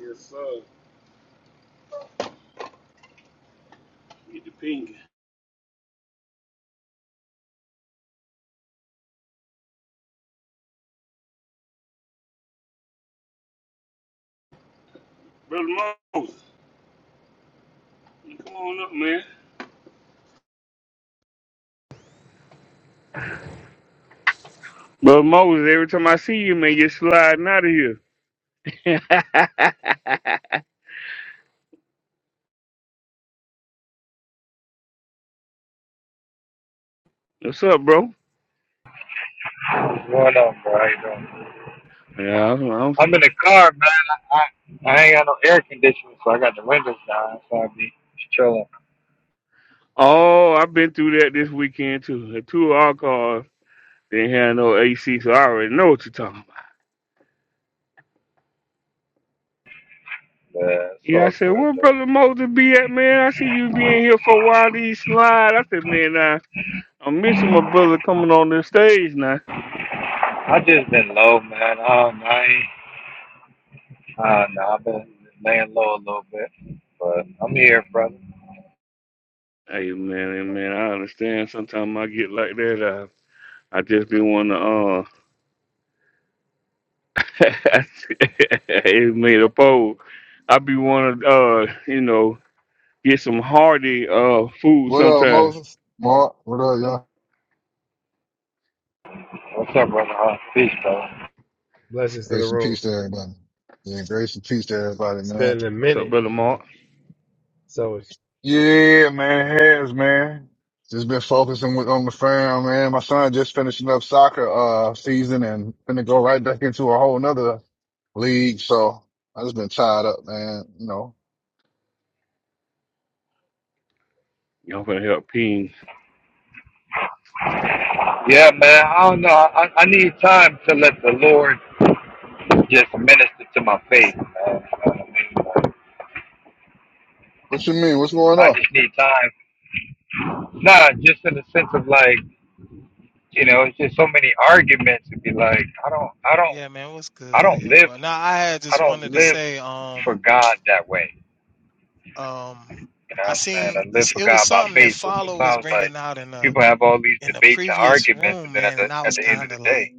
Yes, sir. Get the pink. Brother Moses, come on up, man. Brother Moses, every time I see you, man, you're sliding out of here. What's up, bro? What's going on, bro? How you doing? Yeah, I'm, I'm- I'm in the car, man. I, I, I ain't got no air conditioning, so I got the windows down, so I be chilling. oh, I've been through that this weekend, too. The two of our cars didn't have no AC, so I already know what you're talking about. Yeah, it's Yeah, I all said, good where though. Brother Moses be at, man? I see you being here for a while, these slide. I said, man, I, I'm missing my brother coming on this stage now. I just been low, man. I don't I, I don't know. I've been laying low a little bit, but I'm here, brother. Hey, man, hey, man, I understand. Sometimes I get like that. I, I just be wanting to. uh. it made a bowl. I be wanna uh, you know, get some hearty uh food What up, sometime. Moses? Mark, what up, y'all? What's up, brother? Huh? Peace, brother. Blessings to the Grace and room. peace to everybody. Yeah, grace and peace to everybody, It's man. been a What's up, minute. brother Mark? So, it's- Yeah, man, it has, man. Just been focusing with, on the fam, man. My son just finishing up soccer, uh, season and finna go right back into a whole nother league. So I just been tied up, man. You know, Y'all gonna help Ping. Yeah, man. I don't know. I, I need time to let the Lord just minister to my faith, What's man. You know what I mean? Like, what you mean? What's going I on? just need time. Nah, just in the sense of like. you know, it's just so many arguments and be like, I don't, I don't, yeah, man, what's I good, don't yo? live, And I, I had I just don't wanted to live say, for um, God that way. um, You know what I I'm saying? seen I live for it was God by something that faith. So Follow was sometimes, like, bringing out in the people have all these in the debates and previous arguments, room, and then at man, the and I at was the end of kind the of day, like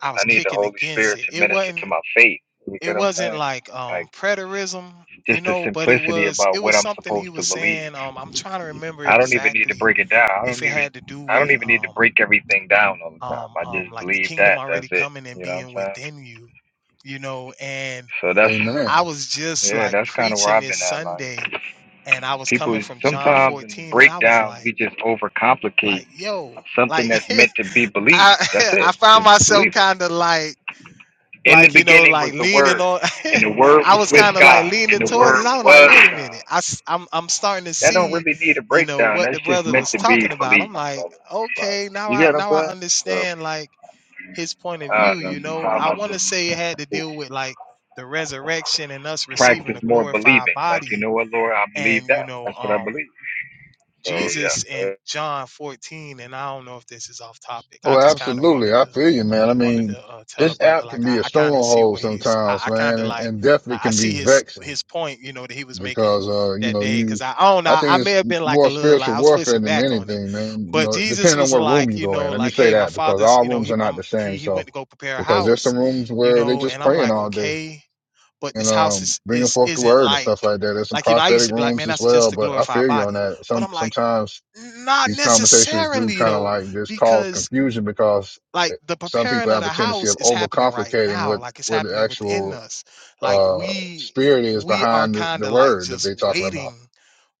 I I was need the kicking Holy against Spirit it. to It minister to wasn't my faith. You it get what I'm wasn't saying? like um Like, preterism, you just the know, but it simplicity was about it what was I'm something he supposed to was believe. saying. Um, I'm trying to remember I don't even need to exactly break it down. I if don't it even, had to do I don't with even need to um break everything down all the time. um I um just like the believe kingdom that. That's already it. coming and You know what I'm being saying? within you, you know, and So that's I Amen. was just Yeah, like that's kind of where preaching I've this been at. Like, Sunday and I was people coming from John sometimes in the 14 and I was breakdowns, we like just overcomplicate like yo something like that's meant to be I believed. That's I it. found Just myself believe it. kind of like In the like you know beginning like was the leaning Word, on and the Word I was was with kind of like God, leaning and the towards it. Word I was like was wait a God. minute. I s- I'm I'm starting to That don't see really need a you know breakdown. what the That's just brother meant was to be talking about. believed, I'm like brother. Like, okay, now you I get what I'm now I saying? So, understand like his point of I view, don't you know. know, Sometimes I I want to just say it had to deal with just like the resurrection and us receiving practice a more glorified believing. Like, you body. know what, Lord, I believe And, you that. know, That's what I um, believe. So, Jesus yeah. in John 14, and I don't know if this is off topic. I Oh, just kind of absolutely. wanted I to feel you, man. I wanted mean, to uh, tell a this brother app can like be I, a I kind of see stronghold where he's I, sometimes, I kind man, of and, like and definitely like, I can be see his vexing. his point you know that he was making because uh you that know day because you I, I don't I know I think may it's have been like a more little like spiritual I was warfare pushing than back on it anything, man. You but know, Jesus depending on was what room like you you go know in. Let me like say hey my that because father's all you know rooms he are not um, the he same. he went So to go prepare a because there's house some rooms you where they know just and I'm praying like all day okay but and this house um is bringing is forth the isn't word and like stuff like that. There's some like you know I used prophetic to be like rooms man as that's just well, to but I glorify a feel you on body that. but Some I'm like sometimes not these conversations do necessarily kind of though like just cause because confusion because like eh, the some people preparing of have the a tendency house of is happening right overcomplicating now what like it's what the happening within actual us like uh we spirit is we are behind the, kind the of like word that just they're talking about. waiting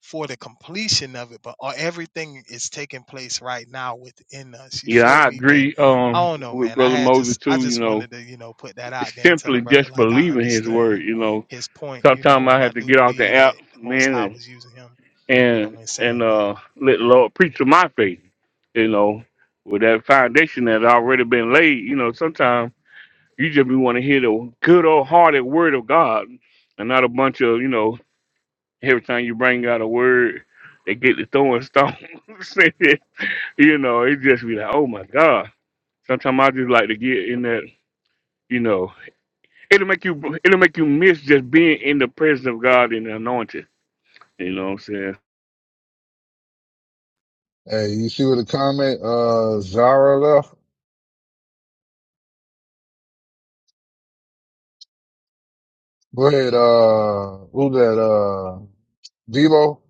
for the completion of it but uh, everything is taking place right now within us you Yeah, feel I me but agree i um don't know with man i Brother had Moses just i too, you just know. wanted to you know put that out It's there and tell a simply brother just like i believing his understand word, you know. his point you Sometimes know I and i have to do get off the believe that app, the most man, high and was using him you know and when and saying that uh let the Lord preach to my faith, you know, with that foundation that already been laid, you know, sometimes You just want to hear the good old hearted word of God and not a bunch of, you know, every time you bring out a word, they get to throwing stones. you know, it just be like, oh my God. Sometimes I just like to get in that, you know, it'll make you it'll make you miss just being in the presence of God and the anointing. You know what I'm saying? Hey, you see what the comment uh Zara left? Go ahead, uh who that uh Debo?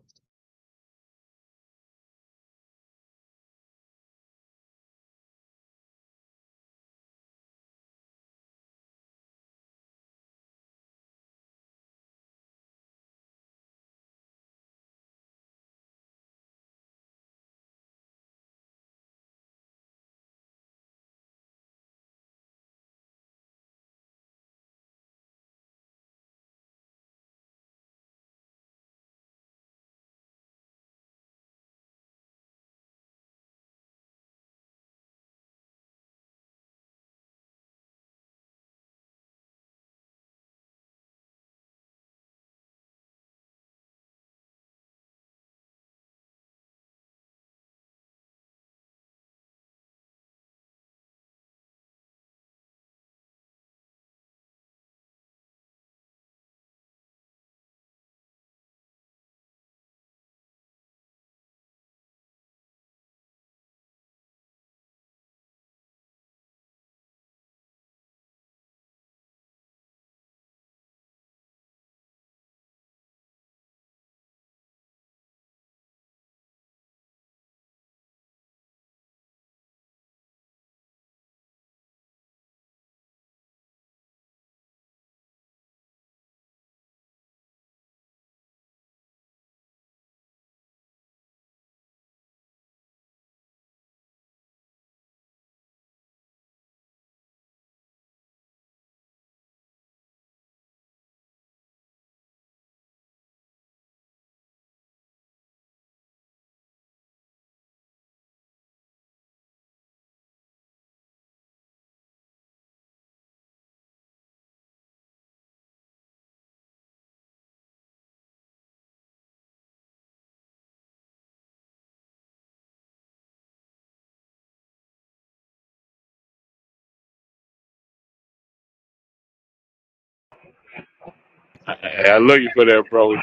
I, I I love you for that, bro.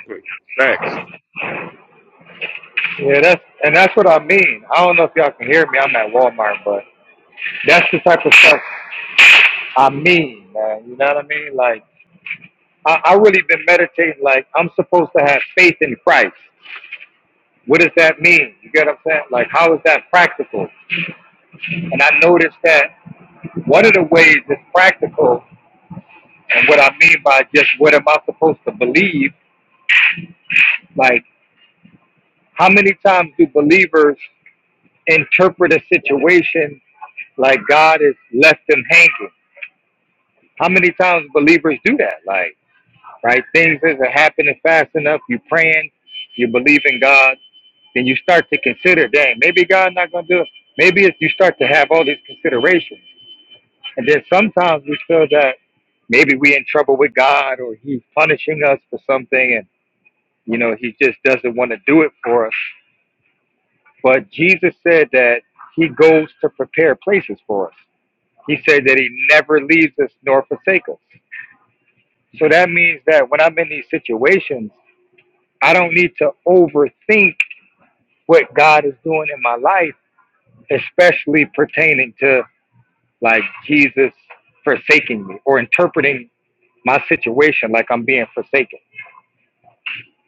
Facts. Yeah, that's and that's what I mean. I don't know if y'all can hear me. I'm at Walmart, but that's the type of stuff I mean, man. You know what I mean? Like I, I really been meditating. Like I'm supposed to have faith in Christ. What does that mean? You get what I'm saying? Like how is that practical? And I noticed that one of the ways it's practical, and what I mean by just what am I supposed to believe? Like how many times do believers interpret a situation like God is left them hanging? How many times believers do that? Like, right? Things isn't happening fast enough. You are praying, you believe in God, then you start to consider, dang, maybe God not gonna do it. Maybe if you start to have all these considerations, and then sometimes we feel that maybe we in trouble with God or He's punishing us for something, and you know He just doesn't want to do it for us. But Jesus said that He goes to prepare places for us. He said that He never leaves us nor forsakes us. So that means that when I'm in these situations, I don't need to overthink what God is doing in my life, especially pertaining to like Jesus forsaking me or interpreting my situation like I'm being forsaken.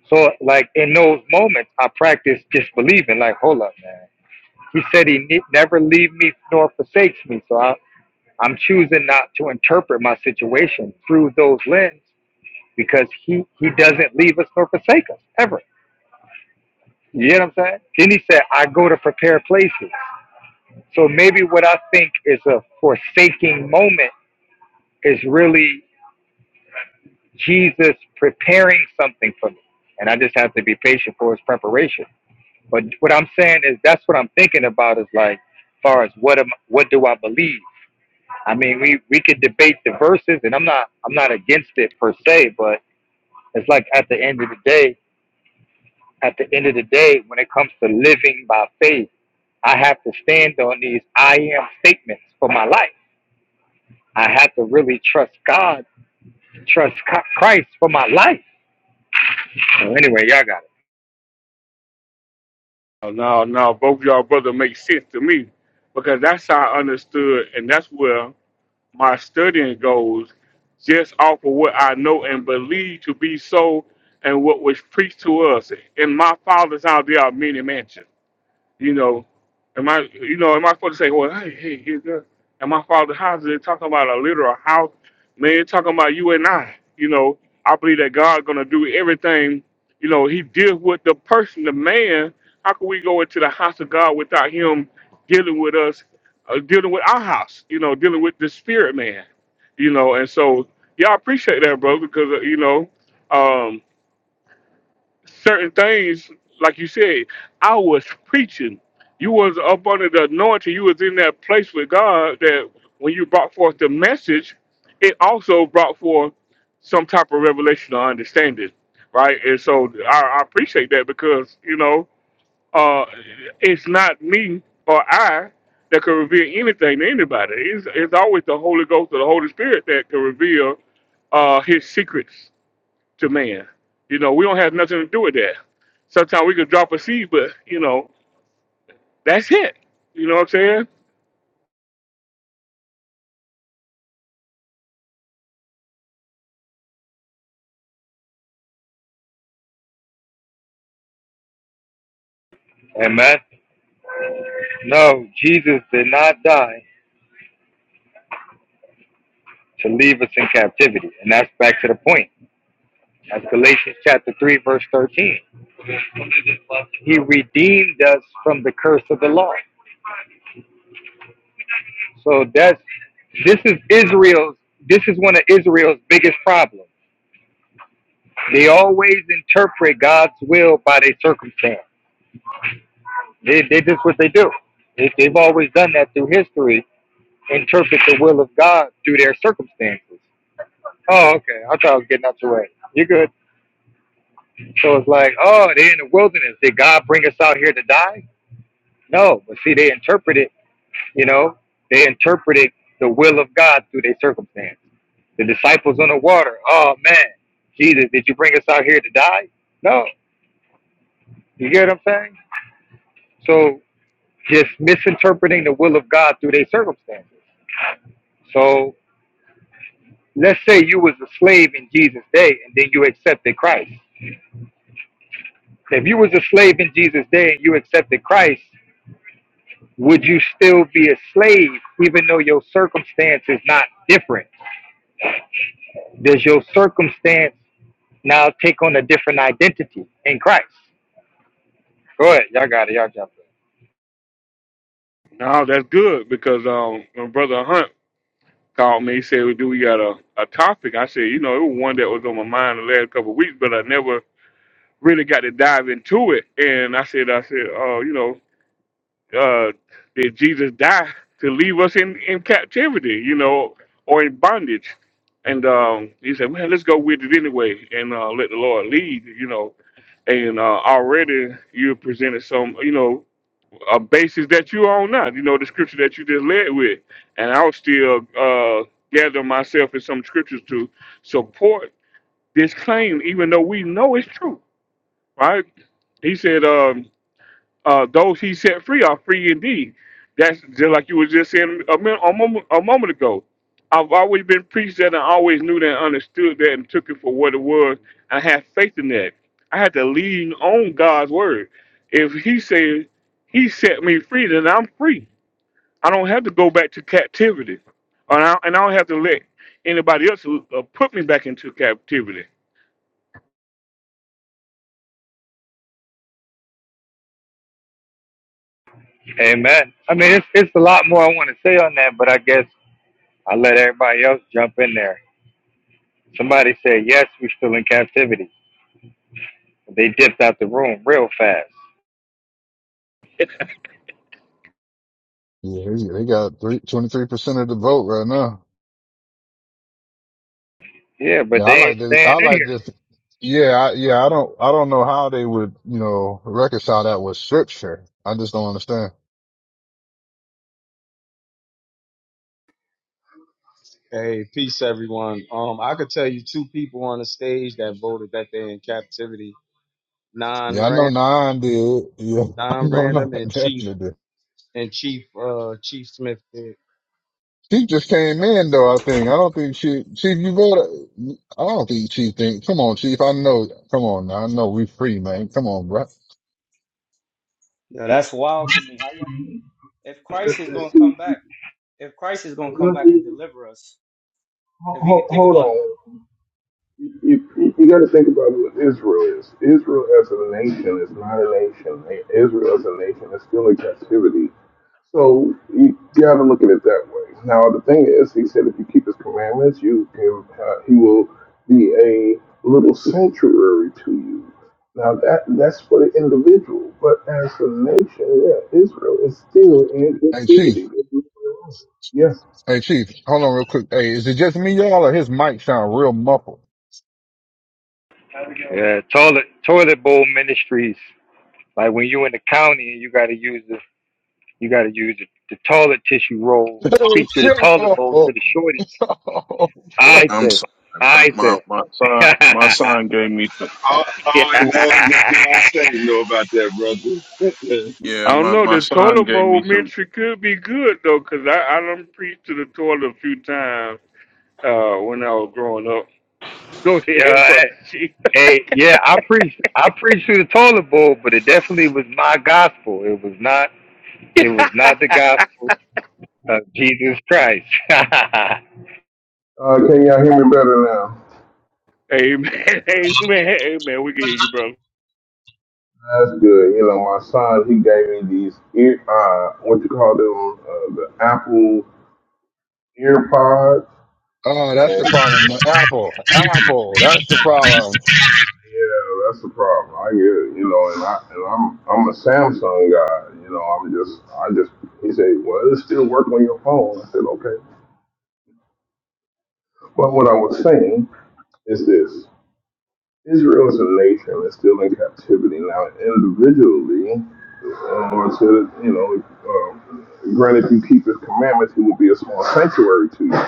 So, like in those moments, I practice just believing, like, hold up, man. He said he ne- never leave me nor forsakes me. So I, I'm choosing not to interpret my situation through those lens because he, he doesn't leave us nor forsake us ever. You get what I'm saying? Then he said, I go to prepare places. So maybe what I think is a forsaking moment is really Jesus preparing something for me. And I just have to be patient for his preparation. But what I'm saying is that's what I'm thinking about is like far as what am what do I believe? I mean we, we could debate the verses and I'm not I'm not against it per se, but it's like at the end of the day at the end of the day, when it comes to living by faith, I have to stand on these I am statements for my life. I have to really trust God, trust Co- Christ for my life. So anyway, y'all got Now, now, both y'all brother make sense to me because that's how I understood, and that's where my studying goes just off of what I know and believe to be so and what was preached to us. In my father's house, there are many mansions. You know, am I, you know, am I supposed to say, well, hey, hey, here's the, and my father's house, they're talking about a literal house. Man, they're talking about you and I. You know, I believe that God's going to do everything. You know, he deals with the person, the man. How can we go into the house of God without him dealing with us, uh, dealing with our house, you know, dealing with the spirit man, you know? And so, yeah, I appreciate that, bro, because, uh, you know, um, certain things, like you said, I was preaching. You was up under the anointing. You was in that place with God that when you brought forth the message, it also brought forth some type of revelation or understanding, right? And so I, I appreciate that because you know uh, it's not me or I that can reveal anything to anybody. It's, it's always the Holy Ghost or the Holy Spirit that can reveal uh, His secrets to man. You know, we don't have nothing to do with that. Sometimes we could drop a seed, but you know, that's it. You know what I'm saying? it. Amen. No, Jesus did not die to leave us in captivity. And that's back to the point. That's Galatians chapter 3, verse 13. He redeemed us from the curse of the law. So that's this is Israel's this is one of Israel's biggest problems They always interpret God's will by their circumstance. They, they just what they do. They, they've always done that through history. Interpret the will of God through their circumstances. Oh, okay. I thought I was getting out your way. You're good. So it's like, oh, they're in the wilderness. Did God bring us out here to die? No. But see, they interpreted, you know, they interpreted the will of God through their circumstance. The disciples on the water. Oh man, Jesus, did you bring us out here to die? No. You get what I'm saying? So. just misinterpreting the will of God through their circumstances. So let's say you was a slave in Jesus' day and then you accepted Christ. If you was a slave in Jesus' day and you accepted Christ, would you still be a slave even though your circumstance is not different? Does your circumstance now take on a different identity in Christ? Go ahead, y'all got it, y'all jump No, that's good because um, my brother Hunt called me. He said, well, "Do we got a, a topic?" I said, "You know, it was one that was on my mind the last couple of weeks, but I never really got to dive into it." And I said, "I said, oh, you know." uh, did Jesus die to leave us in, in captivity, you know, or in bondage? And um, he said, man, let's go with it anyway and uh, let the Lord lead, you know. And uh, already you presented some, you know, a basis that you own now, you know, the scripture that you just led with. And I'll still uh, gather myself in some scriptures to support this claim, even though we know it's true, right? He said, um, uh, those he set free are free indeed. That's just like you were just saying a, min- a, moment, a moment ago. I've always been preached that and I always knew that and understood that and took it for what it was. I had faith in that. I had to lean on God's word. If he says he set me free, then I'm free. I don't have to go back to captivity. And I, and I don't have to let anybody else uh, put me back into captivity. in. Amen. I mean, it's, it's a lot more I want to say on that, but I guess I'll let everybody else jump in there. Somebody said, yes, we still in captivity. They dipped out the room real fast. Yeah, he- they got three twenty-three percent of the vote right now. Yeah, but Yeah, I they ain't like this staying I in like here. this yeah, I, yeah, I don't I don't know how they would, you know, reconcile that with scripture. I just don't understand. Hey, peace everyone. Um, I could tell you two people on the stage that voted that they're in captivity. Non Yeah, I know ran nine did. Yeah, I non know nine random and Chief definitely did. and Chief uh Chief Smith did. She just came in though, I think. I don't think she Chief, you voted I don't think Chief think come on, Chief, I know come on now. I know we free, man. Come on, bro. Yeah, that's wild to me. How you if That- Christ is gonna come back, if Christ is gonna come back and deliver us, if you think Hold about on. You, you, you got to think about what Israel is. Israel as a nation is not a nation. Israel as a nation is still in captivity. So you got to look at it that way. Now the thing is, he said, if you keep his commandments, you can, uh, he will be a little sanctuary to you. Now that that's for the individual, but as a nation, yeah, Israel is still in Hey Chief. captivity. Yes, Hey Chief, hold on real quick. Hey, is it just me, y'all, or his mic sound real muffled? Yeah, toilet toilet bowl ministries. Like when you in the county and you gotta use the you gotta use the, the toilet tissue roll, speak Hey, to the toilet bowl to yo. the shorty. I I'm said, sorry. I but said, my my son my son gave me some All, all I know is that Deion State know about that, brother. yeah I don't my know. my The son toilet gave bowl me some ministry could be good though, 'cause I I done preached to the toilet a few times uh, when I was growing up. Go ahead, yeah, brother. hey, Chief. hey, yeah, I preached I preached to the toilet bowl, but it definitely was my gospel. It was not it was not the gospel of Jesus Christ. Uh, can y'all hear me better now? amen, amen, amen. We can hear you, brother. That's good. You know, my son, he gave me these ear, uh, what you call them, uh, the Apple ear pods. Oh, that's And the problem. The Apple. Apple. That's the problem. yeah, that's the problem. I get, you know, and I, and I'm, I'm a Samsung guy. You know, I'm just, I just, he said, well, it still work on your phone. I said, okay. But what I was saying is this. Israel as a nation is still in captivity now individually, and Lord said, you know, um, granted if you keep his commandments, he will be a small sanctuary to you.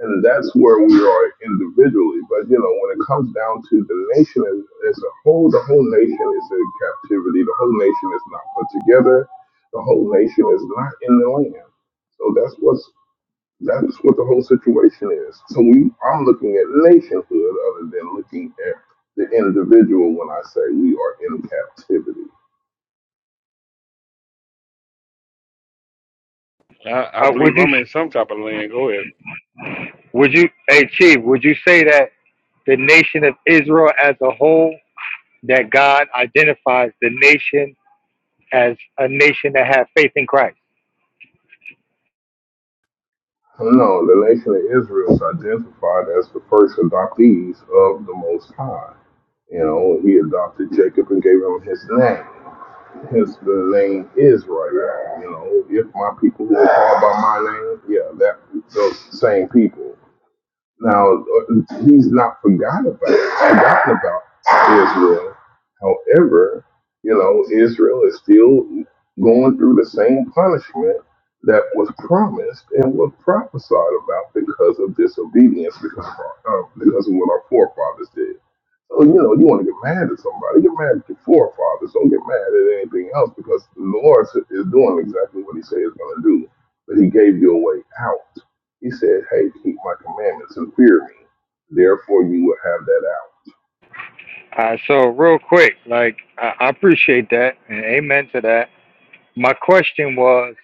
And that's where we are individually. But, you know, when it comes down to the nation as, as a whole, the whole nation is in captivity. The whole nation is not put together. The whole nation is not in the land. So that's what's that's what the whole situation is. So we, I'm looking at nationhood other than looking at the individual when I say we are in captivity. I, I Uh, would believe you, I'm in some type of land. Go ahead. would you, hey Chief, would you say that the nation of Israel as a whole, that God identifies the nation as a nation that have faith in Christ? No, the nation of Israel is identified as the first adoptees of the Most High. You know, he adopted Jacob and gave him his name. Hence, the name Israel. You know, if my people who are called by my name, yeah, that those same people. Now he's not forgot about forgotten about Israel. However, you know, Israel is still going through the same punishment that was promised and was prophesied about because of disobedience, because of, our- uh, because of what our forefathers did. So, you know, you want to get mad at somebody, get mad at your forefathers. Don't get mad at anything else because the Lord is doing exactly what he said he's going to do. But he gave you a way out he said, Hey, keep my commandments and fear me. Therefore, you will have that Uh, so real quick, like I I appreciate that and amen to that. My question was,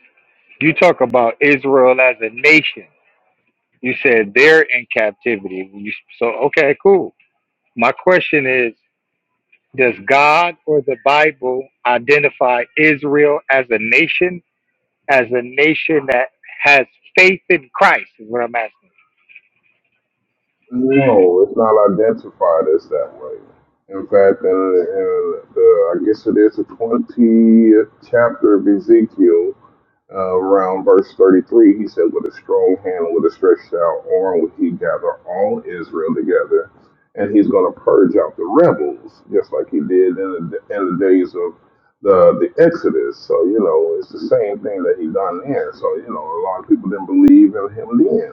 you talk about Israel as a nation. You said they're in captivity. You, so okay, cool. My question is, does God or the Bible identify Israel as a nation? as a nation that has faith in Christ is what I'm asking. hour. No, it's not identified as that way. In fact, in, in the, I guess it is the 20th chapter of Ezekiel, Uh, around verse 33, he said, With a strong hand, and with a stretched out arm, would he gather all Israel together. And he's going to purge out the rebels, just like he did in the, in the days of the, the Exodus. So, you know, it's the same thing that he done then. So, you know, a lot of people didn't believe in him then.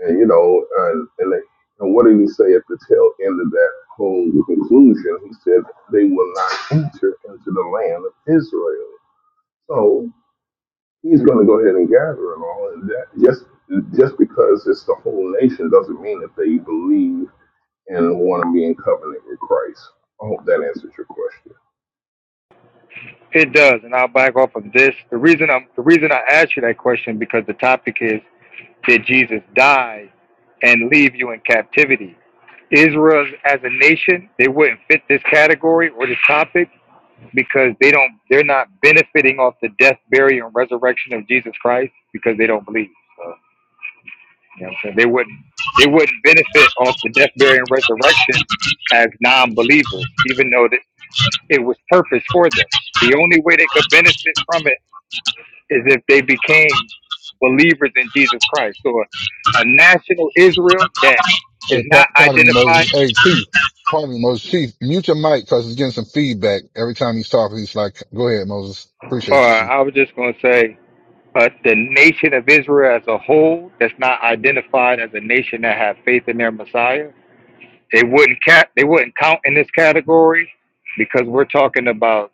And, you know, and, and, they, and what did he say at the tail end of that whole conclusion? He said, They will not enter into the land of Israel. So." he's going to go ahead and gather them all. And that just just because it's the whole nation doesn't mean that they believe and want to be in covenant with Christ. I hope that answers your question. It does, and I'll back off of this. The reason I'm the reason I asked you that question because the topic is did Jesus die and leave you in captivity? Israel as a nation, they wouldn't fit this category or this topic because they don't they're not benefiting off the death, burial, and resurrection of Jesus Christ because they don't believe. So You know what I'm saying? They wouldn't they wouldn't benefit off the death, burial, and resurrection as non believers, even though that it was purpose for them. The only way they could benefit from it is if they became believers in Jesus Christ. So a, a national Israel that is Hey, not par- pardon me, identified, Moses. Hey, Chief. Pardon me, Moses. Chief, mute your mic because it's getting some feedback every time he's talking. He's like, go ahead, Moses. Appreciate or you, Chief. I was just going to say, uh, the nation of Israel as a whole that's not identified as a nation that have faith in their Messiah, they wouldn't cap, they wouldn't count in this category because we're talking about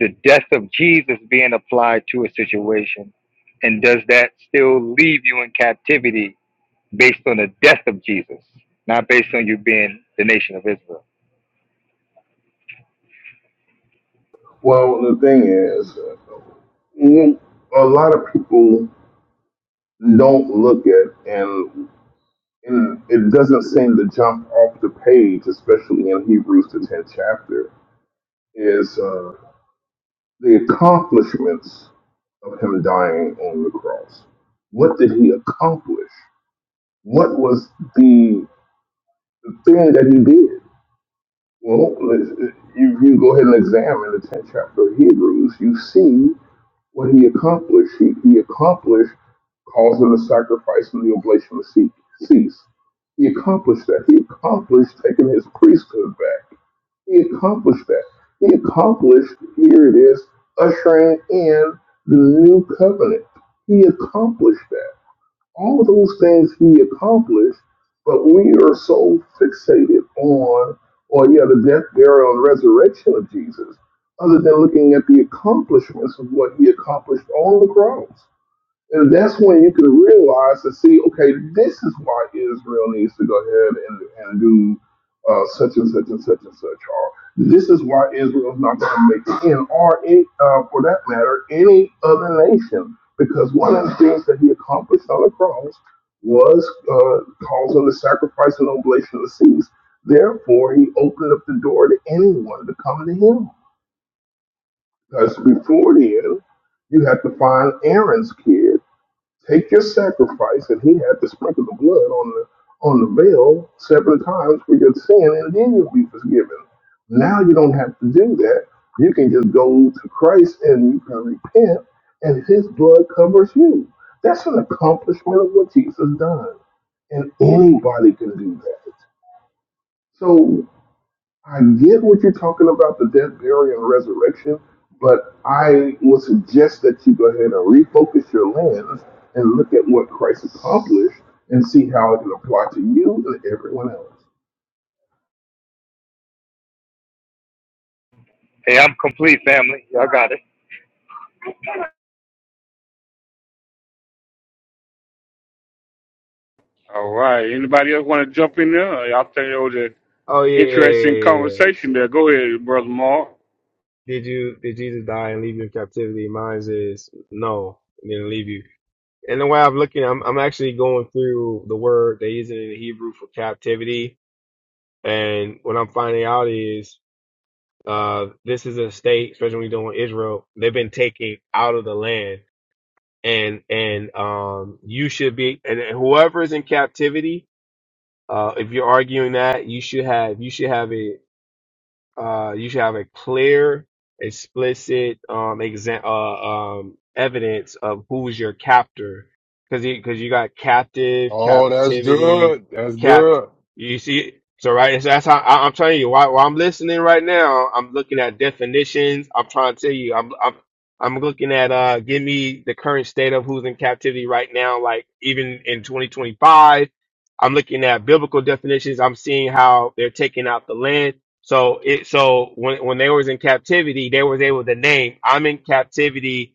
the death of Jesus being applied to a situation? And does that still leave you in captivity based on the death of Jesus, not based on you being the nation of Israel? Well, the thing is, mm, a lot of people don't look at and. And it doesn't seem to jump off the page, especially in Hebrews the tenth chapter, is uh, the accomplishments of him dying on the cross. What did he accomplish? What was the thing that he did? Well, let you, go ahead and examine the 10th chapter of Hebrews. You see what he accomplished. He, he accomplished causing the sacrifice and the oblation to cease. He accomplished that. He accomplished taking his priesthood back. He accomplished that. He accomplished, here it is, ushering in the new covenant. He accomplished that all those things he accomplished, but we are so fixated on, or yeah, the death, burial, and resurrection of Jesus, other than looking at the accomplishments of what he accomplished on the cross. And that's when you can realize and see, okay, this is why Israel needs to go ahead and, and do uh, such and such and such and such. Or this is why Israel is not going to make it in, or any, uh, for that matter, any other nation. Because one of the things that he accomplished on the cross was uh, causing the sacrifice and oblation of the seas. Therefore, he opened up the door to anyone to come to him. Because before then, you had to find Aaron's kid Take your sacrifice, and he had to sprinkle the blood on the on the veil seven times for your sin, and then you'll be forgiven. Now you don't have to do that. You can just go to Christ and you can repent, and his blood covers you. That's an accomplishment of what Jesus done. And anybody can do that. So. I get what you're talking about the death, burial, and resurrection, but I would suggest that you go ahead and refocus your lens and look at what Christ accomplished and see how it can apply to you and everyone else. Hey, I'm complete, family. Y'all got it. All right. Anybody else want to jump in there? I think it was an oh yeah, yeah, interesting yeah, yeah. yeah. yeah. conversation there. Go ahead, brother Mark. Did you did Jesus die and leave you in captivity? Mine is no, he didn't leave you. And the way I'm looking, I'm I'm actually going through the word they use in the Hebrew for captivity, and what I'm finding out is uh this is a state, especially when you're doing Israel, they've been taken out of the land, and and um you should be, and whoever is in captivity, uh, if you're arguing that, you should have you should have a uh, you should have a clear, explicit um, exa- uh, um, evidence of who's your captor, because because you got captive, Oh, that's captivity, good. That's capt. good. You see, so right, so that's how I, I'm telling you. While, while I'm listening right now, I'm looking at definitions. I'm trying to tell you. I'm I'm I'm looking at uh, give me the current state of who's in captivity right now. Like even in 2025, I'm looking at biblical definitions. I'm seeing how they're taking out the land so it so when when they was in captivity, they was able to name, I'm in captivity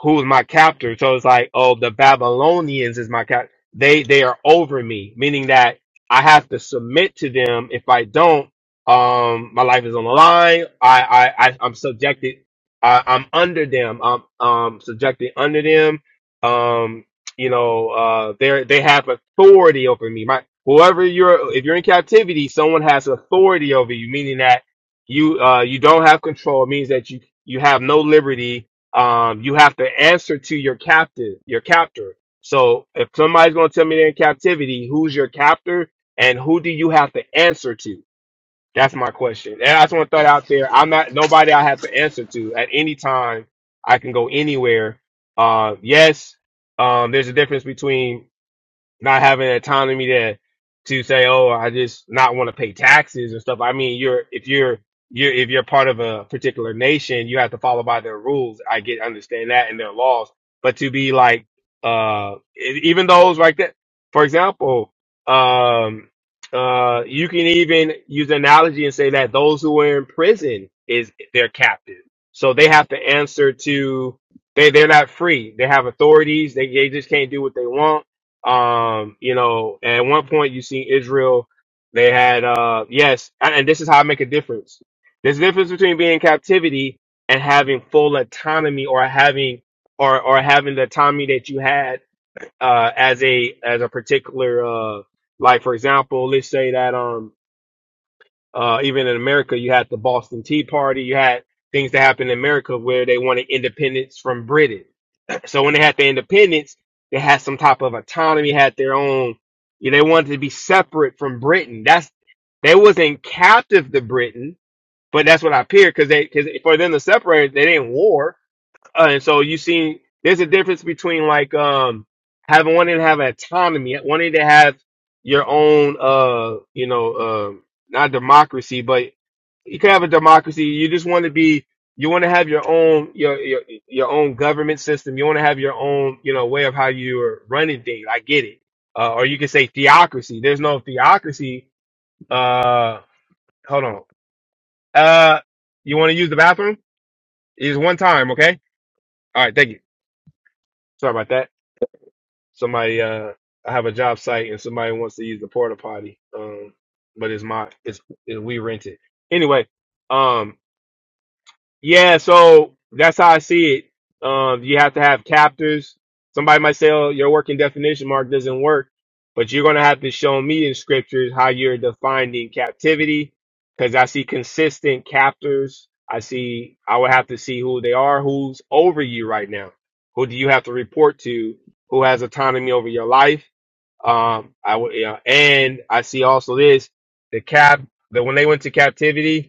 who's my captor. So it's like, oh, the Babylonians is my captor. They they are over me, meaning that I have to submit to them. If I don't, um, my life is on the line. I I, I I'm subjected. I, I'm under them. I'm um subjected under them. Um, you know, uh, they they have authority over me. My whoever you're, if you're in captivity, someone has authority over you, meaning that you uh you don't have control. It means that you you have no liberty um, you have to answer to your captive, your captor. So if somebody's going to tell me they're in captivity, who's your captor and who do you have to answer to? That's my question. And I just want to throw it out there. I'm not nobody I have to answer to at any time. I can go anywhere. Uh, yes, um, there's a difference between not having autonomy to to say, oh, I just not want to pay taxes and stuff. I mean, you're if you're you're if you're part of a particular nation, you have to follow by their rules. I get understand that and their laws, but to be like uh e- even those like that, for example, um uh you can even use an analogy and say that those who are in prison is their captive. So they have to answer to they they're not free. They have authorities. They they just can't do what they want um, you know, at one point you see Israel, they had, uh, yes, and and this is how I make a difference. There's a difference between being in captivity and having full autonomy or having, or, or having the autonomy that you had, uh, as a, as a particular, uh, like, for example, let's say that, um, uh, even in America, you had the Boston Tea Party, you had things that happened in America where they wanted independence from Britain so when they had their independence, they had some type of autonomy, had their own. You know, they wanted to be separate from Britain. That's they wasn't captive to Britain, but that's what I appeared because they because for them to separate, they didn't war. Uh, and so you see, there's a difference between like um having wanting to have autonomy, wanting to have your own uh you know um not democracy, but you can have a democracy. You just want to be you want to have your own your your your own government system. You want to have your own you know way of how you're running things. I get it. Uh, or you can say theocracy. There's no theocracy. Uh, hold on. Uh, you want to use the bathroom? It's one time, okay? All right, thank you. Sorry about that. somebody uh I have a job site and somebody wants to use the porta potty. Um but it's my it's it, we rent it. Anyway, Um, yeah, so that's how I see it. Um, you have to have captors. Somebody might say, "Oh, your working definition mark doesn't work," but you're going to have to show me in scriptures how you're defining captivity, because I see consistent captors. I see. I would have to see who they are, who's over you right now, who do you have to report to, who has autonomy over your life. Um, I would, yeah, and I see also this: the cap. That when they went to captivity,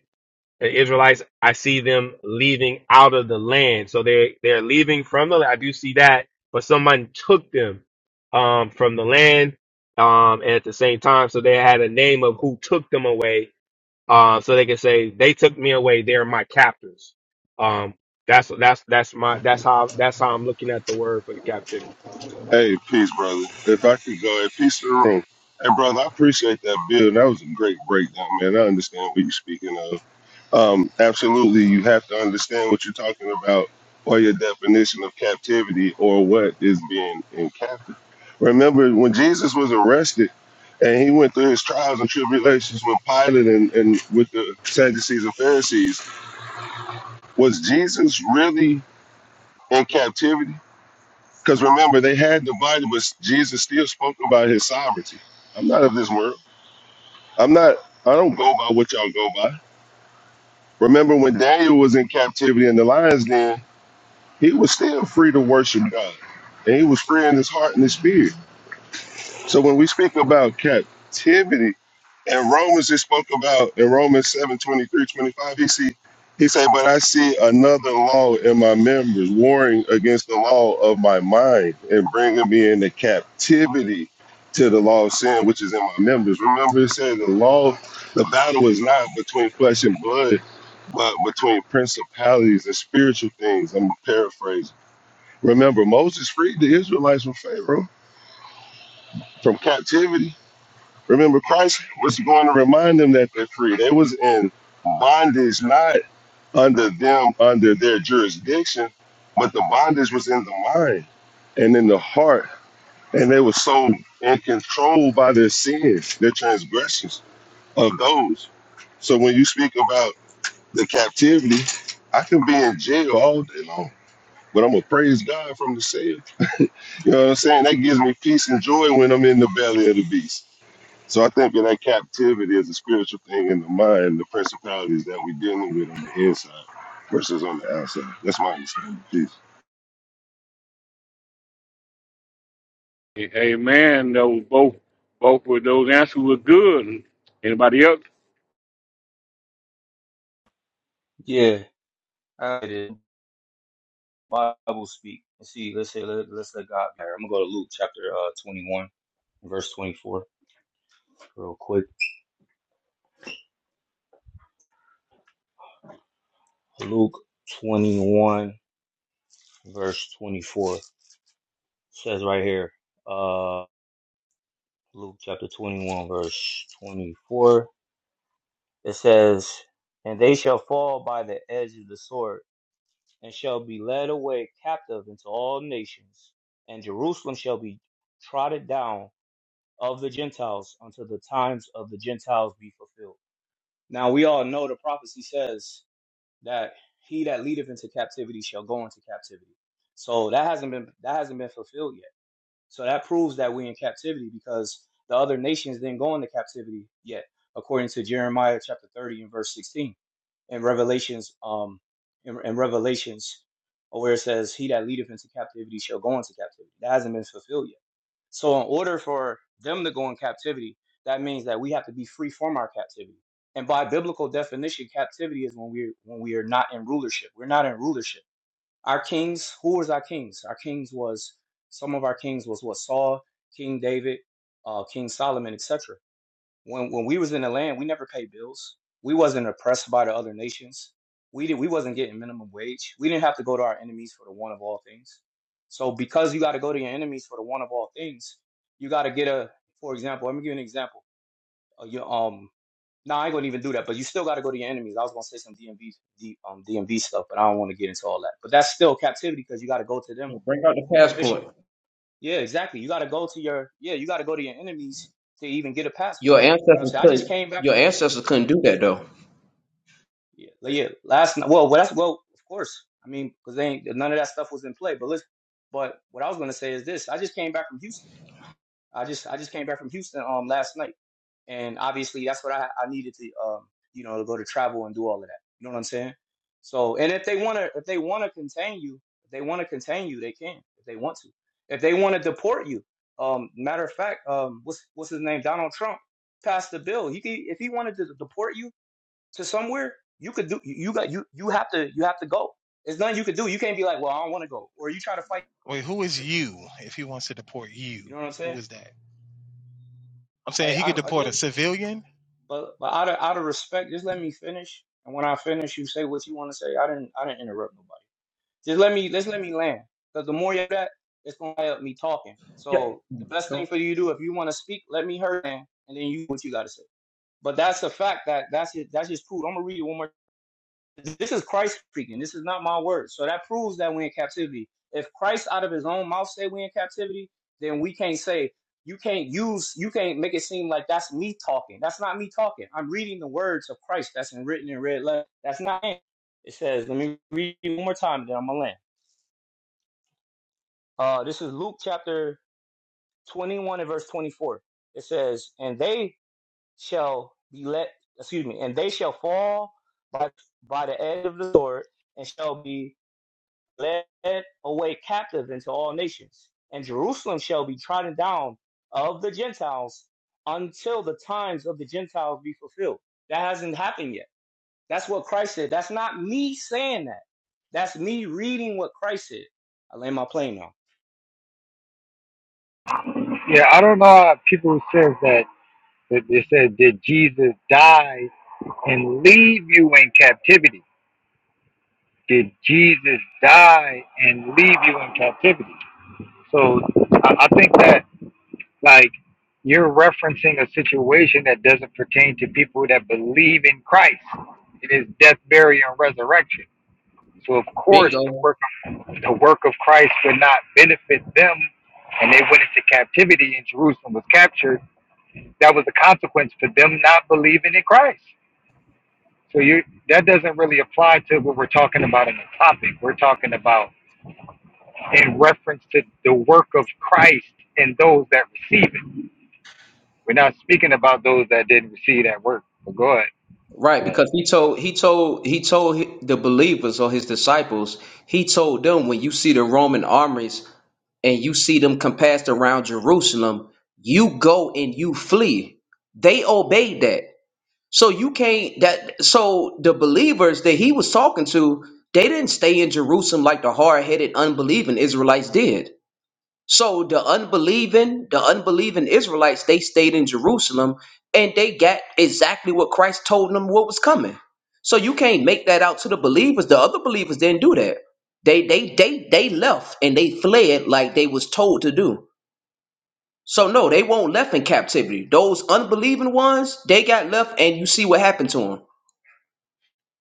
the Israelites, I see them leaving out of the land. So they're they're leaving from the land. I do see that, but someone took them um from the land. Um and at the same time, so they had a name of who took them away. Um, so they can say, They took me away, they're my captors. Um that's that's that's my that's how that's how I'm looking at the word for the captivity. hey, peace, brother. If I could go, hey, peace to the room. Hey, brother, I appreciate that, Bill. That was a great breakdown, man. I understand what you're speaking of. Um, absolutely, you have to understand what you're talking about or your definition of captivity or what is being in captive. Remember, when Jesus was arrested and he went through his trials and tribulations with Pilate and, and with the Sadducees and Pharisees, was Jesus really in captivity. Because remember, they had divided, but Jesus still spoke about his sovereignty. I'm not of this world. I'm not, I don't go by what y'all go by. Remember when Daniel was in captivity in the lion's den, he was still free to worship God. And he was free in his heart and his spirit. So when we speak about captivity, in Romans it spoke about in Romans 7 23 25. he see he said, But I see another law in my members, warring against the law of my mind and bringing me into captivity to the law of sin, which is in my members. Remember, it said the law, the battle is not between flesh and blood, but between principalities and spiritual things. I'm paraphrasing. Remember, Moses freed the Israelites from Pharaoh, from captivity. Remember, Christ was going to remind them that they're free. They was in bondage, not under them, under their jurisdiction, but the bondage was in the mind and in the heart. And they were so in control by their sins, their transgressions of those. So when you speak about the captivity, I can be in jail all day long, but I'm gonna praise God from the cell. You know what I'm saying? That gives me peace and joy when I'm in the belly of the beast. So I think that that captivity is a spiritual thing in the mind, the principalities that we're dealing with on the inside versus on the outside. That's my understanding. Peace. Amen. Those both both of those answers were good. Anybody else? yeah, how it is Bible speak. Let's see, let's say let, let's let God be. I'm gonna go to Luke chapter uh 21, verse 24, real quick. Luke 21, verse 24 says right here. Uh, Luke chapter 21, verse 24. It says, "And they shall fall by the edge of the sword." and shall be led away captive into all nations, and Jerusalem shall be trodden down of the Gentiles until the times of the Gentiles be fulfilled. Now we all know the prophecy says that he that leadeth into captivity shall go into captivity. So that hasn't been that hasn't been fulfilled yet so that proves that we're in captivity because the other nations didn't go into captivity yet, according to Jeremiah chapter 30 and verse 16, and Revelations, um, and, and Revelations, uh, where it says, "He that leadeth into captivity shall go into captivity." That hasn't been fulfilled yet. So, in order for them to go in captivity, that means that we have to be free from our captivity. And by biblical definition, captivity is when we when we are not in rulership. We're not in rulership our kings, who was our kings? Our kings was some of our kings was what Saul, King David, uh, King Solomon, etc. When when we was in the land, we never paid bills. We wasn't oppressed by the other nations. We did we wasn't getting minimum wage. We didn't have to go to our enemies for the one of all things. So because you got to go to your enemies for the one of all things, you got to get a. For example, let me give you an example. Uh, your, um no, nah, I ain't gonna even do that. But you still got to go to your enemies. I was gonna say some DMV, um, DMV stuff, but I don't want to get into all that. But that's still captivity because you got to go to them Yeah, Bring out the for permission. passport. Yeah, exactly. You got to go to your yeah. You got to go to your enemies to even get a Your passport. You know what I'm ancestors saying? I just couldn't. came back Your from ancestors couldn't do yeah, that though. yeah, like, yeah last night. Well, well, that's well, of course. I mean, because they ain't none of that stuff was in play. But listen, but what I was gonna say is this: I just came back from Houston. I just I just came back from Houston um last night, and obviously that's what I I needed to um you know to go to travel and do all of that. You know what I'm saying? So and if they wanna if they wanna contain you, if they wanna contain you, they can if they want to. If they wanna deport you, um matter of fact, um what's what's his name? Donald Trump passed the bill. He could, if he wanted to deport you to somewhere, you could do you got you you have to you have to go. There's nothing you could do. You can't be like, well, I don't want to go, or you try to fight. wait who is you if he wants to deport you You know what I'm who saying? is that I'm saying Hey, he I, could I deport a yeah, civilian. But but out of out of respect, just let me finish. And when I finish, you say what you want to say. I didn't I didn't interrupt nobody. Just let me let's let me land. Because the more you do that, it's gonna help me talking. Yeah. So the best thing Go- for you to do if you want to speak, let me hear it, and then you do what you gotta say. But that's a fact that that's it. That's just proof. I'm gonna read it one more. This is Christ speaking. This is not my word. So that proves that we're in captivity. If Christ out of his own mouth say we're in captivity, then we can't say you can't use you can't make it seem like that's me talking. That's not me talking. I'm reading the words of Christ that's in written in red letter. That's not me. It says, let me read you one more time, then I'm gonna land. Uh this is Luke chapter twenty one and verse twenty four. It says, And they shall be let excuse me, and they shall fall by by the edge of the sword and shall be led away captive into all nations, and Jerusalem shall be trodden down of the Gentiles until the times of the Gentiles be fulfilled. That hasn't happened yet. That's what Christ said. That's not me saying that. That's me reading what Christ said. I land my plane now. Yeah, I don't know how people says that, that they said, did Jesus die and leave you in captivity? Did Jesus die and leave you in captivity? So I, I think that Like you're referencing a situation that doesn't pertain to people that believe in Christ in his death, burial, and resurrection. So of course the Bingo. work of, the work of Christ would not benefit them and they went into captivity and Jerusalem was captured. That was the consequence for them not believing in Christ. So you that doesn't really apply to what we're talking about in the topic. We're talking about in reference to the work of Christ and those that receive it. We're not speaking about those that didn't receive that work. But go ahead. Right, because he told he told he told hi- the believers or his disciples. He told them when you see the Roman armies and you see them compassed around Jerusalem, you go and you flee. They obeyed that. So you can't that so the believers that he was talking to, they didn't stay in Jerusalem like the hard-headed unbelieving Israelites did So the unbelieving, the unbelieving Israelites, they stayed in Jerusalem and they got exactly what Christ told them what was coming. So you can't make that out to the believers. The other believers didn't do that. They they they they left and they fled like they was told to do. So no, they won't left in captivity. Those unbelieving ones, they got left and you see what happened to them.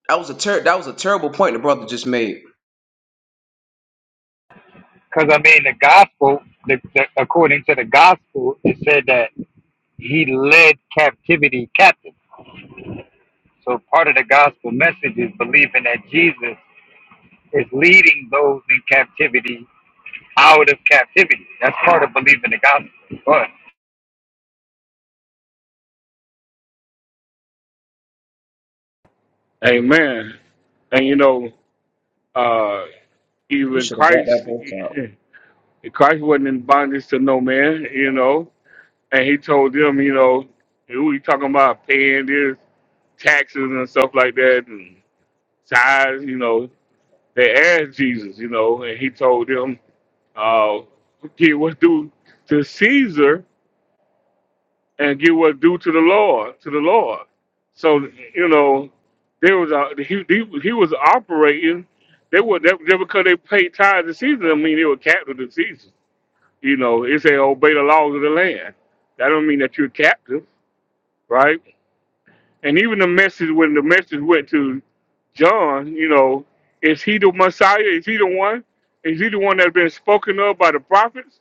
That was a ter- that was a terrible point the brother just made. Because, I mean, the gospel, the, the, according to the gospel, it said that he led captivity captive. So part of the gospel message is believing that Jesus is leading those in captivity out of captivity. That's part of believing the gospel. Go ahead. Amen. And you know. Uh, We even should have brought that Christ, verse out. Christ wasn't in bondage to no man, you know. And he told them, you know, "Hey, who he talking about paying this taxes and stuff like that and tithes, you know. They asked Jesus, you know, and he told them, uh, give what's due to Caesar and give what's due to the Lord, to the Lord. So you know, there was a he he, he was operating. They were that just because they paid tithes and season. I mean, they were captive to season. You know, it say obey the laws of the land. That don't mean that you're captive, right? And even the message when the message went to John, you know, is he the Messiah? Is he the one? Is he the one that's been spoken of by the prophets?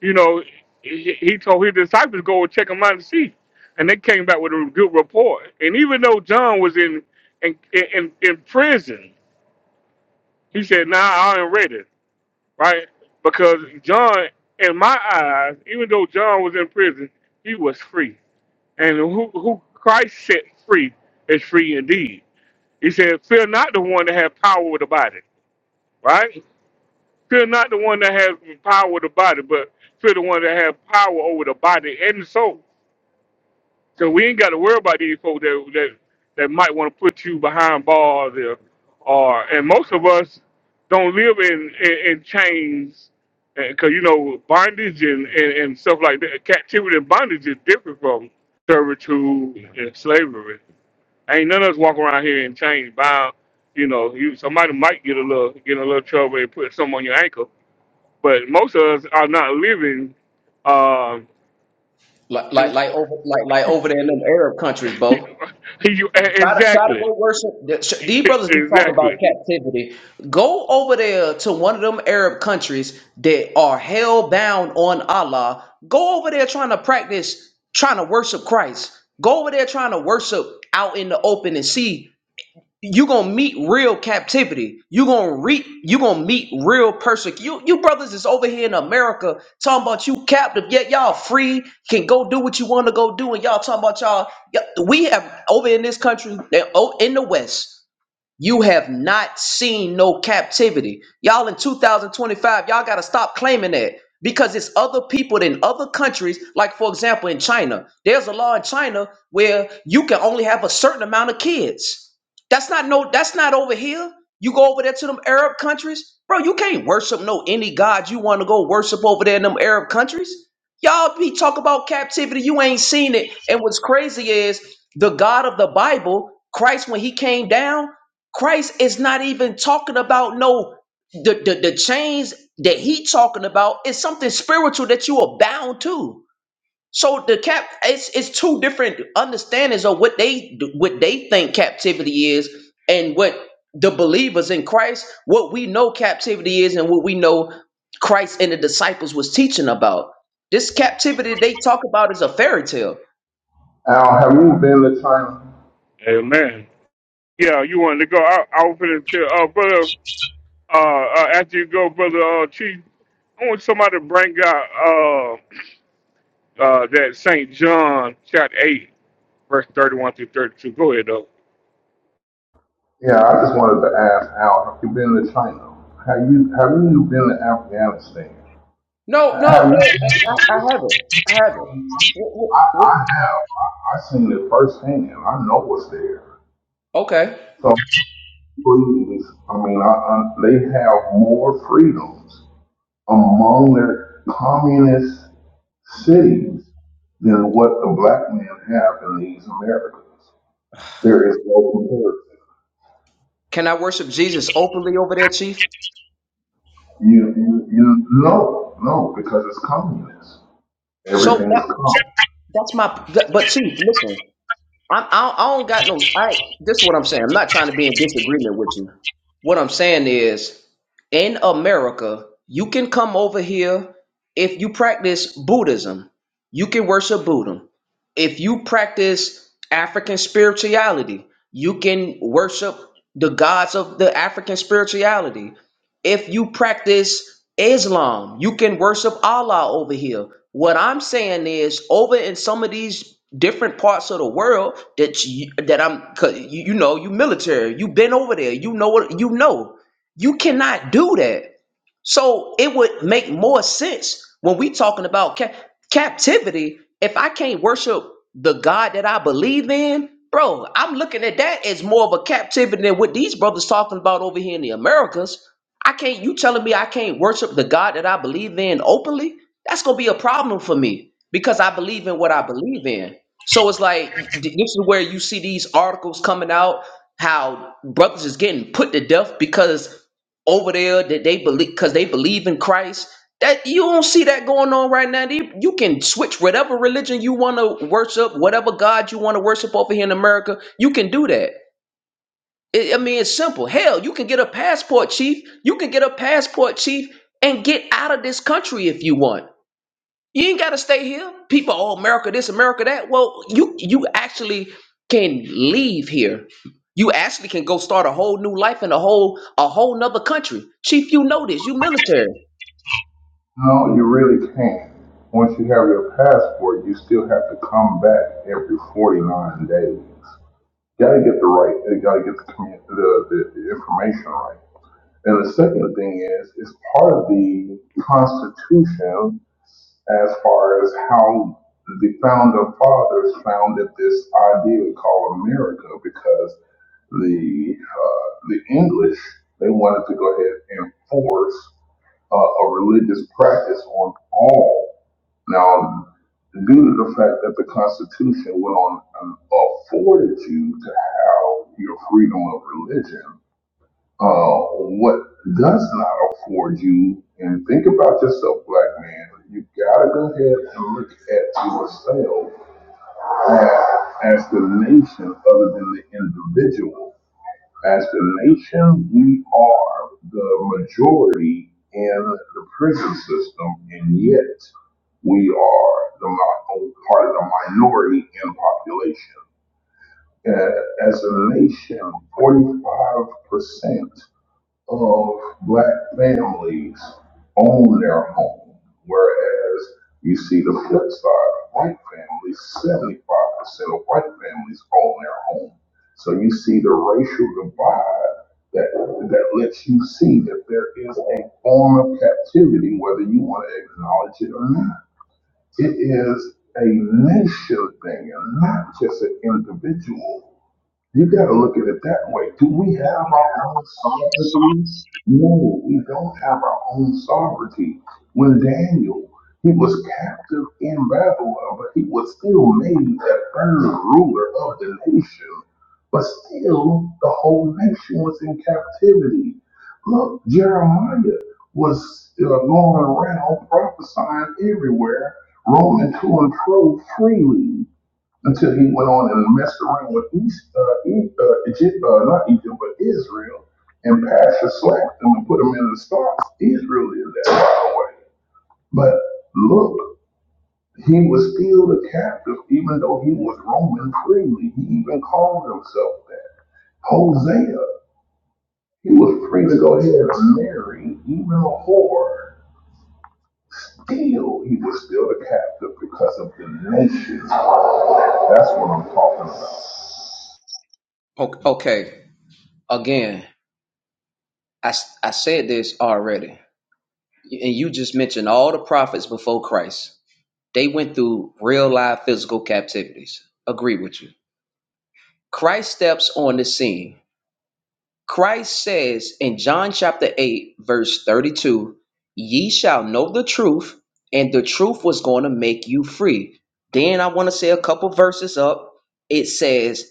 you know, he, he told his disciples go check him out and see, and they came back with a good report. And even though John was in in in, in prison, he said, "Nah, I ain't ready, right?" Because John, in my eyes, even though John was in prison, he was free, and who who Christ set free is free indeed. He said, "Fear not the one that has power with the body, right? Fear not the one that has power with the body, but fear the one that has power over the body and the soul." So we ain't got to worry about these folks that that, that might want to put you behind bars or, or and most of us don't live in in, in chains because you know bondage and, and and stuff like that. Captivity and bondage is different from servitude and slavery. Ain't none of us walk around here in chains bound. You know, you somebody might get a little get in a little trouble and put something on your ankle, but most of us are not living. Um, Like like you, like over like like over there in them Arab countries, Bo. you- Try to try to exactly. go worship. the- These brothers be talking about exactly. captivity. Go over there to one of them Arab countries that are hell bound on Allah. Go over there trying to practice, trying to worship Christ. Go over there trying to worship out in the open and see you gonna meet real captivity. You gonna re you gonna meet real persecution. You you brothers is over here in America talking about you captive, yet y'all free can go do what you want to go do, and y'all talking about y'all. y- We have over in this country, they- oh, in the West. You have not seen no captivity. Y'all in 2025, y'all got to stop claiming that because it's other people in other countries, like for example in China. There's a law in China where you can only have a certain amount of kids. That's not no that's not over here. You go over there to them Arab countries, bro, you can't worship no any god you want to go worship over there in them Arab countries. Y'all be talk about captivity, you ain't seen it. And what's crazy is the God of the Bible, Christ when he came down, Christ is not even talking about no the, the the chains that he talking about is something spiritual that you are bound to. So the cap it's it's two different understandings of what they what they think captivity is and what the believers in Christ what we know captivity is and what we know Christ and the disciples was teaching about. This captivity they talk about is a fairy tale. Al, have you been to China? Amen. Yeah, you wanted to go. I, I was going to tell, uh, brother, uh, uh, after you go, brother uh, Chief, I want somebody to bring out uh, uh, that St. John chapter 8, verse 31 through 32. Go ahead, though. Yeah, I just wanted to ask Al, have you been to China? Have you have you been to Afghanistan? No, Have no, no, you I, I been I haven't. to I haven't. I, Wh- wh- I wh- have. I, I've seen it firsthand. I know what's there. okay. So please, I mean, I, I, they have more freedoms among their communist cities than what the black men have in these Americas. There is no comparison. Can I worship Jesus openly over there, Chief? You, you, you, no, no, because it's communist. So Everything's that so communist. that's my. That, but Chief, listen, i I I don't got no. I this is what I'm saying. I'm not trying to be in disagreement with you. What I'm saying is, in America, you can come over here if you practice Buddhism. You can worship Buddha. If you practice African spirituality, you can worship the gods of the African spirituality If you practice Islam, you can worship Allah over here. What I'm saying is, over in some of these different parts of the world that you, that I'm, 'cause you, you know, you military, you have been over there, you know what, you know, you cannot do that. So it would make more sense when we talking about ca- captivity. If I can't worship the God that I believe in, bro, I'm looking at that as more of a captivity than what these brothers talking about over here in the Americas. I can't. You telling me I can't worship the God that I believe in openly? That's gonna be a problem for me because I believe in what I believe in. So it's like y- this is where you see these articles coming out how brothers is getting put to death because over there that they believe because they believe in Christ. That you don't see that going on right now. They- You can switch whatever religion you want to worship, whatever God you want to worship over here in America. You can do that. It, I mean, it's simple. Hell, you can get a passport, chief. You can get a passport, chief, and get out of this country if you want. You ain't gotta stay here. People, oh America this, America that. Well, you you actually can leave here. You actually can go start a whole new life in a whole a whole nother country. Chief, you know this. You military. No, you really can't. Once you have your passport, you still have to come back every 49 days. You gotta get the right, you gotta get the, commu- the, the the information right. And the second thing is, it's part of the Constitution as far as how the founder fathers founded this idea called America, because the uh, the English they wanted to go ahead and force uh, a religious practice on all. Now, due to the fact that the Constitution went on and afforded you to have your freedom of religion, uh, what does not afford you, and think about yourself, black man, you gotta go ahead and look at yourself as, as the nation other than the individual. As the nation, we are the majority in the prison system, and yet we are the mi- part of the minority in population. Uh, As a nation, 45% of black families own their home, whereas you see the flip side, white families, seventy-five percent of white families own their home. So you see the racial divide that that lets you see that there is a form of captivity, whether you want to acknowledge it or not. It is a nation thing and not just an individual you gotta look at it that way. Do we have our own sovereignty? No, we don't have our own sovereignty. When Daniel, he was captive in Babylon, but he was still made the third ruler of the nation. But still, the whole nation was in captivity. Look, Jeremiah was uh, going around prophesying everywhere, roaming to and fro freely until he went on and messed around with East, uh, e, uh, Egypt, uh, not Egypt, but Israel, and passed the slack and put him in the stocks. Israel is that far away. But look, he was still a captive, even though he was roaming freely. He even called himself that. Hosea, he was free to go ahead and marry even a whore. Still, he was still a captive because of the nations. That's what I'm talking about. Okay, okay. again, I, s- I said this already, and you just mentioned all the prophets before Christ. They went through real life physical captivities. Agree with you. Christ steps on the scene Christ says in John chapter 8, verse 32, Ye shall know the truth, and the truth was going to make you free. Then I want to say a couple verses up. It says,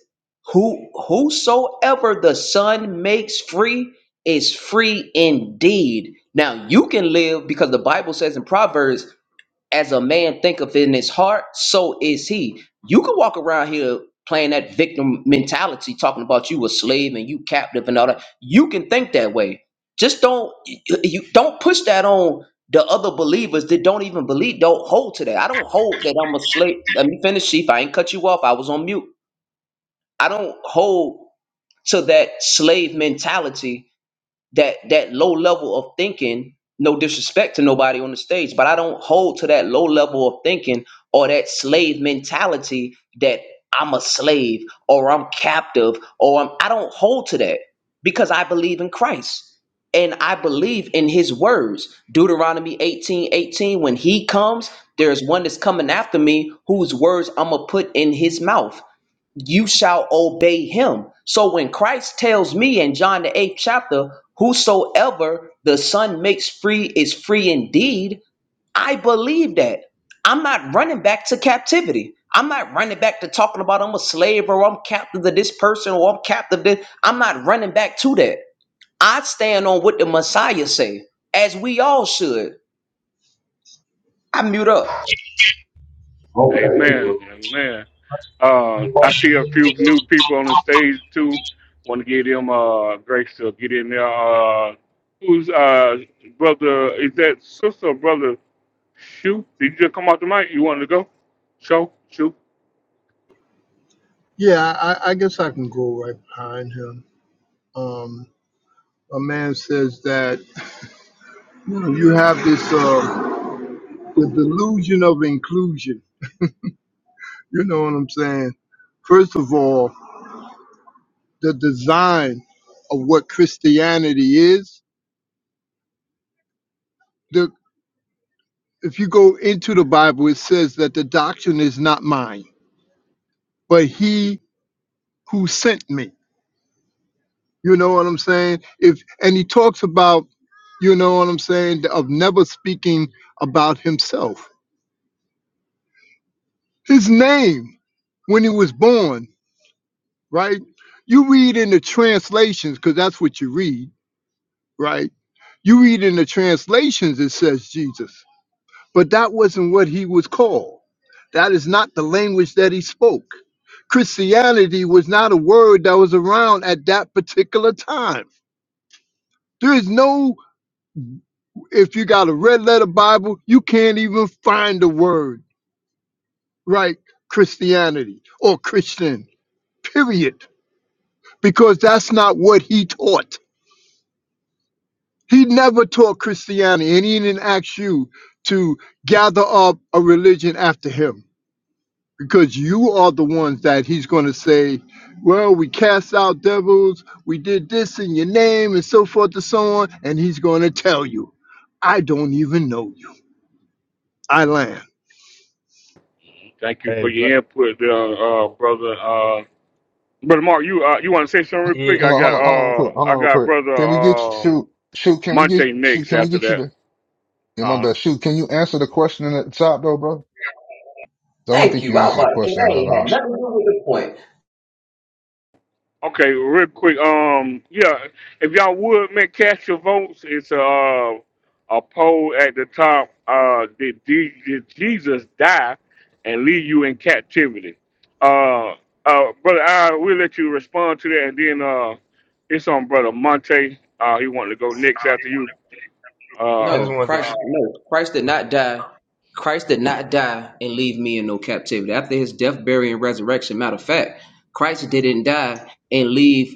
Who whosoever the Son makes free is free indeed. Now you can live because the Bible says in Proverbs as a man thinketh in his heart, so is he. You can walk around here playing that victim mentality, talking about you a slave and you captive and all that. You can think that way. Just don't you don't push that on the other believers that don't even believe. Don't hold to that. I don't hold that I'm a slave. Let me finish, Chief. I ain't cut you off. I was on mute. I don't hold to that slave mentality that that low level of thinking no disrespect to nobody on the stage but i don't hold to that low level of thinking or that slave mentality that i'm a slave or i'm captive or I'm, i don't hold to that because i believe in christ and i believe in his words deuteronomy 18 18. when he comes there's one that's coming after me whose words i'm gonna put in his mouth you shall obey him. So when Christ tells me in John the eighth chapter, whosoever the Son makes free is free indeed, I believe that. I'm not running back to captivity. I'm not running back to talking about I'm a slave or I'm captive to this person or I'm captive to this. I'm not running back to that. I stand on what the Messiah say, as we all should. I mute up. Okay. Amen. well, Amen. Uh, I see a few new people on the stage, too. Want to give them uh, grace to get in there. Uh, who's uh, brother? Is that sister or brother? Shoot, did you just come off the mic? You wanted to go? Show, shoot. Yeah, I, I guess I can go right behind him. Um, a man says that you know you have this uh, the delusion of inclusion. You know what I'm saying? First of all, the design of what Christianity is. The if you go into the Bible, it says that the doctrine is not mine, but He who sent me. You know what I'm saying? If and he talks about, you know what I'm saying, of never speaking about himself His name when he was born, right? You read in the translations, because that's what you read, right? You read in the translations, it says Jesus, but that wasn't what he was called. That is not the language that he spoke. Christianity was not a word that was around at that particular time. There is no, if you got a red letter Bible, you can't even find the word, right? Christianity or Christian, period because that's not what he taught. He never taught Christianity, and he didn't ask you to gather up a religion after him because you are the ones that he's going to say, Well, we cast out devils, we did this in your name, and so forth and so on. And he's going to tell you, I don't even know you. I land. Thank you for Hey, but your input, uh, uh, brother. Uh, brother Mark, you uh, you want to say something real quick? it, Hold I on, got hold on, hold on, real uh, quick, hold I on, real got quick. brother Can we get you, um shoot, shoot, can we get, Monte shoot, next can we after get you that. to, yeah, my Uh, bad, shoot, can you answer the question at the top though, bro? I don't Thank think you. you I was answered the like, question That at ain't all. had nothing to do with the point. Okay, real quick. Um, yeah, if y'all would man, cast your votes, it's a uh, a poll at the top. Uh, did, Je- did Jesus die and leave you in captivity? Uh, uh, brother, I will let you respond to that, and then uh, it's on brother Monte. Uh, he wanted to go next after you. Uh, I No, just wanted to, Christ no, Christ did oh, not die. Christ did not die and leave me in no captivity. After his death, burial, and resurrection, matter of fact, Christ didn't die and leave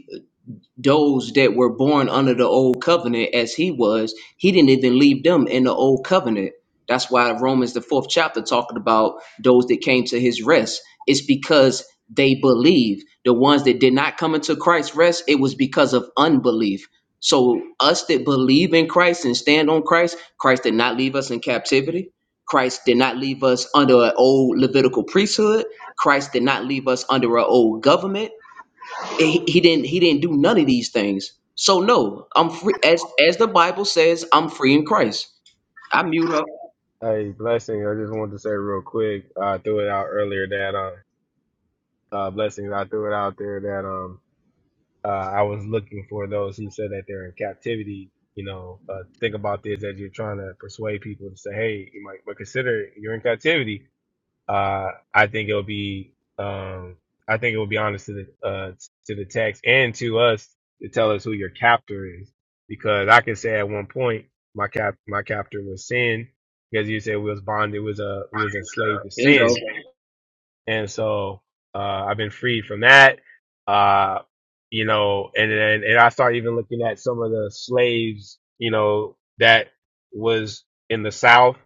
those that were born under the old covenant as he was he didn't even leave them in the old covenant that's why romans the fourth chapter talking about those that came to his rest it's because they believe the ones that did not come into christ's rest it was because of unbelief so us that believe in christ and stand on christ christ did not leave us in captivity christ did not leave us under an old levitical priesthood christ did not leave us under an old government he, he didn't he didn't do none of these things. So no, I'm free as as the Bible says, I'm free in Christ. I mute up. hey, blessing. I just wanted to say real quick. I threw it out earlier that uh, uh, blessings. I threw it out there that um uh, I was looking for those who said that they're in captivity. You know, uh, think about this as you're trying to persuade people to say, "Hey, you might, but consider you're in captivity." Uh, I think it'll be, um, I think it will be honest to the uh, to the text and to us to tell us who your captor is, because I can say at one point my cap my captor was sin, because you said we was bonded, was uh, we was enslaved to Bingo. sin, and so uh, I've been freed from that. Uh, you know, and then and I started even looking at some of the slaves, you know, that was in the South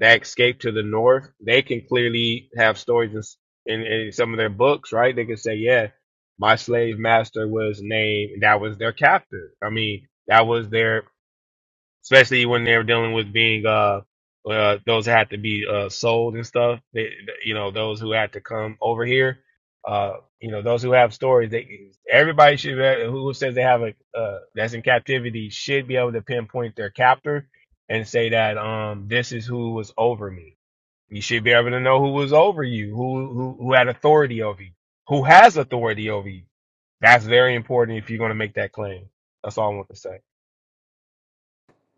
that escaped to the North. They can clearly have stories in, in, in some of their books, right? They can say, yeah, my slave master was named, that was their captor. I mean, that was their especially when they're dealing with being uh, uh those that have to be uh sold and stuff. They, you know, those who had to come over here. Uh, you know, those who have stories. They everybody should be, who says they have a uh that's in captivity should be able to pinpoint their captor and say that um this is who was over me. You should be able to know who was over you, who who who had authority over you, who has authority over you. That's very important if you're going to make that claim. That's all I want to say.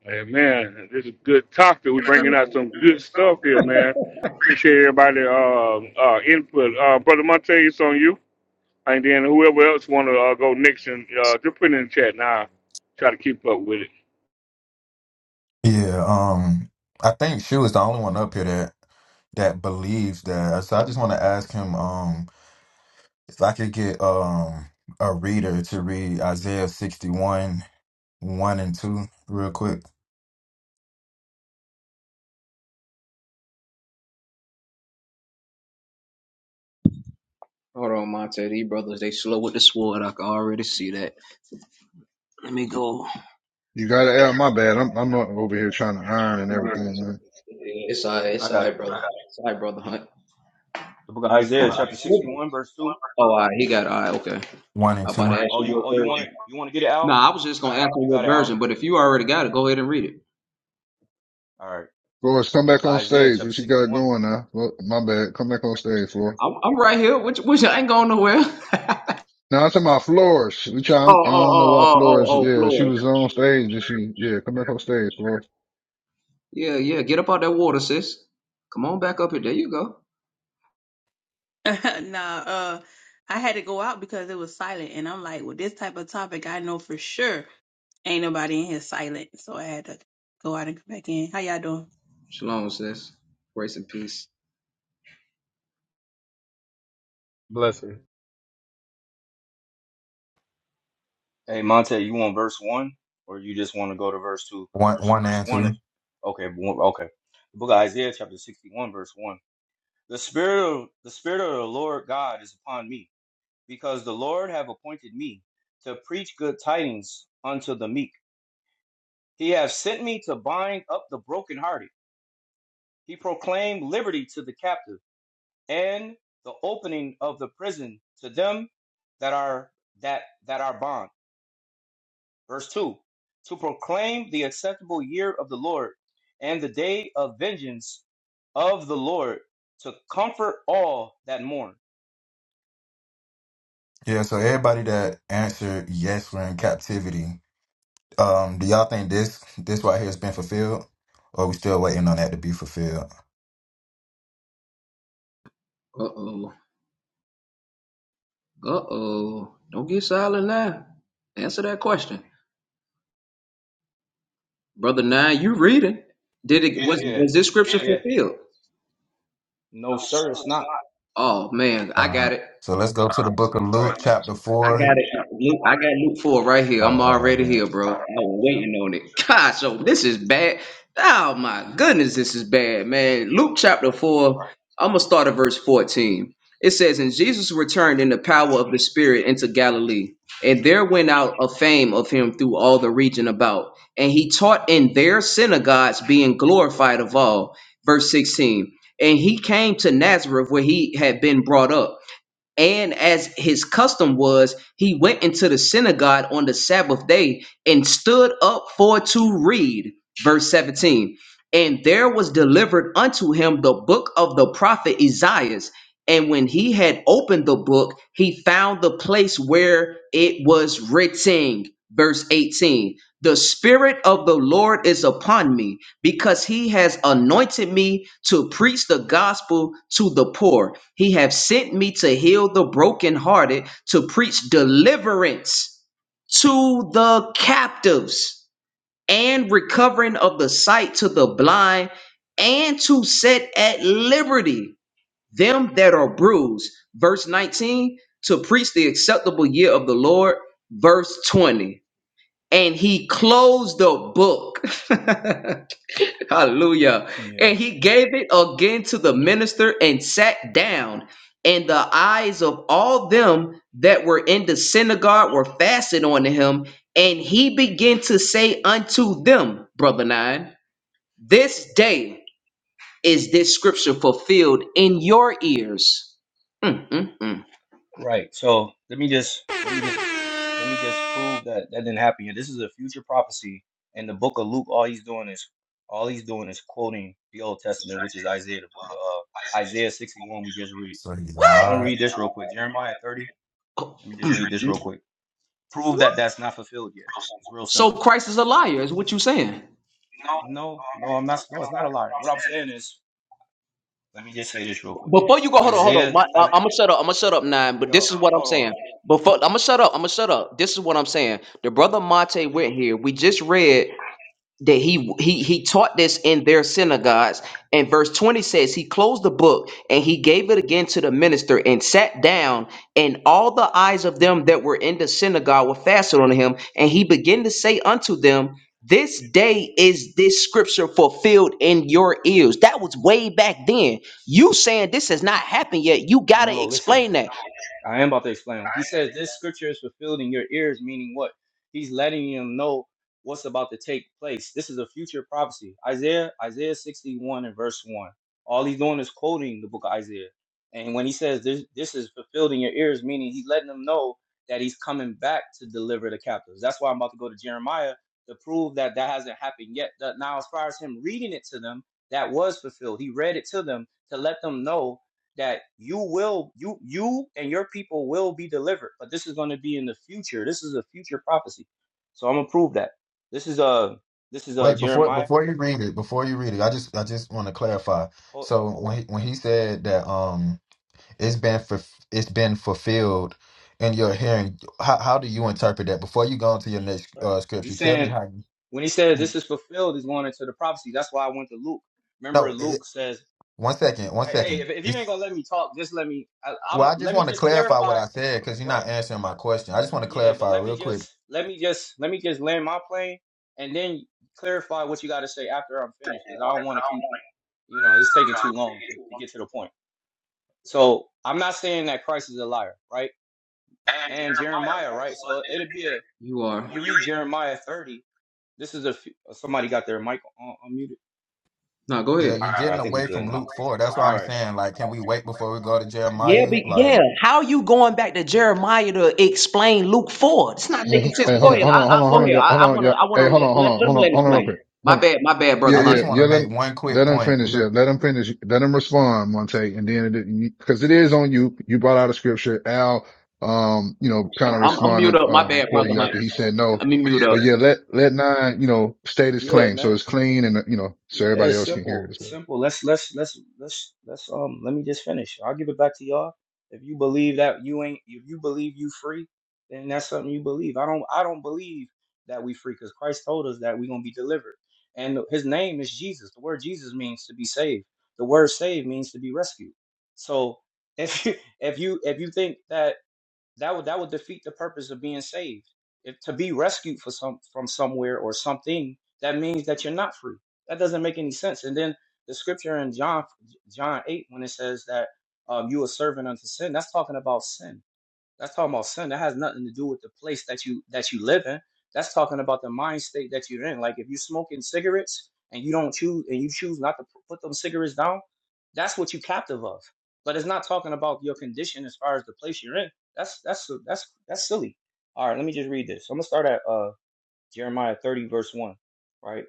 and man, this is a good topic. We're bringing out some good stuff here, man. Appreciate everybody uh, uh input. Uh, brother Monte, it's on you. And then whoever else want to uh, go next, and uh, just put it in the chat now. Try to keep up with it. Yeah, um, I think Shu is the only one up here that that believes that. So I just want to ask him, um, if I could get um a reader to read Isaiah sixty one one and two real quick, Hold on, Monte. These brothers, they slow with the sword. I can already see that. Let me go. You gotta, yeah, my bad, I'm, I'm over here trying to iron and everything, man. It's all right, I it's all got right, it. brother. It's all right, brother Hunt. The book of Isaiah, chapter 61, verse 2. Oh, all right, he got it. All right, okay. one and I'm about to two. ask Oh, you you what oh you want to version. you want to get it, No, Al? I was just going to ask you You got what it, Al. version, but if you already got it, go ahead and read it. All right. Flores, come The book back of on Isaiah, stage, chapter what you got 61. going now? Well, my bad, come back on stage, Flores. I'm, I'm right here. Which, which I ain't going nowhere. oh, oh, Now I'm talking about Flores, we try, I oh, don't know why oh, oh, Flores, oh, yeah, she Floyd. was on stage and she, yeah, come back on stage, Flores. Yeah, yeah. Get up out that water, sis. Come on back up here. There you go. nah, uh, I had to go out because it was silent, and I'm like, well, this type of topic, I know for sure ain't nobody in here silent, so I had to go out and come back in. How y'all doing? Shalom, sis. Grace and peace. Blessings. Hey Monte, you want verse one, or you just want to go to verse two? 'Cause One one Verse verse and one is two. okay. one- Okay, the book of Isaiah chapter sixty one verse one. The spirit of the spirit of the Lord God is upon me, because the Lord have appointed me to preach good tidings unto the meek. He hath sent me to bind up the brokenhearted. He proclaimed liberty to the captive, and the opening of the prison to them that are that that are bonds. Verse 2 To proclaim the acceptable year of the Lord and the day of vengeance of the Lord to comfort all that mourn. Yeah, so everybody that answered yes, we're in captivity. Um, do y'all think this this right here has been fulfilled, or we still waiting on that to be fulfilled? Uh oh. Uh oh. Don't get silent now. Answer that question, brother. Nine, you reading? Did it was Yeah, was this scripture yeah, fulfilled? No, sir, it's not. Oh man, I Uh, got it. so let's go to the book of Luke, right. chapter I four. got it. Luke, I got Luke four right Oh, here. I'm uh, I already bet. here, bro. I was Yep, waiting on it. God, so this is bad. Oh my goodness, this is bad, man. Luke chapter right. four. I'm gonna start at verse fourteen. It says, "And Jesus returned in the power of the Spirit into Galilee, and there went out a fame of him through all the region about, and he taught in their synagogues, being glorified of all." Verse sixteen. And he came to Nazareth, where he had been brought up and as his custom was, he went into the synagogue on the Sabbath day and stood up for to read. Verse 17. And there was delivered unto him the book of the prophet Isaiah. And when he had opened the book, he found the place where it was written. Verse 18. The Spirit of the Lord is upon me because he has anointed me to preach the gospel to the poor. He have sent me to heal the brokenhearted, to preach deliverance to the captives and recovering of the sight to the blind and to set at liberty them that are bruised. Verse 19, to preach the acceptable year of the Lord. Verse 20, and he closed the book. Hallelujah. Yeah, And he gave it again to the minister and sat down. And the eyes of all them that were in the synagogue were fastened on him. And he began to say unto them, Brother Nine, this day is this scripture fulfilled in your ears. Mm, mm, mm. right. So let me just let me just let me just prove that that didn't happen yet. This is a future prophecy in the book of Luke. All he's doing is all he's doing is quoting the Old Testament, which is Isaiah, the book, uh, Isaiah sixty one we just read. so he But I'm What? gonna lied. read this real quick. Jeremiah thirty. Let me just read this real quick. Prove that Woo! that's not fulfilled yet. It's real So simple. Christ is a liar, is what you saying. No, no, I'm not. No, it's not a lie. What I'm saying is, let me just say this real quick. Before you go, hold on, hold on. Isaiah, My, I, I am gonna shut up. I'm gonna shut up, nine. But this yo, is what I'm hold saying. on. But fuck, I'm gonna shut up. I'm gonna shut up. This is what I'm saying. The brother Monte went here. We just read that he he he taught this in their synagogues. And verse 20 says he closed the book and he gave it again to the minister and sat down. And all the eyes of them that were in the synagogue were fastened on him. And he began to say unto them, This day is this scripture fulfilled in your ears. That was way back then. You saying this has not happened yet. You gotta No, listen. explain that. I am about to explain. He says this scripture is fulfilled in your ears, meaning what? He's letting you know what's about to take place. This is a future prophecy. Isaiah, Isaiah 61 and verse 1. All he's doing is quoting the book of Isaiah. And when he says this, this is fulfilled in your ears, meaning he's letting them know that he's coming back to deliver the captives. That's why I'm about to go to Jeremiah to prove that that hasn't happened yet. That now, as far as him reading it to them, that was fulfilled. He read it to them to let them know that you will you you and your people will be delivered but this is going to be in the future this is a future prophecy so i'm gonna prove that this is uh this is uh Wait, before jeremiah before you read it, before you read it, I just I just want to clarify. oh, So when he, when he said that um it's been for it's been fulfilled in your hearing, how how do you interpret that? Before you go on to your next right uh, scripture, he's tell me saying how. when he says you- this is fulfilled he's going into the prophecy that's why i went to luke remember No, it, luke says one second, one hey hey, second. if, if you ain't It's gonna let me talk just let me I, i'm well, I just let me want to just clarify what clarify I said because you're right not answering my question. I just want to yeah but clarify let me real quick. just let me just let me just land my plane and then clarify what you got to say after i'm finished because i don't want to keep You know, it's taking too long to, to get to the point. So I'm not saying that Christ is a liar, right? And Jeremiah, right? So it'll be a You when are. you read Jeremiah 30. This is a f- somebody got their mic on, unmuted. No, go Yeah, ahead. you're All right, I getting think we away good from now. Luke four. That's why All I'm right, saying like, can we wait before we go to Yeah, Jeremiah? be, Like, yeah. How you going back to Jeremiah to explain Luke four? It's not Hey, making h- sense. hey, But hold go on, yeah, ahead. hold on, I, I hold on, hold go right? on, ahead. y'all, I, hold on, want to. I y'all. want to Hey, hold let, on, hold let, on, let him hold let on, him hold on, real explain. quick. My Hold on. bad. My bad, Yeah, brother I Hunt. yeah, just want yeah. to Let make him, one quick let him point. finish. Yeah, let him finish. Let him respond, Monte, and then it because it is on you. You brought out a scripture. Al, um, you know, kind of I'm, I'm mute responded up. My uh bad, for brother you Hunt. after he said no. Let me mute up. But yeah, let let nine, you know, state his Yeah, claim so man. it's clean and uh, you know so Yeah, everybody it's else can hear simple. it as It's well. simple. Let's let's let's let's let's um let me just finish. I'll give it back to y'all. If you believe that you ain't if you believe you free, then that's something you believe. I don't I don't believe that we free because Christ told us that we're gonna be delivered. And his name is Jesus. The word Jesus means to be saved. The word saved means to be rescued. So if you if you if you think that that would that would defeat the purpose of being saved. If to be rescued for some from somewhere or something, that means that you're not free. That doesn't make any sense. And then the scripture in John John eight when it says that um, you are servant unto sin, that's talking about sin that's talking about sin. That has nothing to do with the place that you that you live in. That's talking about the mind state that you're in. Like if you're smoking cigarettes and you don't choose and you choose not to p- put them cigarettes down, that's what you're captive of. But it's not talking about your condition as far as the place you're in. That's that's that's that's silly. All right, let me just read this. I'm gonna start at uh Jeremiah 30 verse one, right?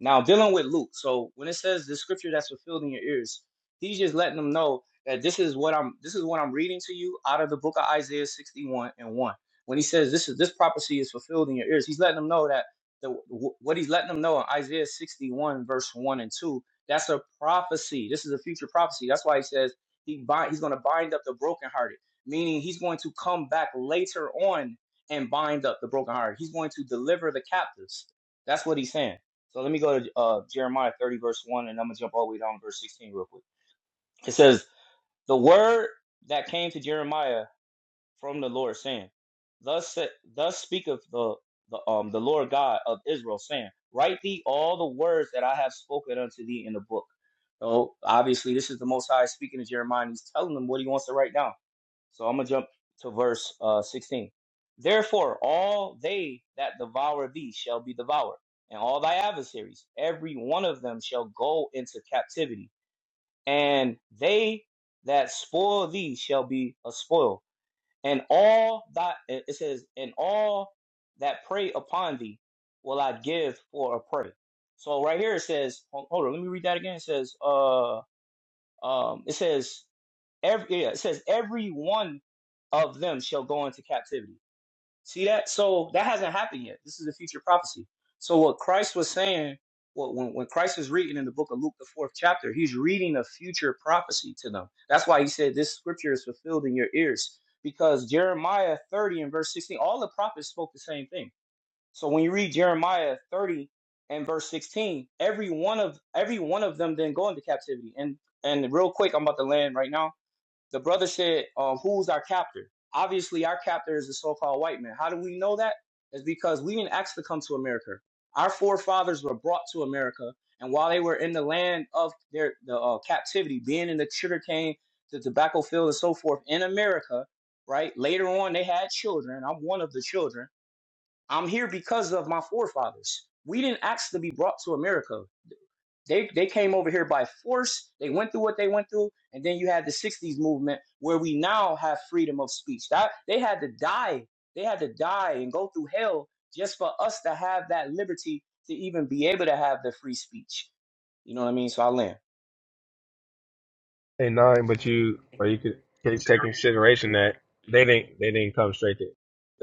Now dealing with Luke, so when it says the scripture that's fulfilled in your ears, he's just letting them know that this is what I'm this is what I'm reading to you out of the book of Isaiah 61 and 1. When he says this is this prophecy is fulfilled in your ears, he's letting them know that the wh- what he's letting them know in Isaiah 61 verse 1 and 2, that's a prophecy. This is a future prophecy. That's why he says he bind, he's going to bind up the brokenhearted, meaning he's going to come back later on and bind up the brokenhearted. He's going to deliver the captives. That's what he's saying. So let me go to uh, Jeremiah 30, verse 1, and I'm going to jump all the way down to verse 16 real quick. It says, The word that came to Jeremiah from the Lord, saying, Thus, sa- thus speaketh the, the, um, the Lord God of Israel, saying, Write thee all the words that I have spoken unto thee in the book. So obviously, this is the Most High speaking to Jeremiah, and he's telling him what he wants to write down. So I'm gonna jump to verse uh, 16. Therefore, all they that devour thee shall be devoured, and all thy adversaries, every one of them shall go into captivity, and they that spoil thee shall be a spoil, and all thy it says, and all that prey upon thee will I give for a prey. So right here it says, hold hold on, let me read that again. It says, uh, um, it says Every yeah, it says every one of them shall go into captivity. See that? So that hasn't happened yet. This is a future prophecy. So what Christ was saying, what when, when Christ was reading in the book of Luke, the fourth chapter, he's reading a future prophecy to them. That's why he said this scripture is fulfilled in your ears. Because Jeremiah 30 and verse 16, all the prophets spoke the same thing. So when you read Jeremiah 30 and verse 16, every one of every one of them then go into captivity. And and real quick, I'm about to land right now the brother said, um, who's our captor? Obviously, our captor is the so-called white man. How do we know that? It's because we didn't ask to come to America. Our forefathers were brought to America, and while they were in the land of their the uh, captivity, being in the sugar cane, the tobacco field, and so forth in America, right? Later on, they had children. I'm one of the children. I'm here because of my forefathers. We didn't ask to be brought to America. They they came over here by force. They went through what they went through, and then you had the '60s movement where we now have freedom of speech. That they had to die. They had to die and go through hell just for us to have that liberty to even be able to have the free speech. You know what I mean? So I land. Hey nine, but you but you could take, take consideration that they didn't they didn't come straight to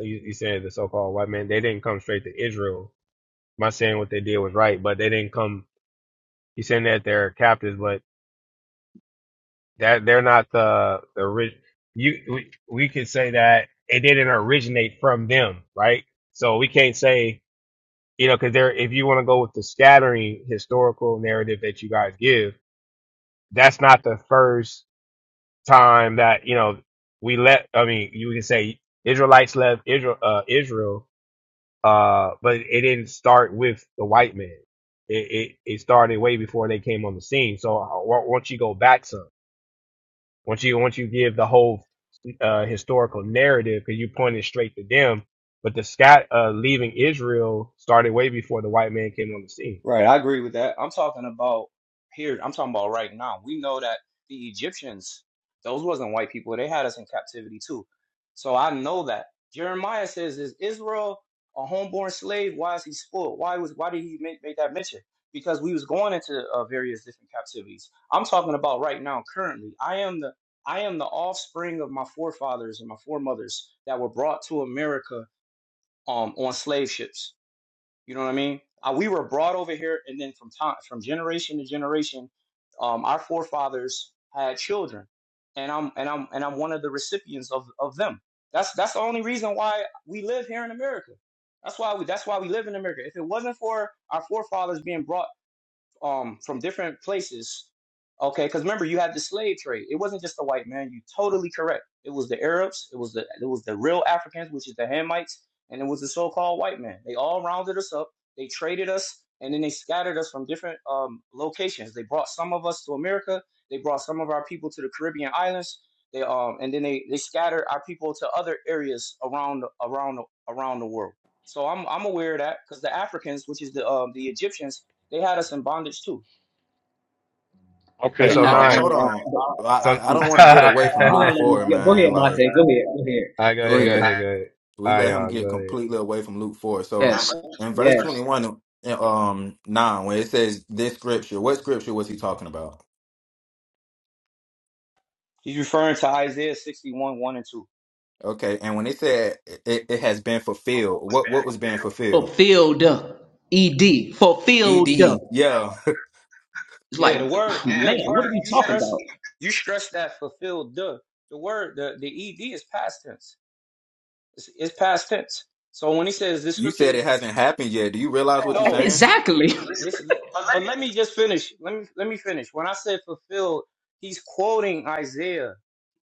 you, you saying the so called white man they didn't come straight to Israel. I'm not saying what they did was right, but they didn't come. You saying that they're captives, but that they're not the the rich. You we, we could say that it didn't originate from them, right? So we can't say you know because they're if you want to go with the scattering historical narrative that you guys give, that's not the first. time that you know we let i mean you can say israelites left israel uh israel uh but it didn't start with the white man it, it it started way before they came on the scene so uh, wa- once you go back some once you once you give the whole uh historical narrative because you pointed straight to them but the scat uh leaving israel started way before the white man came on the scene Right, I agree with that. I'm talking about here, I'm talking about right now. We know that the Egyptians, those wasn't white people. They had us in captivity too. So I know that. Jeremiah says, Is Israel a homeborn slave? Why is he spoiled? Why was why did he make, make that mention? Because we was going into uh, various different captivities. I'm talking about right now, currently. I am the I am the offspring of my forefathers and my foremothers that were brought to America um, on slave ships. You know what I mean? Uh, we were brought over here, and then from time, from generation to generation, um, our forefathers had children, and I'm and I'm and I'm one of the recipients of of them. That's that's the only reason why we live here in America. That's why we that's why we live in America. If it wasn't for our forefathers being brought um from different places. Okay, because remember you had the slave trade. It wasn't just the white man. You totally correct. It was the Arabs. It was the it was the real Africans, which is the Hamites, and it was the so-called white man. They all rounded us up. They traded us, and then they scattered us from different um, locations. They brought some of us to America. They brought some of our people to the Caribbean islands. They um and then they they scattered our people to other areas around around around the world. So I'm I'm aware of that because the Africans, which is the um the Egyptians they had us in bondage too. hey Yeah, They're Okay. so not I'll, nine hold on. I so all I, I don't want to get away from right Luke Four, man. Like, there. go Go ahead yeah, go ahead. because ahead go ahead we all right let him y'all go get ahead completely away from Luke Four. Yeah. So in verse twenty one, um, nine, when it says this scripture, what scripture was he talking about? He's referring to Isaiah 61, 1 and 2. Okay, and when it said it, it has been fulfilled, what what was being fulfilled? Fulfilled. Ed. Ed, Fulfilled. yeah, It's Yeah, like, the word, man, yeah, you what you, are we you talking stress about? you stress that fulfilled the the word, the, the E D is past tense. It's, it's past tense. So when he says this you said scripture it hasn't happened yet. Do you realize what you're No, saying? Exactly. listen. le- But let me just finish. Let me let me finish. When I said fulfilled, he's quoting Isaiah.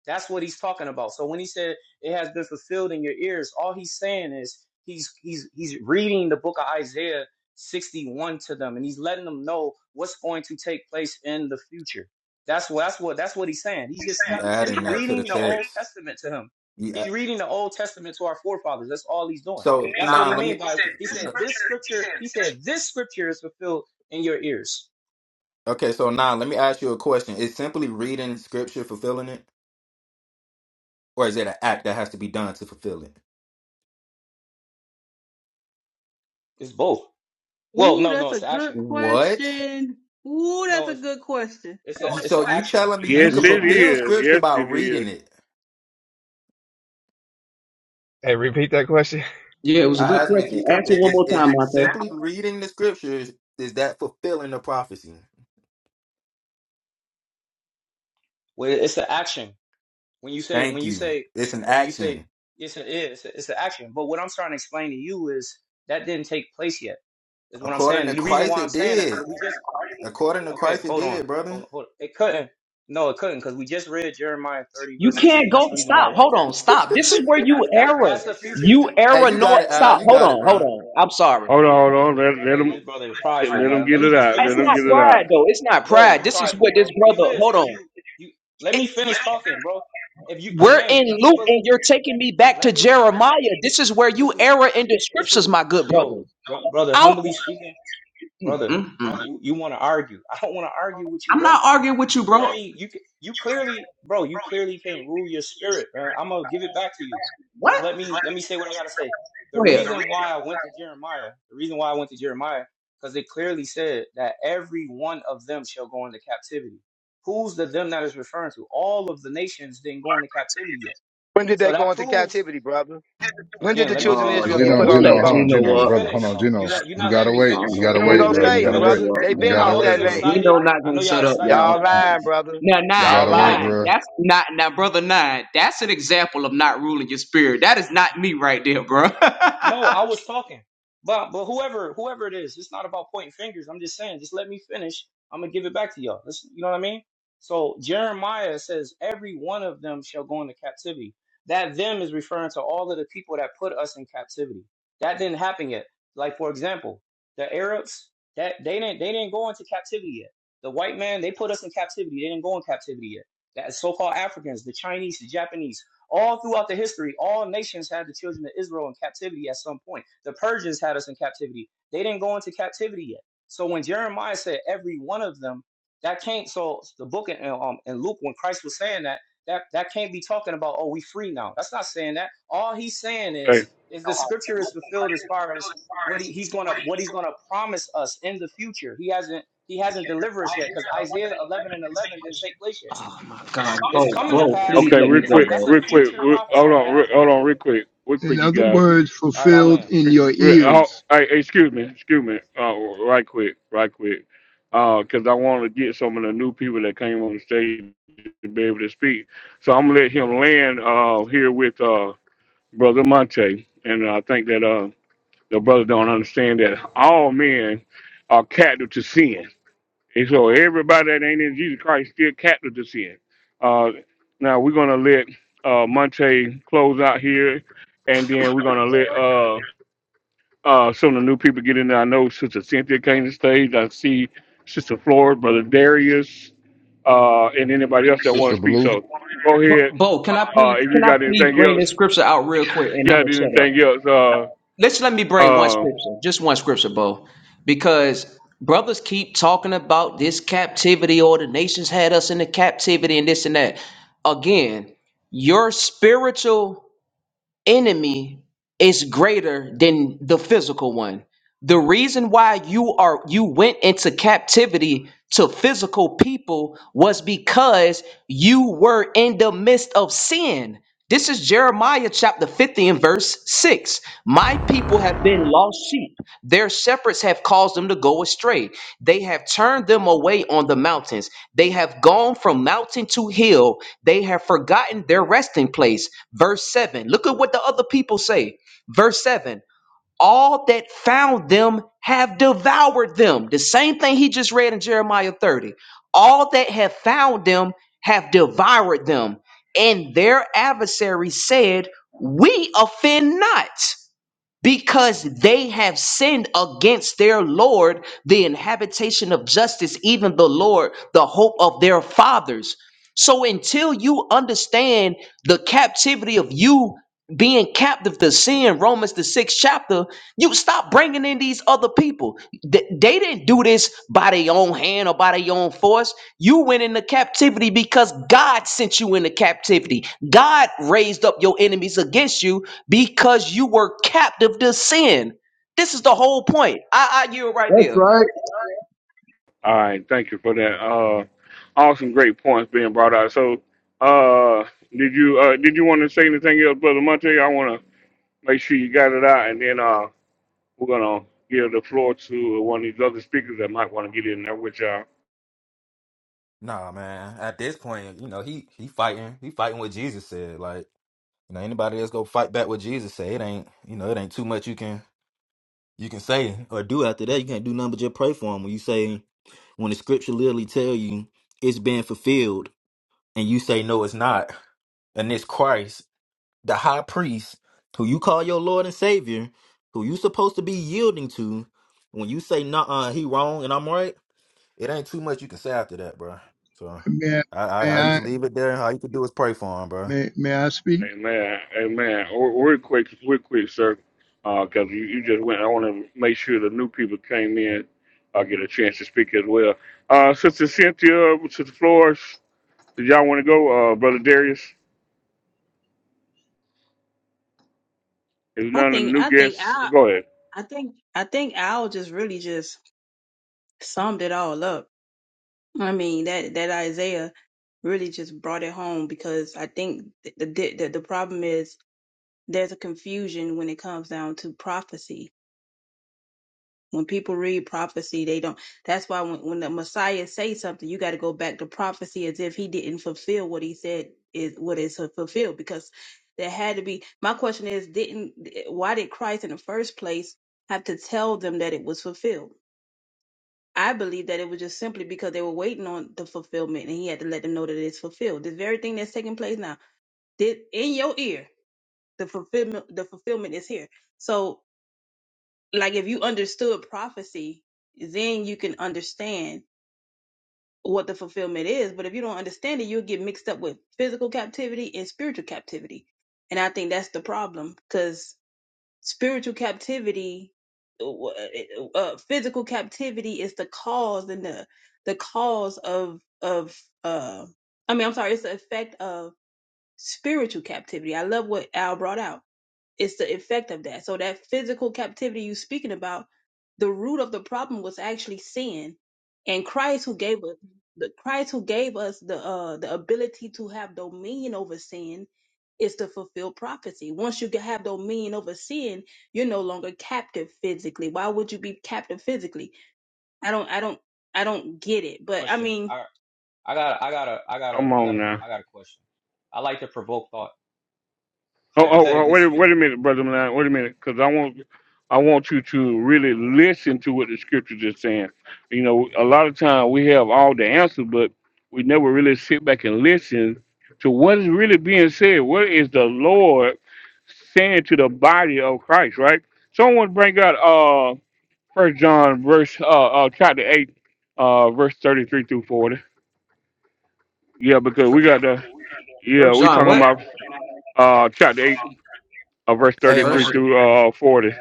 That's what he's talking about. So when he said it has been fulfilled in your ears, all he's saying is he's he's he's reading the book of Isaiah 61 to them, and he's letting them know what's going to take place in the future. That's what that's what that's what he's saying. He's just You tell, adding he's that to the reading the Old text. Testament to him. You He's add, reading the Old Testament to our forefathers. That's all he's doing. so That's what now he let me. mean by he said this scripture. He said this scripture is fulfilled in your ears. Okay, so now let me ask you a question. Is simply reading scripture fulfilling it, or is it an act that has to be done to fulfill it? It's both. Well, Ooh, no, no, that's a it's an good action. What? question. Ooh, that's No, a it's good question. it's a You, it's so an you action. telling me you Yes, could it fulfill is. scripture Yes, by it is. reading it? hey repeat that question. Yeah, it was a I good asked him if question. he could. i- Answer one Is more is time. it simply reading the scriptures? Is that fulfilling the prophecy? Well, it's an action. When you say when Thank you you. say It's an when you say action. it's a, yeah, it's a, it's an action. But what I'm trying to explain to you is that didn't take place yet. Is what I'm According to saying. The reason Christ, why I'm it saying that did. because we just According to okay. Christ, it Hold on, did, hold brother. on, hold on. It couldn't. No, it couldn't because we just read Jeremiah 30 You verse can't 16. That's go. the reason why I Stop. went Hold there. on. Stop. This is where you That error. that's the future. You Hey, error. you No. got it, Al. Stop. You Hold got it, on. Hold bro. on. I'm sorry. Hold on, hold on. Let let Hey, this them brother is prideful, let them man. get Let me it just out. finish Let It's them what I'm not get it saying, out. pride man. though. It's not Bro, pride. you This is prideful, what this bro. brother. You is, Hold cause on. you you. Let It, me finish talking, bro. If you we're again, in if you Luke, believe, and you're taking me back to let me. Jeremiah. This is where well, This you is what- error in the this scriptures, is my good no, brother. bro, brother. Out. Humbly speaking, brother, Mm-mm. you you want to argue? I don't want to argue with you, I'm bro. not arguing with you, bro. Let me. You you clearly, bro. You clearly can't rule your spirit. man. I'm gonna give it back to you. Just What? let me let me say what I gotta say. The Go ahead. reason why I Oh went to Jeremiah, the reason why I went to Jeremiah, because it clearly said that every one of them shall go into captivity. Who's the them that is referring to? All of the nations didn't go into captivity yet. When did So they go that into proves captivity, brother? When did again. the Let me children of Lord, Israel finish. get Gino, put who on let them Gino, hold on, boats? Gino Let Gino, me up? brother, hold on, finish. You Gino. let you're You not gotta letting me I wait. don't You finish. know. He gotta ain't wait, Who gonna Just bro. let stay me You here, gotta wait. finish. brother. let They You been I man? gotta off know that wait, you brother. land. Gino excited. not I gonna know y'all shut up, excited, but Y'all let y'all. me You, lying, finish. brother. Now, you Y'all gotta And y'all. wait, liars. bro. now, bruh. No, I was talking. But but whoever whoever it is, it's not about pointing fingers. I'm just saying, just let me finish. I'm gonna give it back to y'all. This, you know what I mean? So Jeremiah says, every one of them shall go into captivity. That them is referring to all of the people that put us in captivity. That didn't happen yet. Like for example, the Arabs that they didn't they didn't go into captivity yet. The white man they put us in captivity. They didn't go in captivity yet. That so-called Africans, the Chinese, the Japanese, all throughout the history, all nations had the children of Israel in captivity at some point. The Persians had us in captivity. They didn't go into captivity yet. So when Jeremiah said every one of them, that can't. So the book in, um, in Luke, when Christ was saying that, that that can't be talking about oh we free now. That's not saying that. All he's saying Okay. is is the scripture is fulfilled as far as what he, he's gonna what he's gonna promise us in the future. He hasn't he hasn't delivered us yet because Isaiah 11 and 11 didn't take place yet. Oh my God, Bo, It's coming O- to Bo, pass. please Okay. let Real me It's go, quick. that's Bo. a Real quick. future Re- hold prophecy, but on. it Re- hasn't hold on. happened Real yet. quick. Real In quick, you other guys. words, All right, I fulfilled land. in Re- your Oh, ears. hey, hey, excuse me, excuse me, uh, right quick, right quick, because I want to get some of the new people that came on the stage to be able to speak. So I'm gonna let him land uh, here with uh, brother Monte, and I think that uh, the brother don't understand that all men are captive to sin, and so everybody that ain't in Jesus Christ still captive to sin. Uh, now we're gonna let uh, Monte close out here, and then we're gonna let uh, uh, some of the new people get in there. I know Sister Cynthia came to stage. I see Sister Flora, Brother Darius, uh, and anybody else that want Sister to speak. Blue. So go Bo, ahead. Bo, can I Uh, please, if you can I got please anything bring this else, scripture out real quick, you and I'm got gonna shut up. anything else? Uh, Let's let me bring one uh, all scripture, just one scripture, Bo, because brothers keep talking about this captivity or the nations had us in the captivity and this and that. Again, your spiritual enemy is greater than the physical one. The reason why you are you went into captivity to physical people was because you were in the midst of sin. This is Jeremiah chapter 50 and verse 6. My people have been lost sheep. Their shepherds have caused them to go astray. They have turned them away on the mountains. They have gone from mountain to hill. They have forgotten their resting place. Verse 7. Look at what the other people say. Verse 7. All that found them have devoured them. The same thing he just read in Jeremiah 30. All that have found them have devoured them. And their adversary said, We offend not because they have sinned against their Lord, the inhabitation of justice, even the Lord, the hope of their fathers. So until you understand the captivity of you being captive to sin, Romans the sixth chapter, you stop bringing in these other people. Th- They didn't do this by their own hand or by their own force. You went into captivity because God sent you into captivity. God raised up your enemies against you because you were captive to sin. This is the whole point. I, I you right That's there. right. right. Thank you for that. Uh, awesome, great points being brought out. So, uh, did you uh, did you want to say anything else, Brother Monte? I want to make sure you got it out, and then uh, we're gonna give the floor to one of these other speakers that might want to get in there with y'all. Nah, man. At this point, you know he he fighting. He fighting what Jesus said, like. You know, anybody that's go fight back with Jesus say it ain't, you know, it ain't too much you can you can say or do after that. You can't do nothing but just pray for him. When you say when the scripture literally tell you it's been fulfilled and you say no it's not, and it's Christ, the high priest, who you call your Lord and Savior, who you supposed to be yielding to, when you say no uh he wrong and I'm right, it ain't too much you can say after that, bro. So May I, I may I, I just I, leave it there. All you can do is pray for him, may, may I speak? Hey man, hey man, we're real quick, real quick, sir, because you, you just went. I want to make sure the new people came in. I get a chance to speak as well. Uh, Sister Cynthia, Sister Flores, did y'all want to go? Uh, Brother Darius, if I none of the think, new I think guests, Al, go ahead. I think, I think Al just really just summed it all up. I mean, that that Isaiah really just brought it home because I think the the, the, the problem is there's a confusion when it comes down to prophecy When people read prophecy, they don't. That's why when, when the Messiah says something, you got to go back to prophecy as if he didn't fulfill what he said is what is fulfilled because there had to be. My question is, didn't why did Christ in the first place have to tell them that it was fulfilled? I believe that it was just simply because they were waiting on the fulfillment, and he had to let them know that it's fulfilled. This very thing that's taking place now, did in your ear, the fulfillment, the fulfillment is here. So like if you understood prophecy, then you can understand what the fulfillment is. But if you don't understand it, you'll get mixed up with physical captivity and spiritual captivity. And I think that's the problem because spiritual captivity, uh, uh, uh, physical captivity is the cause and the the cause of of uh, I mean, I'm sorry, it's the effect of spiritual captivity. I love what Al brought out it's the effect of that. So that physical captivity you speaking about, the root of the problem was actually sin, and Christ who gave us the Christ who gave us the uh, the ability to have dominion over sin is to fulfill prophecy. Once you have dominion over sin, you're no longer captive physically. Why would you be captive physically? I don't I don't I don't get it. But I Question. mean All right, I got, I got a, I got a, Come I got on a, now. I got a question. I like to provoke thought. Oh, oh, oh, Hypothetically wait, a- speak. wait a minute, brother Milan. Wait a minute, because I want, I want you to really listen to what the scriptures is saying. You know, a lot of time we have all the answers, but we never really sit back and listen to what is really being said. What is the Lord saying to the body of Christ? Right? Someone bring out uh First John verse uh, uh chapter eight, uh verse thirty three through forty. Yeah, because we got the yeah First we John, talking what? about uh chapter eight. uh, verse First, bro. 33 through uh 40.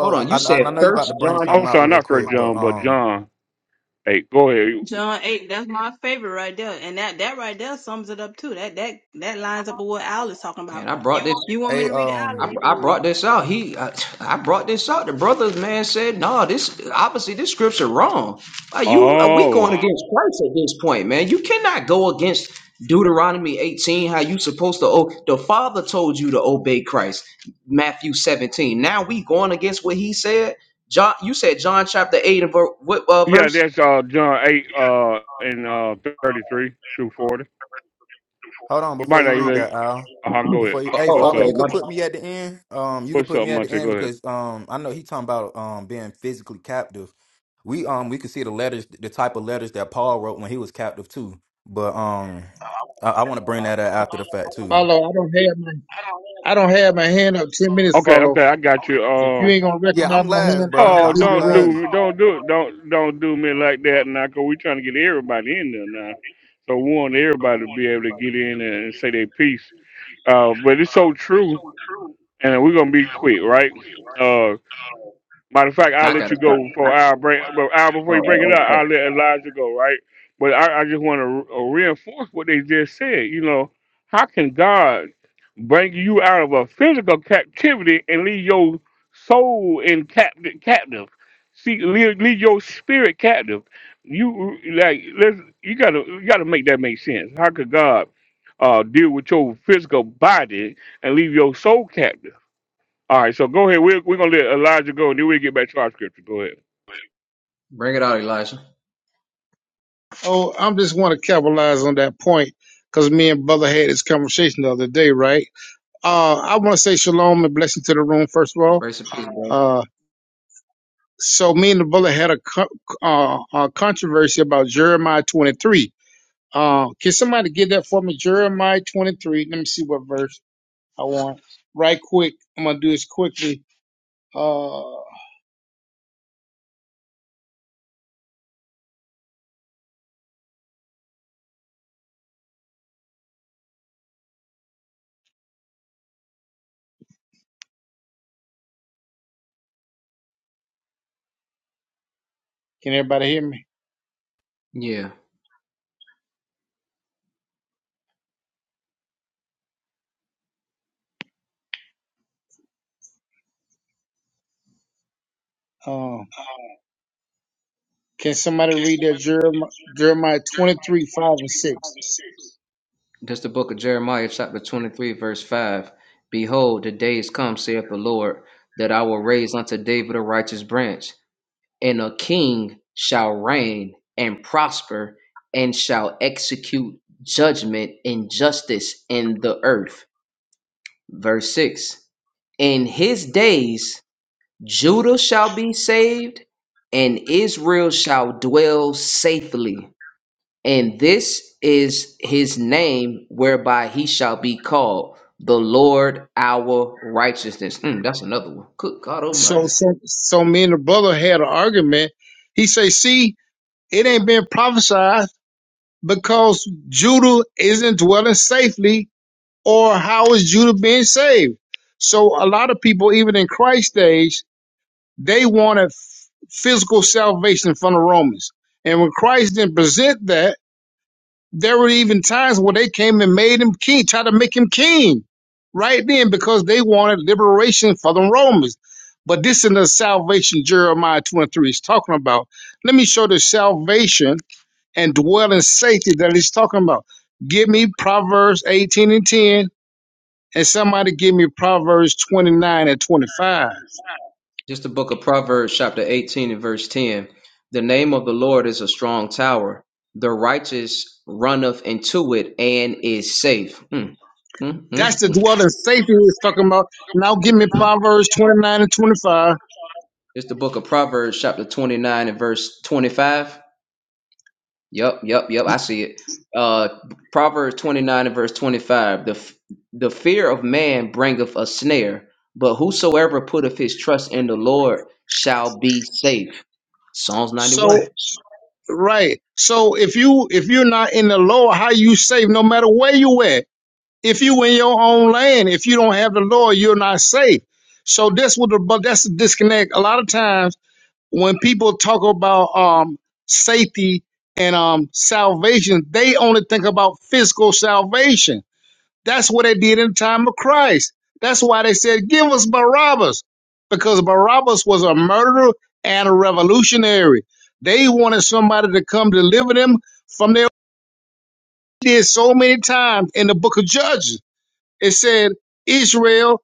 hold on. I, You I said I know you about First to John. bring I'm something out sorry, real not first quick, but John, but um, John 8. Go ahead. John eight, that's my favorite right there. And that that right there sums it up too. That that that lines up with what Al is talking about. And I brought this You want me hey, to read it out or I, um, you can I read brought it? this out. He, I, I brought this out. The brothers, man, said, "No, this obviously this scripture wrong. Are you? Are we Oh. going against Christ at this point, man? You cannot go against Deuteronomy 18. How you supposed to? Oh, the Father told you to obey Christ. Matthew 17. Now we going against what He said. John, you said John chapter eight and ver, what uh, Yeah, verse? that's uh John 8 uh and uh 33 through 40. hold on You before might you not read even that, Al. uh go Before ahead. you, hey, What's follow. You up? could put me at the end. Um, you could What's put up, me at the Monte? end Go ahead. because um, I know he talking about um being physically captive. We um we could see the letters, the type of letters that Paul wrote when he was captive too. But um, I, I want to bring that out after the fact too. Follow. I don't have my I don't have my hand up ten minutes, Okay, follow. okay, I got you. If you Uh ain't gonna Yeah, recognize I'm my last, hand, bro. I oh gotta I'm, leave I'm the don't do room. last. me don't do it. Don't don't do me like that now, cause we trying to get everybody in there now. So we want everybody to be able to get in and and say their piece. Uh but it's so true and we're gonna be quick, right? Uh, matter of fact, I'll Not let you go before I break, but hour before you break it up, I'll let Elijah go, right? But I, I just want to re- uh, reinforce what they just said. You know, how can God bring you out of a physical captivity and leave your soul in captive? captive? See, leave, leave your spirit captive. You like, let's you gotta you gotta make that make sense. How could God uh, deal with your physical body and leave your soul captive? All right, so go ahead. We're, we're going to let Elijah go, and then we'll get back to our scripture. Go ahead. Elijah. Oh, I'm just wanna capitalize on that point because me and brother had this conversation the other day, right? Uh I wanna say shalom and blessing to the room first of all. Grace. and- Uh so me and the brother had a co- uh, uh, controversy about Jeremiah 23. Uh, can somebody get that for me? Jeremiah 23. Let me see what verse I want. Right quick. I'm gonna do this quickly. Uh, Can everybody hear me? Yeah. Um, can somebody read that Jeremiah, Jeremiah 23, 5 and 6? That's the book of Jeremiah, chapter 23, verse 5. Behold, the days come, saith the Lord, that I will raise unto David a righteous branch, and a king shall reign and prosper, and shall execute judgment and justice in the earth. Verse 6. In his days, Judah shall be saved, and Israel shall dwell safely. And this is his name whereby he shall be called the Lord our righteousness. Mm, that's another one. Good God So, Almighty. so, so me and the brother had an argument. He say, see, it ain't been prophesied because Judah isn't dwelling safely or how is Judah being saved? So a lot of people, even in Christ's days, they wanted f- physical salvation from the Romans. And when Christ didn't present that, There were even times where they came and made him king, tried to make him king right then because they wanted liberation for the Romans. But this is the salvation Jeremiah 2 and 3 is talking about. Let me show the salvation and dwell in safety that he's talking about. Give me Proverbs 18 and 10, and somebody give me Proverbs 29 and 25. Just the book of Proverbs, chapter 18 and verse 10. The name of the Lord is a strong tower. The righteous runneth into it and is safe. Mm, mm, mm, That's the mm, dwelling safety we're talking about. Now give me mm. Proverbs 29 and 25. Just the book of Proverbs, chapter 29 and verse 25. Yep, yep, yep. I see it. Uh, Proverbs 29 and verse 25. The, f- the fear of man bringeth a snare, but whosoever putteth his trust in the Lord shall be safe. Psalms So 91. Right. So if you if you're not in the law, how you safe? No matter where you at, if you in your own land, if you don't have the law, you're not safe. So that's what the but that's the disconnect. A lot of times when people talk about um safety and um salvation, they only think about physical salvation. That's what they did in the time of Christ. That's why they said, give us Barabbas, because Barabbas was a murderer and a revolutionary. They wanted somebody to come deliver them from their did so many times in the book of Judges. It said, Israel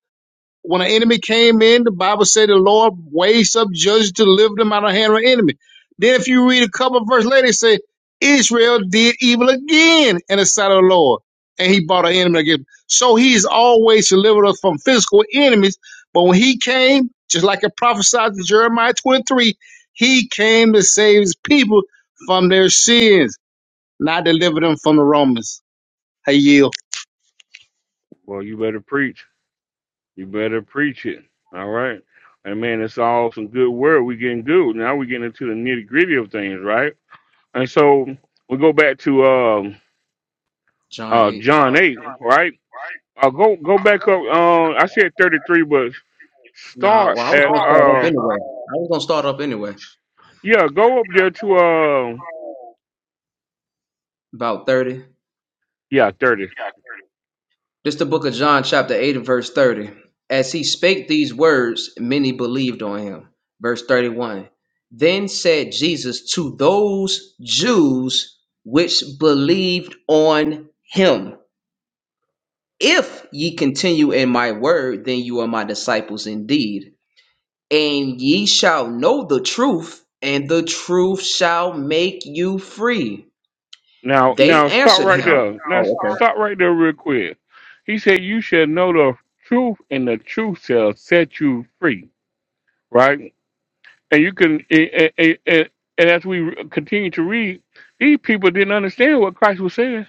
when an enemy came in, the Bible said the Lord raised up judges to deliver them out of the hand of an enemy. Then if you read a couple of verses later, it say Israel did evil again in the sight of the Lord, and he brought an enemy against. Him. So he's always delivered us from physical enemies. But when he came, just like it prophesied in Jeremiah 23, he came to save his people from their sins, not deliver them from the Romans. Hey, yield. Well, you better preach. You better preach it. All right. And man, it's all some good word. We're getting good. Now we're getting into the nitty gritty of things, right? And so we go back to um, John uh, 8. John 8, right? I'll go go back up. Uh, I said 33, but Nah, start well, I was at, going to start up uh, anyway. I was going to start up anyway. yeah, go up there to, uh, About 30. yeah, 30. This the book of John, chapter 8, and verse 30. As he spake these words, many believed on him. Verse 31. Then said Jesus to those Jews which believed on him, If ye continue in my word, then you are my disciples indeed. And ye shall know the truth, and the truth shall make you free. Now, They now stop answered right him. there. Now oh, okay. stop right there real quick. He said, "You shall know the truth, and the truth shall set you free." Right? And you can, and, and, and, and as we continue to read, these people didn't understand what Christ was saying.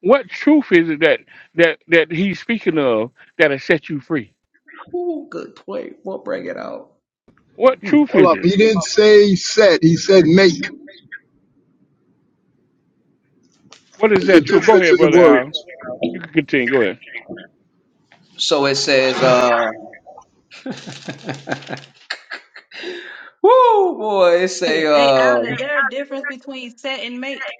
What truth is it that that that he's speaking of that has set you free? Ooh, good point. We'll bring it out. What Hmm. truth Hold is up. it? He didn't say said, he said make. What is There's a that truth? Go difference ahead, in the brother Al. words. You can continue. Go ahead. So it says, uh, whoo, boy, it say, Hey, hey, uh, Alan, is there a difference between set and make?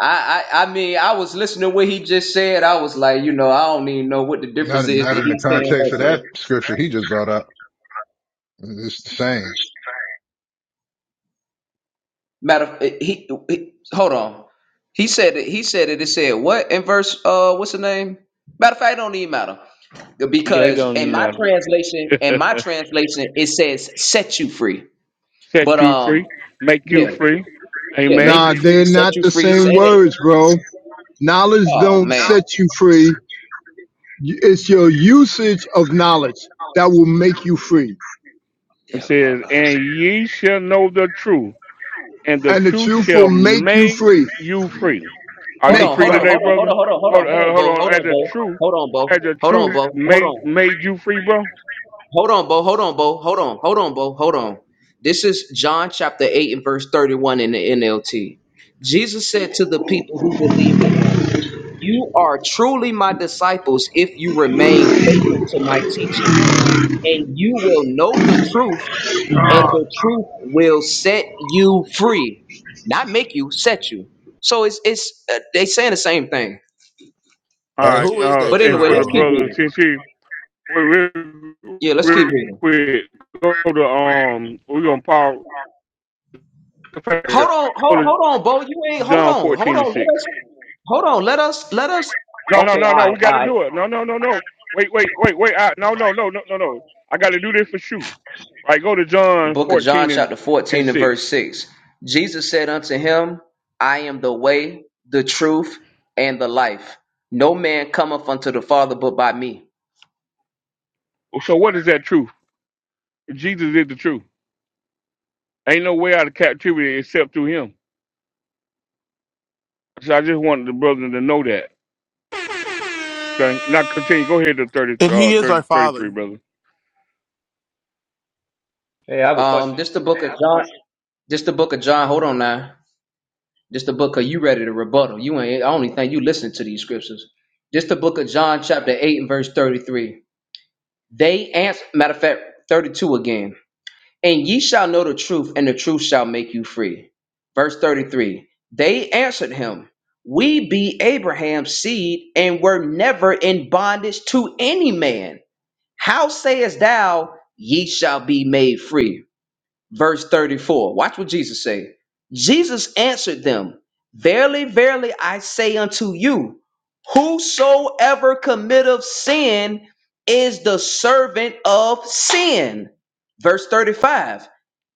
I, I, I mean, I was listening to what he just said. I was like, you know, I don't even know what the difference Not is not that in the he's saying right context of there. that scripture he just brought up. It's the same. Matter of he, he hold on. He said it, he said it, it said what in verse uh what's the name? Matter of fact, it don't even matter. Yeah, it Because don't in even my matter. translation, in my translation, it says set you free. But set you um free, make Yeah, you free. yeah. Amen. Make Nah, you free, they're set not you the free, set same it. words, bro. Knowledge Oh don't man. set you free. It's your usage of knowledge that will make you free. It Yeah. uh, says, uh. And ye shall know the truth, and the And the truth truth will shall make you make free. you free. Are Hold you Make, on, free hold right. on, hold on, today, hold on, brother? hold on, hold Hold, hold hold on, hold on. As on, the Bo. truth, Hold on, as Bo. the Hold on, Bo. Hold on, truth Bo. Hold made on. made you free, bro. Hold on, Bo. Hold on, Bo. Hold on. Hold on, Bo. Hold on. This is John chapter 8 and verse 31 in the NLT. Jesus said to the people who believed in him. You are truly my disciples if you remain faithful to my teaching, and you will know the truth, and the truth will set you free. Not make you, set you. So it's it's uh, they saying the same thing. All Hey, right. who is Uh, that But and truth anyway, for the let's though? keep brother, reading. since he real, real Yeah, let's keep real reading. quick, go to um, we're gonna pause. Go Hold on, hold, to hold on, Bo. You ain't hold John on, hold on. Let fourteen and six. us hold on. Let us let us. No, no, Okay, no, all no. right, We all got to do right. it. No, no, no, no. Wait, wait, wait, wait. I, no, no, no, no, no, no. I got to do this for sure. Right, go to The John book of John, 14 and, chapter and 14, and verse 6. 6. Jesus said unto him, I am the way, the truth, and the life. No man cometh unto the Father but by me. So what is that truth? Jesus is the truth. Ain't no way out of captivity except through him. So I just wanted the brother to know that. Okay. Now continue. Go ahead to 30, uh, And he 30, is our thirty-three, father. brother. Hey, I have a Um, question. this the book of John. question. This the book of John. Hold on now. This the book of you ready to rebuttal. You ain't I only think you listen to these scriptures. This the book of John, chapter 8, and verse 33. They answer matter of fact, 32 again. And ye shall know the truth, and the truth shall make you free. Verse 33 They answered him, We be Abraham's seed, and were never in bondage to any man. How sayest thou, Ye shall be made free? verse 34. Watch what Jesus say. Jesus answered them, Verily, verily, I say unto you, whosoever committeth sin is the servant of sin. Verse 35.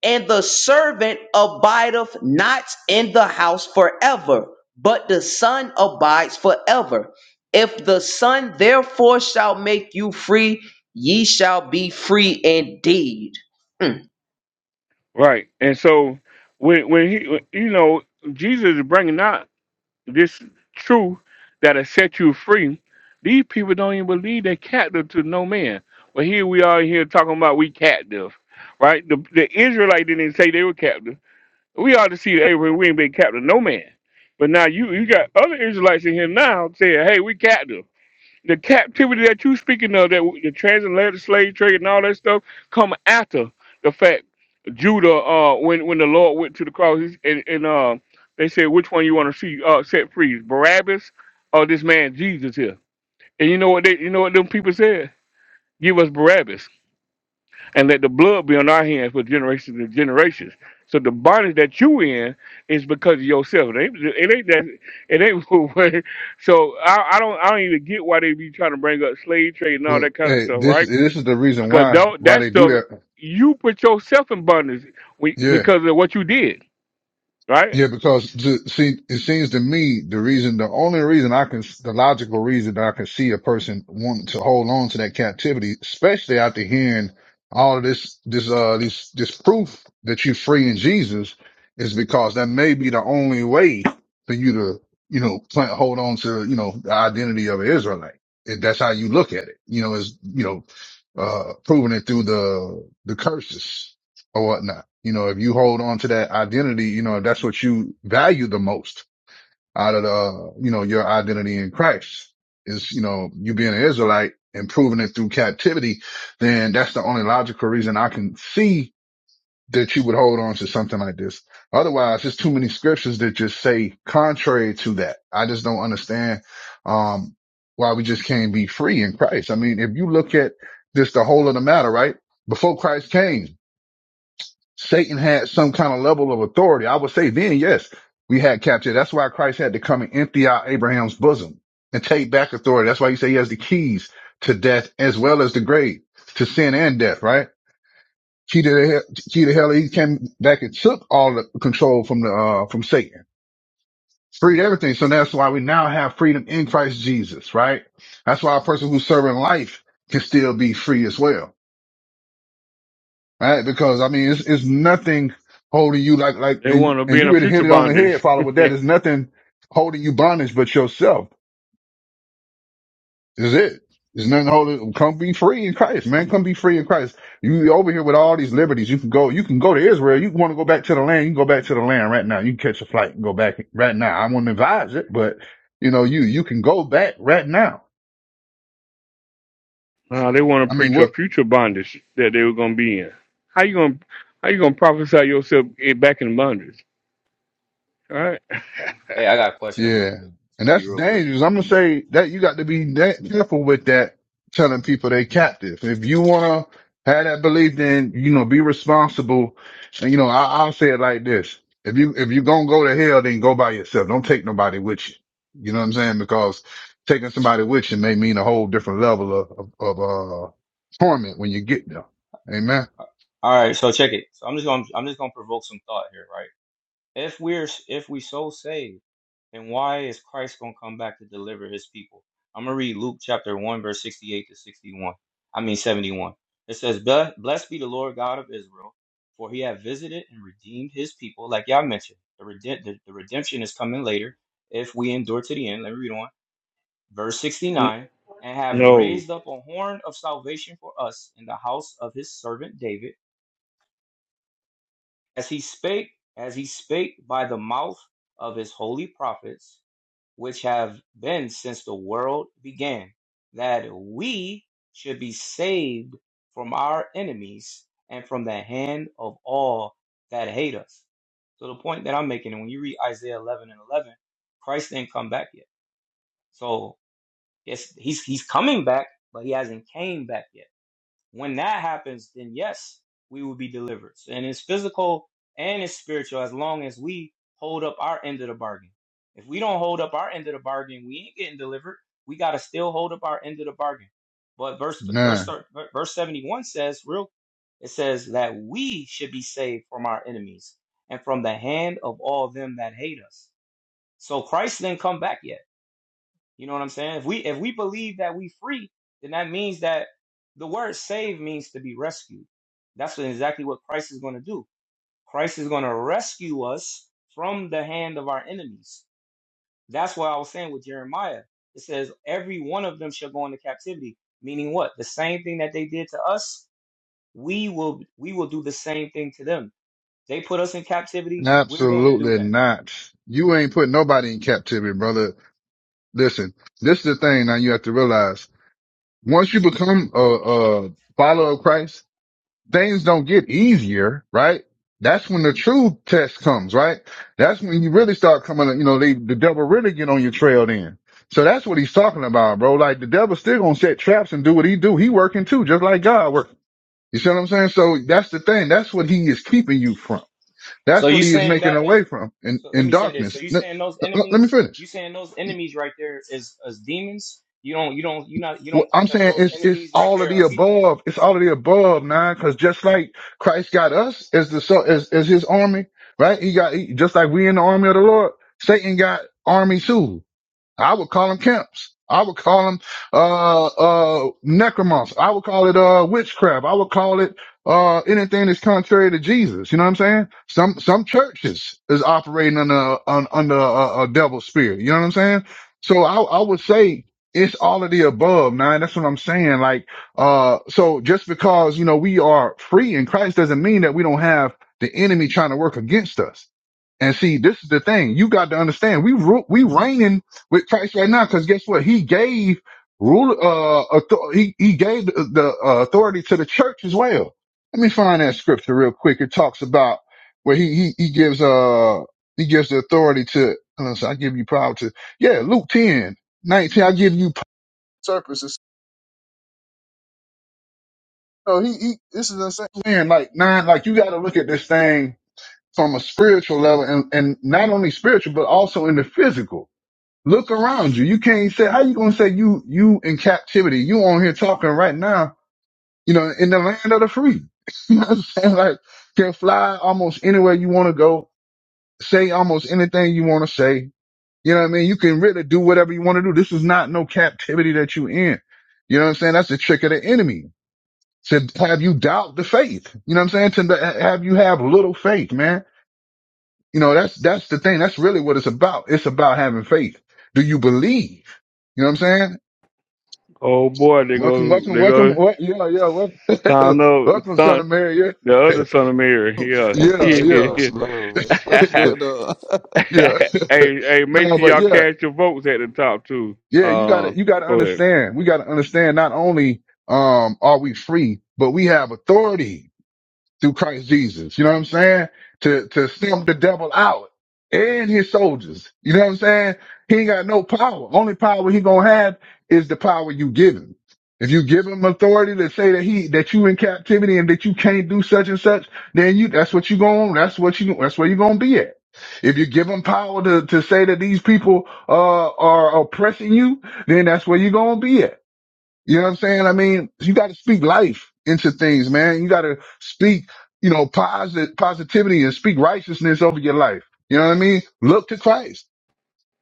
And the servant abideth not in the house forever, but the son abides forever. If the son therefore shall make you free, ye shall be free indeed. Hmm. Right. And so when, when he, when- you know, Jesus is bringing out this truth that has set you free. These people don't even believe they're captive to no man. But here we are here talking about we captive, right? The, the Israelite didn't say they were captive We ought to see that Abraham, we ain't been captive no man. But now you you got other Israelites in here now saying, hey, we captive. The captivity that you speaking of, that the transatlantic slave trade and all that stuff, come after the fact. Judah, uh, when when the Lord went to the cross, he's- and, and uh, they said, which one you want to see uh, set free, Barabbas or this man Jesus here? And you know what they, you know what them people said? Give us Barabbas and let the blood be on our hands for generations and generations. So the bondage that you in is because of yourself. It ain't, it ain't that. It ain't. what- so I, I don't. I don't even get why they be trying to bring up slave trade and all Well, that kind of hey, stuff, this right? this is the reason Because why tho- why that they do stuff that. you put yourself in bondage we- Yeah. because of what you did, right? Yeah, because to, see, it seems to me the reason, the only reason I can, the logical reason that I can see a person wanting to hold on to that captivity, especially after hearing all of this, this, uh, this, this proof that you're free in Jesus, is because that may be the only way for you to, you know, plant, hold on to, you know, the identity of an Israelite. If that's how you look at it, you know, is, you know, uh, proving it through the, the curses or whatnot. You know, if you hold on to that identity, you know, if that's what you value the most out of the, uh, you know, your identity in Christ is, you know, you being an Israelite and proving it through captivity, then that's the only logical reason I can see that you would hold on to something like this. Otherwise, there's too many scriptures that just say contrary to that. I just don't understand, um, why we just can't be free in Christ. I mean, if you look at just the whole of the matter, right? Before Christ came, Satan had some kind of level of authority. I would say then, yes, we had captured. That's why Christ had to come and empty out Abraham's bosom and take back authority. That's why he said he has the keys to death as well as the grave, to sin and death, right? Key to the hell, key to hell, he came back and took all the control from the, uh, from Satan, freed everything. So that's why we now have freedom in Christ Jesus, right? That's why a person who's serving life can still be free as well right? Because I mean, it's, it's nothing holding you like, like, They and, you- want to and be in you a really future hit it on the head, bondage. follow with that. There's nothing holding you bondage but yourself. Is it? There's nothing holding, come be free in Christ, man. Come be free in Christ. You over here with all these liberties. You can go, you can go to Israel. You want to go back to the land. You can go back to the land right now. You can catch a flight and go back right now. I wouldn't advise it, but you know, you, you can go back right now. Nah, they want I to mean, preach a what? future bondage that they were gonna be in. How you gonna How you gonna prophesy yourself in- back in bondage? All right. Hey, I got a question real Yeah, quick. It's and gonna be that's real quick. dangerous. I'm gonna say that you got to be da- careful with that. Telling people they captive. If you wanna have that belief, then you know be responsible. And you know I, I'll say it like this: if you if you gonna go to hell, then go by yourself. Don't take nobody with you. You know what I'm saying? Because taking somebody with you may mean a whole different level of of, of uh, torment when you get there. Amen. Uh, All right, so check it. So I'm just gonna, I'm just gonna provoke some thought here, right? If we're, if we so saved. And why is Christ going to come back to deliver his people? I'm going to read Luke chapter 1, verse 68 to 61. I mean, 71. It says, "Ble- Blessed be the Lord God of Israel, for he hath visited and redeemed his people. Like y'all mentioned, the, rede- the, the redemption is coming later if we endure to the end. Let me read on. Verse 69 And have No. raised up a horn of salvation for us in the house of his servant David, as he spake, as he spake by the mouth of his holy prophets which have been since the world began, that we should be saved from our enemies and from the hand of all that hate us. So the point that I'm making, and when you read Isaiah 11 and 11, Christ didn't come back yet. So yes, he's he's coming back, but he hasn't came back yet when that happens, then yes, we will be delivered. And it's physical and it's spiritual as long as we hold up our end of the bargain. If we don't hold up our end of the bargain, we ain't getting delivered. We got to still hold up our end of the bargain. But verse Nah, verse verse 71 says real it says that we should be saved from our enemies and from the hand of all them that hate us. So Christ didn't come back yet. You know what I'm saying? If we if we believe that we free, then that means that the word save means to be rescued. That's what, exactly what Christ is going to do. Christ is going to rescue us from the hand of our enemies. That's why I was saying with Jeremiah. It says every one of them shall go into captivity, meaning what? The same thing that they did to us, we will we will do the same thing to them. They put us in captivity, we're going to do absolutely that. not. You ain't putting nobody in captivity, brother. Listen, this is the thing now you have to realize. Once you become a, a follower of Christ, things don't get easier, right? That's when the true test comes, right? That's when you really start coming, you know, they, the devil really get on your trail then. So that's what he's talking about, bro. Like the devil still gonna set traps and do what he do. He working too, just like God working. You see what I'm saying? So that's the thing. That's what he is keeping you from. So That's you what he is saying making that? away from in, So let in me say this. So darkness. you Let, saying those let let me enemies, finish. you saying those enemies right there is as demons? You don't you don't you not you Well, don't think I'm that saying those it's it's enemies right all of there the are people? above. It's all of the It's above, people. man. Because just like Christ got us as the so as as His army, right? He got he, just like we in the army of the Lord. Satan got army too. I would call them camps. I would call them uh uh necromancy. I would call it uh witchcraft. I would call it uh anything that's contrary to Jesus. You know what I'm saying? Some some churches is operating under un, under a, a devil spirit. You know what I'm saying? So I I would say it's all of the above, man. That's what I'm saying. Like uh so just because you know we are free in Christ doesn't mean that we don't have the enemy trying to work against us. And see, this is the thing. You got to understand. We ru- we reigning with Christ right now, because guess what? He gave rule, uh, author- he, he gave the, the uh, authority to the church as well. Let me find that scripture real quick. It talks about where he, he, he gives, uh, he gives the authority to, hold on, so I give you power to, yeah, Luke 10 19. I give you power to purposes. So he, he, this is insane. Man, like, nine, like you got to look at this thing from a spiritual level and, and not only spiritual, but also in the physical Look around you. You can't say how you gonna say you you in captivity. You on here talking right now. You know, in the land of the free. you know what I'm saying? Like can fly almost anywhere you want to go. Say almost anything you want to say. You know what I mean? You can really do whatever you want to do. This is not no captivity that you in. You know what I'm saying? That's the trick of the enemy to have you doubt the faith. You know what I'm saying? To have you have little faith, man. You know, that's, that's the thing. That's really what it's about. It's about having faith. Do you believe? You know what I'm saying? Oh boy, they Welcome, go welcome, they welcome. go What? Yeah, yeah. Welcome, son of welcome, son son of Mary. the other Yeah, son of Mary. Yeah. yeah, It's your yeah, little Yeah, yeah, slow. What's yeah. going on? yeah. hey, hey, make no, sure but y'all yeah, cast your votes at the top too. yeah. You Uh gotta, you gotta go ahead. understand. We gotta understand. Not only um are we free, but we have authority through Christ Jesus. You know what I'm saying? To to stamp the devil out and his soldiers. You know what I'm saying? He ain't got no power. Only power he gonna have is the power you give him. If you give him authority to say that he that you in captivity and that you can't do such and such, then you that's what you going that's what you that's where you gonna be at. If you give him power to, to say that these people uh, are oppressing you, then that's where you gonna be at. You know what I'm saying? I mean, you got to speak life into things, man. You got to speak, you know, positive positivity and speak righteousness over your life. You know what I mean? Look to Christ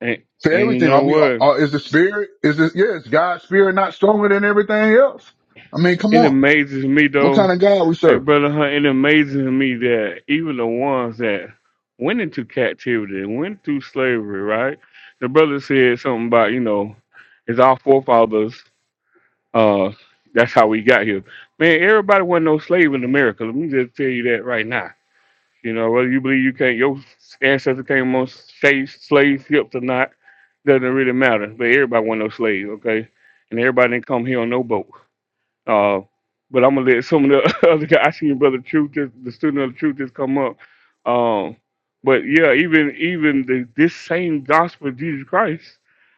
And for and you everything. know Are we? what? Are, is the spirit? Is this? Yeah, is God's spirit not stronger than everything else? I mean, come It on. amazes me What though. kind of God we Hey serve? brother Hunt, it amazes me that even the ones that went into captivity went through slavery, right? The brother said something about, you know, it's our forefathers Uh, that's how we got here. Man, everybody wasn't no slave in America. Let me just tell you that right now. You know, whether you believe you can't, your ancestors came on slave, slave ships or not, doesn't really matter. But everybody wasn't no slave, okay? And everybody didn't come here on no boat. Uh, but I'm gonna let some of the other guys. I seen Brother Truth, just, the student of the truth, just come up. Um, but yeah, even even the, this same gospel of Jesus Christ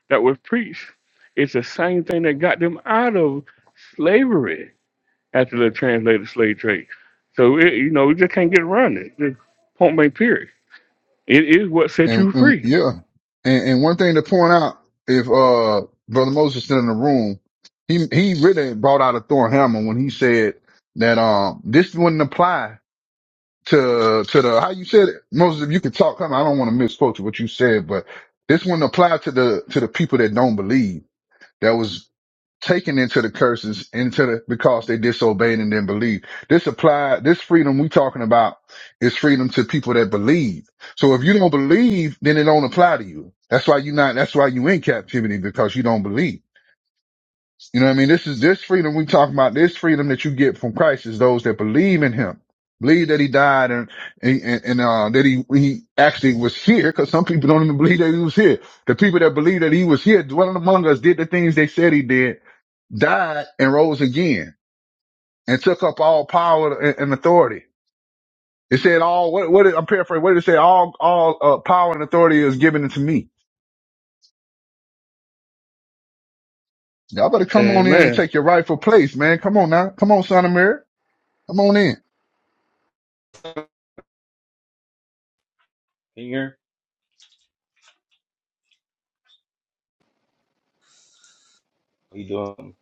that was preached, it's the same thing that got them out of slavery after the translated slave trade. So it, you know, we just can't get around it. Just point blank period. It is what set And, you and free. yeah, and, and one thing to point out, if uh brother Moses still in the room, he he really brought out a thorn hammer when he said that um this wouldn't apply to to the how you said it. Moses, if you could talk, come. on, I don't want to misquote you what you said, but this one applied to the to the people that don't believe that was taken into the curses into the because they disobeyed and didn't believe. This applied this freedom we talking about is freedom to people that believe. So if you don't believe, then it don't apply to you. That's why you not. That's why you in captivity because you don't believe. You know what I mean? This is this freedom we talk about. This freedom that you get from Christ is those that believe in Him, believe that He died and and, and uh, that He He actually was here. Because some people don't even believe that He was here. The people that believe that He was here, dwelling among us, did the things they said He did, died and rose again, and took up all power and, and authority. It said all what what did, I'm paraphrasing. What did it say? All all uh, power and authority is given to me. Y'all better come And on in and man, take your rightful place, man. Come on now. Come on, son of Mary. Come on in. Can you hear? What you doing?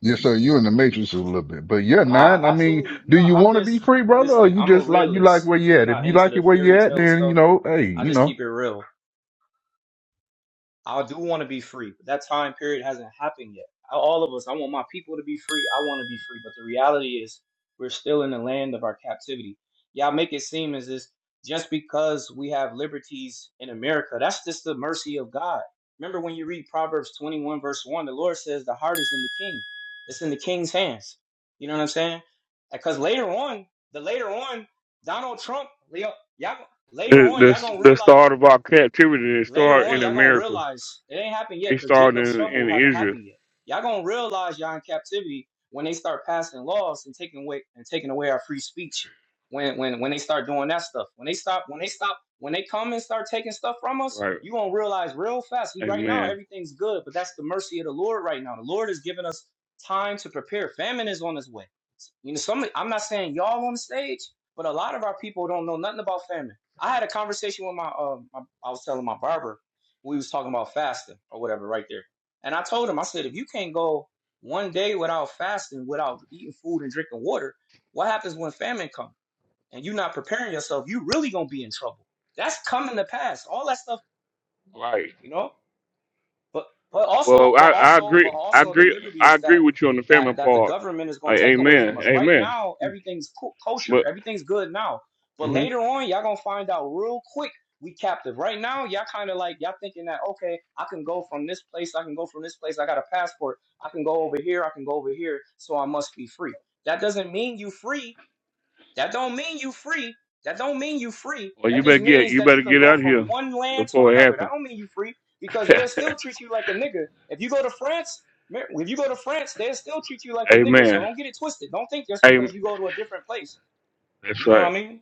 Yes, sir. You in the matrix a little bit, but yeah, No, nine. I mean, absolutely. do No, you I'm want to be just free, brother, or listen, you I'm a just like you like realist. where you I'm at? If not you into like it the where you fairy at, tale then you stuff. know, hey, I you just know, keep it real. I do want to be free, but that time period hasn't happened yet. I- All of us, I want my people to be free. I want to be free, but the reality is we're still in the land of our captivity. Y'all make it seem as if just because we have liberties in America, that's just the mercy of God. Remember when you read Proverbs 21, verse 1, the Lord says the heart is in the king, it's in the king's hands. You know what I'm saying? Because later on, the later on, Donald Trump, Leo, y'all- later the on, y'all the gonna the realize. start of our captivity it Later started on, in y'all gonna America. realize it ain't happened yet It because started Jacob's in, trouble in haven't Israel. happened yet. Y'all gonna realize y'all in captivity when they start passing laws and taking away and taking away our free speech. When when when they start doing that stuff, when they stop, when they stop, when they come and start taking stuff from us, Right. you gonna realize real fast. We right now Amen. everything's good, but that's the mercy of the Lord right now. The Lord is giving us time to prepare. Famine is on its way. You know, some I'm not saying y'all on the stage, but a lot of our people don't know nothing about famine. I had a conversation with my, um, my I was telling my barber we was talking about fasting or whatever right there, and I told him I said if you can't go one day without fasting, without eating food and drinking water, what happens when famine comes and you're not preparing yourself? You really gonna be in trouble. That's coming to pass. All that stuff, Right. you know. But but Well, also but I, I also but agree. I also the agree. I liberties agree that with you on the family that that the part. government is gonna Like, take away from amen. us. Right Amen. now, everything's co- kosher, But everything's good now. But hmm later on, y'all gonna find out real quick we captive. Right now, y'all kind of like y'all thinking that okay, I can go from this place, I can go from this place, I got a passport, I can go over here, I can go over here, so I must be free. That doesn't mean you free that don't mean you free. That don't mean you free. well, you That better just get means you that better you can get out go of from here one land to before it another. That happens. don't mean you free because they'll still treat you like a nigga. If you go to France, if you go to France, they'll still treat you like a nigga. So amen. don't get it twisted. Don't think just Amen. because you go to a different place, That's you know what right. I mean?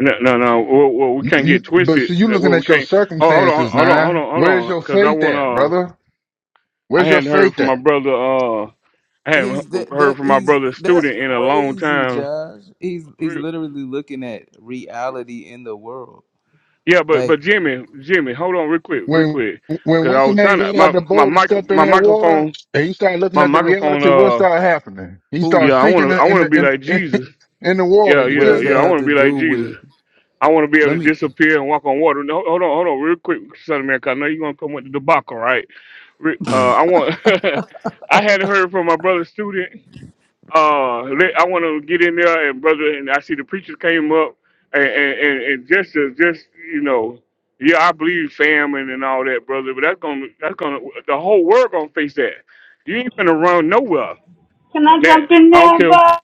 No, no, no. Well, well, we you can't you. get But twisted. see, you That- Well, looking we at your can't. Oh, hold on, circumstances, hold on, hold nine. on, hold Where's on. your Because I faith at, want to. brother? I Where's your hadn't heard faith from my at? brother. Uh, I hadn't he's that heard that from my he's brother's that's student in a long crazy, time. Josh. He's he's literally looking at reality in the world. Yeah, but Like but Jimmy, Jimmy, hold on real quick, real When quick, when because I what's a was man trying to got out my of the my boat and mic stepped in my that water, microphone and he started looking my at the microphone reality, what uh started happening? He yeah started who? I want sinking in to I the in want to the, be like in, in, Jesus in the water. yeah You What yeah feel does me? yeah that I have want to to be like do Jesus with? I want to be able Let to me. disappear and walk on water no, hold on hold on real quick son of man 'cause I know you're gonna come with the debacle right Re- uh I want I hadn't heard from my brother student uh, let, I want to get in there, and brother, and I see the preachers came up, and and, and, and just to, just you know, yeah, I believe famine and all that, brother, but that's gonna that's gonna the whole world gonna face that. You ain't gonna run nowhere Can I from that. jump in I don't there, care. Bob?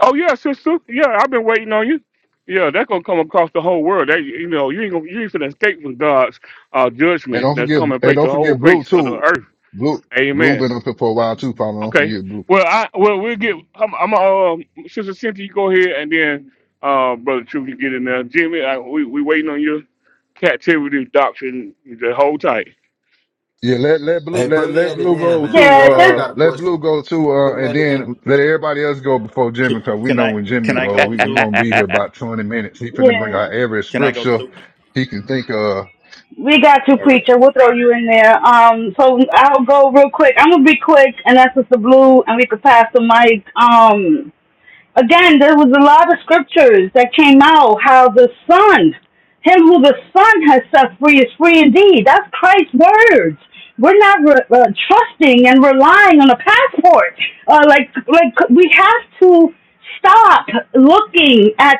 Oh yeah, sister, yeah, I've been waiting on you. Yeah, that's gonna come across the whole world. That you know, you ain't gonna you ain't gonna escape from God's uh, And judgment don't that's forget, coming and face the don't whole forget Blue face of the too. earth. Blue, Blue Amen. been up here for a while too, Father. Don't Okay. forget Blue. Well, I well we'll get. I'm, I'm uh, sister Cynthia, you go ahead, and then uh, brother True can get in there. Jimmy, I, we we waiting on your captivity doctrine. Just hold tight. Yeah, let, let Blue, Hey, let, put me let at the Blue end, go man. too, 'cause I Yeah, got I uh, got a just let Blue question. go too, uh, Put me and at the then end. let everybody else go before Jimmy, cause we Can know I when Jimmy can I go, go we, we too? gonna be here about 20 minutes. He finna bring yeah. out every Can I go scripture too? he can think of. We got you, All right. preacher. We'll throw you in there. Um, so I'll go real quick. I'm gonna be quick, and that's just the blue, and we could pass the mic. Um, Again, there was a lot of scriptures that came out how the Son, him who the Son has set free is free indeed. That's Christ's words. We're not re- uh, trusting and relying on a passport. Uh, like, like we have to stop looking at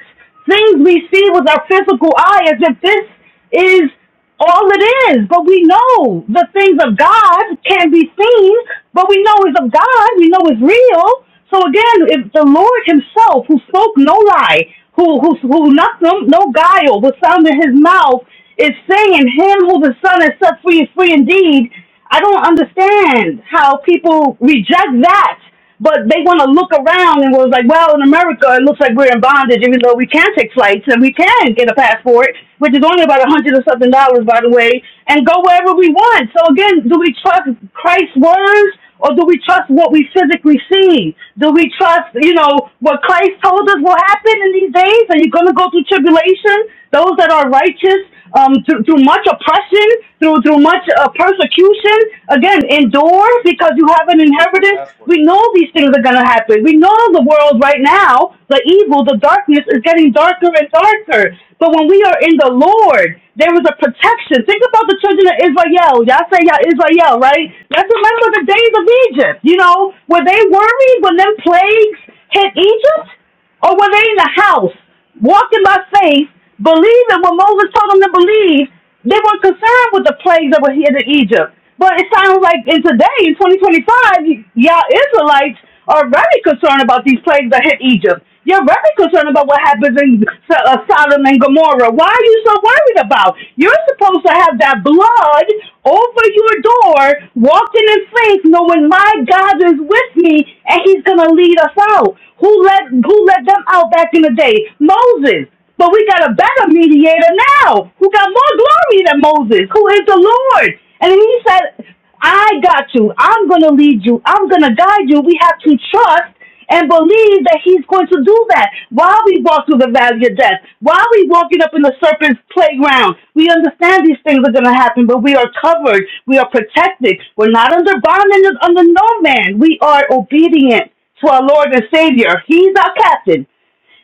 things we see with our physical eye as if this is all it is. But we know the things of God can be seen, but we know it's of God, we know it's real. So again, if the Lord Himself, who spoke no lie, who who who nothing, no guile was found in His mouth, is saying, "Him who the Son has set free is free indeed." I don't understand how people reject that but they want to look around and was like, well, in America, it looks like we're in bondage, even though we can take flights and we can get a passport, which is only about a hundred or something dollars, by the way, and go wherever we want. So again, do we trust Christ's words or do we trust what we physically see? Do we trust, you know, what Christ told us will happen in these days? Are you going to go through tribulation? Those that are righteous um, through, through much oppression, through through much uh, persecution. Again, endure because you have an To pay for a inheritance. passport. We know these things are going to happen. We know the world right now, the evil, the darkness is getting darker and darker. But when we are in the Lord, there is a protection. Think about the children of Israel. Y'all say y'all Israel, right? Let's remember the days of Egypt, you know, were they worried when them plagues hit Egypt? or were they in the house walking by faith, believing what Moses told them to believe? They weren't concerned with the plagues that were here in Egypt. But it sounds like in today, in 2025, y'all Israelites are very concerned about these plagues that hit Egypt. You're very concerned about what happens in S- uh, Sodom and Gomorrah. Why are you so worried about? You're supposed to have that blood over your door, walking in faith, knowing my God is with me and He's gonna lead us out. Who let Who let them out back in the day? Moses. But we got a better mediator now, who got more glory than Moses, who is the Lord. And He said, "I got you. I'm gonna lead you. I'm gonna guide you. We have to trust." and believe that he's going to do that. While we walk through the valley of death, while we walking up in the serpent's playground, we understand these things are going to happen, but we are covered. We are protected. We're not under bondage under no man. We are obedient to our Lord and Savior. He's our captain.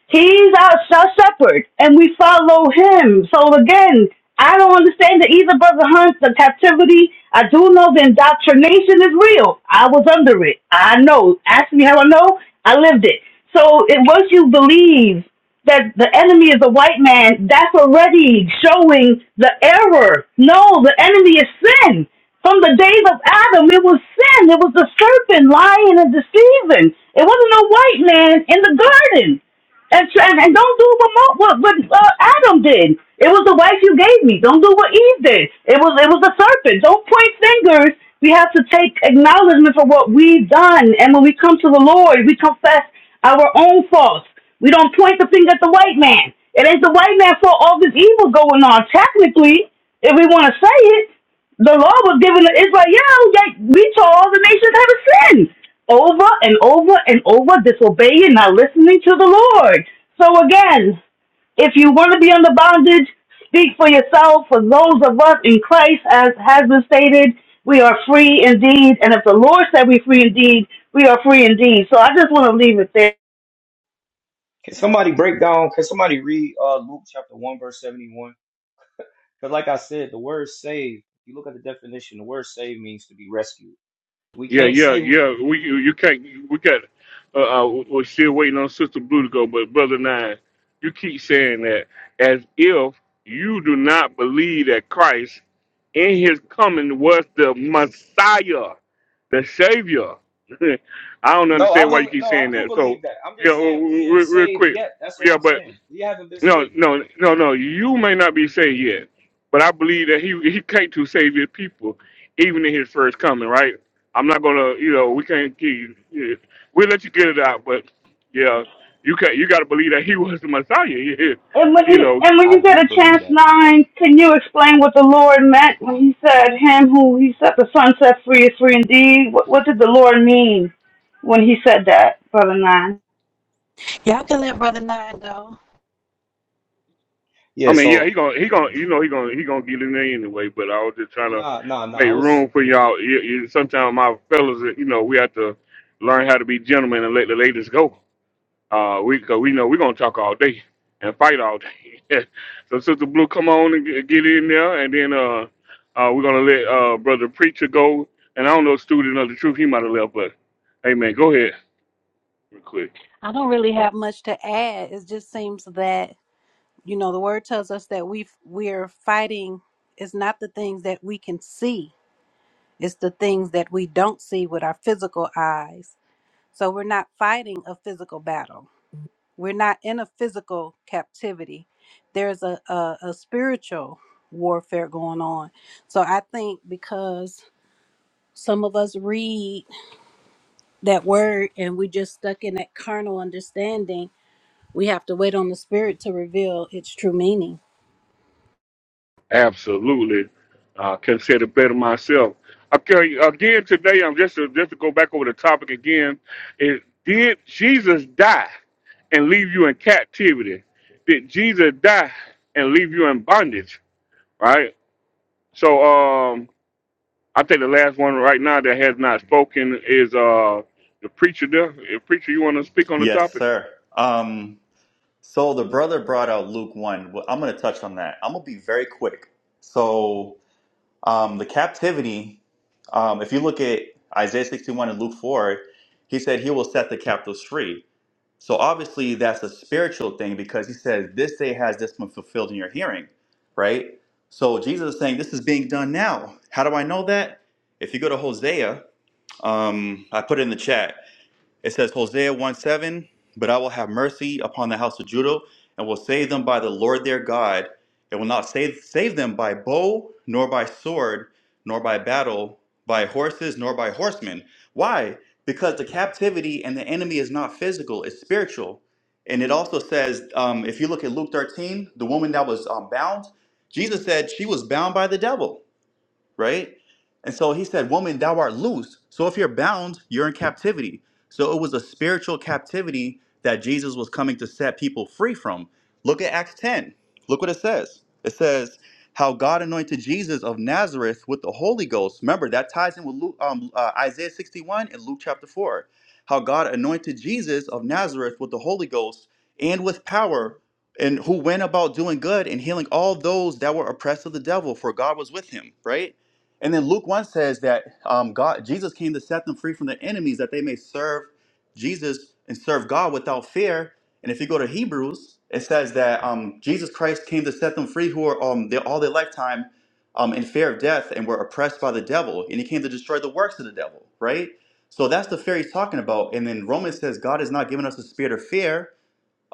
He's our, shepherd, and we follow him. So again, I don't understand the either, Brother Hunt, the captivity. I do know the indoctrination is real. I was under it. I know. Ask me how I know. I lived it. So it, once you believe that the enemy is a white man, that's already showing the error. No, the enemy is sin. From the days of Adam, it was sin. It was the serpent lying and deceiving. It wasn't a white man in the garden and try, and don't do what Mo, what, what uh, Adam did. It was the wife you gave me. Don't do what Eve did. It was it was the serpent. Don't point fingers. We have to take acknowledgement for what we've done, and when we come to the Lord, we confess our own faults. We don't point the finger at the white man. It ain't the white man's fault. All this evil going on. Technically, if we want to say it, the law was given to Israel. Yeah, yeah, we told all the nations have sinned over and over and over disobeying, not listening to the Lord. So again, if you want to be under bondage, speak for yourself. For those of us in Christ, as has been stated, we are free indeed. And if the Lord said we free indeed, we are free indeed. So I just want to leave it there. Can somebody break down? Can somebody read uh, Luke chapter one verse seventy one? Because like I said, the word "save." If you look at the definition, the word "save" means to be rescued. We Yeah, can't yeah, say. yeah. We you, you can't. We got. Uh, uh, we're still waiting on Sister Blue to go. But brother Nine, you keep saying that as if you do not believe that Christ in His coming was the Messiah, the Savior. I don't No, I understand why you bel keep no, I saying do that. So believe that. I'm yeah, just saying we re- ain't re- real saved quick. yet. That's what Yeah, I'm but. saying. We haven't been No, saved yet. no, no, no. You may not be saved yet, but I believe that he he came to save his people, even in his first coming. Right? I'm not gonna, you know, we can't give you. yeah. We'll let you get it out, but yeah, you can not You got to believe that he was the Messiah. Yeah, And when you you know. and when I you said do a believe chance that. nine, can you explain what the Lord meant when He said, "Him who He set the sun set free is free indeed"? What, what did the Lord mean when He said that, brother nine? Y'all can let Brother Nine go. I Yeah. mean, yeah, he So gonna he gonna you know he gonna he gonna get in there anyway. But I was just trying to nah, nah, nah. make I was. room for y'all. You, you, sometimes my fellas, you know, we have to learn how to be gentlemen and let the ladies go. Uh, we cause we know we're gonna talk all day and fight all day. so Sister Blue, come on and g- get in there, and then uh, uh, we're gonna let uh brother preacher go. And I don't know student of the truth, he might have left, but hey man, go ahead real quick. I don't really have much to add. It just seems that, you know, the word tells us that we we're fighting is not the things that we can see. It's the things that we don't see with our physical eyes. So we're not fighting a physical battle. We're not in a physical captivity. There's a, a, a spiritual warfare going on. So I think because some of us read that word and we just stuck in that carnal understanding We have to wait on the Spirit to reveal its true meaning. Absolutely, uh, can say it better myself. Okay, again today, I'm just to, just to go back over the topic again. Is did Jesus die and leave you in captivity? Did Jesus die and leave you in bondage? Right? So um, I think the last one right now that has not spoken is uh the preacher there. Eh, Preacher, you want to speak on the Yes, topic? sir. Um so the brother brought out Luke 1. Well, I'm going to touch on that. I'm going to be very quick. So um the captivity um if you look at Isaiah 61 and Luke 4, he said he will set the captives free. So obviously that's a spiritual thing because he says this day has this one fulfilled in your hearing, right? So Jesus is saying this is being done now. How do I know that? If you go to Hosea, um, I put it in the chat. It says Hosea 1 7, but I will have mercy upon the house of Judah and will save them by the Lord their God, It will not save, save them by bow, nor by sword, nor by battle, by horses, nor by horsemen. Why? Because the captivity and the enemy is not physical, it's spiritual. And it also says, um, if you look at Luke 13, the woman that was um, bound, Jesus said she was bound by the devil right? And so he said, Woman, thou art loose. So if you're bound, you're in captivity. So it was a spiritual captivity that Jesus was coming to set people free from. Look at Acts 10. Look what it says. It says, How God anointed Jesus of Nazareth with the Holy Ghost. Remember, that ties in with Luke, um, uh, Isaiah 61 and Luke chapter 4. How God anointed Jesus of Nazareth with the Holy Ghost and with power, and who went about doing good and healing all those that were oppressed of the devil, for God was with him, right? And then Luke 1 says that um, God, Jesus came to set them free from their enemies that they may serve Jesus and serve God without fear. And if you go to Hebrews, it says that um, Jesus Christ came to set them free who were um, their, all their lifetime um, in fear of death and were oppressed by the devil. And he came to destroy the works of the devil, right? So that's the fear he's talking about. And then Romans says God has not given us a spirit of fear,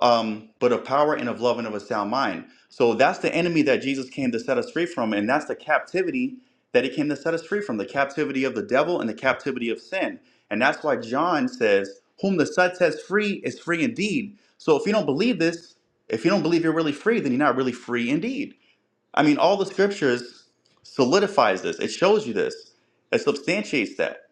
um, but of power and of love and of a sound mind. So that's the enemy that Jesus came to set us free from, and that's the captivity that he came to set us free from the captivity of the devil and the captivity of sin. And that's why John says, Whom the Son sets free is free indeed. So if you don't believe this, if you don't believe you're really free, then you're not really free indeed. I mean, all the scriptures solidifies this, it shows you this, it substantiates that.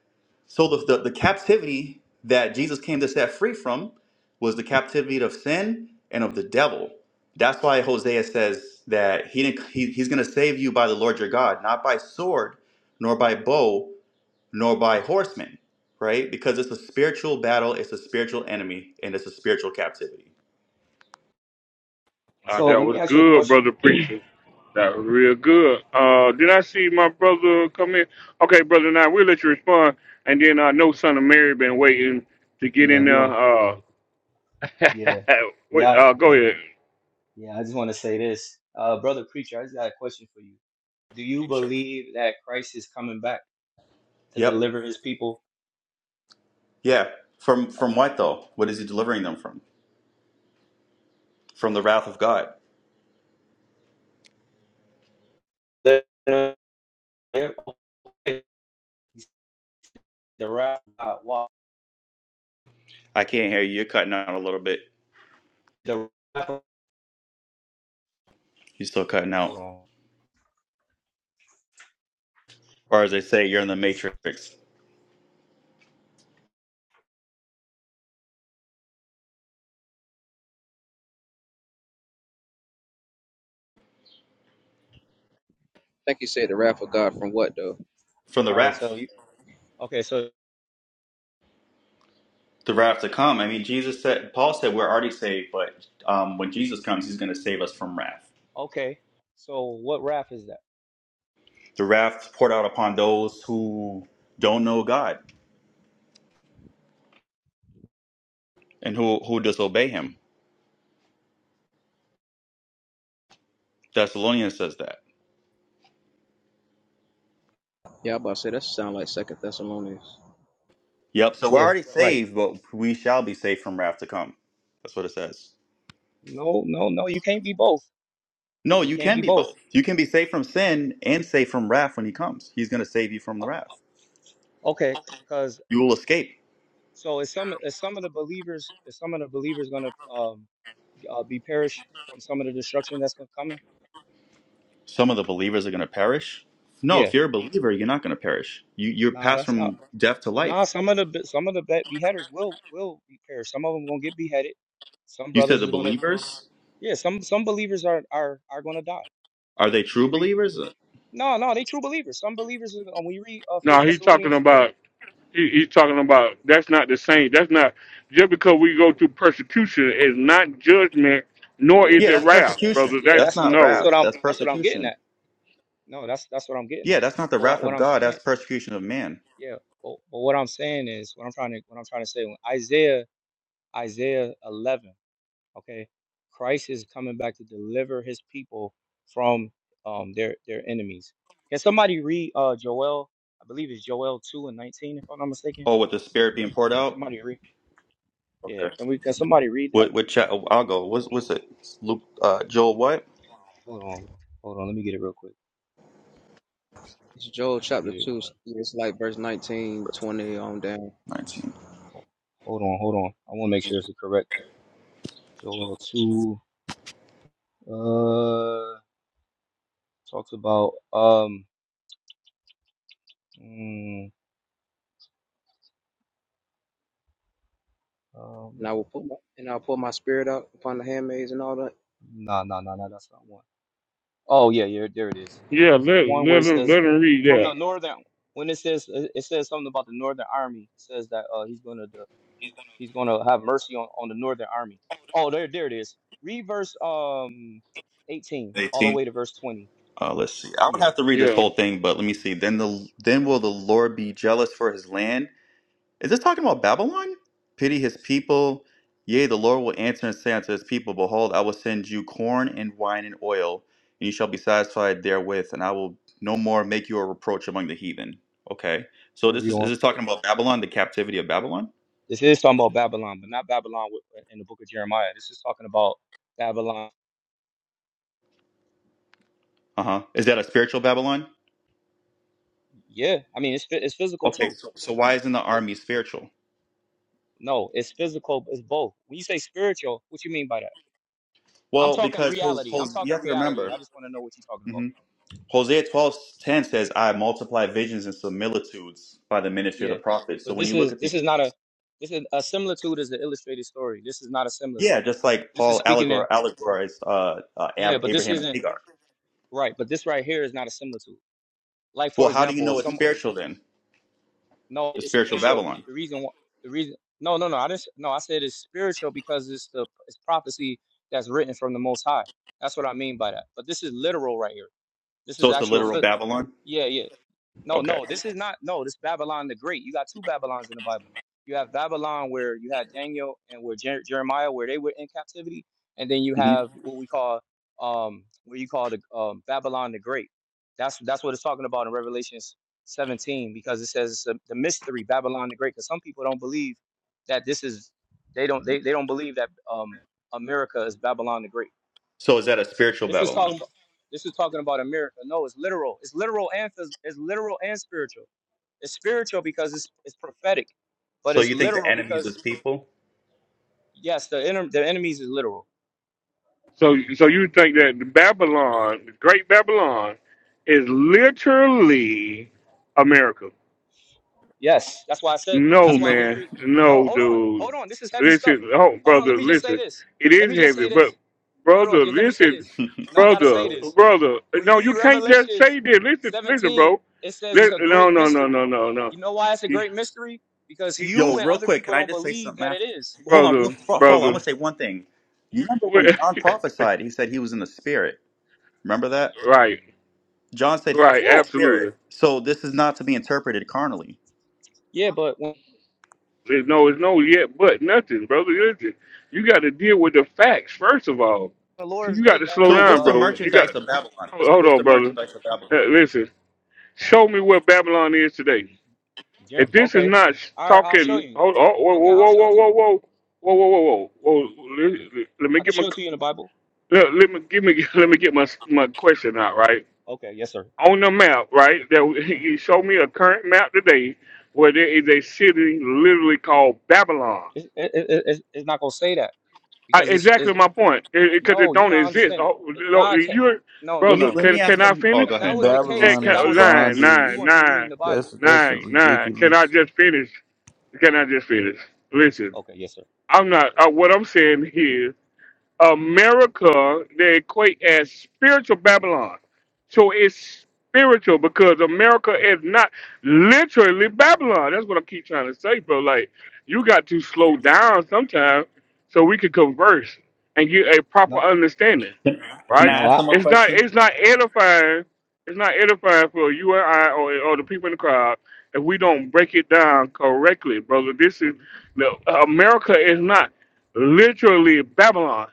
So the, the, the captivity that Jesus came to set free from was the captivity of sin and of the devil. That's why Hosea says that he, didn't, he he's going to save you by the Lord your God, not by sword, nor by bow, nor by horsemen, right? Because it's a spiritual battle, it's a spiritual enemy, and it's a spiritual captivity. Uh, So that let me was ask you a good, question. brother preacher. That was real good. Uh, did I see my brother come in? Okay, brother, now we'll let you respond, and then I know son of Mary been waiting to get Yeah, in we there. don't. Uh, Yeah, wait, yeah, uh, go yeah, ahead. yeah. I just want to say this, uh, brother preacher. I just got a question for you. Do you believe that Christ is coming back to Yep. deliver His people? Yeah. From from what though? What is he delivering them from? From the wrath of God. The the- the wrath. of God. Why- I can't hear you. You're cutting out a little bit. The wrath. of- You're still cutting Hold out. on. Or as they say, you're in the matrix. think he said the wrath of God from what though? from the All right. wrath, So you. Okay. So the wrath to come. I mean, Jesus said, Paul said, we're already saved, but um, when Jesus comes, he's going to save us from wrath. Okay. So what wrath is that? The wrath poured out upon those who don't know God and who who disobey Him. Thessalonians says that. Yeah, I'm about to say that sound like Second Thessalonians. Yep. So we're Yeah, already right. saved, but we shall be saved from wrath to come. That's what it says. No, no, no. You can't be both. No, You you can't can be be both. both. You can be saved from sin and saved from wrath when He comes. He's going to save you from the O- wrath. Okay, because You will escape. so is some is some of the believers is some of the believers gonna um uh, be perish from some of the destruction that's gonna come? some of the believers are going to perish. No, Yeah, if you're a believer, you're not going to perish. You you're Nah, passed that's not. from death to Nah, life. some of the be- some of the be- beheaders will will be perish. Some of them gonna get beheaded. Some You said brothers the is gonna believers yeah. Some some believers are are are gonna die. are they true You read believers? no no they true believers. Some believers is- uh, when you read uh, No, First he's talking Thessalonians four about. He, he's talking about that's not the same. That's not just because we go through persecution is not judgment, nor Yeah, is Yeah, it yeah, that's wrath, that- persecution. brother. yeah. That's That's That's not what that's no. wrath. what I'm That's that's what I'm getting persecution. at. No, that's that's what I'm getting Yeah, at. that's not the But what, wrath what of I'm God. saying, That's persecution of man. yeah. But, but what I'm saying is what I'm trying to what I'm trying to say. When Isaiah Isaiah 11, okay, Christ is coming back to deliver His people from um their their enemies. Can somebody read uh Joel? I believe it's Joel 2 and 19, if I'm not mistaken. Oh, with the spirit being poured out. Somebody read. Yeah. Okay. Can we can somebody read that? What what cha- oh, I'll go. What's what's it? Luke uh, Joel what? Hold on, hold on. Let me get it real quick. It's Joel Let me chapter get it. two. It's like verse 19, 20 on down. Nineteen. Hold hold on, hold on. I want to make sure it's the correct. Joel 2 uh talks about um mm, um nah nah nah nah that's not one. Oh yeah, yeah, there it is. Is Yeah, let this the one where let it him, let says him read from the that. northern when it says it it says something about the northern army, it says that uh he's gonna the, he's gonna have mercy on, on the northern army. Oh there there it is. Read verse um eighteen all the Eighteen. way to verse twenty. Uh, let's see. I would Yeah, have to read this Yeah. whole thing, but let me see. Then the then will the Lord be jealous for his land? Is this talking about Babylon? Pity his people. Yea, the Lord will answer and say unto his people, Behold, I will send you corn and wine and oil, and you shall be satisfied therewith, and I will no more make you a reproach among the heathen. Okay. So okay, this read is is on. this talking about Babylon, the captivity of Babylon? This is talking about Babylon, but not Babylon with- in the book of Jeremiah. This is talking about Babylon Uh-huh. Is that a spiritual Babylon? Yeah, I mean it's phy- it's physical Okay, too. so so why isn't the It, army spiritual? no, it's physical. It's both. When you say spiritual, what you mean by that? I'm Well, talking because Hos- reality. I'm Hos- you talking have to reality. remember. I just want to know what you're talking about. hmm Hosea twelve ten says, I multiply visions and similitudes by the ministry of the Yeah, prophet. So but when you this look is at the this is not a this is a similitude is an illustrated story. This is not a Yeah, similitude. just like This is Paul speaking allegor- in allegorized uh, uh, yeah, Ab- but this Abraham and isn't Hagar. right. But this right here is not a similitude. Like Well, for how do you example, know if it's someone spiritual then? No, The it's spiritual spiritual. Babylon. The reason, wh- the reason, no, no, no. I didn't. no, I said it's spiritual because it's the it's prophecy that's written from the Most High. That's what I mean by that. But this is literal right here. This So is it's a actual. literal phy- Babylon? Yeah, yeah. No, Okay. no, this is not. No, this Babylon the Great. You got two Babylons in the Bible. You have Babylon where you had Daniel and where Jer- Jeremiah where they were in captivity, and then you hmm have what we call um what you call the um, Babylon the Great. That's that's what it's talking about in Revelations 17 because it says it's a, the mystery Babylon the Great. Because some people don't believe that this is they don't they, they don't believe that um America is Babylon the Great. So is that a spiritual This is Babylon? talking about this is talking about America. No, it's literal. It's literal and phys- it's literal and spiritual it's spiritual because it's it's prophetic, but So it's you think the literal enemies because is people? yes, the inner the enemies is literal. So so you think that the Babylon, the Great Babylon, is literally America? Yes, that's why I said. No, Hmm. That's why when you man. read, no, No, hold on, dude. hold on. This is heavy stuff. Listen, oh, Hold on. Let brother, me just say listen. this. It Let is me just heavy, say but this. Hold on. brother, Just let me say listen, this. Now I gotta say brother, this. brother. When you No, read you can't just say Revelations this. Listen, listen, 17, bro. it says it's Let, a no, great no, no, no, mystery. no, no. You know why it's a You- great mystery? Because you- you Yo, and real other quick, people can I don't just say believe something that it after? is. Hold on, real Brother, fo- follow. I'm going to brother. say one thing. You remember when What- John prophesied, he said he was in the spirit. Remember that? right, John said he was right, in Yeah, the spirit. absolutely. So this is not to be interpreted carnally. yeah, but when There's no, it's no yet, but nothing, brother. Listen, you got to deal with the facts first of all. the See, Lord's you got day, to slow So that what's down, the uh, bro. You merchandise got, of Babylon? hold What's, hold what's on, the brother. merchandise of Babylon? Uh, listen. Show me where Babylon is today. Jer- If this is okay. not sh- All right, I'll show talking, you. hold oh, whoa, Okay, whoa, I'll whoa, show whoa, it to whoa, you. whoa, whoa, whoa, whoa, whoa, whoa. Let, let me I can get my show it to you in the Bible. let, let me give me let me get my my question out right Okay, yes, sir. on the map right. That you show me a current map today where there is a city literally called Babylon. It's, it, it, it- it's, it's not going to say that I, because it's, exactly it's my point because it, it 'cause it no, you're don't not exist. understanding. Oh, you God can't. are No, no, Let me brother. no. let Can me ask can I them. Oh, finish? go If that ahead. Go was the ahead. Can, case, Babylon if is that can, was the nine, case, bondage. we nine, wouldn't be reading nine, the That's Bible. that's a nine, nine. Can I ridiculous. just finish? Can I just finish? Listen, Okay, yes, sir. I'm not. Uh, what I'm saying here America they equate as spiritual Babylon. So it's spiritual because America is not literally Babylon. That's what I keep trying to say, bro. Like you got to slow down sometimes so we can converse and get a proper No, understanding. Can, can Right? I no, ask I, them a It's not question? it's not edifying it's not edifying for you and I or, or the people in the crowd if we don't break it down correctly, brother. This is no, America is not literally Babylon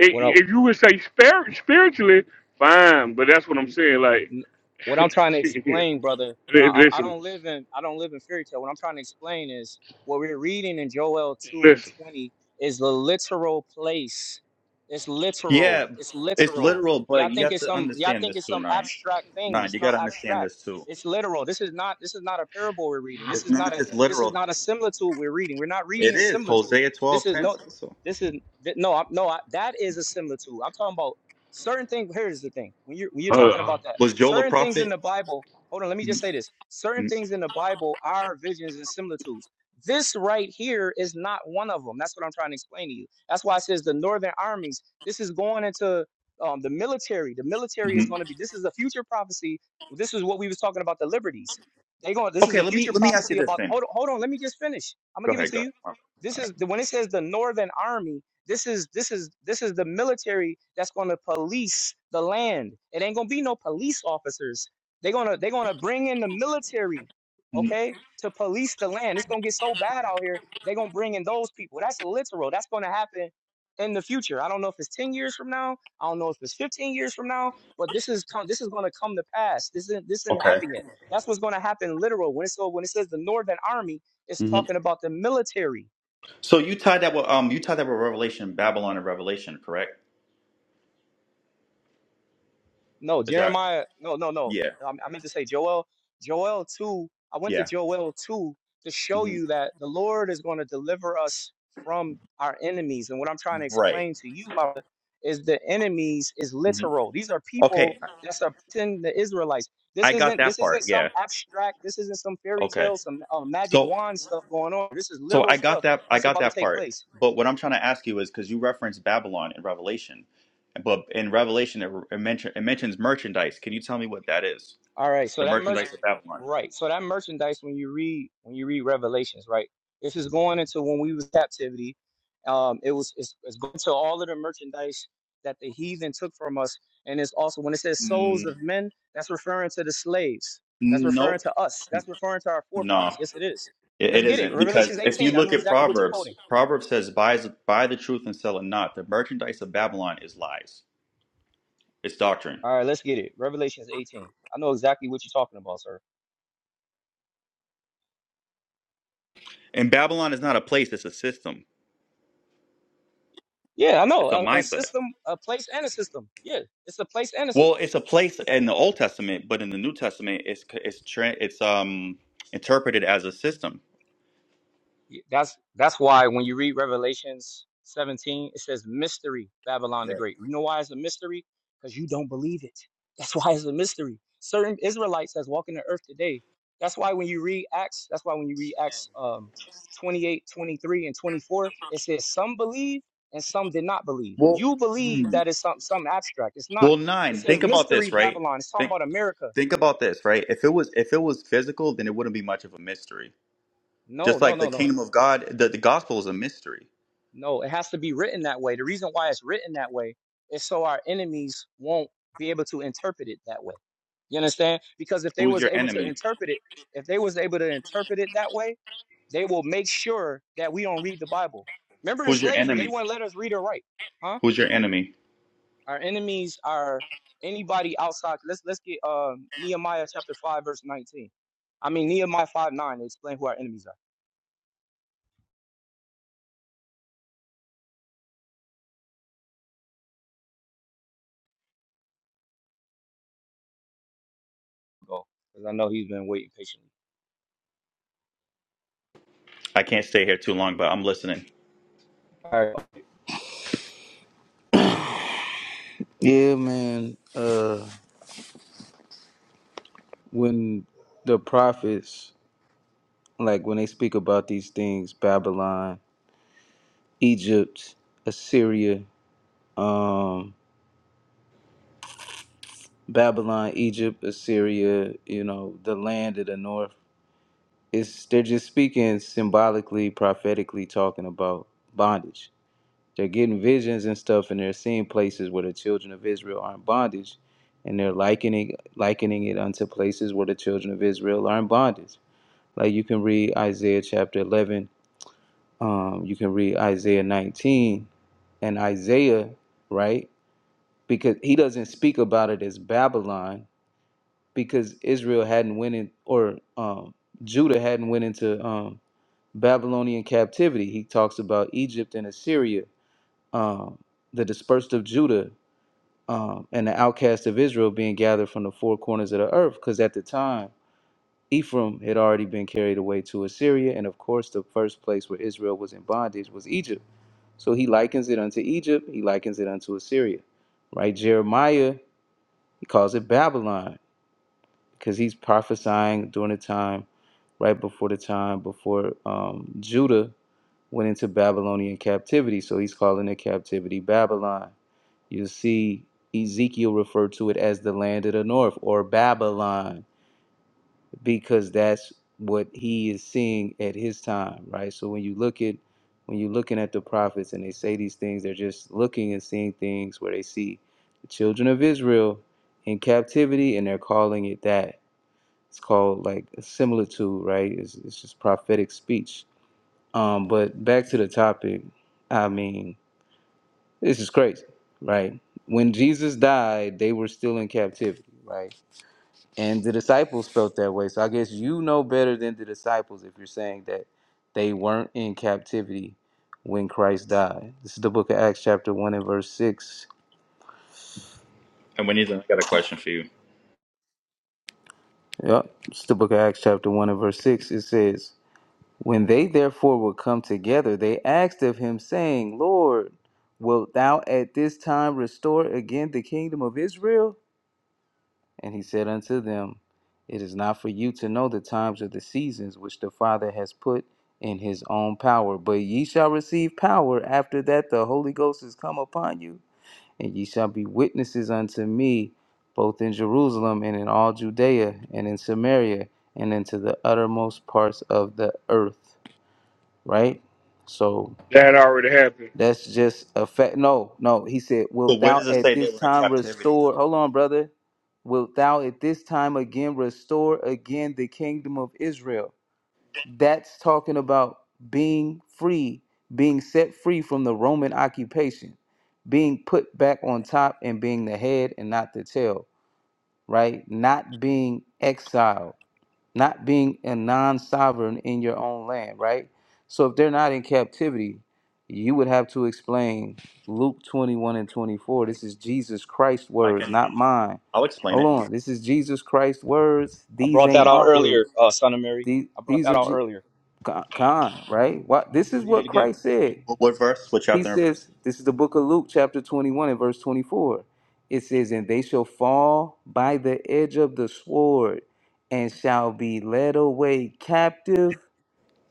i- what I, if you would say spir- spiritually, fine. But that's what no. I'm saying. Like, n- what I'm trying to explain, brother, when I, I I listen, don't live in I don't live in fairy tale. What I'm trying to explain is what we're reading in Joel two and listen. twenty is the literal place. It's literal. Yeah, It's it's literal. literal, Y'all but you think have it's to some y'all understand think this it's too, some nine abstract thing. nine. You It's got not to understand abstract. this too. It's literal. This is not this is not a parable we're reading. This It's is not not a just this is literal. not a similitude we're reading. We're not reading It a is similitude. Hosea This twelve is ten. no Also, this is th- no I'm, no I, that is a similitude. I'm talking about certain things here's the thing when you're when you're talking Uh, about that was Joel a certain things in prophet? the bible hold on let me just Mhm, say this certain mhm, things in the bible are visions and similitudes this right here is not one of them that's what i'm trying to explain to you that's why it says the northern armies this is going into um, the military the military is mhm. going to be this is a future prophecy this is what we was talking about the liberties they going this is Okay, a let me future let me ask you prophecy this about then. hold on hold on let me just finish i'm gonna Go give it ahead. to Go you ahead. this is the, when it says the northern army this is this is this is the military that's going to police the land. It ain't going to be no police officers. They're going to they're going to bring in the military, Mhm. okay, to police the land. It's going to get so bad out here. They're going to bring in those people. That's literal. That's going to happen in the future. I don't know if it's 10 years from now. I don't know if it's 15 years from now, but this is come, this is going to come to pass. This isn't this isn't Okay. happening yet. That's what's going to happen literal when it's so when it says the Northern Army, it's hmm talking about the military So you tied that with um you tied that with Revelation, Babylon, and Revelation, correct? No, Is that Jeremiah. No, no, no. yeah I, I meant to say Joel. Joel 2. I went to yeah Joel 2 to show hmm you that the Lord is going to deliver us from our enemies. And what I'm trying to right? explain to you, my brother, is the enemies is hmm literal. These are people Okay, that's oppressing the Israelites. This I got isn't that this part. isn't some Yeah. abstract, this isn't some fairy Okay. tale, some uh, magic So wand stuff going on. This is so literal I got stuff that I that's got about to that take part. place. But what I'm trying to ask you is because you referenced Babylon in Revelation, but in Revelation it, it, mention, it mentions merchandise. Can you tell me what that is? All right, so The that merch, merchandise of Babylon. right? So that merchandise, when you read when you read Revelations, right? This is going into when we was captivity. Um, it was it's, it's going to all of the merchandise that the heathen took from us, and it's also when it says souls Mm, of men, that's referring to the slaves. That's referring nope, to us. That's referring to our no, forefathers. Yes, it is. it, it Let's get it. isn't Revelations because if you 18. I look know at exactly what you're Proverbs, quoting. Proverbs says buy buy the truth and sell it not. The merchandise of Babylon is lies. It's doctrine, All right, let's get it. Revelations 18. I know exactly what you're talking about, sir. and Babylon is not a place. It's a system. Yeah, I know. It's a A, a mindset. system, a place, and a system. Yeah, it's a place and a Well, system. it's a place in the Old Testament, but in the New Testament, it's it's tra- it's um interpreted as a system. Yeah, That's that's why when you read Revelations 17, it says mystery, Babylon the Great. You know why it's a mystery? Because you don't believe it. That's why it's a mystery. Certain Israelites that's walking the earth today. That's why when you read Acts, that's why when you read Acts um 28, twenty-three, and 24, it says some believe and some did not believe. Well, You believe hmm. that is some some abstract. It's not. well, It nine. says Think about this, mystery right? Babylon. It's talking Think about America. think about this, right? If it was if it was physical, then it wouldn't be much of a mystery. No, Just no, like the no, no. kingdom of God, the, the gospel is a mystery. No, it has to be written that way. The reason why it's written that way is so our enemies won't be able to interpret it that way. You understand? Because if they Who's was your able to enemy? interpret it, if they was able to interpret it that way, they will make sure that we don't read the Bible. Remember in Who's your slavery, they enemy? wouldn't let us read or write. Huh? Who's your enemy? Our enemies are anybody outside. Let's let's get um Nehemiah chapter five, verse nineteen. I mean Nehemiah five nine, they explain who our enemies are. Go. Because I know he's been waiting patiently. I can't stay here too long, but I'm listening. All right. Yeah, man. Uh, when the prophets like when they speak about these things, Babylon, Egypt, Assyria. Um, Babylon, Egypt, Assyria, you know, the land of the north. It's they're just speaking symbolically, prophetically, talking about bondage. They're getting visions and stuff, and they're seeing places where the children of Israel are in bondage, and they're likening likening it unto places where the children of Israel are in bondage. Like you can read Isaiah chapter eleven, um, you can read Isaiah nineteen, and Isaiah, right? Because he doesn't speak about it as Babylon because Israel hadn't went in or um, Judah hadn't went into um, Babylonian captivity. He talks about Egypt and Assyria, um, the dispersed of Judah um, and the outcast of Israel being gathered from the four corners of the earth. Because at the time, Ephraim had already been carried away to Assyria, and of course, the first place where Israel was in bondage was Egypt. So he likens it unto Egypt. He likens it unto Assyria, right? Jeremiah he calls it Babylon because he's prophesying during the time right before the time before um, Judah went into Babylonian captivity. So he's calling it captivity Babylon. You see, Ezekiel referred to it as the land of the north or Babylon because that's what he is seeing at his time, right? So when you look at when you're looking at the prophets and they say these things, they're just looking and seeing things where they see the children of Israel in captivity and they're calling it that it's called like a similitude, right? It's, it's just prophetic speech. Um, but back to the topic, I mean, this is crazy, right? When Jesus died, they were still in captivity, right? And the disciples felt that way. So I guess you know better than the disciples if you're saying that they weren't in captivity when Christ died. This is the book of Acts, chapter 1 and verse 6. And we need to got a question for you. Yep. It's the book of Acts, chapter 1 and verse 6. It says, When they therefore were come together, they asked of him, saying, Lord, wilt thou at this time restore again the kingdom of Israel? And he said unto them, It is not for you to know the times or the seasons which the Father has put in his own power, but ye shall receive power after that the Holy Ghost is come upon you, and ye shall be witnesses unto me both in Jerusalem and in all Judea and in Samaria and into the uttermost parts of the earth right? So that already happened. that's just a fact. No, no. He said, So Wilt where thou does it at say they this were in time captivity? Though? restore? Hold on, brother. Wilt thou at this time again restore again the kingdom of Israel? That's talking about being free, being set free from the Roman occupation, being put back on top and being the head and not the tail, right? Not being exiled not being a non-sovereign in your own land, right? So if they're not in captivity, you would have to explain Luke 21 and 24. This is Jesus Christ's I words, can. not mine. I'll explain Hold it. on. This is Jesus Christ's words. I These brought that ain't out my words. earlier, uh, son of Mary. These, I brought these are that out Je- earlier. Con, Con, right? What this is Read it what again. Christ said. What, what verse? What He chapter and verse? says, this is the book of Luke, chapter 21, and verse 24. It says, And they shall fall by the edge of the sword and shall be led away captive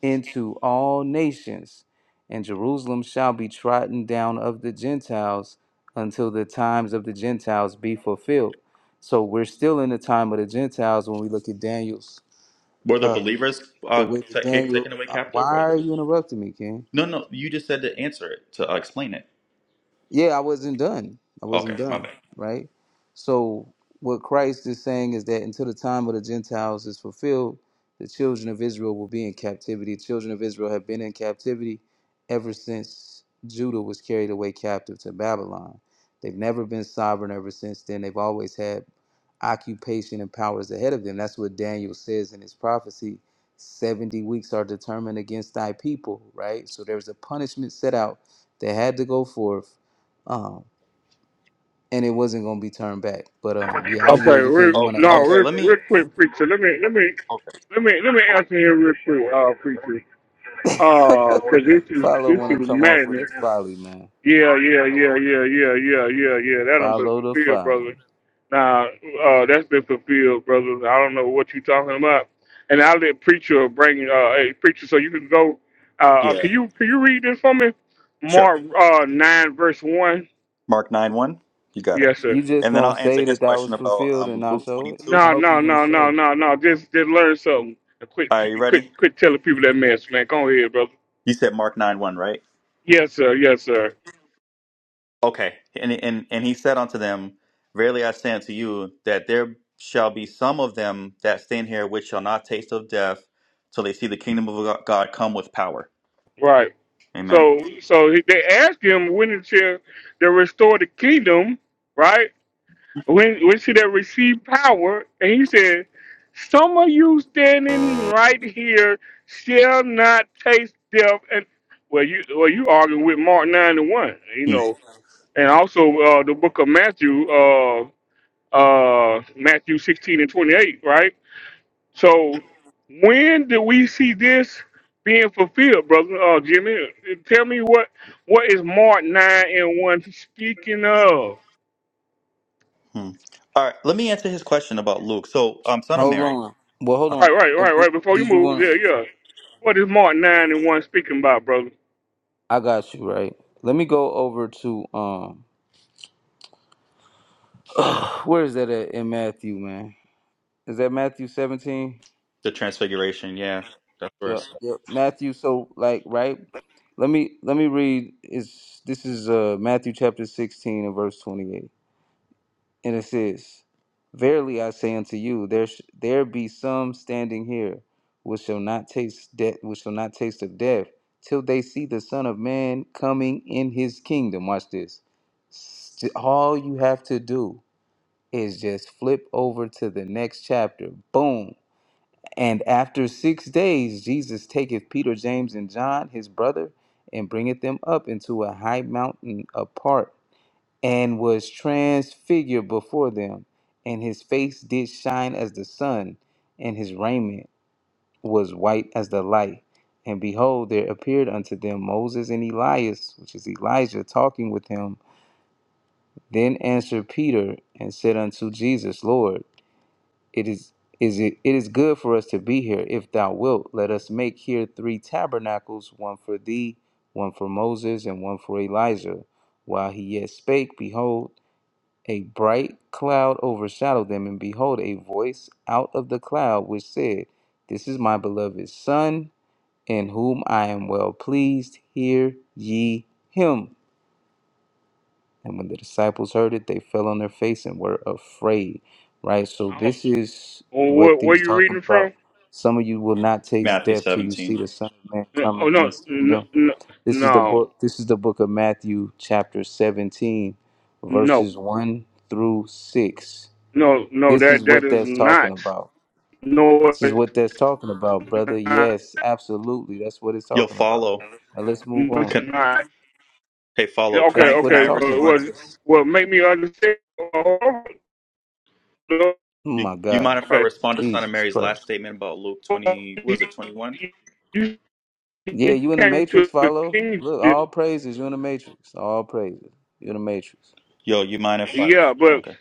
into all nations. And Jerusalem shall be trodden down of the Gentiles until the times of the Gentiles be fulfilled. So we're still in the time of the Gentiles when we look at Daniel's, Were the uh, believers the uh, way that ta- ca- Daniel. taken away uh, Why captive? Or... are you interrupting me, King? No, no. You just said to answer it to uh, explain it. yeah, I wasn't done. I Okay, wasn't my done, bad. right? So what Christ is saying is that until the time of the Gentiles is fulfilled, the children of Israel will be in captivity. The children of Israel have been in captivity ever since Judah was carried away captive to Babylon. They've never been sovereign ever since then. They've always had occupation and powers ahead of them. That's what Daniel says in his prophecy. 70 weeks are determined against thy people, right? So there's a punishment set out that had to go forth um, and it wasn't gonna be turned back. But um, yeah, I'll Okay, yield. You can. real, You Oh, want no, okay. real, Let me. real quick, preacher. Let me, let me, Okay. let me, let me answer here real quick, uh, preacher. to answer? Uh, cause this is Follow this want is to come off with madness. his folly, man. Yeah, yeah, yeah, yeah, yeah, yeah, yeah, yeah. That don't be Follow the fulfilled, brother. folly. Now, uh, that's been fulfilled, brothers. I don't know what you're talking about. And I'll let preacher bring uh, a preacher, so you can go. Uh, uh, Yeah. can you can you read this for me? Sure. Mark uh, nine verse one. Mark nine one. You got it. Yes, sir. You just And then gonna I'll answer say his that that was question about fulfilled and um, not Luke show twenty it? two. I No, hope no, you gonna no, show. no, it. no, no. Just just learn something. Quit Are you quit ready? quit telling people that mess, man. Go ahead, brother. You said Mark nine one, right? Yes, sir. Yes, sir. Okay. And and and he said unto them, Verily I say unto you that there shall be some of them that stand here which shall not taste of death till they see the kingdom of Go- God come with power. Right. Amen. So so they asked him when to the restore the kingdom, right? when when she that received power, and he said, Some of you standing right here shall not taste death and well you well you arguing with Mark nine and one, you know. And also uh the book of Matthew, uh uh Matthew sixteen and twenty eight, right? So when do we see this being fulfilled, brother? Uh Jimmy, tell me what what is Mark nine and one speaking of? Hmm. All right, let me answer his question about Luke. So, um, son of Hold Mary, on. Well, hold uh, Right, on. right, Uh, right, Did right. Before you did you move, yeah, want? yeah. What is Mark nine and one speaking about, brother? I got you right. Let me go over to um. where is that at in Matthew, man? Is that Matthew seventeen? the Transfiguration. Yeah, that's Yep, verse yep. Matthew, so like right? Let me let me read is this is uh Matthew chapter 16 and verse 28. And it says, Verily I say unto you, there sh- there be some standing here which shall not taste death which shall not taste of death till they see the Son of Man coming in his kingdom. Watch this. St- all you have to do is just flip over to the next chapter. Boom and after six days, Jesus taketh Peter, James, and John, his brother, and bringeth them up into a high mountain apart, and was transfigured before them. And his face did shine as the sun, and his raiment was white as the light. And behold, there appeared unto them Moses and Elias, which is Elijah, talking with him. Then answered Peter and said unto Jesus, Lord, it is is it, it is good for us to be here. If thou wilt, let us make here three tabernacles, one for thee, one for Moses, and one for Elijah. While he yet spake, behold, a bright cloud overshadowed them, and behold, a voice out of the cloud which said, This is my beloved Son, in whom I am well pleased. Hear ye him. And when the disciples heard it, they fell on their face and were afraid, right? So I don't. this is what Where, where he's you talking reading about. from? Some of you will not taste Matthew death till you seventeen. see the Son of Man No, coming oh in no, his no, kingdom. no, This is the no, book this is the book of Matthew chapter 17 no, verses 1 through 6. no. no, This That is that what is that's talking not. about. No, This is it's what that's talking about, brother. not. Yes, absolutely. That's what it's You'll talking about. follow. Now let's move No, on. it's Can, not. hey, Yeah, follow. Can Okay, That's I what can it's I okay. talking Well, respond about. well, to well, make me understand. Oh, no, Oh you? my You God. mind if I Okay. respond to son of Jesus Mary's last Christ. statement about Luke Well, twenty? What was it twenty one? You Yeah, you you in the came Matrix, to the follow. Look, kingdom. all praises. You in the Matrix. All praises. You in the Matrix. Yo, you mind if I? Yeah, but Okay.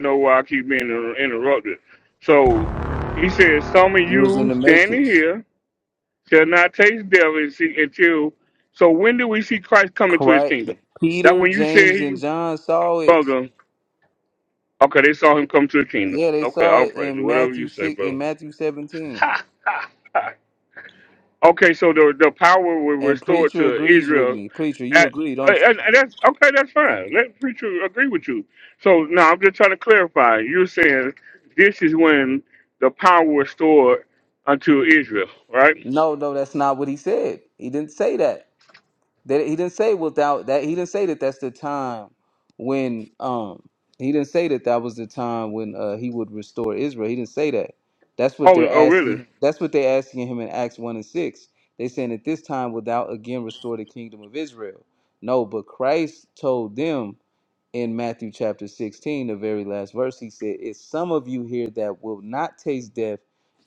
know why I keep being inter- interrupted. So he said, Some of You was in you the standing Matrix. here shall not taste death and see- until. So when do we see Christ come into his Christ, kingdom? That's Peter, when you said, James, he, and John saw it. brother. Okay, they saw him come to the kingdom. Yeah, they Okay, saw I'll it praise in you. Whatever Matthew you say, six in brother. Matthew seventeen. Ha, ha, ha. Okay, so the the power was And restored preacher to agrees with Israel. me. Preacher, you At agree, uh, don't you? and, and that's okay. That's fine. Let preacher agree with you. So now I'm just trying to clarify. You're saying this is when the power was restored unto Israel, right? No, no, that's not what he said. He didn't say that. That he didn't say without that. He didn't say that that's the time when um he didn't say that that was the time when uh he would restore Israel. He didn't say that. That's what Oh, they're oh, really? asking. That's what they're asking him in Acts one and six. They saying at this time without again restore the kingdom of Israel. No, but Christ told them in Matthew chapter sixteen, the very last verse. He said, "It's some of you here that will not taste death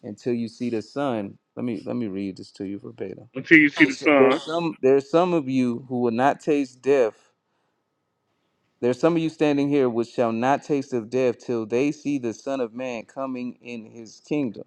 until you see the Son." Let me let me read this to you verbatim. Until you see the It's- There's sun. some there's some of you who will not taste death. There's some of you standing here which shall not taste of death till they see the Son of Man coming in his kingdom,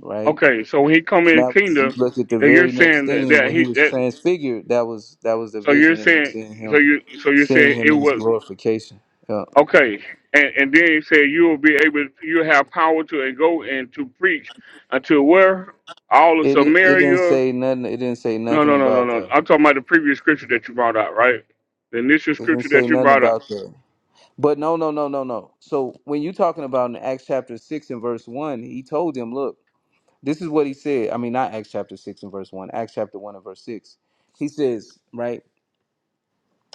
right? Okay, so when he come And in the that was you kingdom, look at the that you're very next saying that, thing that when he he was that transfigured, that was that was the so you're vision of him saying seeing so him you so you're seeing saying him it in his was glorification. Yeah. Okay, and, and then he said you will be able, you have power to and go and to preach unto where all of It it didn't Samaria. say nothing it didn't say No, nothing no, no, no, about no. that. I'm talking about the previous scripture that you brought out, right? The initial It didn't scripture say that you nothing brought up, about that. But no, no, no, no, no. So when you're talking about in Acts chapter six and verse one, he told him, look. This is what he said. I mean, not Acts chapter 6 and verse 1, Acts chapter 1 and verse 6. He says, right,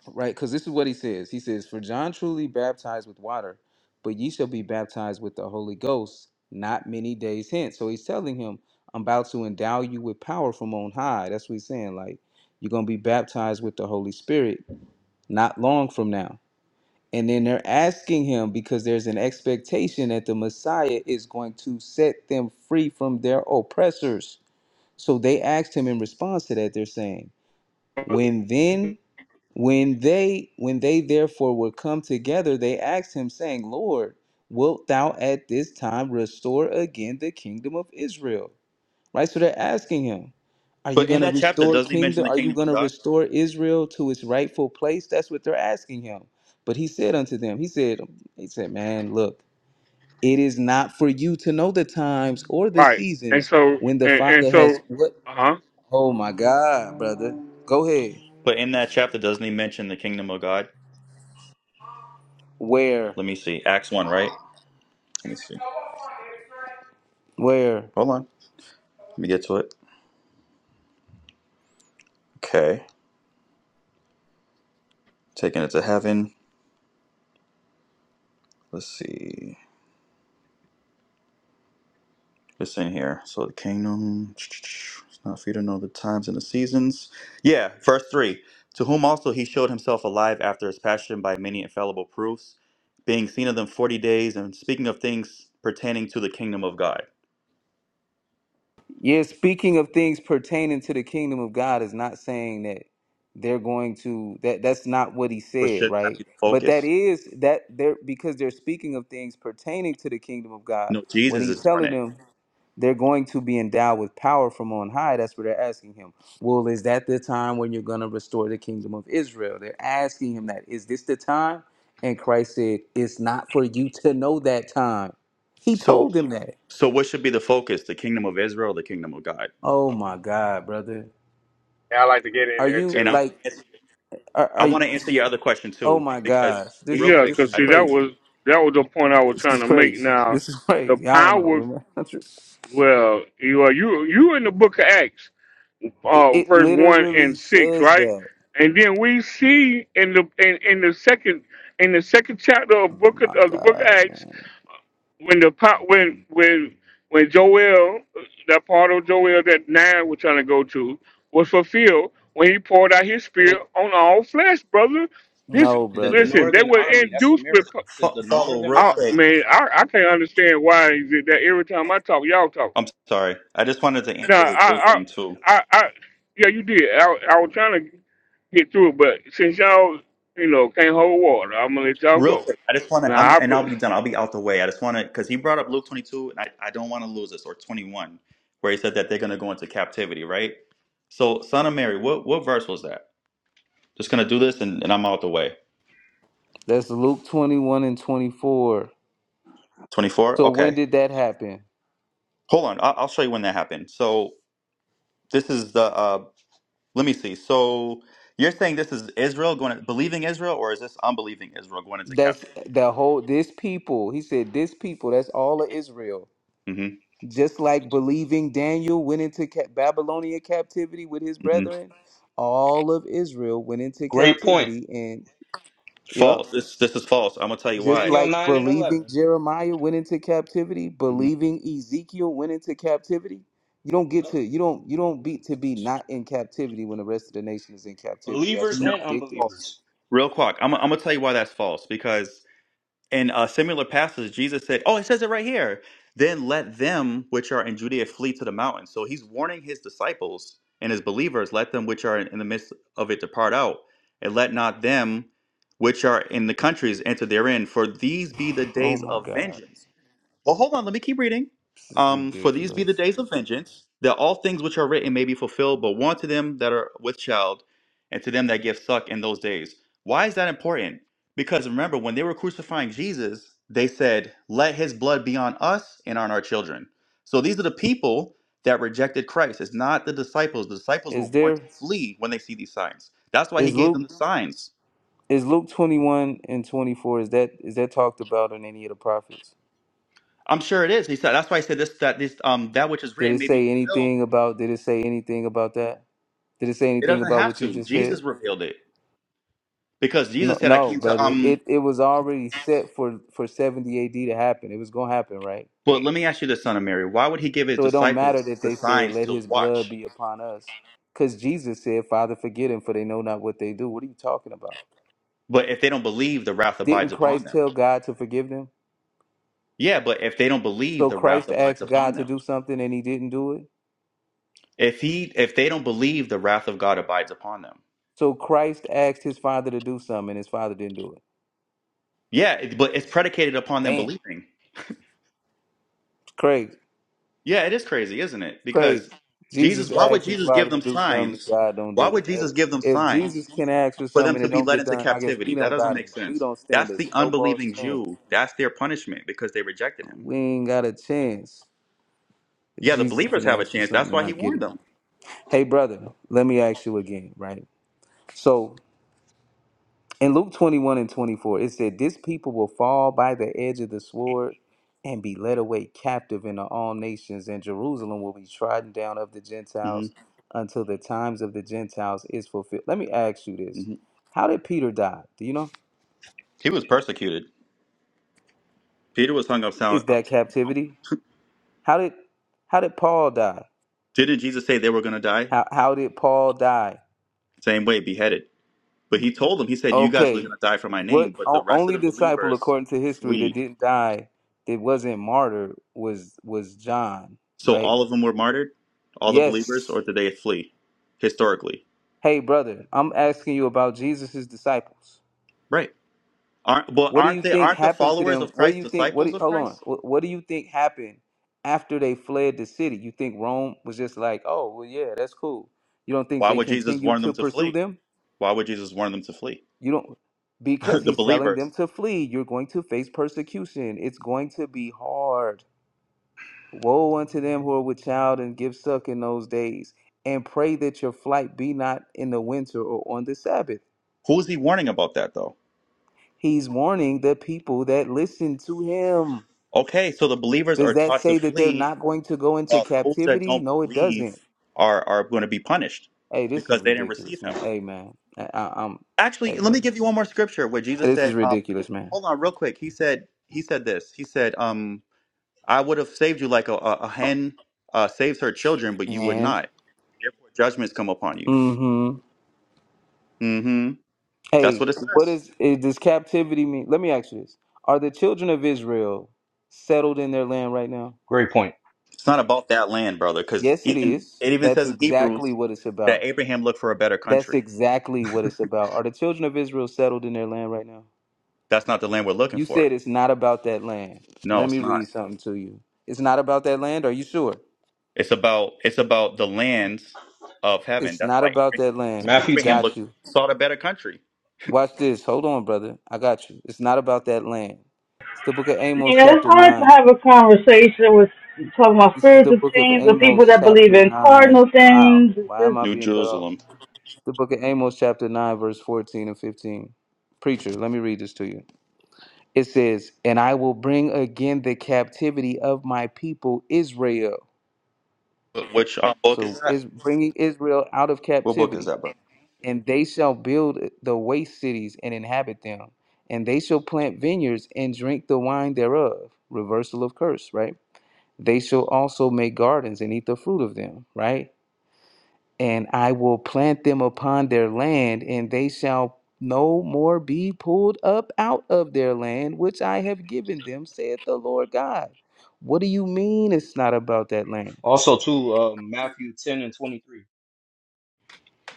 right, because this is what he says. He says, For John truly baptized with water, but ye shall be baptized with the Holy Ghost not many days hence. So he's telling him, I'm about to endow you with power from on high. That's what he's saying. Like, you're going to be baptized with the Holy Spirit not long from now. And then they're asking him because there's an expectation that the Messiah is going to set them free from their oppressors so they asked him in response to that, they're saying, When then when they when they therefore were come together, they asked him, saying, Lord, wilt thou at this time restore again the kingdom of Israel? Right? So they're asking him, Are you But in gonna that chapter, restore doesn't he kingdom? mention the Are you kingdom of gonna God? restore Israel to its rightful place? That's what they're asking him. But he said unto them, He said, He said, Man, look, it is not for you to know the times or the right? And seasons so, when the and, and Father has so, what uh huh, Oh my God, brother. Go ahead. But in that chapter, doesn't he mention the kingdom of God? Where? Let me see. Acts one, right? Let me see. Where? Hold on. Let me get to it. Okay. Taking it to heaven. Let's see. It's in here. So the kingdom it's not for you to know the times and the seasons. Yeah, verse three. To whom also he showed himself alive after his passion by many infallible proofs, being seen of them forty days, and speaking of things pertaining to the kingdom of God. Yeah, speaking of things pertaining to the kingdom of God is not saying that they're going to that that's not what he But said, should not right? be the But that focus. is that they're because they're speaking of things pertaining to the kingdom of God No, when Jesus is he's telling doing it. them They're going to be endowed with power from on high. That's what they're asking him. Well, is that the time when you're going to restore the kingdom of Israel? They're asking him that. Is this the time? And Christ said, It's not for you to know that time. He So told them that. so what should be the focus? The kingdom of Israel, the kingdom of God. Oh my God, brother. Yeah, I like to get in Are there you And I too. want like, to answer, are, I are want you, to answer your other question oh too, my because gosh, this, real yeah. quick, this Cause is I see, just that crazy. was that was the point I was This trying is to make. crazy. Now, This is the crazy. I don't power. know. Well, you are you you in the book of Acts. It, uh, it verse one literally and six, says right? that. And then we see in the in, in the second in the second chapter Oh of book of, My of the book of God, Acts man. when the po- when when when Joel that part of Joel that now we we're trying to go to was fulfilled when he poured out his spirit It on all flesh, brother. This No, said The brother. listen, they Northern were Army, that's induced with. America. po- It says fo- the follow Northern real Oh, quick. Army. man, I, I can't understand why is it that every time I talk, y'all talk. I'm sorry. I just wanted to No, answer the I, Luke I, thing too. I, I, yeah, you did. I, I was trying to get through it, but since y'all, you know, can't hold water, I'm gonna let y'all Real go. quick, I just want to, Now, I'm, I, and but I'll be done. I'll be out the way. I just want to, because he brought up Luke 22, and I, I don't want to lose this, or 21, where he said that they're going to go into captivity, right? So, Son of Mary, what, what verse was that? Just going to do this, and, and I'm out the way. That's Luke 21 and 24. 24? So when Okay. did that happen? Hold on. I'll, I'll show you when that happened. So, this is the, uh, let me see. So, you're saying this is Israel going to, believing Israel, or is this unbelieving Israel going into That's captivity? the whole this people. He said this people, that's all of Israel. hmm Just like believing Daniel went into ca- Babylonian captivity with his hmm brethren, all of Israel went into Great point. captivity and yep. False. This, this is false. I'm going to tell you Just why. Daniel like 9 and believing 11. Jeremiah went into captivity, Mhm. believing Ezekiel went into captivity. You don't get Yep. to you don't you don't be to be not in captivity when the rest of the nation is in captivity. That's Believers No, and ridiculous. false. unbelievers. Real quick, I'm, I'm gonna tell you why that's false. Because in a similar passage, Jesus said, "Oh, it says it right here. Then let them which are in Judea flee to the mountains." So he's warning his disciples and his believers, "Let them which are in the midst of it depart out, and let not them which are in the countries enter therein. For these be the days of vengeance." Well, hold on. Let me keep reading. Um, for these be the days of vengeance, that all things which are written may be fulfilled, but one to them that are with child, and to them that give suck in those days. Why is that important? Because remember, when they were crucifying Jesus, they said, "Let his blood be on us and on our children." So these are the people that rejected Christ. It's not the disciples. The disciples were Is warned there to flee when they see these signs. That's why he is gave Luke them the signs. is Luke twenty one and twenty four? Is that is that talked about in any of the prophets? I'm sure it is. He said. That's why he said this. That this um that which is Did written it may be say fulfilled anything about? Did it say anything about that? Did it say It anything doesn't about have what you to. just said? Jesus revealed it because No, Jesus said, "I no, came to brother. um." It it was already set for for seventy A.D. to happen. It was gonna happen, right? But let me ask you this, son of Mary. Why would he give his So it don't matter disciples that the they said, signs "Let to His blood watch? be upon us," because Jesus said, "Father, forgive them, for they know not what they do." What are you talking about? But if they don't believe, the wrath Didn't abides upon Christ them. tell God to forgive them? Yeah, but if they don't believe, So the wrath Christ abides asked God upon to them. do something and He didn't do it. If he, if they don't believe, the wrath of God abides upon them. So Christ asked his father to do something, and his father didn't do it. Yeah, it- but it's predicated upon them Damn, believing. it's crazy, Yeah, it is crazy, isn't it? Because crazy. Jesus Jesus, why would asked his Jesus father give to them do something, and signs? God don't Why do would it. That- Jesus give them If Jesus signs can ask for for them something to and it be don't led get into done, I guess we captivity? That don't doesn't got it. make We sense. don't stand That's a the snowball's unbelieving Jew. chance. That's their punishment because they rejected him. We ain't got a chance if Yeah, the Jesus can believers have a ask for chance. something That's and why he not get warned it. them. Hey, brother, let me ask you again, right? So. In Luke 21 and 24, it said, This people will fall by the edge of the sword and be led away captive into all nations, and Jerusalem will be trodden down of the hmm Gentiles until the times of the Gentiles is fulfilled. Let me ask you this. hmm How did Peter die? Do you know? He was persecuted. Peter was hung up Is sound. that captivity? How did how did Paul die? Didn't Jesus say they were going to die? How how did Paul die? Same way, beheaded. But he told them, he said, You guys are going Okay. to die for my What name, but the o- rest of only the disciple believers according to history that flee. didn't die that wasn't martyred was was John, So right? all of them were martyred, all the believers, Yes. or did they flee? Historically, Hey, brother, I'm asking you about Jesus' disciples. right? Aren't well? What do Aren't you they? think Aren't the happened to followers them? of What do Christ you think? What? disciples Do, of hold on. Christ? What, what do you think happened after they fled the city? You think Rome was just like, oh, well, yeah, that's cool. You don't think Why they would Jesus continued warn to them to pursue flee? them? Why would Jesus warn them to flee? You don't, because the he's telling them believers. to flee. You're going to face persecution. It's going to be hard. Woe unto them who are with child and give suck in those days, and pray that your flight be not in the winter or on the Sabbath Who is he warning about that though? He's warning the people that listen to him. Okay, so the believers Does are that taught to say that they're flee, not going to go into while those that captivity? don't No, it believe doesn't. are are going to be punished Hey, this is because they didn't receive ridiculous, man. him. Hey, man. I, I, I'm, hey, Actually, let me brother. give you one more scripture where Jesus This is said, um, ridiculous, man. "Hold on, real quick." He said, "He said this. He said, um, I would have saved you like a, a, a hen uh, saves her children, but you would And, not. Therefore, judgments come upon you. mm-hmm. hmm That's Hey, what it what says. is, is, does captivity mean? Let me ask you this. Are the children of Israel settled in their land right now? Great point. It's not about that land, brother, because Yes, it even is. it even That's says in exactly Hebrews what it's about. that Abraham looked for a better That's country. exactly what it's about. Are the children of Israel settled in their land right now? That's not the land we're looking You for. said it's not about that land. No, Let me it's read not. something to you. It's not about that land. Are you sure? It's about it's about the lands of heaven. It's That's not why about Abraham, that land. Matthew Abraham 10. Got looked you. sought a better country. Watch this. Hold on, brother. I got you. It's not about that land. It's the book of Amos, Yeah, it's chapter hard to 9. have a conversation with talking about This is the spiritual book of things with people Amos, that believe chapter in 9. cardinal Wow. things. It's Why am just I New being cut off? Jerusalem. It's the book of Amos, chapter 9, verse 14 and 15. Preacher, let me read this to you. It says, And I will bring again the captivity of my people Israel. Which uh, book is So that? is bringing Israel out of What book is captivity, that, bro? and they shall build the waste cities and inhabit them, and they shall plant vineyards and drink the wine thereof. Reversal of curse, right? They shall also make gardens and eat the fruit of them, right? And I will plant them upon their land, and they shall no more be pulled up out of their land, which I have given them, saith the Lord God. What do you mean it's not about that land? Also, too, uh, Matthew 10 and 23.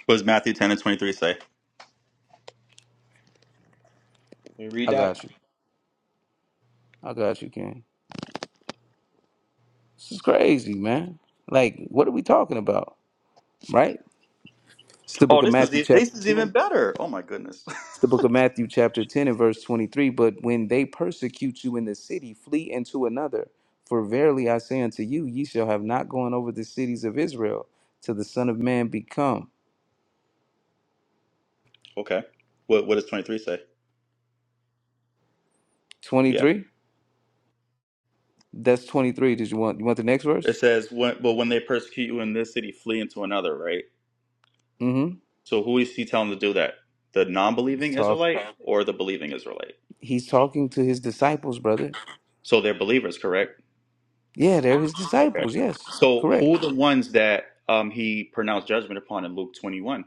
What does Matthew ten and twenty three say? Can you I read that? got you. I got you, King. This is crazy, man. Like, what are we talking about? Right? It's the book Oh, of this is Matthew, e- chapter this is even 10. better. Oh my goodness. It's the book of Matthew, chapter 10, and verse 23. But when they persecute you in the city, flee into another. For verily I say unto you, ye shall have not gone over the cities of Israel till the Son of Man be come. Okay. What what does 23 say? Yeah. 23? That's 23. Did you want you want the next It verse? says when but when they persecute you in this city, flee into another, right? Mm-hmm. So who is he telling to do that? The non He's believing talk Israelite or the believing Israelite? he's talking to his disciples, brother. So they're believers, correct? Yeah, they're his Okay. disciples, yes. So Correct. who are the ones that um he pronounced judgment upon in Luke twenty one?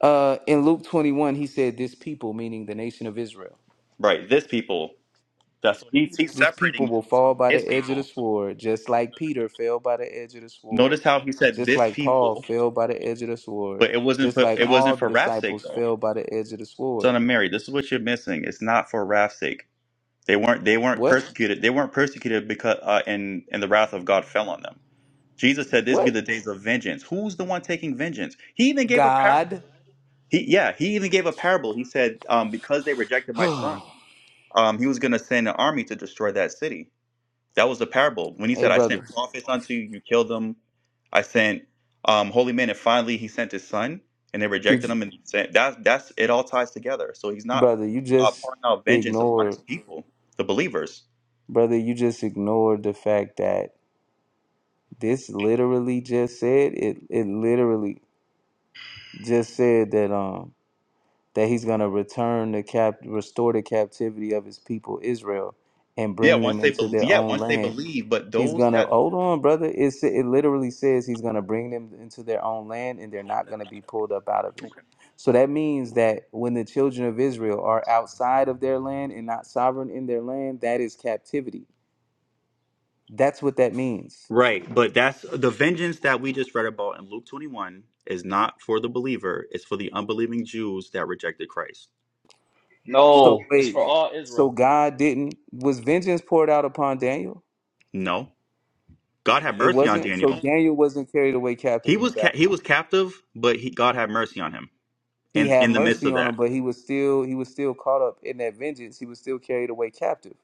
Uh, in Luke 21, he said, This people, meaning the nation of Israel, Right. This people. That's he's he's this people separating will them from fall by the his edge of the people. sword, just like Peter fell by the edge of the sword, Notice how he said just this like Paul people, fell by the edge of the sword, but it wasn't just for like it all wasn't the for wrath's sake disciples though. fell by the edge of the sword. Son of Mary, this is what you're missing. It's not for wrath's sake. They weren't they weren't What? persecuted. They weren't persecuted because uh, and and the wrath of God fell on them. Jesus said, "This be What? the days of vengeance." Who's the one taking vengeance? He even gave a parable. God. He yeah, he even gave a parable. He said, um, "Because they rejected my son, hey, um, he was going to send an army to destroy that city." That was the parable. When he said, "I sent brother, prophets unto you, you killed them. I sent um, holy men, and finally he sent his son, and they did rejected you, him." And he said, "That that's it. All ties together." So he's not brother, you uh, just pouring out vengeance upon ignored, his people, the believers. brother, you just ignored the fact that this literally just said, it, it literally just said that, um, that he's going to return the cap restore the captivity of his people Israel and Yeah, bring once them they into believe. their Yeah, own once they land. believe. But He's those going to that hold on, brother. It's, it literally says he's going to bring them into their own land and they're not going to be pulled up out of it. So that means that when the children of Israel are outside of their land and not sovereign in their land, that is captivity. That's what that means. right, but that's the vengeance that we just read about in Luke twenty one is not for the believer; it's for the unbelieving Jews that rejected Christ. No, So it's for wait, all so Israel. God didn't was vengeance poured out upon Daniel? No, God had It mercy on wasn't. So Daniel. Daniel wasn't carried away captive He into was ca- he Babylon. was captive, but he, God had mercy on him. He And in had in the midst mercy of on that, him, but he was still he was still caught up in that vengeance. He was still carried away captive.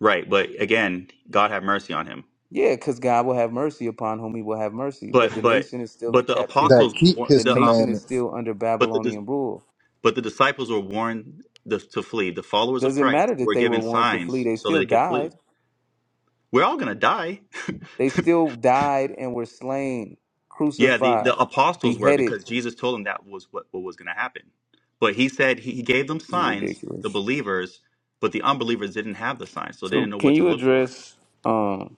right? But again, God had mercy on him. Yeah, because God will have mercy upon whom he will have mercy. But But the but nation is still but in the that apostles, captivity. were keep warned- The his the um, nation is commandments. still under but the dis- Babylonian rule. but the disciples were warned the, to flee. The followers of Doesn't Christ matter that were they were given warned to flee, signs they so that still they could flee. died. We're all gonna die. They still died and were slain, yeah, the, crucified, the apostles were beheaded. because Jesus told them that was what, what was gonna happen. But he said he, he gave them It's signs, the ridiculous. believers, but the unbelievers didn't have the signs, so they didn't So know can what to you look for. address um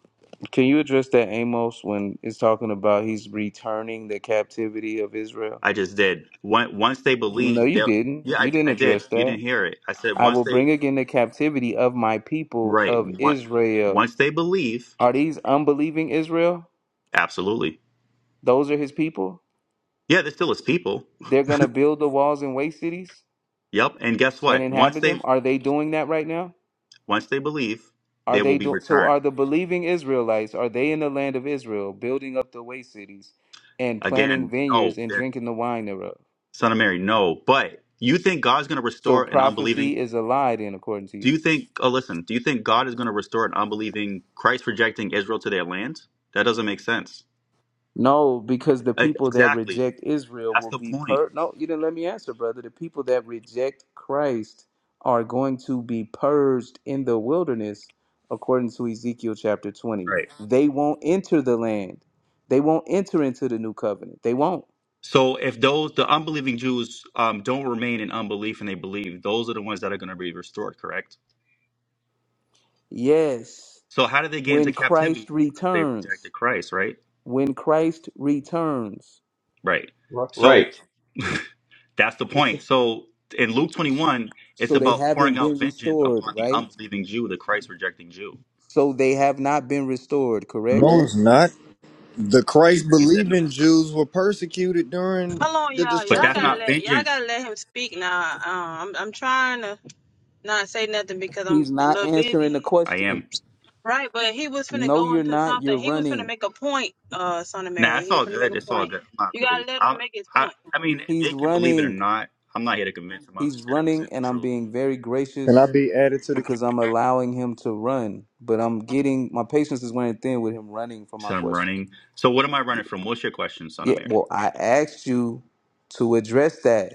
can you address that Amos when it's talking about he's returning the captivity of Israel? I just did. One- Once they No, believed, you they didn't. yeah, I, You didn't I did. address You didn't that. hear it. I said I once will they, bring again the captivity of my people right? of One, Israel. once they believe, Are these unbelieving Israel? absolutely. Those are his people? Yeah, they still is people. They're going to build the walls and waste cities Yep. And guess and what? Once inhabit they them? Are they doing that right now? once they believe, Are they will they be do- so returned are the believing Israelites, are they in the land of Israel building up the waste cities and planting again. No, vineyards and drinking the wine thereof? Son of Mary, no. But you think God's going to So restore an unbelieving? prophecy is a lie then according to you. Do you think? Oh, listen. Do you think God is going to restore an unbelieving, Christ rejecting Israel to their land? That doesn't make sense. No, because the E- people that Exactly. reject Israel That's will the be point. per. No, you didn't let me answer, brother. The people that reject Christ are going to be purged in the wilderness, according to Ezekiel chapter 20. Right. They won't enter the land, they won't enter into the new covenant. They won't. So if those the unbelieving Jews um, don't remain in unbelief and they believe, those are the ones that are going to be restored. Correct. Yes, So how did they get into when Christ captivity? Because they returns, rejected Christ. Right. when Christ returns. Right. Ri- So Right. That's the This point. is, So in Luke 21, it's So they about haven't pouring out been vengeance restored, upon the right? unbelieving Jew, the Christ rejecting Jew. So they have not been restored, correct? No, it's not. The Christ He said no. believing it's not. Jews were persecuted during Hold on, the y'all. But Y'all that's destruction. gotta not of- let y'all vengeance. gotta let him speak now. Um, I'm I'm trying to not say nothing because I'm He's a not little answering busy, the I question. am. right? But he was finna No, go you're into not. something. You're He was finna running. make a point, uh, son of Nah, Mary. it's He was all finna make good. a It's all point. good. I'm not You gotta really. let I, him make his I, point. I mean, if they He's can believe it or running. not, I'm not here to convince them. I'm He's just here to running, present the and I'm truth. being very Can I gracious be added to the because I'm allowing him to run. But I'm getting my patience is wearing thin with him running from my So I'm questions. running. So what am I running from? What's your question, son Yeah, of Mary? well, I asked you to address that.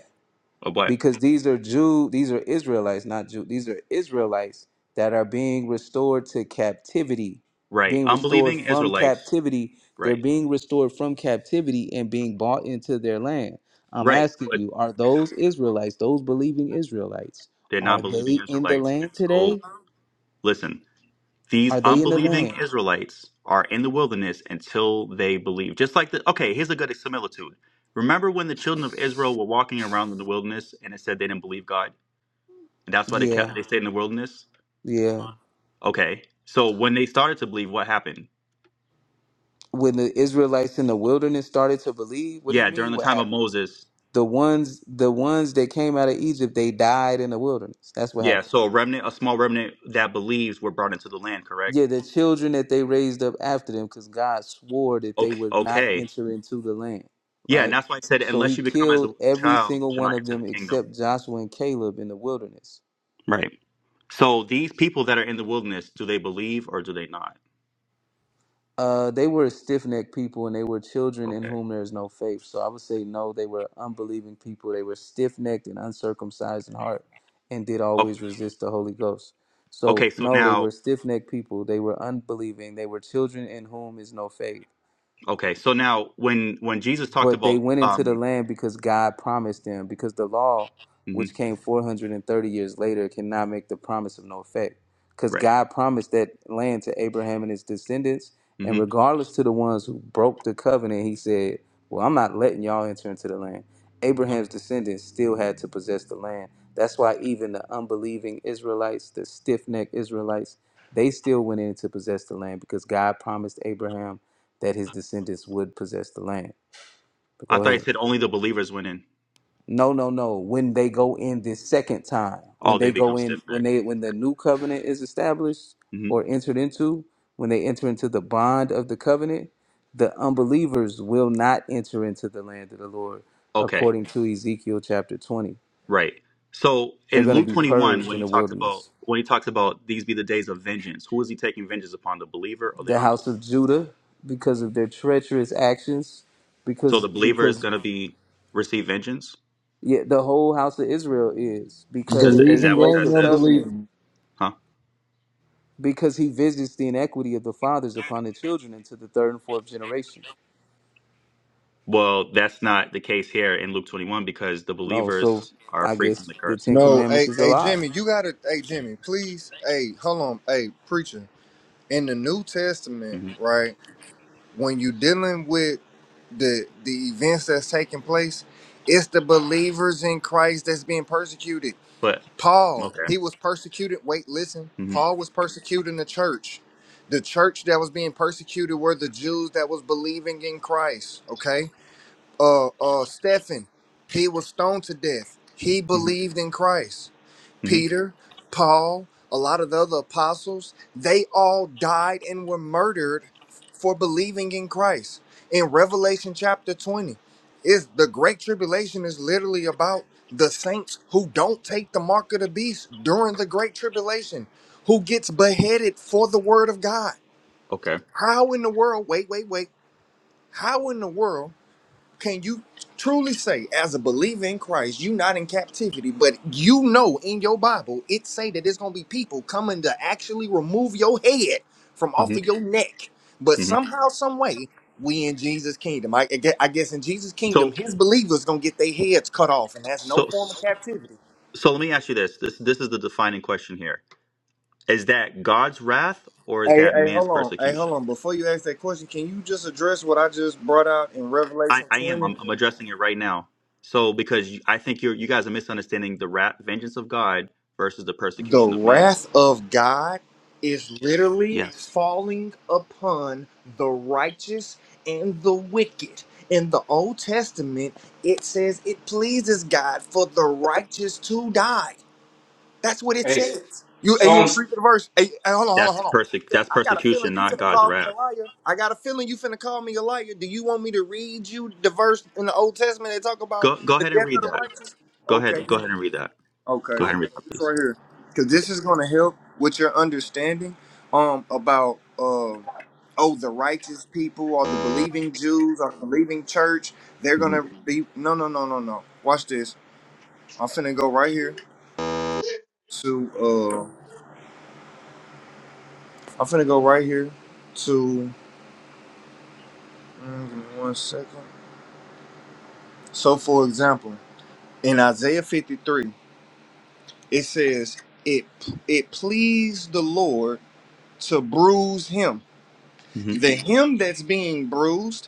Or what? because these are Jew, these are Israelites, not Jew, these are Israelites that are being restored to captivity, Right. being restored Unbelieving from Israelites. captivity. They're Right. being restored from captivity and being bought into their land. I'm Right. asking But you, are those Israelites, those believing Israelites, they're are not believing they in the Israelites. And land so, today? listen. These Are they in the unbelieving land? Israelites are in the wilderness until they believe. Just like the okay, here's a good similitude. Remember when the children of Israel were walking around in the wilderness and it said they didn't believe God? And that's why they Yeah, kept they stayed in the wilderness? yeah. Okay. So when they started to believe, what happened? When the Israelites in the wilderness started to believe, what do you Yeah, during mean the what time of happened? Moses. The ones the ones that came out of Egypt, they died in the wilderness. That's what Yeah, happened. so a remnant, a small remnant that believes were brought into the land, correct? Yeah, the children that they raised up after them, because God swore that they Okay. would not Okay. enter into the land, Yeah, and right? that's why I said So unless he you become as a killed little every child, you single should one not of enter them the kingdom. except Joshua and Caleb in the wilderness. Right. So these people that are in the wilderness, do they believe or do they not? Uh, they were stiff necked people and they were children in Okay. whom there is no faith. So I would say no, they were unbelieving people. They were stiff necked and uncircumcised in heart and did Oh, always resist the Holy Ghost. okay. So So no, they now, were stiff necked people. They were unbelieving. They were children in whom is no faith. okay. So now, when when Jesus talked But they about, went into the um, land because God promised them, because the law, hmm which came 430 years later, cannot make the promise of no effect. Because right. God promised that land to Abraham and his descendants, and hmm regardless to the ones who broke the covenant, he said, Well, I'm not letting y'all enter into the land. Abraham's descendants still had to possess the land. That's why even the unbelieving Israelites, the stiff necked Israelites, they still went in to possess the land because God promised Abraham that his descendants would possess the land. But I go thought he ahead. said only the believers went in. No, no, no. When they go in this second time, when Oh, they they go become in, stiff when necked. they when the new covenant is established hmm or entered into, when they enter into the bond of the covenant, the unbelievers will not enter into the land of the Lord, Okay. according to Ezekiel chapter twenty. Right. So They're in going to Luke be twenty one, purged when in he the talks about wilderness. when he talks about these be the days of vengeance, who is he taking vengeance upon? The believer or the The house unbeliever? of Judah, because of their treacherous actions, So because the believer is because going to be receive vengeance. yeah, the whole house of Israel is Does because it, is they that believing what broke that and the says? covenant unbelieving? Huh? because he visits the inequity of the fathers upon the children into the third and fourth generation. Well, that's not the case here in Luke twenty one because the Oh, so believers are I free from guess the the curse. Ten No, Commandments hey, is a hey, lie. Jimmy, you gotta, hey, Jimmy, please, hey, hold on, hey, preacher. In the New Testament, Mm-hmm. right, when you dealing with the the events that's taking place, it's the believers in Christ that's being persecuted. But Paul, okay. he was persecuted. Wait, listen. hmm Paul was persecuting the church. The church that was being persecuted were the Jews that was believing in Christ. Okay. Uh uh Stephen, he was stoned to death. He hmm believed in Christ. hmm Peter, Paul, a lot of the other apostles, they all died and were murdered for believing in Christ. In Revelation chapter 20, is the great tribulation is literally about the saints who don't take the mark of the beast during the great tribulation, who gets beheaded for the word of God. Okay. How in the world, wait, wait, wait, how in the world can you truly say as a believer in christ you not in captivity but you know in your bible it say that there's gonna be people coming to actually remove your head from off hmm of your neck but hmm somehow some way we in jesus kingdom i, I gue- I guess in jesus kingdom So his believers gonna get their heads cut off and that's no so form of so captivity let me ask you this. This this is the defining question here. Is that God's wrath or is hey that hey man's hold on hey hold persecution? on before you ask that question can you just address what i just brought out in I, revelation I am. 20 I'm, I'm addressing it right now. So because you, I think you're you guys are misunderstanding the wrath vengeance of God versus the The persecution of man. wrath of God is literally Yes. falling upon the righteous and the wicked. In the Old Testament, it says it pleases God for the righteous to die. That's what it hey, says. You, hey, you want to Psalms. read the verse? Hey, hey, hold on, hold on, That's hold persec on. that's I got a feeling persecution, you not finna God's call me a wrath. liar. I got a feeling you finna call me a liar. Do you want me to read you the verse in the Old Testament that talk about Go go the ahead and death of read the that. righteous? Go ahead. Okay. Go ahead and read that. Okay. Go ahead and read So that, this please. right here, because Go this ahead. is going to help with your understanding um about uh oh the righteous people or the believing Jews or the believing church. They're going hmm to be no no no no no. Watch this. I'm finna go right here to uh I'm finna go right here to mm, give me one second. So for example, in Isaiah 53, it says it it pleased the Lord to bruise him hmm the him that's being bruised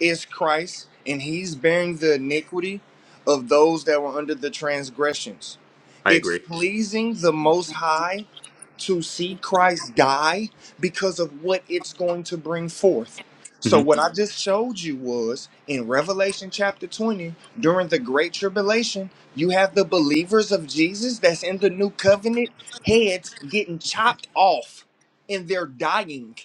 is Christ, and he's bearing the iniquity of those that were under the transgressions. I It's agree. pleasing the Most High to see Christ die because of what it's going to bring forth. Mm-hmm. So, what I just showed you was in Revelation chapter 20, during the Great Tribulation, you have the believers of Jesus that's in the new covenant heads getting chopped off and they're dying.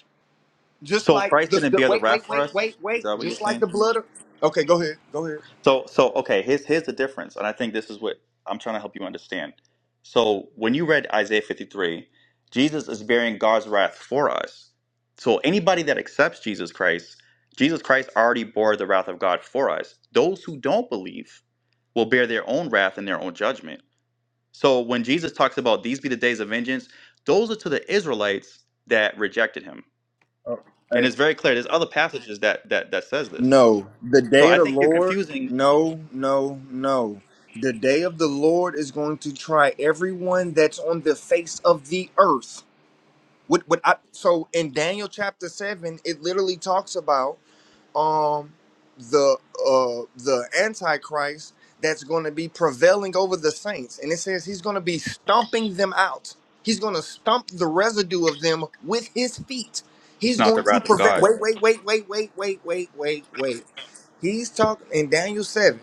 Just So like Christ the, didn't the bear the wait, wrath wait, for wait, wait, us. Is that wait. what you're Just like saying? the blood of. Okay, go ahead. Go ahead. So so okay, here's here's the difference, and I think this is what I'm trying to help you understand. So when you read Isaiah 53, Jesus is bearing God's wrath for us. So anybody that accepts Jesus Christ, Jesus Christ already bore the wrath of God for us. Those who don't believe will bear their own wrath and their own judgment. So when Jesus talks about these be the days of vengeance, those are to the Israelites that rejected him. Oh, And hey. it's very clear. There's other passages that that that says this. No, the So day of I the think you're Lord, confusing. no, no, no. The day of the Lord is going to try everyone that's on the face of the earth. What, what I, so in Daniel chapter 7, it literally talks about um the uh the antichrist that's going to be prevailing over the saints and it says he's going to be stomping them out he's going to stomp the residue of them with his feet It's he's not going the to wrath of prevent God. wait wait wait wait wait wait wait wait wait he's talking in daniel 7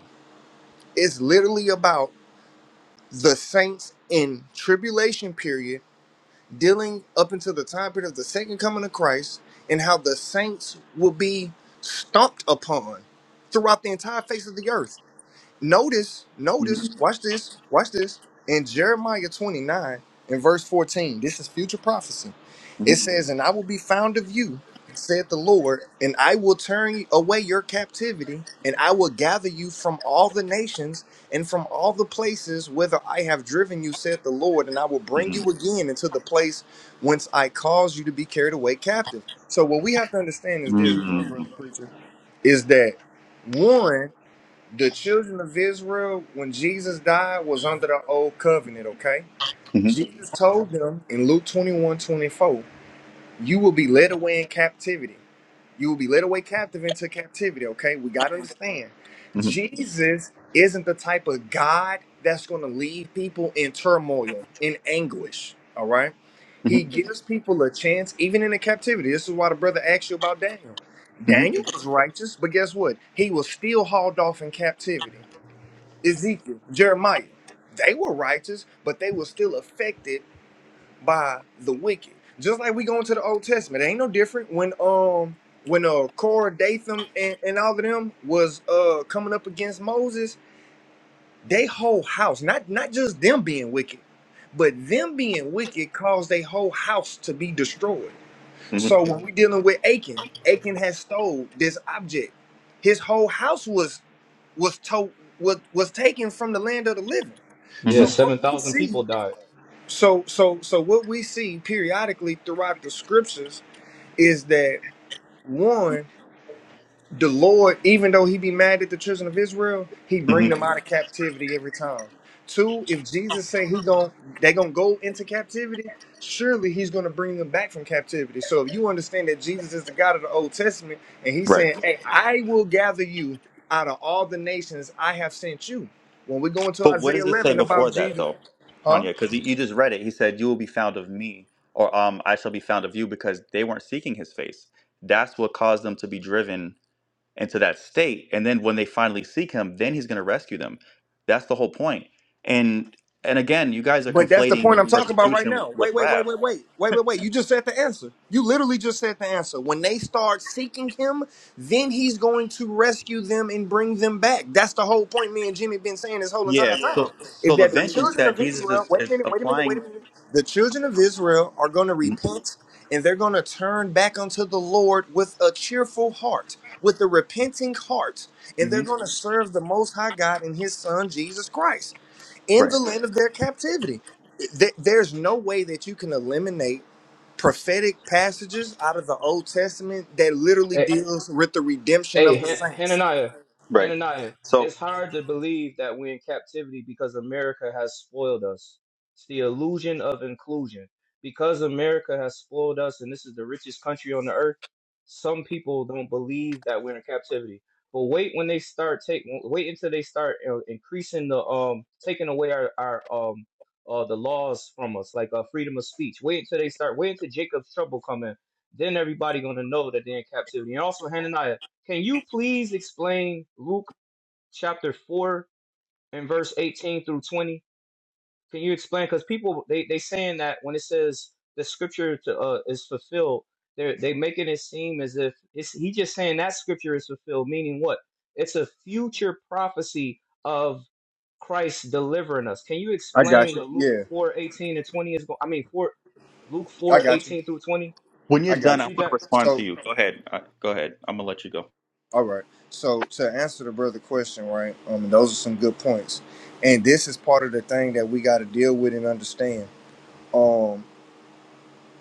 it's literally about the saints in tribulation period dealing up until the time period of the second coming of Christ and how the saints will be stomped upon throughout the entire face of the earth Notice, Mhm, notice, watch this, watch this. In Jeremiah 29, in verse 14, this is future prophecy. It mhm, says, And I will be found of you, saith the Lord, and I will turn away your captivity, and I will gather you from all the nations and from all the places whither I have driven you, saith the Lord, and I will bring you mhm, again into the place whence I caused you to be carried away captive. So, what we have to understand mhm, is this, uh, brother mhm, preacher, is that one. The children of Israel, when Jesus died, was under the old covenant, okay? mhm, Jesus told them in Luke 21 24, you will be led away in captivity. You will be led away captive into captivity, okay? We got to understand. mhm, Jesus isn't the type of God that's going to leave people in turmoil, in anguish, all right? He gives people a chance, even in the captivity. This is why the brother asked you about Daniel. mhm, Daniel was righteous, but guess what? He was still hauled off in captivity. Ezekiel, Jeremiah, they were righteous, but they were still affected by the wicked. Just like we go into the Old Testament, it ain't no different when um when uh Korah, Dathan, and, and all of them was uh coming up against Moses, they whole house, not not just them being wicked, but them being wicked caused their whole house to be destroyed. mhm, So when we dealing with Achan, Achan has stole this object. His whole house was was told was was taken from the land of the living. Yeah, So mhm, what we 7,000 people see, died. so so so what we see periodically throughout the scriptures is that one the Lord, even though he be mad at the children of Israel, he bring mhm. them out of captivity every time. Two, if Jesus say he gon' they gonna go into captivity, surely he's gonna bring them back from captivity. So if you understand that Jesus is the God of the Old Testament, and he's Right. saying, "Hey, I will gather you out of all the nations I have sent you." When we go into But what Isaiah does it say 11 before about that, Jesus, though, huh? Hanya? Because you just read it. He said, "You will be found of me," or um, "I shall be found of you," because they weren't seeking His face. That's what caused them to be driven into that state. And then when they finally seek Him, then He's going to rescue them. That's the whole point. And and again, you guys are But that's the point conflating I'm talking about right persecution now. Wait, with wait, wait, wrath. wait, wait, wait, wait, wait. You just said the answer. You literally just said the answer. When they start seeking him, then he's going to rescue them and bring them back. That's the whole point. Me and Jimmy been saying this whole entire Yeah, time so is so the that the vengeance children that of Jesus Israel. is, Wait a is minute. Wait a minute. Wait a applying. minute. The children of Israel are going to repent and they're going to turn back unto the Lord with a cheerful heart, with a repenting heart, and they're hmm going to serve the Most High God and His Son Jesus Christ in the Right, land of their captivity. Th- There's no way that you can eliminate prophetic passages out of the Old Testament that literally deals with the redemption Hey, of the Han- saints. Hananiah, right. Hananiah, So it's hard to believe that we're in captivity because America has spoiled us. It's the illusion of inclusion. Because America has spoiled us and this is the richest country on the earth, some people don't believe that we're in captivity. But wait when they start take wait until they start uh, increasing the um taking away our our um uh the laws from us like uh freedom of speech. Wait until they start wait until Jacob's trouble come in. Then everybody gonna know that they're in captivity. And also Hananiah can you please explain Luke chapter 4 and verse 18 through 20? Can you explain? Because people, they, they saying that when it says the scripture to, uh, is fulfilled, they they making it seem as if it's, he just saying that scripture is fulfilled, meaning what? It's a future prophecy of Christ delivering us. Can you I explain got you. what Luke Yeah, 4 18 and 20 is going, I mean, 4, Luke I four got you. 18 through 20? when you're I done, got I you. Read want to that. respond to So, you. Go ahead. Uh, go ahead. I'm gonna let you go. all right. So, to answer the brother question, right? Um, those are some good points, and this is part of the thing that we got to deal with and understand. Um.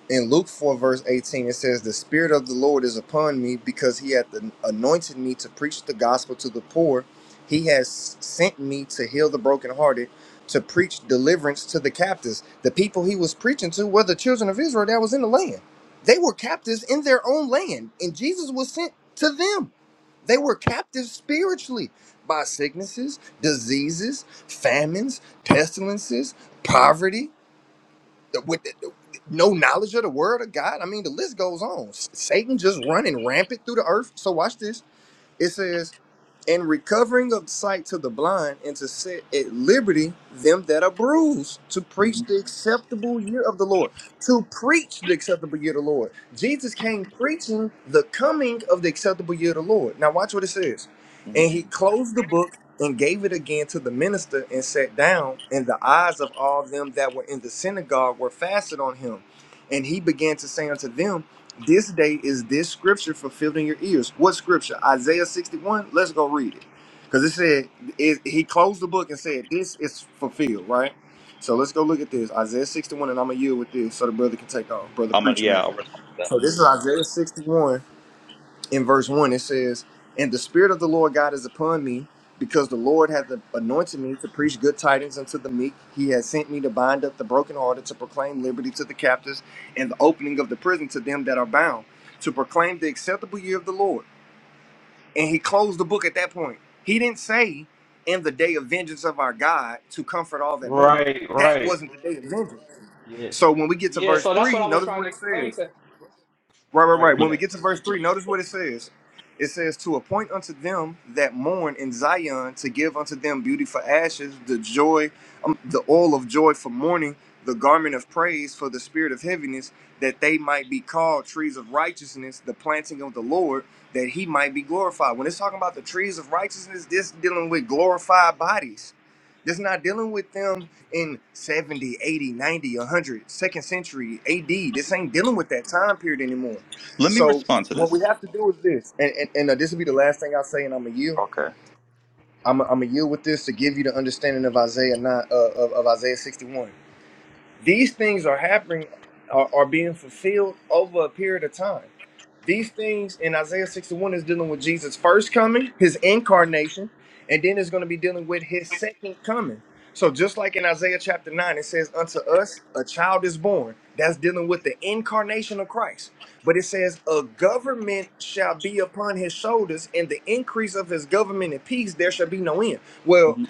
in Luke 4, verse 18, it says, The Spirit of the Lord is upon me because he hath anointed me to preach the gospel to the poor. He has sent me to heal the brokenhearted, to preach deliverance to the captives. The people he was preaching to were the children of Israel that was in the land. They were captives in their own land, and Jesus was sent to them. They were captives spiritually by sicknesses, diseases, famines, pestilences, poverty with no knowledge of the word of God. I mean, the list goes on. S- Satan just running rampant through the earth. So watch this. It says and recovering of sight to the blind, and to set at liberty them that are bruised, to preach hmm the acceptable year of the Lord. To preach the acceptable year of the Lord. Jesus came preaching the coming of the acceptable year of the Lord. Now, watch what it says. hmm And he closed the book and gave it again to the minister and sat down, and the eyes of all them that were in the synagogue were fastened on him. And he began to say unto them, this day is this scripture fulfilled in your ears. What scripture? Isaiah 61. Let's go read it. Because it said, it, he closed the book and said, This is fulfilled, right? So let's go look at this. Isaiah 61, and I'm going to yield with this so the brother can take off. Brother I'm gonna. Preacher Man. Yeah. I'll res- So this is Isaiah 61 in verse 1 it says and the spirit of the lord god is upon me because the lord hath anointed me to preach good tidings unto the meek he has sent me to bind up the brokenhearted to proclaim liberty to the captives and the opening of the prison to them that are bound to proclaim the acceptable year of the lord and he closed the book at that point he didn't say in the day of vengeance of our god to comfort all that mourn Right, that right. wasn't the day of vengeance Yeah. so when we get to Yeah, verse so that's 3 what I was notice trying what to it explain says to Right, right, Right, right. read let, When we that. get to verse 3, notice what it says. It says, To appoint unto them that mourn in Zion, to give unto them beauty for ashes, the joy, um, the oil of joy for mourning, the garment of praise for the spirit of heaviness, that they might be called trees of righteousness, the planting of the Lord, that he might be glorified. When it's talking about the trees of righteousness, this dealing with glorified bodies. This not dealing with them in 70, 80, 100, second century AD. This ain't dealing with that time period anymore. let me So respond to what this. we have to do is this, and and, and uh, this will be the last thing I say, and I'm a yield. Okay. I'm a, I'm a yield with this to give you the understanding of Isaiah nine uh, of, of Isaiah 61. These things are happening, are, are being fulfilled over a period of time. These things in Isaiah 61 is dealing with Jesus' first coming, his incarnation, and then it's going to be dealing with his second coming. So, just like in Isaiah chapter 9, it says, Unto us a child is born. That's dealing with the incarnation of Christ. But it says, A government shall be upon his shoulders, and the increase of his government and peace there shall be no end. Well, hmm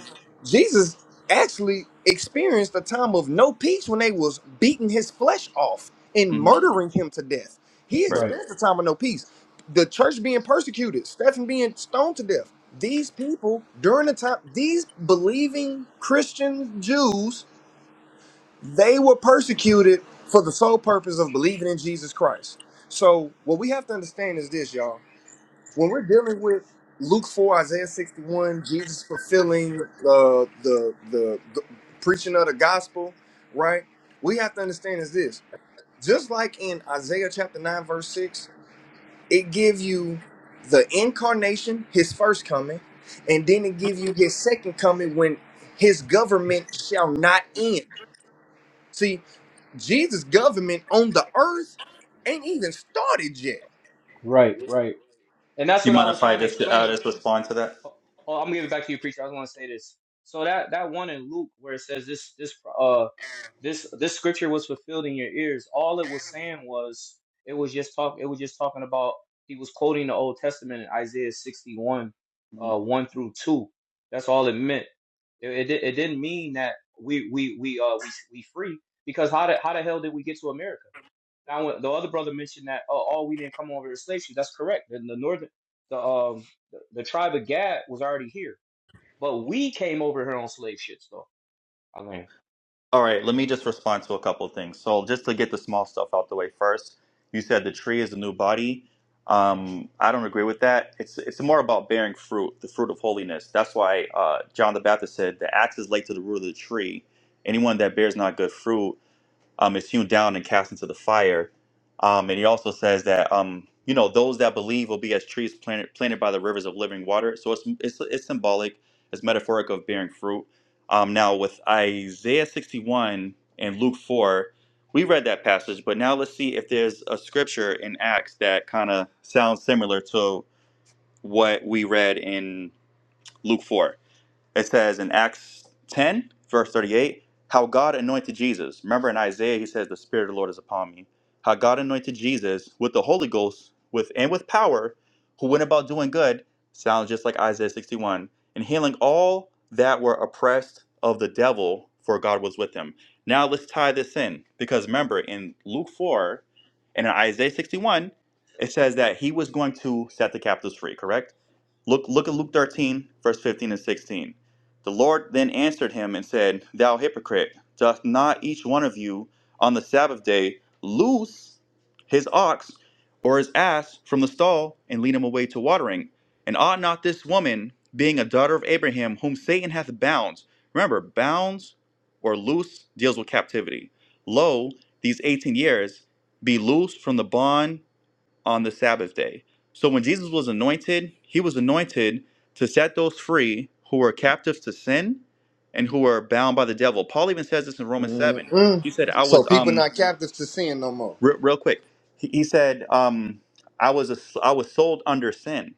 Jesus actually experienced a time of no peace when they was beating his flesh off and hmm murdering him to death. He Right. Right, experienced a time of no peace. The church being persecuted, Stephen being stoned to death. These people during the time, these believing Christian Jews, they were persecuted for the sole purpose of believing in Jesus Christ. So what we have to understand is this, y'all when we're dealing with Luke four, Isaiah sixty one, Jesus fulfilling uh, the, the the preaching of the gospel, right? We have to understand is this: just like in Isaiah chapter nine verse six, it give you the incarnation, His first coming, and then it give you His second coming when His government shall not end. See, Jesus' government on the earth ain't even started yet. right, right. And that's Do you what I mind was if I trying to just I explain. just respond to that? Oh, oh, I'm gonna give it back to you, preacher. I just want to say this. So that that one in Luke where it says this this uh this this scripture was fulfilled in your ears. All it was saying was it was just talk. It was just talking about he was quoting the Old Testament in Isaiah 61, Mm-hmm. uh, one through two. That's all it meant. It it, di- it didn't mean that we we we uh we we free because how the how the hell did we get to America? Now, when the other brother mentioned that, oh, oh, we didn't come over as slave ships. That's correct. The, the northern, the um, the, the tribe of Gad was already here, but we came over here on slave ships, though. I mean, All right, let me just respond to a couple of things. So, just to get the small stuff out the way first, you said the tree is the new body. Um, I don't agree with that. It's it's more about bearing fruit, the fruit of holiness. That's why uh, John the Baptist said the axe is laid to the root of the tree. Anyone that bears not good fruit um, is hewn down and cast into the fire. Um, and he also says that um, you know those that believe will be as trees planted planted by the rivers of living water. So it's it's, it's symbolic, it's metaphoric of bearing fruit. Um, now with Isaiah 61 and Luke 4, we read that passage, but now let's see if there's a scripture in Acts that kind of sounds similar to what we read in Luke 4. It says in Acts 10, verse 38, how God anointed Jesus. Remember in Isaiah, he says, The Spirit of the Lord is upon me. How God anointed Jesus with the Holy Ghost with and with power, who went about doing good, sounds just like Isaiah 61, and healing all that were oppressed of the devil, for God was with him. Now let's tie this in, because remember in Luke 4 and in Isaiah 61, it says that he was going to set the captives free, correct? Look, look at Luke 13, verse 15 and 16. The Lord then answered him and said, Thou hypocrite, doth not each one of you on the Sabbath day loose his ox or his ass from the stall and lead him away to watering? And ought not this woman, being a daughter of Abraham, whom Satan hath bound, remember, bounds or loose deals with captivity, lo, these 18 years, be loosed from the bond on the Sabbath day. So when Jesus was anointed, he was anointed to set those free who were captives to sin and who were bound by the devil. Paul even says this in Romans 7. Mm-mm. He said, I So was, people um, not captives to sin no more. re- real quick, he, he said, um, I was, a, I was sold under sin.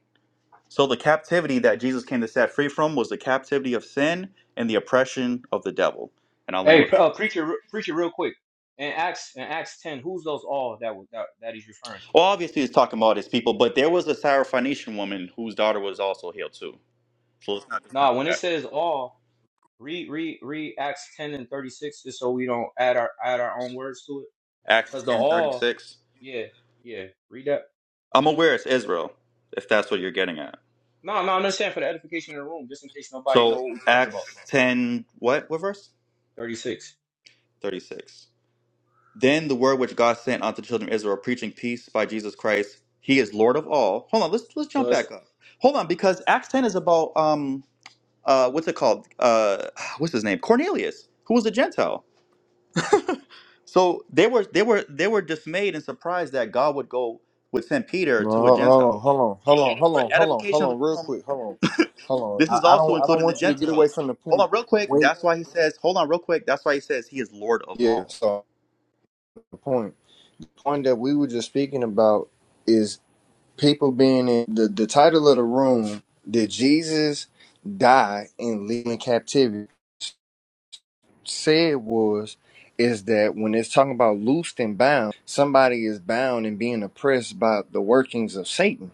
So the captivity that Jesus came to set free from was the captivity of sin and the oppression of the devil. And I'll land hey, with that. uh, preacher, preacher, real quick. In Acts, in Acts ten, who's those all that was that, that he's referring to? Well, obviously, he's talking about his people, but there was a Syrophoenician woman whose daughter was also healed too. So let's not discount Nah, when that. it says all, read, read, read Acts ten and thirty six, just so we don't add our add our own words to it, Acts because the ten thirty all, six. yeah, yeah, read that. I'm aware it's Israel, if that's what you're getting at. No, no, I'm just saying for the edification of the room, just in case nobody So know what we're talking about. Acts ten what what verse? Thirty six. Thirty six. Then the word which God sent unto the children of Israel, preaching peace by Jesus Christ, He is Lord of all. Hold on, let's let's So jump it's back up. Hold on, because Acts ten is about um uh what's it called uh what's his name Cornelius, who was a Gentile. So they were they were they were dismayed and surprised that God would go would send Peter No, to a hold on, Gentile. hold on, hold So on, hold for on, hold on, edification hold of the on, real room, quick, hold on, hold This on. is I, I also don't, I don't including the want you to get away Gentiles. from the Hold point. on, real quick. Wait, That's why he says. Hold on, real quick. That's why he says he is Lord of yeah. all. So the point, point that we were just speaking about is people being in the the title of the room. Did Jesus die and leave in captivity? Said was is that when it's talking about loosed and bound, somebody is bound and being oppressed by the workings of Satan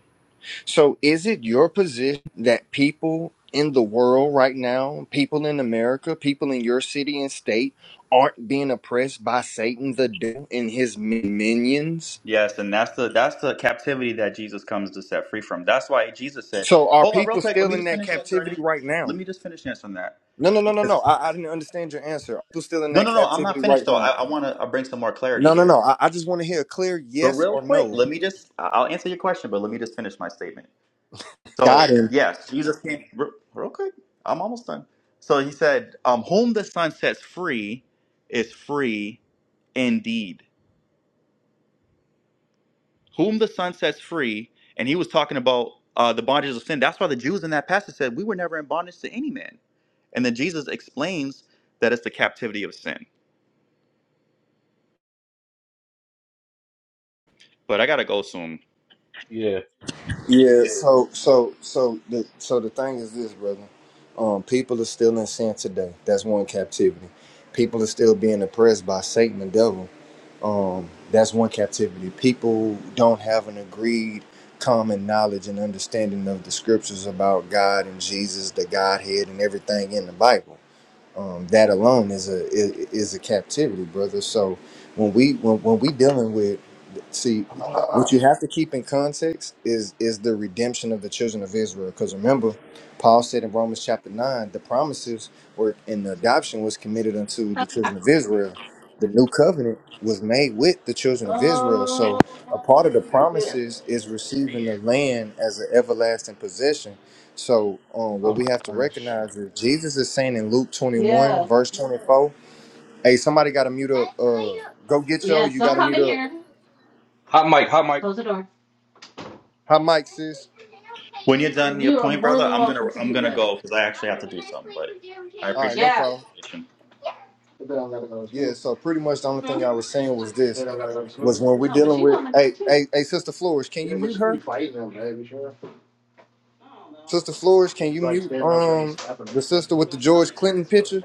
So, is it your position that people in the world right now, people in America, people in your city and state, aren't being oppressed by Satan the devil and his minions? Yes, and that's the that's the captivity that Jesus comes to set free from. That's why Jesus said. So, are Hold on, real people quick. Let still me in just that finish answering captivity it. right Let now? me just finish answering that. No, no, no, no, no. It's- I, I didn't understand your answer. Are people still in No, that no, no. I'm captivity not finished right though. I, now? I want to bring some more clarity No, no, here. no. I, I just want to hear a clear But yes real or quick, no. let me just. I- I'll answer your question, but let me just finish my statement. Got So him. yes, Jesus came. Real, real quick. I'm almost done. So he said, um, "Whom the Son sets free is free indeed. Whom the Son sets free, and he was talking about uh, the bondages of sin. That's why the Jews in that passage said, We were never in bondage to any man. And then Jesus explains that it's the captivity of sin. But I gotta go soon. yeah. Yeah, so so so the so the thing is this, brother. Um, people are still in sin today. That's one captivity. People are still being oppressed by Satan and devil. Um, that's one captivity. People don't have an agreed common knowledge and understanding of the scriptures about God and Jesus, the Godhead, and everything in the Bible um, that alone is a is, is a captivity, brother. So when we when, when we dealing with see what you have to keep in context is is the redemption of the children of Israel. Because remember, Paul said in Romans chapter nine, the promises were and the adoption was committed unto the children of Israel. The new covenant was made with the children of Israel. So a part of the promises is receiving the land as an everlasting possession so um, what we have to recognize is Jesus is saying in Luke 21, verse 24, hey, somebody got to mute up. Uh, go get yo, you got to mute up. Hot Mike, Hot Mike. Hi, Mike, sis. When you're done your point, brother, I'm gonna I'm gonna go because I actually have to do something. But I All right, appreciate no the problem. conversation. They don't gotta go to Yeah, school. so pretty much the only thing I was saying was They this, don't gotta go to school. was when we're dealing with, hey, hey, hey, Sister Flores, can you Yeah, but mute you be her? fighting them, man. You sure? Sister Flores, can you It's like mute standing over them and um slapping them. the so. sister with the George Clinton picture?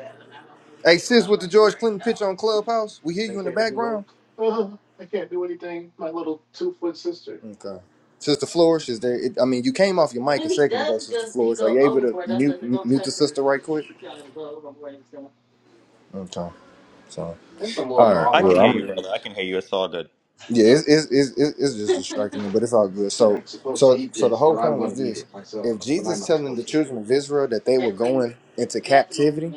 Hey, sis, with the George Clinton picture on Clubhouse, we And hear they you in the can't do background. like, oh, I can't do anything. My little two foot sister. Okay. Sister Flourish, is there? It, I mean, you came off your mic a second ago, Sister Flourish. Are you able to mute m- mute the sister right quick? Okay. So, There's some little all hall right. I Well, can hear monitor you, I'm. brother. I dudes. can hear you. It's all good. Yeah, it's it's it's, it's it's just distracting me, but it's all good. You're So, not supposed to so eat so the this, whole but I'm point was gonna eat this: it myself. if But I'm Jesus not telling the supposed to eat it. children of Israel that they were going into captivity,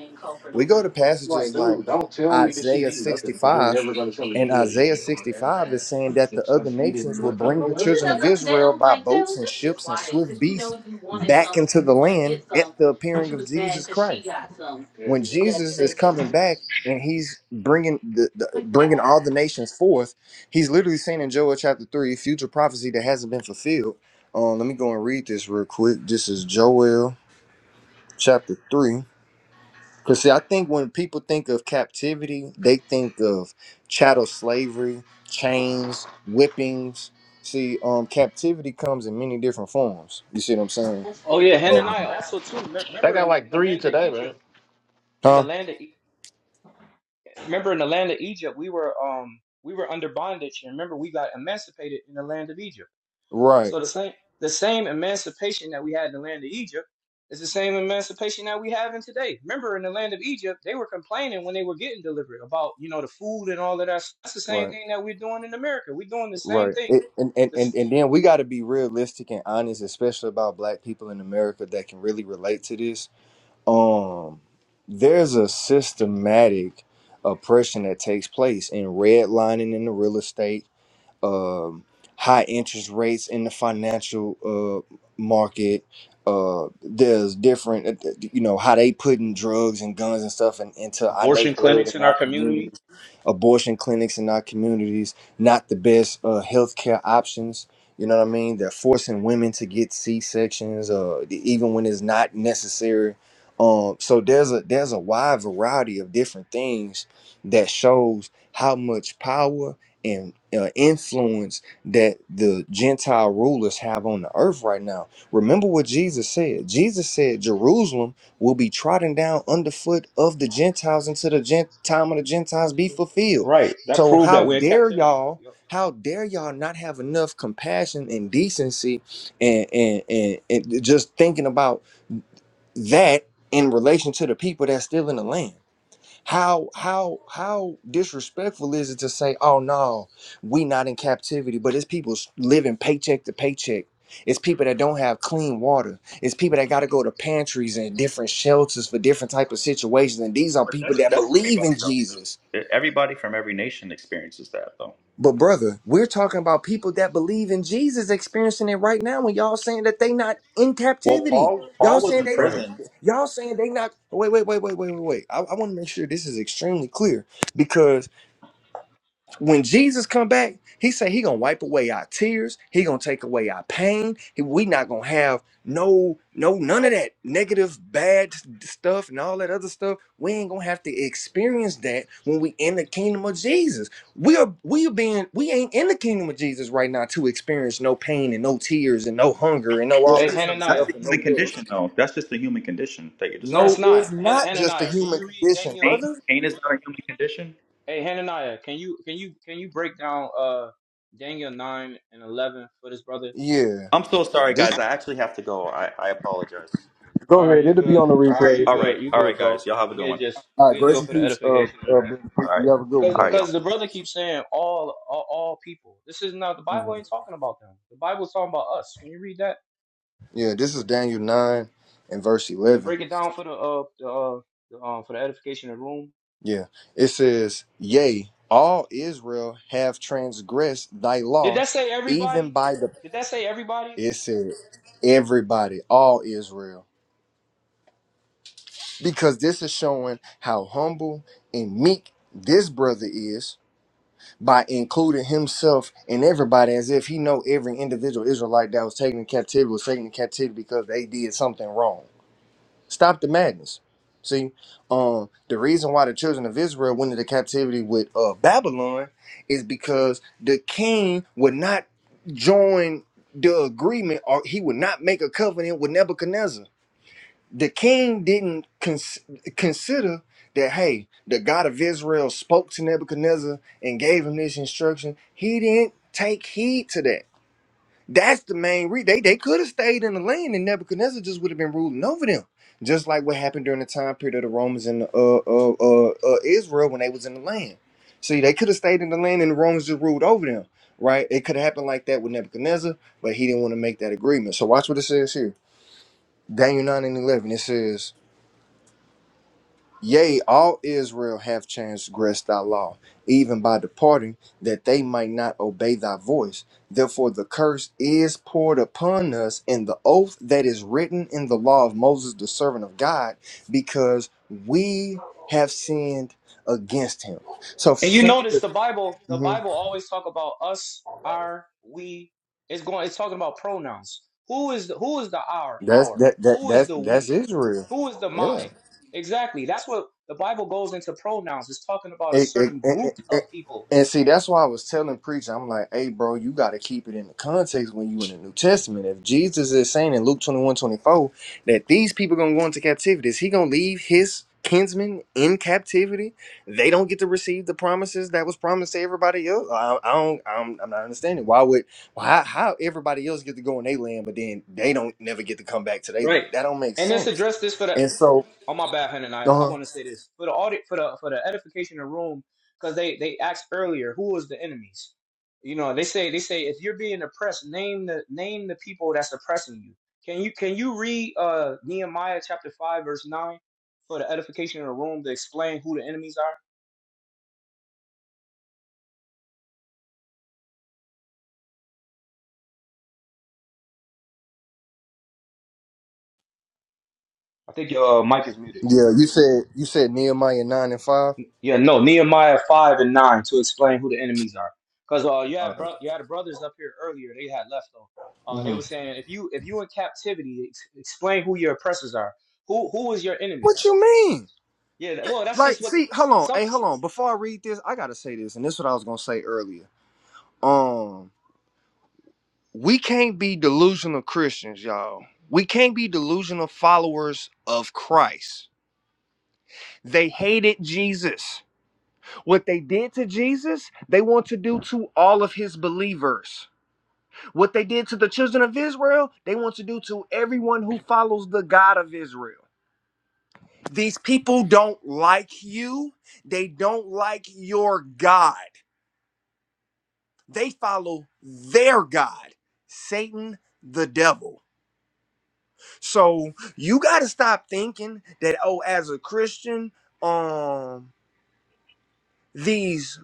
We go to I'm like, passages like dude, don't tell me that she's Isaiah eating nothing because you're 65, never gonna tell me that and you were eating Isaiah it or ever 65 is ask. saying that If the she's other eat it and be nations will like, I don't bring know the what. children of Israel by boats and ships and swift beasts back into the land at the appearing of Jesus Christ. Yeah. When Jesus is coming back and he's bringing the, the bringing all the nations forth, he's literally saying in Joel chapter three, future prophecy that hasn't been fulfilled. Um, let me go and read this real quick. This is Joel chapter three. Because see, I think when people think of captivity, they think of chattel slavery, chains, whippings. See, um, captivity comes in many different forms. You see what I'm saying? Oh yeah, Uh, Hananiah also too. Me- I Remember got in, in like the three land of today, man. Egypt, in the huh? land of, E- remember in the land of Egypt, we were um we were under bondage, and remember we got emancipated in the land of Egypt. Right, So the same the same emancipation that we had in the land of Egypt is the same emancipation that we have in today. Remember in the land of Egypt, they were complaining when they were getting delivered about you know the food and all of that. That's the same right, thing that we're doing in America. We're doing the same right. thing. It, and, and and This and then we got to be realistic and honest, especially about Black people in America that can really relate to this. Um, there's a systematic oppression that takes place in redlining in the real estate um, high interest rates in the financial uh, market. Uh, there's different, uh, uh, you know, how they putting drugs and guns and stuff in, into our abortion neighborhood clinics and in our our communities communities, abortion clinics in our communities, not the best uh, healthcare options. You know what I mean? They're forcing women to get C sections, uh, even when it's not necessary. Um, so there's a there's a wide variety of different things that shows how much power and uh, influence that the Gentile rulers have on the earth right now. Remember what Jesus said. Jesus said Jerusalem will be trodden down underfoot of the Gentiles until the gent- time of the Gentiles be fulfilled. Right. That So proved that how we're in dare captivity. y'all? Yep. How dare y'all not have enough compassion and decency and, and, and, and just thinking about that in relation to the people that's still in the land? How how how disrespectful is it to say, "Oh no, we not in captivity," but it's people s- living paycheck to paycheck. It's people that don't have clean water. It's people that got to go to pantries and different shelters for different type of situations. And these are But people that's that that's believe everybody in though. Jesus. Everybody from every nation experiences that though. But brother, we're talking about people that believe in Jesus experiencing it right now. When y'all saying that they not in Well, captivity, Paul Paul y'all was saying in they don't. Right. prison Y'all saying they not. Wait, wait, wait, wait, wait, wait, wait. I, I want to make sure this is extremely clear because when Jesus come back, he say he gonna wipe away our tears. He gonna take away our pain. He- We not gonna have no, no, none of that negative, bad s- stuff and all that other stuff. We ain't gonna have to experience that when we in the kingdom of Jesus. We are, we are being, we ain't in the kingdom of Jesus right now to experience no pain and no tears and no hunger and no all Well, of Hey, that's, this other that's Hananiah. the stuff and no human Re- death. condition, though. That's just the human condition that you're No, No, it's describing. it's not. Han- not just a Hananiah, can human you read condition, Daniel? Pain, brother. pain is not a human condition. Hey, Hananiah, can you can you can you break down uh Daniel nine and eleven for this brother? Yeah, I'm so sorry, this guys. I actually have to go. I, I apologize. Go All right, ahead. you It'll be on good. the All right, replay. you All right, good. You all right, good, bro. guys. Y'all have a good We'll one. just All right, we'll do grace it and for the peace. Uh, edification of uh, the people. Ben, All right, you have a good one, Cause, all bro. right, y'all. cause the brother keeps saying all, all all people. This is not the hmm Bible ain't talking about them. The Bible's talking about us. Can you read that Yeah, this is Daniel nine and verse and eleven. break it down for the uh the uh, the, uh for the edification of the room? Yeah, it says, "Yea, all Israel have transgressed thy Did law, that say even everybody? by the." Did that say everybody? It said, "Everybody, all Israel," because this is showing how humble and meek this brother is by including himself and everybody as if he know every individual Israelite that was taken in captivity was taken in captivity because they did something wrong. Stop the madness. See, um, the reason why the children of Israel went into captivity with uh, Babylon is because the king would not join the agreement, or he would not make a covenant with Nebuchadnezzar. The king didn't cons- consider that. Hey, the God of Israel spoke to Nebuchadnezzar and gave him this instruction. He didn't take heed to that that's the main reason. They, they could have stayed in the land and Nebuchadnezzar just would have been ruling over them. Just like what happened during the time period of the Romans and uh, uh, uh, uh, Israel when they was in the land. See, they could have stayed in the land and the Romans just ruled over them, right? It could have happened like that with Nebuchadnezzar, but he didn't want to make that agreement. So watch what it says here. Daniel 9 and 11. It says, Yea, all Israel have transgressed thy law, even by departing, that they might not obey thy voice. Therefore, the curse is poured upon us in the oath that is written in the law of Moses, the servant of God, because we have sinned against him. So, And you since notice the- the Bible, the Mhm. Bible always talk about us, our, we. It's going it's talking about pronouns. Who is the who is the our, that's our? that that Who is that's the that's we? Israel. Who is the Yeah. my? Exactly. That's what the Bible goes into pronouns. It's talking about a It, it, certain it, group it, of it- people. and see, that's why I was telling preacher, I'm like, hey, bro, you got to keep it in the context when you in the New Testament. If Jesus is saying in Luke 21 24 that these people going to go into captivity, is he going to leave his kinsmen in captivity? They don't get to receive the promises that was promised to everybody else. I, I don't, I'm, I'm not understanding. Why would, why, how how everybody else get to go in their land, but then they don't never get to come back to their Right. land? That don't make And let's sense. address this for the And so, Oh my bad, Hannah. and I I uh-huh. want to say this for the audit for the for the edification of the room because they they asked earlier who was the enemies. You know they say they say if you're being oppressed, name the name the people that's oppressing you. Can you can you read uh Nehemiah chapter five verse nine for the edification of the room to explain who the enemies are? I think your uh, mic is muted. yeah, you said, you said Nehemiah 9 and 5. Yeah, no, Nehemiah five and nine to explain who the enemies are. Because uh, you had Alright. bro- you had the brothers up here earlier. They had left though. Uh, they hmm were saying if you if you in captivity, ex- explain who your oppressors are. Who who is your What enemies? you mean? Yeah, that- well, that's just Like, what see, hold s- on. some. Hey, s- hold on. Before I read this, I gotta say this, and this is what I was gonna say earlier. Um, we can't be delusional Christians, y'all. We can't be delusional followers of Christ. They hated Jesus. What they did to Jesus, they want to do to all of his believers. What they did to the children of Israel, they want to do to everyone who follows the God of Israel. These people don't like you. They don't like your God. They follow their God, Satan, the devil. So you got to stop thinking that, oh, as a Christian, um, these.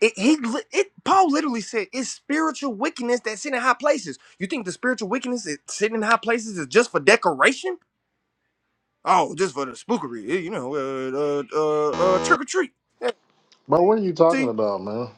It, he, li- it, Paul literally said it's spiritual wickedness that's sitting in high places. You think the spiritual wickedness that's sitting in high places is just for decoration? Oh, just for the spookery, eh, you know, uh, uh, uh, uh, trick or treat. Eh, Bro, what are you talking See. about, man?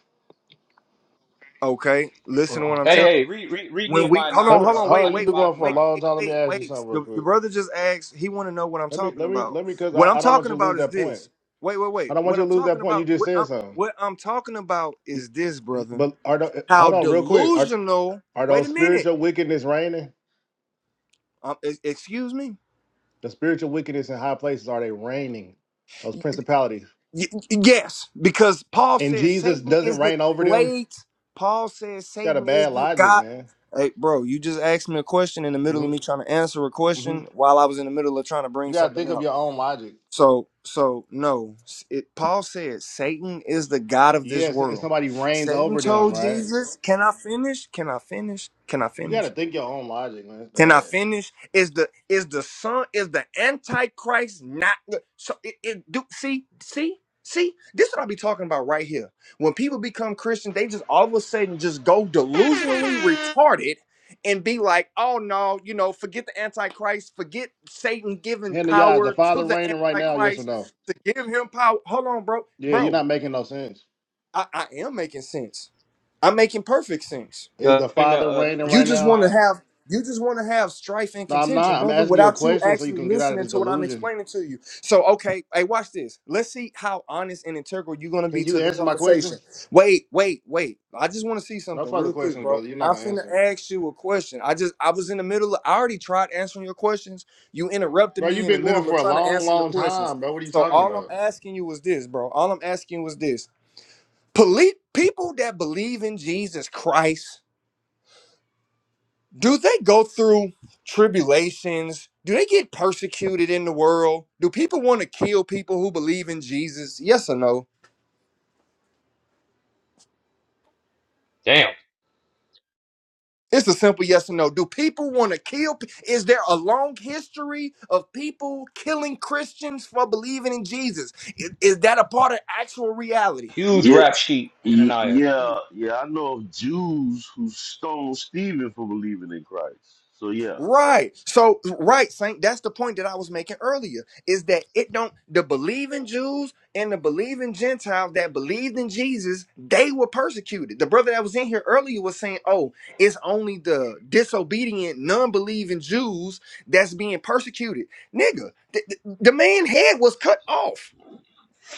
Okay, listen to what I'm Oh. Hey, telling. hey, read read, you. read When we Nehemiah hold Let nine on, me hold on, verse. hold I wait, on. You've mean wait, been wait, five going and for a wait, nine. long wait, time. Let me wait, ask you wait. something real The, the quick. brother just asked. He want to know what I'm Let me talking let me about. let me because What I'm I, I don't want talking you to lose about is that point. this. Wait, wait, I wait. don't want What you to I'm lose that talking point. You about. just What said I'm something. what I'm talking about is this, brother. But are the, How hold on real quick. Are delusional. are Wait those a minute. spiritual wickedness reigning? Um, e- excuse me. The spiritual wickedness in high places are they reigning? Those principalities Y- yes, because Paul and says Jesus Satan doesn't is the reign over them. You wait. Paul says got a Satan is bad the logic, God. man. Hey, bro, you just asked me a question in the middle hmm of me trying to answer a hmm question while I was in the middle of trying to You bring got to something think of out. your own logic. So, so no, S- it, Paul says Satan is the God of this Yes, and world. somebody reigns Satan over them, told right? Jesus, "Can I finish? Can I finish? Can I You finish?" got to think your own logic, man. It's Can I bad. finish? Is the is the son is the antichrist not the- so it, it do see see see this what I be talking about right here. When people become Christian, they just all of a sudden just go delusionally retarded and be like, oh no, you know, forget the antichrist, forget Satan giving Henry, yeah, is the power to father the reigning right now? Yes or antichrist no? to give him power. Hold on, bro, Yeah, you're bro, not making no sense. I, I am making sense. I'm making perfect sense. Is Yeah, the bring the, father uh, let's reigning You bring right just now? want to Nehemiah. have you just want to have strife and No, I'm contention, not. I'm brother, asking you a without you question so you actually can get out of listening this to what I'm delusion. explaining to you. So, okay, hey, watch this. Let's see how honest and integral you're gonna Can be you to the answer my question? conversation. Wait, wait, wait. I just want to see No something further real quick, questions, bro. brother. You're not I'm gonna finna answer, ask you a question. I just I was in the middle of I already tried answering your questions. You interrupted bro. me You've in the been going middle of for a trying to long, answer your long questions. time, bro. What are you So talking all I'm about, asking you was this, bro. All I'm asking was this. Poli- people that believe in Jesus Christ do they go through tribulations? Do they get persecuted in the world? Do people want to kill people who believe in Jesus? Yes or no? Damn, It's a simple yes or no. Do people want to kill? pe- Is there a long history of people killing Christians for believing in Jesus? Is, is that a part of actual reality? huge Yeah, rap sheet, y- Ananiah. yeah, Huge. yeah. I know of Jews who stoned Stephen for believing in Christ. So yeah, Right. So right, Saint, that's the point that I was making earlier. Is that it don't the believing Jews and the believing Gentiles that believed in Jesus, they were persecuted. The brother that was in here earlier was saying, Oh, it's only the disobedient, non-believing Jews that's being persecuted. Nigga, the, the man head was cut off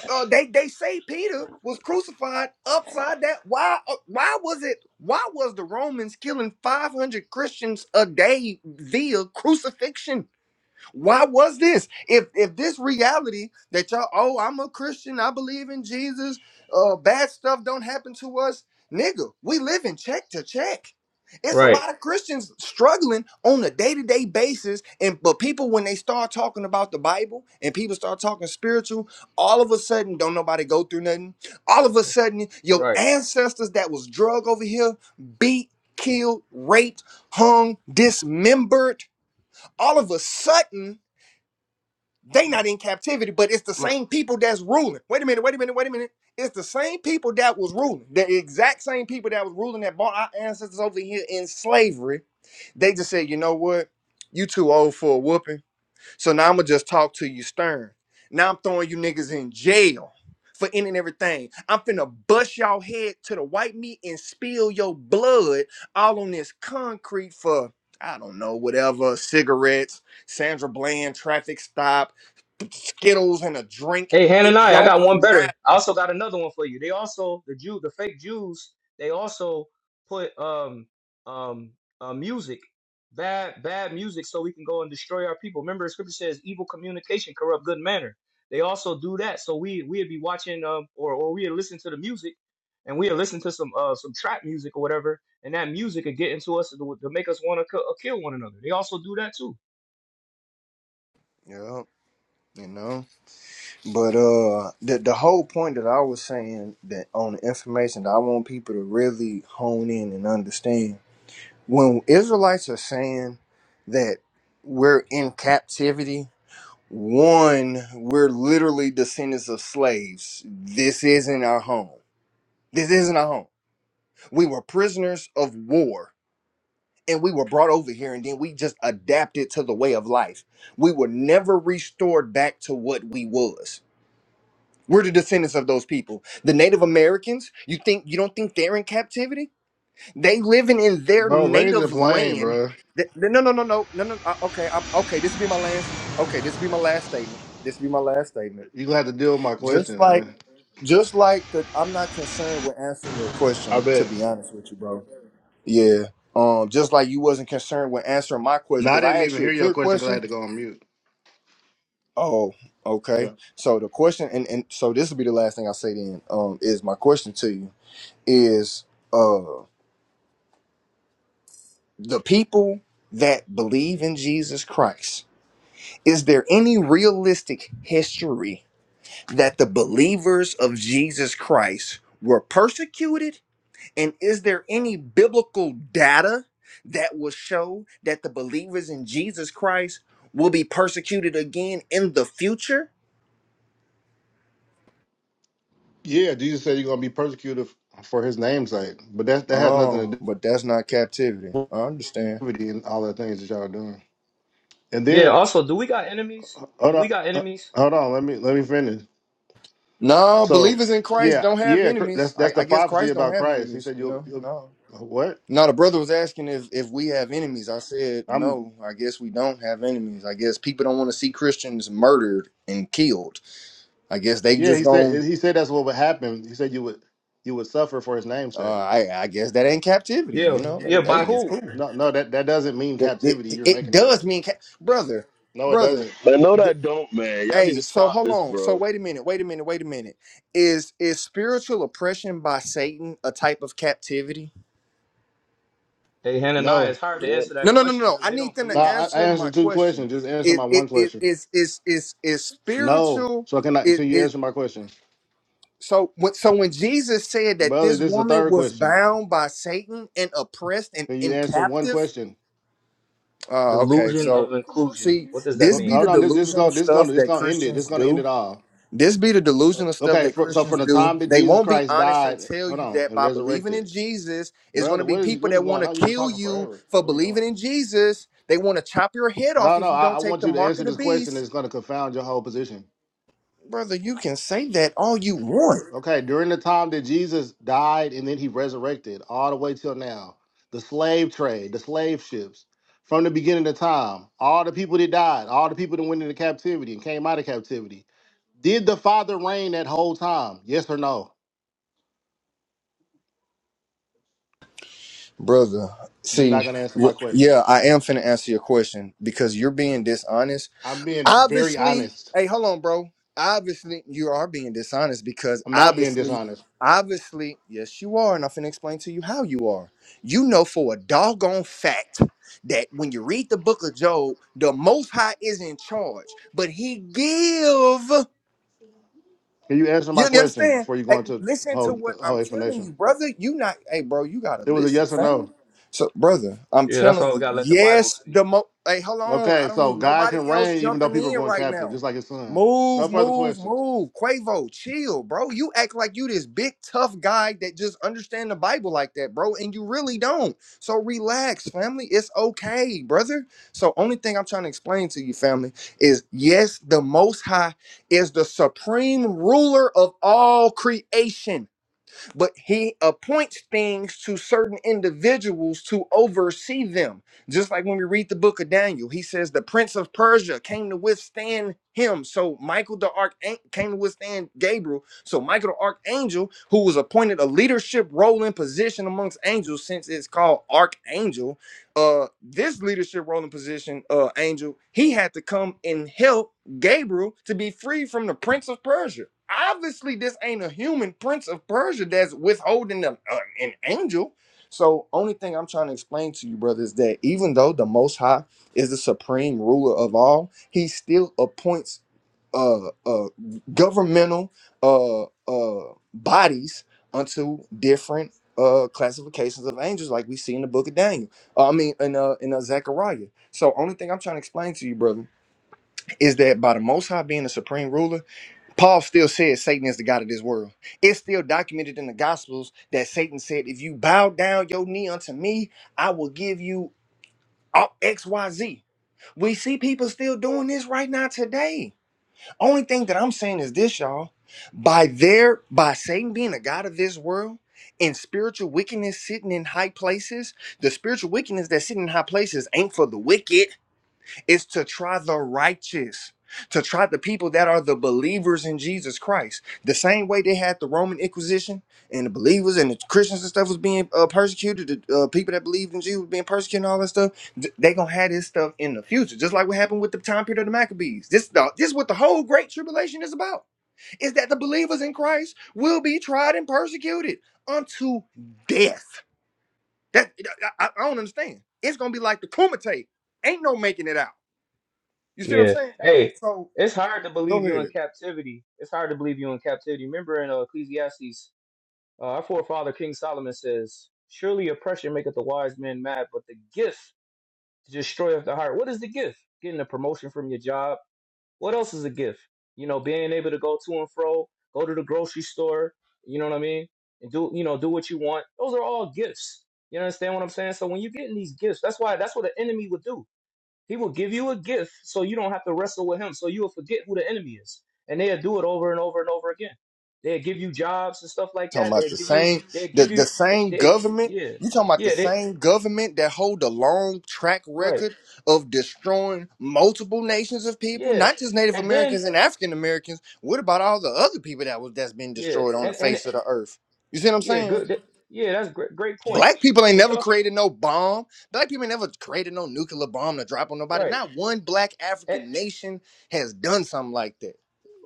uh, they they say Peter was crucified upside that. Why uh, why was it? Why was the Romans killing five hundred Christians a day via crucifixion? Why was this? If if this reality that y'all, oh, I'm a Christian, I believe in Jesus, uh, bad stuff don't happen to us, nigga. We live in check to check. It's a Right, lot of Christians struggling on a day to day basis, and but people when they start talking about the Bible and people start talking spiritual, all of a sudden don't nobody go through nothing. All of a sudden, your right. ancestors that was drug over here, beat, killed, raped, hung, dismembered. All of a sudden they not in captivity, but it's the same people that's ruling. Wait a minute, wait a minute, wait a minute. It's the same people that was ruling, the exact same people that was ruling that bought our ancestors over here in slavery. They just said, you know what? You too old for a whooping so now I'm gonna just talk to you stern. Now I'm throwing you niggas in jail for any and everything. I'm finna bust y'all head to the white meat and spill your blood all on this concrete for I don't know whatever cigarettes, Sandra Bland traffic stop, Skittles and a drink. Hey, It Hananiah, I don't got one matter. better. I also got another one for you. They also the Jew, the fake Jews, they also put um um uh, music, bad bad music, so we can go and destroy our people. Remember, the scripture says, "Evil communication corrupt good manner." They also do that, so we we'd be watching um or or we'd listen to the music, and we'd listen to some uh some trap music or whatever, and that music would get into us to, to make us want to kill one another. They also do that too. Yeah, you know. But uh, the the whole point that I was saying that on the information that I want people to really hone in and understand when Israelites are saying that we're in captivity, one, we're literally descendants of slaves. This isn't our home. This isn't our home. We were prisoners of war and we were brought over here and then we just adapted to the way of life. We were never restored back to what we was. We're the descendants of those people. The Native Americans, you think you don't think they're in captivity? They living in their bro? Land the native plane, land. bro. Th- No, no, no, no, no, no. uh, Okay, I'm, okay. This will be my last. Okay, this will be my last statement. This will be my last statement. You gonna have to deal with my Just question, like, man. just like the, I'm not concerned with answering your I question. To bet. be honest with you, bro. Yeah. Um. Just like you wasn't concerned with answering my question No, I because I didn't asked even you a hear your clear question because I had question. to go on mute. Oh. Yeah. Okay. So the question, and and so this will be the last thing I say. Then, um, is my question to you is. uh, the people that believe in Jesus Christ, is there any realistic history that the believers of Jesus Christ were persecuted? And is there any biblical data that will show that the believers in Jesus Christ will be persecuted again in the future? Yeah, Jesus said you're gonna be persecuted for his name's sake, but that that has nothing Oh, to do but that's not captivity. with I understand. activity and all the things that y'all are doing. And Yeah. then Also, do we got enemies? hold Do we on, got uh, enemies? hold on, let me let me finish. No, So believers in Christ yeah, don't have yeah, cr- that's enemies. I, that's the I guess prophecy Christ don't about have Christ. He enemies, said you you'll, know. you'll No. uh, what? No, the brother was asking if if we have enemies. I said I'm no. I guess we don't have enemies. I guess people don't want to see Christians murdered and killed. I guess they yeah. just He said going he said that's what would happen. He said you would you would suffer for his name's Uh, sake. I I guess that ain't captivity. You Yeah, know, yeah, Like, by hey, it's who? cool. No, no, that that doesn't mean It captivity. it, You're it making that does up. mean ca- brother, No, it brother. doesn't. man, no, th- that don't, man. Y'all need to hey, so stop hold this, on. So bro. wait a minute. Wait a minute. Wait a minute. Is is spiritual oppression by Satan a type of captivity? Hey, Hananiah, No, it's hard to Yeah, answer that No, no, no, no. question no. because I they need don't them I, to believe. I I answer my answered two question. questions. Just answer It my it one it question. is is is is No. spiritual. So can I? So It you it answer my question? so when so when Jesus said that Brother, this this is the woman third was question. bound by Satan and oppressed and, Can you and answer one captive. question? Uh, okay. Delusion So of inclusion. see, What does that this Ho- be mean? Hold the on. This this is delusional gonna this is stuff gonna it's that gonna end it. This is Christians gonna end do. it all. This be the delusional stuff Okay. that For, so Christians from the do. time that They Jesus won't be Christ honest and died, tell hold you on, that and by believing in resurrected, Jesus, it's going to brother, what be is people what is that want going to on? You've been kill talking you forever. Like, for what are you doing? believing in Jesus. They want to chop your head off No, no. if you I, I don't take want the you to mark answer of the this question. beast. It's gonna confound your whole position. Brother, you can say that all you want. Okay. During the time that Jesus died and then he resurrected, all the way till now, the slave trade, the slave ships. From the beginning of time, all the people that died, all the people that went into captivity and came out of captivity, Did the Father reign that whole time? Yes or no? Brother, You're not see, going to answer my wh- question. yeah, I am finna answer your question because you're being dishonest I'm being very obviously honest. hey hold on bro obviously you are being dishonest because I'm not being obviously dishonest. obviously yes you are and i'm finna explain to you how you are you know for a doggone fact that when you read the book of job the most high is in charge but he give Can you answer my you, you question understand? before you go Hey, into listen to whole what whole I'm telling you, explanation? brother. You not, hey, bro. You gotta It was a listen, yes or fam. no. So, brother, I'm Yeah, that's telling why we you, gotta let the Bible yes. speak. The mo, hey, hold on. I Okay, don't so need God nobody can else reign even though jumping people are in going right captive, now. just like His Son. No Move, further move, questions. move. Quavo, chill, bro. You act like you this big tough guy that just understand the Bible like that, bro, and you really don't. So relax, family. It's okay, brother. So only thing I'm trying to explain to you, family, is yes, the Most High is the supreme ruler of all creation, but he appoints things to certain individuals to oversee them. Just like when we read the book of Daniel, he says the prince of Persia came to withstand him. So Michael the archangel came to withstand Gabriel. So Michael the archangel, who was appointed a leadership role and position amongst angels, since it's called archangel, uh, this leadership role and position, uh, angel, he had to come and help Gabriel to be free from the prince of Persia. Obviously, this ain't a human prince of Persia that's withholding them, uh, an angel. So, only thing I'm trying to explain to you, brother, is that even though the Most High is the supreme ruler of all, He still appoints uh, uh, governmental uh, uh, bodies unto different uh, classifications of angels, like we see in the Book of Daniel. Uh, I mean, in uh, in uh, Zechariah. So, only thing I'm trying to explain to you, brother is that by the Most High being the supreme ruler, Paul still says Satan is the God of this world. It's still documented in the Gospels that Satan said, If you bow down your knee unto me, I will give you all- XYZ. We see people still doing this right now today. Only thing that I'm saying is this, y'all. By their by Satan being the God of this world and spiritual wickedness sitting in high places, the spiritual wickedness that's sitting in high places ain't for the wicked is to try the righteous, to try the people that are the believers in Jesus Christ. The same way they had the Roman Inquisition and the believers and the Christians and stuff was being uh, persecuted, the uh, people that believed in Jesus was being persecuted and all that stuff. th- they gonna have this stuff in the future, just like what happened with the time period of the Maccabees. This, the, this is what the whole Great Tribulation is about: is that the believers in Christ will be tried and persecuted unto death. That I, I I don't understand. It's gonna be like the Kumite. Ain't no making it out. You see what I'm Yeah. saying? Hey, So it's hard to believe go you in ahead. captivity. It's hard to believe you in captivity. Remember in uh, Ecclesiastes, uh, our forefather King Solomon says, Surely oppression maketh the wise man mad, but the gift to destroy the heart. What is the gift? Getting a promotion from your job, What else is a gift? You know, being able to go to and fro, go to the grocery store, you know what I mean? And do, you know, do what you want. Those are all gifts. You understand what I'm saying? So when you're getting these gifts, that's why, that's what the enemy would do. He will give you a gift so you don't have to wrestle with him. So you will forget who the enemy is. And they'll do it over and over and over again. They'll give you jobs and stuff like Talking that. about They'll the give you, same they'll the, give you, the they, same they, government. yeah, You talking about the yeah, they, same government that hold a long track right, record of destroying multiple nations of people, yeah. not just Native And then, Americans and African Americans. What about all the other people that was that's been yeah, destroyed on the and, and, face of the earth? You see what I'm Yeah, saying? good. that- Yeah, that's great. Great point. Black people ain't And you never also created no bomb. Black people ain't never created no nuclear bomb to drop on nobody. right, Not one black eh, African nation has done something like that.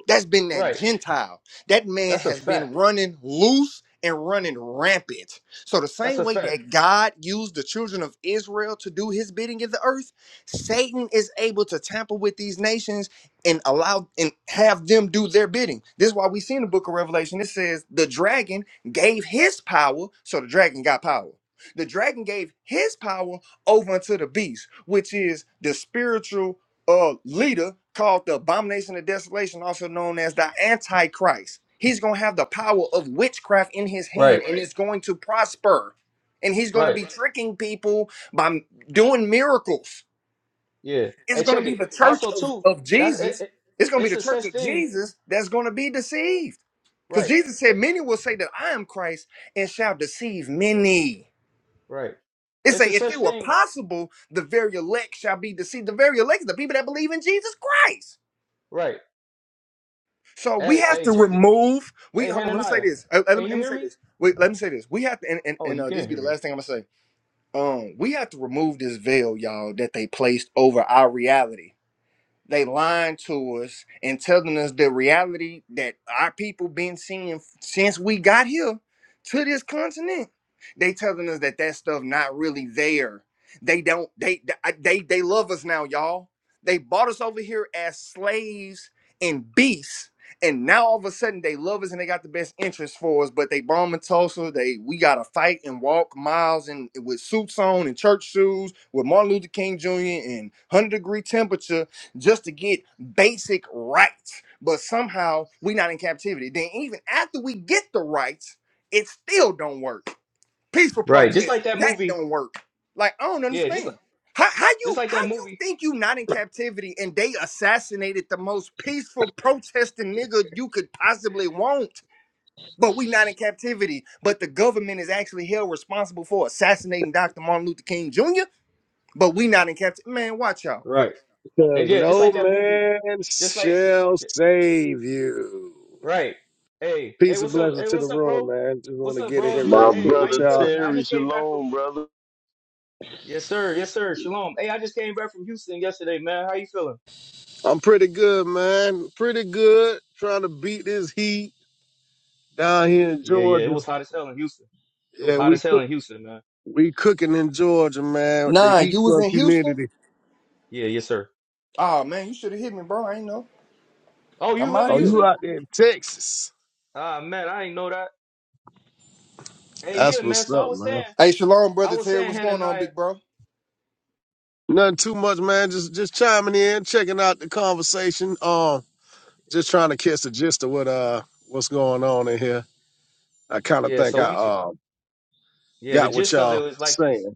That's been that right. Gentile. That man That's a has been fact. running loose and running rampant. So, the That's same a way fact. that God used the children of Israel to do his bidding in the earth, Satan is able to tamper with these nations and allow and have them do their bidding. This is why we see in the book of Revelation it says the dragon gave his power, so the dragon got power. The dragon gave his power over unto the beast, which is the spiritual uh, leader called the abomination of desolation, also known as the Antichrist. He's going to have the power of witchcraft in his hand Right, and it's going to prosper. And he's going to right. be tricking people by m- doing miracles. Yeah. It's Hey, going to check be it. the church Also, of, too, of that it, Jesus. it, It's going to be it's the a church such of thing. Jesus that's going to be deceived. Because Right, Jesus said, it, Many will say that I am Christ and shall deceive many. right. It It's say, a if such it were thing. possible, the very elect shall be deceived. The very elect is the people that believe in Jesus Christ. Right. So we Hey, have hey, to check it. remove. We Hey, hold on. Let me say Hananiah, this. Uh, Let me, can you let me hear say me? this. Wait. Let me say this. We have to, and, and, Oh, and you uh, this can't be hear the me. last thing I'm gonna say. Um, we have to remove this veil, y'all, that they placed over our reality they lying to us and telling us the reality that our people been seeing since we got here to this continent. They telling us that that stuff not really there. They don't. They they they love us now, y'all. They bought us over here as slaves and beasts, and now all of a sudden they love us and they got the best interest for us. But they bombing Tulsa. They we gotta fight and walk miles and with suits on and church shoes with Martin Luther King Jr. and one hundred degree temperature just to get basic rights. But somehow we're not in captivity. Then even after we get the rights, it still don't work. Peaceful Right. Just protest, like that that movie. don't work. Like I don't Yeah. Just like understand. How, how just you like how that you movie. think you not in captivity and they assassinated the most peaceful protesting nigga you could possibly want, but we not in captivity. But the government is actually held responsible for assassinating Dr. Martin Luther King Jr. But we not in captivity. Man, watch out. Right. Because And yeah, just no like that movie. man Just like. shall save you. Right. Hey, hey, Peace and what's up? blessings Hey, to the what's up, room, bro? man. Just want What's to up, get in bros? here But my real Hey, quick how with you brother y'all. feeling, man? I Terry just came back from. Shalom, brother. Yes, sir. Yes, sir. Shalom. Hey, I just came back from Houston yesterday, man. How you feeling? I'm pretty good, man. Pretty good. Trying to beat this heat down here in Yeah, yeah. It Georgia. was hot as hell in Houston. It was Yeah, hot we as hell cook. in Houston, man. We cooking in Georgia, man. The Nah, heat you was plus in Houston. humidity. Yeah, yes, sir. Oh man, you should have hit me, bro. I ain't know. Oh, you I'm live out in Oh, here. you Houston? out there in Texas? Ah, man, I ain't know that. Hey, That's yeah, what's man. So I up, was man. saying, Hey, shalom, I brother was Terry. saying, What's going on, Hananiah. big bro? Nothing too much, man. Just just chiming in, checking out the conversation. Um, just trying to catch the gist of what uh what's going on in here. I kind of Yeah. think So I we, uh, yeah, the got what gist of it y'all was like this: saying.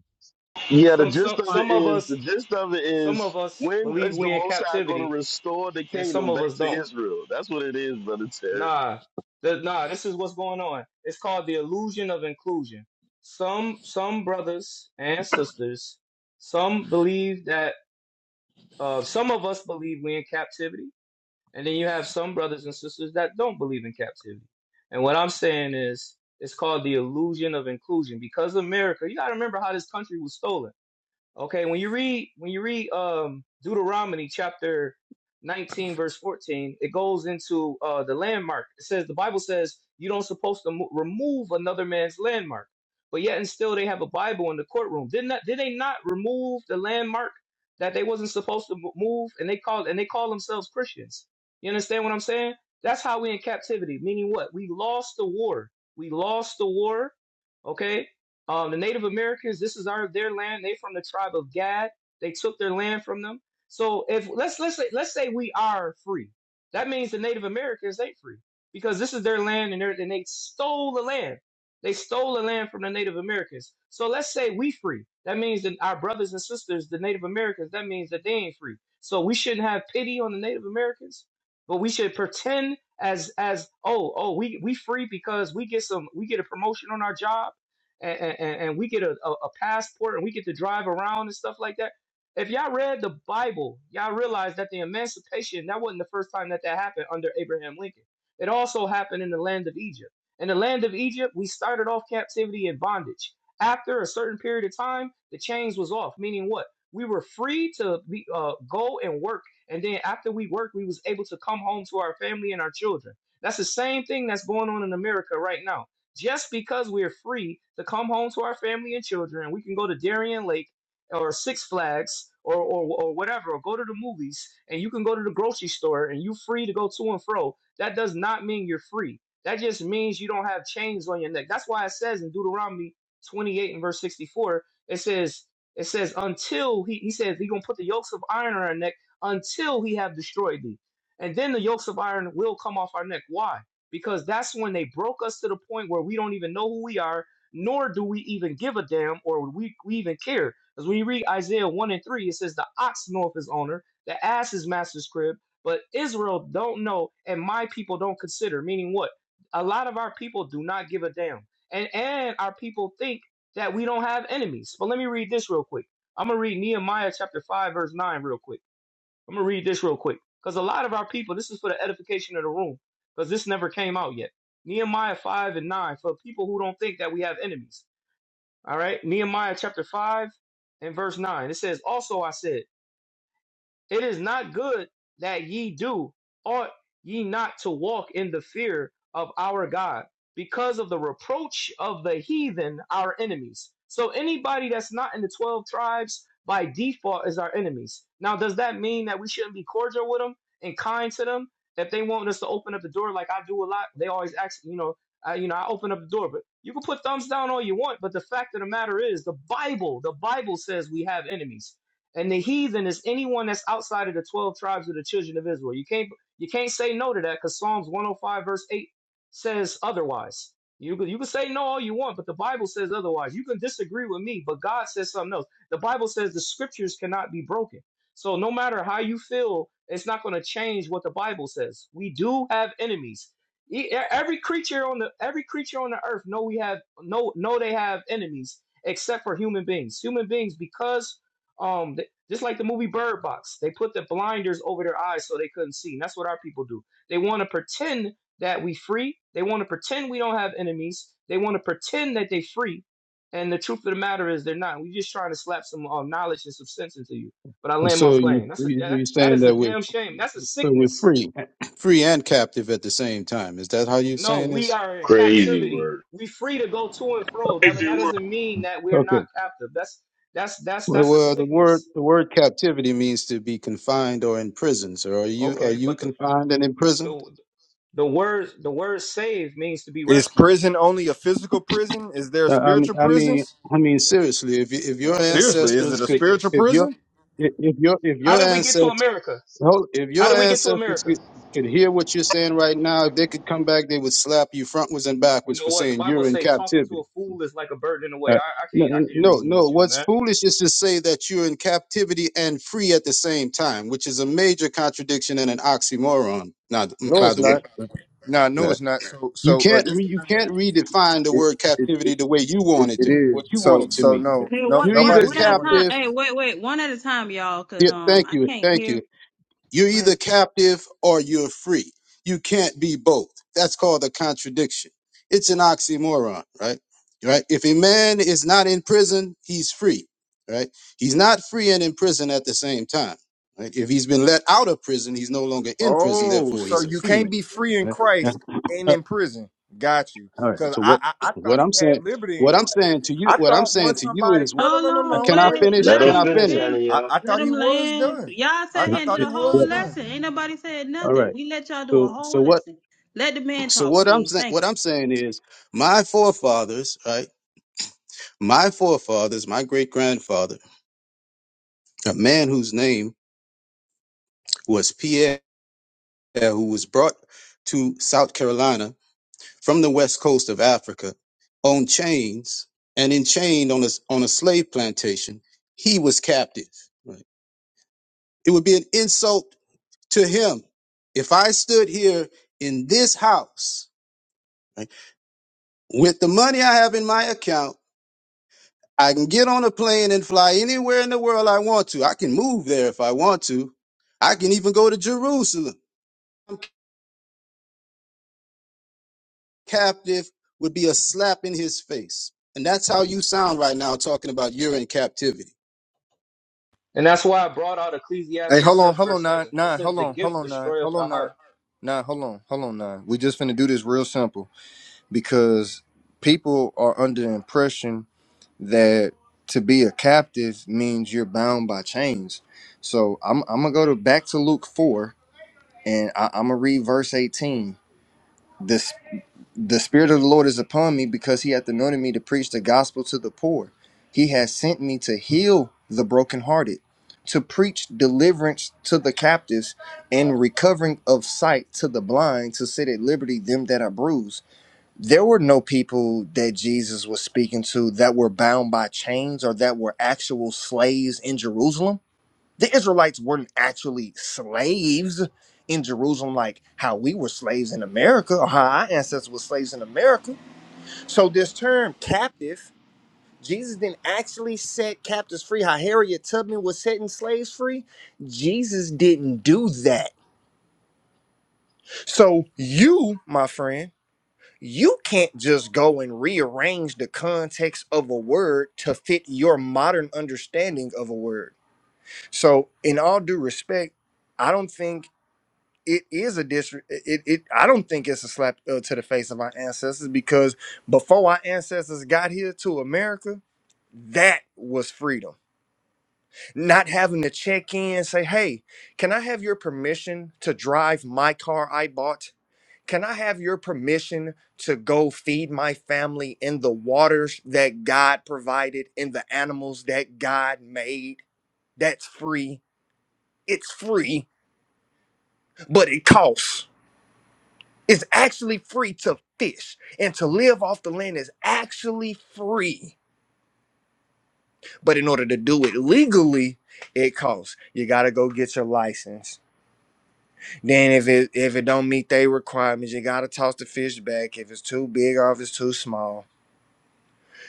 Yeah, the some, gist some, of it some of is, us, the gist of it some is, of us when believe is the we in Most High going to captivity, restore the and kingdom some of back us to don't. Israel? That's what it is, brother Terry. Nah, the, nah. This is what's going on. It's called the illusion of inclusion. Some some brothers and sisters, some believe that uh, some of us believe we in captivity, and then you have some brothers and sisters that don't believe in captivity. And what I'm saying is, it's called the illusion of inclusion because America. You got to remember how this country was stolen. Okay, when you read when you read um Deuteronomy chapter 19 verse 14, it goes into uh the landmark. It says the Bible says you don't supposed to mo- remove another man's landmark. But yet and still they have a Bible in the courtroom. Did not did they not remove the landmark that they wasn't supposed to mo- move and they call and they call themselves Christians. You understand what I'm saying? That's how we in captivity, meaning what? We lost the war. We lost the war, okay? Um, the Native Americans, this is our their land. They from the tribe of Gad. They took their land from them. So if let's let's say, let's say we are free, that means the Native Americans they free because this is their land and, they're- and they stole the land. They stole the land from the Native Americans. So let's say we free. That means that our brothers and sisters, the Native Americans, that means that they ain't free. So we shouldn't have pity on the Native Americans, but we should pretend as as oh oh we we free because we get some we get a promotion on our job and, and, and we get a, a, a passport and we get to drive around and stuff like that. If y'all read the Bible, y'all realize that the emancipation, that wasn't the first time that that happened under Abraham Lincoln. It also happened in the land of Egypt. In the land of Egypt, we started off captivity and bondage. After a certain period of time, the chains was off, meaning what? We were free to be, uh, go and work. And then after we worked, we was able to come home to our family and our children. That's the same thing that's going on in America right now just because we're free to come home to our family and children, we can go to Darien Lake or Six Flags or, or, or whatever, or go to the movies, and you can go to the grocery store and you're free to go to and fro. That does not mean you're free. That just means you don't have chains on your neck. That's why it says in Deuteronomy 28 and verse 64, it says, it says, until he, he says, he gonna put the yokes of iron on our neck until he have destroyed thee. And then the yokes of iron will come off our neck. Why? because that's when they broke us to the point where we don't even know who we are, nor do we even give a damn or we, we even care. Because when you read Isaiah 1 and 3, it says, The ox knoweth his owner, the ass his master's crib, but Israel don't know, and my people don't consider. Meaning what? A lot of our people do not give a damn. And and our people think that we don't have enemies. But let me read this real quick. I'm gonna read Nehemiah chapter 5, verse 9, real quick. I'm gonna read this real quick because a lot of our people, this is for the edification of the room because this never came out yet. Nehemiah 5 and 9 for people who don't think that we have enemies. All right, Nehemiah chapter 5 and verse 9 it says, Also I said, it is not good that ye do, ought ye not to walk in the fear of our God, because of the reproach of the heathen, our enemies. So anybody that's not in the 12 tribes by default is our enemies. Now, does that mean that we shouldn't be cordial with them and kind to them? If they want us to open up the door like I do a lot, they always ask, you know, I, you know, I open up the door, but you can put thumbs down all you want. But the fact of the matter is, the Bible, the Bible says we have enemies. And the heathen is anyone that's outside of the 12 tribes of the children of Israel. You can't you can't say no to that because Psalms 105 verse 8 says otherwise. You can, you can say no all you want, but the Bible says otherwise. You can disagree with me, but God says something else. The Bible says the scriptures cannot be broken. So no matter how you feel, it's not going to change what the Bible says. We do have enemies. E- e, Every creature on the every creature on the earth know we have no know know they have enemies except for human beings. Human beings because um just like the movie Bird Box, they put the blinders over their eyes so they couldn't see. And that's what our people do. They want to pretend that we free. They want to pretend we don't have enemies. They want to pretend that they free. And the truth of the matter is they're not. We're just trying to slap some uh, knowledge and some sense into you. But I land my So you plane. That's a you- that, you're that saying is a that we're damn shame. That's a so we're sickness. free, free and captive at the same time. Is that how you're No, saying we this? are in Crazy captivity. word. We free to go to and fro. That but Crazy that world. doesn't mean that we're Okay. not captive. That's that's that's Well, that's a well, the word sickness. the word captivity means to be confined or imprisoned. So are you are Okay, you but the, confined and imprisoned? the The word the word save means to be Is rescued. prison only a physical prison? Is there Uh, I mean, spiritual I mean, prisons? I mean seriously. If you, if your No, It- It's seriously, a is it's a ancestors it a could, spiritual sickness. if your prison? if if your if How your did we get to ancestors America? if How your did we get to ancestors America? could, could hear what you're saying right now, if they could come back, they would slap you frontwards and You backwards for know what? The saying you're Bible in say talking captivity. to a fool is like a bird in the way. Uh, I, I no, can't I can't no, reason no. with you, What's man. foolish is to say that you're in captivity and free at the same time, which is a major contradiction and an oxymoron. Now, No, by it's the way, not. Nah, no, Uh, it's not. So, you so uh, can't this re- the you thing. can't redefine the It, word it, captivity it, the way you want it, it it to what you is. want So, it to so mean. no, Hey, no, one You're one either one nobody's at a doing time. captive. that. Hey, wait, wait, one at a time, y'all, cause Yeah, um thank I you, can't thank you. hear. You're either captive or you're free. You can't be both. That's called a contradiction. It's an oxymoron, right? Right? If a man is not in prison, he's free, right? He's not free and in prison at the same time. Right? If he's been let out of prison, he's no longer in prison, Oh, therefore so he's a you free man. can't be free in Right? Yeah. Christ and Uh, in prison. Got you. All right. Because So I, what I, I what thought you I'm saying had liberty what in I'm Christ. saying to you I what I'm thought saying once to you somebody. is No, no, Hold no, no, uh, on, no. can I Wait. wait. finish? Let Let Can him I him finish, finish? fin. Hannah, I, y'all. I Let thought him he was land. done. Y'all I, sat I here and thought did he a whole was done. lesson. Ain't nobody said All nothing. right. We let y'all do a So whole so what lesson. Let the man So talk, what I'm please. saying, Thank what you. I'm saying is, my forefathers, right? My forefathers, my great grandfather, a man whose name was Pierre, who was brought to South Carolina from the west coast of Africa on chains and enchained on a on a slave plantation, he was captive. Right? It would be an insult to him if I stood here in this house right, with the money I have in my account I can get on a plane and fly anywhere in the world I want to. I can move there if I want to. I can even go to Jerusalem. I'm captive would be a slap in his face. And that's how you sound right now talking about you're in captivity. And that's why I brought out Hey, Ecclesiastes hold on, seven hold on, verse nine, seven. It nine, says hold the on, hold gift on, nine, destroyeth hold the on, nine, heart. nine, hold on, hold on, nine. We just finna do this real simple because people are under the impression that to be a captive means you're bound by chains. So I'm, I'm gonna go to back to Luke four and I, I'm gonna read verse eighteen. the spirit of the lord is upon me because he hath anointed me to preach the gospel to the poor he has sent me to heal the brokenhearted to preach deliverance to the captives and recovering of sight to the blind to set at liberty them that are bruised there were no people that jesus was speaking to that were bound by chains or that were actual slaves in jerusalem the Israelites weren't actually slaves in Jerusalem like how we were slaves in America or how our ancestors were slaves in America. So this term captive, Jesus didn't actually set captives free how Harriet Tubman was setting slaves free. Jesus didn't do that. So you, my friend, you can't just go and rearrange the context of a word to fit your modern understanding of a word. So, in all due respect, I don't think it is a district. It, it I don't think it's a slap uh, to the face of our ancestors because before our ancestors got here to America, that was freedom. Not having to check in and say, "Hey, can I have your permission to drive my car I bought? Can I have your permission to go feed my family in the waters that God provided and the animals that God made?" That's free. It's free, but it costs. It's actually free to fish and to live off the land is actually free. But in order to do it legally, it costs. You gotta go get your license. Then if it if it don't meet their requirements, you gotta toss the fish back if it's too big or if it's too small.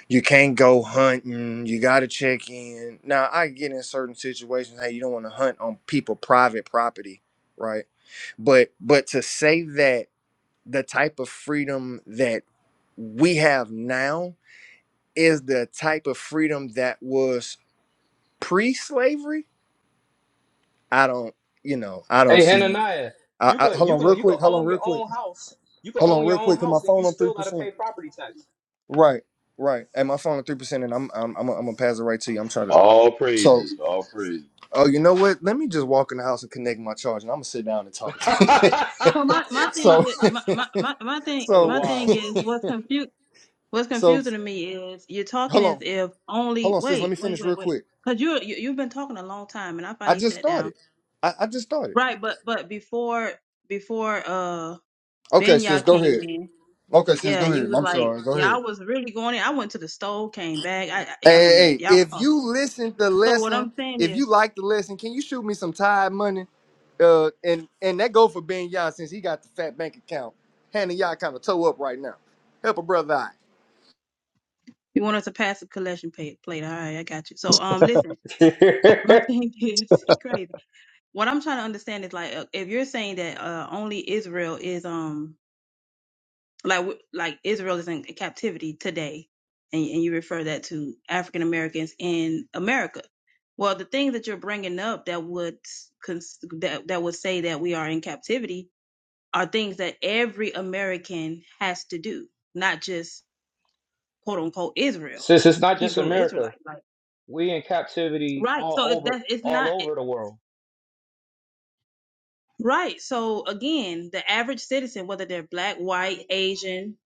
You can't go hunting. You gotta check in. Now I get in certain situations, hey, you don't want to hunt on people private property, right? But but to say that the type of freedom that we have now is the type of freedom that was pre-slavery. I don't, you know, I don't Hey see it. Hananiah, I, you I, could hold you on, real could you could quick. Hold on, own real your quick. own house. You could Hold on, own your real own quick. Cause my house and you phone on three still gotta percent. pay property tax. Right, right. And my phone on three percent, and I'm, I'm, I'm, gonna- I'm gonna pass it right to you. I'm trying to. All So, praises, all praises. oh, you know what? Let me just walk in the house and connect my charge, and I'm gonna sit down and talk. that's So my my thing so, is my my my, my thing so, my thing wild. is what's confu what's so, confusing to me is you're talking hold as on, if hold only on, sis. Let wait me wait finish wait real wait quick. because you you you've been talking a long time and I I finally just sat down started. I, I just started. right but but before before uh Okay, Ben y'all sis, go came ahead. in Okay, sis, Yeah, go ahead. you was I'm like, sorry. Go yeah, I ahead. was really going in. I went to the store, came back. I, Hey, I I mean, hey, y'all hey, was if talking. you listen to So what I'm lesson, saying if is, you like the lesson, can you shoot me some Tide money? Uh, and and that go for Ben Yah since he got the fat bank account. Hannah Yah kind of toe up right now. Help a brother out. you want us to pass a collection plate, plate. All right, I got you. So um, listen, my thing is, he crazy. What I'm trying to understand is like, uh, if you're saying that uh only Israel is um like w- like Israel is in captivity today, and and you refer that to African Americans in America. Well, the things that you're bringing up that would cons- that that would say that we are in captivity are things that every American has to do, not just quote unquote Israel, Since it's not just Hebrew America. Israelite. Like, We in captivity right. all So it, over that it's all not it, over the world. right. So again, the average citizen, whether they're black, white, Asian,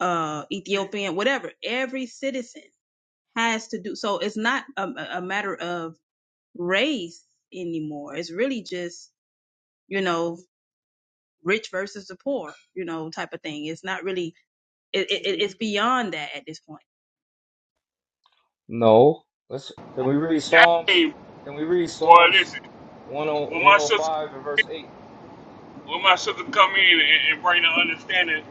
uh, Ethiopian, whatever, every citizen has to do. So it's not a, a matter of race anymore. It's really just you know rich versus the poor, you know, type of thing. It's not really. It, it, it's beyond that at this point. No. Let's can we read Psalms? Hey, Can we read boy, Psalms listen. 10 When my sister, 105 and verse 8? when my sister come in and, and bring the understanding,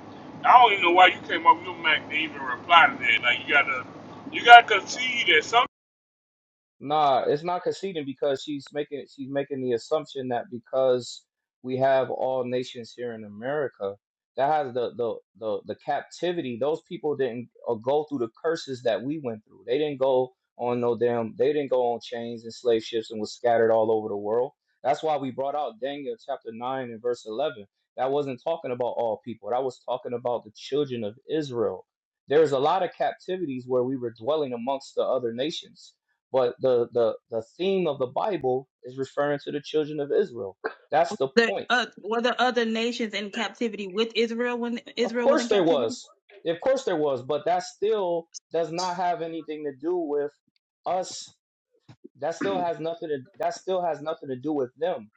I don't even know why you came up with your Mac to even reply to that. Like you gotta, you gotta concede that some. Nah, it's not conceding because she's making she's making the assumption that because we have all nations here in America, that has the the the, the captivity. Those people didn't uh, go through the curses that we went through. They didn't go on no damn. They didn't go on chains and slave ships and was scattered all over the world. That's why we brought out Daniel chapter nine and verse eleven. That wasn't talking about all people. That was talking about the children of Israel. There's a lot of captivities where we were dwelling amongst the other nations but the the the theme of the Bible is referring to the children of Israel. That's the The point. uh, were the other nations in captivity with Israel when Of Israel was in course there captivity? was. Yeah, Of course there was, but that still does not have anything to do with us. That still has nothing to that still has nothing to do with them.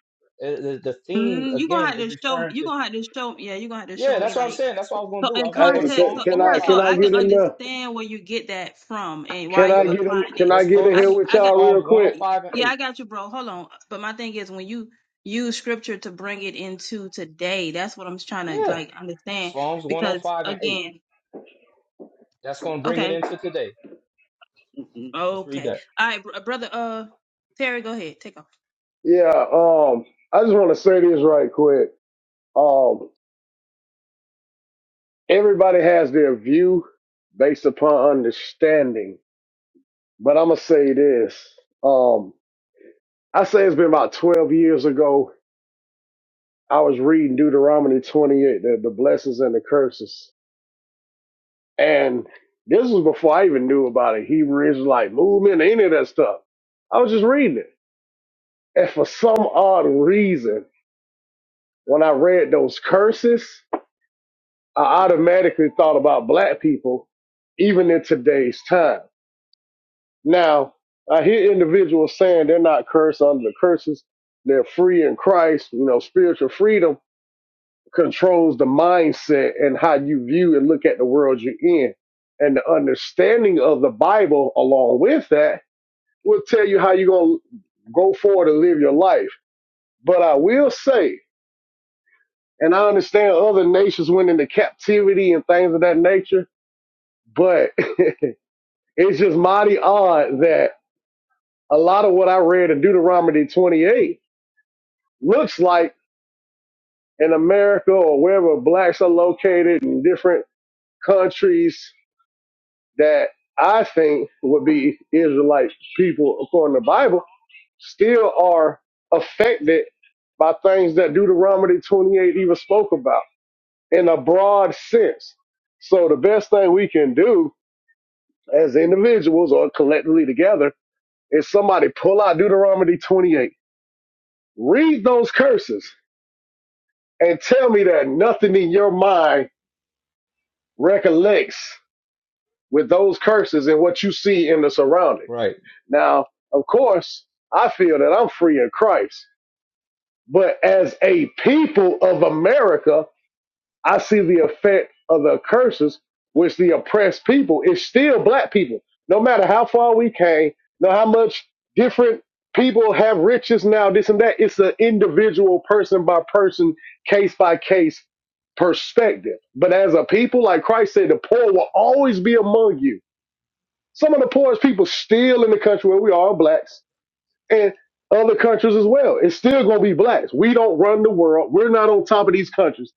Uh, The, the theme Mm, you gonna again have is to show me. referring You to gonna have to show. me. Yeah, you gonna have to yeah, show me that's what I'm like saying. That's what I was gonna so do. I in was gonna go to Hey, context. can, Psalms So can yeah, I so can 105 I and I can verse get in 8. there? understand where you get that from and why Can Go I you're let, get in? applying Can it. I let's get go in to I g- here S- with I got y'all real Psalms quick? 105 and yeah, 8. I got you, bro. Hold on. But my thing is when you use scripture to bring it into today, that's what I'm trying to Yeah, like understand Psalms because 105 and 8. again, That's gonna bring it okay, into today. mm, mm, Let's read okay, that. all right, br- brother. Uh, Terry, go ahead, take off. Yeah. Um, I just want to say this right quick. Um, everybody has their view based upon understanding, but I'm gonna say this. Um, I say it's been about 12 years ago. I was reading Deuteronomy 28, the, the blessings and the curses. And this was before I even knew about a Hebrew Israelite movement, any of that stuff. I was just reading it. And for some odd reason, when I read those curses, I automatically thought about black people, even in today's time. Now, I hear individuals saying they're not cursed under the curses. They're free in Christ. You know, spiritual freedom controls the mindset and how you view and look at the world you're in. And the understanding of the Bible along with that will tell you how you're going to go forward and live your life. But I will say, and I understand other nations went into captivity and things of that nature, but it's just mighty odd that a lot of what I read in Deuteronomy 28 looks like in America or wherever blacks are located in different countries that I think would be Israelite people according to the Bible still are affected by things that Deuteronomy 28 even spoke about in a broad sense. So the best thing we can do as individuals or collectively together is somebody pull out Deuteronomy 28, read those curses, and tell me that nothing in your mind recollects with those curses and what you see in the surrounding. Right, Now, of course, I feel that I'm free in Christ, but as a people of America, I see the effect of the curses, which the oppressed people is still black people. No matter how far we came, no how much different people have riches now, this and that. It's an individual person by person, case by case perspective. But as a people, like Christ said, the poor will always be among you. Some of the poorest people still in the country where we are are blacks and other countries as well. It's still going to be blacks. We don't run the world. We're not on top of these countries.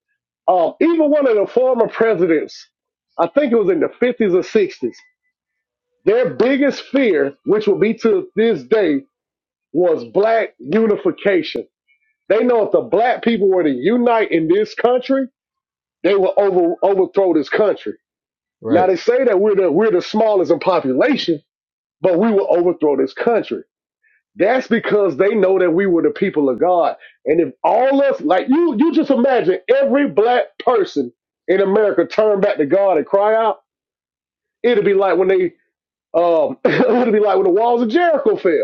Um, even one of the former presidents, I think it was in the 50s or 60s, their biggest fear, which will be to this day, was black unification. They know if the black people were to unite in this country, they will over, overthrow this country. Now right, they say that we're the we're the smallest in population, but we will overthrow this country. That's because they know that we were the people of God. And if all us, like you, you just imagine every black person in America turn back to God and cry out, it'd be like when they, um, it'd be like when the walls of Jericho fell.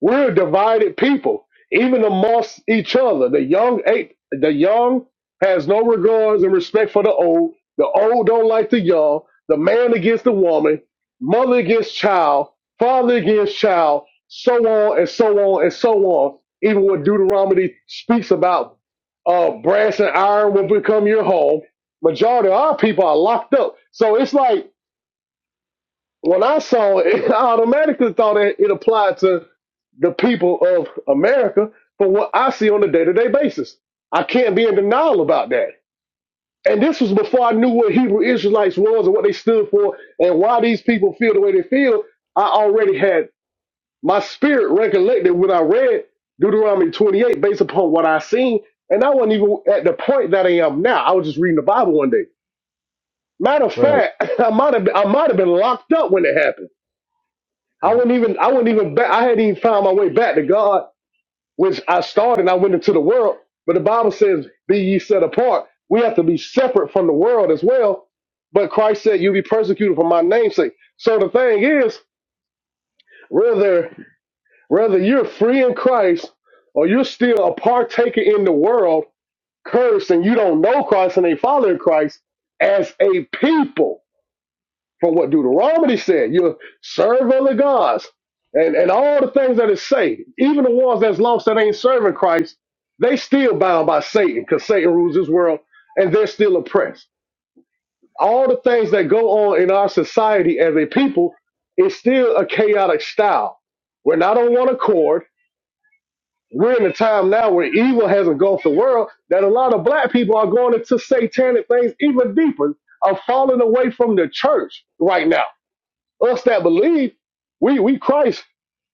We're a divided people, even amongst each other. The young ape, the young has no regards and respect for the old. The old don't like the young. The man against the woman, mother against child, father against child, so on and so on and so on. Even what Deuteronomy speaks about, uh, brass and iron will become your home. Majority of our people are locked up. So it's like when I saw it, I automatically thought it, it applied to the people of America for what I see on a day to day basis. I can't be in denial about that. And this was before I knew what Hebrew Israelites was and what they stood for and why these people feel the way they feel. I already had my spirit recollected when I read Deuteronomy 28 based upon what I seen. And I wasn't even at the point that I am now. I was just reading the Bible one day. Matter of right. fact, I might have been, I might have been locked up when it happened. I Yep. wouldn't even I wouldn't even back, I hadn't even found my way back to God which I started and I went into the world. But the Bible says, be ye set apart. We have to be separate from the world as well. But Christ said, you'll be persecuted for my name's sake. So the thing is, whether, whether you're free in Christ or you're still a partaker in the world, cursed, and you don't know Christ and ain't following Christ, as a people, from what Deuteronomy said. You're serving the gods. And and all the things that it say, even the ones that's lost that ain't serving Christ, they still bound by Satan, because Satan rules this world and they're still oppressed. All the things that go on in our society as a people is still a chaotic style. We're not on one accord. We're in a time now where evil has engulfed the world that a lot of black people are going into satanic things even deeper, are falling away from the church right now us that believe, we we Christ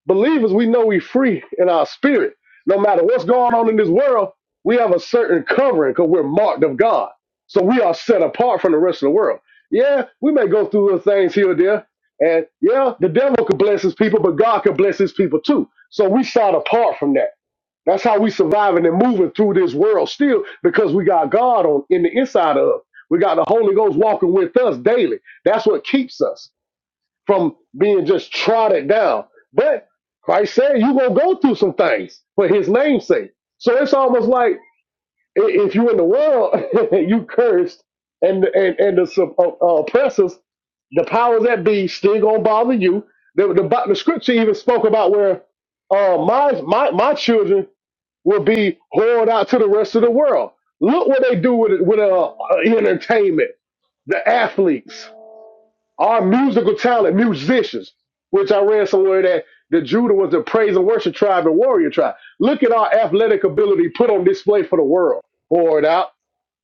believers, we know we free in our spirit. No matter what's going on in this world, we have a certain covering because we're marked of God. So we are set apart from the rest of the world. Yeah, we may go through little things here or there. And yeah, the devil could bless his people, but God could bless his people too. So we set apart from that. That's how we surviving and moving through this world still because we got God on in the inside of us. We got the Holy Ghost walking with us daily. That's what keeps us from being just trodden down. But Christ said you're going to go through some things for his name's sake. So it's almost like i- if you in the world, you cursed, and and, and the sup- uh, uh, oppressors, the powers that be, still going to bother you. The, the, Bi- the scripture even spoke about where uh, my, my, my children will be whored out to the rest of the world. Look what they do with, with uh, uh, entertainment, the athletes. Our musical talent, musicians, which I read somewhere that the Judah was the praise and worship tribe and warrior tribe. Look at our athletic ability put on display for the world. Pour it out.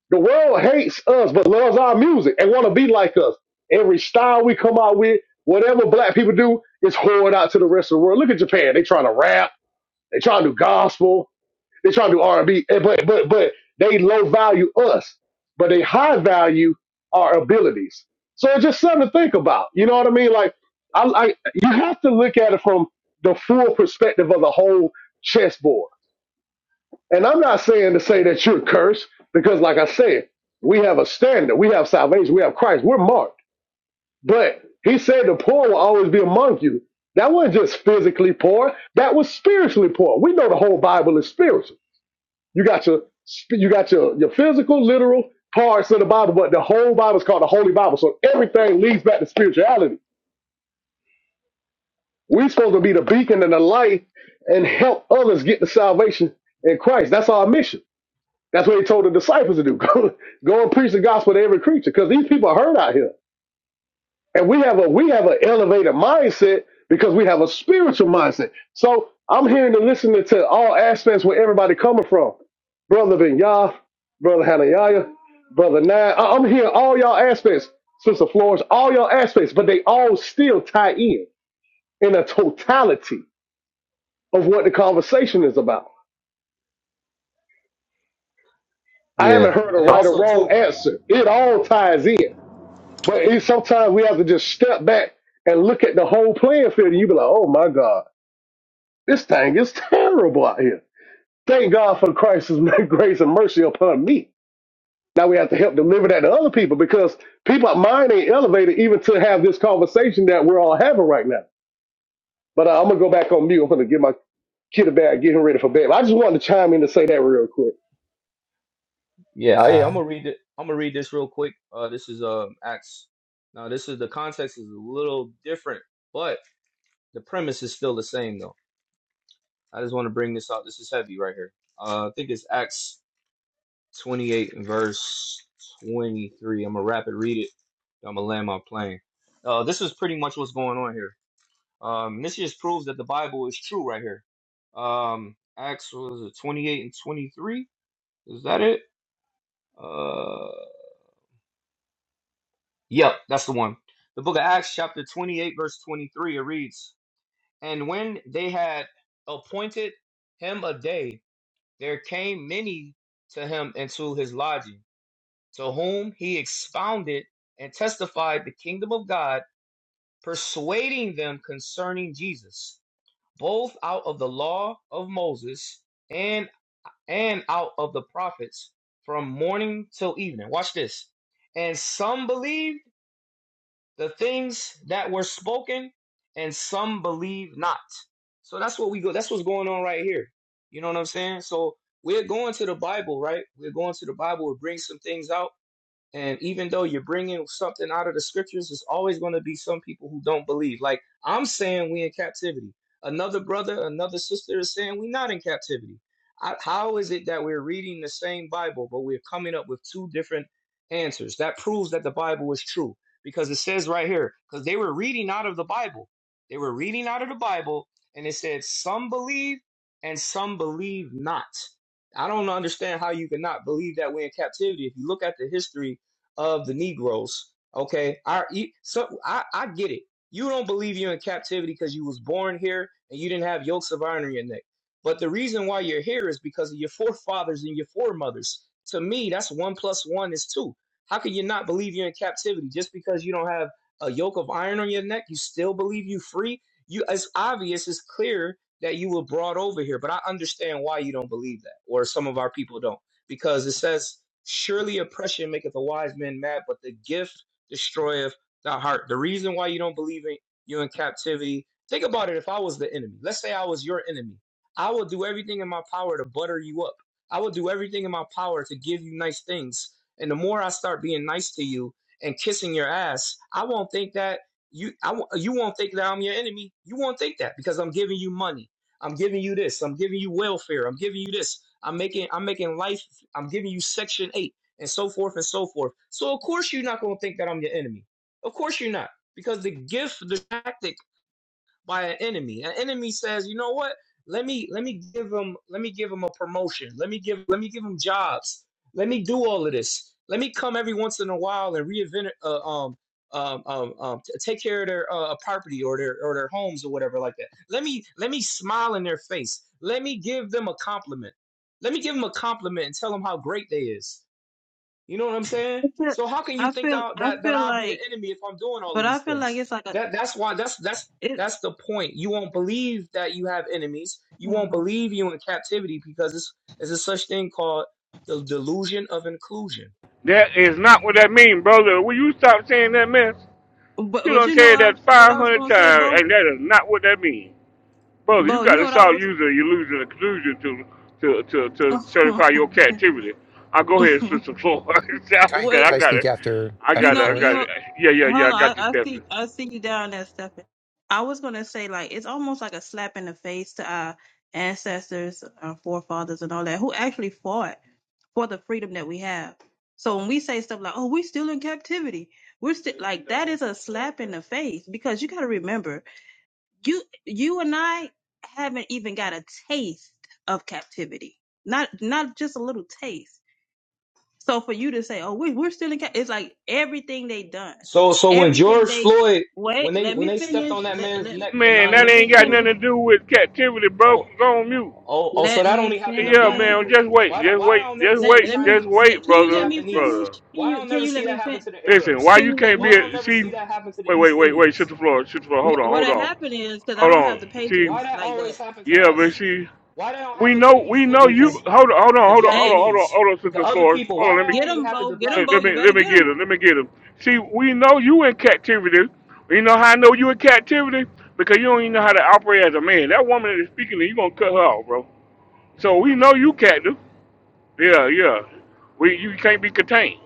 The world hates us but loves our music and want to be like us. Every style we come out with, whatever black people do, is poured out to the rest of the world. Look at Japan. They trying to rap. They trying to do gospel. They try to do R and B, eh, but but but they low value us, but they high value our abilities. So it's just something to think about. You know what I mean? Like I, I you have to look at it from the full perspective of the whole chessboard. And I'm not saying to say that you're cursed because, like I said, we have a standard, we have salvation, we have Christ, we're marked. But He said the poor will always be among you. That wasn't just physically poor; that was spiritually poor. We know the whole Bible is spiritual. You got your you got your your physical, literal parts of the Bible, but the whole Bible is called the Holy Bible. So everything leads back to spirituality. We're supposed to be the beacon and the light and help others get the salvation in Christ. That's our mission. That's what he told the disciples to do. Go, go and preach the gospel to every creature because these people are hurt out here. and we have a we have an elevated mindset because we have a spiritual mindset. So I'm hearing and listening to all aspects where everybody coming from, brother Vinyah, brother Hanayah, brother Nine. I- I'm hearing all y'all aspects, sister Flores, all y'all aspects, but they all still tie in in a totality of what the conversation is about. I Yeah, haven't heard a and right or also wrong too. answer. It all ties in, but it, sometimes we have to just step back and look at the whole playing field, and you be like, "Oh my God." This thing is terrible out here. Thank God for Christ's grace and mercy upon me. Now we have to help Yeah, deliver that to other people because people mind ain't elevated even to have this conversation that we're all having right now. But uh, I'm gonna go back on mute. I'm gonna get my kid a bag, get him ready for bed. I just wanted to chime in to say that real quick. yeah, I, am Uh, gonna read it. I'm gonna read this real quick. Uh, this is um Acts. Now, this is the context is a little different, but the premise is still the same though. I just want to bring this out. This is heavy right here. Uh, I think it's Acts 28 and verse 23. I'm gonna rapid read it. I'm gonna land my plane. Uh, this is pretty much what's going on here. Um, and this just proves that the Bible is true right here. Um, Acts was it 28 and 23? Is that it? Uh, yep, that's the one. The book of Acts, chapter 28, verse 23, it reads, And when they had appointed him a day, there came many to him into his lodging, to whom he expounded and testified the kingdom of God, persuading them concerning Jesus, both out of the law of Moses and." and out of the prophets from morning till evening. Watch this. And some believed the things that were spoken, and some believed not. So that's what we go. That's what's going on right here. You know what I'm saying? So we're going to the Bible, right? We're going to the Bible. It brings some things out and even though you're bringing something out of the scriptures, there's always going to be some people who don't believe. Like I'm saying, we in captivity. Another brother, another sister is saying we not in captivity. I, how is it that we're reading the same Bible, but we're coming up with two different answers? That proves that the Bible is true because it says right here, because they were reading out of the Bible. They were reading out of the Bible, and it said some believe and some believe not. I don't understand how you cannot believe that we're in captivity. If you look at the history of the Negroes. Okay, our e- so I, I get it. You don't believe you're in captivity because you was born here and you didn't have yokes of iron in your neck. But the reason why you're here is because of your forefathers and your foremothers. To me, that's one plus one is two. How can you not believe you're in captivity just because you don't have a yoke of iron on your neck? You still believe you free? You it's obvious, it's clear that you were brought over here. But I understand why you don't believe that, or some of our people don't, because it says Surely oppression maketh a wise man mad, but the gift destroyeth the heart. The reason why you don't believe in you in captivity, think about it. If I was the enemy, let's say I was your enemy, I would do everything in my power to butter you up. I would do everything in my power to give you nice things. And the more I start being nice to you and kissing your ass, I won't think that you I, won't- you won't think that I'm your enemy. You won't think that because I'm giving you money. I'm giving you this. I'm giving you welfare. I'm giving you this. I'm making I'm making life I'm giving you section eight, and so forth and so forth. So of course you're not gonna think that I'm your enemy. Of course you're not, because the gift, the tactic by an enemy. An enemy says, you know what? Let me let me give him let me give him a promotion. Let me give let me give him jobs. Let me do all of this. Let me come every once in a while and reinvent uh, um um um, um t- take care of their uh, uh, property or their or their homes or whatever like that. Let me let me smile in their face. Let me give them a compliment. Let me give them a compliment and tell them how great they is. You know what I'm saying? I feel, So how can you I think feel, that I that, that feel I'll be the like, enemy if I'm doing all of but I these feel like things? it's like a That that's why that's that's it. that's the point. You won't believe that you have enemies. You won't believe you in captivity because it's it's a such thing called the delusion of inclusion. that is not what that means, brother. Will you stop saying that mess? But You but don't you know say I, that what I was 500 gonna say, times, Bo. and that is not what that means. brother, Bo, you you got know to what I stop was. using illusion and collusion to to to to certify your captivity. I'll go ahead and switch the floor. 'Cause Can I what I can I got speak it. after I you after got it. know I you got Flourish? know. it. Yeah, yeah, yeah. Hold on, I I, got you, I Stephanie. see I see you down there, Stefan. I was gonna say like it's almost like a slap in the face to our ancestors, our forefathers, and all that who actually fought for the freedom that we have. So when we say stuff like, "Oh, we're still in captivity," we're still like that is a slap in the face because you got to remember, you you and I haven't even got a taste of captivity, not not just a little taste. So for you to say, "Oh, we we're still in," cap-, it's like everything they done, So so when everything George they Floyd wait. when they Let when me they stepped on finish. that Let man's let neck for Man, let, nine that let minutes ain't me and got killed nothing finish. him, to do with captivity, bro. Oh, Go on mute. oh, oh! So Let that me only happened to Yeah, black man. finish. people. Just wait. Why? don't- Just Why wait. I don't never Just see Let the let wait. Just me Chinese, let, wait, can the you let brother. me Japanese? finish? Brother. Can Why you I don't can never you let see that me finish? happen to the Listen. Why Arabs? Can you you let can't be? Why I me? don't A, never see. see that happen to the Wait, wait, East wait, wait. Shut Indians? the floor. Shut the floor. Hold wh- on. What Hold had on. happened is because I Hold don't have on. the See. Why patience that like that. always happen to Yeah, but us? see. Why that don't We happen to the know, we East know you. Okay. Indians, Hold on, hold on, the hold on, hold on, Hey, hold on, Japanese, hold on, the Sister other Flores. people? Hold Why on, let that me get get, only him, happen Bo. to Get him, black let, Bo. let people? You me, let better me get get him. him, let me get him. See, we know you in captivity. You know how I know you in captivity because you don't even know how to operate as a man. That woman that is speaking, to you gonna cut her off, bro. So we know you captive. Yeah, yeah. We, you can't be contained.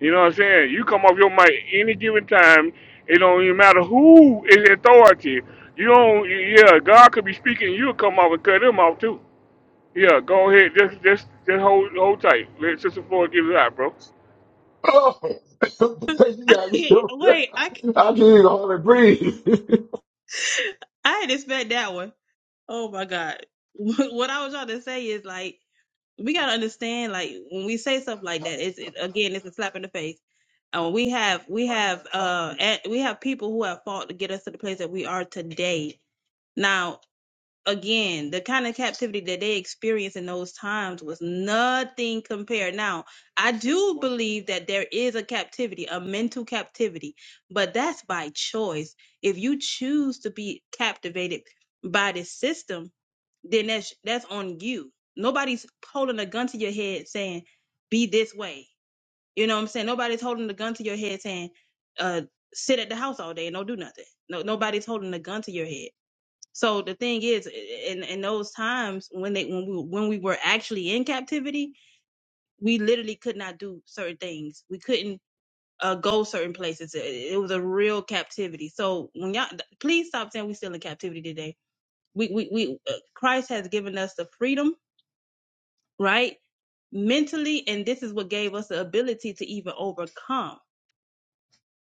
You know what I'm saying? You come off your mic any given time. It don't even matter who is authority. You don't. Yeah, God could be speaking. You'll come off and cut him off too. Yeah, go ahead. Just just just hold hold tight. Let Sister Floyd get it out, bro. Uh, Oh, you got me so- Wait, I I can't even hardly breathe. c- I not expect that one. Oh my God. What I was trying to say is like we gotta understand like when we say stuff like that, it's it, again it's a slap in the face. And we have we have uh at, we have people who have fought to get us to the place that we are today. Now again, the kind of captivity that they experienced in those times was nothing compared. Now, I do believe that there is a captivity, a mental captivity, but that's by choice. If you choose to be captivated by this system, then that's that's on you. Nobody's holding a gun to your head saying, be this way. You know what I'm saying? Nobody's holding a gun to your head saying, uh, sit at the house all day and don't do nothing. No, nobody's holding a gun to your head so the thing is, in in those times when they when we when we were actually in captivity, we literally could not do certain things. We couldn't uh, go certain places. It, it was a real captivity. So when y'all, please stop saying we are still in captivity today. We we we uh, Christ has given us the freedom, right? Mentally, and this is what gave us the ability to even overcome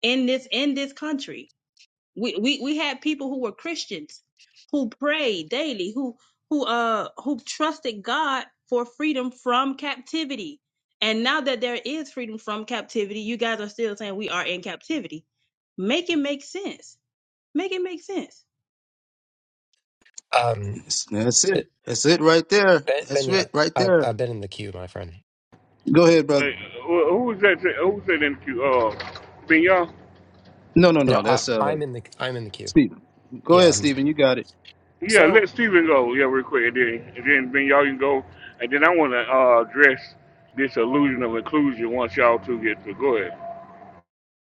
in this in this country we, we we had people who were Christians who prayed daily, who who uh who trusted God for freedom from captivity. And now that there is freedom from captivity, you guys are still saying we are in captivity. Make it make sense. Make it make sense. um, That's that's it. it- That's it right there. ben, That's Benya, it right I've there. I've been in the queue, my friend. Go ahead, brother. who that? Who's that in the queue? Uh, Ben Young. No, no, No, no. Uh, I That's uh I'm in the I'm in the queue. Stephen. Go Yeah. ahead, I'm, Stephen. You got it. yeah, so let Steven go. Yeah, real quick, and then and then Ben Young can go, and then I want to uh, address this illusion of inclusion once y'all two get to go ahead.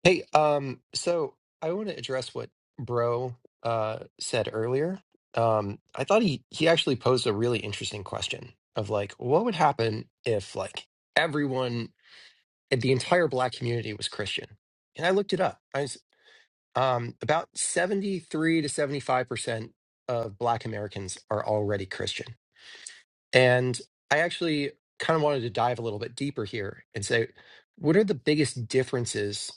hey, um, so I want to address what Bro uh said earlier. Um, I thought he he actually posed a really interesting question of like, what would happen if like everyone, if the entire black community was Christian? And I looked it up. Um, about 73 to 75% of Black Americans are already Christian. And I actually kind of wanted to dive a little bit deeper here and say, what are the biggest differences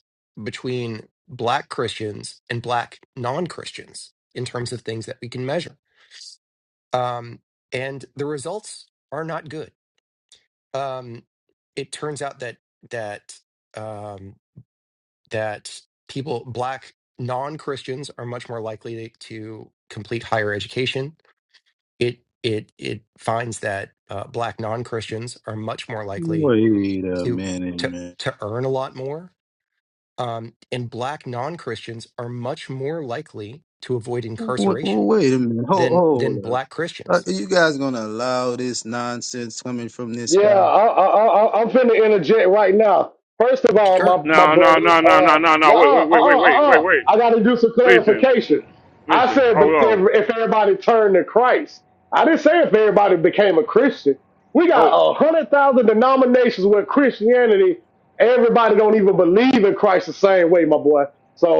between Black Christians and Black non Christians in terms of things that we can measure? Um, and the results are not good. Um, it turns out that, that, um, that people, Black non Christians, are much more likely to complete higher education. It it it finds that uh, Black non Christians are much more likely Wait a to minute, to man. to earn a lot more, um, and Black non Christians are much more likely to avoid Wait, incarceration wait a minute. Hold, than hold than Black up. Christians. Are you guys gonna allow this nonsense coming from this Yeah, guy? I, I, I, I- am finna interject right now. First of all, Sure, my, my No, no, brother, no, no, no, uh, no, no. nah, Wait, uh, wait, wait, uh, wait, wait, uh, wait, uh, wait. I gotta do some Listen, mm, clarification. I listen. said, Hold but if, on. if everybody turned to Christ, I didn't say if everybody became a Christian. We got Hold. a hundred thousand denominations with Christianity. Everybody don't even believe in Christ the same way, my boy.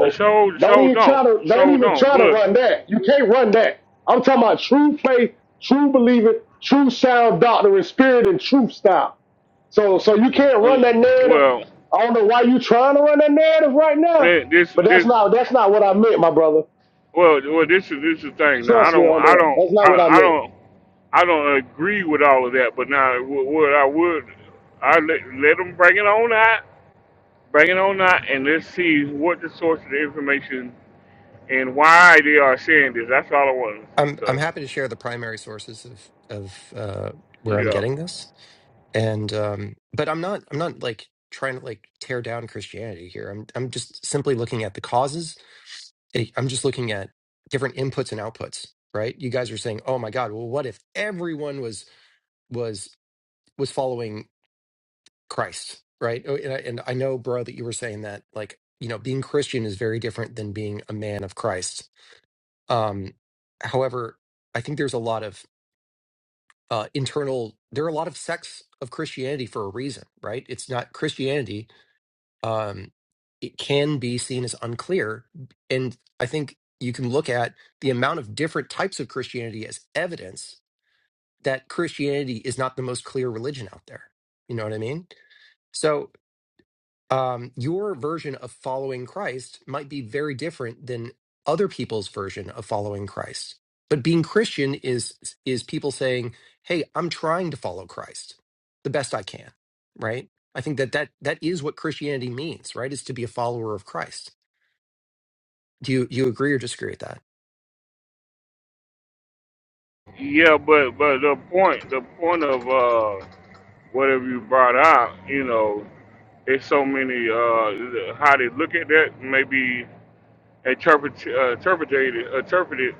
uh, So don't so even don't try to, don't so even don't. try to But run that. You can't run that. I'm talking about true faith true believer, true sound doctrine, spirit and truth style. So, so you can't uh, run that narrative. well, I don't know why you trying to run that narrative right now, that- this but that's this not that's not what I meant, my brother. Well, well, this is this is the thing. Now, I Trust me don't, on I that. don't, That's not what I I, I meant. don't, I don't agree with all of that. But now, wh- what I would, I let let them bring it on out, bring it on out, and let's see what the source of the information and why they are saying this. That's all I want to see. I'm I'm So, happy to share the primary sources of of uh, where I'm yeah, getting this and um but i'm not i'm not like trying to like tear down christianity here i'm i'm just simply looking at the causes I- i'm just looking at different inputs and outputs right you guys are saying oh my god well what if everyone was was was following christ right Oh, and i, and I know bro that you were saying that like you know being christian is very different than being a man of christ um however i think there's a lot of uh internal there are a lot of sects of christianity for a reason right it's not christianity um, it can be seen as unclear. And I think you can look at the amount of different types of Christianity as evidence that Christianity is not the most clear religion out there. You know what I mean? So um, your version of following Christ might be very different than other people's version of following Christ. But being Christian is is people saying, "Hey, I'm trying to follow Christ the best I can." Right? I think that that that is what Christianity means, right? Is to be a follower of Christ. Do you do you agree or disagree with that? yeah. But but the point, the point of uh, whatever you brought out, you know, it's so many uh, how they look at that. Maybe. interpret, uh, interpreted, interpreted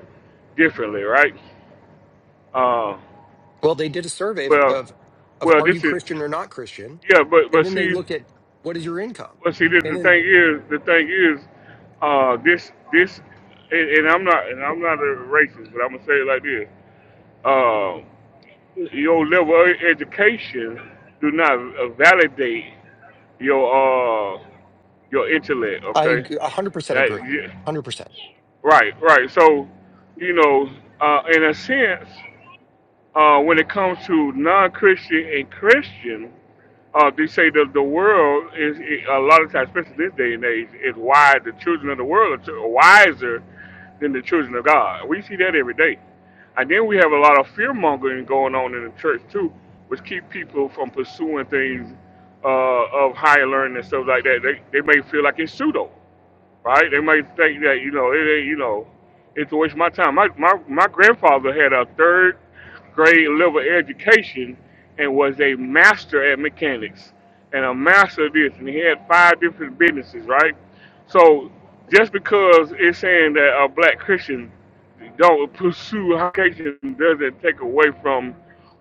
differently, right? Uh, Well, they did a survey of well, of, of well, are you this is Christian or not Christian, yeah, but and but then they see, looked at what is your income, but see, this, and the then thing is, the thing is, uh, this this, and, and I'm not, and I'm not a racist, but I'm gonna say it like this: uh, your level of education do not uh, validate your uh your intellect. I Okay, 100% that agree. yeah, 100%. right, right. So, you know, uh, in a sense. uh, when it comes to non-Christian and Christian, uh, they say that the world is a lot of times, especially this day and age, is wise. The children of the world are wiser than the children of God. We see that every day, and then we have a lot of fear mongering going on in the church too, which keep people from pursuing things uh, of higher learning and stuff like that. They they may feel like it's pseudo right? They might think that you know it ain't you know it's a waste of my time. My my my grandfather had a third grade level education and was a master at mechanics and a master of this, and he had five different businesses, right? So just because it's saying that a black Christian don't pursue education doesn't take away from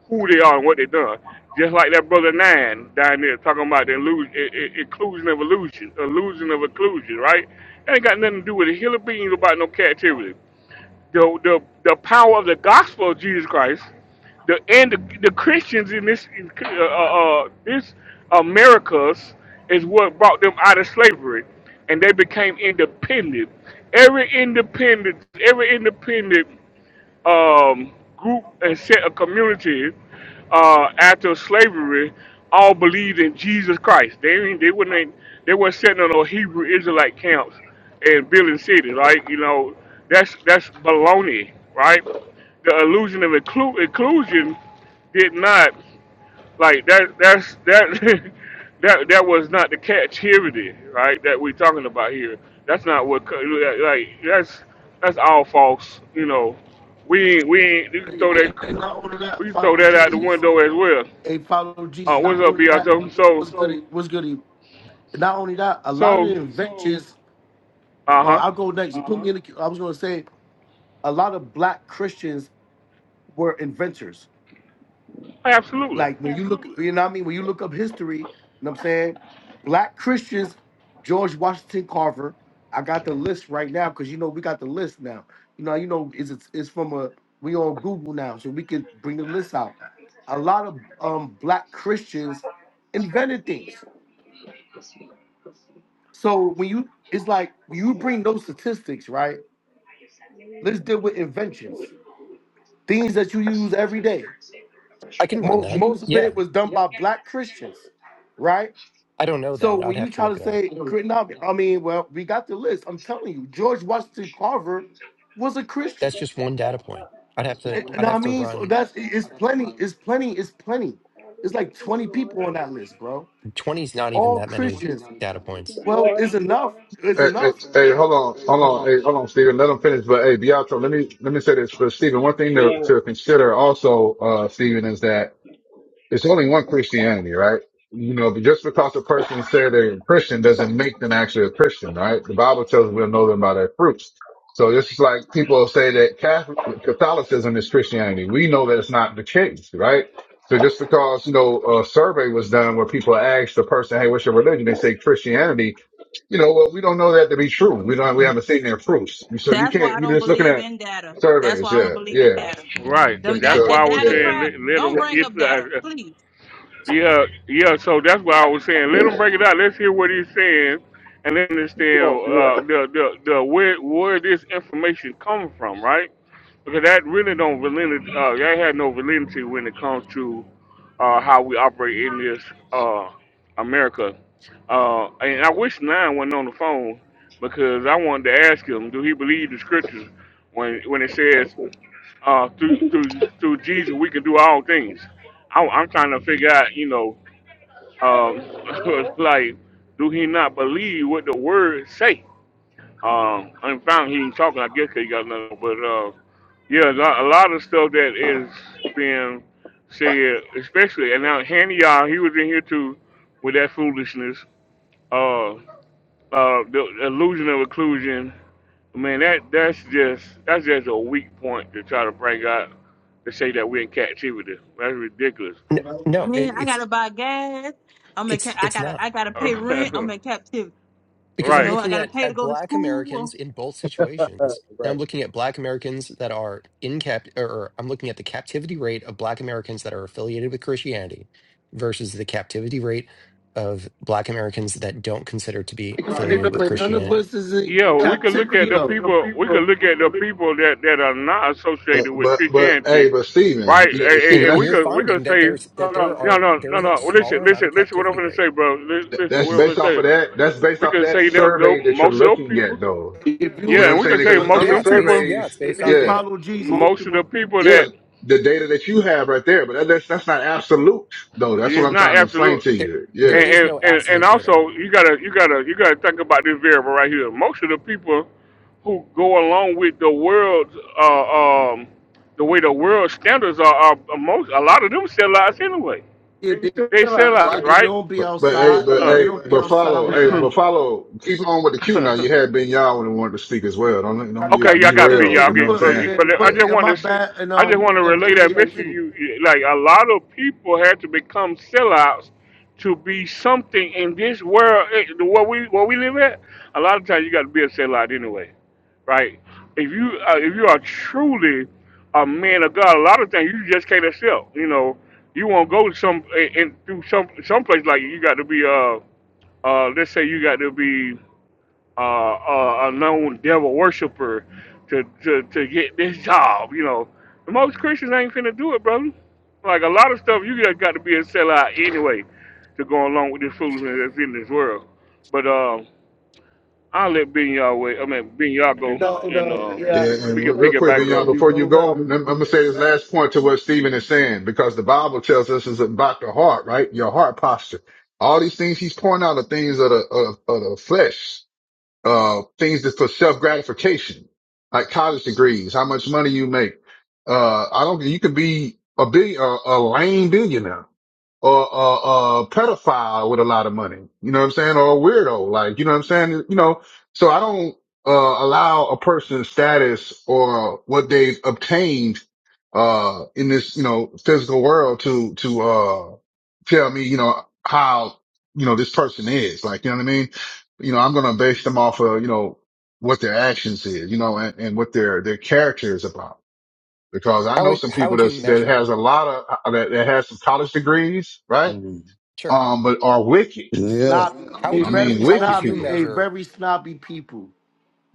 who they are and what they have done. Just like that brother Nine down there talking about the illusion, inclusion of illusion, illusion of inclusion, right? That ain't got nothing to do with it. Hilla beans about no captivity. The, the the power of the gospel of Jesus Christ, the and the, the Christians in this in, uh, uh, uh, this Americas is what brought them out of slavery, and they became independent. Every independent, every independent um, group and set of community uh, after slavery all believed in Jesus Christ. They ain't- they wouldn't they weren't sitting on no Hebrew Israelite camps and building cities. right? you know that's that's baloney, right? The illusion of inclu- inclusion did not. Like that that's that that that was not the captivity, right? That we're talking about here. That's not what co- like like, that's that's all false. You know, we ain't we ain't you can throw that And not only we that, can throw follow that out the Jesus. window as well. They follow Uh, Jesus. what's Not up, only that, Beato? So what's good. What's good. Not only that, a lot of so the inventions. uh huh, Or I'll go next. You put me in. The, I was going to say a lot of black Christians were inventors. absolutely. like when you look, you know what I mean? When you look up history, you know what I'm saying? Black Christians, George Washington Carver. I got the list right now because you know we got the list now. You know, you know, it's it's, it's from a we on Google now, so we can bring the list out. A lot of um black Christians invented things. So when you it's like when you bring those statistics, right? Let's deal with inventions, things that you use every day. I can run Most, that. most of Yeah. it was done by black Christians, right? I don't know So that. I'd when you have to try look to it up. say Crit- no, I mean, well, we got the list. I'm telling you, George Washington Carver was a Christian. That's just one data point. I'd have to And, and I'd I have to mean, so run that's it- it's plenty, it's plenty, it's plenty. It's like 20 people on that list, bro. twenty's not even All that many Christians. data points. Well, it's enough. It's Hey, hey, enough. hey, hold on, hold on, hey, Right. hold on, Stephen. Let him finish. But hey, Beato, let me let me say this for Stephen. One thing to, to consider also, uh, Stephen, is that it's only one Christianity, right? You know, but just because a person said they're a Christian doesn't make them actually a Christian, right? The Bible tells us we'll know them by their fruits. So this is like people say that Catholic, Catholicism is Christianity. We know that it's not the case, right? So just because, you know, a survey was done where people asked the person, Hey, what's your religion? They say Christianity. You know, well, we don't know that to be true. We don't, we haven't seen their proofs. So you That's why I can't, you're don't just looking believe at in data. That's surveys. why I don't Yeah. believe in Yeah. data. Right. So, Them that That's so why that I was data yeah. saying crap. let, let Don't bring up data, 'em get. please. Yeah, yeah. So that's what I was saying. Let him break it out. Let's hear what he's saying, and then Come understand on, uh, the the the where where this information comes from, right? Because that really don't validity. Uh, that had no validity when it comes to uh, how we operate in this uh, America. Uh, and I wish Nine wasn't on the phone because I wanted to ask him, do he believe the scriptures when when it says uh, through through through Jesus, we can do all things. I, I'm trying to figure out, you know, um, like, do he not believe what the word say? Um, am found he ain't talking. I guess 'cause he got nothing. But uh, yeah, a lot, a lot of stuff that is being said, especially and now Hanny, you he was in here too with that foolishness. Uh, uh, the illusion of inclusion Man, that that's just that's just a weak point to try to bring out to say that we're in captivity. That's ridiculous. No, no it, Man, I gotta it's buy gas. I'm in. Ca- it's I it's gotta. not. I gotta pay rent. I'm in captivity. Because You I'm know, right. I looking gotta at, pay to at go to black Americans school. in both situations. Now I'm Right. looking at black Americans that are in cap or or I'm looking at the captivity rate of black Americans that are affiliated with Christianity versus the captivity rate of black Americans that don't consider to be affiliated with But none of Christianity. us is in Yeah, but Yeah, well, we could look captivity at the though. people. We could look at the people that, that are not But associated with but but Christianity, hey, but right? Steven, yeah, And, and and- Steven, y- and and we that's you're could we finding could that say there's that there no, are no, no, there's a no. Well, listen, smaller amount listen, of listen. What I'm captivity gonna rate. say, bro. Li- Listen, that's what I'm gonna based off of say. that. That's based We off could that say that tho- survey that you're most of those looking people. at, though. at If you You Yeah, know what would, and I'm we saying? could say Because there's most of other Yeah, them it's based people, yeah, surveys, it's they based they off yeah, data. follow Jesus. most of the people yeah, that the data that you have right there, but that, that's that's not absolute, though. That's what is I'm not trying to explain absolute. to There you. there and, Yeah. is and, no and and absolute also data. you gotta you gotta you gotta think about this variable right here. Most of the people who go along with the world's uh, um, the way the world standards are, are are most a lot of them sell lives anyway. Yeah, they, They sell lives, yeah, they right? don't be But but hey, outside. but They hey, don't be but outside follow, like hey, that. but Huh. follow. Keep on with the queue now. You had Ben Yah when he wanted to speak as well. Don't let- don't Okay, get y'all And, got and, big. derailed. Y'all You know and what I'm get, put, well, and, yeah, saying? but and Yeah. I put just and want to my see. bad and I just um want to yeah, relay put me that in the message. to queue. You You- like a lot of people had to become sellouts to be something in this world. eh, Where we where we live at, a lot of times you got to be a sellout anyway, right? If you uh, if you are truly a man of God, a lot of times you just can't accept. You know, you won't go to some and through some some place like you got to be uh uh let's say you got to be uh, uh, a known devil worshiper to, to, to get this job. You know, most Christians ain't finna do it, brother. Like a lot of stuff, you just got to be a sellout anyway to go along with this foolishness that's in this world. But uh, I'll let Ben y'all wait. I mean, Ben y'all go, No, and no, uh, yeah. Yeah, we and can real pick it quick, back Bignon, up. before you go, I'm No. going to say this last point to what Stephen is saying, because the Bible tells us it's about the heart, right? Your heart posture. All these things he's pointing out are things of the, of, of the flesh, uh, things that's for self gratification, like college degrees, how much money you make. Uh, I don't, you could be a billion, a, a lame billionaire or a, a pedophile with a lot of money. You know what I'm saying? Or a weirdo, like you know what I'm saying? You know, so I don't uh, allow a person's status or what they've obtained uh, in this you know physical world to to uh, tell me you know how you know this person is. Like you know what I mean? You know, I'm gonna base them off of you know what their actions is, you know, and, and what their their character is about. Because I How know would some how people would you that's, that measure? has a lot of uh, that, that has some college degrees, right? Mm. Sure. um, but are wicked. Yeah. How Snobby, a would I you me- mean, very how would wicked you snobby, people. a measure? very snobby people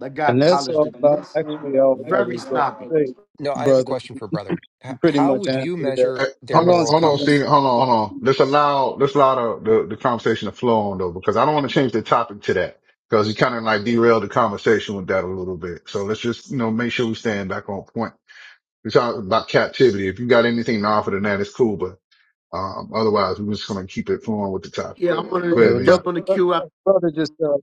that And got that's college all. I, degrees. actually, all I Very was going snobby. to say. No, I have a Brother. question for brother. H- you pretty how much would you answered that. Eh, measure their Hang Hold on, on, moral hold on, Stephen. compass? Stephen. Hold on, hold on. Let's allow, let's allow the, the, the conversation to flow on though, because I don't want to change the topic to that because you kind of like derailed the conversation with that a little bit. So let's just, you know, make sure we stand back on point. We talk about captivity. If you got anything to offer than that, it's cool, but, um, otherwise we're just going to keep it flowing with the topic. Yeah, I'm gonna Go Yeah, ahead, the Leon. brother, jump on the brother queue after just uh,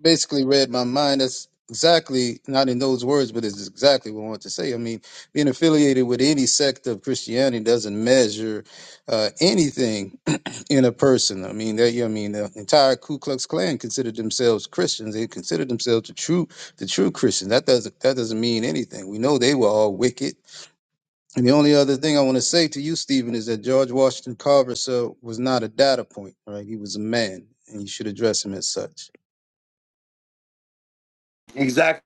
basically read my mind. That's exactly not in those words, but it's exactly what I want to say. I mean, being affiliated with any sect of Christianity doesn't measure uh, anything in a person. I mean, that yeah, I mean, the entire Ku Klux Klan considered themselves Christians. They considered themselves the true, the true Christians. That doesn't that doesn't mean anything. We know they were all wicked and the only other thing I want to say to you, Stephen, is that George Washington Carver, sir, was not a data point, right? He was a man, and you should address him as such. Exactly.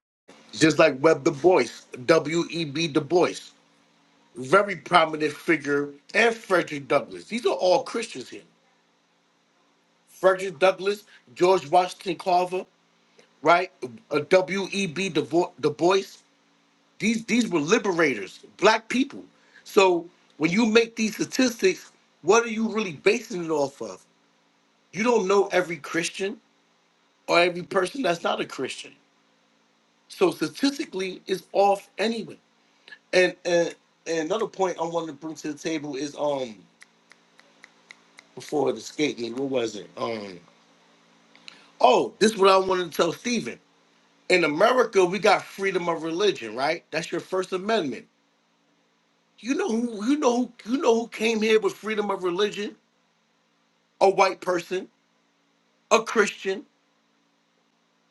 Just like Web Du Bois, W E B Du Bois. very prominent figure, and Frederick Douglass. These are all Christians here. Frederick Douglass, George Washington Carver, right? Uh, W.E.B. Du Vo- Du Bois. These these were liberators, black people. So when you make these statistics, what are you really basing it off of? You don't know every Christian or every person that's not a Christian. So statistically, it's off anyway. And and, and another point I wanted to bring to the table is um before it escaped me, what was it? Um Oh, this is what I wanted to tell Stephen. In America, we got freedom of religion, right? That's your First Amendment. You know who you know who you know who came here with freedom of religion? A white person, a Christian.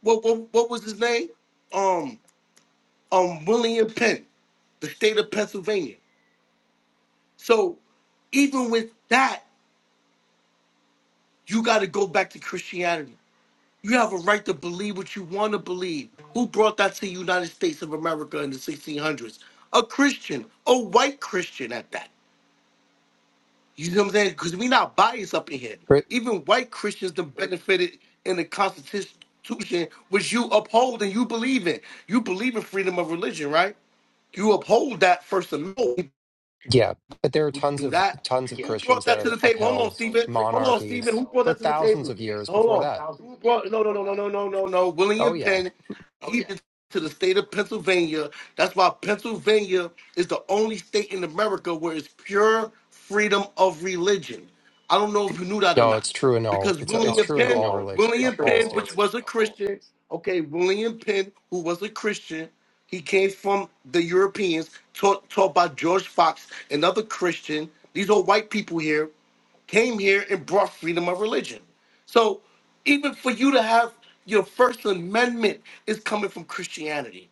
What what, what was his name? Um um William Penn, the state of Pennsylvania. So even with that, you got to go back to Christianity You have a right to believe what you want to believe. Who brought that to the United States of America in the 1600s? A Christian, a white Christian at that. You know what I'm saying? Because we not biased up in here. Cri- Even white Christians that benefited in the Constitution, which you uphold and you believe in. You believe in freedom of religion, right? You uphold that First Amendment Yeah, but there are who tons do of that. tons of Yeah. Who brought Christians that that to have the table? Hold on, upheld Stephen. Hold on, Stephen. monarchies Who brought for that to the thousands table? of years before Hold that. on. Who brought? No, no, no, no, no, no, no, no. Oh William yeah. Penn. He did to the state of Pennsylvania. That's why Pennsylvania is the only state in America where it's pure freedom of religion. I don't know if you knew that or No, not it's true in all because it's it's William true in Penn, all religion William all Penn, which states. was a Christian, okay, William Penn, who was a Christian, he came from the Europeans, taught taught by George Fox, another Christian. These are white people here came here and brought freedom of religion. So even for you to have your First Amendment is coming from Christianity.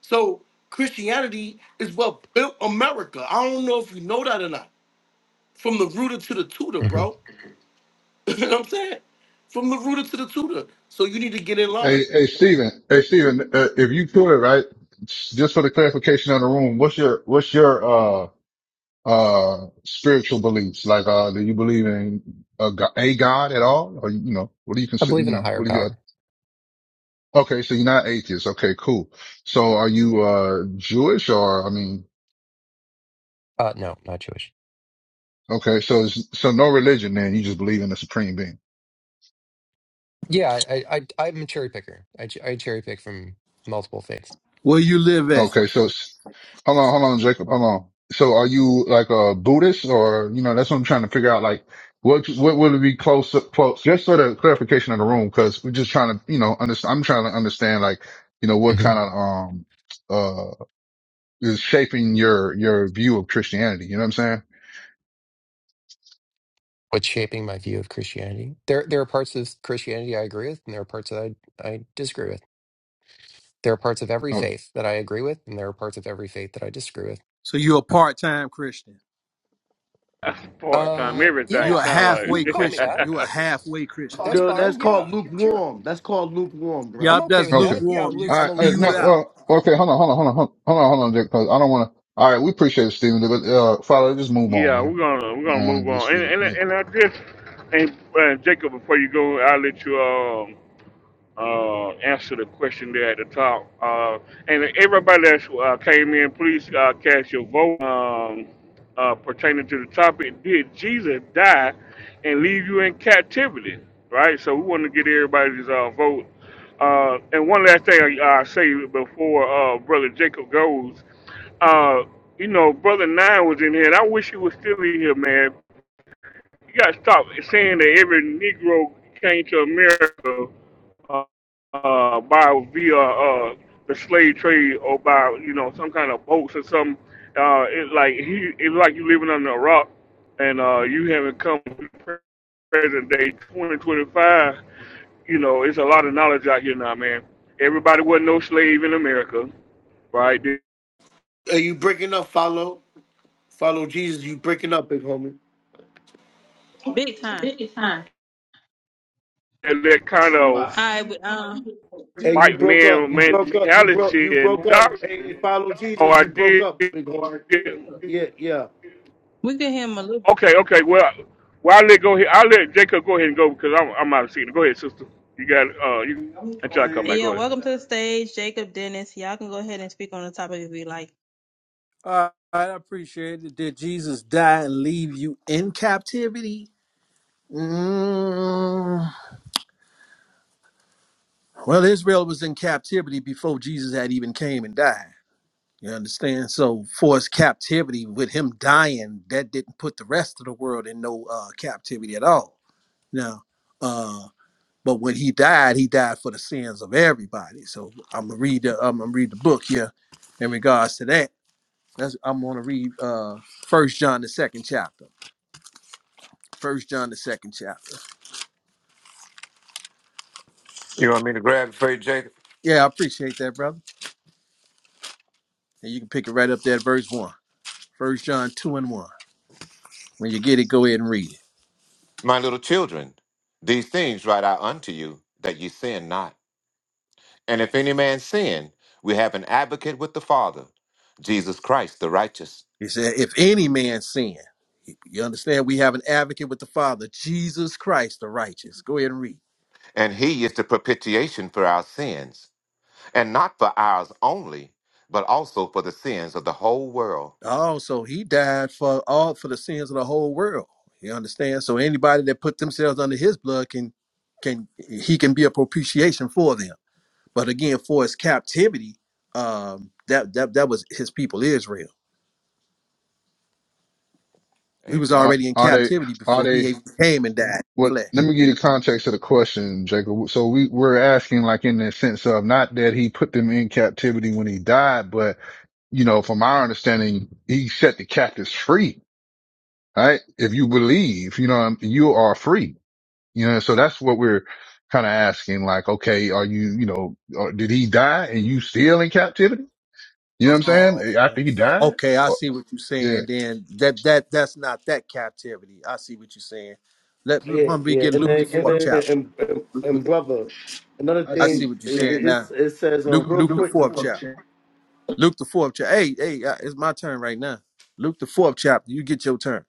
So Christianity is what built America. I don't know if you know that or not. From the rooter to the tutor, hmm bro. you know what I'm saying? From the rooter to the tutor. So you need to get in line. Hey, hey, Stephen. Hey, Stephen, uh, if you could, right, just for the clarification of the room, what's your, what's your, uh, uh spiritual beliefs like uh do you believe in a god, a god at all or you know what do you I consider believe you in a know higher what do you uh, power. okay so you're not atheist okay cool so are you uh jewish or i mean Uh, no, not Jewish. okay so it's, so no religion then you just believe in the supreme being Yeah, I, I, I I'm a cherry picker. I, ch- I cherry pick from multiple faiths. Where you live at? Okay, so s- hold on, hold on, Jacob, hold on. So are you like a Buddhist or, you know, that's what I'm trying to figure out. Like what, what would be close, close, just sort of clarification of the room. Cause we're just trying to, you know, understand, I'm trying to understand like, you know, what hmm kind of, um, uh, is shaping your, your view of Christianity. You know what I'm saying? What's shaping my view of Christianity? There, there are parts of Christianity I agree with, and there are parts that I, I disagree with. There are parts of every Oh, faith that I agree with, and there are parts of every faith that I disagree with. So you're a part-time Christian. That's part time. Uh, Everything You're yeah, a sound you halfway like. can call me Christian. that. You're a halfway Christian. That's No, that's fine. called Yeah, sure. lukewarm. That's called lukewarm, I'm bro. Yup, okay that's with okay. that. Yeah, lukewarm. I'm You All lu- I'm right. a Uh, spewed no, lukewarm. out. well, okay. Hold on, hold on, hold on, hold on, hold on, hold on, Jacob, 'cause I don't want to. All right. We appreciate it, Stephen. But, uh, Father, just move on, yeah, man. we're gonna we're I gonna move want to on. just And get and it. and I just and uh, Jacob, before you go, I'll let you. um. uh, answer the question there at the top. Uh, and everybody that uh, came in, please uh, cast your vote um, uh, pertaining to the topic. Did Jesus die and leave you in captivity? Right. So we want to get everybody's uh, vote. Uh, and one last thing I, I say before uh, Brother Jacob goes, uh, you know, Brother Nine was in here, and I wish he was still in here, man. You got to stop saying that every Negro came to America uh, uh, by via uh, the slave trade or by you know some kind of boats or some. Uh, it's like he, it's like you living under a rock, and uh, you haven't come to present day 2025. You know, it's a lot of knowledge out here now, man. Everybody wasn't no slave in America, right? They Hey, you breaking up, follow. Follow Jesus, you breaking up, big homie. Big time. had that kind All of right, we, um, Hey, you white broke up. man You broke up. You broke mentality you and broke up. Hey, doctrine. hey, follow Oh, Jesus, I you broke up, did. big homie. Yeah, yeah. we get him a little Okay, bit. okay. Well, well, I'll let go ahead. I'll let Jacob go ahead and go because I'm I'm out of seat. Go ahead, sister. You got uh you until I come back. Yeah, Go ahead. welcome to the stage, Jacob Dennis. Y'all can go ahead and speak on the topic if you like. All right, I appreciate it. Did Jesus die and leave you in captivity? Mm. Well, Israel was in captivity before Jesus had even came and died. You understand? So, for his captivity, with him dying, that didn't put the rest of the world in no uh, captivity at all. Now, uh. But when he died, he died for the sins of everybody. So I'm gonna read the I'm gonna read the book here in regards to that. That's, I'm gonna read uh First John the second chapter. First John the second chapter. You want me to grab for you, Jacob? Yeah, I appreciate that, brother. And you can pick it right up there, at verse one. First John two and one. When you get it, go ahead and read it. My little children, these things write I unto you, that ye sin not. And if any man sin, we have an advocate with the Father, Jesus Christ the righteous. He said, "If any man sin, you understand, we have an advocate with the Father, Jesus Christ, the righteous." Go ahead and read. And he is the propitiation for our sins, and not for ours only, but also for the sins of the whole world. Oh, so he died for all for the sins of the whole world. You understand? So anybody that put themselves under his blood can can he can be a propitiation for them. But again, for his captivity, um, that that that was his people Israel. We was Amen. Are, already in are they, captivity are before he they, even came and died in what, let flesh. me give you the context of the question, Jacob. So we, we're asking like in the sense of not that he put them in captivity when he died, but you know, from our understanding, he set the captives free, right? If you believe, you know, um, you are free, you know, so that's what we're kind of asking. Like, okay, are you, you know, or did he die and you still in captivity? You know what I'm Oh, saying? After he died? okay, I Or- see what you're yeah. saying. Then that that that's not that captivity. I see what you're saying. Let Yeah, why don't we yeah. get And Luke the then and fourth then chapter. and, and, and Luke- brother, another I see thing what you're it, saying it, now. it says um Luke real Luke the quick. fourth chapter. Luke the fourth chapter. Hey, hey, uh, it's my turn right now. Luke the fourth chapter. You get your turn.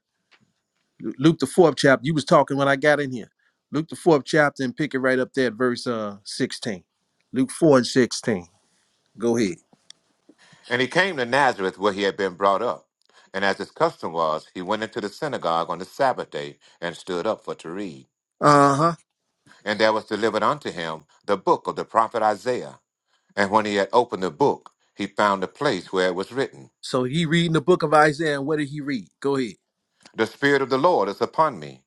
Lu- Luke the fourth chapter. You was talking when I got in here. Luke the fourth chapter and pick it right up there at verse uh sixteen. Luke four and sixteen. Go ahead. And he came to Nazareth where he had been brought up. And as his custom was, he went into the synagogue on the Sabbath day and stood up for to read. Uh huh. And there was delivered unto him the book of the prophet Isaiah. And when he had opened the book, he found the place where it was written, So he reading the book of Isaiah. And what did he read? Go ahead. The Spirit of the Lord is upon me,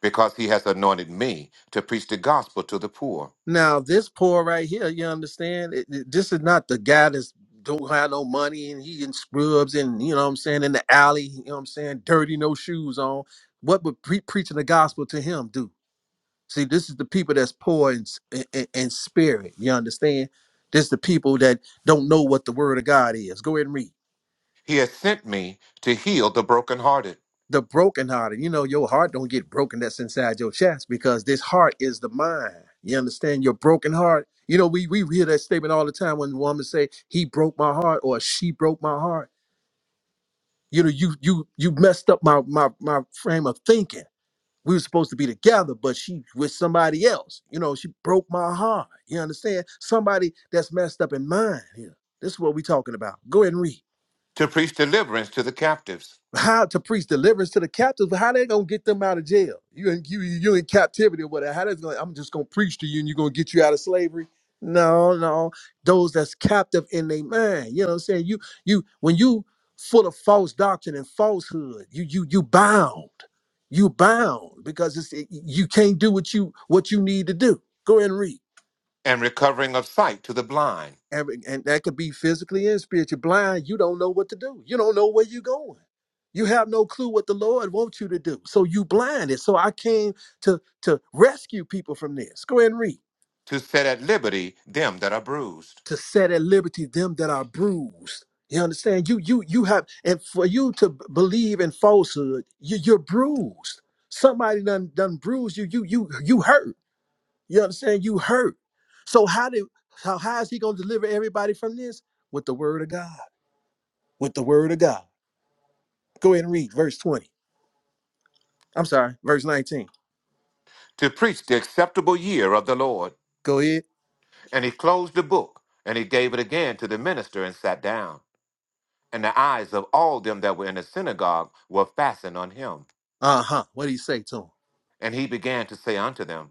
because he has anointed me to preach the gospel to the poor. Now this poor right here. You understand? It- it- this is not the guy that's don't have no money and he in scrubs and you know what I'm saying in the alley. You know what I'm saying? Dirty, no shoes on. What would pre- preaching the gospel to him do? See, this is the people that's poor in, s- in, in- in spirit. You understand? This is the people that don't know what the word of God is. Go ahead and read. He has sent me to heal the brokenhearted, The brokenhearted. You know, your heart don't get broken that's inside your chest because this heart is the mind. You understand? Your broken heart. You know, we, we hear that statement all the time when women say, he broke my heart or she broke my heart. You know, you you you messed up my my my frame of thinking. we were supposed to be together, but she with somebody else. You know, she broke my heart. You understand? Somebody that's messed up in mind here. This is what we talking about. Go ahead and read to preach deliverance to the captives, how to preach deliverance to the captives, but how they gonna get them out of jail? You in you you in captivity or whatever. How they gonna, I'm just gonna preach to you and you're gonna get you out of slavery. No, no. Those that's captive in their mind. You know what I'm saying? You you when you full of false doctrine and falsehood, you you you bound. You bound because it's it, you can't do what you what you need to do. Go ahead and read. and recovering of sight to the blind, Every- and that could be physically and spiritually blind you don't know what to do you don't know where you're going you have no clue what the lord wants you to do so you blinded so i came to to rescue people from this go ahead and read to set at liberty them that are bruised, to set at liberty them that are bruised you understand you you you have and for you to b- believe in falsehood you, you're bruised somebody done done bruised you you you you hurt you understand you hurt so how do how, how is he going to deliver everybody from this with the word of god with the word of God. Go ahead and read verse 20. I'm sorry, verse 19. to preach the acceptable year of the Lord. Go ahead. And he closed the book, and he gave it again to the minister and sat down. And the eyes of all them that were in the synagogue were fastened on him. Uh huh. What do you say to him? And he began to say unto them,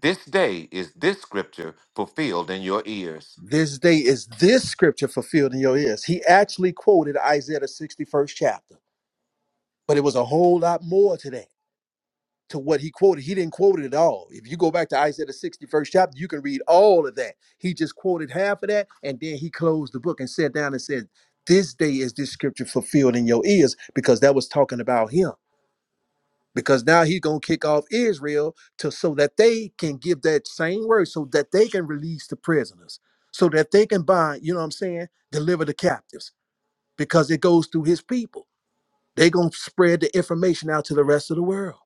This day is this scripture fulfilled in your ears. This day is this scripture fulfilled in your ears. He actually quoted Isaiah, the 61st chapter, but it was a whole lot more to that, to what he quoted. He didn't quote it at all. If you go back to Isaiah, the 61st chapter, you can read all of that. He just quoted half of that, and then he closed the book and sat down and said, This day is this scripture fulfilled in your ears, because that was talking about him. because now he's gonna kick off Israel to so that they can give that same word, so that they can release the prisoners, so that they can bind, you know what I'm saying, deliver the captives, because it goes through his people. they gonna spread the information out to the rest of the world.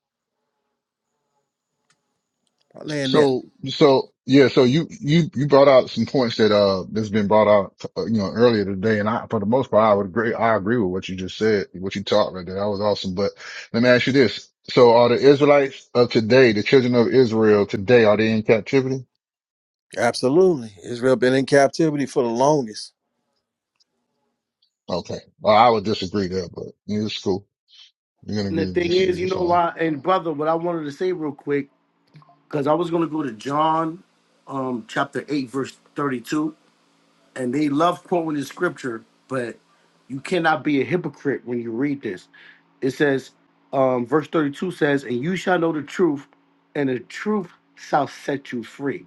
I land there. So, so yeah, so you you you brought out some points that uh that's been brought out uh, you know earlier today, and I for the most part I would agree I agree with what you just said, what you taught right there. That was awesome. But let me ask you this: So, are the Israelites of today, the children of Israel today, are they in captivity? Absolutely. Israel been in captivity for the longest. Okay, well I would disagree there, but yeah, it's cool. You're gonna And the agree to thing disagree. is, you That's know fine. why? And brother, what I wanted to say real quick because I was going to go to John um, chapter 8, verse 32. And they love quoting the scripture, but you cannot be a hypocrite when you read this. It says, um, verse 32 says, And you shall know the truth, and the truth shall set you free.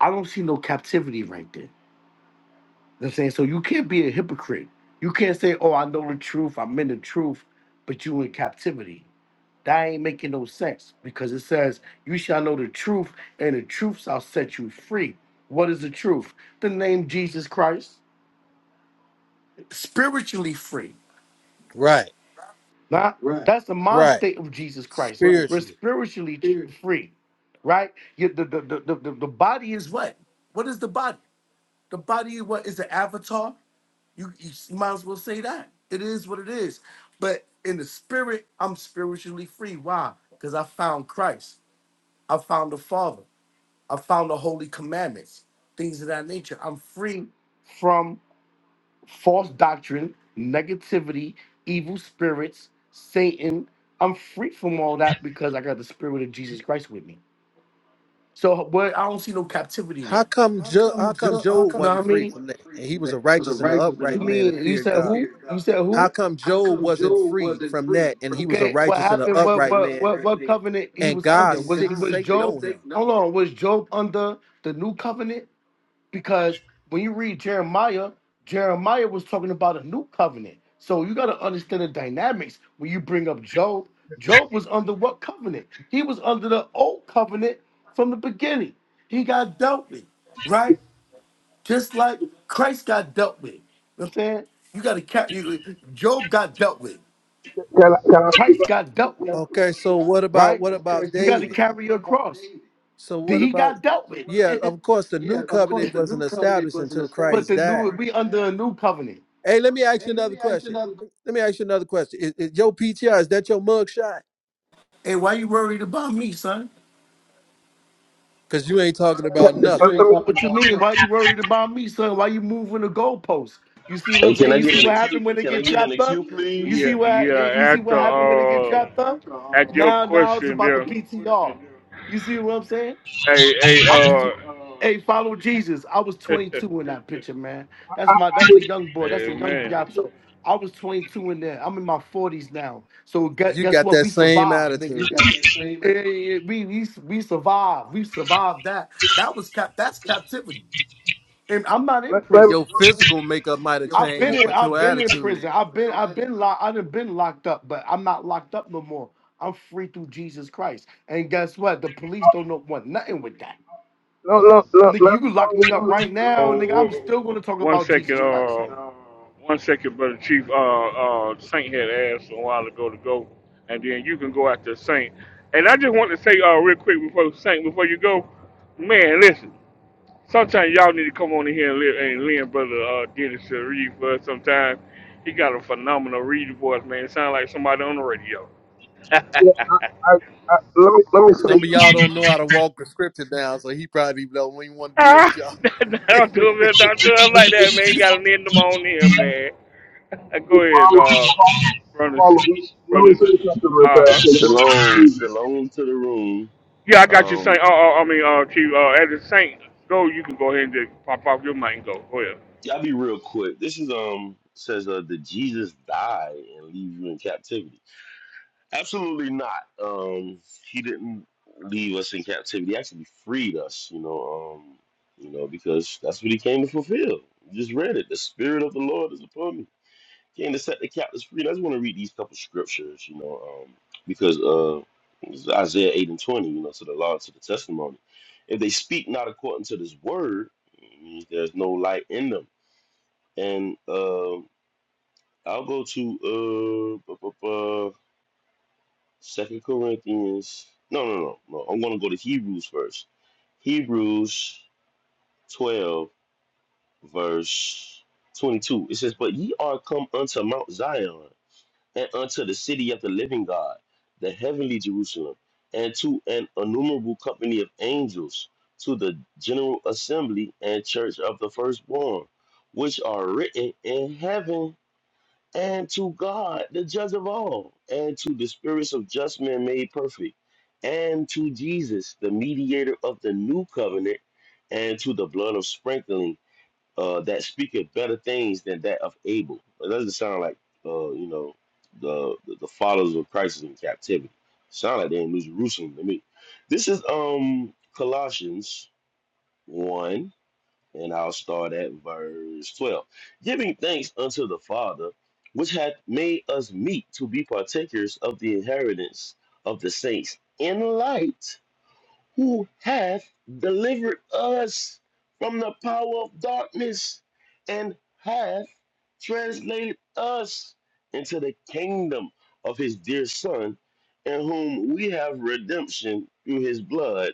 I don't see no captivity right there. You know what I'm saying? So you can't be a hypocrite. You can't say, Oh, I know the truth, I'm in the truth, but you in captivity. That ain't making no sense because it says, You shall know the truth, and the truth shall set you free. What is the truth? The name Jesus Christ, spiritually free. Right, Not Right. that's the mind right. state of Jesus Christ. Right. We're Spiritually. spiritually Here. free, right? You- the, the, the, the, the the body is what? What is the body? The body is what is the avatar? You, you s- might as well say that. It is what it is. But in the spirit, I'm spiritually free. Why? Because I found Christ. I found the Father. I found the holy commandments, things of that nature. I'm free from false doctrine, negativity, evil spirits, Satan. I'm free from all that because I got the spirit of Jesus Christ with me. So what? I don't see no captivity there. How come How jo- how come? come Ju- how Job come? Know wasn't what I free mean? from Wasn't that? free And he from that. was a It was a righteous and an righteous and you upright an man mean that upright you feared said who? God. man feared God. You said How who? come How Job come wasn't Job free wasn't from free? that and From he was a okay, that? It what was righteous a and an happened? What righteous upright what and what man what upright what man. covenant he and was under? God And Was sick God was saved Satan Job? on him? Satan. Hold on, was Job under the new covenant? because when you read Jeremiah, Jeremiah was talking about a new covenant. So you got to understand the dynamics when you bring up Job. Job was under what covenant? He was under the old covenant from the beginning. He got dealt with, right? Just like Christ got dealt with. You know what I'm saying? You got to carry. you- Job got dealt with. Christ got dealt with, Okay, so what about right? what about You got to David? carry your cross. So Then what he about got dealt with. yeah, of course the Yeah, new of course, covenant the new wasn't covenant established wasn't until established. but Christ the new died. we under a new covenant. Hey, let me ask you Hey, let another me ask you question. another Let me ask you another question. Is, is your PTR, is that your mugshot? Hey, why you worried about me, son? Because you ain't talking about because you nothing. ain't talking What you about mean? nothing. Why you worried about me, son? Why you moving the goalposts? You see what Hey, I'm can saying? I You get see in the what queue? happened when they Can I get get in the trapped up? queue, You please? see Yeah, what you yeah. see At what the happened when they get uh, trapped up? at your Now now it's question about the there. PTR. You see what I'm saying? Hey, I was, tw- hey. hey, follow Jesus. I was Uh, 22 in that picture, man. That's my, that's the young boy. That's hey, the young man. job. So I was 22 in there. I'm in my 40s now. So guess, You guess got what? that We same survived, nigga. You attitude. got that same. Yeah, yeah, yeah. We, we we survived. We survived that. That was cap. That's captivity. And I'm not in Let, let, prison. Your physical makeup might have I've been changed, in. but your I've been in attitude. prison. I've been. I've been locked. I've been locked up, but I'm not locked up no more. I'm free through Jesus Christ. And guess what? The police don't know want nothing with that. let, let, let, let, Nigga, let you can lock me up right now, nigga. Oh, oh, I'm still gonna talk one about second. Jesus Christ. Uh, one second, brother Chief. Uh, uh, Saint had asked a while ago to go, and then you can go after Saint. And I just want to say uh real quick before Saint before you go, man. Listen. Sometimes y'all need to come on in here and, li- and lend brother uh, Dennis to read for us. Sometimes he got a phenomenal reading voice, man. It sounds like somebody on the radio. Some of y'all don't know how to walk the scripture down, so he probably don't even want to deal with Ah, y'all. I don't do it, man. I Don't do it like that, man. You gotta lend them on here, man. Uh, me go ahead, follow, uh, brothers, follow. Let brother. me say something real Uh huh. fast. 'cause I'm Shalom, confused. shalom to the room. Yeah, I got you, Saint. Um, Uh, uh, I mean, uh, Chief. Uh, as a Saint, go. You can go ahead and just pop off your mic and go. Go ahead. y'all be real quick. This is um says uh did Jesus die and leave you in captivity? Absolutely not. Um, he didn't leave us in captivity. He actually freed us. You know, um, you know because that's what he came to fulfill. You just read it. The spirit of the Lord is upon me King to set the captives free. I just want to read these couple scriptures, you know, um, because uh, it's Isaiah 8 and 20, you know, to the law, to the testimony. If they speak not according to this word, it means there's no light in them. And uh, I'll go to uh, bu- bu- bu- Second Corinthians. No, no, no, no. I'm going to go to Hebrews first. Hebrews 12, verse 22. It says, But ye are come unto Mount Zion and unto the city of the living God, the heavenly Jerusalem, and to an innumerable company of angels, to the general assembly and church of the firstborn, which are written in heaven, and to God, the judge of all, and to the spirits of just men made perfect, and to Jesus, the mediator of the new covenant, and to the blood of sprinkling uh, that speaketh better things than that of Abel. It doesn't sound like uh, you know the, the the followers of Christ is in captivity. Sound like they're in New Jerusalem to me. This is um Colossians one, and I'll start at verse twelve. Giving thanks unto the Father, which hath made us meet to be partakers of the inheritance of the saints in light who hath delivered us from the power of darkness and hath translated us into the kingdom of his dear Son, in whom we have redemption through his blood,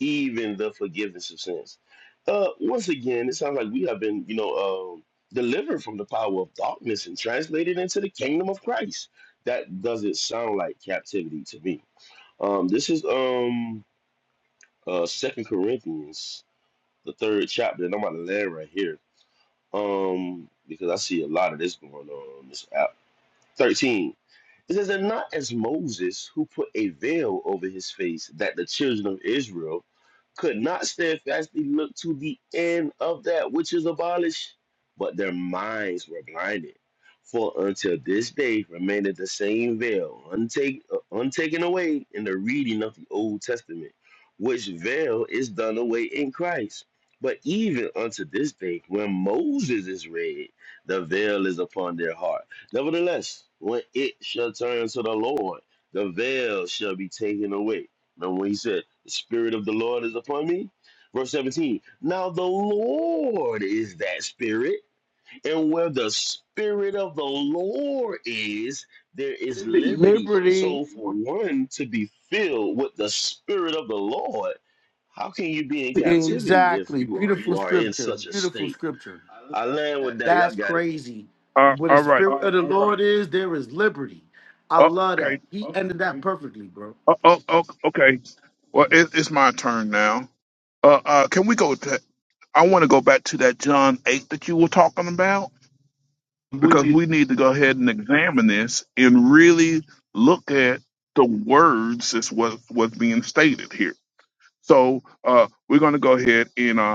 even the forgiveness of sins. Uh, once again, it sounds like we have been, you know, um, delivered from the power of darkness and translated into the kingdom of Christ. That doesn't sound like captivity to me. Um, this is um uh Second Corinthians, the third chapter, and I'm about to land right here. Um, because I see a lot of this going on on this app. 13. It says, And not as Moses, who put a veil over his face, that the children of Israel could not steadfastly look to the end of that which is abolished, but their minds were blinded. For until this day remaineth the same veil, untake, uh, untaken away in the reading of the Old Testament, which veil is done away in Christ. But even unto this day, when Moses is read, the veil is upon their heart Nevertheless, when it shall turn to the Lord, the veil shall be taken away. Remember when he said, The Spirit of the Lord is upon me? Verse 17, now the Lord is that Spirit, and where the Spirit of the Lord is, there is liberty. Liberty, So, for one to be filled with the Spirit of the Lord, how can you be in captivity if exactly. Beautiful you are in scripture. such a Beautiful state? scripture. I land with that. Y'all That's got it. crazy. Uh, Where the all right. spirit of the Lord is, there is liberty. I love that. Okay. He ended that perfectly, bro. Uh, oh, oh, okay. Well, it, it's my turn now. Uh, uh, can we go to? I want to go back to that John eight that you were talking about because we But need to go ahead and examine this and really look at the words that's what was being stated here. So uh, we're going to go ahead and uh,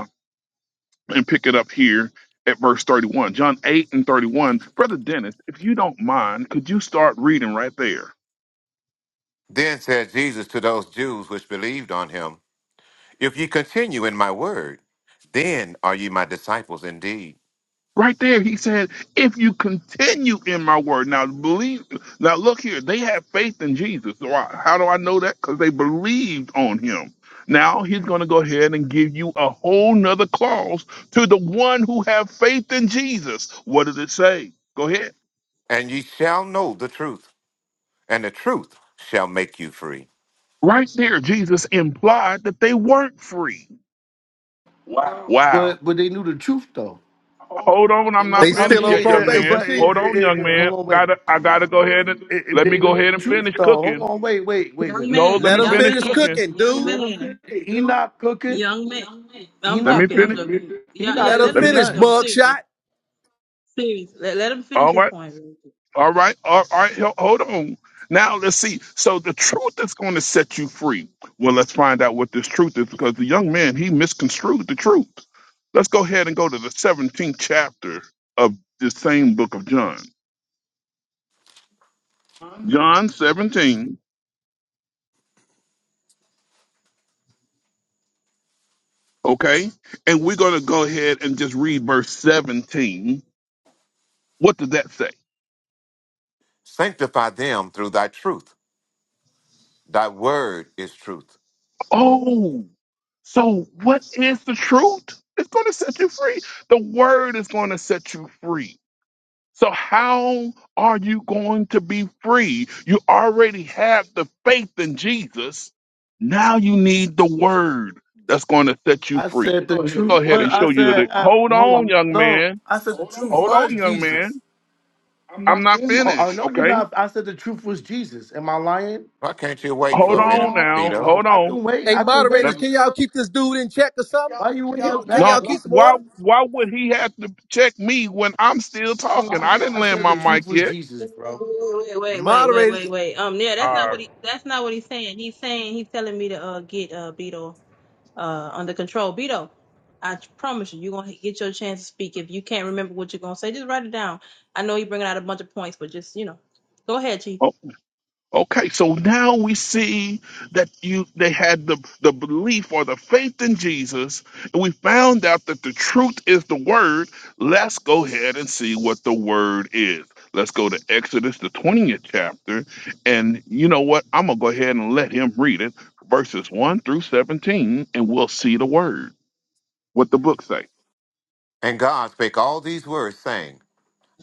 and pick it up here at verse 31. John 8 and 31. Brother Dennis, if you don't mind, could you start reading right there? Then said Jesus to those Jews which believed on him, If ye continue in my word, then are ye my disciples indeed. Right there, he said, if you continue in my word. Now, believe, now look here, they have faith in Jesus. So I, how do I know that? Because they believed on him. Now he's going to go ahead and give you a whole nother clause to the one who have faith in Jesus. What does it say? Go ahead. And ye shall know the truth, and the truth shall make you free. Right there, Jesus implied that they weren't free. Wow. but they knew the truth though. Hold on, I'm Oh, they not I still finished on yet, mean, uh, young uh, probation, man. but uh, chief. Hold on, young uh, uh, man. hold on, wait. Gotta, I gotta go ahead and If if let me they go knew ahead the and truth finish though, hold cooking. on, wait, wait, wait, Young wait, wait. No, let Let man, me them young finish finish man, cooking. cooking, young Let dude. him man, finish. He not cooking. young man. He I'm Let me not joking, I'm finish. cooking. joking. He Yeah, yeah, Let not them let him Let me, cooking finish finish nothing. though. mugshot. Seriously. Seriously. Let, let him finish his right, point. all right, all right, all right. ho- Hold on. Now let's see. So the truth is going to set you free. Well, let's find out what this truth is because the young man he misconstrued the truth. Let's go ahead and go to the 17th chapter of the same book of John. John 17. Okay. And we're going to go ahead and just read verse 17. What does that say? Sanctify them through thy truth. Thy word is truth. Oh, so what is the truth? It's going to set you free. The word is going to set you free. So, how are you going to be free? You already have the faith in Jesus. Now you need the word that's going to set you I free. said the Let me go truth ahead was. and I show you that. said, I, Hold hold on, on. young No, man. I said the truth Hold on, was young Jesus. man. I'm I'm not not saying. Oh, I finished. know you're Okay. not. I said the truth was Jesus. Am I lying? Why can't you wait for Hold a Hold minute, on on now. Vito? now. Hold I on. can wait. Hey, I can wait. moderators, Let- can y'all keep this dude in check or something? Why Can you in y'all, your can back? No, y'all keep some why order? why would he have to check me when I'm still talking? I I, didn't I land said my the truth mic was yet. Jesus, bro. Wait, The wait, wait, wait, wait, moderators, wait, Um, yeah, that's not Uh, what he that's not what he's saying. He's saying he's telling me to uh get uh Beto. uh, under control. Beto, I promise you, you're gonna get your chance to speak. If you can't remember what you're gonna say, just write it down. I know you're bringing out a bunch of points, but just you know, go ahead, Chief. Oh, okay, so now we see that you they had the the belief or the faith in Jesus, and we found out that the truth is the word. Let's go ahead and see what the word is. Let's go to Exodus the 20th chapter, and you know what? I'm gonna go ahead and let him read it, verses 1 through 17, and we'll see the word. what the book say. And God spake all these words, saying,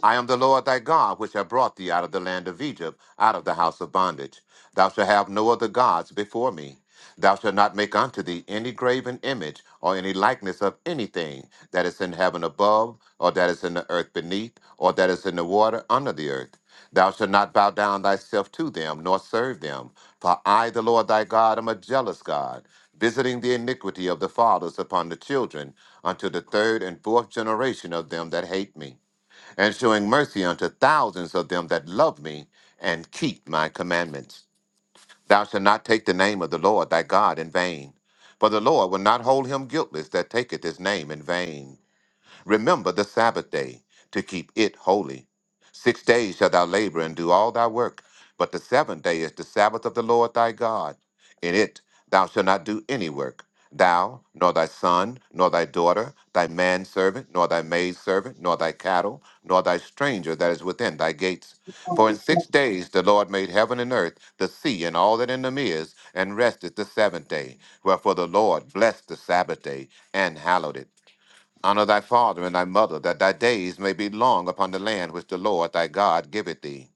I am the Lord thy God, which have brought thee out of the land of Egypt, out of the house of bondage. Thou shalt have no other gods before me. Thou shalt not make unto thee any graven image, or any likeness of anything that is in heaven above, or that is in the earth beneath, or that is in the water under the earth. Thou shalt not bow down thyself to them, nor serve them. For I, the Lord thy God, am a jealous God, visiting the iniquity of the fathers upon the children, unto the third and fourth generation of them that hate me and showing mercy unto thousands of them that love me and keep my commandments. Thou shalt not take the name of the Lord thy God in vain, for the Lord will not hold him guiltless that taketh his name in vain. Remember the Sabbath day to keep it holy. Six days shalt thou labor and do all thy work, but the seventh day is the Sabbath of the Lord thy God. In it thou shalt not do any work, thou, nor thy son, nor thy daughter, thy manservant, nor thy maidservant, nor thy cattle, nor thy stranger that is within thy gates. For in six days the Lord made heaven and earth, the sea, and all that in them is, and rested the seventh day. Wherefore the Lord blessed the Sabbath day and hallowed it. Honor thy father and thy mother, that thy days may be long upon the land which the Lord thy God giveth thee.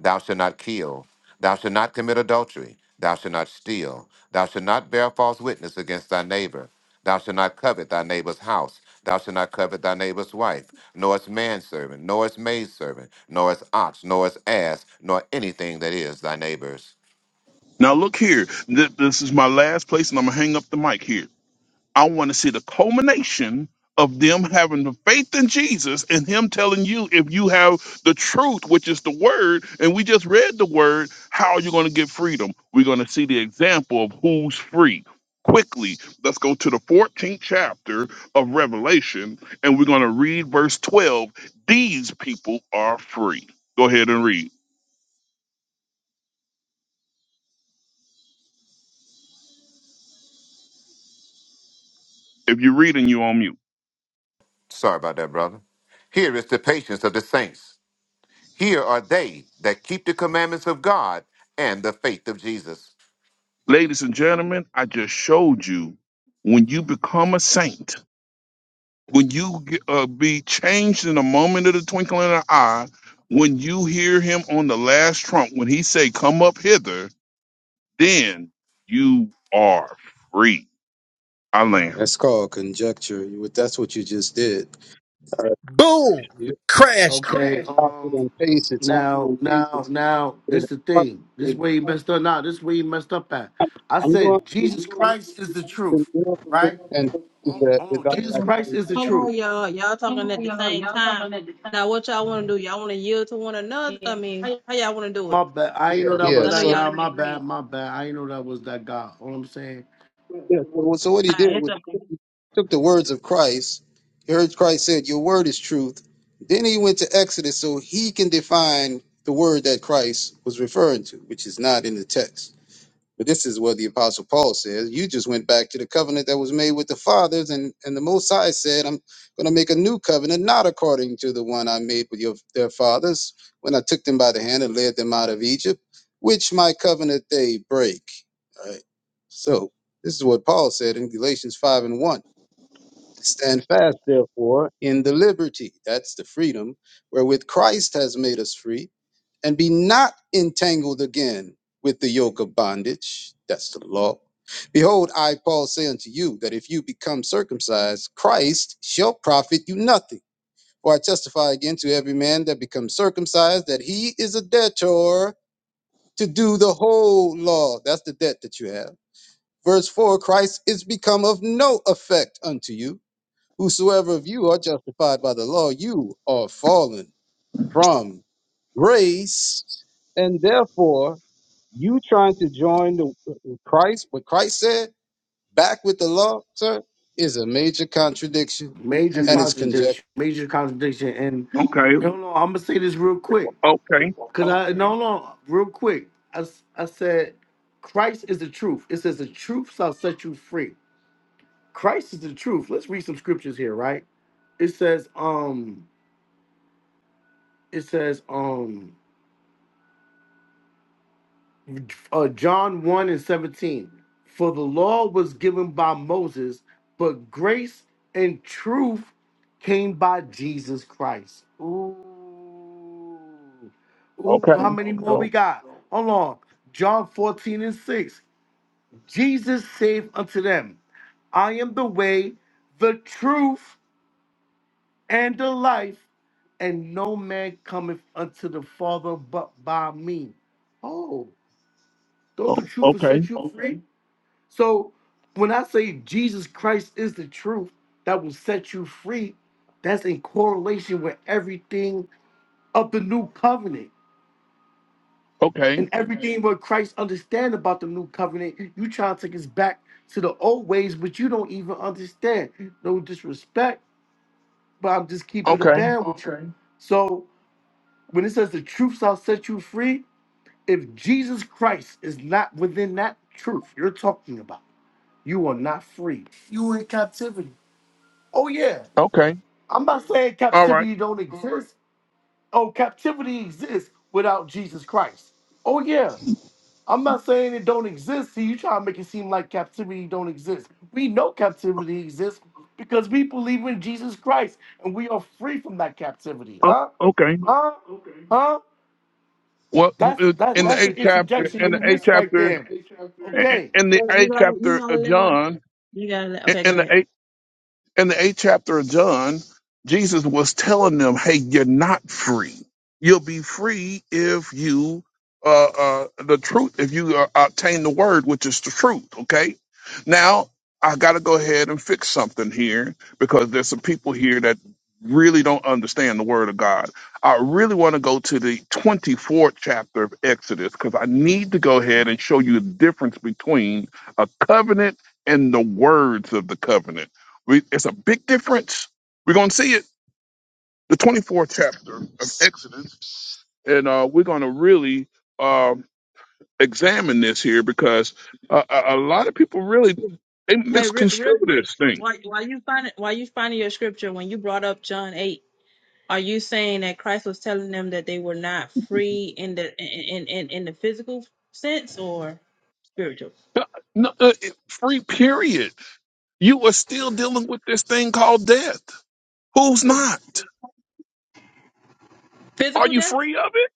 Thou shalt not kill. Thou shalt not commit adultery. Thou shalt not steal. Thou shalt not bear false witness against thy neighbor. Thou shalt not covet thy neighbor's house. Thou shalt not covet thy neighbor's wife, nor his manservant, nor his maidservant, nor his ox, nor his ass, nor anything that is thy neighbor's. Now look here. Th- This is my last place, and I'm gonna hang up the mic here. I want to see the culmination of them having the faith in Jesus and Him telling you if you have the truth, which is the Word, and we just read the Word, how are you going to get freedom? We're going to see the example of who's free. Quickly, let's go to the 14th chapter of Revelation, and we're going to read verse 12. These people are free. Go ahead and read. If you're reading, you on mute. Sorry about that, brother. Here is the patience of the saints Here are they that keep the commandments of God and the faith of Jesus. Ladies and gentlemen, I just showed you when you become a saint, when you g- uh, be changed in a moment of the twinkling of an eye, when you hear him on the last trump, when he say, come up hither, then you are free. I land. That's called conjecture. You- That's what you just did. All right. boom, You crashed you. Okay. copied Um. and pasted something. Now, now, now. This is the thing. This is where he messed up. Now, this is where he messed up at. I I'm going said to Jesus I'm Christ is the going to truth, do right? and that Hold on. without Jesus Christ actually. is the Hello, truth. y'all. Y'all talking at the same time. Now, what y'all want to do? Y'all want to yield to one another? I mean, how y'all want to do it? My bad. I ain't know that Yeah. Because was I know that So. y'all guy. ain't My bad. agreed. My bad. I ain't know that was that guy. All I'm saying. Yeah, so, well, so what he All right, did that's was up to you. he took the words of Christ. He heard Christ said, "Your word is truth." Then he went to Exodus so he can define the word that Christ was referring to, which is not in the text. But this is what the Apostle Paul says. You just went back to the covenant that was made with the fathers, and, and the Most High said, I'm going to make a new covenant, not according to the one I made with your, their fathers when I took them by the hand and led them out of Egypt, which my covenant they break. All right. So this is what Paul said in Galatians 5 and 1. Stand fast, therefore, in the liberty, that's the freedom, wherewith Christ has made us free, and be not entangled again with the yoke of bondage, that's the law. Behold, I, Paul, say unto you that if you become circumcised, Christ shall profit you nothing. For I testify again to every man that becomes circumcised that he is a debtor to do the whole law. That's the debt that you have. Verse 4 Christ is become of no effect unto you Whosoever of you are justified by the law, you are fallen from grace, and therefore you trying to join the uh, Christ, what Christ said, back with the law, sir, is a major contradiction, Major and it's conjecture. contradiction. Major contradiction. And Okay. okay. hold on. I'm gonna say this real quick. Okay. Cause I no, hold on. Real quick. I s- I said Christ is the truth. It says the truth shall set you free. Christ is the truth. Let's read some scriptures here, right? It says, um, it says, um, uh, John 1 and 17. For the law was given by Moses, but grace and truth came by Jesus Christ. Ooh, how Okay. many more we So, got? Hold on. John 14 and 6. Jesus saved unto them. I am the way, the truth. and the life, and no man cometh unto the Father but by me. Oh, don't the oh, truth will okay. set you free? Okay. So when I say Jesus Christ is the truth that will set you free, that's in correlation with everything of the new covenant. Okay. And Okay. everything what Christ understand about the new covenant, you try to take us back to the old ways, but you don't even understand. No disrespect, but I'm just keeping the Okay. band with you. Okay. So When it says the truth shall set you free, if Jesus Christ is not within that truth you're talking about, you are not free. You in captivity. Oh yeah. Okay. I'm not saying All right. captivity don't exist. Oh, captivity exists without Jesus Christ. Oh yeah. I'm not saying it don't exist. See, you try to make it seem like captivity don't exist. We know captivity exists because we believe in Jesus Christ and we are free from that captivity. Oh, Huh? okay. Huh? Huh? Well, you- That's uh, that, in the that's the eighth chapter, interjection you in the eighth missed right chapter, there. in Okay. in the Well, You eighth gotta, you chapter gotta of let them. John, You gotta let. in Okay, go in ahead. the in the eighth chapter of John, Jesus was telling them, "Hey, you're not free. You'll be free if you uh, uh, the truth. If you uh, obtain the word, which is the truth." Okay. Now I got to go ahead and fix something here because there's some people here that really don't understand the word of God. I really want to go to the 24th chapter of Exodus because I need to go ahead and show you the difference between a covenant and the words of the covenant we, it's a big difference. We're going to see it, the 24th chapter of Exodus, and uh, we're going to really um examine this here because uh, a, a lot of people really they Hey, real, real misconstrue quick, this thing. while while you find while you finding your scripture, when you brought up John eight. Are you saying that Christ was telling them that they were not free in the in in, in the physical sense or spiritual? No, uh, it- free period. You are still dealing with this thing called death. Who's not? Are Physical you death? free of it?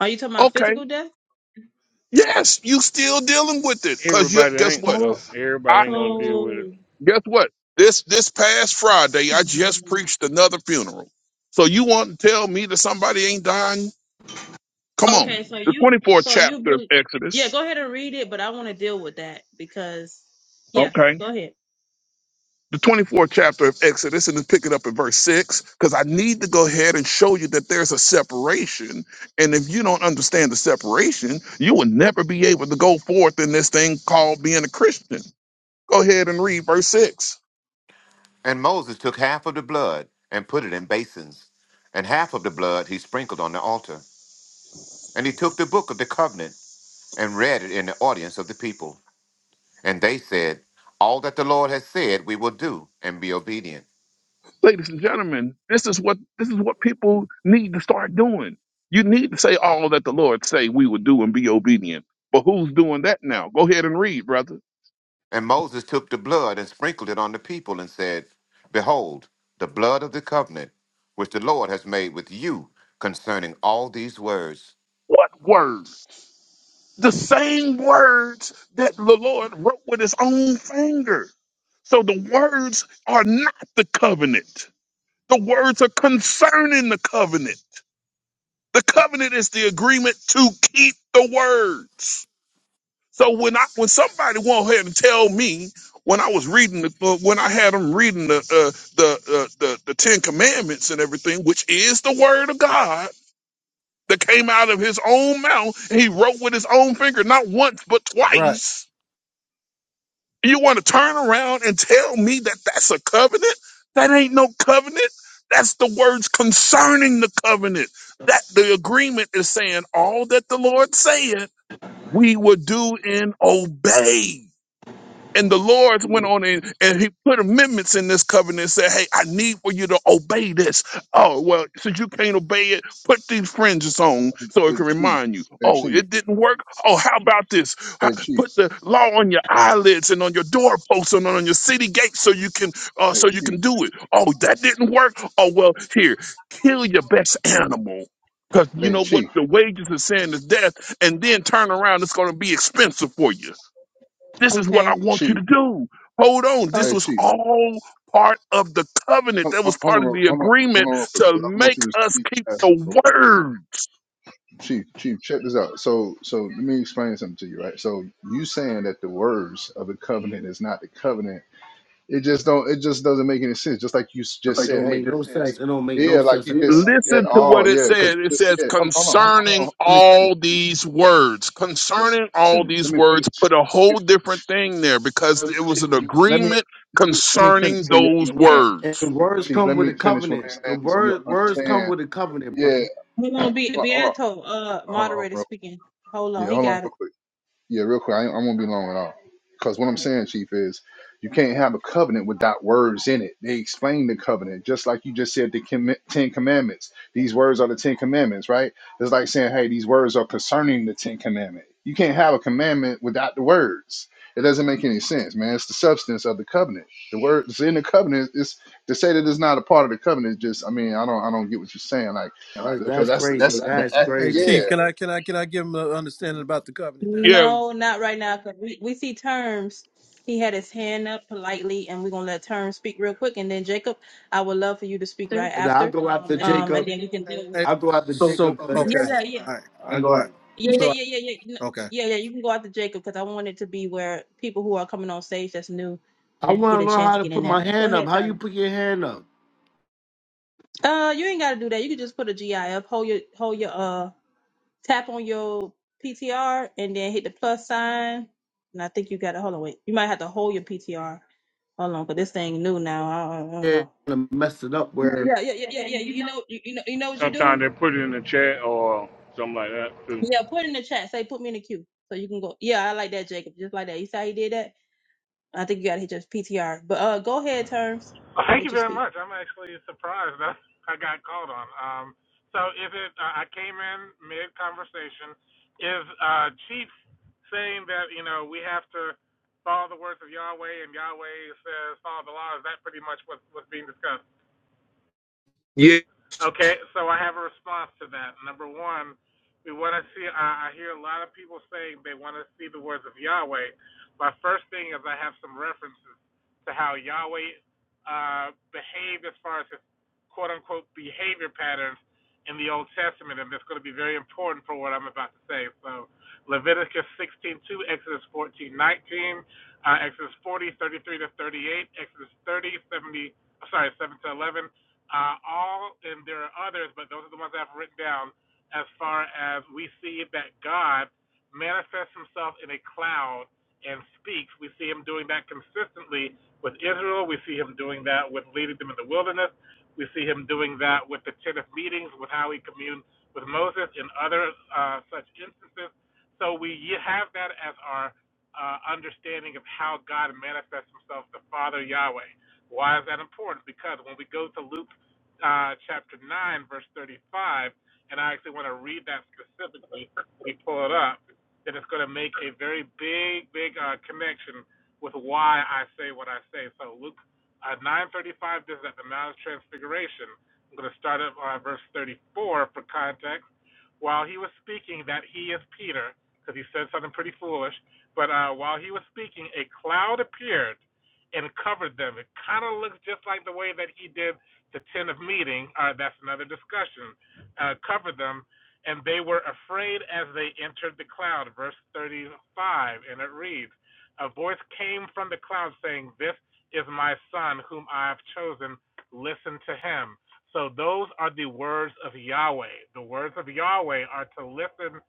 Are you talking about Okay. physical death? Yes, you still dealing with it because everybody guess ain't what? Oh, though. Everybody ain't gonna deal with So it. Guess what? This this past Friday, I just preached another funeral. So you want to tell me that somebody ain't dying? Come on. okay, so The you 24th so you chapter of believe yeah, Exodus. go ahead and read it, but I want to deal with that because yeah, Okay. go ahead. The 24th chapter of Exodus, and then pick it up at verse 6, because I need to go ahead and show you that there's a separation. And if you don't understand the separation, you will never be able to go forth in this thing called being a Christian. Go ahead and read verse 6. And Moses took half of the blood and put it in basins, and half of the blood he sprinkled on the altar. And he took the book of the covenant and read it in the audience of the people. And they said, All that the Lord has said we will do and be obedient. ladies and gentlemen, this is what this is what people need to start doing. You need to say all that the Lord say we would do and be obedient. But who's doing that now? Go ahead and read, brother. And Moses took the blood and sprinkled it on the people and said, Behold, the blood of the covenant which the Lord has made with you concerning all these words. What words? The same words that the Lord wrote with his own finger. So the words are not the covenant. The words are concerning the covenant. The covenant is the agreement to keep the words. So when I when somebody went ahead and tell me when I was reading the uh, when I had them reading the uh, the, uh, the the Ten Commandments and everything, which is the Word of God that came out of His own mouth, and He wrote with His own finger, not once but Right. twice. You want to turn around and tell me that that's a covenant? That ain't no covenant. That's the words concerning the covenant. That the agreement is saying all that the Lord said we will do and obey. And the Lord went on in and he put amendments in this covenant and said, Hey, I need for you to obey this. Oh, well, since you can't obey it, put these fringes on Hey, so hey, it can Chief. remind you. Hey, Oh, Chief. it didn't work. Oh, how about this? How- Hey, Chief. Put the law on your eyelids and on your doorposts and on your city gates so you can uh, Hey, so you Chief. can do it. Oh, that didn't work. Oh, well, here, kill your best animal. Because you Hey, know what? Chief. The wages of sin is death, and then turn around, it's going to be expensive for you. This is what I Okay. want you Chief. to do. Hold on. This Hey, Okay. was Chief. all part of the covenant. Hold That hold- was hold part of on, the hold on, hold on agreement real quick, to 'cause I don't want make you to us speak keep fast. the word. Chief, Chief, check this out. So, so let me explain something to you, right? So, you saying that the words of the covenant is not the covenant? It just don't. It just doesn't make any sense. Just like you s- just It said, don't make hey, no sense. It don't make no yeah, like sense. you just at Listen to all, what it yeah, because said. It you just says, said, hold, hold on, hold on, hold concerning on, let me finish. all these words, Listen, concerning all listen, let these me finish. words, put a Let me whole different finish, thing there because it Chief. was an Let me agreement let me, let me finish concerning so you those understand, words. And words Chief. come Let with a me finish what covenant. I'm The saying so you'll word words come understand. with a covenant, Yeah, bro. Hold on, be hold on, hold Beato, uh on, hold on, hold on moderator real quick. speaking. Hold on, Yeah, he hold on, real got it. quick. Yeah, real quick, I, ain't- I won't be long at all. Because what I'm saying, Chief, is you can't have a covenant without words in it. They explain the covenant, just like you just said the commi- Ten Commandments. These words are the Ten Commandments, right? It's like saying, hey, these words are concerning the Ten Commandment. You can't have a commandment without the words. It doesn't make any sense, man. It's the substance of the covenant. The words in the covenant is to say that it's not a part of the covenant. is Just, I mean, I don't, I don't get what you're saying, like, That's, because that's that's crazy. that's the, That's Hey, crazy. yeah. chief, can I can I can I give him an understanding about the covenant there? Yeah, No, not right now, because we, we see Terms. He had his hand up politely, and we're gonna let Terms speak real quick, and then Jacob, I would love for you to speak right And I after, go after um, and Jacob. then we can deal with. Hey, I go after so Jacob. Yeah, okay, yeah, all right, I I go. go out. ahead. yeah, yeah, yeah, So yeah, yeah, yeah. No, okay, yeah, yeah, you can go out to Jacob because I want it to be where people who are coming on stage that's new uh, I get want a to learn chance how to to get in put there. my Go hand up. ahead, How you Terms. put your hand up? Uh, you ain't gotta do that. You can just put a GI up. Hold your hold your uh Tap on your PTR and then hit the plus sign. And I think you got to hold on. Wait, you might have to hold your PTR. Hold on, 'cause this thing new now. I don't, I don't And know. mess it up where Yeah, yeah, yeah, yeah, yeah. You know, you, you know, you know what you Sometimes do. they put it in the chat or something like that. 'cause Yeah, put in the chat. Say, put me in the queue, so you can go. Yeah, I like that, Jacob. Just like that. You see how you did that? I think you got to hit your PTR. But uh, go ahead, terms. Well, thank Let you you very speak. much. I'm actually surprised that I got called on. Um, so is it? Uh, I came in mid conversation. Is uh, Chief saying that you know we have to follow the words of Yahweh and Yahweh says follow the law? Is that pretty much what, what's being discussed? Okay, so I have a response to that. Number one, we want to see. I, I hear a lot of people saying they want to see the words of Yahweh. My first thing is I have some references to how Yahweh uh, behaved as far as his quote unquote behavior patterns in the Old Testament, and that's going to be very important for what I'm about to say. So Leviticus 16:2, Exodus 14:19, uh, Exodus 40:33 to 38, Exodus 30:70. sorry, 7 to 11 uh, all, and there are others, but those are the ones I've written down. As far as we see that God manifests Himself in a cloud and speaks, we see Him doing that consistently with Israel. We see Him doing that with leading them in the wilderness. We see Him doing that with the tent of meetings, with how He communed with Moses, and other uh, such instances. So we have that as our uh, understanding of how God manifests Himself, the Father Yahweh. Why is that important? Because when we go to Luke uh, chapter 9, verse 35, and I actually want to read that specifically. We pull it up, then it's going to make a very big, big uh, connection with why I say what I say. So Luke uh, 9:35, this is at the Mount of Transfiguration. I'm going to start at uh, verse 34 for context. While he was speaking, that he is Peter, because he said something pretty foolish. But uh, while he was speaking, a cloud appeared and covered them. It kind of looks just like the way that he did to tentative meeting, uh, that's another discussion, uh, covered them, and they were afraid as they entered the cloud, verse 35, and it reads, A voice came from the cloud saying, This is my son whom I have chosen, listen to him. So those are the words of Yahweh. The words of Yahweh are to listen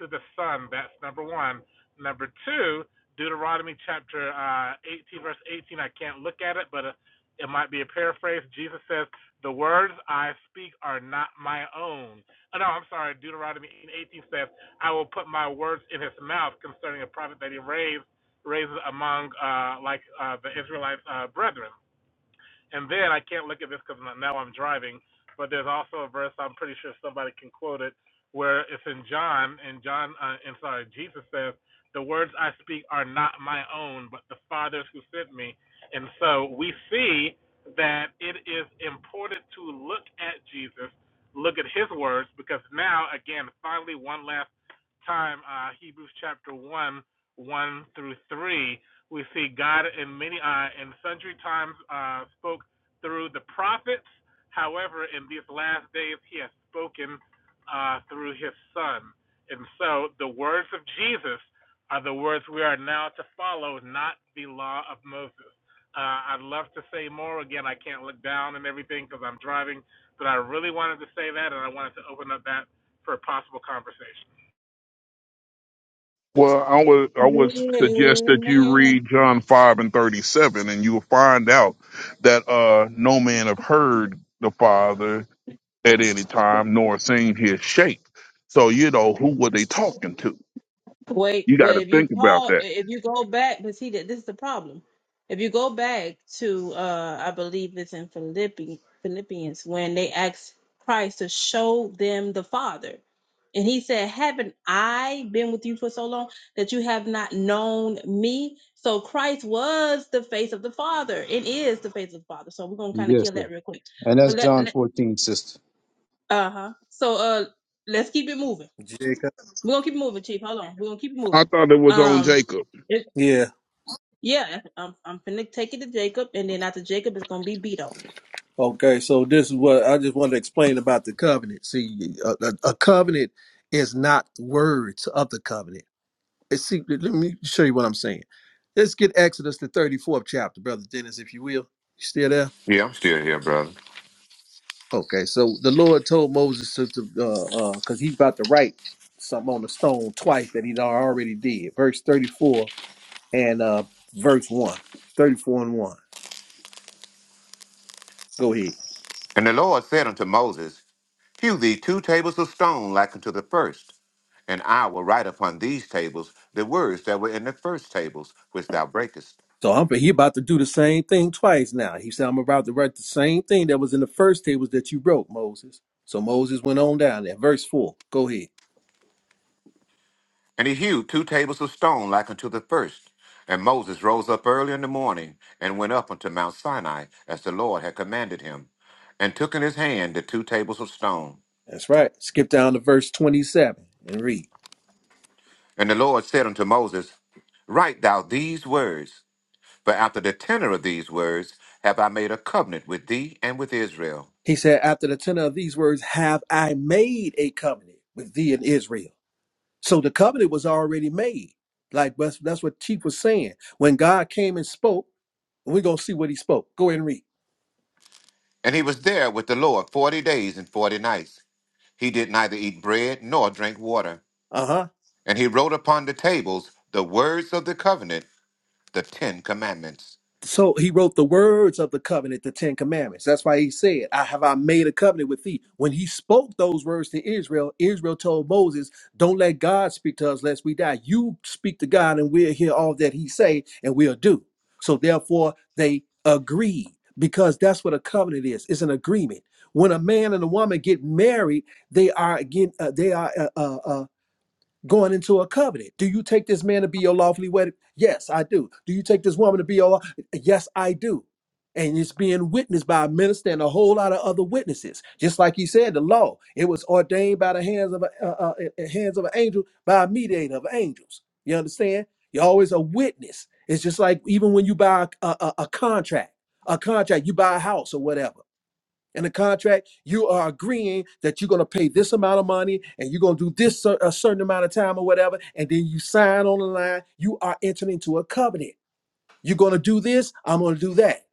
to the son, that's number one. Number two, Deuteronomy chapter uh, 18, verse 18, I can't look at it, but uh, it might be a paraphrase. Jesus says, The words I speak are not my own. Oh, no, I'm sorry. Deuteronomy 18 says, I will put my words in his mouth concerning a prophet that he raised, raises among uh, like uh, the Israelites' uh, brethren. And then I can't look at this because now I'm driving, but there's also a verse I'm pretty sure somebody can quote it where it's in John, and John, uh, and sorry, Jesus says, "The words I speak are not my own, but the Father's who sent me." And so we see that it is important to look at Jesus, look at His words, because now, again, finally, one last time, uh, Hebrews chapter one, one through three we see God in many uh, in sundry times uh, spoke through the prophets. However, in these last days, He has spoken uh, through His Son. And so, the words of Jesus are the words we are now to follow, not the law of Moses. Uh, I'd love to say more. Again, I can't look down and everything because I'm driving, but I really wanted to say that, and I wanted to open up that for a possible conversation. Well, I would I would suggest that you Amen. read John five and thirty seven, and you will find out that uh, no man have heard the Father at any time, nor seen His shape. So you know who were they talking to? Wait, You got but to if you think about Paul, that. if you go back, but see that this is the problem. If you go back to, uh, I believe it's in Philippi, Philippians when they asked Christ to show them the Father, and he said, "Haven't I been with you for so long that you have not known me?" So Christ was the face of the Father. It is the face of the Father. So we're gonna kind of Yes, kill sir. that real quick. And that's But let, John let 14, sister. uh huh. So uh, let's keep it moving. Jacob. We're gonna keep it moving, Chief. Hold on. We're gonna keep it moving. I thought it was on Um, Jacob. it, yeah. yeah, I'm I'm finna take it to Jacob, and then after Jacob it's gonna be Beto. Okay, so this is what I just wanted to explain about the covenant. See, a, a, a covenant is not words of the covenant. It's, see, let me show you what I'm saying. Let's get Exodus the 34th chapter, brother Dennis, if you will. You still there? Yeah, I'm still here, brother. Okay, so the Lord told Moses to, to uh, uh, cause he's about to write something on the stone twice that he already did. Verse 34 and uh, verse 1. 34 and 1. Go ahead. And the Lord said unto Moses, Hew thee two tables of stone like unto the first, and I will write upon these tables the words that were in the first tables which thou breakest. So i he about to do the same thing twice now. He said, I'm about to write the same thing that was in the first tables that you wrote, Moses. So Moses went on down there. Verse 4. Go ahead. And he hewed two tables of stone like unto the first. And Moses rose up early in the morning, and went up unto Mount Sinai, as the Lord had commanded him, and took in his hand the two tables of stone. That's right. Skip down to verse 27 and read. And the Lord said unto Moses, Write thou these words, for after the tenor of these words have I made a covenant with thee and with Israel. He said, After the tenor of these words, have I made a covenant with thee and Israel. So the covenant was already made. Like that's, that's what Chief was saying. When God came and spoke, and we're gonna see what he spoke. Go ahead and read. And he was there with the Lord forty days and forty nights. He did neither eat bread nor drink water. Uh-huh. And he wrote upon the tables the words of the covenant, the Ten Commandments. So he wrote the words of the covenant, the Ten Commandments. That's why he said, I have I made a covenant with thee. When he spoke those words to Israel, Israel told Moses, Don't let God speak to us lest we die. You speak to God and we'll hear all that he say and we'll do. So therefore they agreed because that's what a covenant is. It's an agreement. When a man and a woman get married, they are again uh, they are uh, uh, uh, going into a covenant. Do you take this man to be your lawfully wedded? Yes, I do. Do you take this woman to be your? law- Yes, I do. And it's being witnessed by a minister and a whole lot of other witnesses. Just like he said, the law it was ordained by the hands of a, uh, uh, uh, hands of an angel by a mediator of angels. You understand? You're always a witness. It's just like even when you buy a, a, a a contract, a contract, you buy a house or whatever in the contract, you are agreeing that you're going to pay this amount of money and you're going to do this cer- a certain amount of time or whatever, and then you sign on the line. You are entering into a covenant. You're going to do this. I'm going to do that.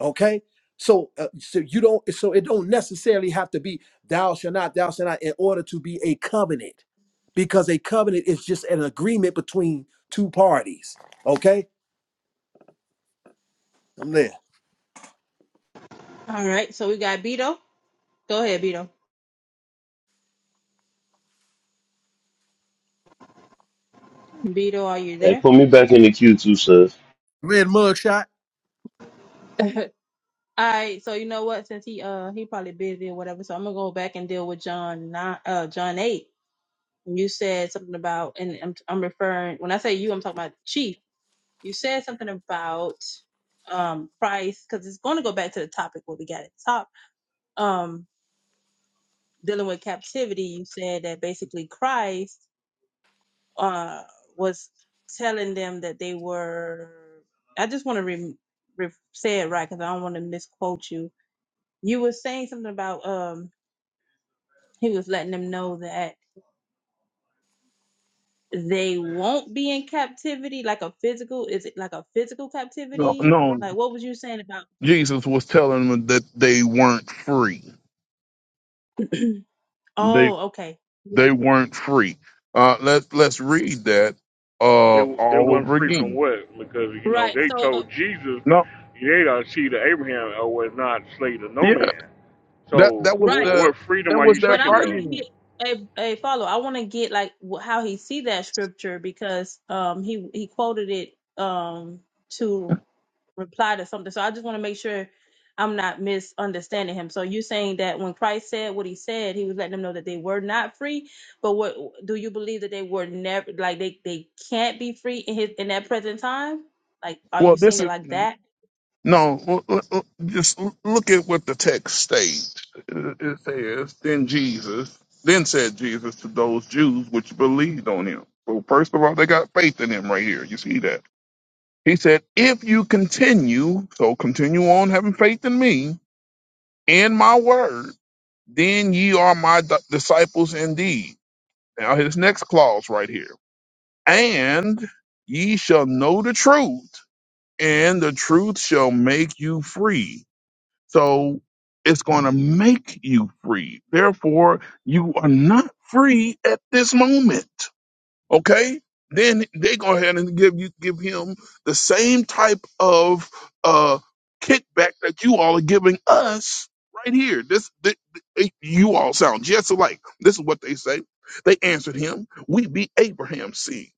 Okay. So, uh, so you don't. So it don't necessarily have to be thou shall not, thou shall not, in order to be a covenant, because a covenant is just an agreement between two parties. Okay. I'm there. All right, so we got Beto. Go ahead, Beto. Beto, are you Hey, there? put me back in the queue, too, sir. Red mugshot. All right, so you know what? Since he uh he probably busy or whatever, so I'm gonna go back and deal with John nine uh John eight. You said something about, and I'm I'm referring when I say you, I'm talking about Chief. You said something about um price because it's going to go back to the topic what we got at the top. Um, dealing with captivity, you said that basically Christ uh was telling them that they were. I just want to re- re- say it right because I don't want to misquote you. You were saying something about um he was letting them know that they won't be in captivity like a physical is it like a physical No, captivity no, like what was you saying about Jesus was telling them that they weren't free. They oh okay yeah they weren't free. Uh, let's let's read that uh, they they all wasn't over free from again. work because you know right they so uh, told Jesus No, they are seed of Abraham or was not slave to no man. That that So was wh- Right. the what freedom that are you was their But I speaking want to of? get argument. a, a follow. I want to get like wh- how he see that scripture because um he he quoted it um to reply to something. So I just want to make sure I'm not misunderstanding him. So you're saying that when Christ said what he said, he was letting them know that they were not free. But what do you believe that they were never like they they can't be free in his in that present time? Like are Well, you seeing this it is like that? no. l- l- l- Just l- look at what the text states. It it says, "Then Jesus, then said Jesus to those Jews which believed on him." So first of all, they got faith in him right here. You see that? He said, "If you continue, so continue on having faith in me and my word, then ye are my di- disciples indeed." Now his next clause right here, and ye shall know the truth and the truth shall make you free. So it's going to make you free. Therefore, you are not free at this moment. Okay? Then they go ahead and give you give him the same type of uh kickback that you all are giving us right here. This th- th- eh, you all sound just alike. This is what they say. They answered him, "We be Abraham's seed,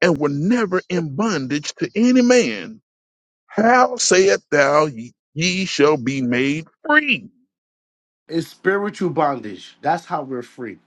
and were never in bondage to any man." How saith thou ye, ye shall be made free? it's spiritual bondage. That's how we're free.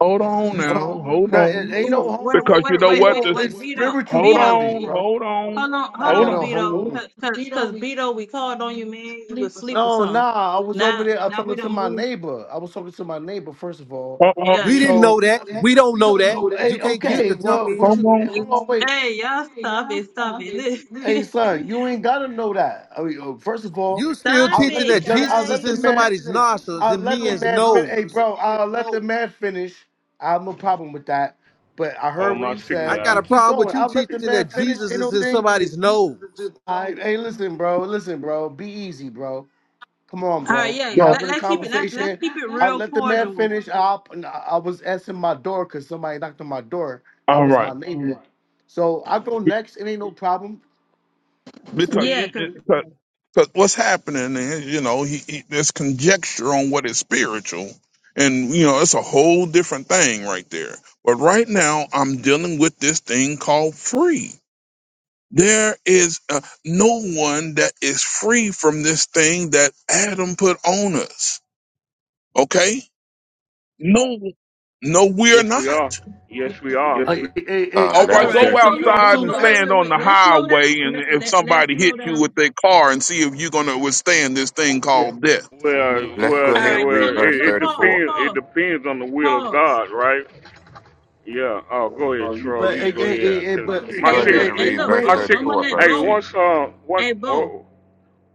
Hold on You now, talk. hold Nah, it on. ain't Ooh, no hold Wait, wait, Because you wait, know on. Ain't wait, what? no. wait, This, wait, It's Vito, spiritual hold Vito. on, bondage, bro. hold on, Hold on, I hold got hold on, to on. Beto, hold cause, cause, 'cause, Beto, we called on you, man. You was on. asleep or No, something. nah. I was over Now, there. I was now we talking to done my moved. neighbor. I was talking to my neighbor first of all. Yeah, We yeah. didn't yeah. So know we know that. that. We don't We know don't that. know that. You Hey, can't just You, okay. jump Well, what in. you? hey, Hold on, wait. hey, y'all, stop it, stop it, Hey, Listen. son, you ain't gotta know that. I mean, uh, first of all, You still stop I'll teaching let the it, that gen- I'll Jesus is let guys. the in man. somebody's nostrils I'll and let the men's man. Fin- nose. hey, bro. I'll let the man finish. I have no problem with that. But I Oh, heard what my he I said. got signal. a But keep problem with going. you I'll let the teaching man that finish. Jesus Ain't is no in thing. somebody's nose. All right, hey, listen, bro. Listen, bro. Be easy, bro. Come on, All right, bro. yeah. We No. Let, having a let's keep it. Let's let's conversation. keep it I will real let the man cordial. finish. I, I was asking my door because somebody knocked on my door. That All was my right. neighbor. So I go next. It ain't no problem. I'm Because saying. you, Yeah, 'cause it- because 'cause what's happening is, you know, he, he, there's conjecture on what is spiritual. And, you know, it's a whole different thing right there. But right now, I'm dealing with this thing called free. There is uh, no one that is free from this thing that Adam put on us. Okay? No, no, we're Yes, we not. are. Yes, we Hey, are. hey, hey, hey, Uh, I All let all right, got a us right. go just, scripture So look, for him outside look, too. and wait, Hey, wait, stand wait, on wait. the Let's slow down. highway, and Let, if let let's somebody slow hits you down. with their car, and see if you're going to withstand this thing called death. Well, let's well, go All eh, ahead right. and So well. read look, It, verse look. it Pause, 34. depends. It pause, depends on the will of pause. God, right? Yeah. Oh, go ahead, Charles. but You hey, go hey, hey, ahead. hey, 'Cause but Let's hey, my go Hey, hey, ahead signal, look, and hey, hey, read hey, look, verse wait. my Bo. I'm signal. gonna 34, let Brother Hey, Chief. Bo. once, uh, once, Hey, Bo. oh,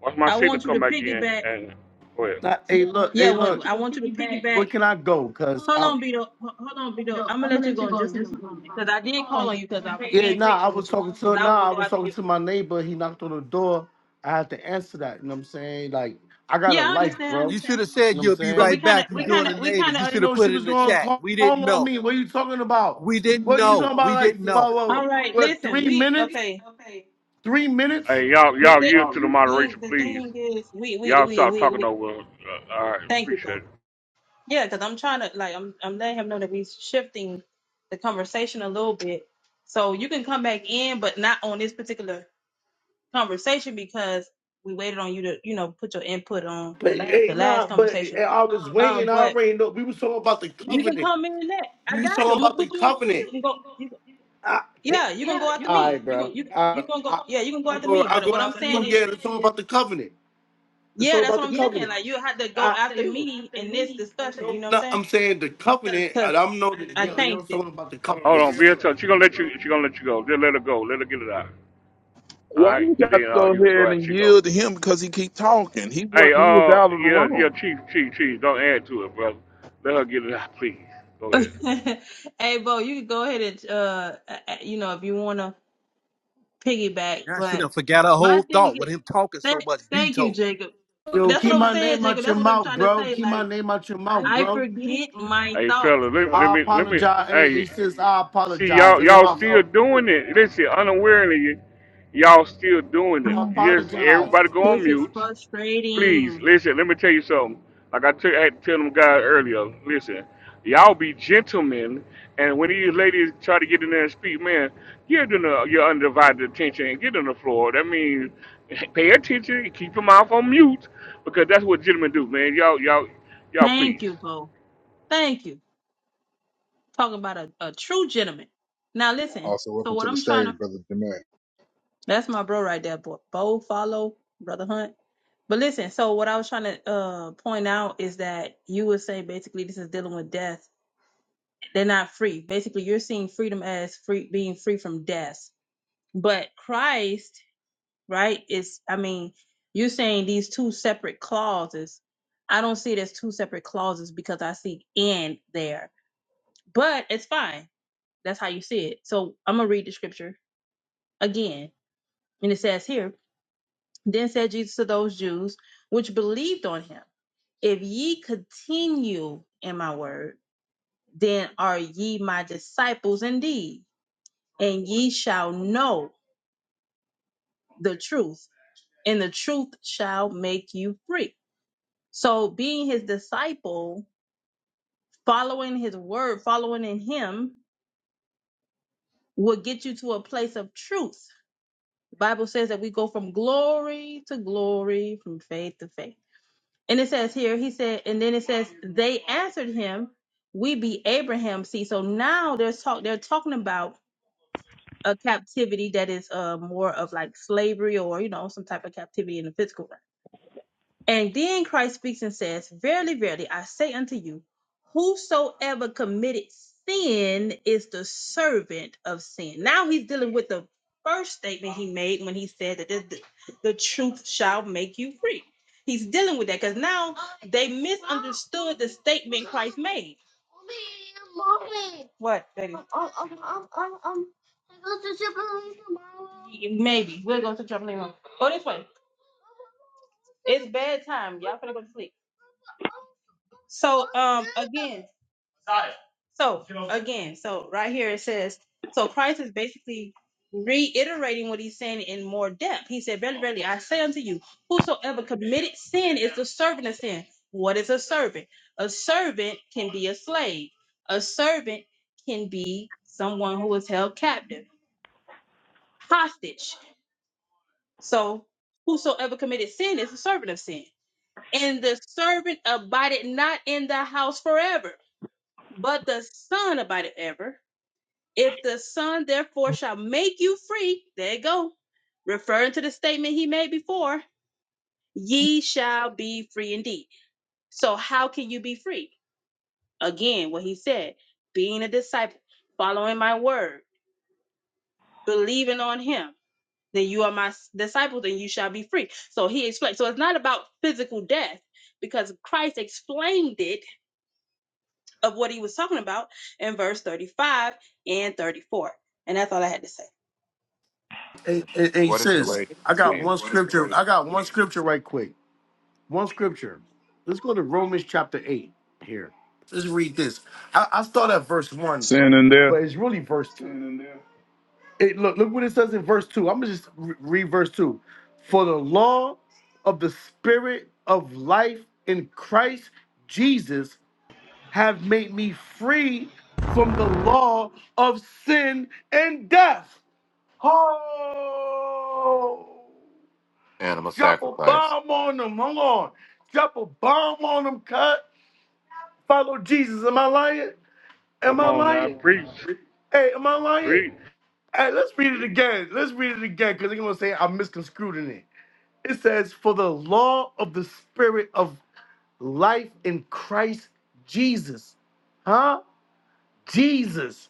Watch my I signal want you to come back in piggyback. and go ahead. Not, hey, look, Yeah, hey, when look. I want you to piggyback. Where can I go? Cause Hold I. on, Beto. Ho- Hold on, Beto. I'm I'm gonna let gonna you let go you in go. just a Just minute, moment, because I did call on you because I was yeah, being nah. I patient was with you talking to because I was nah. gonna I go was after talking you. to my neighbor. He knocked on the door. I had to answer that. You know what I'm saying? Like I got a Yeah, I life, understand. I bro. You know You should understand. have said what I'm you'll be But we saying? right kind of, back. You're we kind doing of, a we neighbor. kind of. You I didn't should have know put she it in was the gonna chat. call We didn't on know. me. What are you talking about? We didn't What you know. talking about? We Like, didn't know. what, what, All what, right, what listen. three We minutes? okay. Three minutes? Hey, y'all, The y'all yield to the thing, moderation, the please. thing is, we, we, Y'all we, stop we, talking we. over. Uh, all right, Thank you, appreciate both. it. Yeah, because I'm trying to like, I'm, I'm letting him know that we're shifting the conversation a little bit, so you can come back in, but not on this particular conversation because we waited on you to, you know, put your input on But hey, the nah, last but eh, conversation. I was Um, waiting. I but already know. We was talking about the you can covenant. come in next. I We was got you. talking I'm gonna about the put you in queue. covenant. You can go. You can, I, yeah, you're gonna yeah. go after All right, me. You gonna bro. you I, you gonna go. I, Yeah, you can go I after go. me. I But go what I'm after you. saying is, Yeah, it's all about the covenant. It's yeah, all that's about what the I'm saying. covenant. Like you had to go I, after yeah. me in this discussion. No, You know what I'm no, saying? I'm saying the covenant. I, Because don't know that. I Yo, yo, changed it. talking about the Hold covenant. on, be in touch. She gonna let you. She gonna let you go. Just let her go. Let her get it out. All Why right, you and got to then uh, go you can go ahead after and she go. yield to him because he keep talking? He was Hey, he was uh, out of the yeah, yeah, room. chief, chief, chief. Don't add to it, brother. Let her get it out, please. Go ahead. hey, Bo, you can go ahead and uh, uh, you know, if you wanna piggyback, Now she done but forgot her my whole thing thought with is, him talking so thank, much thank you, Beto. You Jacob. Yo, That's keep what I'm my saying, name Jacob. out your That's what I'm mouth, trying to bro. say. Keep my Like, name out your mouth, I bro. forget my Hey, fella, thoughts. let, let I me, let me. apologize. Hey, Hey, he says I see, apologize. y'all, That's y'all my still fault. doing it. Listen, unawarely, y'all still doing I it. Oh, Yes, apologize. everybody go on this is mute Please frustrating. listen. Let me tell you something. Like I tell- I had to tell them guys earlier. Listen, y'all be gentlemen, and when these ladies try to get in there and speak, man, give them the, your undivided attention and get on the floor. That means pay attention, and keep your mouth on mute, because that's what gentlemen do, man. Y'all, y'all, y'all, Thank please you, Bo. Thank you. Talking about a, a true gentleman. Now, listen. Also, So, welcome what to the I'm trying stage, to, brother Demay. that's my bro right there, Bo. Bo, follow, Brother Hunt. But listen, so what I was trying to uh, point out is that you would say basically this is dealing with death They're not free. Basically, you're seeing freedom as free being free from death. But Christ, right, is I mean, you're saying these two separate clauses. I don't see it as two separate clauses because I see in there. But it's fine. That's how you see it. So I'm gonna read the scripture again. And it says here, then said Jesus to those Jews which believed on him, if ye continue in my word, then are ye my disciples indeed and ye shall know the truth, and the truth shall make you free. So, being his disciple, following his word, following in him, will get you to a place of truth. The Bible says that we go from glory to glory, from faith to faith. And it says here, he said, and then it says, they answered him, We be Abraham. See, so now they're, talk, they're talking about a captivity that is uh, more of like slavery or, you know, some type of captivity in the physical realm And then Christ speaks and says, Verily, verily, I say unto you, whosoever committed sin is the servant of sin. Now he's dealing with the first statement he made when he said that the, the truth shall make you free. He's dealing with that because now they misunderstood the statement Christ made. What, baby? Maybe. We'll go to trampoline. room. Go this way. It's bedtime. Y'all finna go to sleep. So, um, again, So again, so right here it says, so Christ is basically reiterating what he's saying in more depth. He said, Verily, verily, I say unto you, whosoever committed sin is the servant of sin. What is a servant? A servant can be a slave. A servant can be someone who is held captive, hostage. So whosoever committed sin is a servant of sin. And the servant abided not in the house forever, but the son abided ever If the Son therefore shall make you free, there you go, referring to the statement he made before, ye shall be free indeed. So, how can you be free? Again, what he said being a disciple, following my word, believing on him, then you are my disciples and you shall be free. So, he explained. So, it's not about physical death because Christ explained it of what he was talking about in verse 35 and 34. And that's all I had Hey, hey, hey, What is the sis, way to I got sin? one scripture. I got one scripture right quick. One scripture. Let's go to Romans chapter 8 here. Let's read this. I, I start at verse 1, Sin in there. but it's really verse 2. It, look, look what it says in verse 2. I'm going to just re- read verse 2. For the law of the spirit of life in Christ Jesus have made me free from the law of sin and death. Oh, Animal drop a sacrifice. bomb on them. Hold on. Drop a bomb on them, cut. Follow Jesus. Am I lying? Am come I on now, lying? preach, Hey, am I lying? preach. Hey, let's read it again. Let's read it again because they're going to say I misconstrued in it. It says, For the law of the spirit of life in Christ Jesus. Huh? Jesus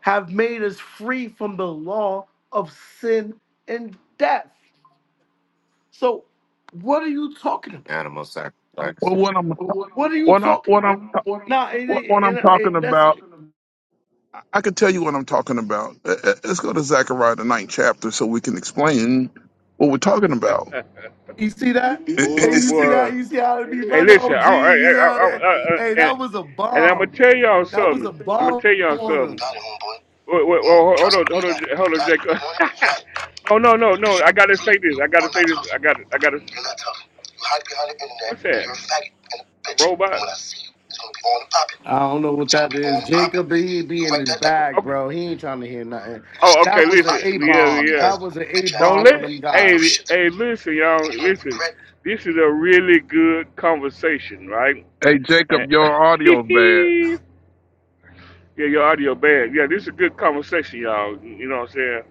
have made us free from the law of sin and death. So, what are you talking about? Animal sacrifice. Well, what I'm What are you what I am talking what I'm about? Now, and, what, what I'm and, talking and that's about. I can tell you what I'm talking about. Uh, uh, Let's go to Zechariah the ninth chapter so we can explain what we're talking about. you see that? And It, it, Oh you it's, see it- boy. that? You see how it be Hey, running? listen. I, I, OG. You see I, how that? I, I, I- Hey, and, that was a and I'm gonna bomb. tell y'all That was a something. I'm gonna bomb tell y'all on him. something. got it, homeboy. Wait, wait, Mm, well, hold trust and on, hold believe that. on, You hold on, got it. You Jacob. want it. You got it. no, no, no, Because no. you I gotta really, say you this. I gotta are not say this. tough. I got. I gotta. You're not tough. You hide behind the internet, What's and that? you're a faggot and a A bitch. And robot? when I see you, it's going to be on the poppy. I don't know what Some that people is. want to pop it. Jacob, he You be in write his that down. bag, Okay. bro. He ain't trying to hear nothing. You can Oh, stick your okay. That whole was an Listen. philosophy A up Yeah, your bomb. fucking yeah. ass, That was an A bitch ass Don't bomb nigga. on let. them You ain't guys. worth Hey, shit, hey. Listen, and y'all. you're gonna Listen. regret. This is a really good conversation, right? hey And Jacob, your audio's bad. Yeah, your audio bad. Yeah, this is a good conversation, y'all. You know what I'm saying?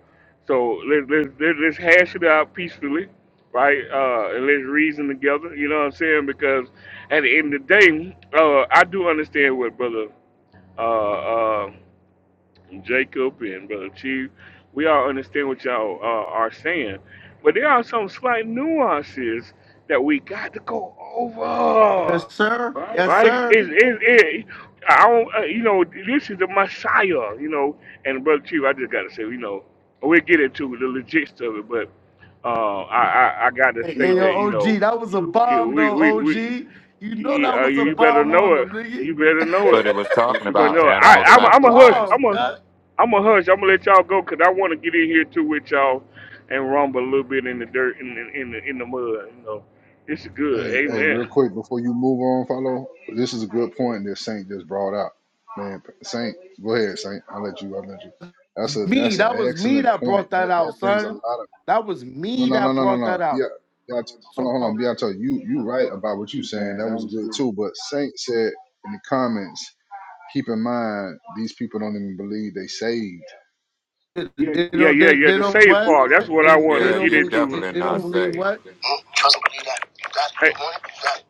So let's let's let's let's hash it out peacefully, right? Uh, and let's reason together. You know what I'm saying? Because at the end of the day, uh, I do understand what brother uh, uh, Jacob and brother Chief, we all understand what y'all uh, are saying, but there are some slight nuances that we got to go over Yes, sir. Yes, right? Is sir. is it? I don't, uh, you know, this is the Messiah, you know. And brother Chief, I just gotta say, you know, we'll get into the logistics of it, but uh, I, I I gotta Hey, say hey, yo, that, you know, OG, that was a yeah, bomb, we though, we OG. we You know you, that uh, was a you better bomb know on it. them, You nigga. better know But it it. was talking You better about know it. I that animal was I'm a I'm a hush. sacrifice. bomb, I'm a cut. I'm a hush. I'm gonna let y'all go 'cause I want to get in here too with y'all and rumble a little bit in the dirt in the, in the in the mud. You know, this is good. Hey, hey, Amen. real quick before you move on, follow. This is a good point that Saint just brought out. Man, Saint, go ahead, Saint. I'll let you. I'll let you. That's a Me, that's that an was me excellent that point. brought that That out, that brings a son. lot of That was no me no that no no no brought that no. out. Yeah, yeah. Hold So on, hold on. Beato, you you you right right about about what what you you saying. saying? That was good That too. But Saint said in the comments, keep in mind these people don't even believe they saved. they they Yeah, don't, yeah, they, yeah. they The don't save what? part. to That's They, what I wanted they Yeah, to don't get you're believe. into. They, definitely they say. don't not believe saved. what? Mm, trust and believe that. You got it. You Hey, want it. You got it.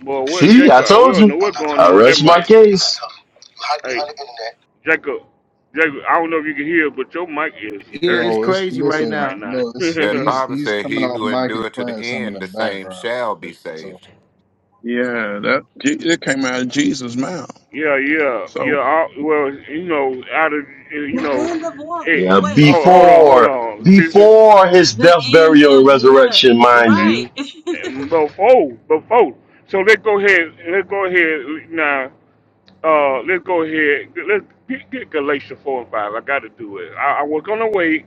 boy, Because you what See, I really, Jacob? We told you don't you. know are what's not going I tough. on with that rest my mic. You're not case. tough. You hide Hey, behind the internet. Jacob, Jacob. I don't know if you can hear, but your mic is Yeah, dirty it's No, it's crazy right now. listen. right now. No, yeah, it's Yeah, the he's Bible he's said, coming "He off who mic and endure to the playing some in the end, the same background. shall be So saved." Yeah, that Je- it came out of Jesus' mouth. yeah, yeah. So, I, well, you know, out of you The know, end of what? hey, Yeah, Wait, hold, hold wait. on, hold before on, sister. before his The death, end burial, and of what? resurrection, mind Let you. Right. before, before. So let's go ahead. Let's go ahead now. Uh, let's go ahead. Let's get, get Galatians four and five. I got to do it. I, I was gonna wait,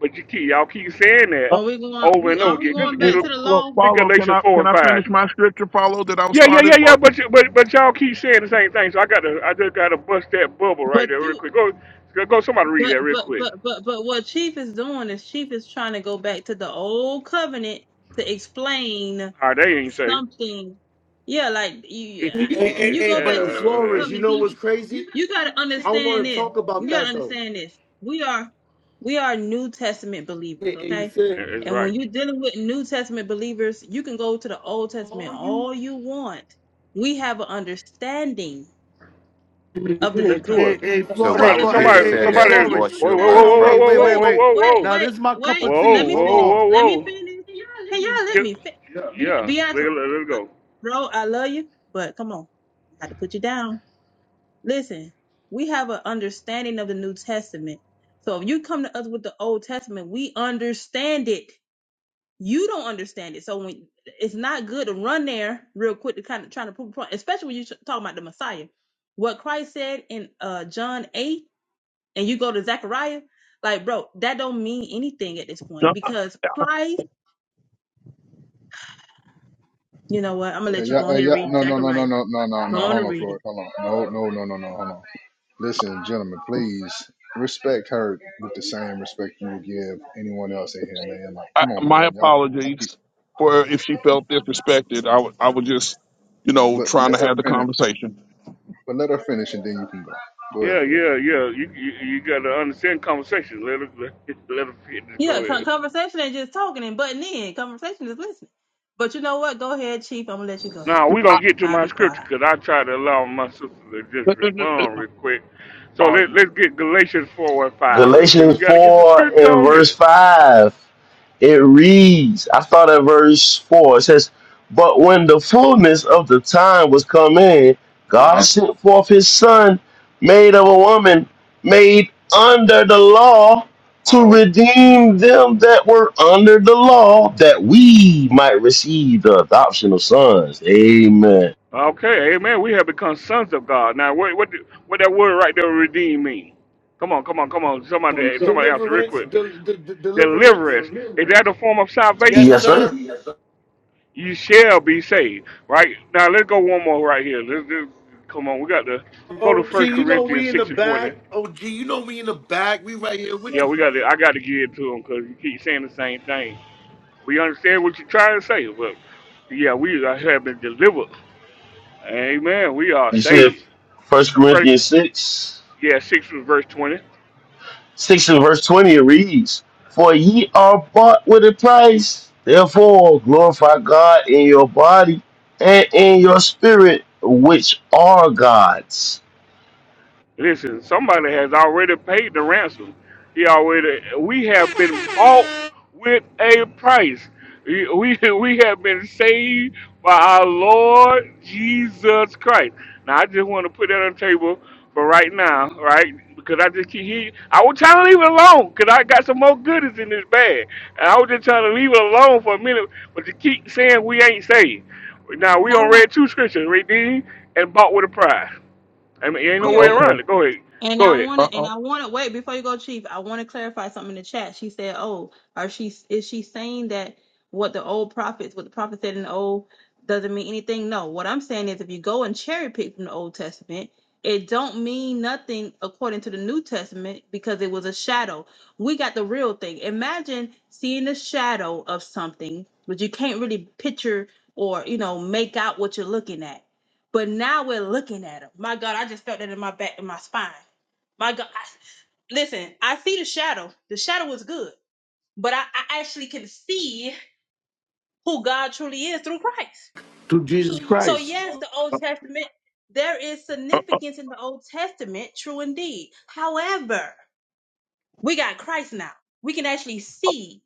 but you keep y'all keep saying that Uh, Are we going? over We and over are we again. Get going get, well, back to the well, law? get follow. Can Galatians I four can and I five. finish my scripture? Follow that I Yeah, yeah, started. yeah, yeah. Or But you- but but y'all keep saying the same thing. So I got to I just got to bust that bubble right But there you real quick. Go go go, somebody read But that real but quick. but but but what Chief is doing is Chief is trying to go back to the old covenant to explain All right, they ain't safe. something. Yeah, like you yeah, Hey, when hey, you hey, go back to but the old yeah, Flores, you covenant, know what's you crazy? you got to I understand want to this. talk You about got to that though. understand this. We are we are New Testament believers, Hey, hey, okay? Sid. that's And right. when you're dealing with New Testament believers, you can go to the Old Testament all you want. We have an understanding of the hey, new Let's do hey, it. covenant. hey, So Flo- So hey, why Somebody, if Flo- would you hey, somebody, Peter don't hey, say have, hey, somebody. there's if a you more Flores. Whoa, don't sure whoa, whoa, Hold have, word of on, whoa, whoa, wait, whoa, wait, prophecy? wait, whoa, whoa, wait, wait. whoa, whoa, wait, Now wait, this is my cup wait. of whoa, Let tea. me Hold whoa, finish. on. whoa, Let whoa. me whoa. finish. Can y'all let Get, me finish? yeah, let, Beato, let, let it I- go. bro, I love you, but come on, I had to put you down. Listen, we have an understanding of the New Testament. So if you come to us with the Old Testament, we understand it you don't understand it. So when it's not good to run there real quick to kind of trying to prove a point, especially when you're talking about the Messiah. What Christ said in uh John 8 and you go to Zechariah, like bro, that don't mean anything at this point no, because Christ, you know what? I'm gonna Uh, let you yeah, go uh, ahead and yeah, read no, no, no, no, Zechariah. no, no, no, Go no. on Hold and on, read it. Floyd. Hold on. No, no, no, no, no. Hold on. Listen, gentlemen, please respect her with the same respect you would give anyone else in here, man. Like, I, come on, my man. Y'all, y'all keep, apologies for if she felt disrespected. I wa- I was just you know but trying let to her have the finish. conversation. But let her finish, and then you can go. Go ahead, Yeah, Floyd. yeah, yeah. You you, you got to understand conversation. Let it let, it- let it fit. Just Yeah, go con- ahead. conversation ain't just talking and butting in. Conversation is listening. But you know what? Go ahead, Chief. I'm gonna let you go. Now we gonna get to I'll my be scripture quiet. because I try to allow my sister to All just respond real quick. So right. let let's get Galatians four and five real quick. We Galatians gotta get some 4 scripture and on verse there. 5, it reads, I start at verse 4, it says, But when the fullness of the time was come in, Uh God huh. sent forth his son, made of a woman, made under the law, Uh to oh. redeem them that were under the law, that we might receive the adoption of sons. Amen. Okay, amen. We have become sons of God. Now what what do- what that word right there redeem mean? Come on, come on, come on. Somebody somebody answer real Deliverance, quick. de- de- de- deliverance. Deliverance. Is that a form of Yes, salvation? Yes, sir. sir. you shall be saved. Right now, let's go one more right here. Let's just come on. We got to go to OG, First you know we Corinthians in the six and twenty. bag. OG, you know we in the bag. We right here with Yeah, we you. got to. I got to give it to them because you keep saying the same thing. We understand what you're trying to say, but yeah, we are- have been delivered. Amen. We are You said saved. First Uh, First, Corinthians 6. yeah, six was verse twenty. 6 and verse 20 it reads, For ye are bought with a price. Therefore glorify God in your body and in your spirit, which are God's. Listen, somebody has already paid the ransom. He already we have been bought with a price. We we we have been saved by our Lord Jesus Christ. Now I just want to put that on the table for right now, right? Because I just keep hearing I was trying to leave it alone because I got some more goodies in this bag. And I was just trying to leave it alone for a minute, but you keep saying we ain't saved. Now And we I on want read two scriptures, right? Dean? And bought with a price. I mean, ain't Uh, no way period. okay. around it. Go ahead. And Go I ahead. want Uh, to, uh, and I want to wait before you go, Chief. I want to clarify something in the chat. She said, "Oh, are she? Is she saying that what the old prophets, what the prophet said in the old, doesn't mean anything? No. What I'm saying is, if you go and cherry pick from the Old Testament, it don't mean nothing according to the New Testament because it was a shadow. We got the real thing. Imagine seeing the shadow of something, but you can't really picture or you know make out what you're looking at. But now we're looking at them. My God, I just felt that in my back, in my spine. My God, I, listen, I see the shadow. The shadow is good, but I, I actually can see who God truly is through Christ. Through Jesus So, Christ. yes, the Old Testament, there is uh, significance in the Old Testament, true indeed. However, we got Christ now. We can actually see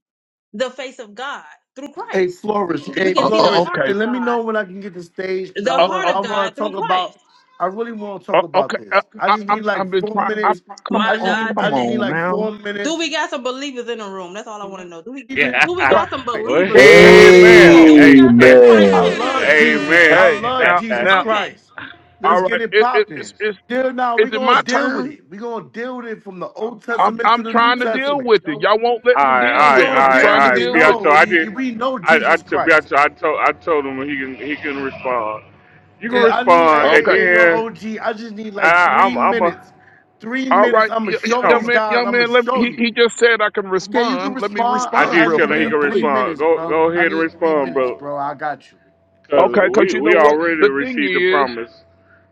the face of God through Hey Christ. Flores, We hey can uh, see the uh, Flores, heart and of okay. let me God, know when I can get the stage because I the heart want I of want God to through talk about. Christ. I really want to talk Uh, about okay, uh, this. I I, just need I'm like I've been four trying. I, minutes. come I My just on, mean God, I come just today. need on like now. four Do minutes, we got some believers in the room? That's all I want to know. Do we even do we Yeah. C- Christ, got some well, believers c- c- in all it? hey, day man. Do we long. Hey, got yeah. some Christ I Amen. believers love in the hey, Jesus. room? man. I Hey, love now, Jesus now, Okay. Christ. Let's all right. get it It, it, popping. it's it's Deal now. is We're it gonna my deal with turn? it. We're gonna deal with it from the Old I'm Testament to I'm the New trying to deal Testament. with it. Y'all won't let all right, all me right, deal We're with it. gonna all I'm right, deal trying all to with it. right. deal Beato, I with No, told, I we, did. we know I, I Jesus told Christ. Beato, I told, I told I told him he can, he can respond. You can Yeah, I need a it. respond, and Okay, a a yo, then o g. I just need I, like I'm, three I'm a, minutes. Three all minutes. right, I'ma y- y- show no. young these man, guys. young I'ma man. Let me, show he you. he just said I can Okay, you can respond. Let me respond. I I, respond I did real just tell him he fast, can need three please. respond. minutes, Go, bro. go I ahead and need three respond, minutes, bro. bro. I got you. Cause Okay, because we, you know we what already the thing received the is. promise.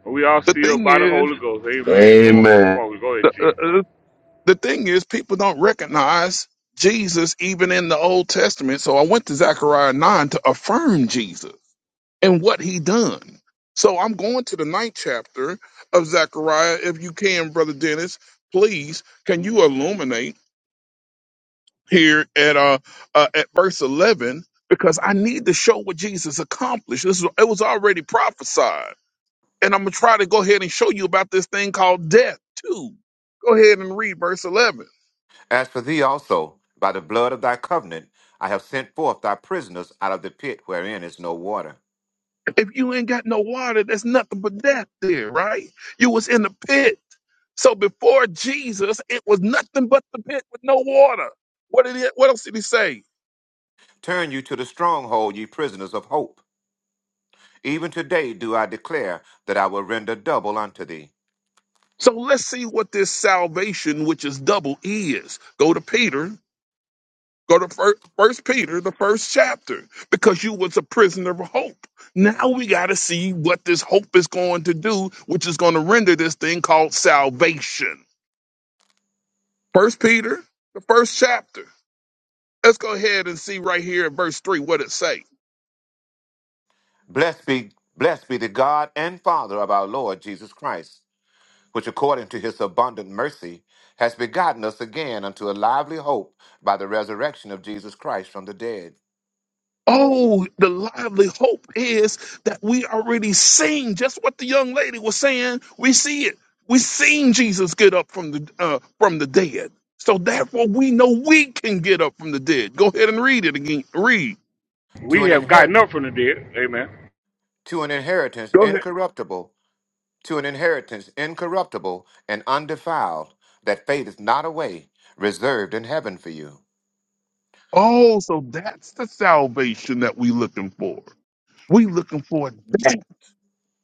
We all The sealed thing by the is. Holy Ghost. Amen. Come on, come Amen. on. Go ahead, Chief. the thing is, people don't recognize Jesus even in the Old Testament. So I went to Zechariah 9 to affirm Jesus and what he done. So I'm going to the ninth chapter of Zechariah. If you can, Brother Dennis, please, can you illuminate here at uh, uh at verse 11? Because I need to show what Jesus accomplished. This is, it was already prophesied. And I'm going to try to go ahead and show you about this thing called death, too. Go ahead and read verse 11. As for thee also, by the blood of thy covenant, I have sent forth thy prisoners out of the pit wherein is no water. If you ain't got no water, there's nothing but death there, right? You was in the pit. So before Jesus, it was nothing but the pit with no water. What did he, what else did he say? Turn you to the stronghold, ye prisoners of hope. Even today do I declare that I will render double unto thee. So let's see what this salvation, which is double, E, is. Go to Peter. Go to fir- First Peter, the first chapter, because you was a prisoner of hope. Now we got to see what this hope is going to do, which is going to render this thing called salvation. First Peter, the first chapter. Let's go ahead and see right here in verse 3 what it say. Blessed be, blessed be the God and Father of our Lord Jesus Christ which according to his abundant mercy has begotten us again unto a lively hope by the resurrection of Jesus Christ from the dead, Oh, the lively hope is that we already seen just what the young lady was saying. We see it. We seen Jesus get up from the uh, from the dead. So therefore we know we can get up from the dead. Go ahead and read it again. Read. to We an have inher- gotten up from the dead. Amen. to an inheritance Go ahead. incorruptible, to an inheritance incorruptible and undefiled, that fadeth not away, reserved in heaven for you. Oh, so that's the salvation that we looking for. We looking for that.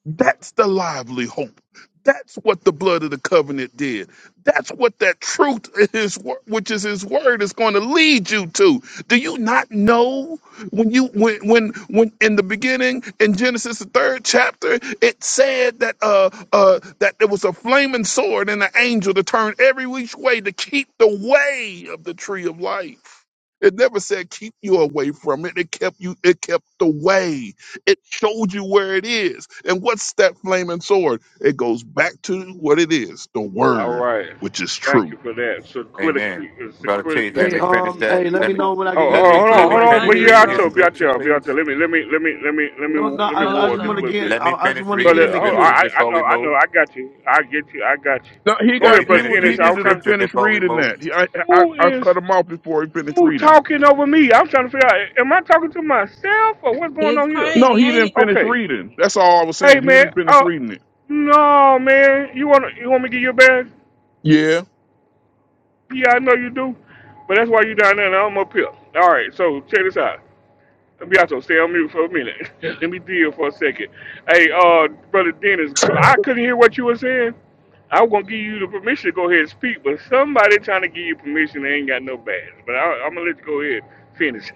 That's the lively hope. That's what the blood of the covenant did. That's what that truth is, wo- which is His word, is going to lead you to. Do you not know when you when when when in the beginning in Genesis the third chapter it said that uh uh that there was a flaming sword and an angel to turn every which way to keep the way of the tree of life. It never said keep you away from it. It kept you. It kept the way. It showed you where it is. And what's that flaming sword? It goes back to what it is, the All word, right. which is Thank true. you for that. So Amen. critically, so Brother, criti- Hey, um, hey, let let me me know when I Oh, can get oh, let in the hold queue Bo, on, me hold right on. But quick. yeah, I tell, hold be I tell, be I finish. tell. Let me, let me, let me, let me, let No, me, no, let me I, I war just just want a to on. little get, bit. Let me I, I just finish want to But reading uh, get the in the oh, I, scripture queue. I I before know, we I know, move. I got you. I get you. I got you. No, he Go Let got me ahead, he brother wa- finish he Dennis. reading I the was needed to trying. To, scripture finish before we reading move. that. He, I, I who I is cut him off before he finished who reading. it. talking over me? I'm trying to figure out. Am I talking to myself or what's going It's on here? No, crazy, he ain't didn't it? finish Okay. reading. That's all I was Hey saying. He didn't man. finish Oh reading it. no, man. You want to you want me to give you a badge? Yeah. Yeah, I know you do, but that's why you down there and I'm up here. All right, so check this out. Let me also stay on mute for a minute. Let me deal for a second. Hey, uh, brother Dennis, I couldn't hear what you were saying. I was gonna give you the permission to go ahead and speak, but somebody trying to give you permission, they ain't got no badge. But I, I'm gonna let you go ahead and finish.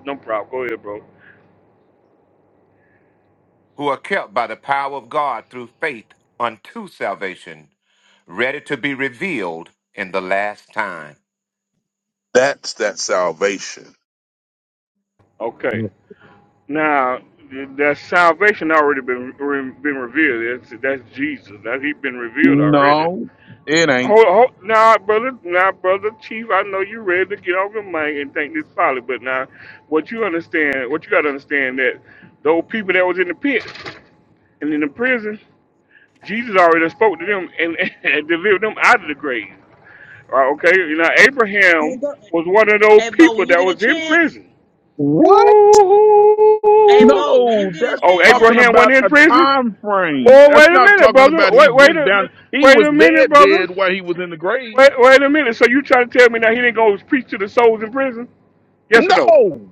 no problem. Go ahead, bro. who are kept by the power of God through faith unto salvation, ready to be revealed in the last time. That's that salvation. Yeah. Okay. Now th- that salvation already been re- been revealed. That's that's Jesus. That he been revealed already. No, it ain't. Hold, hold, now, brother, now, brother Chief, I know you're ready to get on your mic and think this solid, but now, what you understand, what you got to understand that those people that was in the pit and in the prison, Jesus already done spoke to them and, and delivered them out of the grave. All right, okay, you know, Hey Abraham Bo, was one of those hey, Bo, people when you that get a was in chance. prison. What? woo Hey Bo, when you No, get a that's Oh, chance. talking Abraham went about in a prison. time frame. Whoa, That's wait a not minute, talking brother. about he Wait, wait went a, down. He wait was a minute, dead, dead brother. while he was in the grave. Wait, wait a minute. So you trying to tell me that he didn't go preach to the souls in prison? Yes or no? No,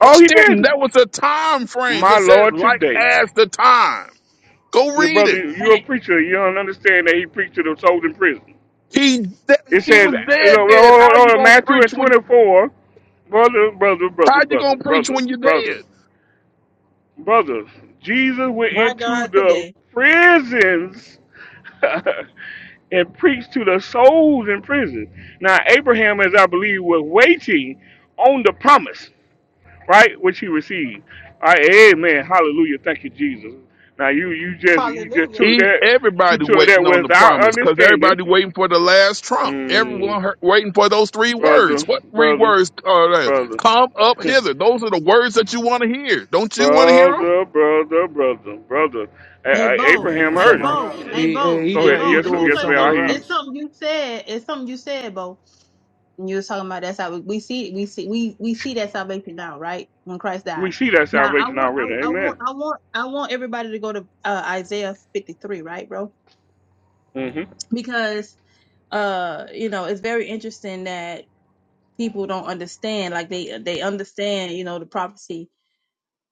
Oh, it he didn't. didn't. That was a time frame. My It said Lord, like today. as the time. Go And the read brother, it. you're a Hey, preacher. You don't understand that he preached to the souls in prison. He that, It he says, was you dead. know, Dead. hold How on, hold you on, gonna Matthew and preach when? 24, brother, brother, brother, How you brother, gonna preach brother, when you're brother, dead? brother. Jesus went my into God the today. prisons and preached to the souls in prison. Now, Abraham, as I believe, was waiting on the promise. right? What you receive. All right, amen. Hallelujah. Thank you, Jesus. Now you you just you just Hallelujah. took He, that you everybody took that waiting on the without promise because understanding. everybody waiting for the last trump. Mm, Everyone heard, waiting for those three words. brother, What three brother, words are they? brother. Come up hither. Those are the words that you want to hear. Don't you want to hear 'em? brother, brother, brother, brother. A- Hey A- Bo. He Abraham going Hey heard somewhere Bo. else. it. Hey He, Bo. hey, Go he, Hey ahead. uh, Bo. he Yes, Let sir. me going yes, tell you ma'am. I something. somewhere hear It's you. else. something you said. It's something you said, Bo. And you was talking about that salvation. We see, we see, we we see that salvation now, right? When Christ We died. see that Now I salvation want, already. I, I Amen. want, I want, I want everybody to go to uh, Isaiah 53, right, bro? hmm Because uh, you know, it's very interesting that people don't understand. Like they they understand, you know, the prophecy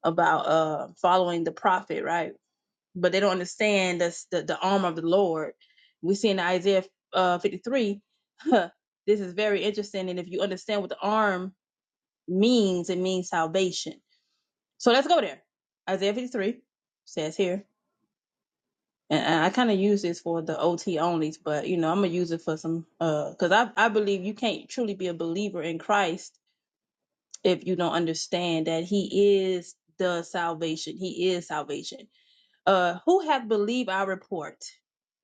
about uh following the prophet, right? But they don't understand that's the the arm of the Lord. We see in Isaiah uh 53. this is very interesting, and if you understand what the arm means it means salvation. So let's go there. Isaiah 53 says here, and I kind of use this for the OT onlys, but you know I'm gonna use it for some Uh, because I I believe you can't truly be a believer in Christ if you don't understand that He is the salvation. He is salvation. Uh, who hath believed our report,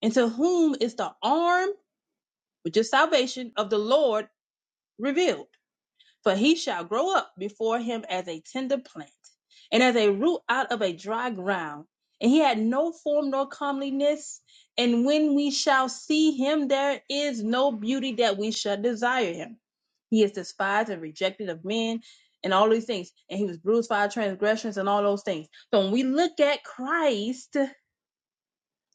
and to whom is the arm, which is salvation, of the Lord revealed? for he shall grow up before him as a tender plant, and as a root out of a dry ground. And he had no form nor comeliness. And when we shall see him, there is no beauty that we shall desire him. He is despised and rejected of men, and all these things. And he was bruised for our transgressions, and all those things. So when we look at Christ,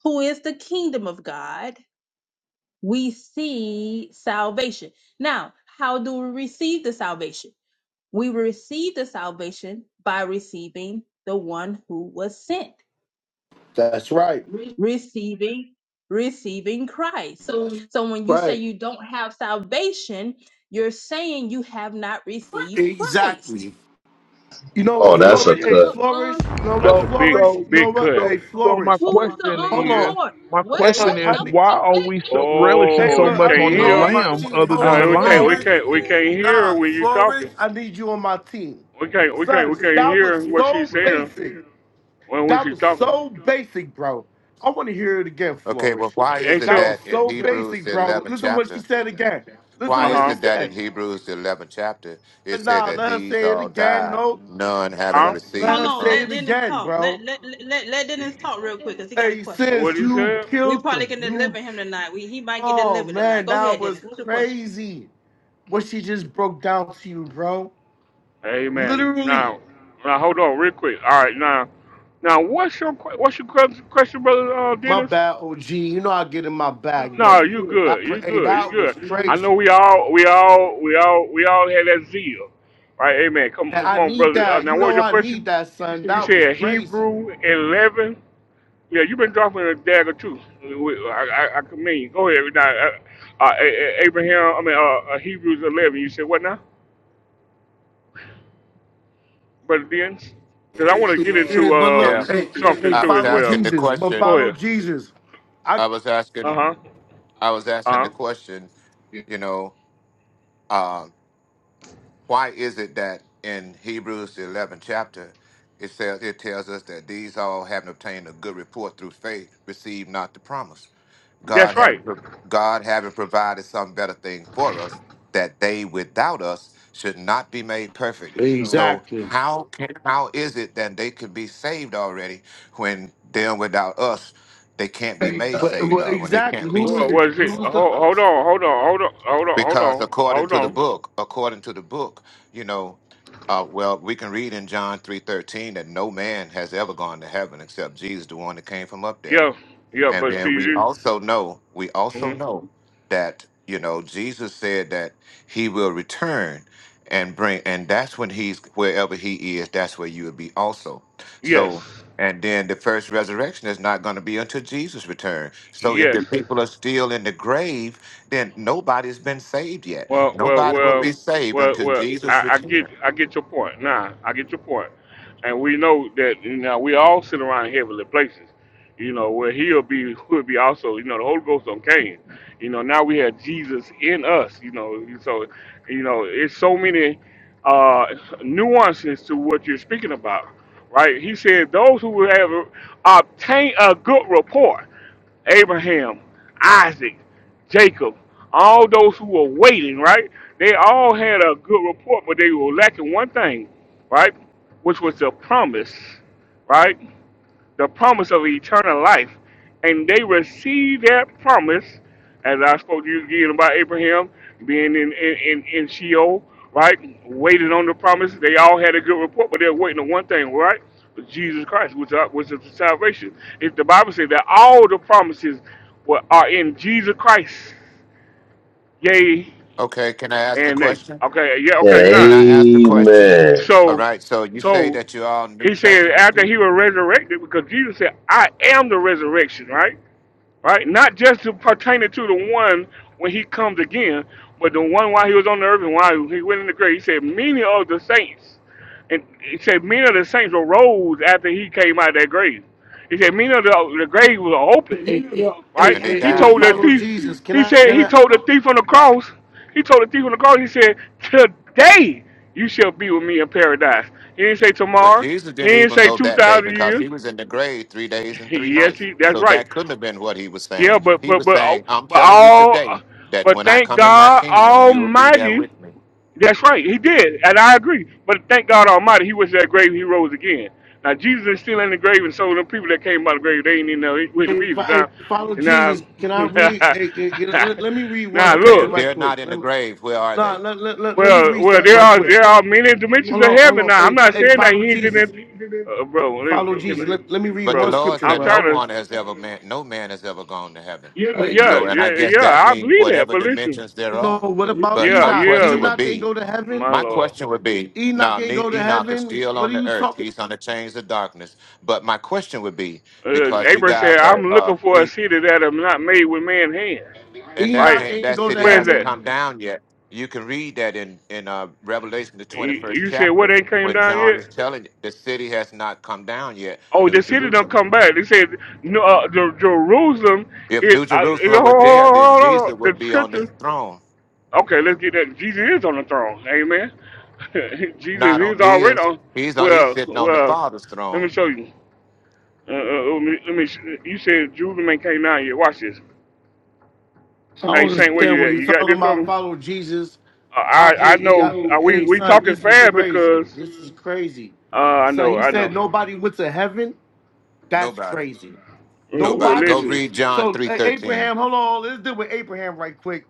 who is the kingdom of God, we see salvation. Now, how do we receive the salvation? We receive the salvation by receiving the one who was sent, That's right, receiving, receiving Christ. So when you say right. you don't have salvation, you're saying you have not received Christ. Exactly. You know Oh, what, Who that's a flourish, is hey, the cut. arm? flourish. You know That's what, So a flourish. so big, You know big what, cut. so hey, so my flourish. Who is the question arm of Hold the on. is Lord? my Wait, Hey, question look, wait, I is don't need. why wait, are wait, we so relishing Hey, Oh, so you look, I much can't need on her the wait. Wait hear? on a my lamb team. minute. other Hold than on, Uh, the we Wait can't, we lion? Flourish, a can't, we can't minute. hear her Nah, when you Flourish, talking. I need you on my team. We can't, we can't, we Son, can't that hear was what so she's saying basic. when when That she's was talking. so basic, bro. I want to hear it again, Okay, well, Flourish. why is And it That so, was that in so Hebrews, basic, the bro. 11th Listen what she chapter, said again. Listen uh why what is she huh, it that in said. Hebrews, the 11th chapter, it said Nah, that let her these say it all again. died, No, none having huh? let, let received Hold the her on. say Let it promise? Dennis again, talk. Let bro. let let, let Dennis talk real quick because he got a Hey, question. What sis, he you said? We killed probably them. can You, deliver him tonight. We he might get oh delivered tonight. man, Go that ahead, Dennis. was What's your question? crazy. what she just broke down to you, bro. Amen. Literally. Now, now hold on real quick. All right, now, now what's your que- what's your que- question, brother uh, My Dennis? bad, OG. You know I get in my bag. No, you but good, That, you hey, good, you that was good. I crazy. know we all, we all, we all, we all had that zeal, right? Amen. Come, And come I on, need brother. Uh, that. now, You what was know your I question? need that, son. You That was said crazy. Hebrew eleven. Yeah, you've been dropping a dagger too. We- I, I, I commend you. Go ahead. Now, uh, uh, A- A- Abraham, I mean, uh, uh, Hebrews 11, you said what now? Brother Dens? Because I want to Hey, get hey, into but look, Yeah, um, hey, hey, something hey, I too was as follow well. asking the Jesus. But question, Go follow ahead. Jesus. I I was Uh asking, huh. I was asking Uh huh. the question, you know, um, why is it that in Hebrews the eleventh chapter it says it tells us that these all having obtained a good report through faith received not the promise. That's God right. having pro- God having provided some better thing for us that they without us should not be made perfect. So exactly. how can how is it that they could be saved already when them without us they can't be made But saved well, or when they exactly. can't Who be So, uh, was saved? What was who it? was Hold, the hold us? on, hold on, hold on, hold on, hold because on, according hold to the on. book according to the book you know uh, well we can read in john 3.13 that no man has ever gone to heaven except jesus the one that came from up there Yeah, yeah, and but then see we this. also know, we also hmm know that, you know, Jesus said that he will return and bring, and that's when he's wherever he is, that's where you will be also. So, Yes, and then the first resurrection is not going to be until Jesus return. So if the yes. people are still in the grave, then nobody's been saved yet. Well, well, Nobody will be well, saved well, until well. Jesus I, I get, return. I get your point. Nah, I get your point. And we know that you know, we all sit around in heavenly places. You know where he'll be, will be also. You know the Holy Ghost on Cain. You know now we have Jesus in us. You know, so you know it's so many uh, nuances to what you're speaking about, right? He said those who have obtained a good report, Abraham, Isaac. Jacob, all those who were waiting, right? They all had a good report, but they were lacking one thing, right? Which was the promise, right? The promise of eternal life. And they received that promise, as I spoke to you again about Abraham being in, in, in, in Sheol, right? Waiting on the promise. They all had a good report, but they were waiting on one thing, right? Jesus Christ, which is- which is the salvation. If the Bible says that all the promises were, are in Jesus Christ, yea Okay, can I ask a and nay. question? Okay, yeah, And okay, now. Can I ask a question? amen. All So, right, so you say so that you're all New he said Testament after people. he was resurrected, because Jesus said, I am the resurrection, right? Right? Not just to pertaining to the one when he comes again, but the one while he was on the earth and while he went in the grave. He said, Many of the saints, and he said, Many of the saints arose after he came out of that grave. He said, Many of the, the grave was open Hey, hey, hey, right? and they He hey, died told the again. follow thief, Jesus. Can he I? said, Can he I? told the thief on the cross, he told the thief on the cross, he said, today you shall be with me in paradise. He didn't say But tomorrow. Jesus He didn't didn't even say go that day 2,000 because years. he was in the grave three days and three yes, nights. he, that's So right. that couldn't have been what he was Yeah, saying. but, He but, was but, oh, saying, I'm but telling you all, today that but when I thank come in my God kingdom, you will be there Almighty with me. that's right, he did, and I agree. But thank God Almighty, he was in that grave, he rose again. Now Jesus is still in the grave, and so the people that came out of the grave, they ain't even know where to Hey, be. fo- hey, Now, follow now, Jesus. Can I read? Hey, hey, hey, let, let me read one now, Okay, scripture if look. right they're quick. not in Let the me, grave, where are nah, they? let, let, let, let me Well, read well, something there right are quick. there are many dimensions Hold of on, hold heaven. on. Now, I'm Hey, fo- not hey saying that follow he ain't in that, Jesus. uh, bro. Follow Jesus. Can, Let, let me read But the one bro, Lord scripture, I'm said, No trying bro. to. one has ever man, no man has ever gone to heaven. Yeah, So, Hey, and I yeah, guess yeah. that I means believe that, whatever but listen. dimensions there no, are. what about But Yeah, my Enoch? yeah. question would Enoch ain't be, go to Oh my heaven. my lord. question would be, Enoch now ain't Ne- go to Enoch is heaven. still What on are the you earth. talking? He's on the chains of darkness. But my question would be, Uh, because you Abraham said, guys I'm are, uh, looking for a he, city that is not made with man's hands. and that Enoch Right? ha- ain't that go to city Where's hasn't that? heaven. come down yet. You can read that in in uh, Revelation the twenty You first you said, what chapter ain't came when down John is yet? telling you, the city has not come down yet, Oh, New the city don't Jerusalem. come back. They said, no, uh, Jer- Jerusalem, If it, New I, it, Jerusalem hold, were on, there, hold then on, Jesus hold on. would the be on the scripture. throne, Okay, let's get that. Jesus is on the throne. Amen. Jesus not is on already his. on. He's on. He's Well, sitting on the well, Father's let me throne. show you. Uh, uh, let me, let me, sh- you said Jerusalem ain't came down yet. Watch this. I Hey, don't Saint, where understand you what at? you're You got talking this for about. me? Follow Jesus. I I, I hey, hey, know I- uh, we hey, we son, talking this is fast crazy. because This is crazy. uh, I So know he I know. said nobody went to heaven. That's Nobody. crazy. Well, well, Nobody. Go Nobody. listen, read John So three uh, thirteen. Abraham, hold on. Let's deal with Abraham right quick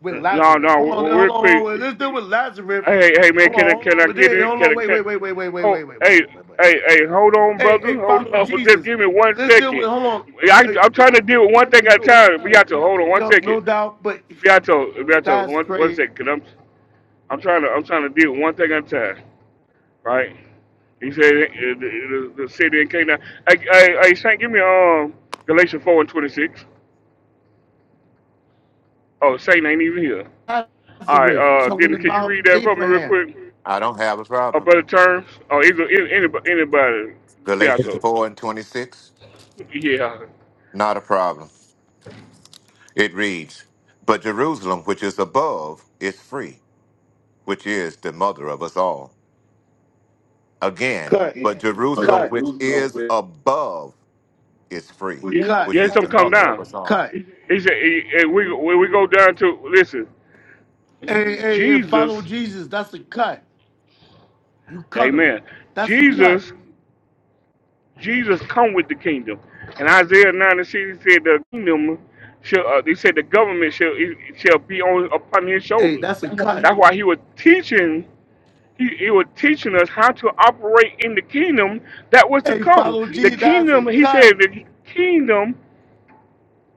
with no Lazarus. no, Hold we- on, we- real hold on. quick. Let's deal with Lazarus. Hey hey man, Hold on, can I hold can I on. get Wait, it? Hold Can on. I Wait, can? wait, wait, wait, wait, wait, Oh wait, wait, wait, hey wait, wait. hey hey, hold on, Hey, brother, hey, hold follow on. Just Jesus. give me one Let's deal with. second. Hold on. I Hey, I'm trying I'm to deal with one trying to thing at a deal with one. time. We got to hold on you one know, second. no doubt, but Beato, Beato, that's one one crazy. second. 'cause I'm I'm trying to I'm trying to deal with one thing at a time. right? He said uh, the, the, the city in Canaan. Hey, hey, hey, Saint, give me um Galatians four and twenty six. Oh, Saint ain't even here. All Lazarus right, uh, talking Dennis, can you about read that for me real Abraham. quick? I don't have a Or problem. better terms, or either anybody, anybody, you be out Galatians to. four and twenty six. Yeah, Not a problem. It reads, "But Jerusalem, which is above, is free, which is the mother of us all." Again, Cut, but Jerusalem, cut, which is above, is free, cut, which yeah, is some the come mother of down. us all. cut. He said, eh, eh, we when we go down to listen, Hey, hey, hey, Jesus, follow Jesus. That's a cut. You cut him. Amen. That's a cut. Jesus Jesus come with the kingdom. And Isaiah 9 and 6 he said the kingdom shall uh, they said the government shall it shall be on upon his Hey, shoulders. that's a cut. That's why he was teaching he, he was teaching us how to operate in the kingdom that was to Hey, come. follow The Jesus. That's a kingdom, he said cut. the kingdom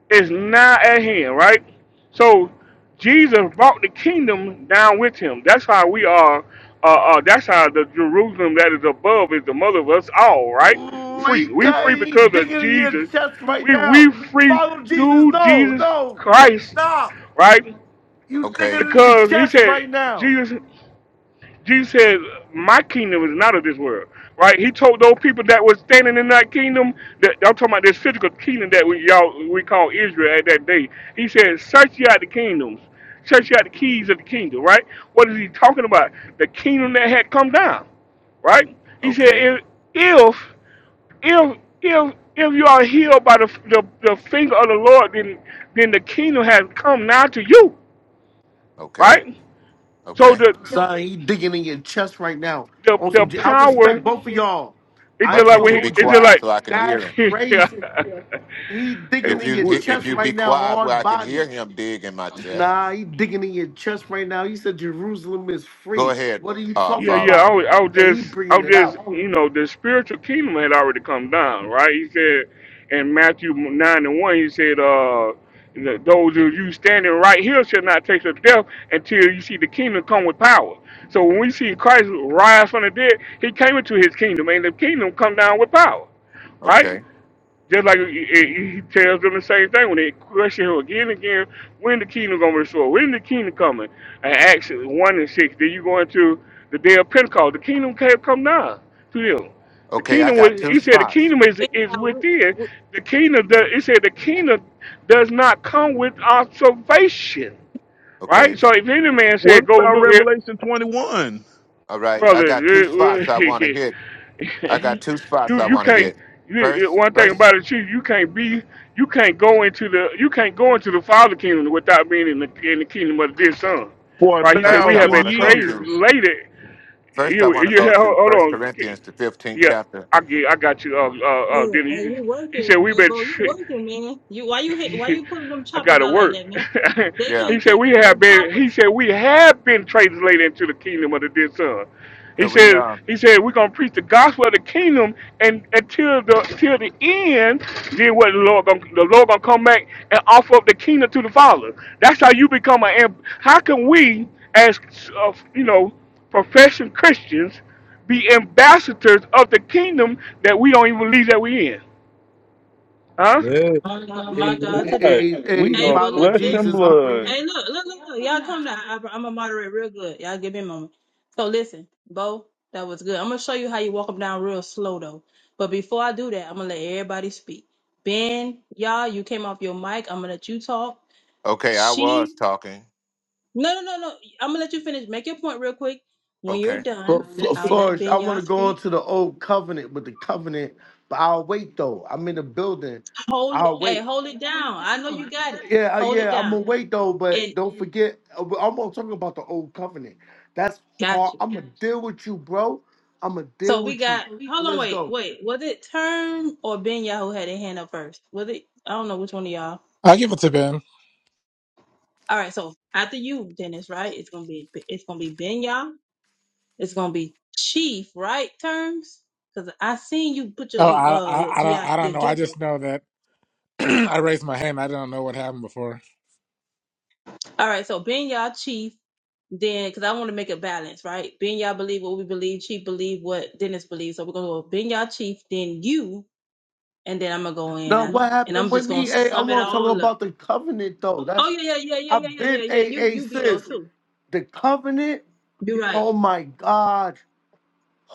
is now at hand, right? So Jesus brought the kingdom down with him. That's how we are. Uh, uh, that's how the Jerusalem that is above is the mother of us all, right? Ooh, he Free. We cut. free He because of digging in your Jesus. chest right We now. we free Follow Jesus. through No, Jesus no. Christ, Stop. right? You Okay. digging in his Because he chest said right now. Jesus. Jesus said, "My kingdom is not of this world." Right? He told those people that was standing in that kingdom. That I'm talking about this physical kingdom that we y'all we call Israel at that day. He said, "Search ye out the kingdoms, search ye out the keys of the kingdom." Right? What is he talking about? The kingdom that had come down. Right? He said, Okay. "If if if if, if you are healed by the, the the finger of the Lord, then then the kingdom has come now to you." Okay. Right? So Okay. the Son, he digging in your chest right now. the On the some, J- I power respect both of y'all. It's I Why just ain't like gonna can't when you he, be hold it's you. just quiet like so I can hear That's him? yeah, crazy. He digging If in you your if chest you be right now, quiet hard where I can body. hear him dig in my chest, Nah, he digging in your chest right now. He said Jerusalem is go free. ahead, What are you uh, yeah, talking yeah. follow. I about? was, I was And he just, I bringing was it just, out. you know, the spiritual kingdom had already come down, right? He said in Matthew nine and one, he said, uh, that those of you standing right here shall not taste of death until you see the kingdom come with power. So when we see Christ rise from the dead, he came into his kingdom, and the kingdom come down with power, right? Okay, Just like he he- he tells them the same thing when they question him again and again, when the kingdom gonna restore? When the kingdom coming? And Acts one and six. Then you go into the day of Pentecost. The kingdom can't come now to them. The okay, I kingdom was. got two He said the spots. kingdom is is Meanwhile, within. we, we, The kingdom. Does, he said the kingdom does not come with observation. Right. Okay, So if any man What said, "Go about look here," Revelation twenty one all right, I brother. got two spots I it- want to hit. I got it- two spots you I you want to can't. hit. You, you- First, one thing first, about it, you you can't be, you can't go into the, you can't go into the Father kingdom without being in the in the kingdom of this Son, for right? a He said first, we I have thousand been want to go years? to. translated. First, I You want to you go hold to hold First on, Corinthians, the fifteenth yeah, chapter. I get, I got you. Uh, uh, uh, yeah, then hey, he, you he said working, we've hey been. bro, you working, man. You why you hit, why you putting them I choppers gotta out like work. that, man? They Yeah, he can't said take we that have them been choppers. he said we have been translated into the kingdom of the dead son. He could we? said Uh, he said we're gonna preach the gospel of the kingdom and until the till the end, then what the Lord gonna the Lord gonna come back and offer up the kingdom to the Father. That's how you become an amb- how can we as uh, you know professing Christians be ambassadors of the kingdom that we don't even believe that we in? Huh? yeah, My God, my Hey, God, hey, What? today. We hey, Hey, are but follow look, flesh and listen. Jesus. I'm free. blood. Hey, look, look, look, look. Y'all come down. I, I'm gonna moderate real good. Y'all give me a moment. So listen, Bo, that was good. I'm gonna show you how you walk them down real slow though. But before I do that, I'm gonna let everybody speak. Ben, y'all, you came off your mic. I'm gonna let you talk. okay, I was She, talking. no, no, no, no. I'm gonna let you finish. Make your point real quick. When Okay. you're done, But Fl- I'll let Flourish, I Ben want y'all to go on speak. to the old covenant with the covenant, but I'll wait though. I'm in the building. Hold it. I'll Hey, wait. hold it down. I know you got it. Yeah, uh, Hold it yeah, I'm down. gonna wait though, but And don't forget, uh, we- I'm gonna talk about the old covenant. That's hard. gotcha. I'm gonna deal with you, bro. I'm gonna So deal we with you. got hold But on, let's wait, go. wait. Was it Term or Ben Yah who had their hand up first? Was it I don't know which one of y'all. I will give it to Ben. All right, so after you, Dennis, right? It's gonna be it's gonna be Ben Yah. It's gonna be Chief, right? Terms? Cause I seen you put your Oh, I, uh your I, I GI don't, I don't your know. I gift up. just know that. I raised my hand. I don't know what happened before. All right, so Ben Yah Chief, then because I want to make a balance, right? Ben Yah believe what we believe, Chief believe what Dennis believes. So we're gonna go Ben Yah Chief, then you, and then I'm gonna go in Now, after what and happened I'm with just gonna me? Hey, I sum it want to tell her all up. about the covenant, though. Oh That's yeah, yeah, yeah, yeah, I've yeah, yeah, been yeah, yeah. a You a you veto sis. too. The covenant. You're right. Oh my God.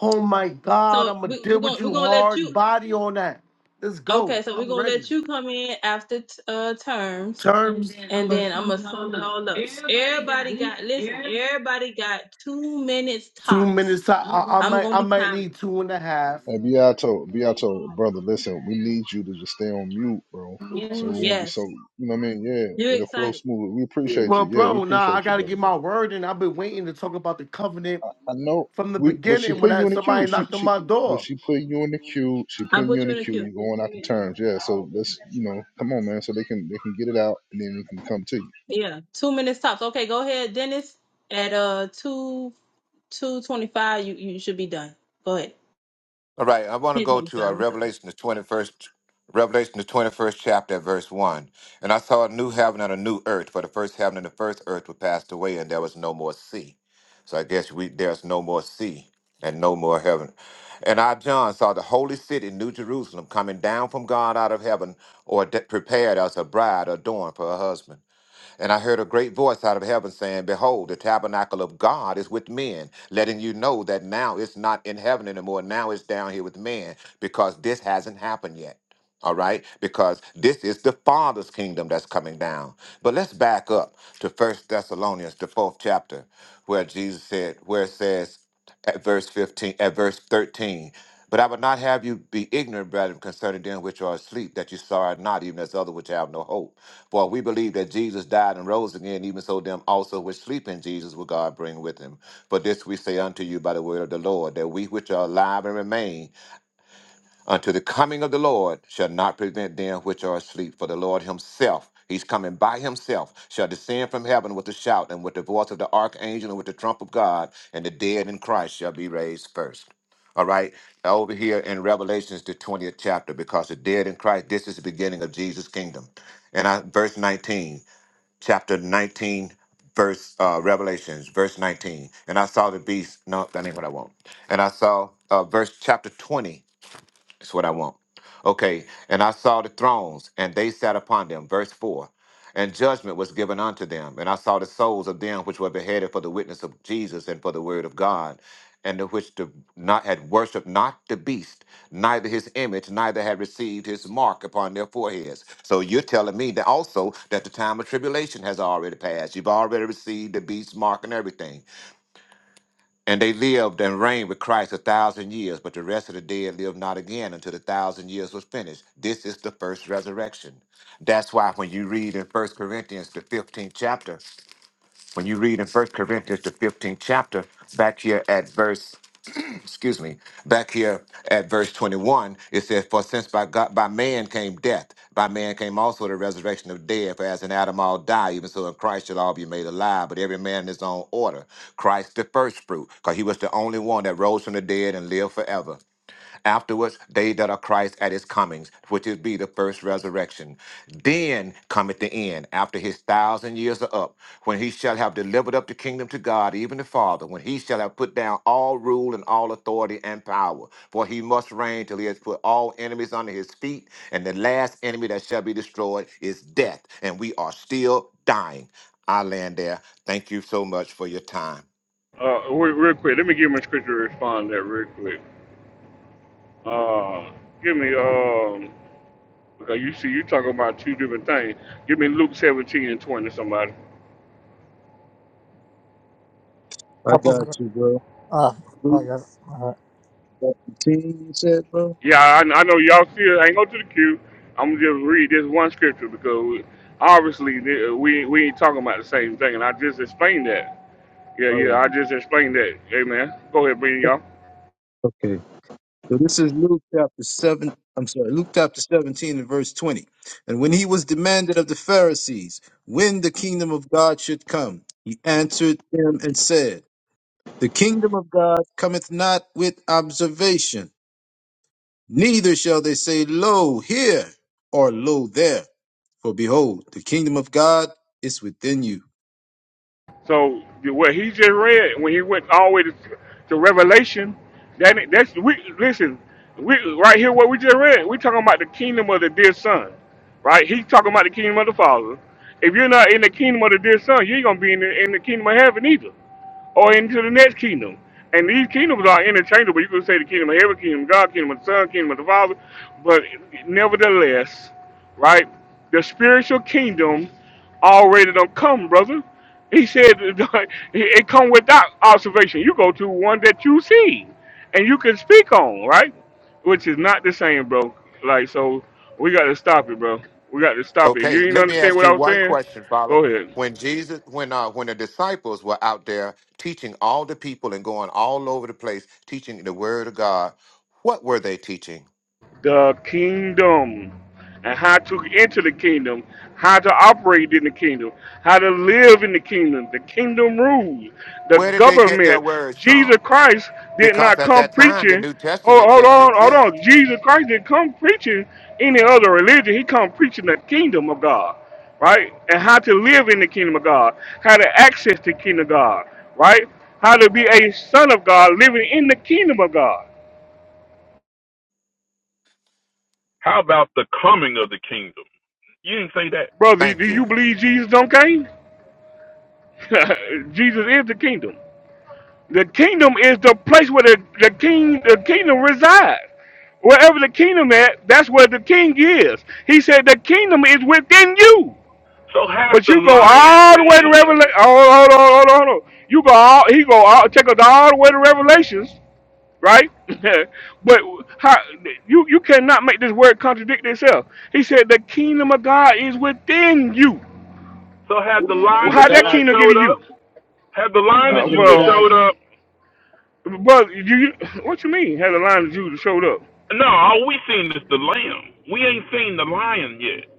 Oh my God. So I'ma we, deal we're with gonna we're you gonna let you. hard body on that. Let's go. Okay, so we're I'm gonna ready. let you come in after t- uh terms, Terms. and then I'm gonna sum it all up. Everybody got listen. Everybody got two minutes Two tops. minutes. I, I I I'm might gonna I be might timing. need two and a half. Hey, Beato, Beato, brother, listen. We need you to just stay on mute, bro. So we won't be so. Yes, You know what I mean? Yeah, you're it'll flow excited. smooth. We appreciate Well, you. Yeah, we bro, nah, appreciate I you, gotta brother. get my word in. I've been waiting to talk about the covenant I know from the we, but she beginning when put I, you in the queue. somebody She knocked on she, my door. but she put you in the queue. She I put you put in you the in a queue. queue. You're going out the terms, yeah. So let's you know, come on, man. So they can they can get it out, and then we can come to you. Yeah, two minutes tops. Okay, go ahead, Dennis. At uh two two twenty five, you you should be done. Go ahead. All right, I want to Ten go twenty to five. uh, I'm sorry. Revelation the twenty first, Revelation the twenty first chapter, at verse one. And I saw a new heaven and a new earth, for the first heaven and the first earth were passed away, and there was no more sea. So I guess we there's no more sea and no more heaven. And I John saw the holy city, New Jerusalem, coming down from God out of heaven, or de- prepared as a bride adorned for her husband. And I heard a great voice out of heaven saying, Behold, the tabernacle of God is with men, letting you know that now it's not in heaven anymore. Now it's down here with men because this hasn't happened yet. All right, because this is the Father's kingdom that's coming down. But let's back up to First Thessalonians, the fourth chapter, where Jesus said, where it says at verse 15, at verse 13, but I would not have you be ignorant, brethren, concerning them which are asleep, that you sorrow not, even as other which have no hope. For we believe that Jesus died and rose again, even so them also which sleep in Jesus will God bring with him. For this we say unto you by the word of the Lord, that we which are alive and remain unto the coming of the Lord shall not prevent them which are asleep. For the Lord himself, he's coming by himself, shall descend from heaven with a shout and with the voice of the archangel and with the trump of God, and the dead in Christ shall be raised first. All right, over here in Revelations, the 20th chapter, because the dead in Christ, this is the beginning of Jesus' kingdom. And I, verse 19 chapter 19 verse uh revelations verse 19 and i saw the beast no that ain't what i want and i saw uh verse chapter 20 that's what I want. Okay. And I saw the thrones, and they sat upon them. Verse 4. And judgment was given unto them. And I saw the souls of them which were beheaded for the witness of Jesus and for the word of God, and the which the, not had worshipped not the beast, neither his image, neither had received his mark upon their foreheads. So you're telling me that also that the time of tribulation has already passed. You've already received the beast's mark and everything. And they lived and reigned with Christ a thousand years, but the rest of the dead lived not again until the thousand years was finished. This is the first resurrection. That's why when you read in First Corinthians, the 15th chapter, when you read in First Corinthians, the 15th chapter, back here at verse excuse me, back here at verse 21, it says, For since by God by man came death, by man came also the resurrection of dead, for as in Adam all die, even so in Christ shall all be made alive, but every man in his own order. Christ the first fruit, because he was the only one that rose from the dead and lived forever. Afterwards, they that are Christ at his comings, which is be the first resurrection. Then cometh the end, after his thousand years are up, when he shall have delivered up the kingdom to God, even the Father, when he shall have put down all rule and all authority and power. For he must reign till he has put all enemies under his feet, and the last enemy that shall be destroyed is death. And we are still dying. I land there. Thank you so much for your time. Uh, re- real quick, let me give my scripture to respond to that real quick. Uh, give me um, because you see, you talking about two different things. Give me Luke seventeen and twenty, somebody. I I got prefer- you, bro. Uh, oh, Luke yeah. All right. 14, you said, bro? Yeah, I, I know y'all still ain't go to the queue. I'm gonna just read this one scripture because we- obviously the- we we ain't talking about the same thing, and I just explained that. Yeah, All yeah, I right. just explained that. Amen. Go ahead, Brandon, y'all. Okay. So this is Luke chapter seven. I'm sorry, Luke chapter 17 and verse 20. And when he was demanded of the Pharisees when the kingdom of God should come, he answered them and said, The kingdom of God cometh not with observation, neither shall they say, Lo here or Lo there. For behold, the kingdom of God is within you. So what he just read when he went all the way to, to Revelation, that that's we listen, we right here what we just read. We talking about the kingdom of the dear son, right? He's talking about the kingdom of the father. If you're not in the kingdom of the dear son, you ain't gonna be in the, in the kingdom of heaven either or into the next kingdom. And these kingdoms are interchangeable. You could say the kingdom of heaven, kingdom of God, kingdom of the Son, kingdom of the Father. But nevertheless, right, the spiritual kingdom already don't come, brother. He said it come without observation. You go to one that you see and you can speak on, right? Which is not the same, bro. Like so we gotta stop it, bro. We gotta stop it. If you Okay, didn't let me understand ask what I you was one saying, question, follow. go ahead. When Jesus, when uh, when the disciples were out there teaching all the people and going all over the place teaching the word of God, what were they teaching? the kingdom and how to enter the kingdom, how to operate in the kingdom, how to live in the kingdom, the kingdom rules, the Where did they get their government. words Jesus from? Christ did Because not at come that time the preaching. New Oh, Testament hold didn't on, hold on. exist. Jesus Christ didn't come preaching any other religion. He come preaching the kingdom of God, right? And how to live in the kingdom of God, how to access the kingdom of God, right? How to be a son of God living in the kingdom of God. How about the coming of the kingdom? You didn't say that. Brother, Thank do you you. believe Jesus don't came? Jesus is the kingdom. The kingdom is the place where the, the king the kingdom resides. Wherever the kingdom at, that's where the king is. He said the kingdom is within you. But you go all the way to Revelation. Hold on, hold on, hold on, hold on. You go all he go all take us all the way to Revelations, right? but how you you cannot make this word contradict itself. He said the kingdom of God is within you. So had the lion Well, of how that Judah kingdom Exactly. get to showed up? you? Had the lion of Uh, Judah well. showed Exactly. up? But you, what you mean? Had a line of Judah showed up? No, all we seen is the lamb. We ain't seen the lion yet.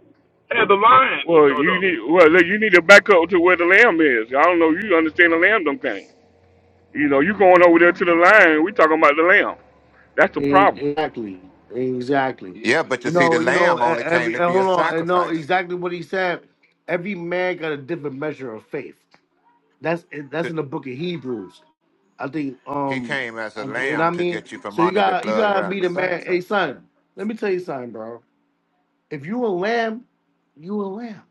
Had the lion Well, showed you up? need well look, you need to back up to where the lamb is. I don't know. You understand the lamb dumb thing? You know, you going over there to the line. We talking about the lamb. That's the problem. Exactly. Exactly. Yeah, but you You see, the know, you know, lamb e- only came every to eh, be a hold on, I know sacrifice. exactly what he said. Every man got a different measure of faith. That's eh, that's To- in the book of Hebrews. I think He um came as I, a and I lamb to mean, get you from so you under the got you blood of gotta meet animal a man. Hey sacrifice. son, let me tell you something, bro. If you a lamb, you a lamb,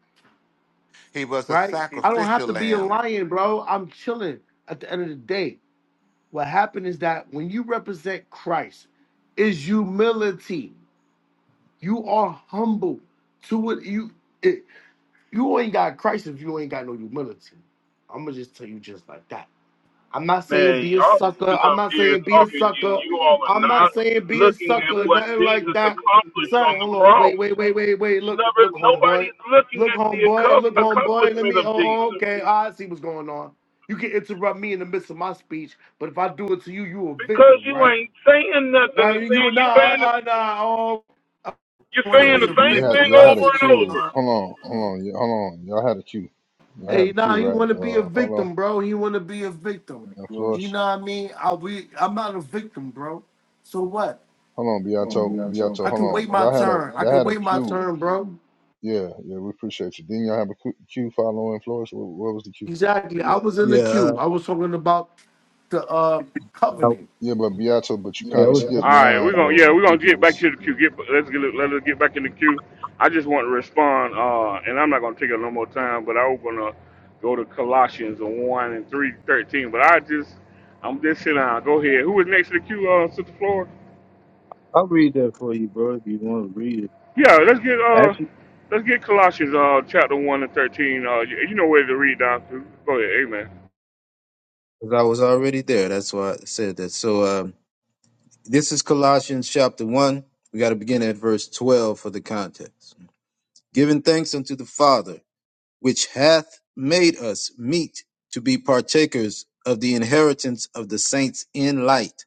He was a right? I don't have sacrificial to be a lamb. lion, bro. I'm chilling at the end of the day. What happened is that when you represent Christ, is humility. You are humble to what you it, you ain't got Christ if you ain't got no humility. I'm gonna just tell you just like that. I'm not saying Man, be a y'all sucker. sitting I'm up not here saying be a talking, you sucker. you all are I'm not not saying be a looking at sucker, or what nothing like Jesus that. accomplished Sorry, on the hold on. Wait, cross. wait, wait, wait, wait. You Look, never, look, homeboy. nobody's looking Look, at the homeboy. accom- Look, homeboy. Let accomplishment me. of Oh, Jesus oh, okay. I see what's going on. You can interrupt me in the midst of my speech, but if I do it to you, you a because victim, you right? ain't saying nothing. Now To say you nah, you saying I, I nah. Oh, I you're want to saying Hey, be a the we same had thing victim. y'all I had over a see what's and going queue. over. Hold on. on, hold on, y- hold on. Y'all had a queue. Y'all had Hey, a nah, queue, he right? want to be a Uh, follow victim, bro. He want to be a victim. and You flourish. know what I mean? I we. I'm not a victim, bro. So what? Hold on, Beato, Beato. I can Hold on. wait my Y'all had a turn. I y'all can had a wait my queue. turn, bro. Yeah, yeah. We appreciate you. Didn't y'all have a que- queue? Follow and flourish. What, what was the queue? Exactly. I was in the Yeah, uh, queue. I was talking about the uh I, covenant. Yeah, but Beato, but you yeah, I kind of was, All skipped right, we're line gonna yeah, though. I we're gonna think it get back was. to the yeah, queue. Get let's get let us get back in the queue. I just want to respond, uh, and I'm not gonna take up no more time. But I was gonna go to Colossians one and three thirteen. But I just I'm just sitting down. Go ahead. Who is next to the queue, uh, Sister Flora? I'll read that for you, bro, if you want to read it. Yeah, let's get uh, Actually, let's get Colossians uh chapter one and thirteen. Uh, you, you know where to read down. to. Go ahead, Amen. because I was already there. That's why I said that. So, um, This is Colossians chapter 1. We got to begin at verse 12 for the context. Giving thanks unto the Father, which hath made us meet to be partakers of the inheritance of the saints in light,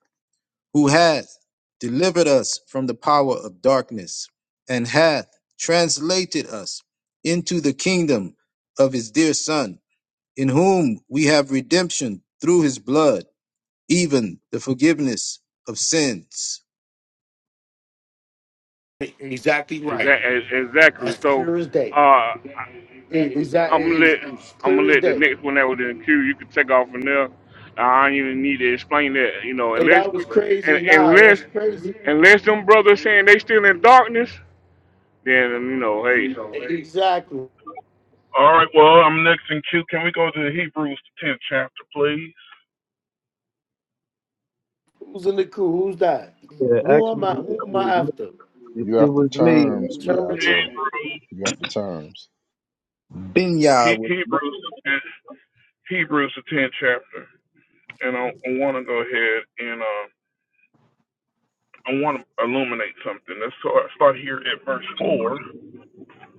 who hath delivered us from the power of darkness, and hath translated us into the kingdom of his dear Son, in whom we have redemption through his blood, even the forgiveness of sins E- Exactly right. Exactly. Exactly. That's So, clear as uh, day. I, Is It's I'm gonna let it's I'm clear gonna as let the day? next one that was in the queue. You can take off from there. I don't even need to explain that. You know, Hey, unless that we was and crazy. Nah, unless that's crazy. unless them brothers saying they still in darkness, then you know, hey, Exactly. All right, well, I'm next in queue. Can we go to Hebrews the tenth chapter, please? Who's in the queue? Who's that? Yeah, Who am I? actually, it Who am I was, after? if You it have after was me, terms, Beato. Germans. Hebrews, You have after terms. he, Benya was Hebrews, the 10th Hebrews the tenth chapter, and I, I want to go ahead and um. I want to illuminate something. Let's start start here at verse four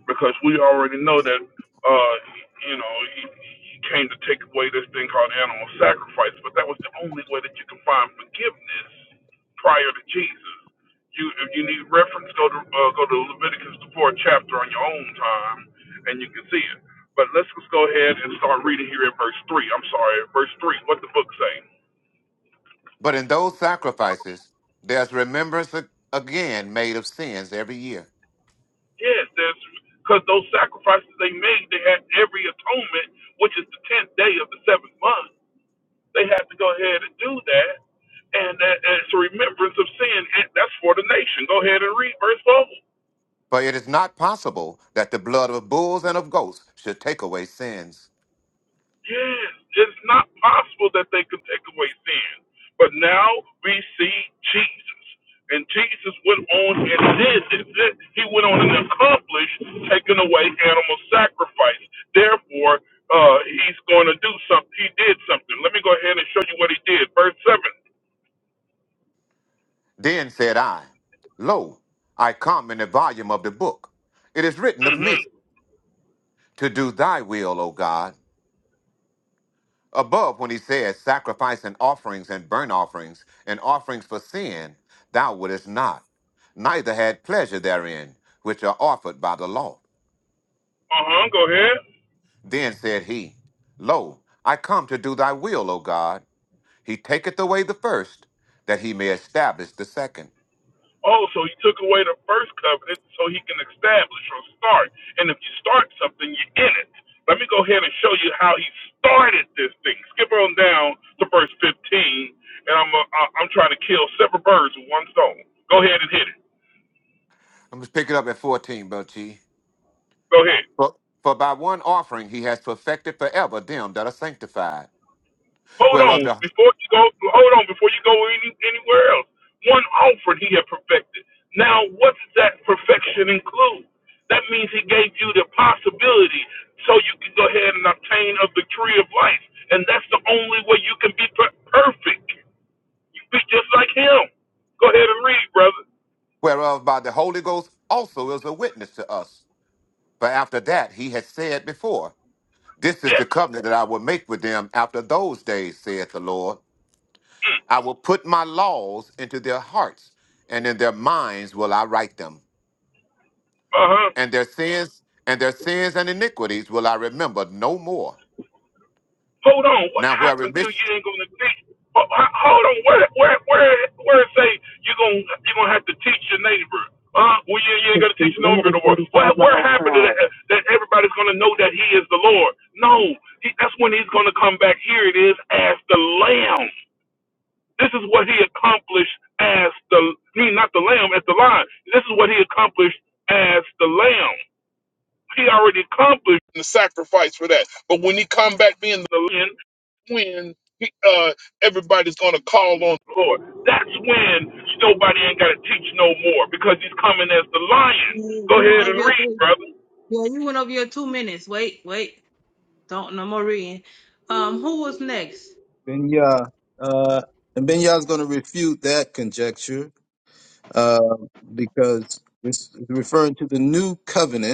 because we already know that uh, you know he, he came to take away this thing called animal sacrifice, but that was the only way that you can find forgiveness prior to Jesus. You if you need reference, go to uh, go to Leviticus the fourth chapter on your own time, and you can see it. But let's just go ahead and start reading here at verse three. I'm sorry, at verse three. What the book say? But in those sacrifices, there's remembrance ag- again made of sins every year. Yes, there's because those sacrifices they made, they had every atonement, which is the tenth day of the seventh month. They had to go ahead and do that, and that, and it's a remembrance of sin. And that's for the nation. Go ahead and read verse four. For it is not possible that the blood of bulls and of goats should take away sins. Yes, It's not possible that they could take away sin. But now we see Jesus. And Jesus went on and did it. He went on and accomplished taking away animal sacrifice. Therefore, uh, he's going to do something. He did something. Let me go ahead and show you what he did. Verse 7. Then said I, Lo, I come in the volume of the book. It is written of Mm-hmm. me to do thy will, O God. Above, when he says, Sacrifice and offerings and burnt offerings and offerings for sin, thou wouldest not, neither had pleasure therein, which are offered by the law. Uh huh. Go ahead. Then said he, Lo, I come to do thy will, O God. He taketh away the first, that he may establish the second. Oh, so he took away the first covenant so he can establish or start. And if you start something, you're in it. Let me go ahead and show you how he started this thing. Skip on down to verse 15, and I'm uh, I- I'm trying to kill several birds with one stone. Go ahead and hit it. I'm just picking up at 14, Brother Chi. Go ahead. For, for by one offering he has perfected forever them that are sanctified, Hold whereof, on the, before you go. Hold on before you go any, anywhere else. One offered, he had perfected. Now, what's that perfection include? That means he gave you the possibility so you can go ahead and obtain of the tree of life, and that's the only way you can be per- perfect. You be just like him. Go ahead and read, brother. whereof by the Holy Ghost also is a witness to us. For after that he had said before, This is the Yes. covenant that I will make with them after those days, saith the Lord. I will put my laws into their hearts, and in their minds will I write them. Uh huh. and their sins and their sins and iniquities will I remember no more. Hold on, what Now where happened to remission you ain't gonna teach? ho- ho- Hold on, where where where where it say you gonna you gonna have to teach your neighbor? Uh, well, yeah, you ain't gonna teach no neighbor to work. What where happened to that? That everybody's gonna know that he is the Lord. No, he, that's when he's gonna come back. Here it is as the Lamb. This is what he accomplished as the I mean not the Lamb as the Lion. This is what he accomplished as the Lamb. He already accomplished the sacrifice for that. But when he come back being the Lamb when uh, everybody's going to call on the Lord. That's when nobody ain't got to teach no more because he's coming as the lion. You- you Go ahead wanna and be read, okay? brother. Well, you went over your two minutes. Wait, wait. Don't no more reading. Um, who was next? Benya. Uh, and Benya's going to refute that conjecture uh, because it's referring to the new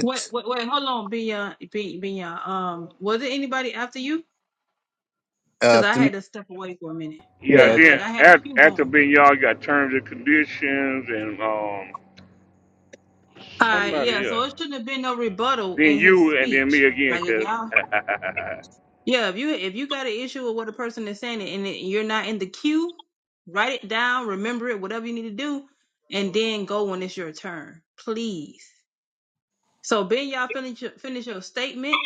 Wait, wait, wait. Hold on, Binya, Bin- Binya. Um, was it anybody after you? Because I After me, had to step away for a minute. yeah. yeah, Yeah, Then like I had a after, cue after going. All being y'all got terms and conditions and um right, yeah. somebody So else. it shouldn't have been no rebuttal Then in his you and then me speech. again, Like if cuz. y'all, yeah, if you if you got an issue with what a person is saying and it, you're not in the queue, write it down, remember it, whatever you need to do, and then go when it's your turn, please. So Ben Yah finish finish your statement.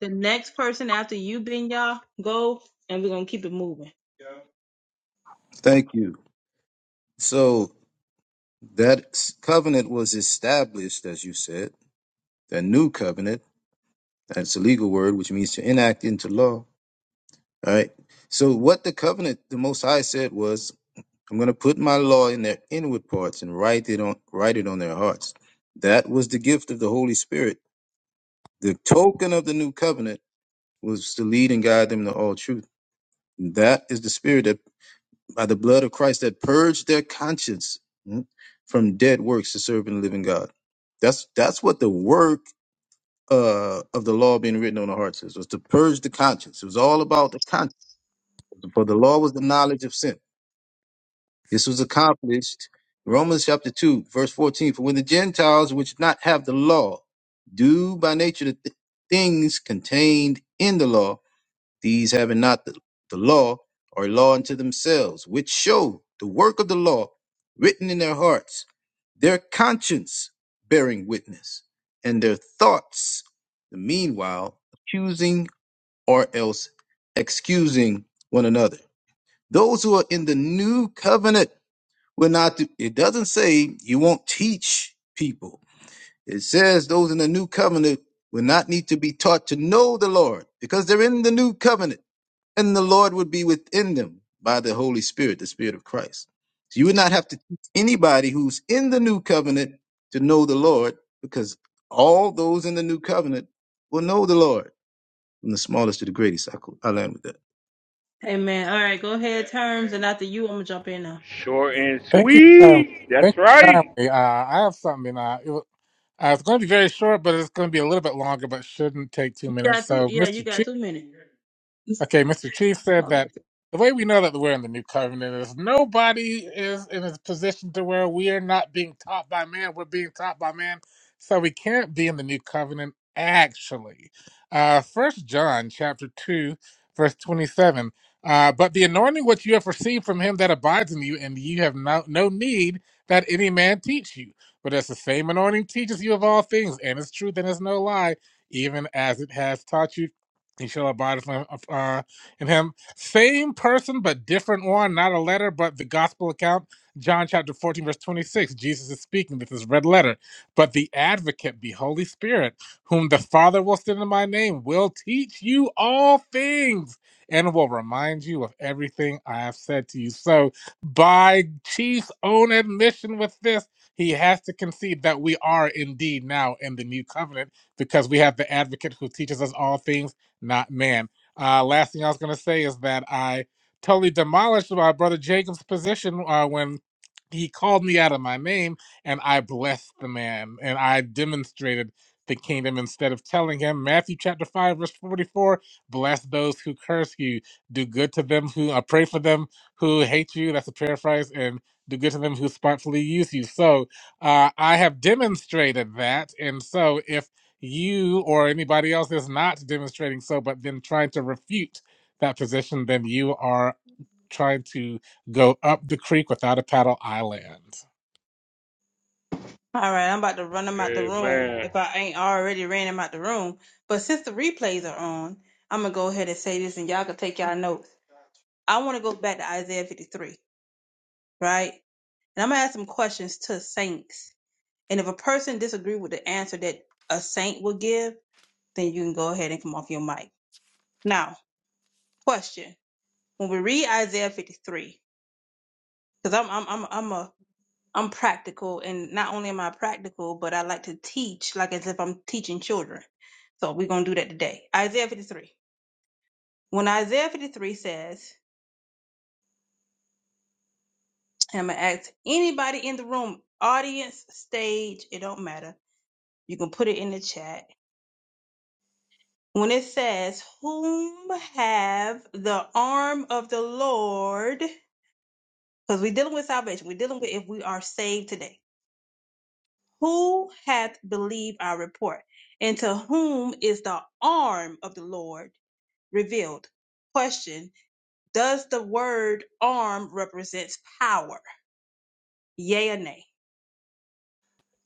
The next person after you, Ben Yah, go and we're gonna keep it moving. thank you. So that s- covenant was established, as you said, the new covenant. That's a legal word, which means to enact into law. All right. So what the covenant the Most High said was I'm going to put my law in their inward parts and write it on write it on their hearts. That was the gift of the Holy Spirit. The token of the new covenant was to lead and guide them to all truth. That is the spirit that by the blood of Christ that purged their conscience mm, from dead works to serve and living God. That's that's what the work uh, of the law being written on the hearts is was to purge the conscience. It was all about the conscience. For the law was the knowledge of sin. This was accomplished. Romans chapter 2, verse 14. For when the Gentiles, which not have the law, do by nature the th- things contained in the law, these having not the, the law, are a law unto themselves, which show the work of the law written in their hearts, their conscience bearing witness, and their thoughts, the meanwhile, accusing or else excusing one another. Those who are in the new covenant we're not. it doesn't say you won't teach people. It says those in the new covenant will not need to be taught to know the Lord because they're in the new covenant, and the Lord would be within them by the Holy Spirit, the Spirit of Christ. So you would not have to teach anybody who's in the new covenant to know the Lord because all those in the new covenant will know the Lord. From the smallest to the greatest, I, cou- I learned with that. Hey man, all right, go ahead, terms, and after you, I'm gonna jump in now. Short and Thank you. Um, sweet. thank That's you right. kindly. Uh, I have something. Uh, it was, uh, it's going to be very short, but it's going to be a little bit longer, but shouldn't take two You minutes. got two, So, yeah, Mr. you Chi. got two minutes. Okay, Mr. Chief said that All the way we know that we're in the new covenant is nobody is in a position to where we are not being taught by man, we're being taught by man. So we can't be in the new covenant actually. Uh first John chapter two, verse twenty seven. Uh, but the anointing which you have received from him that abides in you, and you have no, no need that any man teach you. But as the same anointing teaches you of all things, and is truth and is no lie, even as it has taught you Inshallah abide from, uh, in him. Same person, but different one. Not a letter, but the gospel account. John chapter 14, verse 26. Jesus is speaking. This is red letter. But the advocate, the Holy Spirit, whom the Father will send in my name, will teach you all things and will remind you of everything I have said to you. So, by Chief's own admission with this, he has to concede that we are indeed now in the new covenant because we have the advocate who teaches us all things not man. Uh, last thing I was going to say is that I totally demolished my brother Jacob's position uh, when he called me out of my name, and I blessed the man, and I demonstrated the kingdom instead of telling him. Matthew chapter 5, verse 44 Bless those who curse you, do good to them who uh, pray for them who hate you. That's a paraphrase, and do good to them who spitefully use you. So uh, I have demonstrated that. And so if you or anybody else is not demonstrating so, but then trying to refute that position, then you are trying to go up the creek without a paddle island. right, I'm about to run them out the room Amen. if I ain't already ran them out the room. But since the replays are on, I'm gonna go ahead and say this, and y'all can take y'all notes. I want to go back to Isaiah 53, right? And I'm gonna ask some questions to saints And if a person disagrees with the answer that a saint will give, then you can go ahead and come off your mic. Now, question: When we read Isaiah 53, because I'm I'm I'm I'm a I'm practical, and not only am I practical, but I like to teach like as if I'm teaching children. So we're gonna do that today. Isaiah 53. When Isaiah 53 says, I'm gonna ask anybody in the room, audience, stage, it don't matter. You can put it in the chat when it says, Whom have the arm of the Lord? Because we're dealing with salvation. We're dealing with if we are saved today. Who hath believed our report? And to whom is the arm of the Lord revealed? Question Does the word arm represents power? Yea or nay?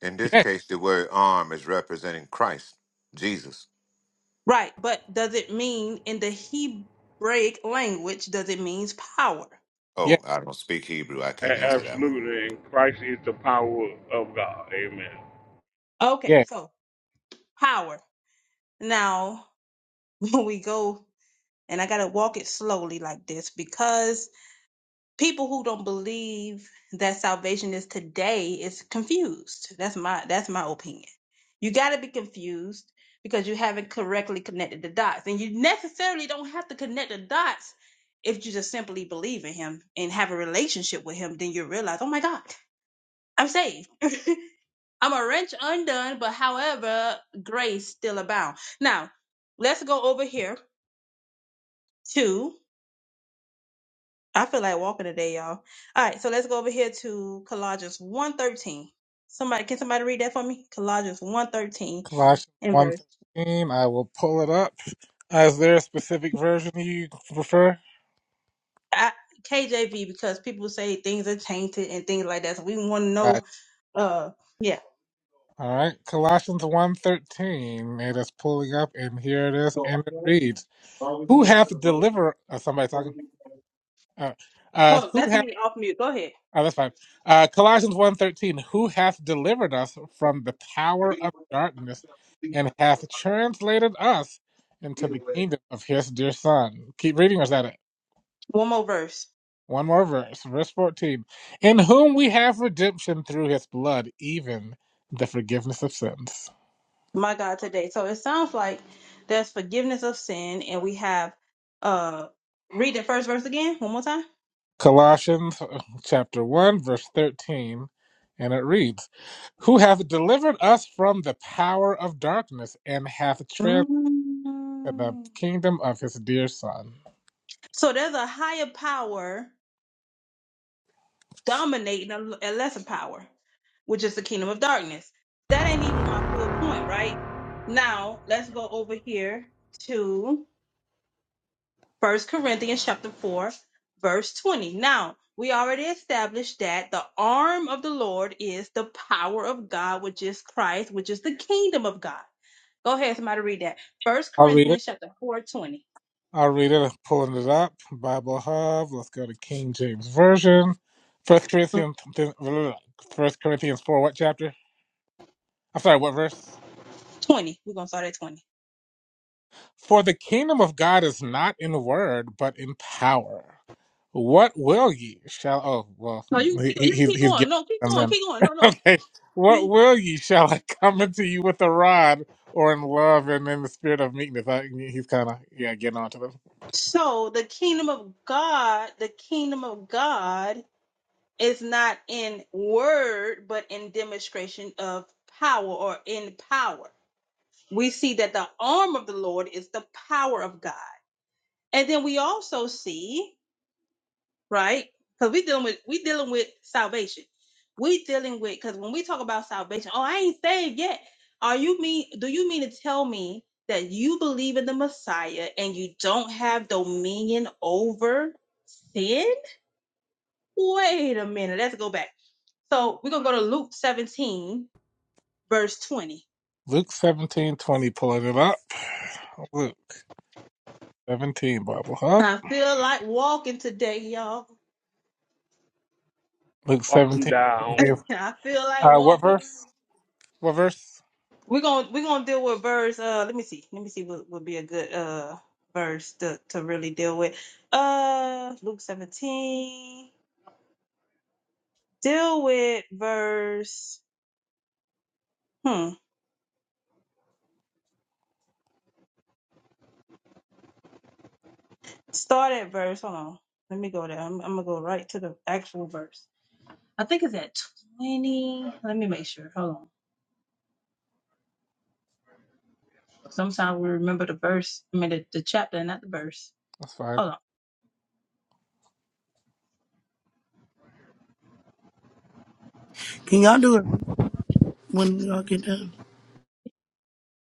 in this Yeah, case the word arm is representing Christ, Jesus. Right, but does it mean in the Hebraic language, does it means power? yeah, Oh, I don't speak Hebrew, I can't answer that one. Absolutely. And Christ is the power of God. Amen. Okay, yeah. so power. Now, when we go and I got to walk it slowly like this because people who don't believe that salvation is today is confused. That's my that's my opinion. You got to be confused because you haven't correctly connected the dots and you necessarily don't have to connect the dots if you just simply believe in him and have a relationship with him then you realize, "Oh my god, I'm saved." I'm a wrench undone, but however, grace still abound. Now, let's go over here to. I feel like walking today, y'all. All right, so let's go over here to Colossians 113. Somebody can somebody read that for me? Colossians 113 Colossians and one verse. thirteen. I will pull it up. Is there a specific version you prefer? I, KJV because people say things are tainted and things like that. So we want to know uh yeah. All right, Colossians one thirteen. it is pulling up, and here it is, and it reads, "Who hath delivered?" Uh, somebody talking. Uh, uh, Oh, who that's hath? me off mute. Go ahead. Oh, that's fine. Uh, Colossians one thirteen. "Who hath delivered us from the power of darkness, and hath translated us into the kingdom of His dear Son?" Keep reading, or is that it? One more verse. One more verse, verse 14, "In whom we have redemption through His blood, even the forgiveness of sins." My God today. So it sounds like there's forgiveness of sin and we have uh read the first verse again one more time. Colossians uh, chapter 1, verse 13, and it reads, Who hath delivered us from the power of darkness and hath transferred the Mm. kingdom of his dear Son. So there's a higher power dominating a, a lesser power, which is the kingdom of darkness. That ain't even my full point, right? Now let's go over here to First Corinthians chapter four, verse twenty. Now we already established that the arm of the Lord is the power of God, which is Christ, which is the kingdom of God. Go ahead, somebody read that. First I'll read it. Corinthians chapter four, twenty. I'll read it. I'm pulling it up. Bible Hub. Let's go to King James Version. First Corinthians, First Corinthians 4, what chapter? I'm sorry, what verse? Twenty. We're gonna start at twenty. For the kingdom of God is not in word, but in power. What will ye shall? Oh well, No, you can he, keep, he, you can he's keep he's going. getting No, keep them going. then. Keep going. No, no. Okay, what will ye shall I come unto you with a rod or in love and in the spirit of meekness? I, he's kind of yeah getting onto them. So the kingdom of God, the kingdom of God is not in word, but in demonstration of power or in power. We see that the arm of the Lord is the power of God. And then we also see right? Because we dealing with we dealing with salvation. We dealing with because when we talk about salvation, oh, I ain't saved yet. Are you mean? Do you mean to tell me that you believe in the Messiah and you don't have dominion over sin? Wait a minute. Let's go back. So we're gonna go to Luke 17, verse 20. Luke seventeen twenty, pulling it up. Luke seventeen, Bible Hub. I feel like walking today, y'all. Luke Walk him 17. down. I feel like Uh, what walking. verse? What verse? We're gonna we're gonna deal with verse. Uh, let me see. Let me see what would be a good uh verse to to really deal with. Uh, Luke seventeen. Deal with verse. Hmm. Start at verse. Hold on. Let me go there. I'm, I'm gonna go right to the actual verse. I think it's at twenty. Let me make sure. Hold on. Sometimes we remember the verse. I mean the, the chapter, not the verse. That's fine. Hold on. Can y'all do it when y'all get done?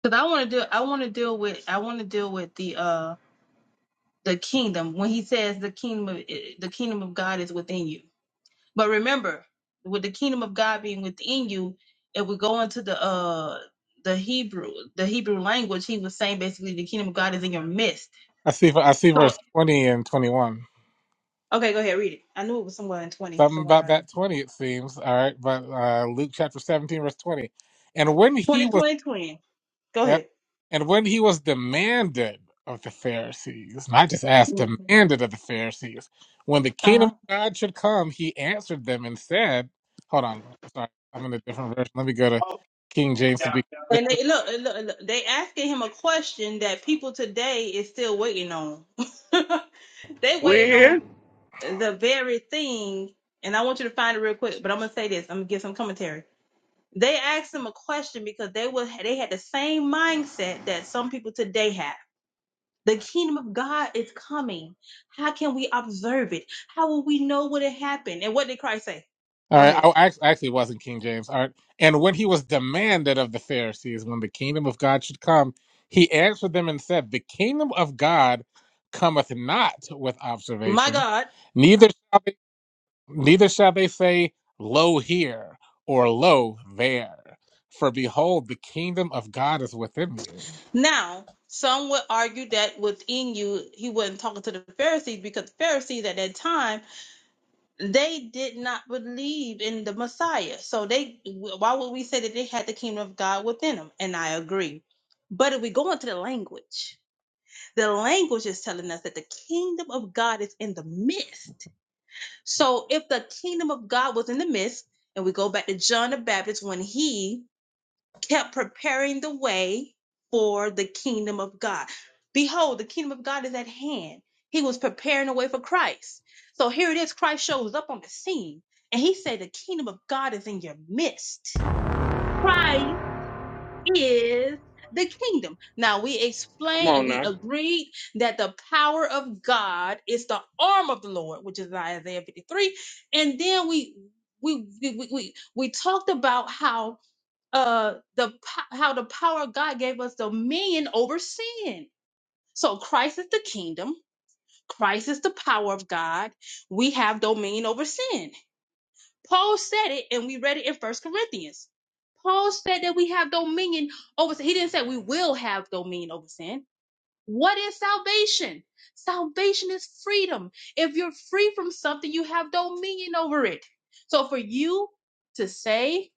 Cause I want to do. I want to deal with. I want to deal with the uh the kingdom when he says the kingdom of, eh, the kingdom of God is within you. But remember, with the kingdom of God being within you, if we go into the uh the Hebrew the Hebrew language, he was saying basically the kingdom of God is in your midst. I see. I see So verse 20 and 21. okay, go ahead, read it. I knew it was somewhere in twenty, Something somewhere about around there. that 20, it seems. All right, but uh, Luke chapter 17, verse 20. And when he 20, was, twenty, twenty. Go yeah, ahead. and when he was demanded of the Pharisees, not just asked, demanded of the Pharisees, when the Uh huh. kingdom of God should come, he answered them and said, "Hold on, I'm sorry, I'm in a different version. Let me go to King James to be." consistent." And they look, look, look, they asking him a question that people today is still waiting on. they waiting on. When? the very thing, and I want you to find it real quick, but I'm gonna say this, I'm gonna give some commentary. They asked him a question because they were they had the same mindset that some people today have. The kingdom of God is coming. How can we observe it? How will we know what it happened? And what did Christ say? All Go right, ahead. I act- actually it wasn't King James. All right, and when he was demanded of the Pharisees when the kingdom of God should come, he answered them and said, "The kingdom of God cometh not with My observation, God. neither." Neither shall they say, Lo here, or Lo there. For behold, the kingdom of God is within you. Now, some would argue that within you, he wasn't talking to the Pharisees because the Pharisees at that time they did not believe in the Messiah. So they why would we say that they had the kingdom of God within them? And I agree. But if we go into the language, the language is telling us that the kingdom of God is in the midst. So if the kingdom of God was in the midst, and we go back to John the Baptist when he kept preparing the way for the kingdom of God. Behold, the kingdom of God is at hand. He was preparing the way for Christ. So here it is Christ shows up on the scene and he said, The kingdom of God is in your midst. Christ is the kingdom. Now we Come explained and on we now. agreed that the power of God is the arm of the Lord, which is Isaiah 53. And then we we we we, we we talked about how uh the po- how the power of God gave us dominion over sin. So Christ is the kingdom, Christ is the power of God. We have dominion over sin. Paul said it and we read it in First Corinthians. Paul said that we have dominion over sin. He didn't say we will have dominion over sin. What is salvation? Salvation is freedom. If you're free from something, you have dominion over it. So for you to say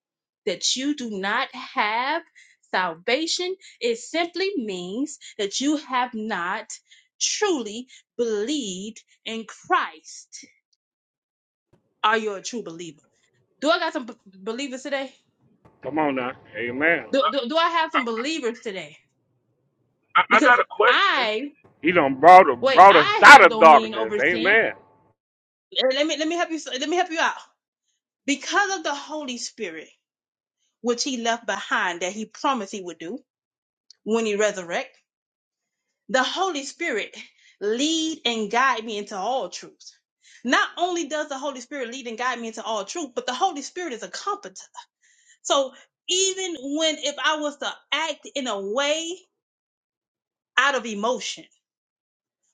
that you do not have salvation, it simply means that you have not truly believed in Christ. Are you a true believer? Do I got some b- believers today? Come on now. Amen. Do, do, do I have some believers today? I, I Because got a question. I, He done brought, wait, brought us I out have of dominion darkness. over sin. Amen. let me let me help you let me help you out because of the holy spirit which he left behind that he promised he would do when he resurrect the holy spirit lead and guide me into all truth not only does the holy spirit lead and guide me into all truth but the holy spirit is a comforter so even when if i was to act in a way out of emotion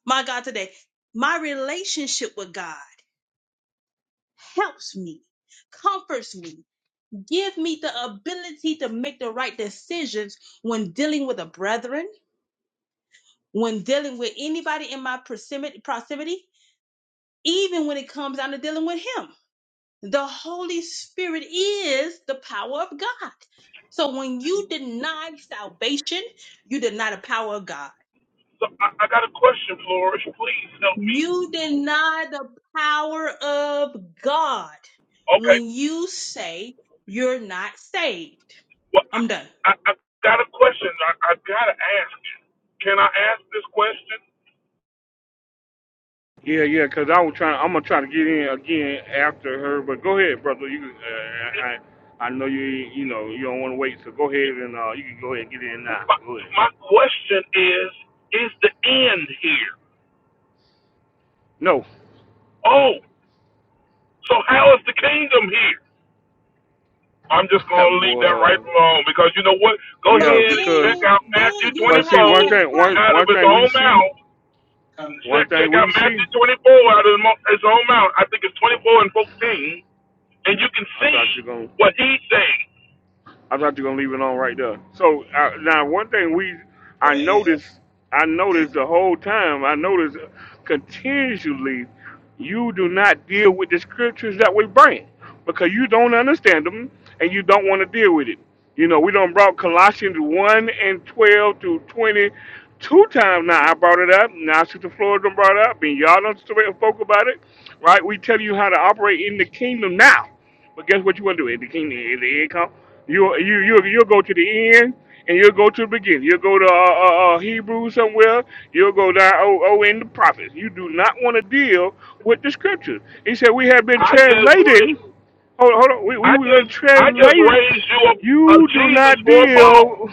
my god today my relationship with god helps me comforts me Give me the ability to make the right decisions when dealing with a brethren, when dealing with anybody in my proximity, proximity, even when it comes down to dealing with Him. The Holy Spirit is the power of God. So when you deny salvation, you deny the power of God. So I, I got a question, Flourish. Please help me. You deny the power of God Okay. when you say you're not saved. Well, I'm done. I, I, I got a question. I, I got to ask it. Can I ask this question? Yeah, yeah, because I was trying. I'm gonna try to get in again after her. But go ahead, brother. You, uh, It, I, I I know you. You know you don't want to wait. So go ahead and uh, you can go ahead and get in now. my, Go ahead. my question is, is the end here? No, Oh, so how is the kingdom here? I'm just going to leave that right boy. alone because you know what? Go So Yeah, ahead and because check then, out then Matthew you but 24 will see have to one ask thing. One Christ. out of one his thing we own see. mouth. One Check, thing check out we Matthew see. 24 out of his own mouth. I think it's Well, 24 and 14, and you can I see thought you gonna. what he's saying. I'm not just gonna leave it on right there. So uh, now, one thing we, I noticed, I noticed the whole time. I noticed continually, you do not deal with the scriptures that we bring because you don't understand them and you don't want to deal with it. You know, we don't brought Colossians one and twelve to twenty two times now. I brought it up. Now Sister Florida done brought it up, and y'all don't spoke about it, right? We tell you how to operate in the kingdom now but guess what you want to do at the kingdom? At the end come, you you you you'll go to the end and you'll go to the beginning. You'll go to uh, uh, uh, Hebrews somewhere. You'll go down oh oh in the prophets. You do not want to deal with the scriptures. He said we have been I just, translating. Hold on, hold on. We we I we been just, I just translated. raised you a, a You do Jesus not for a Paul. deal.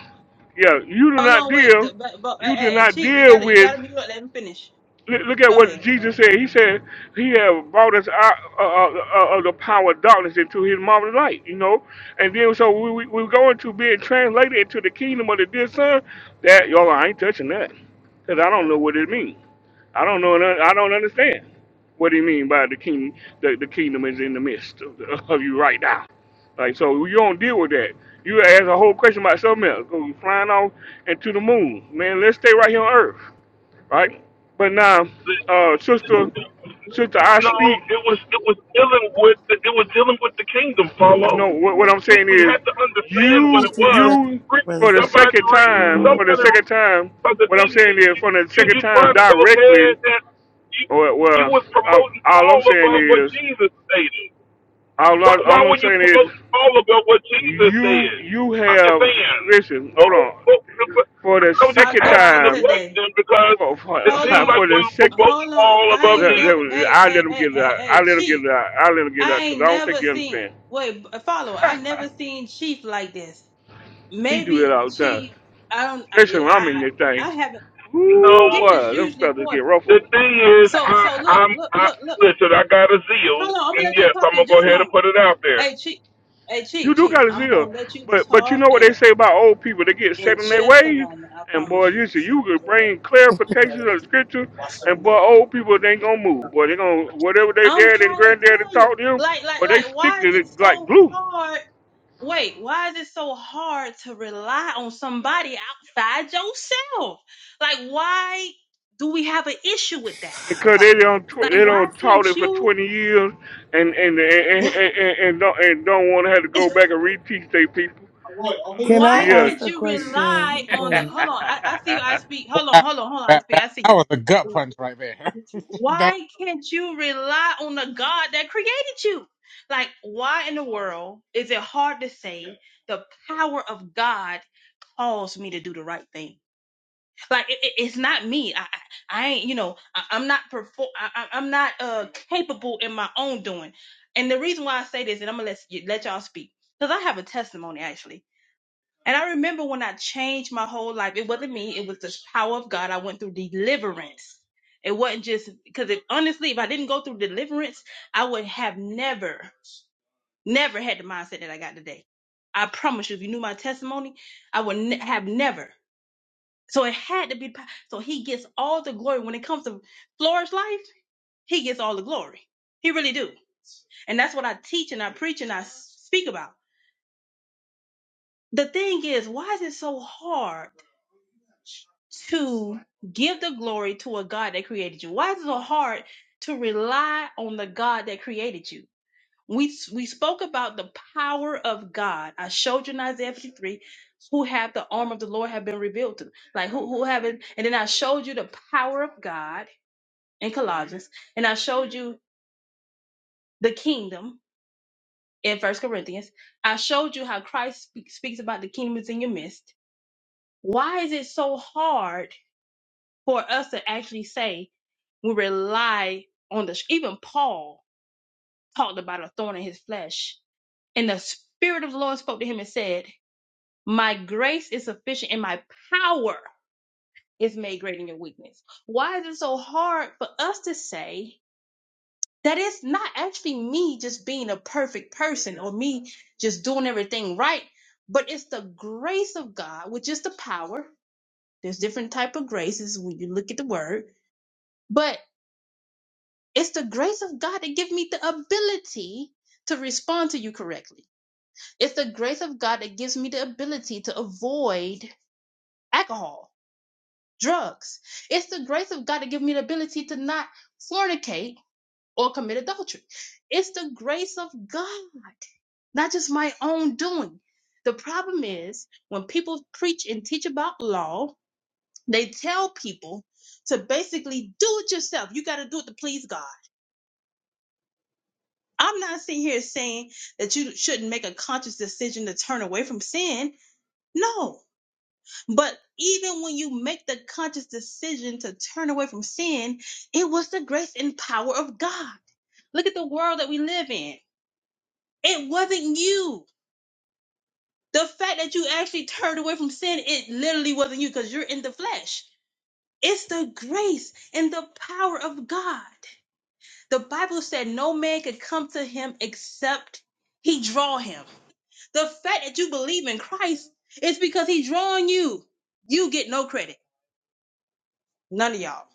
Yeah, you do Hold not on, wait, deal. the, but, but hey, You do hey, hey, not Chief, you deal gotta, you with. gotta be. look, Let me finish. Look look at Go what ahead. Jesus said. He said he had brought us out uh, uh, uh, of the power of darkness into his marvelous light, you know. And then so we, we, we're going to being translated into the kingdom of the dear son. That, y'all, I ain't touching that. Because I don't know what it means. I don't know. none- I don't understand what he mean by the kingdom. The, the kingdom is in the midst of, the, of you right now. Like, so you don't deal with that. You ask a whole question about something else. Go flying off into the moon. Man, let's stay right here on earth right? But now, uh, sister, sister, I No, speak. it was it was dealing with the, it was dealing with the kingdom, Paulo. No, what, what I'm We saying we had is, to understand what What you, it you was. say, you, Re- brother? for the Fo- Somebody second read time, for the somebody read, second time, but the what I'm thing saying is is, for the you second you time trying to go ahead directly, and you or you well, was I, promoting all I'm Paul saying above what is, Jesus stated. all, I, Why why all I'm were you saying is, promoting Paul above what Jesus you, said? you I'm just have, you, saying. listen, hold Well, on, well, for the I was just My second asking God, the time, today. question because for for, it Hold seemed on, like for we the were second, promoting hold on. Paul I above ain't let, Jesus. let, never. Hey, I let hey, him hey, get it hey, out. I hey, let him get Chief. it out. I let him get it I out because I ain't don't never think you seen. understand Wait, follow. I never seen Chief like this. he do that Maybe all the time. Chief. I don't. I, Especially when I'm in I this thing. I haven't. No, Ooh Chief is boy, them usually feathers get gorgeous. the ruffled. thing is, So, I, so look, I'm look, I, look, look. listen. I got a zeal, Hold on. I'm gonna and let you yes, talk I'm in gonna go just a ahead and moment. put it out there. Hey Chief, hey You Chief, do Chief, got a I'm gonna zeal. let you But but you talk know what in they say about old people, they get in set in their just a ways. moment. I And boy, promise you. you see you could bring clarification of scripture and boy old people they ain't gonna move. Boy they gonna whatever they I'm dad and trying to granddaddy tell you, taught them, like, like, but they like, stick why is to it it like so glue. hard? Wait, why is it so hard to rely on somebody outside yourself? Like, why do we have an issue with that? Because they don't tw- Like, they why don't can't taught it for you? twenty years and and and and, and, and don't and don't wanna have to go back and reteach their people. Can Why I Yeah. ask can't a you rely question? on the? Or Hold on, I, I see you. I speak. Hold Wow. on, hold on, hold on. I That, speak. that, I that see was a gut you punch right there. That Why can't you rely on the God that created you? Like, why in the world is it hard to say the power of God calls me to do the right thing? Like, it, it- it's not me. I, I I ain't, you know, I, I'm not perform. I, I- I'm not uh capable in my own doing. And the reason why I say this, and I'm gonna let you, let y'all speak, because I have a testimony actually. And I remember when I changed my whole life, it wasn't me, it was the power of God. I went through deliverance. It wasn't just because if honestly, if I didn't go through deliverance, I would have never, never had the mindset that I got today. I promise you, if you knew my testimony, I would ne- have never. So it had to be. po- So he gets all the glory when it comes to flourish life. He gets all the glory. He really do. And that's what I teach and I preach and I s- speak about. The thing is, why is it so hard? to give the glory to a God that created you? Why is it so hard to rely on the God that created you? We we spoke about the power of God. I showed you in Isaiah 53 who have the arm of the Lord have been revealed to them. Like who who haven't and then I showed you the power of God in Colossians and I showed you the kingdom in First Corinthians. I showed you how Christ speak, speaks about the kingdom is in your midst. Why is it so hard for us to actually say we rely on the even paul talked about a thorn in his flesh and the spirit of the lord spoke to him and said my grace is sufficient and my power is made great in your weakness why is it so hard for us to say that it's not actually me just being a perfect person or me just doing everything right but it's the grace of god which is the power there's different type of graces when you look at the word but. It's the grace of God that gives me the ability to respond to you correctly. It's the grace of God that gives me the ability to avoid alcohol, drugs. It's the grace of God that gives me the ability to not fornicate or commit adultery. It's the grace of God, not just my own doing. The problem is when people preach and teach about law, they tell people to basically do it yourself. You got to do it to please God. I'm not sitting here saying that you shouldn't make a conscious decision to turn away from sin. No. But even when you make the conscious decision to turn away from sin, it was the grace and power of God. Look at the world that we live in. It wasn't you. The fact that you actually turned away from sin, it literally wasn't you because you're in the flesh. It's the grace and the power of God. The Bible said no man could come to him except he draw him. The fact that you believe in Christ is because he's drawing you. You get no credit. None of y'all.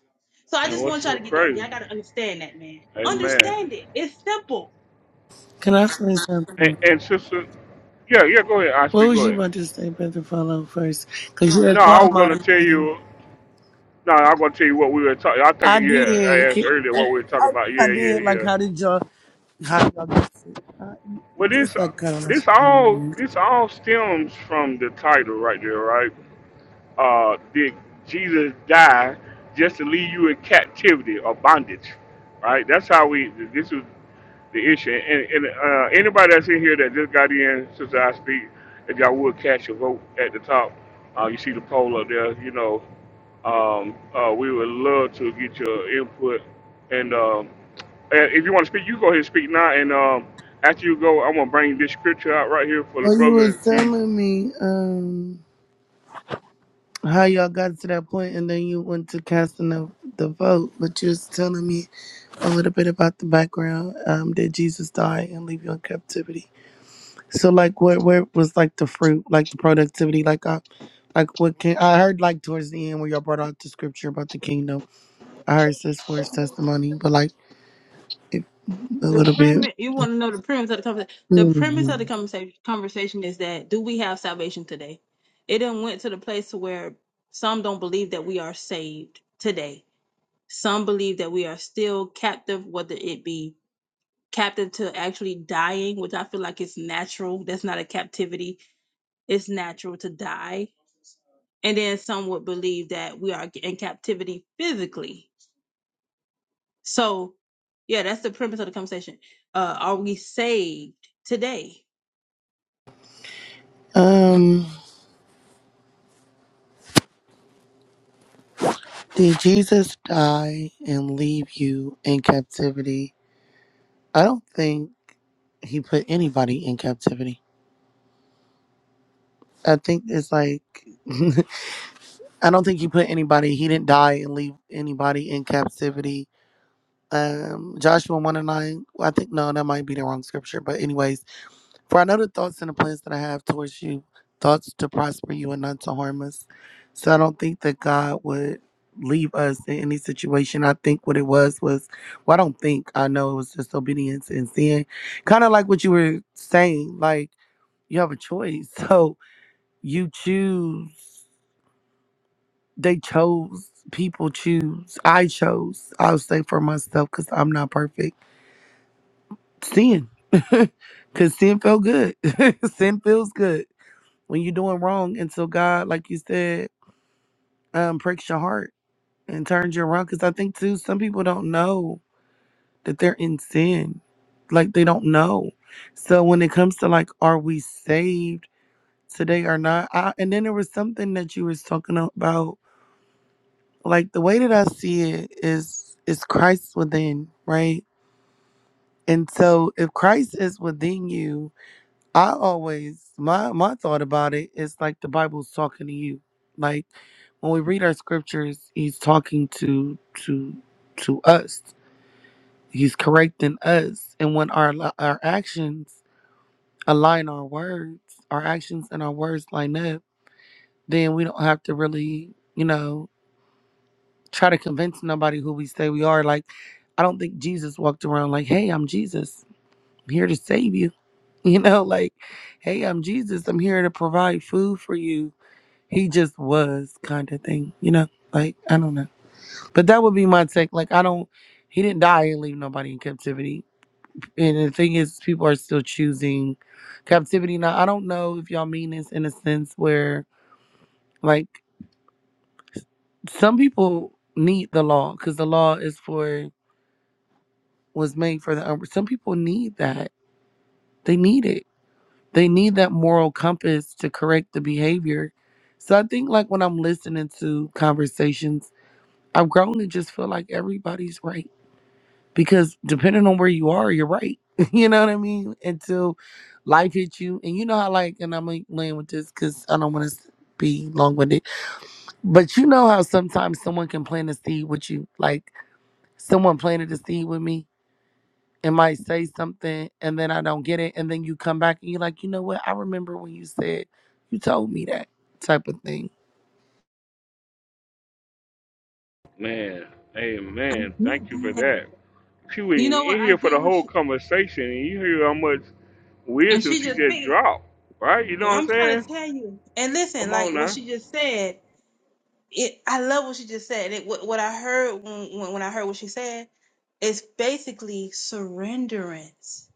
So I and just what's want y'all so to get that. crazy? Y'all gotta understand that, man. Amen. Understand it. It's simple. can I say And, something? and sister, yeah, yeah, go ahead, What Ashby, was go you ahead. about to say, brother? Follow first, cause you No, had I called was gonna my tell name. you. No, I'm gonna tell you what we were talking. I think I yeah, I did. asked Can- earlier what we were talking about. Yeah, I yeah, did. Like, yeah. how did y'all? How y'all get it? I, But this, just like kind of. this all, man. this all stems from the title right there, right? Uh, did Jesus die just to leave you in captivity or bondage? Right. That's how we. This is the issue. And, and uh, anybody that's in here that just got in since I speak, if y'all would catch a vote at the top, uh, you see the poll up there. You know, um, uh, we would love to get your input. And, um, and if you want to speak, you go ahead and speak now. And um, after you go, I'm gonna bring this scripture out right here for the Well, you brother was and see. telling me um how y'all got to that point, and then you went to casting the the vote, but you was telling me a little bit about the background um, that Jesus die and leave you in captivity. So, like, where where was like the fruit, like the productivity, like I, like what can I heard like towards the end where y'all brought out the scripture about the kingdom. I heard this for his testimony, but like it, a The little bit. premise you want to know the premise of the conversation. The premise of the Mhm. conversation conversation is that do we have salvation today? It then went to the place to where some don't believe that we are saved today. Some believe that we are still captive, whether it be captive to actually dying, which I feel like is natural. That's not a captivity it's natural to die. And then some would believe that we are in captivity physically. So, yeah, that's the premise of the conversation. Uh, are we saved today? Um, did Jesus die and leave you in captivity? I don't think he put anybody in captivity. I think it's like I don't think he put anybody. He didn't die and leave anybody in captivity. Um, Joshua one and nine. I think no, that might be the wrong scripture. But anyways, for I know the thoughts and the plans that I have towards you, thoughts to prosper you and not to harm us. So I don't think that God would leave us in any situation. I think what it was was, well, I don't think I know it was just obedience and sin, kind of like what you were saying. Like you have a choice, so you choose. they chose people choose i chose i'll say for myself because i'm not perfect sin because sin felt good sin feels good when you're doing wrong until god like you said um breaks your heart and turns you around because i think too some people don't know that they're in sin like they don't know so when it comes to like are we saved today or not I, and then there was something that you was talking about like the way that I see it is is Christ within, right? And so if Christ is within you, I always my my thought about it is like the Bible's talking to you. Like when we read our scriptures, he's talking to to to us. He's correcting us. And when our li- our actions align our words, our actions and our words line up, then we don't have to really, you know, try to convince nobody who we say we are. Like I don't think Jesus walked around like, hey, I'm Jesus. I'm here to save you. You know, like, hey, I'm Jesus. I'm here to provide food for you. He just was kind of thing, you know? Like, I don't know. But that would be my take. Like, I don't, he didn't die and leave nobody in captivity. And the thing is, people are still choosing captivity. Now, I don't know if y'all mean this in a sense where, like, some people need the law because the law is for, was made for the, un- some people need that. They need it they need that moral compass to correct the behavior. So I think like when I'm listening to conversations, I've grown to just feel like everybody's right because depending on where you are, you're right. you know what I mean? Until life hits you, and you know how like, and I'm like playing with this because I don't want to be long winded, but you know how sometimes someone can plant a seed with you, like someone planted a seed with me and might say something and then I don't get it. And then you come back and you're like, you know what? I remember when you said you told me that type of thing. Man, I get amen. Thank you for that. that. She was You even know what? in I here for get the what whole she, conversation, and you hear how much and wisdom she she just just picked. dropped, right? You know what I'm I'm trying saying? to tell you. And listen, Come like on what now. she just said, it. I love what she just said. It, what, what I heard when, when when I heard what she said is basically surrenderance.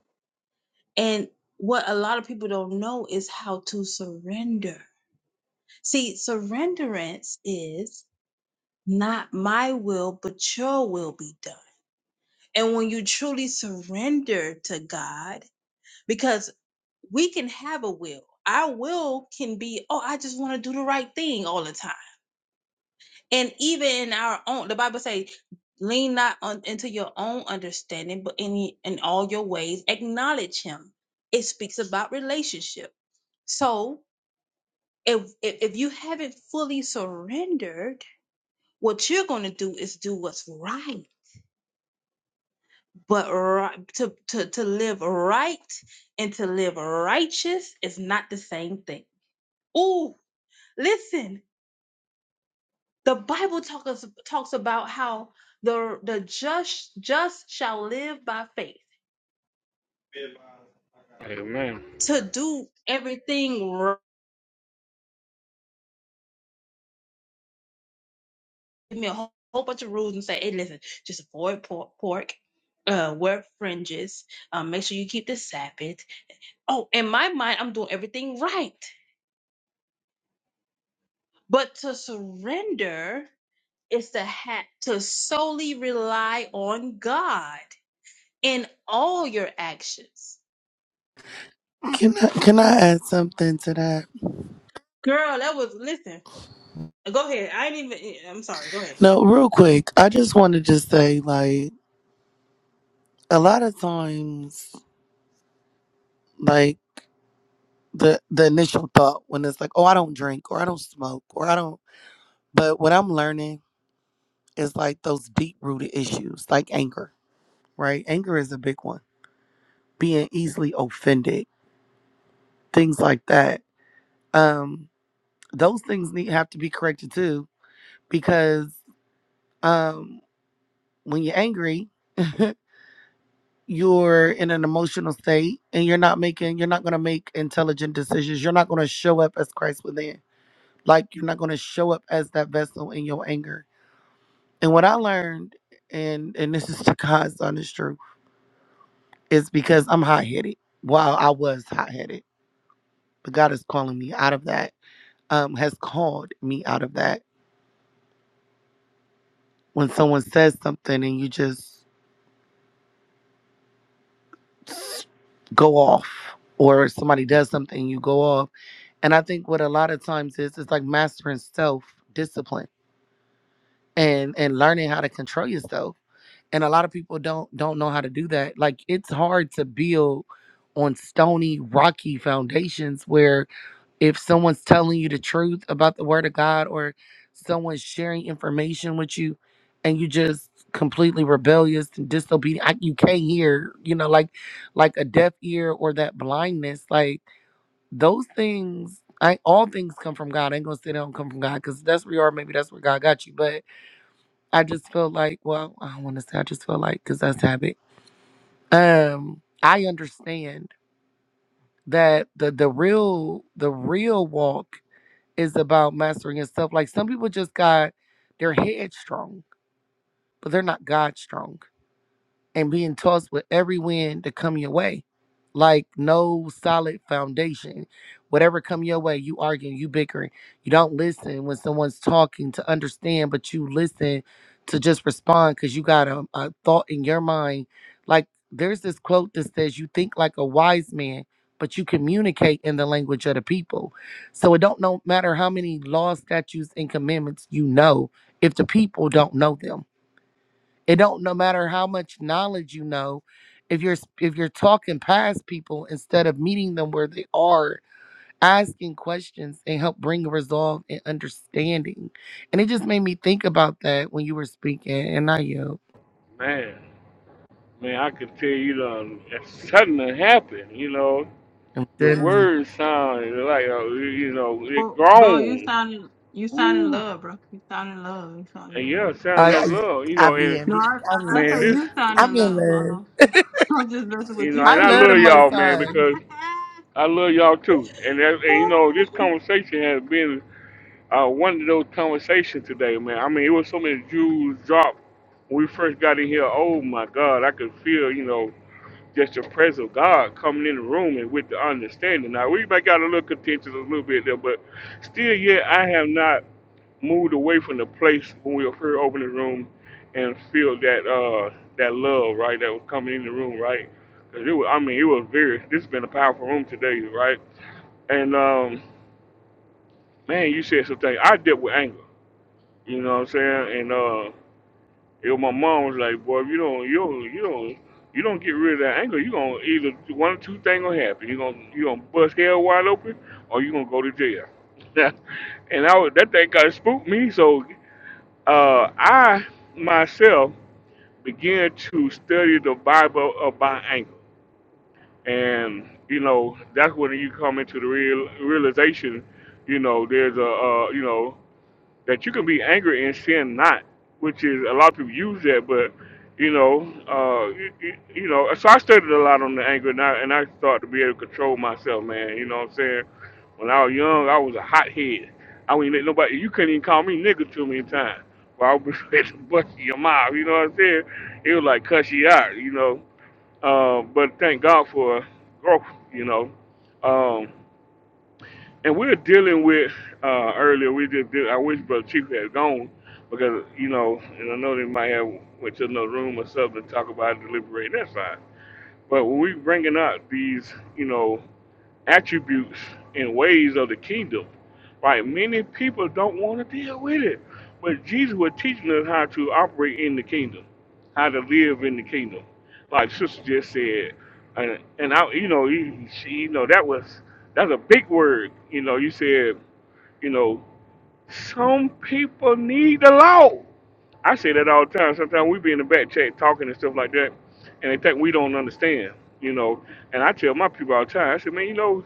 And what a lot of people don't know is how to surrender See, surrenderance is not my will, but your will be done. And when you truly surrender to God, because we can have a will, our will can be, oh, I just want to do the right thing all the time. And even in our own, the Bible says, lean not on, into your own understanding, but in, ye- in all your ways, acknowledge Him. It speaks about relationship. So if, if if you haven't fully surrendered, What you're going to do is do what's right, but right, to, to, to live right and to live righteous is not the same thing. Ooh, listen, the Bible talks talks about how the, the just, just shall live by faith. Hey man, To do everything, right, give me a whole, whole bunch of rules and say, hey, listen, just avoid pork, pork uh, wear fringes, um, make sure you keep the Sabbath. Oh, in my mind, I'm doing everything right. But to surrender is to have to solely rely on God in all your actions. Can I, can I add something to that? Girl, that was listen. Go ahead. I ain't even. I'm sorry. Go ahead. No, real quick. I just wanted to say, like, a lot of times, like, the, the initial thought when it's like, oh, I don't drink or I don't smoke or I don't. But what I'm learning is like those deep rooted issues, like anger, right? Anger is a big one. Being easily offended, things like that. Um. those things need have to be corrected too because um when you're angry you're in an emotional state and you're not making you're not going to make intelligent decisions you're not going to show up as christ within like you're not going to show up as that vessel in your anger and what i learned and and this is to god's honest truth is because i'm hot-headed while i was hot-headed but god is calling me out of that um has called me out of that when someone says something and you just s- go off or somebody does something you go off and i think what a lot of times is it's like mastering self discipline and and learning how to control yourself and a lot of people don't don't know how to do that like it's hard to build on stony rocky foundations where if someone's telling you the truth about the word of God or someone's sharing information with you and you just completely rebellious and disobedient I, you can't hear you know like like a deaf ear or that blindness like those things I all things come from God I ain't gonna say they don't come from God because that's where you are maybe that's where God got you but I just feel like well I don't want to say I just feel like because that's habit um I understand that the the real the real walk is about mastering and stuff. Like some people just got they're headstrong, but they're not God strong and being tossed with every wind to come your way. Like no solid foundation. Whatever come your way, you arguing, you bickering. You don't listen when someone's talking to understand, but you listen to just respond because you got a, a thought in your mind. Like there's this quote that says, "You think like a wise man, but you communicate in the language of the people." So it don't no matter how many laws, statutes, and commandments you know if the people don't know them. It don't no matter how much knowledge you know, if you're if you're talking past people instead of meeting them where they are, asking questions and help bring resolve and understanding. And it just made me think about that when you were speaking, and I you. man, man, I can tell you know something happened. You know, I'm your telling you. words sound like uh, you know it Bo, Bo, you grown. sounding you sound in Woo. love, bro. You sound in love. You sound in And love. yeah, sound I that I love. You I know, be and in No, I, I'm I, I in man, say love. this you sound in I'm in love, love. Paulo. I'm just messing with you know, you. I and I love the love most y'all, man, high. because I love y'all too. And, that, and you know, this conversation has been uh, one of those conversations today, man. I mean, it was so many jewels dropped when we first got in here. Oh my God, I could feel you know Just the presence of God coming in the room and with the understanding. Now we might got a little contentious a little bit there, but still yet I have not moved away from the place when we first opened the room and feel that uh that love, right, that was coming in the room, right? 'Cause it was, I mean, it was very. This has been a powerful room today, right? And um, man, you said some things. I dealt with anger. You know what I'm saying? And. uh, Yo, my mom was like, "Boy, if you don't, you don't, you don't, you don't get rid of that anger. You gonna either one or two things gonna happen. You gonna you gonna bust hell wide open, or you gonna go to jail." and I was, that thing kind of spooked me. So uh, I myself began to study the Bible about anger, and you know that's when you come into the real realization. You know, there's a uh, you know that you can be angry and sin not, which is a lot of people use that, but you know, uh, you, you, you know. So I studied a lot on the anger, and I and I started to be able to control myself, man. You know what I'm saying? When I was young, I was a hothead. I wouldn't let nobody. You couldn't even call me nigga too many times. Well, I was ready to bust your mouth. You know what I'm saying? It was like cuss you out. You know. Uh, but thank God for growth. You know. Um, and we're dealing with uh, earlier. We just did. I wish Brother Chief had gone because you know, and I know they might have went to another room or something to talk about it, deliberate. That's fine. But when we bringing up these, you know, attributes and ways of the kingdom. Right? Many people don't want to deal with it. But Jesus was teaching us how to operate in the kingdom, how to live in the kingdom. Like sister just said, and, and I, you know, you, she, you know, that was that's a big word. You know, you said, you know, some people need the law. I say that all the time. Sometimes we be in the back chat talking and stuff like that, and they think we don't understand, you know. And I tell my people all the time, I say, man, you know,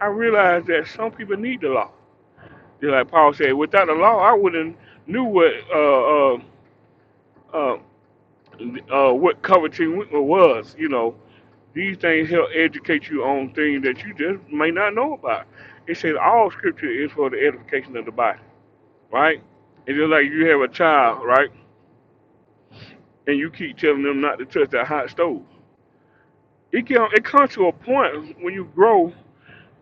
I realize that some people need the law. Just like Paul said, without the law, I wouldn't knew what uh, uh, uh, uh, what coveting was, you know. These things help educate you on things that you just may not know about. It says all scripture is for the edification of the body, right? It's just like you have a child, right? and you keep telling them not to touch that hot stove. It can it comes to a point when you grow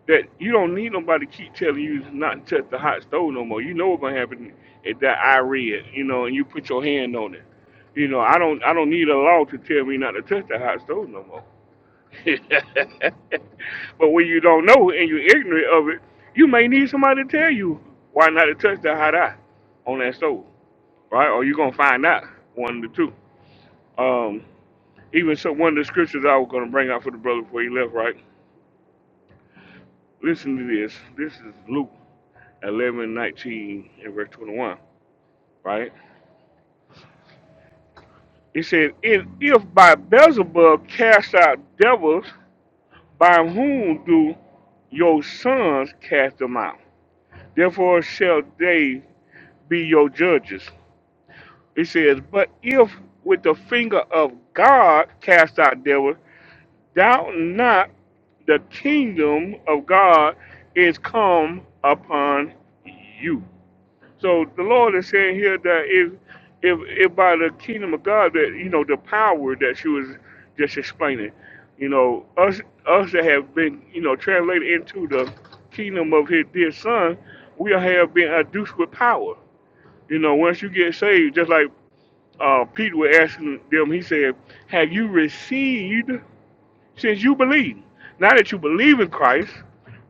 that you don't need nobody to keep telling you not to touch the hot stove no more. You know what's gonna happen at that I read, you know, and you put your hand on it. You know, I don't I don't need a law to tell me not to touch the hot stove no more. but when you don't know and you're ignorant of it, you may need somebody to tell you why not to touch the hot eye on that stove, right? Or you're gonna find out one of the two. Um, Even so, one of the scriptures I was going to bring out for the brother before he left, right? Listen to this. This is Luke eleven nineteen and verse 21, right? It says, And if by Beelzebub cast out devils, by whom do your sons cast them out? Therefore shall they be your judges. It says, But if with the finger of God cast out devils, Doubt not the kingdom of God is come upon you. So the Lord is saying here that if if if by the kingdom of God that you know the power that she was just explaining, you know, us us that have been, you know, translated into the kingdom of his dear son, we have been adduced with power. You know, once you get saved, just like uh, Peter was asking them, he said, Have you received? Since you believe, now that you believe in Christ,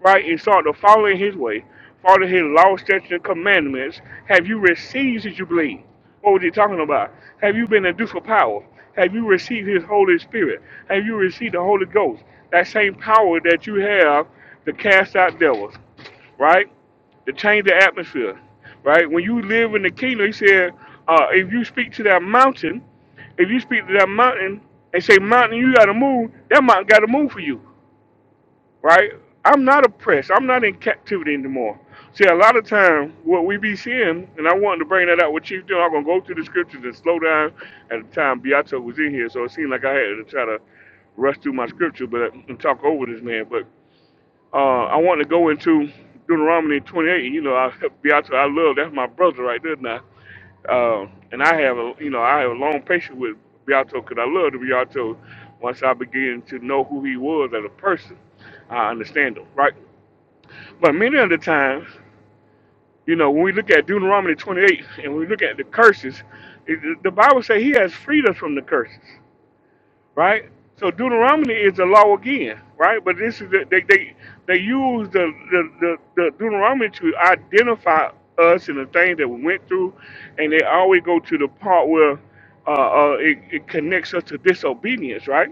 right, and start to follow in his way, follow his law, statutes, and commandments, have you received since you believe? What was he talking about? Have you been induced with power? Have you received his Holy Spirit? Have you received the Holy Ghost? That same power that you have to cast out devils, right? to change the atmosphere, right? When you live in the kingdom, he said, uh, if you speak to that mountain, if you speak to that mountain and say, Mountain, you got to move, that mountain got to move for you, right? I'm not oppressed. I'm not in captivity anymore. See, a lot of time, what we be seeing, and I wanted to bring that out with Chief John, I'm going to go through the scriptures and slow down. At the time, Beato was in here, so it seemed like I had to try to rush through my scripture but and talk over this man. But uh, I want to go into Deuteronomy 28. You know, I, Beato, I love, that's my brother right there now. Um, and I have a you know I have a long patience with Beato because I love the Beato. Once I begin to know who he was as a person, I understand him, right? But many of the times, you know, when we look at Deuteronomy 28 and we look at the curses, it, the Bible says he has freed us from the curses right? So Deuteronomy is the law again, right? But this is the, they they they use the the, the the Deuteronomy to identify us and the things that we went through, and they always go to the part where uh, uh, it, it connects us to disobedience, right?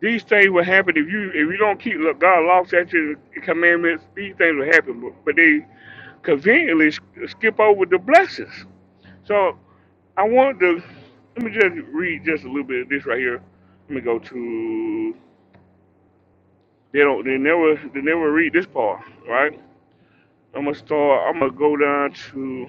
These things will happen if you if you don't keep look, God's law, statutes, and commandments. These things will happen, but, but they conveniently sk- skip over the blessings. So I want to let me just read just a little bit of this right here. Let me go to they don't they never they never read this part, right? I'm gonna start. I'm gonna go down to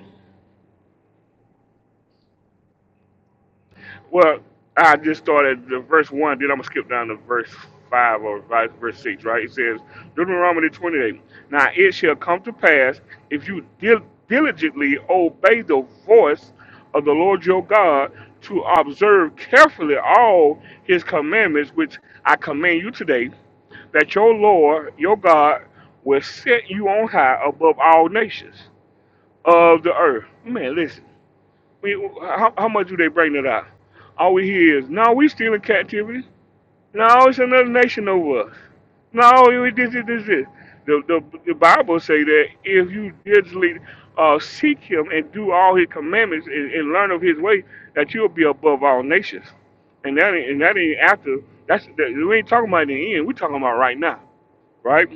Well, I just started the verse one, then I'm gonna skip down to verse five or vi- verse six, right? It says Deuteronomy 28. Now it shall come to pass if you dil- diligently obey the voice of the Lord your God to observe carefully all His commandments, which I command you today, that your Lord your God will set you on high above all nations of the earth. Man, listen we, how, how much do they bring it out? All we hear is, no, we still in captivity. No, it's another nation over us. No, it was this, this, this, this. The, the, the Bible say that if you diligently uh, seek him and do all his commandments and, and learn of his way, that you'll be above all nations. And that ain't, and that ain't after. That's that, we ain't talking about in the end. We're talking about right now, right?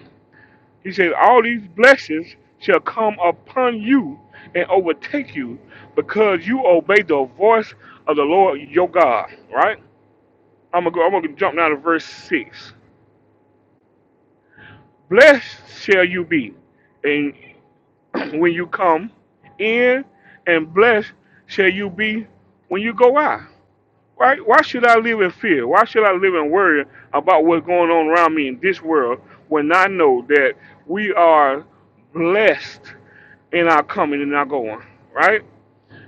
He said, All these blessings shall come upon you and overtake you because you obey the voice of the Lord your God. Right? I'm gonna go, I'm gonna jump down to verse six. Blessed shall you be, and when you come in, and blessed shall you be when you go out. Right? Why should I live in fear? Why should I live in worry about what's going on around me in this world when I know that we are blessed in our coming and our going, right?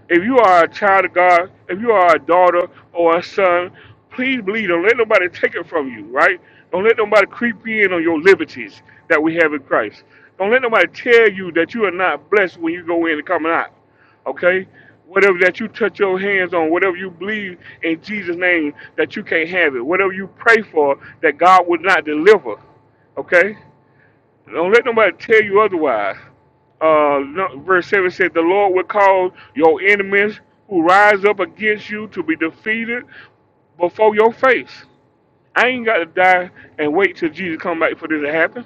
If you are a child of God, if you are a daughter or a son, please believe. Don't let nobody take it from you, right? Don't let nobody creep in on your liberties that we have in Christ. Don't let nobody tell you that you are not blessed when you go in and coming out, okay? Whatever that you touch your hands on, whatever you believe in Jesus' name that you can't have it, whatever you pray for that God would not deliver, okay? Don't let nobody tell you otherwise. Uh, no- verse 7 said, The Lord will cause your enemies who rise up against you to be defeated before your face. I ain't got to die and wait till Jesus come back for this to happen.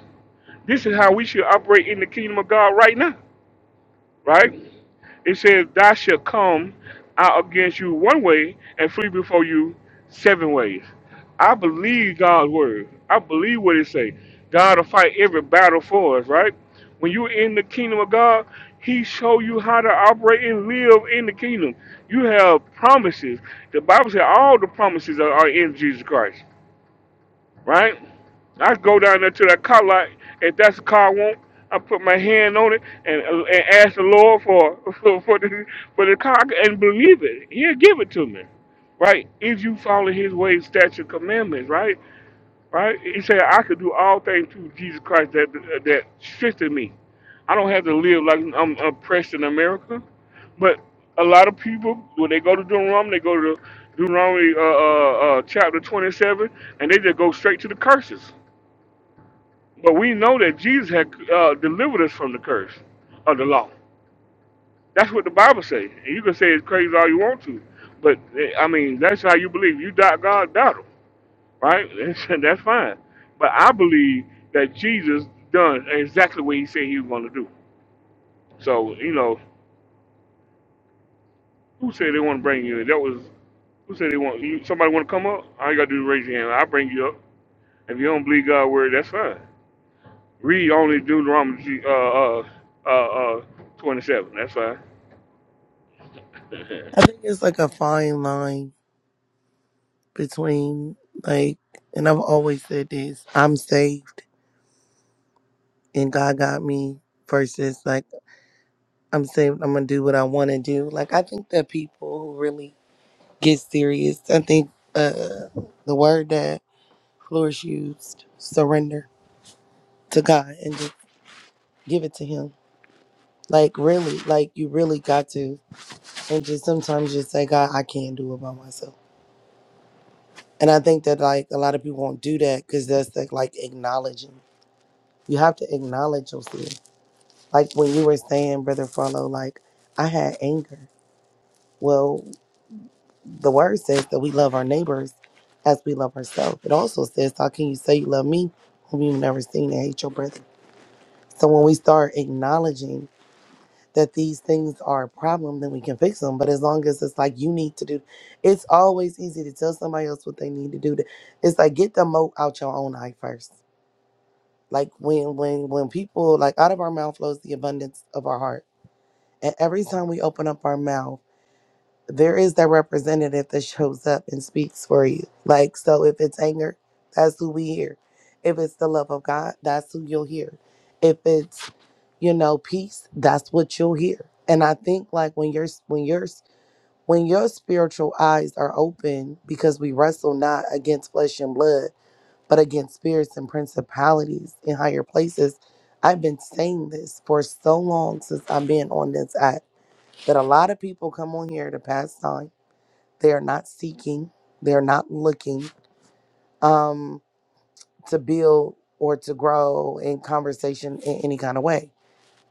This is how we should operate in the kingdom of God right now, right? It says, Thou shalt come out against you one way and flee before you seven ways. I believe God's word. I believe what it say. God will fight every battle for us, right? When you're in the kingdom of God, He show you how to operate and live in the kingdom. You have promises. The Bible says all the promises are, are in Jesus Christ right? I go down there to that car lot. If that's a car I want, I put my hand on it and, and ask the Lord for for, for, the, for the car and believe it. He'll give it to me, right? If you follow His ways, statute, commandments, right? Right? He said, I could do all things through Jesus Christ that that strengthened me. I don't have to live like I'm oppressed in America. But a lot of people, when they go to Deuteronomy, they go to Deuteronomy uh, uh, uh, chapter 27, and they just go straight to the curses. But we know that Jesus had uh, delivered us from the curse of the law. That's what the Bible says. And you can say it's crazy all you want to. But, eh, I mean, that's how you believe. You doubt God, doubt him right? That's fine. But I believe that Jesus done exactly what he said he was going to do. So, you know, who said they want to bring you in? That was, who said they want, you, somebody want to come up? All you got to do is raise your hand. I'll bring you up. If you don't believe God's word, that's fine. Read only Deuteronomy uh, uh, uh, uh, 27. That's fine. I think it's like a fine line between like, and I've always said this. I'm saved. and God got me versus like I'm saying I'm gonna do what I want to do. Like I think that people who really get serious, I think uh the word that Flores used, surrender to God and just give it to Him. Like really, like you really got to, and just sometimes just say, God, I can't do it by myself. And I think that like a lot of people won't do that because that's like, like acknowledging. You have to acknowledge yourself. Like when you were saying, brother, follow. Like I had anger. Well. the word says that we love our neighbors as we love ourselves. It also says, How can you say you love me whom you've never seen and hate your brother? So when we start acknowledging that these things are a problem, then we can fix them. But as long as it's like you need to do, it's always easy to tell somebody else what they need to do. To, It's like get the moat out your own eye first. Like when when when people like out of our mouth flows the abundance of our heart. And every time we open up our mouth there is that representative that shows up and speaks for you. Like, so if it's anger, that's who we hear. If it's the love of God, that's who you'll hear. If it's, you know, peace, that's what you'll hear. And I think like when your when your when your spiritual eyes are open, because we wrestle not against flesh and blood, but against spirits and principalities in higher places. I've been saying this for so long since I've been on this app that a lot of people come on here to pass time they are not seeking, they're not looking um, to build or to grow in conversation in any kind of way.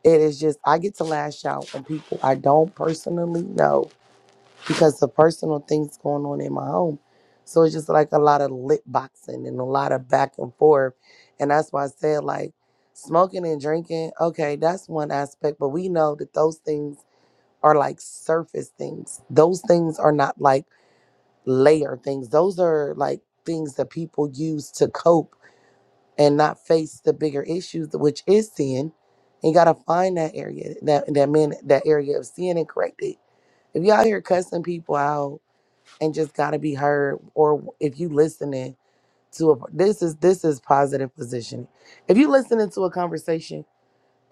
It is just, I get to lash out on people I don't personally know because of personal things going on in my home. So it's just like a lot of lip boxing and a lot of back and forth. And that's why I said, like, smoking and drinking, okay, that's one aspect, but we know that those things are like surface things. Those things are not like layer things. Those are like things that people use to cope and not face the bigger issues, which is sin. And you gotta find that area, that that man, that area of sin and correct it. If y'all here cussing people out and just gotta be heard, or if you listening to a this is this is positive positioning. If you listening to a conversation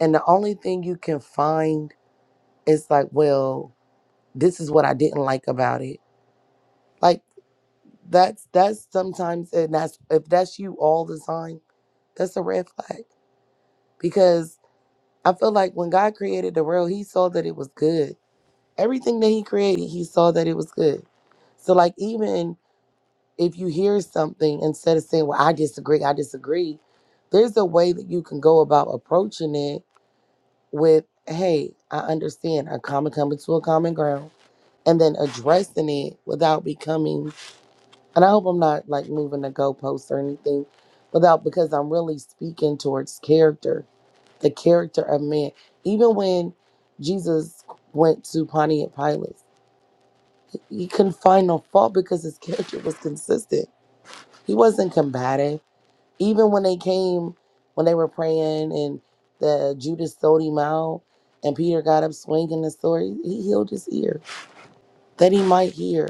and the only thing you can find is like, well, this is what I didn't like about it. like. That's that's sometimes and that's if that's you all the time, that's a red flag. Because I feel like when God created the world, he saw that it was good. Everything that he created, he saw that it was good. So like even if you hear something instead of saying, Well, I disagree, I disagree, there's a way that you can go about approaching it with, hey, I understand, a common coming to a common ground, and then addressing it without becoming and I hope I'm not like moving the goalposts or anything, without because I'm really speaking towards character, the character of man. Even when Jesus went to Pontius Pilate, he couldn't find no fault because his character was consistent. He wasn't combative. Even when they came, when they were praying and the Judas sold him out and Peter got up swinging the sword, he healed his ear that he might hear.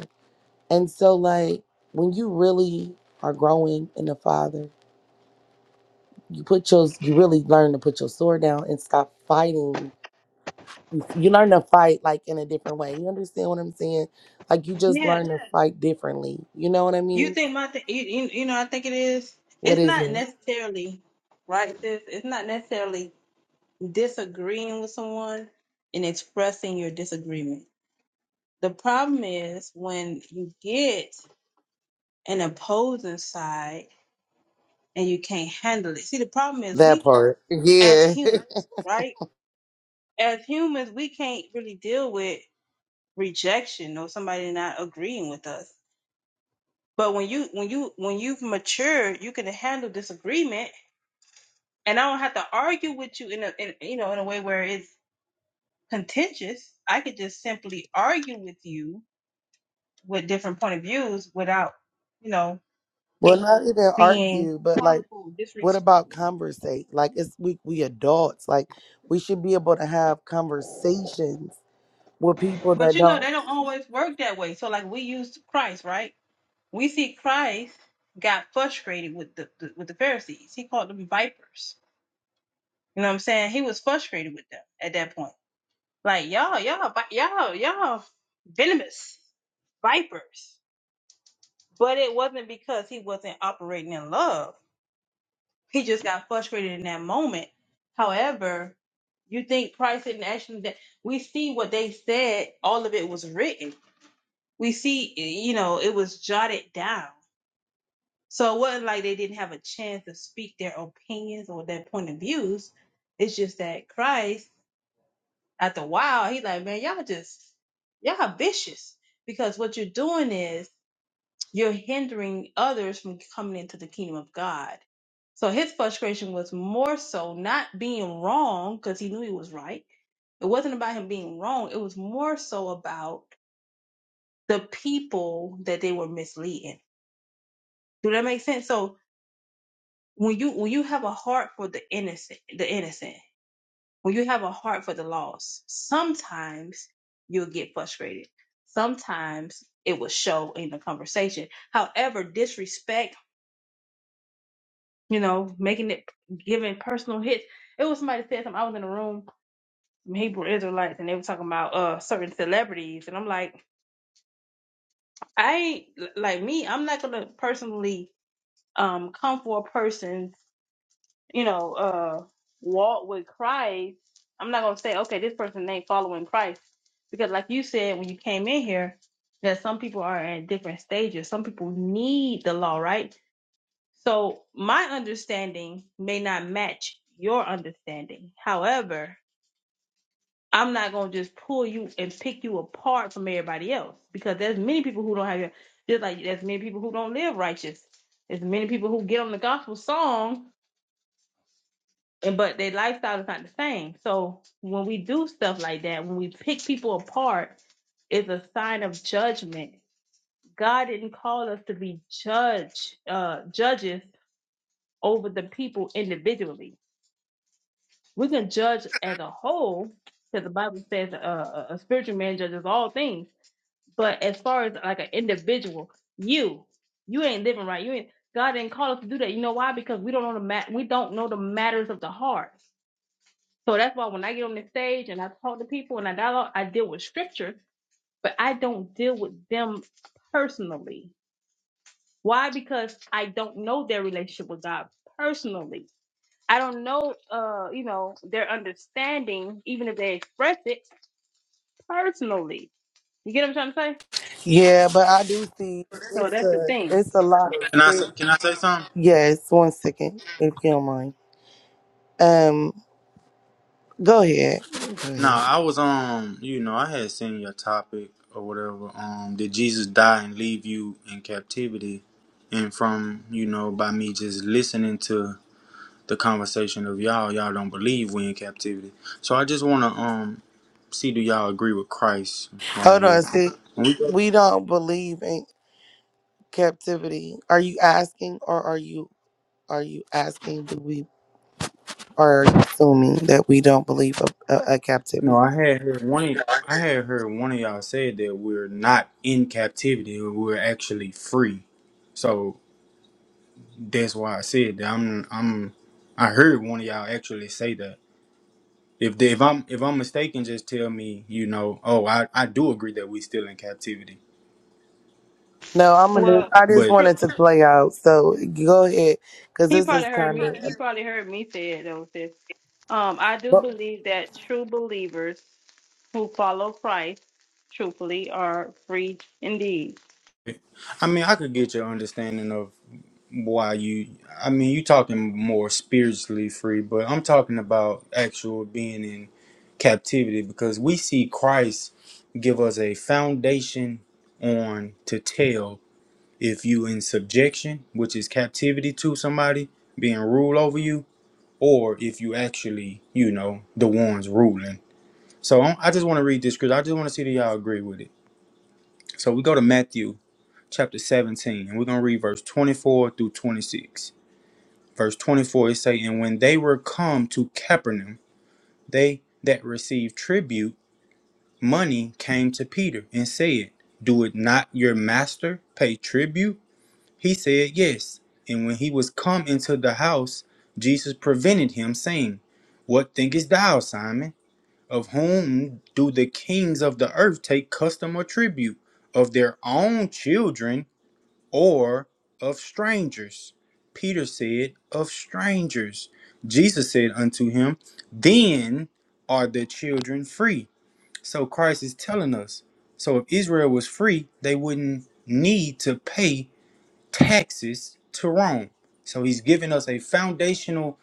And so, like, when you really are growing in the Father, you put your you really learn to put your sword down and stop fighting you learn to fight like in a different way you understand what i'm saying like you just Yeah, learn to fight differently you know what i You mean think my thing? You, you, you know, I think it is. what It's is not it necessarily right. Sis, it's not necessarily disagreeing with someone and expressing your disagreement. The problem is when you get an opposing side and you can't handle it. See, the problem is that we, part as yeah humans, right? As humans, we can't really deal with rejection or somebody not agreeing with us. But when you when you when you've matured, you can handle disagreement and I don't have to argue with you in a in, you know in a way where it's contentious. I could just simply argue with you with different point of views without you know well not even being argue but like harmful, what disrespectful. about conversate like it's we we adults like we should be able to have conversations with people that But you know don't they don't always work that way. So like we use Christ, right? We see Christ got frustrated with the, the with the Pharisees. He called them vipers. You know what I'm saying? He was frustrated with them at that point. Like y'all, y'all, y'all, y'all, venomous vipers But it wasn't because he wasn't operating in love. He just got frustrated in that moment. However, you think Christ didn't actually that we see what they said, all of it was written. We see you know, it was jotted down. So it wasn't like they didn't have a chance to speak their opinions or their point of views. It's just that Christ, after a while, he like, man, y'all just y'all vicious. Because what you're doing is You're hindering others from coming into the kingdom of God. So his frustration was more so not being wrong because he knew he was right. It wasn't about him being wrong. It was more so about the people that they were misleading. Do that make sense? So when you when you have a heart for the innocent, the innocent, when you have a heart for the lost, sometimes you'll get frustrated. Sometimes it will show in the conversation. However, disrespect you know, making it giving personal hits. It was somebody said something. I was in a room, some Hebrew Israelites, and they were talking about uh certain celebrities, and I'm like, I ain't like me. I'm not gonna personally um come for a person's you know uh walk with Christ. I'm not gonna say okay, this person ain't following Christ because, like you said when you came in here, that some people are at different stages. Some people need the law, right? So my understanding may not match your understanding. However, I'm not gonna just pull you and pick you apart from everybody else because there's many people who don't have your just like there's many people who don't live righteous. There's many people who get on the gospel song and but their lifestyle is not the same. So when we do stuff like that, when we pick people apart, it's a sign of judgment. God didn't call us to be judge uh judges over the people individually. We can judge as a whole because the Bible says uh, a a spiritual man judges all things. But as far as like an individual, you, you ain't living right. You ain't. God didn't call us to do that. You know why? Because we don't know the mat. We don't know the matters of the heart. So that's why when I get on the stage and I talk to people and I dialogue, I deal with scripture, but I don't deal with them personally. Why? Because I don't know their relationship with God personally. I don't know, uh, you know, their understanding, even if they express it personally. You get what I'm trying to say? yeah but i do see So it's that's the a thing. it's a lot of Can I sick say, can I say something? yes one second if you don't mind Um, go ahead. Go No, ahead. I was um, you know, I had seen your topic or whatever. Um, did Jesus die and leave you in captivity? And from you know, by me just listening to the conversation of y'all, y'all don't believe we in captivity. So I just wanna um see do y'all agree with Christ right Hold on. here? See, When we go- we don't believe in captivity. Are you asking, or are you are you asking? Do we are you assuming that we don't believe a, a, a No, captivity? I had heard one. I had heard one of y'all said that we're not in captivity; we're actually free. So. That's why I said that I'm I'm I heard one of y'all actually say that. If they, if I'm if I'm mistaken, just tell me, you know, oh I, I do agree that we still in captivity. No, I'm gonna. Well, I just But true. wanted to play out. So go ahead, because He this probably is heard kind me. of. He probably heard me say it though. Sis. Um, I do But believe that true believers who follow Christ, truthfully, are free indeed. I mean I could get your understanding of why you I mean you talking more spiritually free, but I'm talking about actual being in captivity because we see Christ give us a foundation on to tell if you in subjection, which is captivity to somebody being ruled over you, or if you actually, you know, the ones ruling. So I I just want to read this scripture. I just want to see that y'all agree with it. So we go to Matthew chapter 17, and we're going to read verse 24 through 26. Verse 24 it say, And when they were come to Capernaum, they that received tribute money came to Peter and said, Do it not your master pay tribute? He said, Yes. And when he was come into the house, Jesus prevented him, saying, What thinkest thou, Simon? Of whom do the kings of the earth take custom or tribute? Of their own children or of strangers? Peter said, Of strangers. Jesus said unto him, Then are the children free. So Christ is telling us. So if Israel was free, they wouldn't need to pay taxes to Rome. So he's giving us a foundational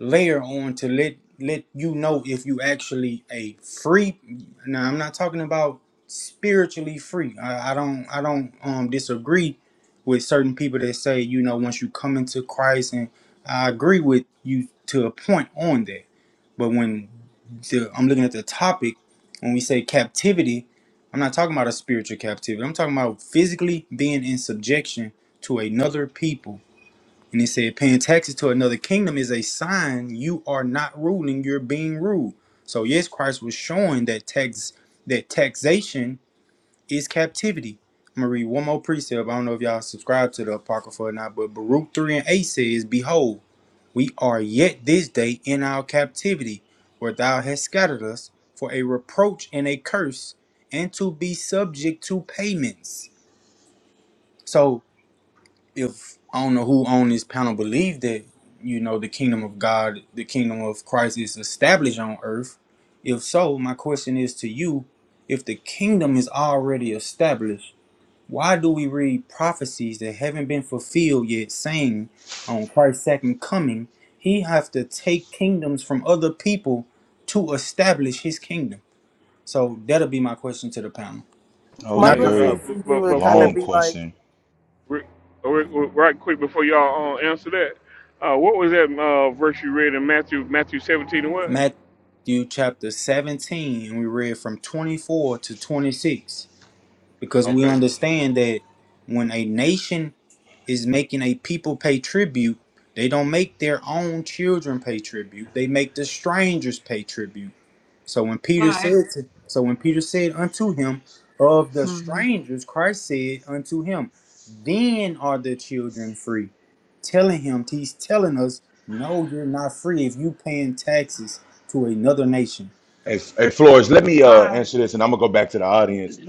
layer on to let let you know if you actually a free now i'm not talking about spiritually free i, I don't i don't um disagree with certain people that say you know once you come into christ and i agree with you to a point on that but when the, i'm looking at the topic when we say captivity i'm not talking about a spiritual captivity i'm talking about physically being in subjection to another people and it said, paying taxes to another kingdom is a sign you are not ruling, you're being ruled. So yes, Christ was showing that tax that taxation is captivity. I'm gonna read one more precept. I don't know if y'all subscribe to the Apocrypha or not, but Baruch 3 and 8 says, Behold, we are yet this day in our captivity, where thou hast scattered us for a reproach and a curse, and to be subject to payments. So if I don't know who on this panel believe that you know the kingdom of God, the kingdom of Christ is established on earth. If so, my question is to you: If the kingdom is already established, why do we read prophecies that haven't been fulfilled yet, saying on Christ's second coming, He have to take kingdoms from other people to establish His kingdom? So that'll be my question to the panel. That was my a Hey, Not uh, question very to you but would kind of before, long be like, question. re- re- right quick before y'all uh, answer that, uh, what was that uh, verse you read in Matthew, Matthew 17 and what? Matthew chapter 17, and we read from 24 to 26, because we Okay. understand that when a nation is making a people pay tribute, they don't make their own children pay tribute, they make the strangers pay tribute. So when All Peter right. said to, so when Peter said unto him, Of the Mhm. strangers, Christ said unto him, Then are the children free. Telling him, he's telling us, No, you're not free if you paying taxes to another nation. Hey, hey Flores, let me All uh, right. answer this, and I'm gonna go back to the audience,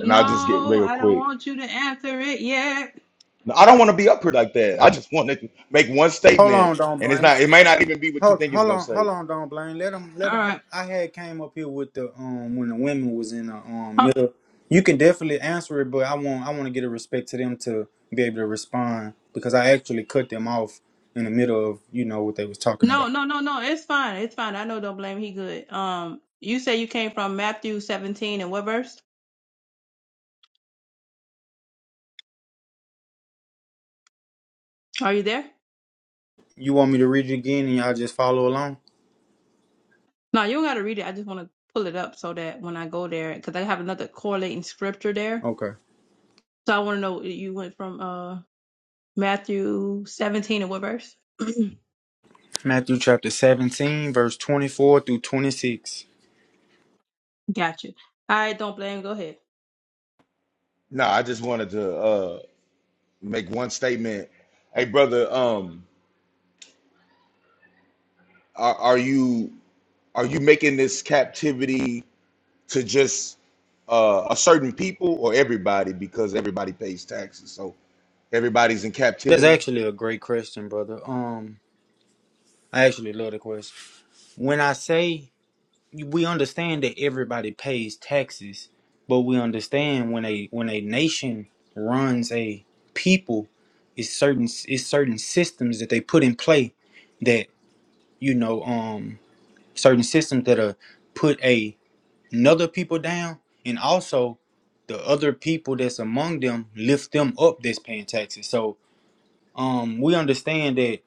and I'll just get real I don't quick. want you to answer it yet. No, I don't want to be up here like that. I just want to make one Hold statement, on, don't and it's blame. not. It may not even be what you Hold, think it's hold gonna on, hold say. on, don't blame. Let them, let All them. right. I had came up here with the um when the women was in the um middle. You can definitely answer it, but I want I want to get a respect to them to be able to respond because I actually cut them off in the middle of you know what they was talking about. No, no, no, no. It's fine. It's fine. I know. Don't blame. He good. Um, you say you came from Matthew 17 and what verse? Are you there? You want me to read it again and y'all just follow along? No, you don't got to read it. I just want to pull it up so that when I go there, because I have another correlating scripture there. Okay. So I want to know you went from uh Matthew 17 and what verse? Matthew chapter seventeen, verse twenty four through twenty six. Got you. I don't blame. Go ahead. No, I just wanted to uh, make one statement. Hey, brother, um, are, are you are you making this captivity to just uh, a certain people or everybody because everybody pays taxes, so everybody's in That's captivity? actually a great question, brother. Um, I actually love the question. When I say we understand that everybody pays taxes, but we understand when a when a nation runs a people, it's certain it's certain systems that they put in play that you know um certain systems that are put a another people down and also the other people that's among them lift them up that's paying taxes. So um we understand that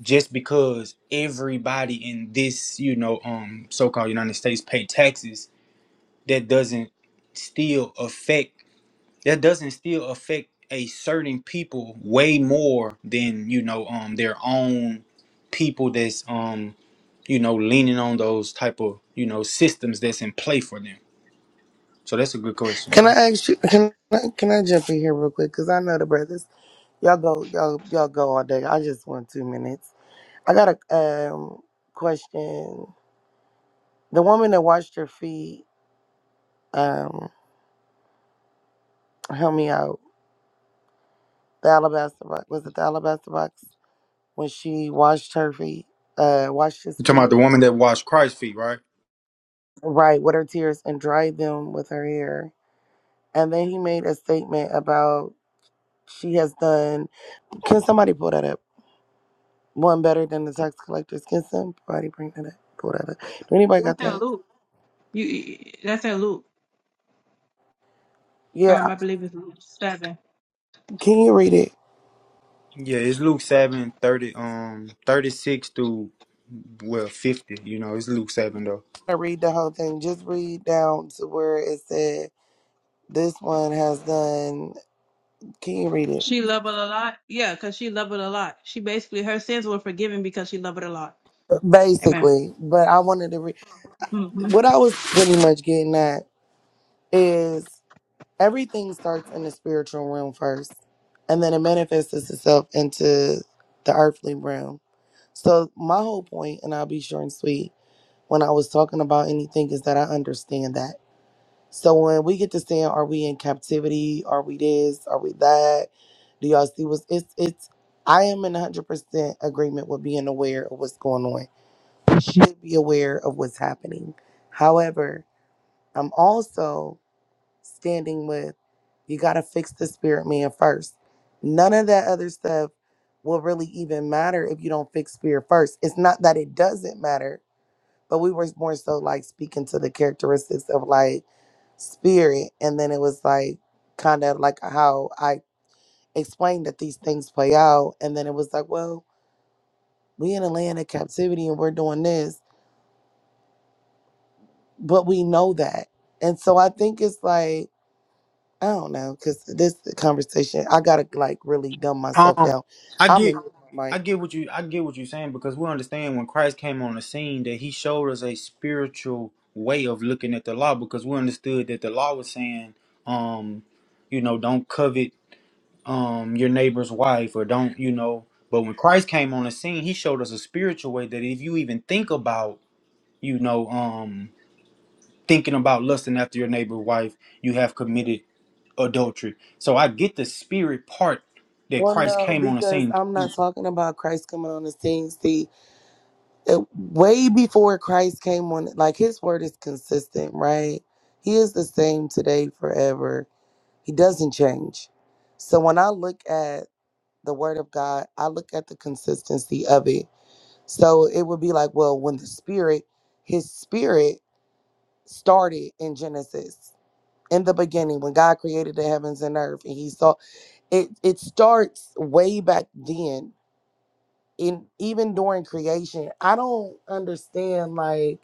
just because everybody in this you know um so-called United States pay taxes that doesn't still affect that doesn't still affect a certain people way more than you know um their own people that's um you know leaning on those type of you know systems that's in play for them so that's a good question can bro I ask you? Can I, can I jump in here real quick? Because I know the brothers. Y'all go. Y'all y'all go all day. I just want two minutes. I got a um, question. The woman that washed your feet, um, help me out. The alabaster box was it the alabaster box when she washed her feet, uh, washed his you're talking about feet, the woman that washed christ's feet right right, with her tears and dried them with her hair. And then he made a statement about she has done. Can somebody pull that up? One better than the tax collectors. Can somebody bring that up? Pull that up. Do anybody That's got in that? Luke. You. That's in Luke. Yeah. Um, I I- believe it's Luke seven. Can you read it? yeah it's luke 7 30 um 36 through well 50 you know it's luke 7 though I read the whole thing. Just read down to where it said This one has done. Can you read it? She loved it a lot. Yeah, because she loved it a lot. She basically her sins were forgiven because she loved it a lot. Amen. Basically, but I wanted to read what I was pretty much getting at is everything starts in the spiritual realm first, and then it manifests itself into the earthly realm. So my whole point, and I'll be short and sweet when I was talking about anything, is that I understand that. So when we get to saying, are we in captivity? Are we this? Are we that? Do y'all see what's it's it's I am in hundred percent agreement with being aware of what's going on. Should be aware of what's happening. However, I'm also standing with you gotta fix the spirit man first. None of that other stuff will really even matter if you don't fix spirit first. It's not that it doesn't matter but we were more so like speaking to the characteristics of like spirit and then it was like kind of like how i explained that these things play out and then it was like well we in a land of captivity and we're doing this but we know that and so i think it's like i don't know because this conversation i gotta like really dumb myself um down i i'm get in like I get what you I get what you're saying because we understand when Christ came on the scene that he showed us a spiritual way of looking at the law because we understood that the law was saying um you know don't covet um your neighbor's wife or don't you know but when Christ came on the scene he showed us a spiritual way that if you even think about you know um thinking about lusting after your neighbor's wife you have committed adultery so I get the spirit part that well Christ no came on the because scene i'm not talking about christ coming on the scene see it, way before Christ came on, like his word is consistent, right? He is the same today, forever. He doesn't change. So when I look at the word of God, I look at the consistency of it. So it would be like, well, when the spirit, his spirit started in Genesis. In the beginning, when God created the heavens and earth, and He saw it, it starts way back then. And even during creation, I don't understand like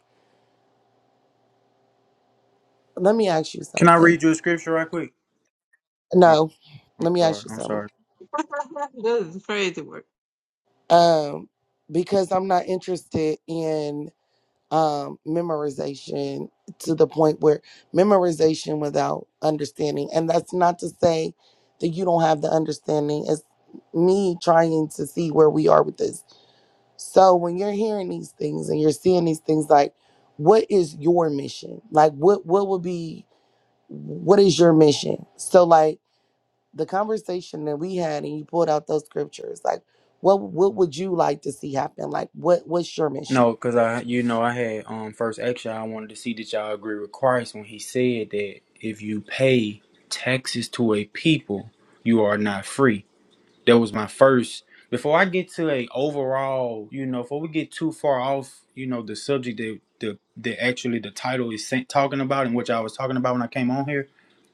Let me ask you can I something. read you a scripture right quick Okay. No, I'm let me sorry. ask you I'm something. sorry. Um, because I'm not interested in um memorization to the point where memorization without understanding, and that's not to say that you don't have the understanding. It's me trying to see where we are with this. So when you're hearing these things and you're seeing these things, like what is your mission? Like what what would be what is your mission? So like the conversation that we had and you pulled out those scriptures like what what would you like to see happen like what what's your mission No, because I, you know, I had um first action. I wanted to see that y'all agree with Christ when he said that if you pay taxes to a people, you are not free. That was my first. Before I get to a overall, you know, before we get too far off, you know, the subject that the that actually the title is sa- talking about and which I was talking about when I came on here.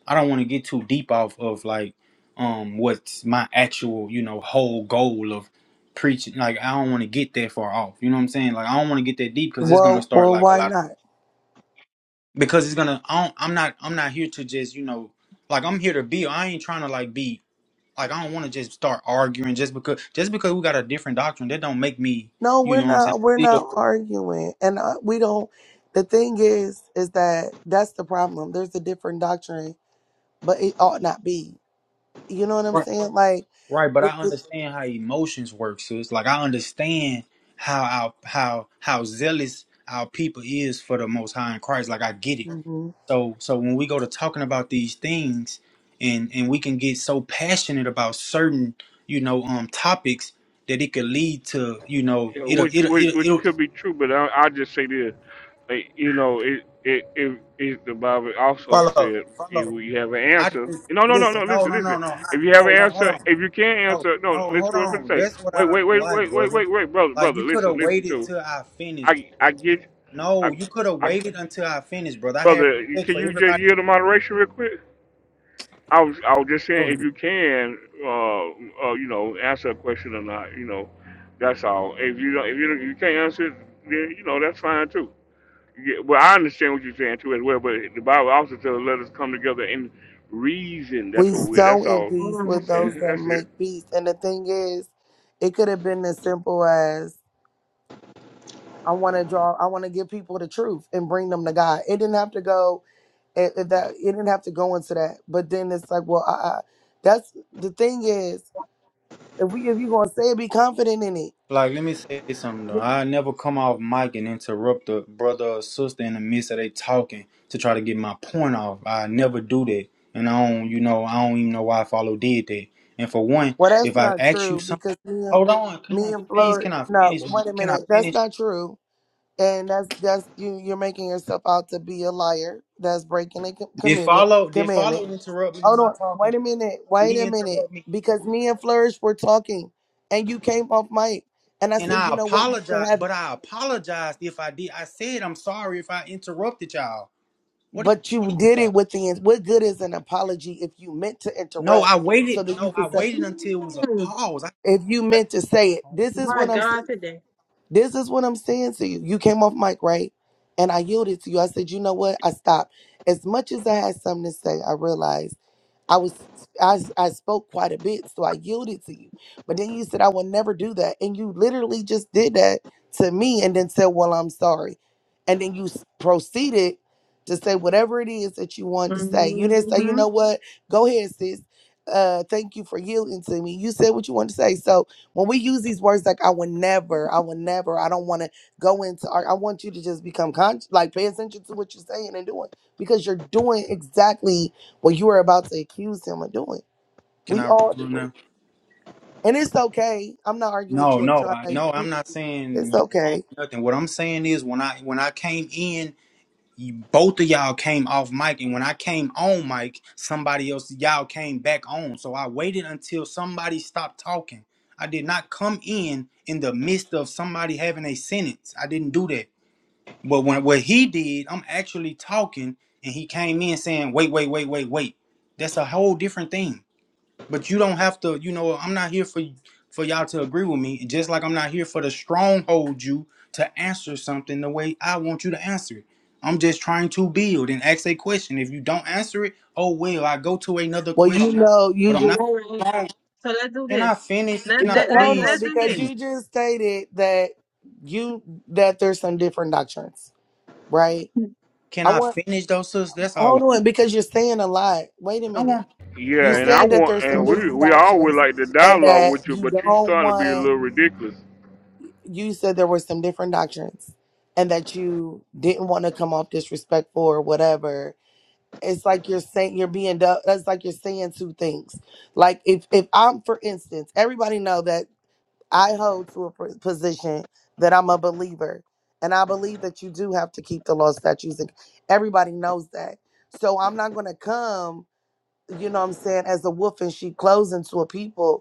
I don't want to get too deep off of like um what's my actual, you know, whole goal of preaching. Like I don't want to get that far off. You know what I'm saying? Like I don't want to get that deep because it's gonna well start well like a why lot of not because it's gonna. I don't, I'm not. I'm not here to just you know like I'm here to be. I ain't trying to like be like I don't want to just start arguing just because just because we got a different doctrine that don't make me. no You we're know what I'm not we're saying? not arguing and uh, we don't the thing is is that that's the problem there's a different doctrine but it ought not be you know what i'm saying like Right, but it, I it, understand how emotions work, sis. Like I understand how our how how zealous our people is for the most high in Christ. Like I get it. mhm. So so when we go to talking about these things and and we can get so passionate about certain, you know, um topics that it could lead to, you know, Yeah, it'll which, it'll which it'll, which it'll could be true, but I I just say this, like, you know, it it, it it the Bible also follow, said if follow. we have an I answer, just no no no listen, no no, listen no, listen, no, no, I, if you have no, an no, hold answer, on. if you can't No, answer, no no, hold listen what I'm gonna on. say, That's what wait I wait don't wait like, wait wait brother. wait wait brother Like brother you could have listen listen waited to, till I finished, I brother. I get, I No, you could have I waited until I finished, brother. I had brother respect can for you just everybody. yield the moderation real quick? I was I was just saying if you can, uh, uh, you know, answer a question or not, you know, that's all. If you don't, if you don't, you can't answer, it, then you know that's fine too. Yeah, well, I understand what you're saying too as well, but the Bible also tells us let us come together and reason. That's we what we're. so That's in all peace she with Mhm. those said. that That's make it. peace and the thing is it could have been as simple as I want to draw. I want to give people the truth and bring them to God. It didn't have to go it, it- that. It didn't have to go into that. But then it's like, well, I, I, that's the thing is, if we if you are gonna say it, be confident in it. Like, let me say something though. I never come off mic and interrupt a brother or sister in the midst of they talking to try to get my point off. I never do that, and I don't, you know, I don't even know why Follow did that. And for one, Well, that's if I not ask you true something, because me, and hold on, me come on, and please, Fleur. can I No, finish? My, wait a can I minute. That's finish? not true and that's that's you you're making yourself out to be a liar that's breaking a com- Did commandment Follow? Did commandment Follow interrupt me in hold my on talking? wait a minute Did wait he a minute interrupt me? because me and flourish were talking and you came off mic and i And said I you know what you can apologize, have but it I apologized if I did. I said I'm sorry if I interrupted y'all. What? Are you but you did talking it about? with the what good is an apology if you meant to No, interrupt I so waited. that you No, I could say waited until it was a Mm, pause. I, if you I meant to say it this is My what i'm God, saying today. this is what i'm saying to you you came off mic right and i yielded to you i said you know what i stopped as much as i had something to say i realized I was I I spoke quite a bit, so I yielded to you. But then you said I will never do that, and you literally just did that to me, and then said, "Well, I'm sorry," and then you s- proceeded to say whatever it is that you wanted to say. You didn't say, "You know what? Go ahead, sis. Uh, thank you for yielding to me." You said what you wanted to say. So when we use these words like "I will never," "I will never," I don't want to go into. ar- I want you to just become conscious, like pay attention to what you're saying and doing, because you're doing exactly what you were about to accuse him of doing. can We I all do respond it. now? And it's okay. I'm not arguing with No, you or no, I trying no. to I'm not saying it's you wrong okay. or nothing. What I'm saying is when I when I came in you, both of y'all came off mic, and when I came on mic, somebody else y'all came back on. So I waited until somebody stopped talking. I did not come in in the midst of somebody having a sentence. I didn't do that. But when what he did, I'm actually talking, and he came in saying, "Wait, wait, wait, wait, wait." That's a whole different thing. But you don't have to, you know, I'm not here for for y'all to agree with me. Just like I'm not here for the stronghold you to answer something the way I want you to answer it. I'm just trying to build and ask a question. If you don't answer it, oh well, I go to another Well you question. know you But I'm not just All right. So let's do can this. I finish? Let Can I because, let let hold on, let's please do because this. please you just stated that you that there's some different doctrines, right? can I I want finish those sis? That's all hold I'm on, because you're saying a lot. Wait a I minute. want You go Yeah, and ahead. I said that want, there's some Go and we different we all would doctrines like to and dialogue that with you, you but you don't starting to be a want little ridiculous. you said there were some different doctrines and that you didn't want to come off disrespectful or whatever it's like you're saying you're being du- it's like you're saying two things like if if i'm for instance everybody know that i hold to a pr- position that i'm a believer and i believe that you do have to keep the law statutes and everybody knows that so i'm not going to come you know what i'm saying as a wolf and sheep clothing to a people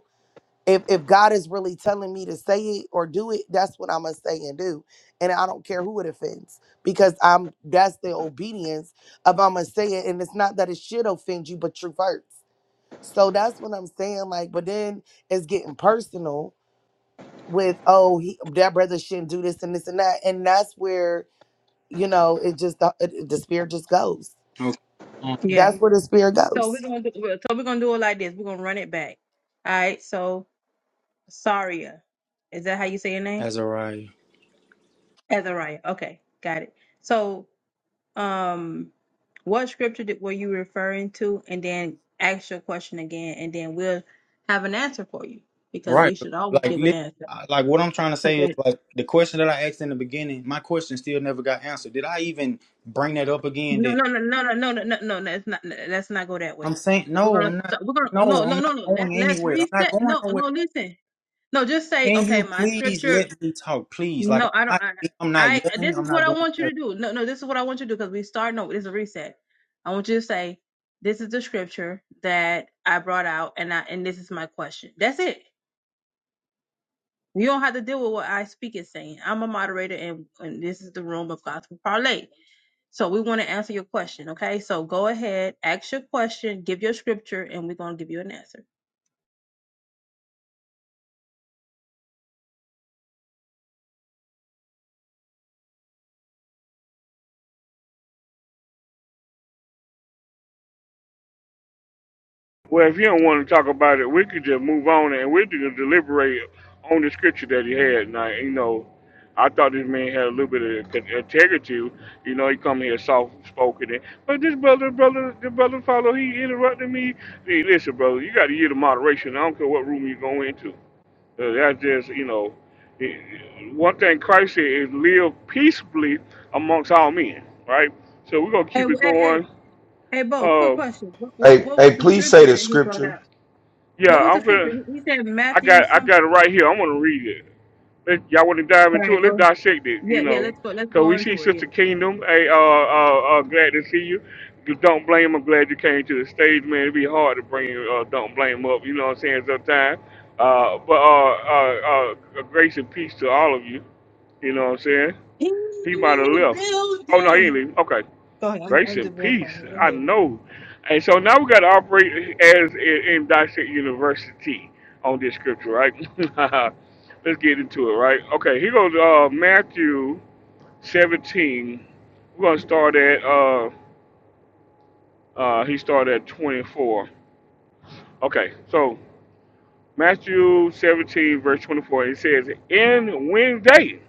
if if God is really telling me to say it or do it, that's what I'm gonna say and do. And I don't care who it offends because I'm that's the obedience of I'm gonna say it. And it's not that it should offend you, but truth hurts. So that's what I'm saying. Like, but then it's getting personal with oh he, that brother shouldn't do this and this and that, and that's where you know it just the, it, the spirit just goes. Okay. Um, Yeah. That's where the spirit So we're goes. gonna do so we're gonna do it like this. We're gonna run it back. All right. So Saria, is that how you say your name? Azariah. Azariah. Okay, got it. So um, what scripture did, were you referring to? And then ask your question again, and then we'll have an answer for you because Right. we should always Like, give an li- answer. like what I'm trying to say is like the question that I asked in the beginning, my question still never got answered. Did I even bring that up again? No, That no, no, no, no, no, no, no, no. Let's not let's not go that I'm way. saying We're no, I'm gonna not. st- we're No, gonna no, I'm no, no, not no. Let going let's anywhere. I'm not reset. going No, no. nowhere. Listen. No, just say Can okay. you My please scripture. let me talk, please? Like I'm No, I don't. not, I, I'm not I yelling. this I'm is what not I doing want you to nothing. do. No, no. This is what I want you to do because we start. No, it's a reset. I want you to say this is the scripture that I brought out, and I and this is my question. That's it. You don't have to deal with what I speak is saying. I'm a moderator, and, and this is the room of gospel parlay. So we want to answer your question, okay? So go ahead, ask your question, give your scripture, and we're gonna give you an answer. Well, if you don't want to talk about it, we could just move on and we could deliberate on the scripture that he had. Now, you know, I thought this man had a little bit of con- integrity. You know, he come here soft spoken, but this brother, brother, the brother follow, he interrupted me. Hey, listen, brother, you got to hear the moderation. I don't care what room you go into. Uh, that's just, you know, it- one thing Christ said is live peaceably amongst all men, right? So we're gonna Hey, keep w- it hey, hey, going. hey, Bo, quick Uh, question. What, what Hey, what hey, was the please say scripture the that he brought scripture. out? yeah, What was the I'm scripture? gonna. He he said I Matthew got I got it something. right here. I'm gonna read it. Let, y'all want to dive All into right, it? Let's go. dissect it. Yeah, You yeah, know, let's go. Let's cause go we see into it. Yeah. Sister Kingdom. Hey, uh, uh, uh, glad to see you. Don't blame. I'm glad you came to the stage, man. It'd be hard to bring uh, don't blame up. You know what I'm saying? Sometimes. Uh, but uh, uh, uh, grace and peace to all of you. You know what I'm saying? He Kingdom might in have left. the Oh no, he ain't building. leaving. Okay. Go ahead. I'm, Grace I'm just and going peace. to Go I ahead. know. And so now we got to operate as in, in Dissect University on this scripture, right? Let's get into it, right? Okay, here goes uh, Matthew 17. We're going to start at, uh, uh, he started at 24. Okay, so Matthew 17, verse 24, it says, And when they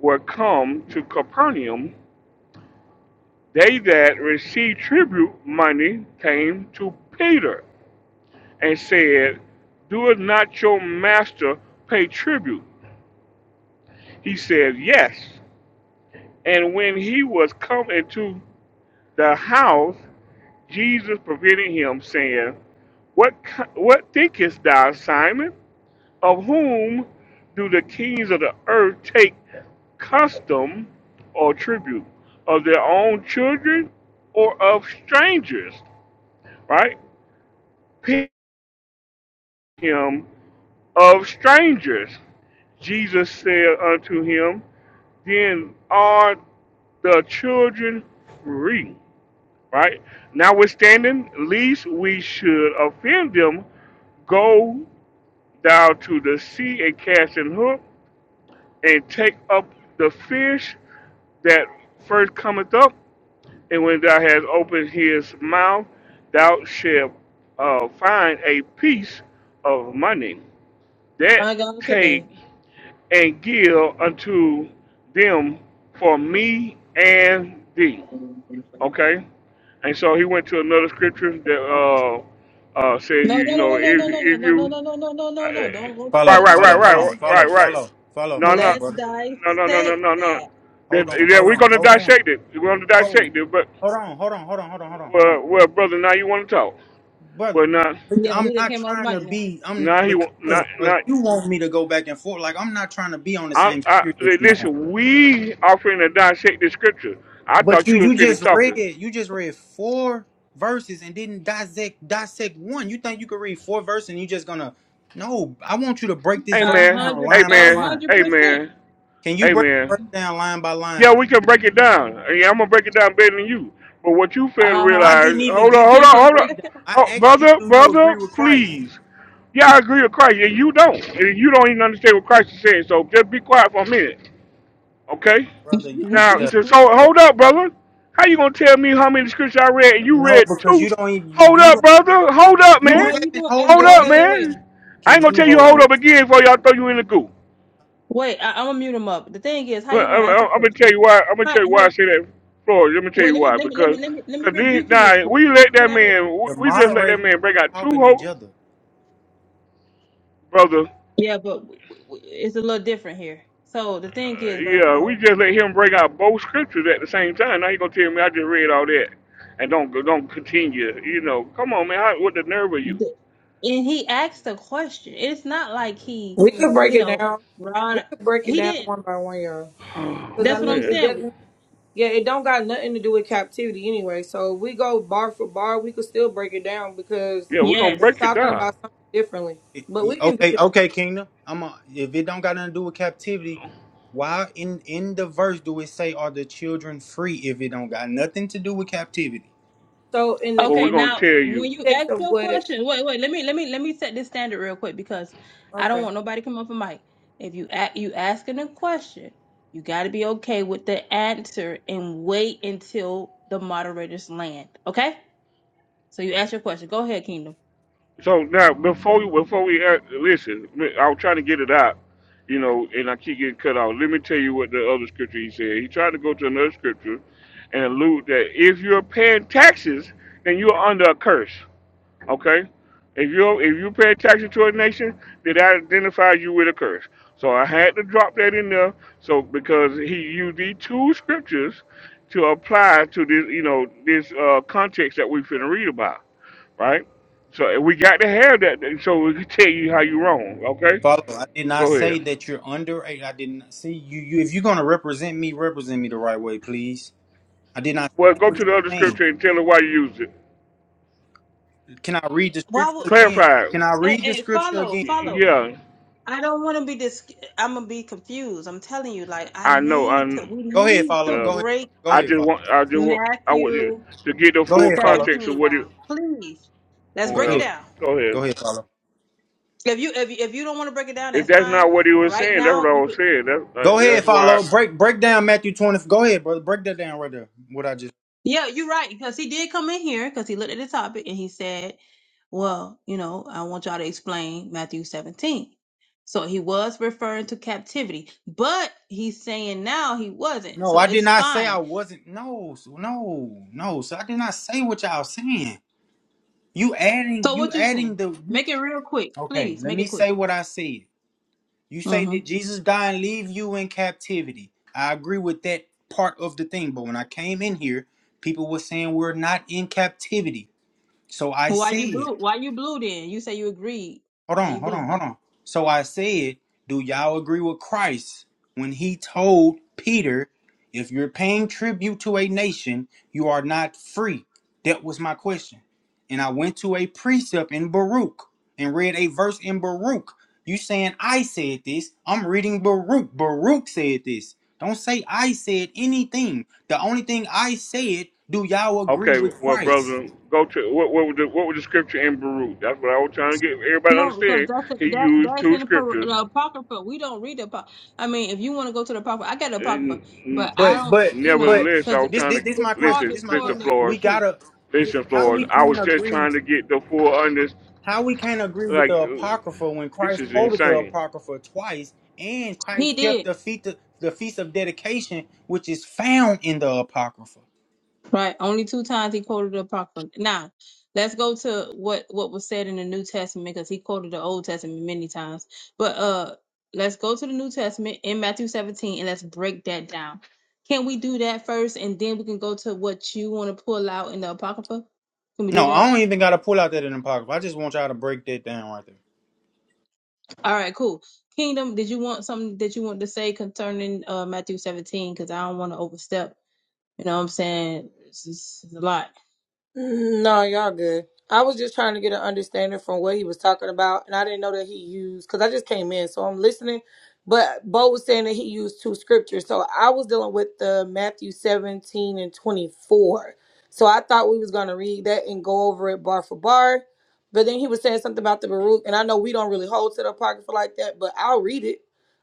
were come to Capernaum, they that received tribute money came to Peter and said, Doeth not your master pay tribute? He said, Yes. And when he was come into the house, Jesus prevented him, saying, What, what thinkest thou, Simon? Of whom do the kings of the earth take custom or tribute? Of their own children or of strangers? Right? him of strangers. Jesus said unto him, then are the children free, right? Notwithstanding, least we should offend them, go down to the sea and cast an hook and take up the fish that first cometh up. And when thou hast opened his mouth, thou shalt uh, find a piece of money that I got it take today. and give unto them for me and thee. Okay, and so he went to another scripture that uh, uh, says you No, no, you know no, no, if no, no, if no, no, you no, no, no, no, no, uh, no, no. Don't go to right Follow, another right right follow, scripture. hold right on, Let's follow, right right follow, follow. no Hold no on, let's brother. no no no no dissect no no that. that, Hold on, that hold we're on, gonna hold on. dissect it we're gonna No, dissect it but hold on, hold on, hold on, hold on, hold on, hold on. well, well brother now you want to talk brother. well now look, Yeah, I'm he done not came off trying to mic now. be. I'm now he because wa- not brother, not you want me to go back and forth. Like I'm not trying to be on the I, same I spirit that li- you on. listen we offering to dissect the scripture I But thought you you were you finished just read talking. you just read four verses and didn't dissect dissect one. You think you could read four verses and you just gonna no? I want you to break this verse A Amen. down hundred, line by a Amen. line. hundred percent. Amen. Can you break Amen. the verse down line by Yeah, line? we can break it down. Yeah, I'm gonna break it down better than you. But what you fail to Uh huh. I realize, didn't even hold on, give you hold on, my hold on, breakdown. I oh, asked you, brother, do you agree brother, with Christ, please. Yeah, I agree with Christ, and you don't. And you don't even understand what Christ is saying. So just be quiet for a minute, okay? brother? I'm Now, telling. you, just hold, bro. hold up, brother. How you gonna tell me how many scriptures I read and you No, read because you two? don't. even- You, Hold you up, don't. brother. Hold up, You how man. you haven't gonna? a- hold Hold up No, up, wait, yet. wait, wait, man. I ain't Can gonna you tell you hold hold on? up again before y'all throw you in the goo. wait. I, I'm gonna mute him up. The thing is, how Well, you I, gonna ask a am gonna tell you question? why. I'm gonna How, tell you why I how, say that, Floyd. Let me tell wait, you let me, why. let me, let Because, me, let me, let me cause these, rebuke him real nah, quick. we Like, let Can that I? Re- man. We The we just let that moderators man break out two talking to each whole other. brother. yeah, but w- w- it's a little different here. So the thing Uh, is, right, yeah, we bro. just let him break out both scriptures at the same time. Now you gonna tell me I just read all that and don't don't continue? You know, come on, man. How, what the nerve of you? the- and he asked a question. It's not like he, We could break you it know, down. Ron. We could break it He down didn't. one by one, y'all. Because Oh That's I what mean, I'm man. it saying. doesn't. Yeah, it don't got nothing to do with captivity anyway. So if we go bar for bar, we could still break it down because Yeah, we're gonna it's break Yes. it talking down. about something differently. It- But we you- can do okay, that. okay, Kingdom. I'm a, if it don't got nothing to do with captivity, why in in the verse do it say are the children free if it don't got nothing to do with captivity? So in the Well, we're Okay, gonna now tell you. when you context ask of your what? question, wait, wait, let me let me let me set this standard real quick because I don't Okay. want nobody come off a mic. If you a- you asking a question, you got to be okay with the answer and wait until the moderators land. Okay, so you ask your question. Go ahead, Kingdom. So now, before we before we uh, listen, I was trying to get it out, you know, and I keep getting cut off. Let me tell you what the other scripture he said. He tried to go to another scripture and allude that if you're paying taxes, then you're under a curse. Okay? If you if you pay taxes to a nation, then I identify you with a curse. So I had to drop that in there. So because he used these two scriptures to apply to this, you know, this uh, context that we finna read about, right? So we got to have that, so we can tell you how you wrong. Okay, Follow. I did not go ahead. say that you're under. I I did not see you. You if you're gonna represent me, represent me the right way, please. I did not Well, say go what to the other you're saying. scripture and tell her why you used it. Can I read the Why scripture would again? Clarify. it. Can I hey, read the hey scripture follow again? Y- follow? Yeah, I don't want to be this. I'm gonna be confused. I'm telling you, like I I know. need to. I We Go ahead, need to follow. Go Well, ahead. break Go I ahead, just follow. want, I just want, I want you Matthew. to get the Go full ahead, follow. context of 17 what he. down. Please. Let's Go break it Well, ahead. down. go Go ahead. ahead, follow. If you if you, if you don't want to break it down, If that's that's fine. not what he was Right saying, that's what now, I you was could saying. That's uh, Go ahead, that's why. follow. Break break down Matthew 20. Go ahead, brother. Break that down right there. What I just Yeah, you're right. Because he did come in here because he looked at the topic and he said, Well, you know, I want y'all to explain Matthew 17. So he was referring to captivity, but he's saying now he wasn't. No, So I did it's not say I fine. wasn't. No, so no, no. So I did not say what y'all saying. You adding So you what you adding saying? the you Make it real quick, Okay, please. let Make it me quick. say what I said. You say Mm-hmm. that Jesus died and leave you in captivity. I agree with that part of the thing, but when I came in here, people were saying we're not in captivity. So I Why you said blue? Why you blue then? You say you agreed. Hold Why on, you hold blue? on, hold on. So I said, do y'all agree with Christ when he told Peter, if you're paying tribute to a nation, you are not free? That was my question. And I went to a precept in Baruch and read a verse in Baruch. You saying I said this. I'm reading Baruch. Baruch said this. Don't say I said anything. The only thing I said, do y'all agree Okay, with well, Christ? brother, go to what what was the what was the scripture in Baruch? That's what I was trying to get everybody to No, because understand. that's He a, that used that's two in the, par- scriptures, the apocrypha. We don't read the apocrypha. I mean, if you want to go to the apocrypha, I got the apocrypha, and but I But mm, don't, but you know, but nevertheless, I because was this trying to this get- this my it's question. hard listen, to This is my listen, question. correlate the We Flores, two. gotta listen, how Flores. we I can't was just agree trying to get the full under, how we can't agree with like, the uh, apocrypha when this Christ is quoted the insane. apocrypha twice and He Christ kept did the feast of, the feast of dedication which is found in the apocrypha. right. Only two times he quoted the apocrypha. Now, let's go to what what was said in the New Testament because he quoted the Old Testament many times. But uh, let's go to the New Testament in Matthew 17 and let's break that down. Can we do that first, and then we can go to what you want to pull out in the apocrypha? Can we do No, that? I don't even gotta pull out that in the apocrypha. I just want y'all to break that down right there. All right, cool. Kingdom, did you want something that you want to say concerning uh Matthew 17? Because I don't want to overstep. You know what I'm saying? It's, it's a lot. Mm, No, y'all good. I was just trying to get an understanding from what he was talking about, and I didn't know that he used because I just came in, so I'm listening. But Bo was saying that he used two scriptures, so I was dealing with the Matthew 17 and 24. So I thought we was gonna read that and go over it bar for bar, but then he was saying something about the Baruch, and I know we don't really hold to the apocrypha like that, but I'll read it.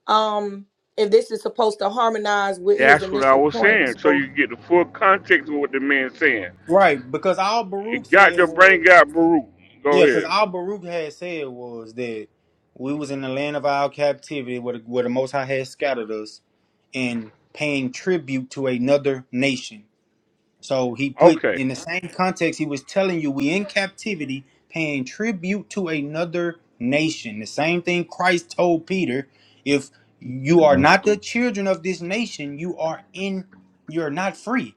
Um, if this is supposed to harmonize with his That's what I initial was point, saying. So so you get the full context of what the man's saying. Right, because all Baruch It got your said brain was got Baruch. Go Yeah, because ahead. all Baruch had said was that we was in the land of our captivity where the, where the Most High had scattered us and paying tribute to another nation. So he put Okay. in the same context he was telling you we in captivity paying tribute to another nation. The same thing Christ told Peter, if you are Uh, not the children of this nation, you are in you're not free.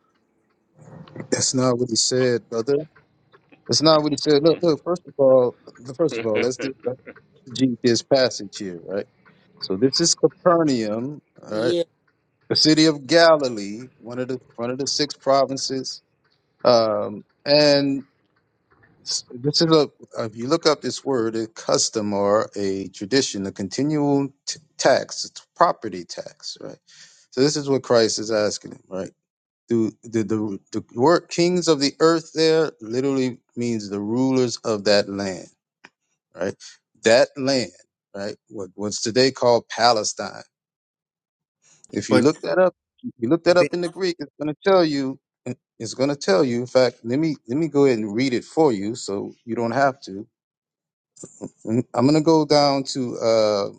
That's not what he said, brother. That's not what he said. Look, look. First of all, first of and, all, let's do let's exegete this passage here, right? So this is Capernaum, all right, yeah. the city of Galilee, one of the one of the six provinces, um, and S- This is a, uh, if you look up this word, a custom or a tradition, a continual t- tax, it's property tax, right? So this is what Christ is asking him, right? Do the, the the word kings of the earth there literally means the rulers of that land, right? That land, right? What what's today called Palestine. If you But look that up, you look that Ben up in the Greek, it's going to tell you. It's going to tell you. In fact, let me let me go ahead and read it for you, so you don't have to And I'm going to go down to uh,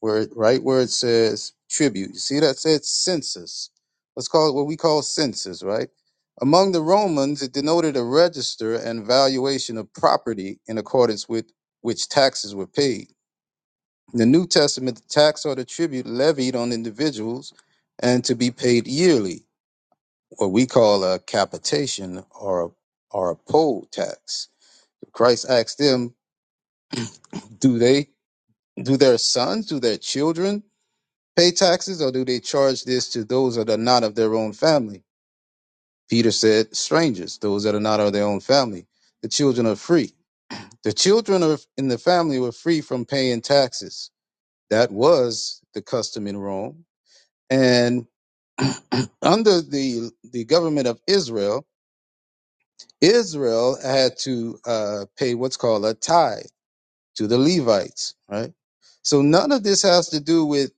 where it- right where it says tribute. You see that said census. Let's call it what we call census, right? Among the Romans, it denoted a register and valuation of property in accordance with which taxes were paid. In the New Testament, the tax or the tribute levied on individuals and to be paid yearly, what we call a capitation or a, or a poll tax. Christ asked them, do they Do their sons, do their children pay taxes, or do they charge this to those that are not of their own family? Peter said, Strangers, those that are not of their own family. The children are free. The children of, in the family were free from paying taxes. That was the custom in Rome. And under the, the government of Israel, Israel had to uh, pay what's called a tithe to the Levites, right? So none of this has to do with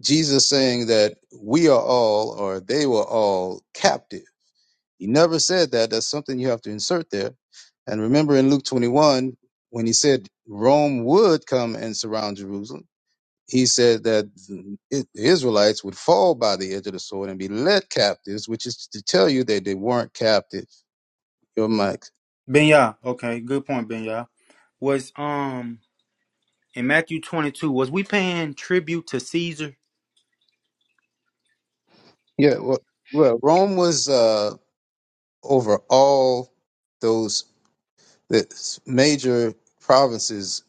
Jesus saying that we are all or they were all captive. He never said that. That's something you have to insert there. And remember in Luke 21, when he said Rome would come and surround Jerusalem, he said that the I- the Israelites would fall by the edge of the sword and be led captives, which is to tell you that they weren't captive. Your mic. Benya, okay, good point, Benya. Was um in Matthew 22, was we paying tribute to Caesar? Yeah, well, well Rome was uh, over all those the major provinces,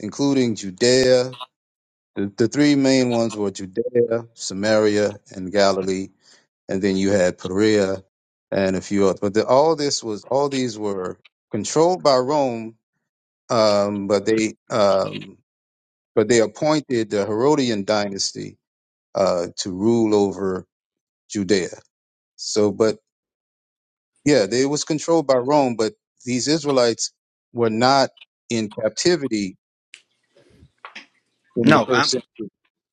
including Judea, The, the three main ones were Judea, Samaria, and Galilee, and then you had Perea and a few others. But the, all this was all these were controlled by Rome, um, but they um, but they appointed the Herodian dynasty uh, to rule over Judea. So, but yeah, they was controlled by Rome, but these Israelites were not in captivity in the No, I, first century.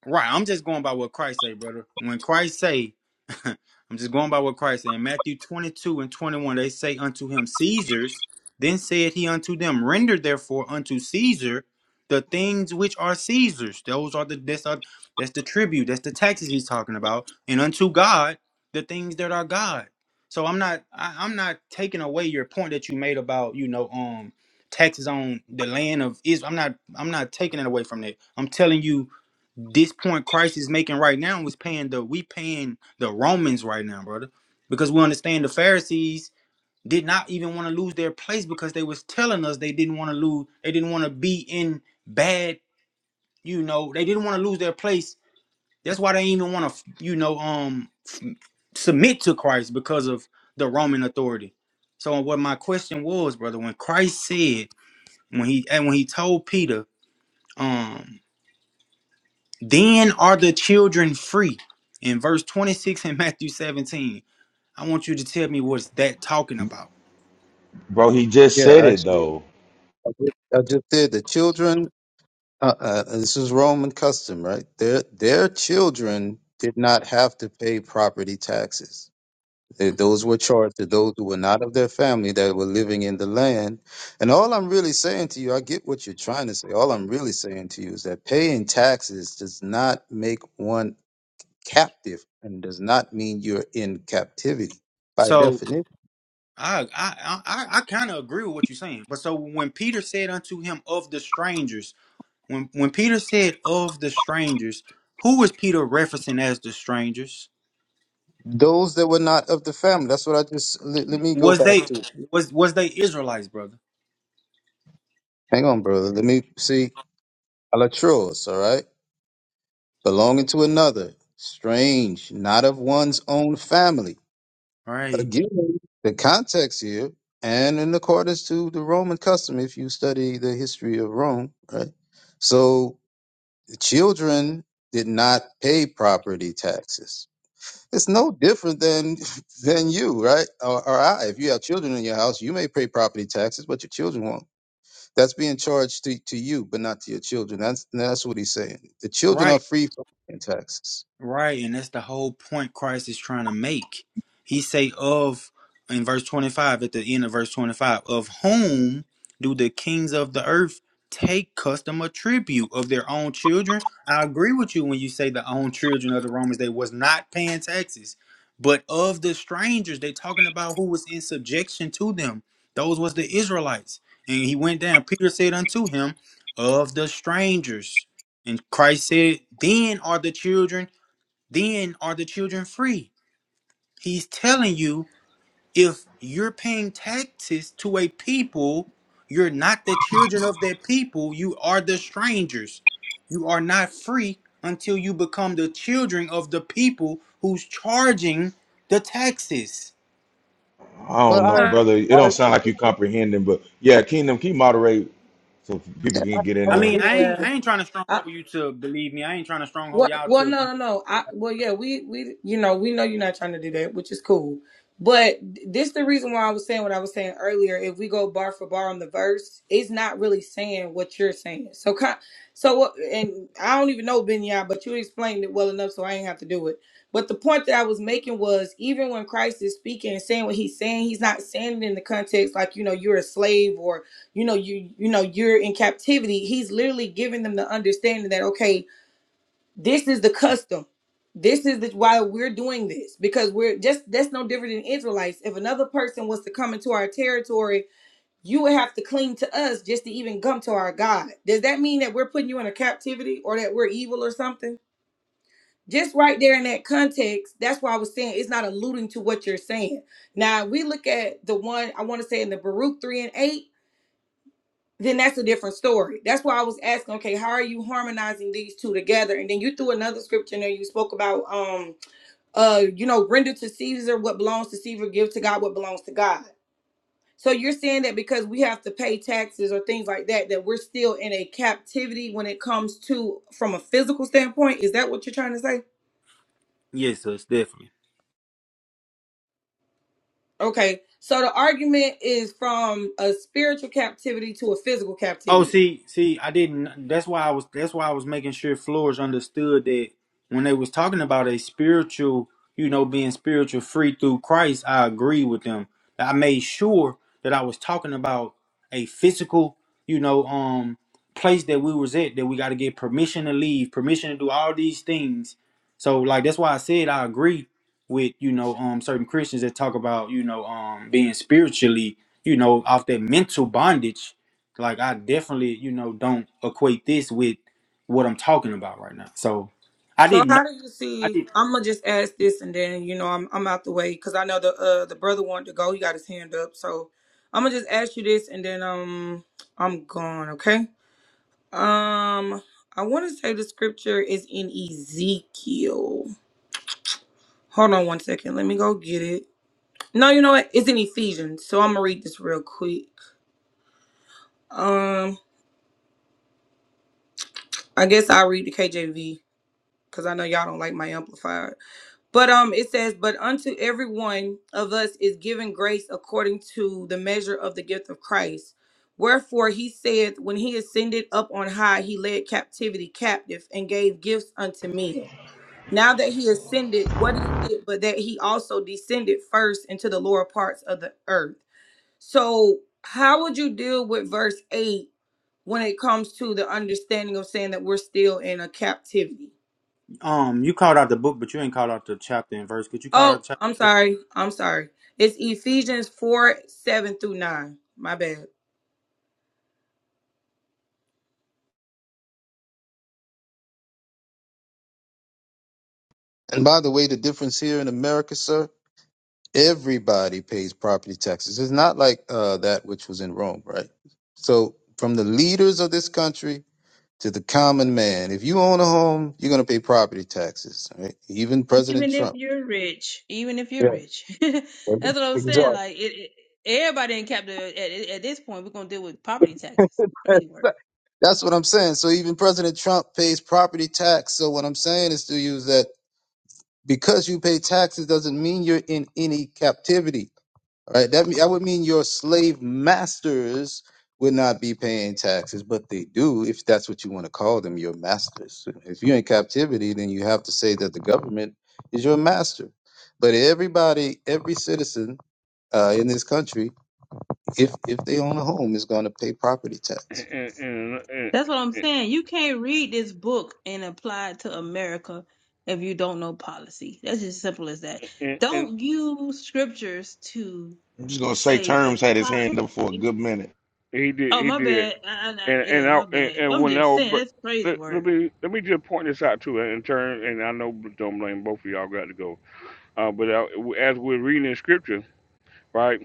Right. I'm just going by what Christ say, brother. When Christ say, I'm just going by what Christ say. In Matthew 22 and 21, they say unto him, Caesar's. Then said he unto them, Render therefore unto Caesar the things which are Caesar's. Those are the that's, are, that's the tribute. That's the taxes he's talking about. And unto God the things that are God. So I'm not I, I'm not taking away your point that you made about you know um taxes on the land of Israel. I'm not I'm not taking it away from that. I'm telling you this point Christ is making right now is paying the we paying the Romans right now, brother, because we understand the Pharisees did not even want to lose their place because they was telling us they didn't want to lose, they didn't want to be in bad, you know, they didn't want to lose their place. That's why they even want to, you know, um, submit to Christ because of the Roman authority. So what my question was, brother, when Christ said when he and when he told Peter, um. Then are the children free. In verse 26 in Matthew 17, I want you to tell me what's that talking about. Bro, he just Yeah, said it actually, though. I just, I just did the children Uh, uh, this is Roman custom, right? Their their children did not have to pay property taxes. They, those were charged to those who were not of their family that were living in the land. And all I'm really saying to you, I get what you're trying to say. All I'm really saying to you is that paying taxes does not make one captive and does not mean you're in captivity by So definition. I I I, I kind of agree with what you're saying. But so when Peter said unto him of the strangers, when when Peter said of the strangers, who was Peter referencing as the strangers? Those that were not of the family. That's what I just. Let, let me go Was back they to. was was they Israelites, brother? Hang on, brother. Let me see. Alatros, all right? belonging to another, strange, not of one's own family. Right. Again, the context here, and in accordance to the Roman custom, if you study the history of Rome, right? So the children did not pay property taxes. It's no different than than you, right? Or, or I. If you have children in your house, you may pay property taxes, but your children won't. That's being charged to, to you, but not to your children. That's that's what he's saying. The children are Right. free from paying taxes. Right, and that's the whole point Christ is trying to make. He say of in verse 25 at the end of verse 25 of whom do the kings of the earth take custom or tribute of their own children? I agree with you when you say the own children of the Romans they was not paying taxes, but of the strangers they talking about who was in subjection to them. Those was the Israelites. And he went down. Peter said unto him, of the strangers. And Christ said, then are the children then are the children free? He's telling you if you're paying taxes to a people, you're not the children of that people, you are the strangers. You are not free until you become the children of the people who's charging the taxes. I Well, That's don't know, I, not brother. It I, I don't sound like you comprehending, but yeah, Kingdom, can you moderate so people can get I in I there? mean, agree I with ain't you. Yeah, I ain't trying to stronghold you to believe me. I ain't trying to stronghold Well, y'all well, to no, no, no. I, well, yeah, we, we, you know, we know you're not trying to do that, which is cool. But th- this the reason why I was saying what I was saying earlier. If we go bar for bar on the verse, it's not really saying what you're saying. So, ki- so, what- and I don't even know Benya, but you explained it well enough, so I ain't have to do it. But the point that I was making was, even when Christ is speaking and saying what he's saying, he's not saying it in the context like you know you're a slave or you know you you know you're in captivity. He's literally giving them the understanding that okay this is the custom. This is the, why we're doing this because we're just that's no different than Israelites. If another person was to come into our territory, you would have to cling to us just to even come to our God. Does that mean that we're putting you in a captivity or that we're evil or something? Just right there in that context, that's why I was saying it's not alluding to what you're saying. Now we look at the one I want to say in the Baruch three and eight then that's a different story. That's why I was asking, okay, how are you harmonizing these two together? And then you threw another scripture in there. You spoke about, um, uh, you know, render to Caesar what belongs to Caesar, give to God what belongs to God. So you're saying that because we have to pay taxes or things like that, that we're still in a captivity when it comes to from a physical standpoint. Is that what you're trying to say? Yes, sis, definitely. Okay. So the argument is from a spiritual captivity to a physical Oh, captivity. see, see, I didn't. That's why I was. That's why I was making sure Flores understood that when they was talking about a spiritual, you know, being spiritual free through Christ. I agree with them. I made sure that I was talking about a physical, you know, um, place that we was at that we got to get permission to leave, permission to do all these things. So, like, that's why I said I agree with you know, um, certain Christians that talk about you know, um, being spiritually, you know, off that mental bondage like I definitely, you know, don't equate this with what I'm talking about right now. So I So didn't know. how do you I see? did. I'm gonna just ask this, and then you know I'm I'm out the way because I know the uh the brother wanted to go. He got his hand up, so I'm gonna just ask you this, and then um I'm gone. Okay. Um, I want to say the scripture is in Ezekiel. Hold on one second. Let me go get it. No, you know what? It's in Ephesians. So I'm gonna read this real quick. Um, I guess I'll read the KJV because I know y'all don't like my amplified. But um, it says, but unto every one of us is given grace according to the measure of the gift of Christ. Wherefore he said, when he ascended up on high, he led captivity captive and gave gifts unto men. Now that he ascended, what is it but that he also descended first into the lower parts of the earth? So, how would you deal with verse 8 when it comes to the understanding of saying that we're still in a captivity? Um, you called out the book, but you ain't called out the chapter and verse. Could you call out Oh, the chapter? I'm And verse? sorry. I'm sorry. It's Ephesians 4 7 through 9. My bad. And by the way, the difference here in America, sir, everybody pays property taxes. It's not like uh, that which was in Rome, right? So, from the leaders of this country to the common man, if you own a home, you're going to pay property taxes, right? Even President Even if Trump. you're rich, even if you're Yeah, rich, that's what I'm saying. exactly. Like it, it- everybody in capital at, at at this point, we're gonna deal with property taxes. Crazy work. That's what I'm saying. So, even President Trump pays property tax. So, what I'm saying is to you is that because you pay taxes doesn't mean you're in any captivity All right, that me- that would mean your slave masters would not be paying taxes, but they do if that's what you want to call them, your masters. If you're in captivity, then you have to say that the government is your master. But everybody, every citizen uh, in this country, if if they own a home, is going to pay property tax. and, and, That's what I'm saying. You can't read this book and apply it to America if you don't know policy. That's just simple as that. and, and and Don't use scriptures to I'm just gonna say say the terms had his hand up for a policy. good minute. he did. Oh, He my did. bad. I, I, I- And yeah, and I my and, bad. and I'm when I just was saying br- that's crazy let, let work. me let me just point this out too. In turn, and I know don't blame both of y'all. Got to go. Uh, but I, as we're reading in scripture, right?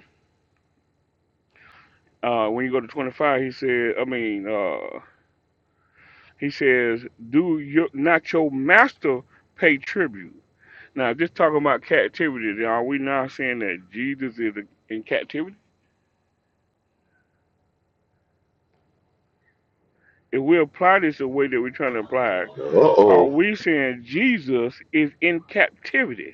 Uh, when you go to twenty five, he said. I mean. Uh, He says, "Do your not your master pay tribute?" Now, just talking about captivity, are we now saying that Jesus is in captivity? If we apply this the way that we're trying to apply it, Uh are oh. we saying Jesus is in captivity?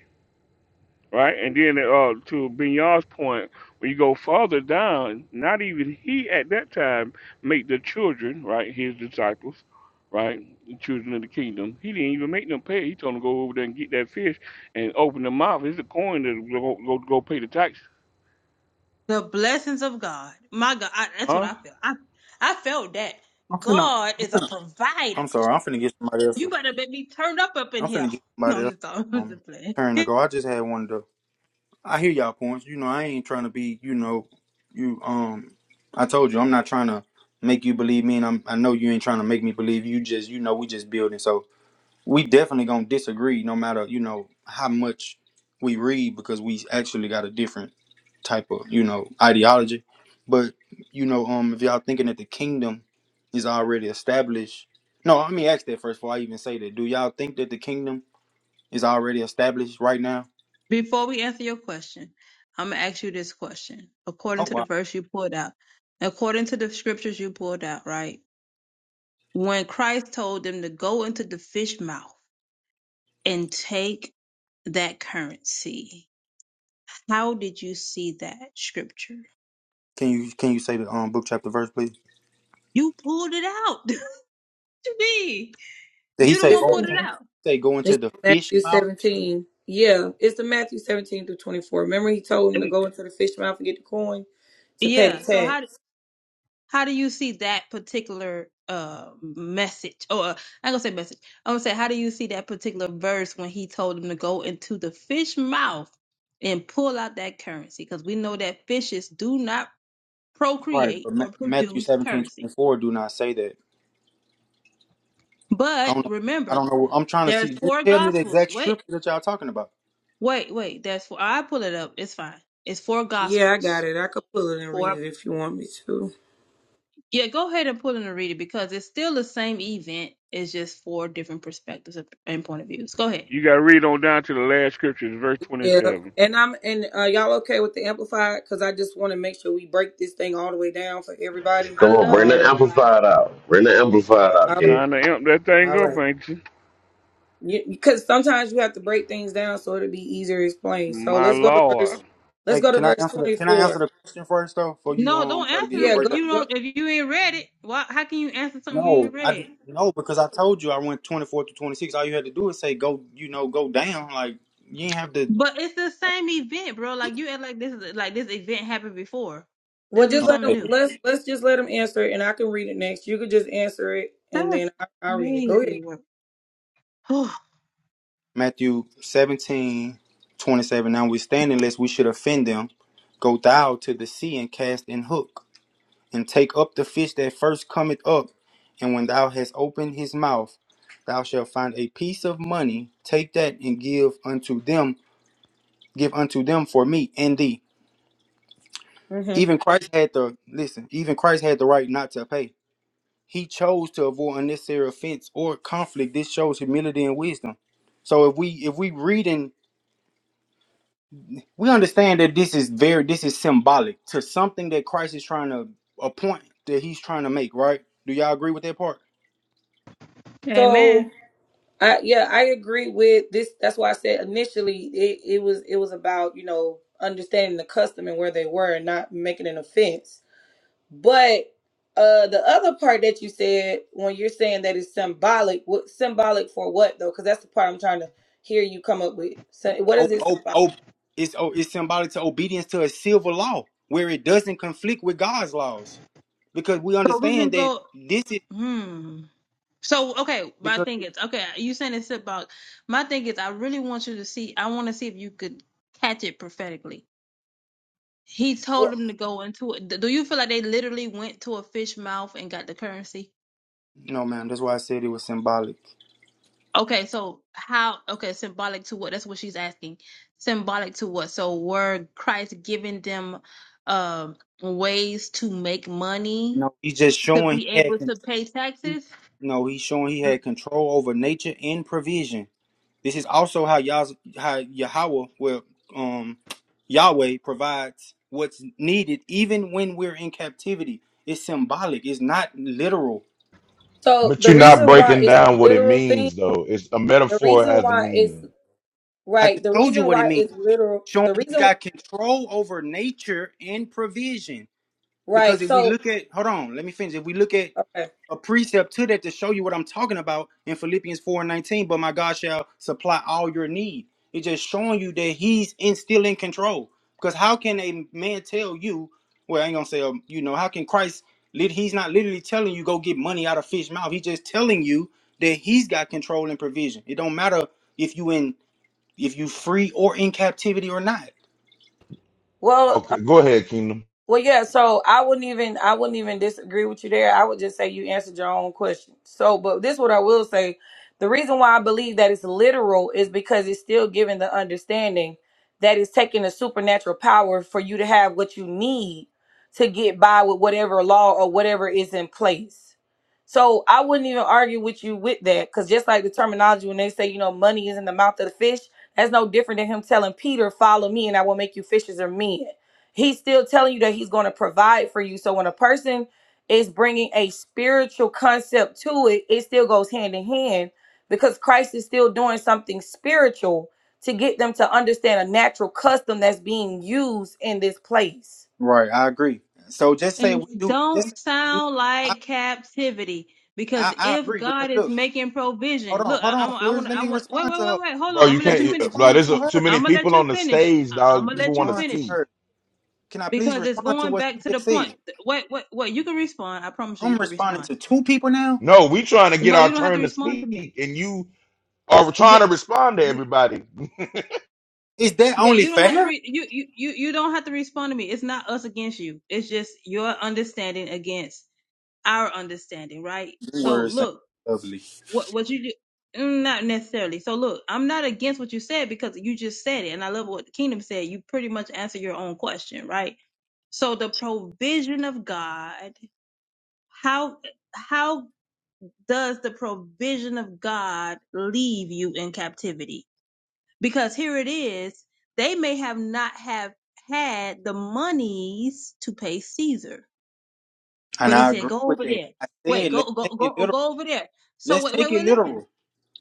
right? And then uh, to Bignon's point, when you go farther down, not even he at that time made the children, right, his disciples, right, the children of the kingdom. He didn't even make them pay. He told them to go over there and get that fish and open the mouth. It's a coin to go, go, go pay the tax, The blessings of God. My God, I, that's what huh? I feel. I I felt that I'm finna. God I'm, is a finna, provider. I'm sorry. I'm finna get somebody else. You to- better make me turn up up in I'm here. finna get No, somebody I'm else. just talking. I'm Um, just playing. turn to go. I just had one of the. I hear y'all points. You know, I ain't trying to be. You know, you. Um, I told you, I'm not trying to make you believe me, and I'm. I know you ain't trying to make me believe you. Just, you know, we just building. So we definitely gonna disagree no matter you know how much we read because we actually got a different type of you know ideology but you know um if y'all thinking that the kingdom is already established no let me ask that first before i even say that do y'all think that the kingdom is already established right now Before we answer your question, I'm gonna ask you this question. According oh to the wow verse you pulled out, according to the scriptures you pulled out, right? When Christ told them to go into the fish mouth and take that currency, How did you see that scripture? can you can you say the um book chapter verse please You pulled it out. to me. did he You the say one It's, go pulled in- it into the out. say go it's into the fish Matthew mouth 17. Yeah, it's the Matthew 17 through 24. Remember, he told him to Mm. go into the fish mouth and get the coin to pay the Yeah. So how tax. how do you see that particular uh message? Or uh, I'm gonna say message. I'm gonna say how do you see that particular verse when he told him to go into the fish mouth and pull out that currency? Because we know that fishes do not right procreate but Ma- or matthew produce 17 currency. 24 do not say that I But don't know. I remember, don't know. I'm trying to there's see. Just four tell me the gospels. exact Wait. scripture that y'all talking about. Wait, wait. That's for I pull it up. It's fine. It's four Yeah, I got gospels. it. I could pull it and Four. read it if you want me to. Yeah, go ahead and pull it and read it because it's still the same event. It's just four different perspectives and point of views. Go ahead. You got to read on down to the last scriptures, verse Yeah, 27. and I'm and uh, y'all okay with the amplified? Cause I just want to make sure we break this thing all the way down for everybody. I Come on, love bring the the Um, Amplified. amplified out. Bring the amplified all out, You right, kid. trying to amp that thing all right. up, ain't you? You, because sometimes you have to break things down so it'll be easier to explain. So My let's go to verse. Lord. Let's Hey, go to can I verse answer the Can I answer twenty-four. the question first though? Before you No, um don't try to get answer your it Yeah, go. if breakdown. you go. don't. If you ain't read it, why? How can you answer something you No, ain't I d- read? no because I told you I went 24 to 26. All you had to do is say go. You know, go down. Like you ain't have to. But it's the same event, bro. Like you act like this is like this event happened before. Well, This just was let something them. Okay. new. Let's let's just let them answer it, and I can read it next. You could just answer it, and That's then I, I'll read it. Go ahead. crazy work. Matthew 17 27. Now we stand unless we should offend them. Go thou to the sea and cast in hook. and take up the fish that first cometh up, and when thou hast opened his mouth, thou shalt find a piece of money. Take that and give unto them, give unto them for me and thee. hmm Even Christ had the listen. Even Christ had the right not to pay. He chose to avoid unnecessary offense or conflict. This shows humility and wisdom. So if we if we reading, we understand that this is very this is symbolic to something that Christ is trying to a point that he's trying to make. Right? Do y'all agree with that part? So, Amen. I, yeah, I agree with this. That's why I said initially it, it was it was about you know understanding the custom and where they were, and not making an offense But uh the other part that you said when you're saying that it's symbolic, what symbolic for what though? Because that's the part I'm trying to hear you come up with. So what Oh, is it oh, symbolic? oh, it's oh, it's symbolic to obedience to a civil law where it doesn't conflict with God's laws, because we So we can understand that go. this is Hmm. So okay, my because thing is okay. You saying it's about my thing is I really want you to see. I want to see if you could catch it prophetically. He told for? them to go into it. Do you feel like they literally went to a fish mouth and got the currency? no, ma'am. That's why I said it was symbolic. Okay, so how? Okay, symbolic to what? That's what she's asking. Symbolic to what? So were Christ giving them um ways to make money No, he's just to showing be he had able con- to pay taxes? no, he's showing he had control over nature and provision. This is also how Yah's, how Yahweh will um Yahweh provides what's needed even when we're in captivity. It's symbolic. It's not literal. So But the you're not reason why breaking it's a down what it literal thing, means though. It's a the metaphor reason has a why it's meaning. I right, just the told you reason what it why means. it's literal, showing the he reason got control over nature and provision. Because right. if we So look at, hold on, let me finish. If we look at okay. a precept to that to show you what I'm talking about in Philippians 4 and 19, but my God shall supply all your need. It's just showing you that he's in, still in control. Because how can a man tell you, well, I ain't gonna say, um, you know, how can Christ, lit- he's not literally telling you go get money out of fish mouth. He's just telling you that he's got control and provision. It don't matter if you in, if you free or in captivity or not Well, Okay, go ahead, Kingdom. Well, yeah. So I wouldn't even I wouldn't even disagree with you there. I would just say you answered your own question. So, but this is what I will say: the reason why I believe that it's literal is because it's still giving the understanding that it's taking a supernatural power for you to have what you need to get by with whatever law or whatever is in place. So I wouldn't even argue with you with that because just like the terminology when they say you know money is in the mouth of the fish, that's no different than him telling Peter, "Follow me, and I will make you fishers of men." He's still telling you that he's going to provide for you. So when a person is bringing a spiritual concept to it, it still goes hand in hand because Christ is still doing something spiritual to get them to understand a natural custom that's being used in this place. Right, I agree. So just say And we it do. Just don't say we do. sound I, like captivity because I I if agree because God is look, making hold provision, on, look, hold I, on, I'm, I Flores. want, Let I me want, wait, respond wait, to wait, her. wait, hold on, Bro, I'm you gonna Let let me you can't uh, finish. bro, respond there's uh, to too her. many I'm gonna let people you on the finish. stage, I, I'm dog. gonna People let you want to Respond to finish speak. her. Can I please because it's respond to going what back she to the just point. said? Wait, wait, wait. You can respond. I promise you, you I'm can responding respond. to two people now. No, we trying to get No, you our don't have to turn to respond to speak, me. and you are trying Yeah, to respond to you, everybody. Is that yeah. only You don't have to. fair? Re- you, you, you, you don't have to respond to me. It's not us against you. It's just your understanding against our understanding, right? Your So Words sound look. lovely, what what you do Mm, not necessarily so look i'm not against what you said because you just said it and i love what the kingdom said you pretty much answer your own question right so the provision of god how how does the provision of god leave you in captivity because here it is they may have not have had the monies to pay caesar and but he I said agree go with over that. there I wait said go let's go take it go literal. go over there so Let's wait wait take it wait listen literal.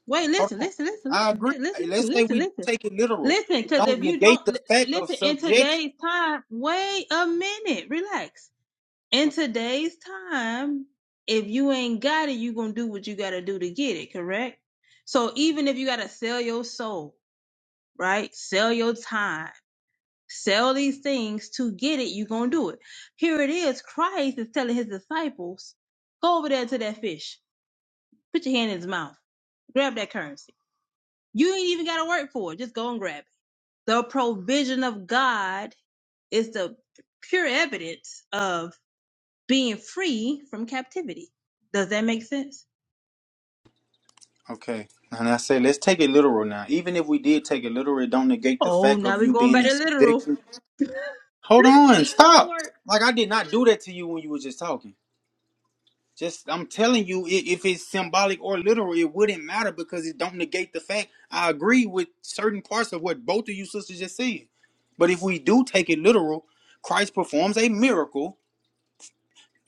Wait, Hold listen, on. listen, listen, listen, I agree. li- listen, Hey, listen, Let's say listen, we do listen. take it literal. Listen, It because don't if you negate don't the li- fact of listen in subjection. today's time, wait a minute, relax. In today's time, if you ain't got it, you gonna do what you gotta do to get it, correct? So even if you gotta sell your soul, right? Sell your time, sell these things to get it, you gonna do it. Here it is, Christ is telling his disciples, go over there to that fish, put your hand in his mouth, grab that currency you ain't even got to work for it. Just go and grab it. The provision of God is the pure evidence of being free from captivity. Does that make sense? Okay. And I say, let's take it literal now. Even if we did take it literal, it don't negate the Oh, fact now of we're you going being back in to literal. subjection. Hold This is on, crazy stop. work. Like I did not do that to you when you were just talking. Just I'm telling you, i- if it's symbolic or literal, it wouldn't matter because it don't negate the fact. I agree with certain parts of what both of you sisters just said. But if we do take it literal, Christ performs a miracle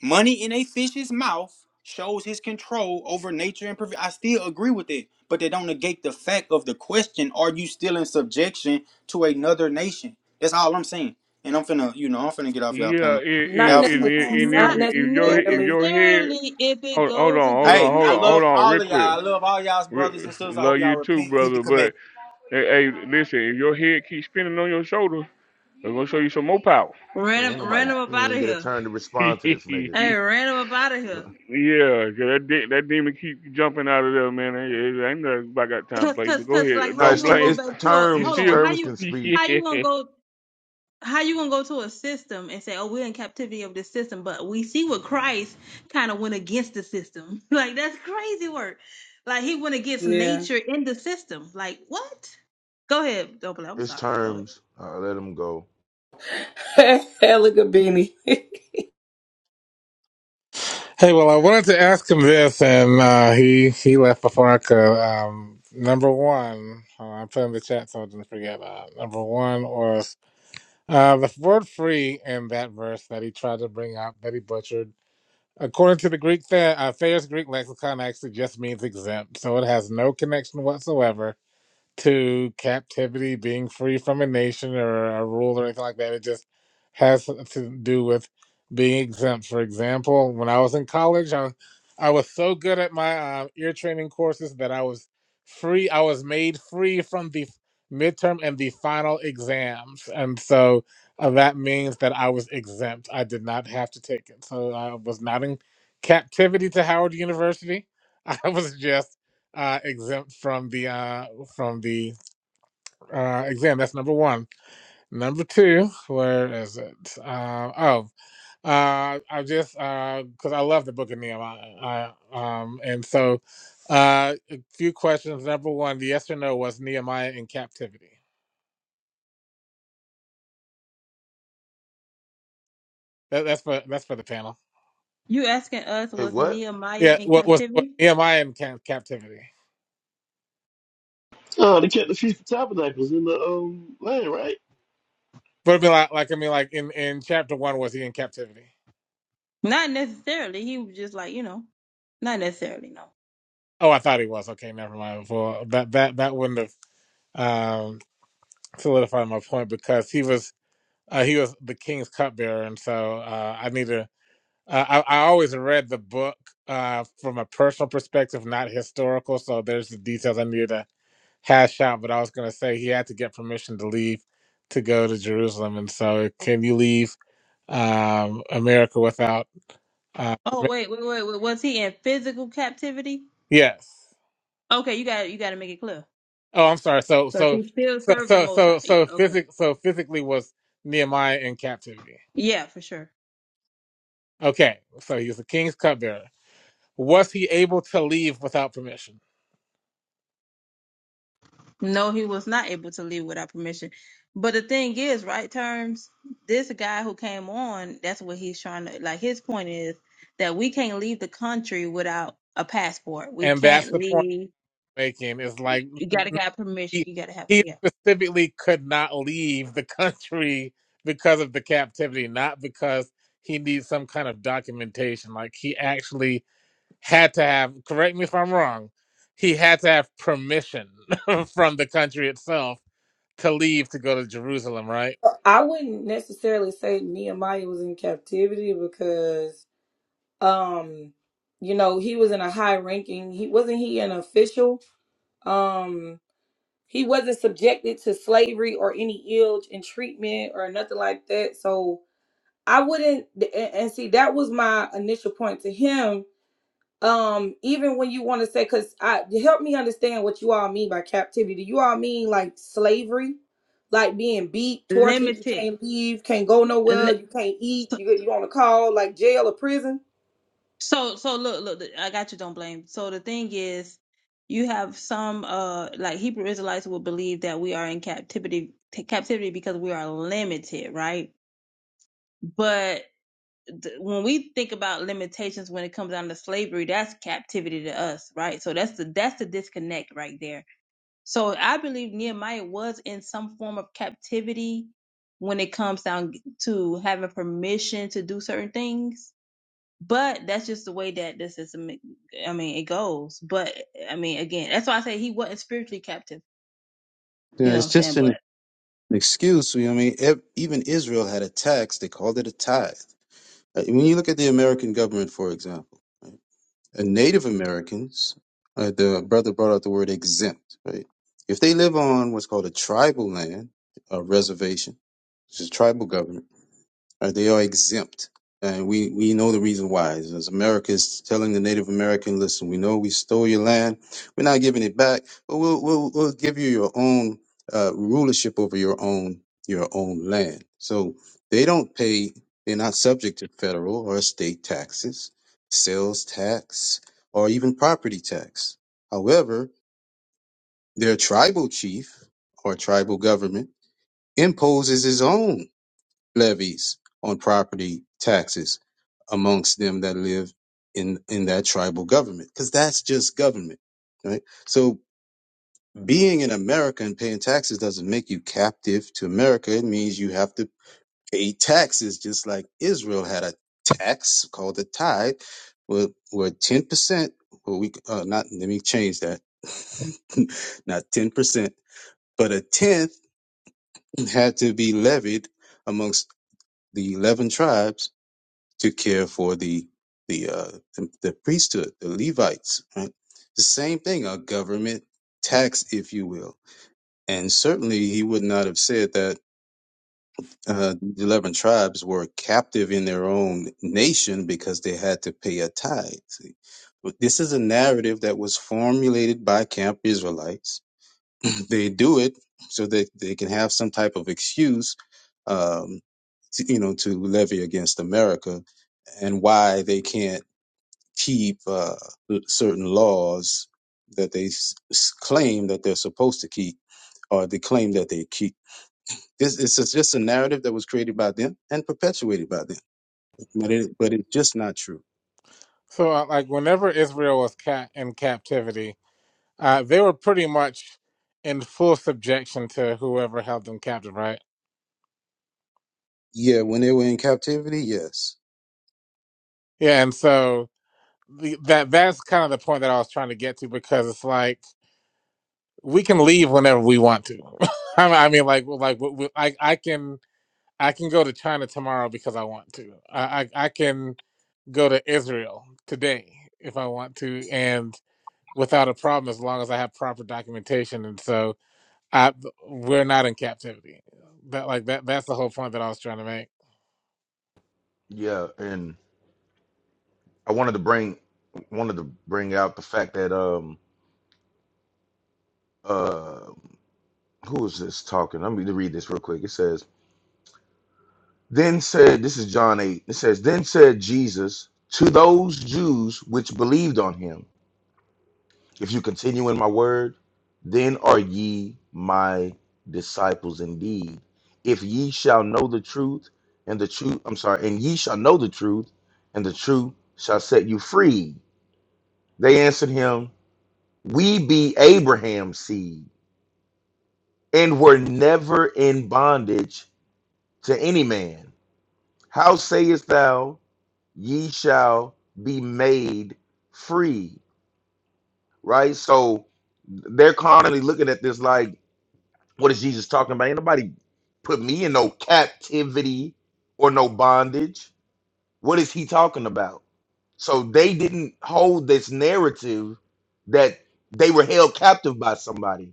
Money in a fish's mouth shows his control over nature and provision. I still agree with it, but they don't negate the fact of the question: Are you still in subjection to another nation? That's all I'm saying. And I'm finna, you know, I'm finna get off y'all Yeah, and, panel. Not Y'all and, and finna. necess- Um, and if, not Not if your if necessarily. your head necessarily if it Hold, hold goes on, hold against on, hey, hold I on, hold nature. love on, all real of quick. y'all. I love all y'all's brothers Re- and sisters. I love hope you y'all too, repent, keep the brother. commandments. But hey, hey, listen, if your head keeps spinning on your shoulder, I'm gonna show you some more power. Man, ain't Random, nobody random up he out of ain't get a here. turn to yeah, respond to this nigga. Hey, random up out of here. So- 'cause that de- that demon keep jumping out of there, man. It, ain't nothing I got time to Cause, play. cause, But go cause, like, ahead, how no, you don't it's gonna ter- go blame. it's back to a? You Hold terms. still, on, how Terms you, can speak. how you gonna yeah. go? how you gonna go to a system and say, "Oh, we're in captivity of this system," but we see what Christ kind of went against the system. Like that's crazy work. Like he went against Yeah. nature in the system. Like what? Go ahead, Double. I'm It's sorry. Go ahead. terms. Uh, let him go. Hella good beanie. Hey, well, I wanted to ask him this, and uh, he he left before I could. Um, number one, hold on, I put in the chat so I didn't forget. Uh, number one was uh, the word "free" in that verse that he tried to bring up that he butchered. According to the Greek Tha- uh, Thayer's Greek lexicon, actually just means exempt, so it has no connection whatsoever to captivity, being free from a nation or a rule or anything like that. It just has to do with being exempt. For example, when I was in college, I, I was so good at my uh, ear training courses that I was free. I was made free from the midterm and the final exams, and so uh, that means that I was exempt. I did not have to take it, so I was not in captivity to Howard University. I was just uh, exempt from the uh, from the uh, exam. That's number one. Number two, where is it? Uh, oh, uh, I just because I love the Book of Nehemiah, I, um, and so uh, a few questions. Number one, the yes or no was Nehemiah in captivity. That, that's for that's for the panel. You asking us Wait, was what? Nehemiah Yeah, in what was, was captivity? Nehemiah in ca- captivity? Oh, they kept the Feast of Tabernacles in the um, land, right? But it'd be like, like I mean, like in in chapter one, was he in captivity? Not necessarily. He was just like you know, not necessarily. No. Oh, I thought he was. Okay, never mind. Well, that that that wouldn't have. Um, solidify my point because he was uh, he was the king's cupbearer, and so uh, I need to. Uh, I, I always read the book uh, from a personal perspective, not historical. So there's the details I needed to hash out. But I was going to say he had to get permission to leave to go to Jerusalem, and so can you leave um, America without? Uh, Oh permi- wait, wait, wait, wait. Was he in physical captivity? yes. Okay, you got you got to make it clear Oh, I'm sorry. So because so he still so served the so Most High. so Yeah. so, Okay. physic- so physically was Nehemiah in captivity. Yeah, for sure. Okay, so he was the king's cupbearer. Was he able to leave without permission? No, he was not able to leave without permission. But the thing is, right terms, this guy who came on, that's what he's trying to like his point is that we can't leave the country without a passport. We And that's can't the point leave. I'm making is like You gotta get permission. he, You gotta have he yeah. specifically could not leave the country because of the captivity, not because he needs some kind of documentation. Like he actually had to have, correct me if I'm wrong, he had to have permission from the country itself to leave to go to Jerusalem, right? I wouldn't necessarily say Nehemiah was in captivity because um you know he was in a high ranking he wasn't he an official um he wasn't subjected to slavery or any ill and treatment or nothing like that so i wouldn't and, and see that was my initial point to him um even when you want to say because i help me understand what you all mean by captivity do you all mean like slavery like being beat tortured you Limited. can't leave can't go nowhere Li- you can't eat so, you, you on a call like jail or prison So so look look th- I got you don't blame. So the thing is you have some uh like Hebrew Israelites will believe that we are in captivity t- captivity because we are limited, right? But th- when we think about limitations when it comes down to slavery, that's captivity to us, right? So that's the that's the disconnect right there. So I believe Nehemiah was in some form of captivity when it comes down to having permission to do certain things but that's just the way that this is. I mean, it goes. But I mean, again, that's why I say he wasn't spiritually captive. You Yeah, know what it's I'm just saying? an But an excuse. You know what I mean, Ev- even Israel had a tax. They called it a tithe. Uh, When you look at the American government, for example, right, and Native Americans, uh, the brother brought out the word exempt. Right, if they live on what's called a tribal land, a reservation, which is tribal government uh, they are exempt. And we, we know the reason why. As America is telling the Native American, listen, we know we stole your land. We're not giving it back, but we'll, we'll, we'll give you your own uh, rulership over your own, your own land. So they don't pay, they're not subject to federal or state taxes, sales tax, or even property tax. However, their tribal chief or tribal government imposes his own levies on property taxes amongst them that live in in that tribal government because that's just government right so being in america and paying taxes doesn't make you captive to america it means you have to pay taxes just like israel had a tax called the tithe where, where 10% well we uh, not let me change that not 10% but a tenth had to be levied amongst the 11 tribes to care for the the uh, the, the priesthood, the Levites. Right? The same thing, a government tax, if you will. And certainly, he would not have said that uh, the eleven tribes were captive in their own nation because they had to pay a tithe. See? But this is a narrative that was formulated by camp Israelites. They do it so that they can have some type of excuse, um, to, you know, to levy against America and why they can't keep uh, certain laws that they s- s- claim that they're supposed to keep or they claim that they keep. This is just just a narrative that was created by them and perpetuated by them, but it but it's just not true. So, uh, like, whenever Israel was cat in captivity, Uh, they were pretty much in full subjection to whoever held them captive, right? Yeah, when they were in captivity, yes. Yeah, and so the, that that's kind of the point that I was trying to get to because it's like we can leave whenever we want to. I mean, I mean, like like we, we- I I can I can go to China tomorrow because I want to. I, I I can go to Israel today if I want to, and without a problem as long as I have proper documentation. And so I we're not in captivity. That like that that's the whole point that I was trying to make. Yeah, and I wanted to bring wanted to bring out the fact that um uh who is this talking? Let me read this real quick. It says, Then said this is John eight. It says, Then said Jesus to those Jews which believed on him. If you continue in my word, then are ye my disciples indeed. If ye shall know the truth, and the truth, I'm sorry, and ye shall know the truth, and the truth shall set you free. They answered him, We be Abraham's seed, and were never in bondage to any man. How sayest thou, ye shall be made free? Right? So they're constantly looking at this like, What is Jesus talking about? Ain't nobody put me in no captivity or no bondage. What is he talking about? So they didn't hold this narrative that they were held captive by somebody.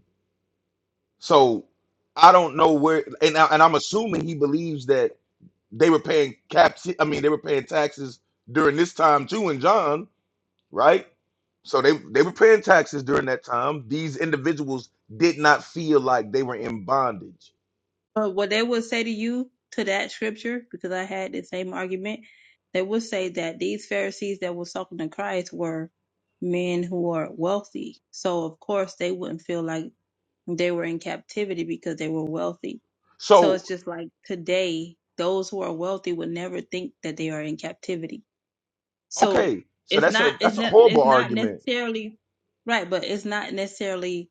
So I don't know where, and, I, and I'm assuming he believes that they were paying caps. I mean, they were paying taxes during this time too, in John, right? So they they were paying taxes during that time. These individuals did not feel like they were in bondage. but what they would say to you to that scripture, because I had the same argument, they would say that these Pharisees that were talking to Christ were men who are wealthy. So of course they wouldn't feel like they were in captivity because they were wealthy. So So it's just like today, those who are wealthy would never think that they are in captivity So Okay, so it's that's not a it's that's a not horrible it's not argument. necessarily right, but it's not necessarily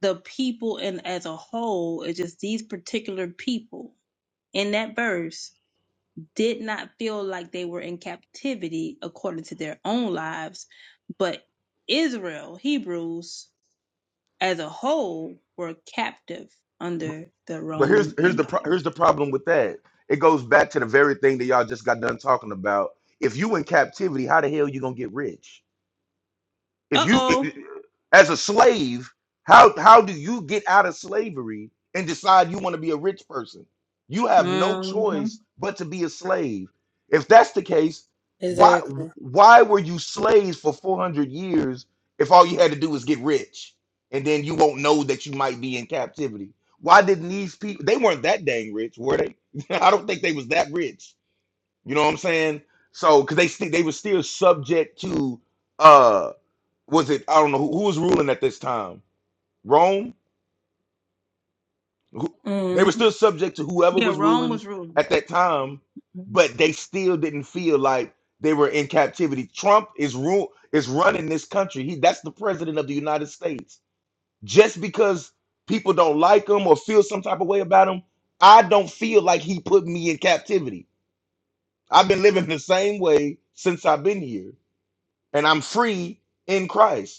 the people and as a whole. It's just these particular people in that verse did not feel like they were in captivity according to their own lives, but Israel, Hebrews as a whole were captive under the But here's Roman here's the pro- Empire. here's the problem with that. It goes back to the very thing that y'all just got done talking about. If you in captivity, how the hell you gonna get rich? if Uh you oh. as a slave how how do you get out of slavery and decide you want to be a rich person you have no hmm choice but to be a slave if that's the case why exactly why were you slaves for 400 years if all you had to do was get rich and then you won't know that you might be in captivity why didn't these people they weren't that dang rich were they i don't think they was that rich you know what i'm saying so because they st- they were still subject to uh was it I don't know who, who was ruling at this time. Rome. Who, they were still subject to whoever Yeah, was Rome ruling was ruling. at that time, but they still didn't feel like they were in captivity. Trump is rule is running this country. He that's the president of the United States. Just because people don't like him or feel some type of way about him, I don't feel like he put me in captivity. I've been living the same way since I've been here, and I'm free in Christ.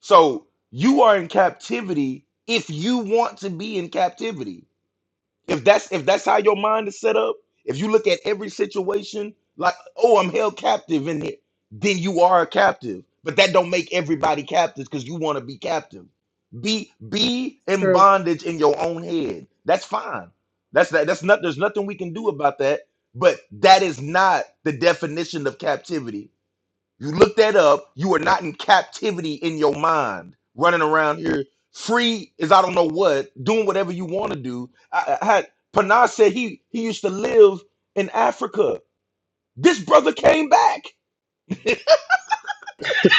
So you are in captivity if you want to be in captivity. If that's if that's how your mind is set up, if you look at every situation like, oh, I'm held captive in here, then you are a captive. But that don't make everybody captive because you want to be captive. Be be in True. bondage in your own head. That's fine. That's that. That's not. There's nothing we can do about that. But that is not the definition of captivity you look that up. You are not in captivity in your mind, running around here free as I don't know what, doing whatever you want to do. I, I had Panas said he he used to live in Africa. This brother came back.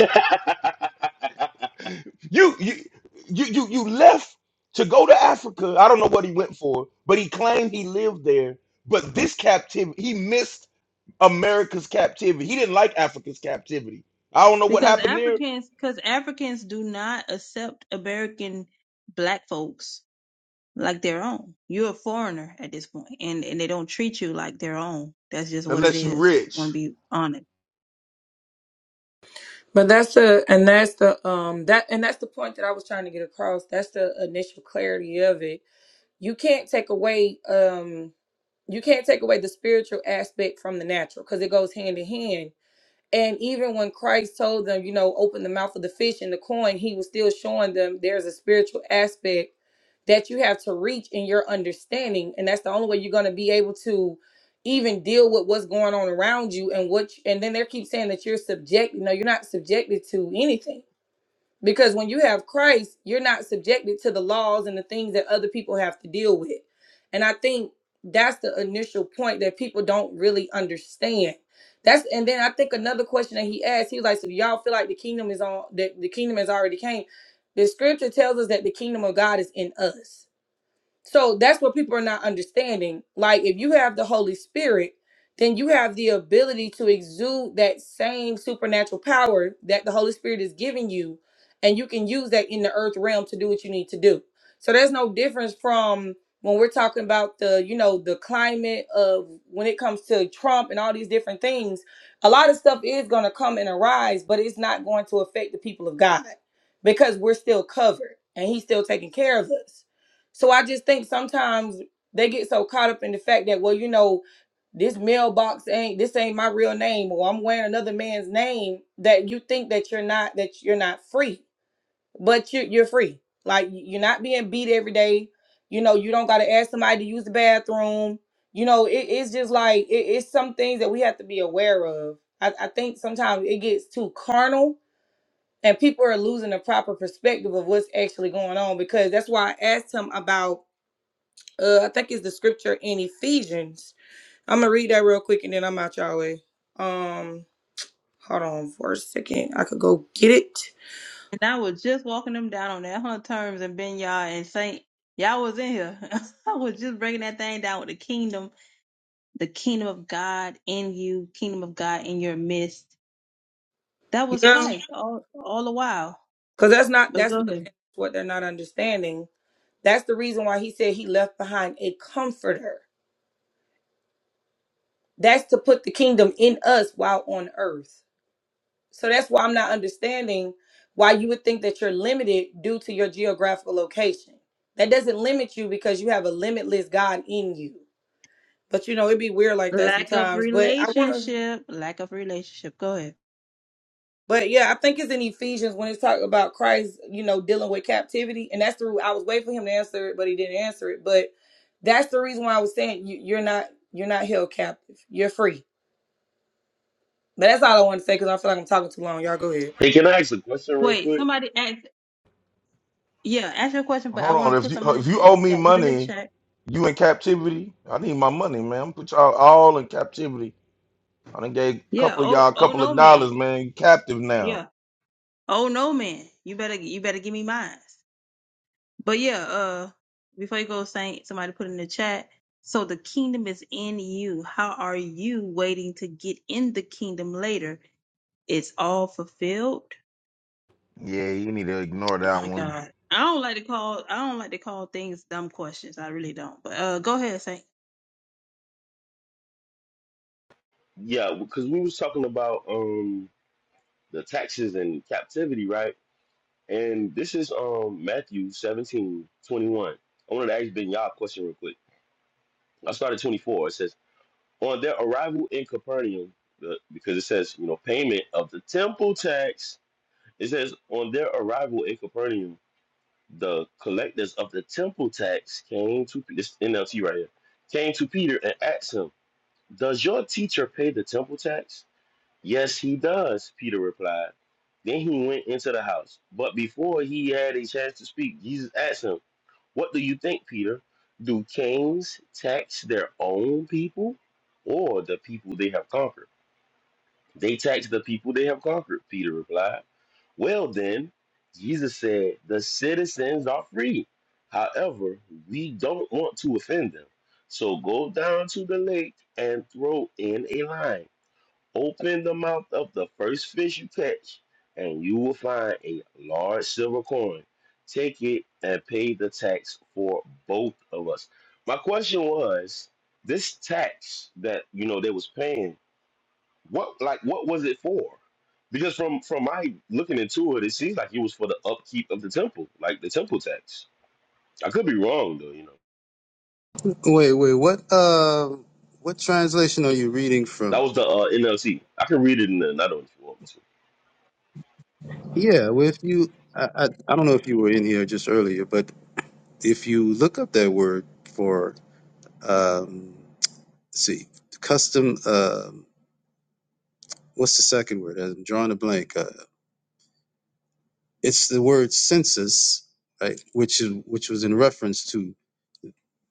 You you you you you left to go to Africa. I don't know what he went for, but he claimed he lived there. But this captivity, he missed America's captivity. He didn't like Africa's captivity. I don't know what because happened there, Africans because Africans do not accept American black folks like their own. You're a foreigner at this point, and and they don't treat you like their own. That's just what it unless you is. If we rich. want to be honest. But that's the and that's the um that and that's the point that I was trying to get across. That's the initial clarity of it. You can't take away um you can't take away the spiritual aspect from the natural because it goes hand in hand. And even when Christ told them, you know, open the mouth of the fish and the coin, he was still showing them there's a spiritual aspect that you have to reach in your understanding. And that's the only way you're going to be able to even deal with what's going on around you and what, you, and then they keep saying that you're subject, no, you're not subjected to anything because when you have Christ, you're not subjected to the laws and the things that other people have to deal with. And I think that's the initial point that people don't really understand. That's and then I think another question that he asked, he was like, So do y'all feel like the kingdom is on that the kingdom has already came? The scripture tells us that the kingdom of God is in us. So that's what people are not understanding. Like, if you have the Holy Spirit, then you have the ability to exude that same supernatural power that the Holy Spirit is giving you, and you can use that in the earth realm to do what you need to do. So there's no difference from when we're talking about the, you know, the climate of when it comes to Trump and all these different things. A lot of stuff is going to come and arise, but it's not going to affect the people of God because we're still covered and He's still taking care of us. So I just think sometimes they get so caught up in the fact that, well, you know, this mailbox ain't this ain't my real name, or I'm wearing another man's name, that you think that you're not that you're not free, but you you're free. Like y- you're not being beat every day. You know, you don't got to ask somebody to use the bathroom. You know, it, it's just like it, it's some things that we have to be aware of. I, I think sometimes it gets too carnal and people are losing the proper perspective of what's actually going on because that's why I asked him about uh I think it's the scripture in Ephesians. I'm gonna read that real quick and then I'm out y'all way. Um hold on for a second. I could go get it. And I was just walking them down on their hunt terms and Ben Yah and Saint. Y'all was in here. I was just breaking that thing down with the kingdom, the kingdom of God in you, kingdom of God in your midst. That was Yeah. Christ all all the while. Cause that's not But that's go what ahead. what they're not understanding. That's the reason why he said he left behind a comforter. That's to put the kingdom in us while on earth. So that's why I'm not understanding why you would think that you're limited due to your geographical location. That doesn't limit you because you have a limitless God in you. But you know, it'd be weird like that Lack of sometimes. But I want to, relationship. Lack of relationship. Go ahead. but yeah, I think it's in Ephesians when it's talking about Christ, you know, dealing with captivity. And that's the, I was waiting for him to answer it, but he didn't answer it. But that's the reason why I was saying you, you're not, you're not held captive. You're free. But that's all I want to say because I feel like I'm talking too long. Y'all go ahead. hey, can I ask a question real Wait, quick? somebody asked. Yeah, ask your question, but I Hold want on. to If put you uh, something if in you the, owe me that was in the money, chat. you in captivity. I need my money, man. I'm put y'all all in captivity. I done gave a Yeah. couple of Oh, y'all a oh couple no, of man. dollars, man. You captive now. Yeah. Oh no, man. You better, you better give me mine. But yeah. Uh, before you go, Saint, somebody put in the chat. So the kingdom is in you. How are you waiting to get in the kingdom later? It's all fulfilled. Yeah, you need to ignore that My one. God. I don't like to call. I don't like to call things dumb questions. I really don't. But uh, go ahead, Saint. Yeah, because we was talking about um the taxes and captivity, right? And this is um Matthew 17 21. I wanted to ask Ben Yah a question real quick. I started 24. It says, On their arrival in Capernaum, the, because it says, you know, payment of the temple tax. It says, On their arrival in Capernaum, the collectors of the temple tax came to this NLT right here, came to Peter and asked him, Does your teacher pay the temple tax? Yes, he does, Peter replied. Then he went into the house. But before he had a chance to speak, Jesus asked him, What do you think, Peter? Do kings tax their own people or the people they have conquered? They tax the people they have conquered, Peter replied. Well, then, Jesus said, The citizens are free. However, we don't want to offend them. So go down to the lake and throw in a line. Open the mouth of the first fish you catch, and you will find a large silver coin. Take it and pay the tax for both of us. My question was, this tax that you know they was paying, what like what was it for? Because from from my looking into it, it seems like it was for the upkeep of the temple, like the temple tax. I could be wrong though, you know. Wait, wait, what uh, what translation are you reading That from? was the uh, NLT. I can read it in the another one if you want to. Yeah, well, if you, I, I, I don't know if you were in here just earlier, but if you look up that word for, um, let's see, custom. Um what's the second word? I'm drawing a blank. Uh, it's the word census, right? Which is which was in reference to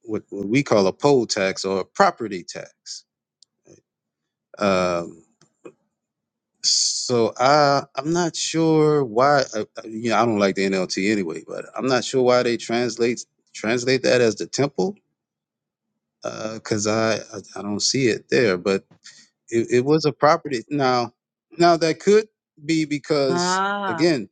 what, what we call a poll tax or a property tax. Um, so I I'm not sure why. Uh, uh, you know, I don't like the NLT anyway, but I'm not sure why they translate translate that as the temple because I, I I don't see it there. But it, it was a property. Now now that could be because Ah, again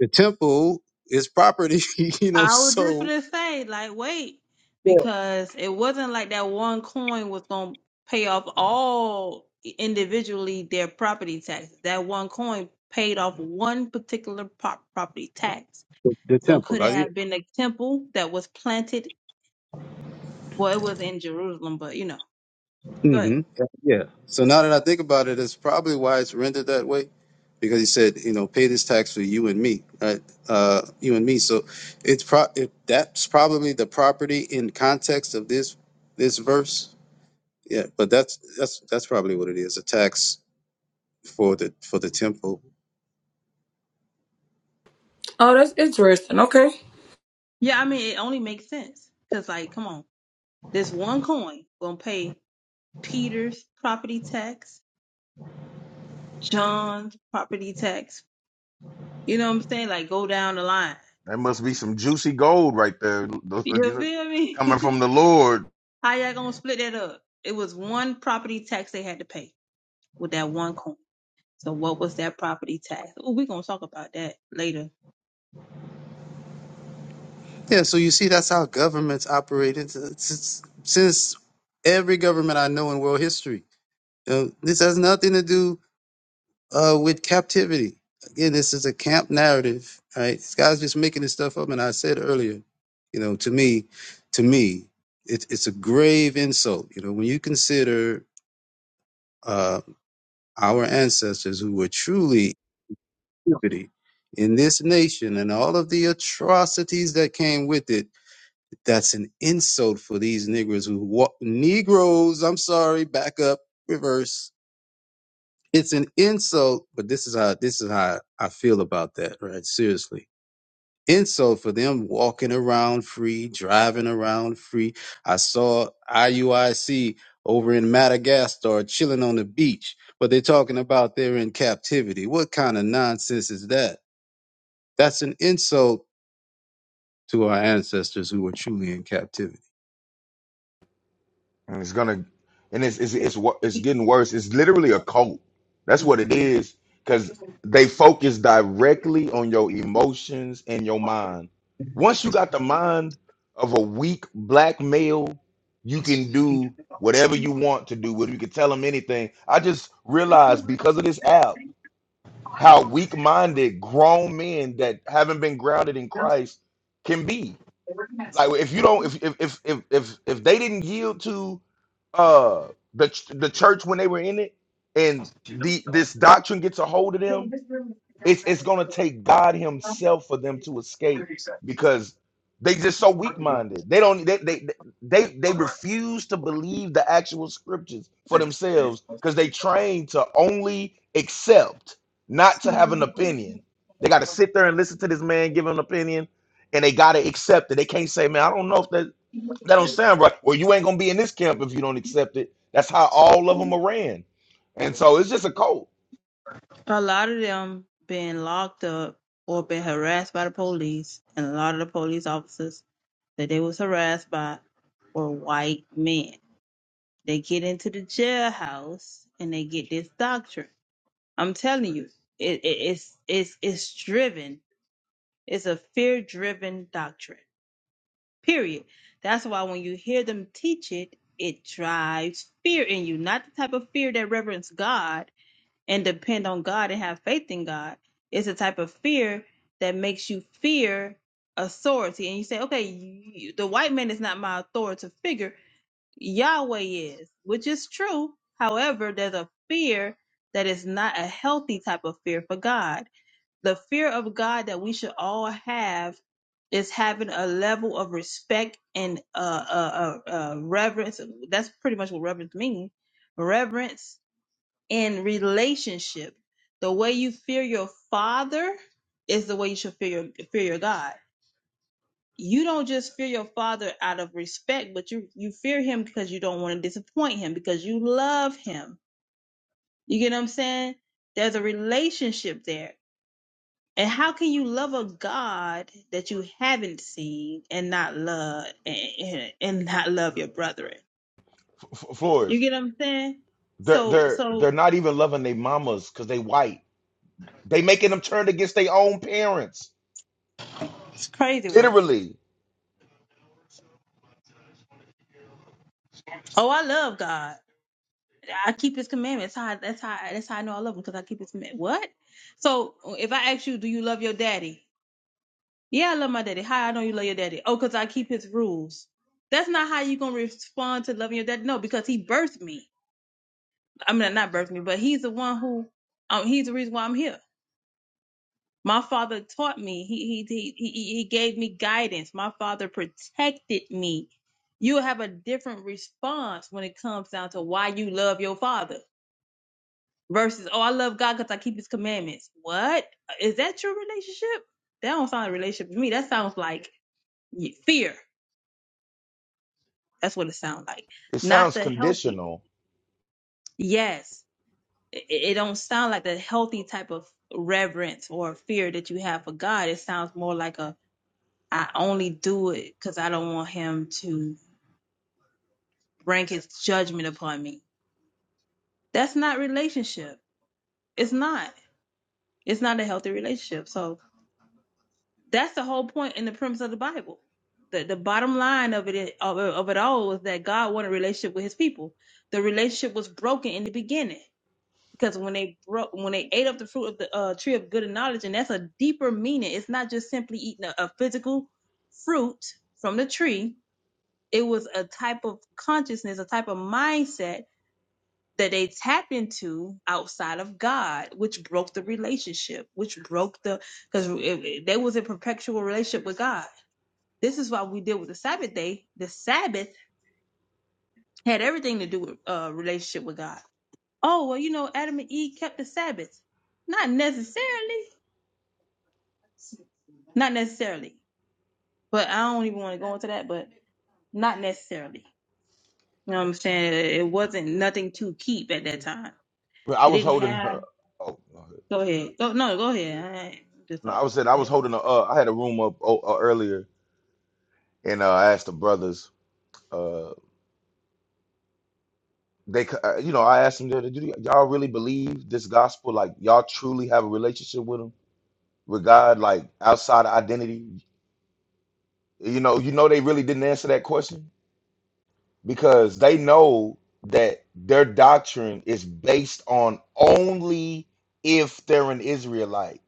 The temple is property, you know, I was just so gonna say, like, wait, Yeah. because it wasn't like that one coin was gonna pay off all individually their property taxes. That one coin paid off one particular pop property tax. the, the So temple. could Uh, it yeah. have been a temple that was planted? Well, it was in Jerusalem, but you know, hmm but Yeah. So now that I think about it, it's probably why it's rendered that way. Because he said, you know, pay this tax for you and me, right? Uh, you and me. So it's pro if that's probably the property in context of this this verse. Yeah, but that's that's that's probably what it is, a tax for the for the temple. Oh, that's interesting. Okay. yeah, I mean, it only makes sense because, like, come on, this one coin gonna pay Peter's property tax, John's property tax, You know what I'm saying? Like go down the line. That must be some juicy gold right there. You You know, feel me? coming from the Lord. How y'all gonna split that up? It was one property tax they had to pay with that one coin. So what was that property tax? Oh, we gonna talk about that later. Yeah, so you see that's how governments operated since since every government I know in world history Uh, this has nothing to do uh, with captivity. Again, this is a camp narrative, right? This guy's just making this stuff up. And I said earlier, you know, to me, to me, it, it's a grave insult. You know, when you consider uh, our ancestors who were truly in captivity in this nation and all of the atrocities that came with it, that's an insult for these Negroes who walk. Negroes, I'm sorry, back up, reverse it's an insult, but this is how this is how I feel about that, right? Seriously. Insult for them walking around free, driving around free. I saw IUIC over in Madagascar chilling on the beach, but they're talking about they're in captivity. What kind of nonsense is that? That's an insult to our ancestors who were truly in captivity. and it's gonna and it's it's it's wo- it's getting worse. It's literally a cult. That's what it is because they focus directly on your emotions and your mind. Once you got the mind of a weak black male, you can do whatever you want to do. Whether you can tell them anything. I just realized because of this app how weak-minded grown men that haven't been grounded in Christ can be. Like if you don't if if if if if, if they didn't yield to uh the ch- the church when they were in it and the this doctrine gets a hold of them it's it's gonna take God Himself for them to escape because they just so weak minded. They don't they they they they refuse to believe the actual scriptures for themselves because they trained to only accept, not to have an opinion. They got to sit there and listen to this man give an opinion, and they got to accept it. They can't say, "Man, I don't know if that that don't sound right." Well, you ain't gonna be in this camp if you don't accept it. That's how all of them are ran, and so it's just a cult, A lot of them been locked up or been harassed by the police, and a lot of the police officers that they was harassed by were white men. They get into the jailhouse and they get this doctrine. I'm telling you, it, it it's it's it's driven It's a fear driven doctrine. Period. That's why when you hear them teach it, it drives fear in you. Not the type of fear that reverence God and depend on God and have faith in God. It's a type of fear that makes you fear authority. And you say, okay, you, the white man is not my authoritative figure. Yahweh is, which is true. However, there's a fear that is not a healthy type of fear for God the fear of God that we should all have is having a level of respect and uh, uh, uh, uh, reverence. That's pretty much what reverence means. Reverence in relationship. The way you fear your father is the way you should fear your fear your God. You don't just fear your father out of respect, but you you fear him because you don't want to disappoint him because you love him. You get what I'm saying? There's a relationship there And how can you love a God that you haven't seen and not love and, and and not love your brethren? F- F- Flores. You get what I'm saying? They're So they're so they're not even loving their mamas because they white. They making them turn against their own parents. it's crazy work. Literally, Oh, I love God. I keep His commandments. That's how that's how that's how I know I love Him because I keep His commandments. What? So if I ask you, do you love your daddy? Yeah, I love my daddy. How I know you love your daddy? Oh, because I keep His rules. That's not how you gonna respond to loving your daddy. No, because He birthed me. I mean, not birthed me, but He's the one who. Um, he's the reason why I'm here My father taught me. He he he he he gave me guidance. My father protected me. You have a different response when it comes down to why you love your father versus oh I love God because I keep His commandments. What is that your relationship? That don't sound like a relationship to me. That sounds like y- fear. That's what it sounds like. it Not sounds the healthy. conditional. Yes, it, it don't sound like the healthy type of reverence or fear that you have for God. It sounds more like a I only do it because I don't want him to bring his judgment upon me. That's not relationship. It's not. It's not a healthy relationship. So that's the whole point and the premise of the Bible. The the bottom line of it of, of it all is that God wanted a relationship with His people. The relationship was broken in the beginning because when they broke when they ate up the fruit of the uh, tree of good and knowledge, and that's a deeper meaning. It's not just simply eating a, a physical fruit from the tree it was a type of consciousness, a type of mindset that they tapped into outside of God, which broke the relationship, which broke the because they was in perpetual relationship with God. This is why we deal with the Sabbath day. The Sabbath had everything to do with uh, relationship with God. Oh well, you know, Adam and Eve kept the Sabbath. Not necessarily. Not necessarily. But I don't even want to go into that. But not necessarily. You know what I'm saying? It wasn't nothing to keep at that time. But I They was didn't holding have her. Oh no, Go ahead. Go no, go ahead. I ain't I'm just No, I talking. was saying I Go was ahead. holding a. Uh, I had a room up oh, uh, earlier, and uh, I asked the brothers. Uh, they, c- uh, you know, I asked them, "Do do y'all really believe this gospel? Like, y'all truly have a relationship with him, with God, like outside of identity? You know, you know, they really didn't answer that question because they know that their doctrine is based on only if they're an Israelite.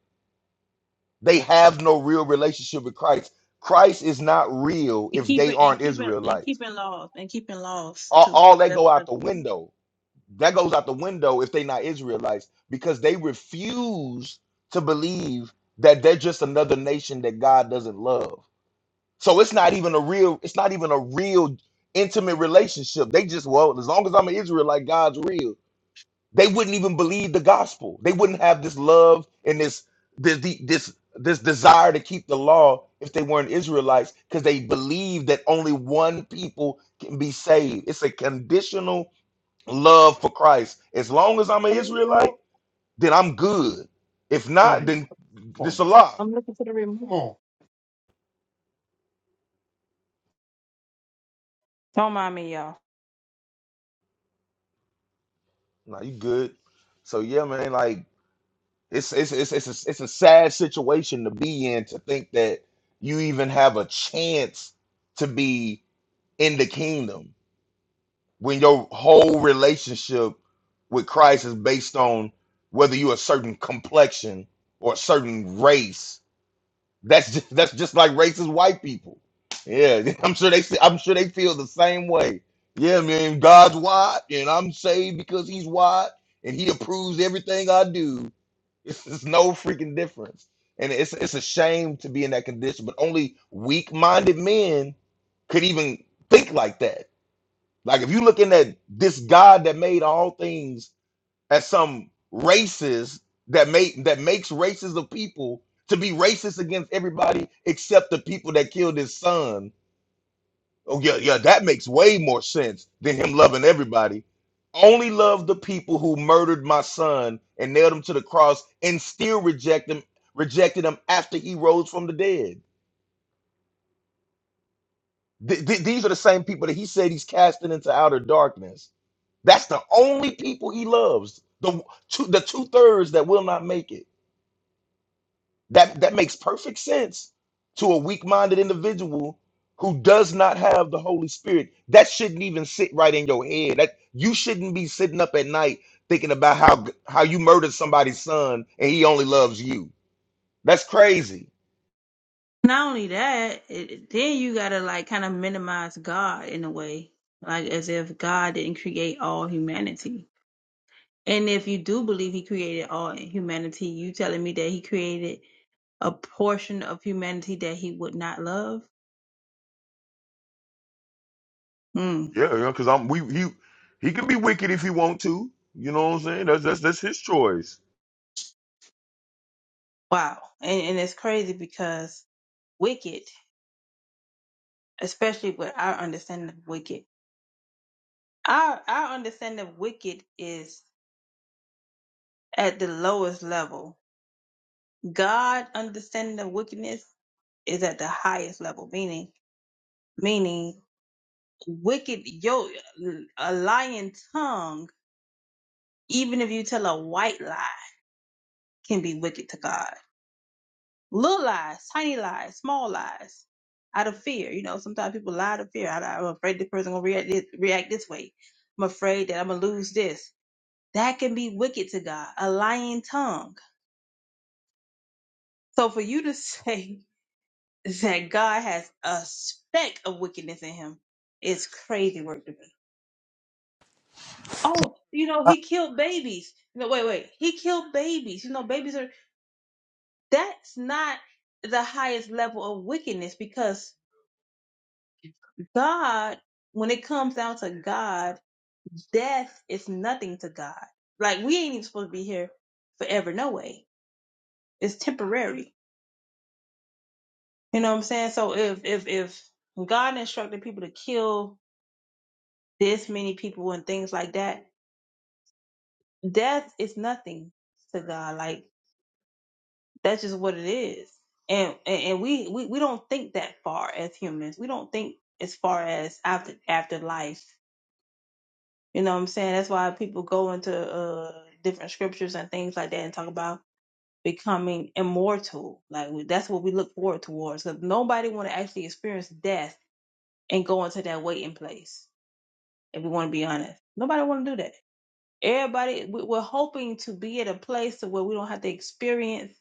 They have no real relationship with Christ. Christ is not real And if they keeping and aren't keeping and Israelites. keeping laws and keeping laws All, too. all that That's go out another the thing. window. That goes out the window if they're not Israelites because they refuse to believe that they're just another nation that God doesn't love So it's not even a real, it's not even a real intimate relationship. They just, well, as long as I'm an Israelite, God's real. They wouldn't even believe the gospel. They wouldn't have this love and this this the- this this desire to keep the law if they weren't Israelites, because they believe that only one people can be saved. It's a conditional love for Christ. As long as I'm an Israelite, then I'm good. If not, then this a lie. don't mind me, y'all. Nah, you good. So yeah, man, like It's it's it's it's a, it's a sad situation to be in to think that you even have a chance to be in the kingdom when your whole relationship with Christ is based on whether you're a certain complexion or a certain race that's just, that's just like racist white people. Yeah, I'm sure they I'm sure they feel the same way. Yeah, man, God's wide, and I'm saved because He's wide, and He approves everything I do. It's, it's no freaking difference, and it's it's a shame to be in that condition. But only weak-minded men could even think like that. Like if you looking at this God that made all things as some racist that make that makes races of people to be racist against everybody except the people that killed his son. Oh yeah, yeah, that makes way more sense than him loving everybody. Only love the people who murdered my son and nailed him to the cross and still reject him, rejected him after he rose from the dead. Th- th- these are the same people that he said he's casting into outer darkness. That's the only people he loves. The two, the two thirds that will not make it. That that makes perfect sense to a weak-minded individual who does not have the Holy Spirit. That shouldn't even sit right in your head. That you shouldn't be sitting up at night thinking about how g- how you murdered somebody's son and he only loves you. That's crazy. Not only that, it, it- then you gotta like kind of minimize God in a way, like as if God didn't create all humanity. And if you do believe He created all humanity, you telling me that He created a portion of humanity that He would not love? Mm, Yeah, yeah, because I'm we he he can be wicked if he want to. You know what I'm saying? That's that's that's his choice. wow. And and it's crazy because wicked. especially with our understanding of wicked. Our our understanding of wicked is at the lowest level. God understanding of wickedness is at the highest level, meaning meaning wicked yo a lying tongue, even if you tell a white lie, can be wicked to God. Little lies, tiny lies, small lies. Out of fear, you know, sometimes people lie out of fear. I, I'm afraid this person gonna react this, react this way. I'm afraid that I'm gonna lose this. That can be wicked to God, a lying tongue. So for you to say that God has a speck of wickedness in him is crazy work to me. Oh, you know, he killed babies. No, wait, wait. He killed babies. You know, babies are that's not the highest level of wickedness because God, when it comes down to God, death is nothing to God. Like we ain't even supposed to be here forever, no way. It's temporary You know what I'm saying? So if if if God instructed people to kill this many people and things like that, death is nothing to God. Like that's just what it is. And and, and we, we we don't think that far as humans. We don't think as far as after after life. You know what I'm saying? That's why people go into uh different scriptures and things like that and talk about becoming immortal. Like we- that's what we look forward towards. Because nobody want to actually experience death and go into that waiting place. if we want to be honest. Nobody want to do that. Everybody, we- we're hoping to be at a place to where we don't have to experience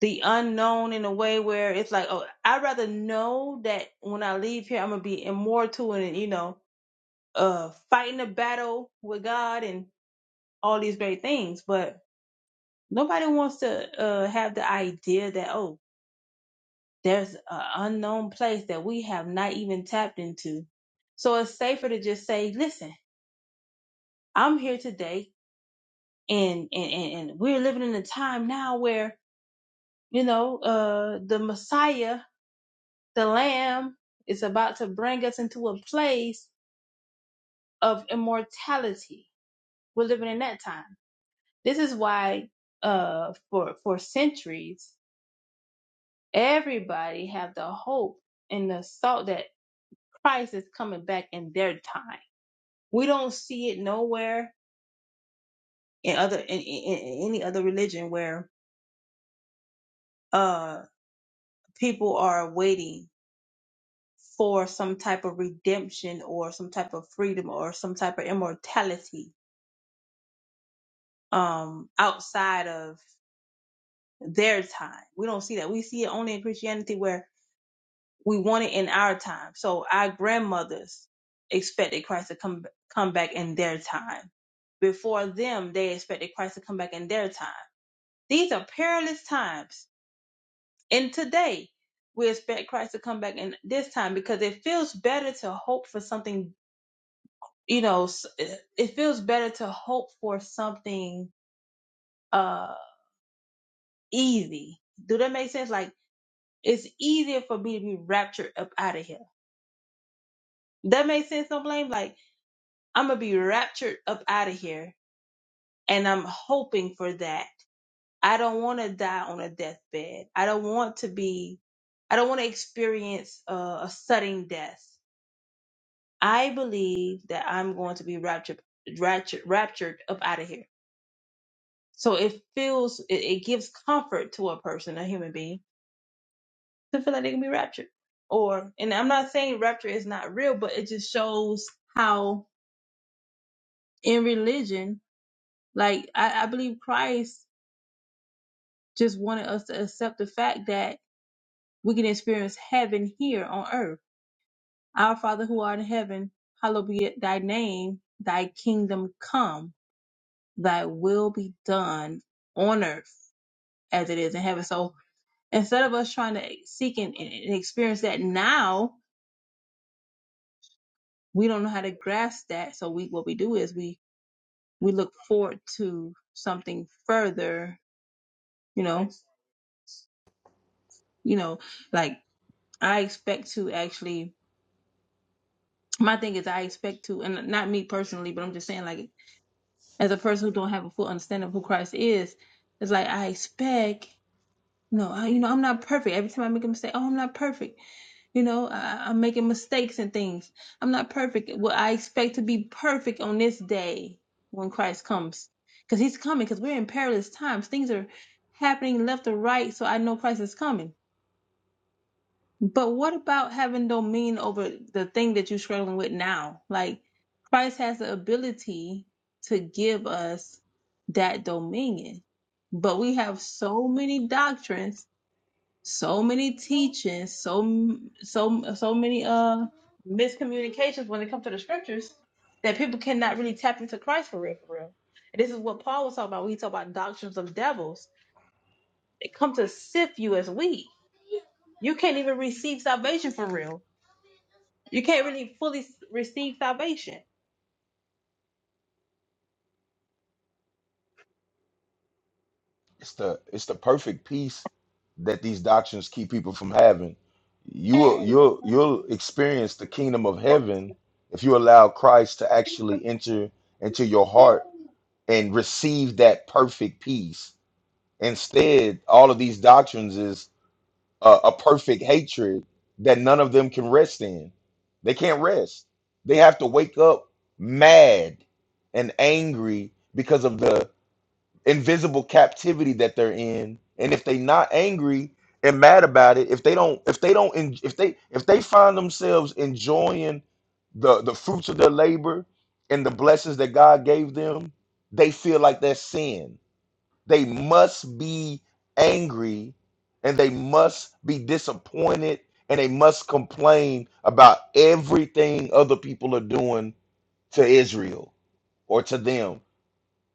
the unknown in a way where it's like, oh, I'd rather know that when I leave here, I'm gonna be immortal and you know, uh, fighting a battle with God and all these great things. But nobody wants to uh have the idea that oh, there's an unknown place that we have not even tapped into. So it's safer to just say, listen, I'm here today and and and we're living in a time now where you know uh the messiah the lamb is about to bring us into a place of immortality we're living in that time this is why uh for for centuries everybody have the hope and the thought that christ is coming back in their time we don't see it nowhere in other in, in, in any other religion where uh people are waiting for some type of redemption or some type of freedom or some type of immortality um outside of their time. We don't see that. We see it only in Christianity where we want it in our time. So our grandmothers expected Christ to come come back in their time. Before them, they expected Christ to come back in their time. These are perilous times. And today, we expect Christ to come back in this time because it feels better to hope for something you know, s- it it feels better to hope for something uh easy. Do that make sense? Like it's easier for me to be raptured up out of here. That makes sense, don't blame? Like I'm gonna be raptured up out of here and I'm hoping for that. I don't wanna die on a deathbed. I don't want to be I don't want to experience uh, a sudden death. I believe that I'm going to be raptured raptured raptured up out of here So it feels, it, it gives comfort to a person, a human being, to feel like they can be raptured. Or, and I'm not saying rapture is not real, but it just shows how in religion, like I, I believe Christ just wanted us to accept the fact that we can experience heaven here on earth. Our Father who art in heaven, hallowed be thy name, thy kingdom come, thy will be done on earth as it is in heaven. So Instead of us trying to seek and, and experience that now, we don't know how to grasp that. So we what we do is we we look forward to something further. You know, you know, like I expect to actually. My thing is, I expect to, and not me personally, but I'm just saying, like, as a person who don't have a full understanding of who Christ is, it's like I expect No, I, you know, I'm not perfect. Every time I make a mistake, oh, I'm not perfect. You know, I, I'm making mistakes and things. I'm not perfect. Well, I expect to be perfect on this day when Christ comes. Because he's coming, because we're in perilous times. Things are happening left or right, so I know Christ is coming. But what about having dominion over the thing that you're struggling with now? Like, Christ has the ability to give us that dominion. But we have so many doctrines so many teachings, so m- so so many uh miscommunications when it comes to the scriptures that people cannot really tap into Christ for real, for real. And this is what Paul was talking about when he talked about doctrines of devils. They come to sift you as wheat. You can't even receive salvation for real. You can't really fully s- receive salvation. it's the it's the perfect peace that these doctrines keep people from having. You will you'll you'll experience the kingdom of heaven if you allow Christ to actually enter into your heart and receive that perfect peace. Instead, all of these doctrines is a, a perfect hatred that none of them can rest in. They can't rest. They have to wake up mad and angry because of the invisible captivity that they're in and if they not angry and mad about it if they don't if they don't en- if they if they find themselves enjoying the the fruits of their labor and the blessings that god gave them they feel like that's sin they must be angry and they must be disappointed and they must complain about everything other people are doing to israel or to them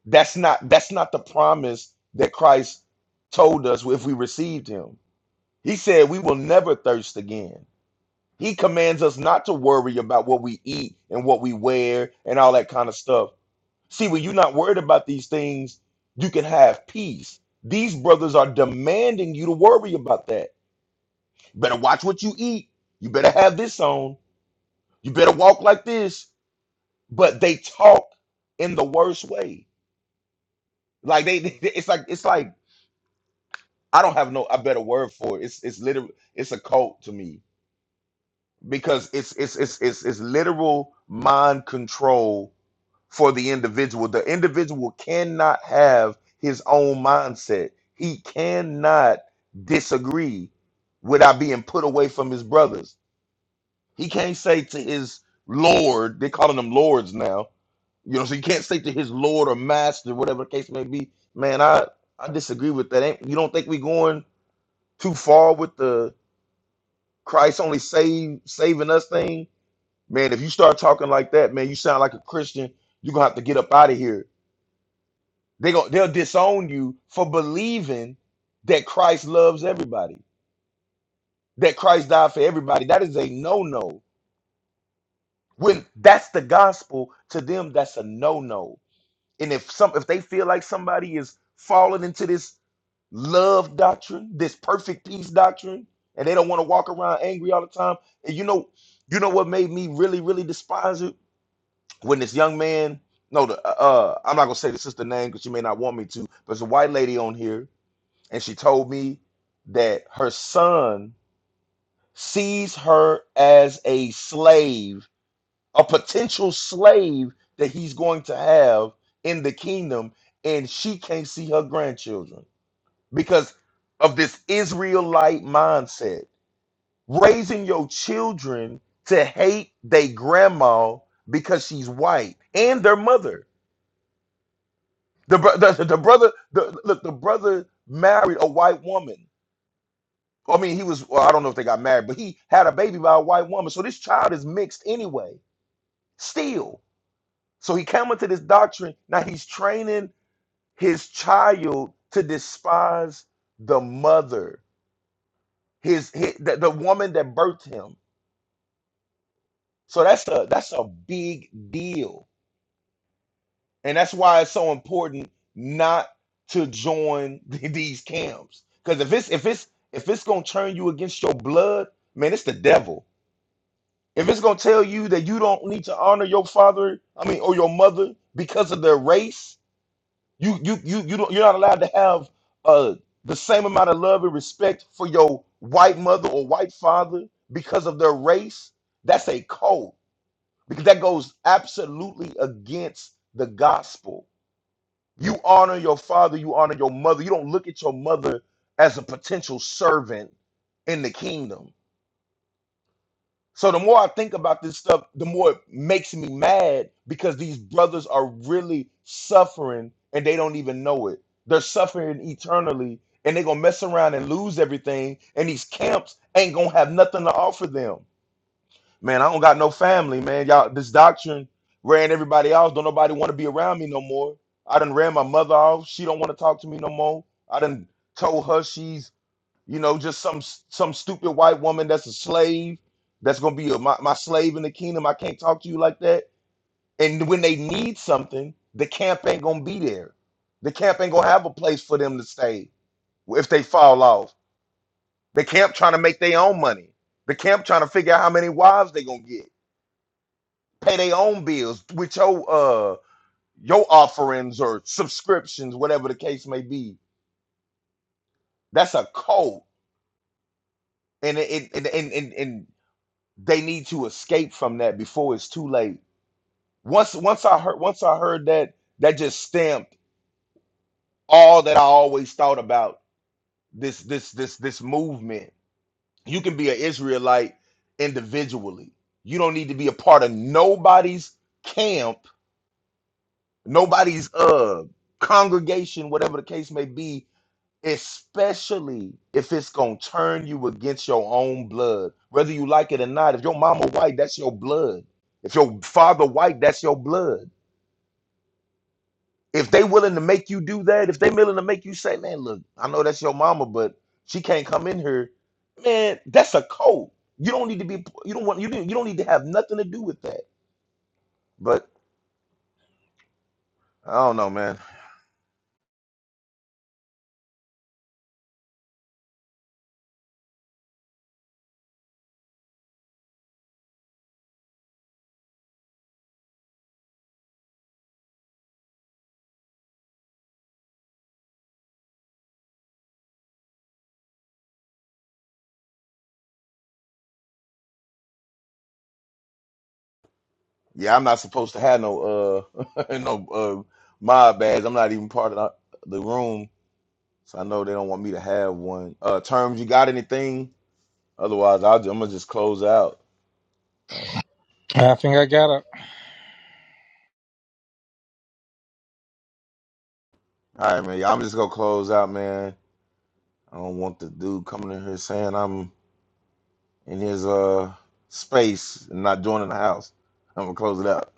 that's not that's not the promise that Christ told us if we received him. He said we will never thirst again. He commands us not to worry about what we eat and what we wear and all that kind of stuff. See, when you're not worried about these things, you can have peace. These brothers are demanding you to worry about that. better watch what you eat. You better have this on. You better walk like this. But they talk in the worst way. Like they, it's like it's like I don't have no a better word for it. It's it's literal. It's a cult to me because it's it's it's it's it's literal mind control for the individual. The individual cannot have his own mindset. He cannot disagree without being put away from his brothers. He can't say to his lord. They're calling them lords now. You know, so you can't say to his lord or master, whatever the case may be. Man, I I disagree with that. Ain't, you don't think we going too far with the Christ only save saving us thing, man, if you start talking like that, man, you sound like a Christian. You're gonna have to get up out of here. They go they'll disown you for believing that Christ loves everybody, that Christ died for everybody. That is a no-no. When that's the gospel, to them, that's a no-no. And if some if they feel like somebody is falling into this love doctrine, this perfect peace doctrine, and they don't want to walk around angry all the time. And you know, you know what made me really, really despise it? when this young man no the uh uh, i'm not gonna say the sister name because she may not want me to but there's a white lady on here and she told me that her son sees her as a slave a potential slave that he's going to have in the kingdom and she can't see her grandchildren because of this israelite mindset raising your children to hate their grandma because she's white and their mother The, bro- the, the brother, the, look, the brother married a white woman. I mean, he was, well, I don't know if they got married, but he had a baby by a white woman. So this child is mixed anyway, still. So he came into this doctrine. Now he's training his child to despise the mother, his, his the, the woman that birthed him. So that's a that's a big deal. And that's why it's so important not to join these camps. Because if it's if it's if it's gonna turn you against your blood, man, it's the devil. If it's gonna tell you that you don't need to honor your father, I mean, or your mother because of their race, you you you you don't you're not allowed to have uh the same amount of love and respect for your white mother or white father because of their race, that's a cult because that goes absolutely against the gospel you honor your father, you honor your mother. You don't look at your mother as a potential servant in the kingdom. So the more I think about this stuff, the more it makes me mad because these brothers are really suffering and they don't even know it. They're suffering eternally and they're going to mess around and lose everything and these camps ain't going to have nothing to offer them. Man, I don't got no family, man. Y'all, this doctrine ran everybody off. Don't nobody want to be around me no more. I done ran my mother off. She don't want to talk to me no more. I done told her she's, you know, just some some stupid white woman that's a slave, that's gonna be a, my, my slave in the kingdom. I can't talk to you like that. And when they need something, the camp ain't gonna be there. The camp ain't gonna have a place for them to stay if they fall off. The camp trying to make their own money. The camp trying to figure out how many wives they gonna get pay their own bills with your uh your offerings or subscriptions, whatever the case may be. That's a cult, and it, it- and, and and and they need to escape from that before it's too late. Once once I heard once I heard that that just stamped all that I always thought about this this this this movement. You can be an Israelite individually. You don't need to be a part of nobody's camp, nobody's uh congregation, whatever the case may be especially if it's gonna turn you against your own blood, whether you like it or not. If your mama white, that's your blood. If your father white, that's your blood. If they willing to make you do that, if they willing to make you say, "Man, look, I know that's your mama, but she can't come in here," man, that's a code. You don't need to be. You don't want. You don't, you don't need to have nothing to do with that. But I don't know, man. Yeah, I'm not supposed to have no uh no uh mob badge. I'm not even part of the the room So I know they don't want me to have one. Uh, terms, you got anything? Otherwise, I'll, I'm gonna just close out. Uh, all I got a, right, man. you I'm just gonna close out, man. I don't want the dude coming in here saying I'm in his uh space and not joining the house. I'm gonna close it out.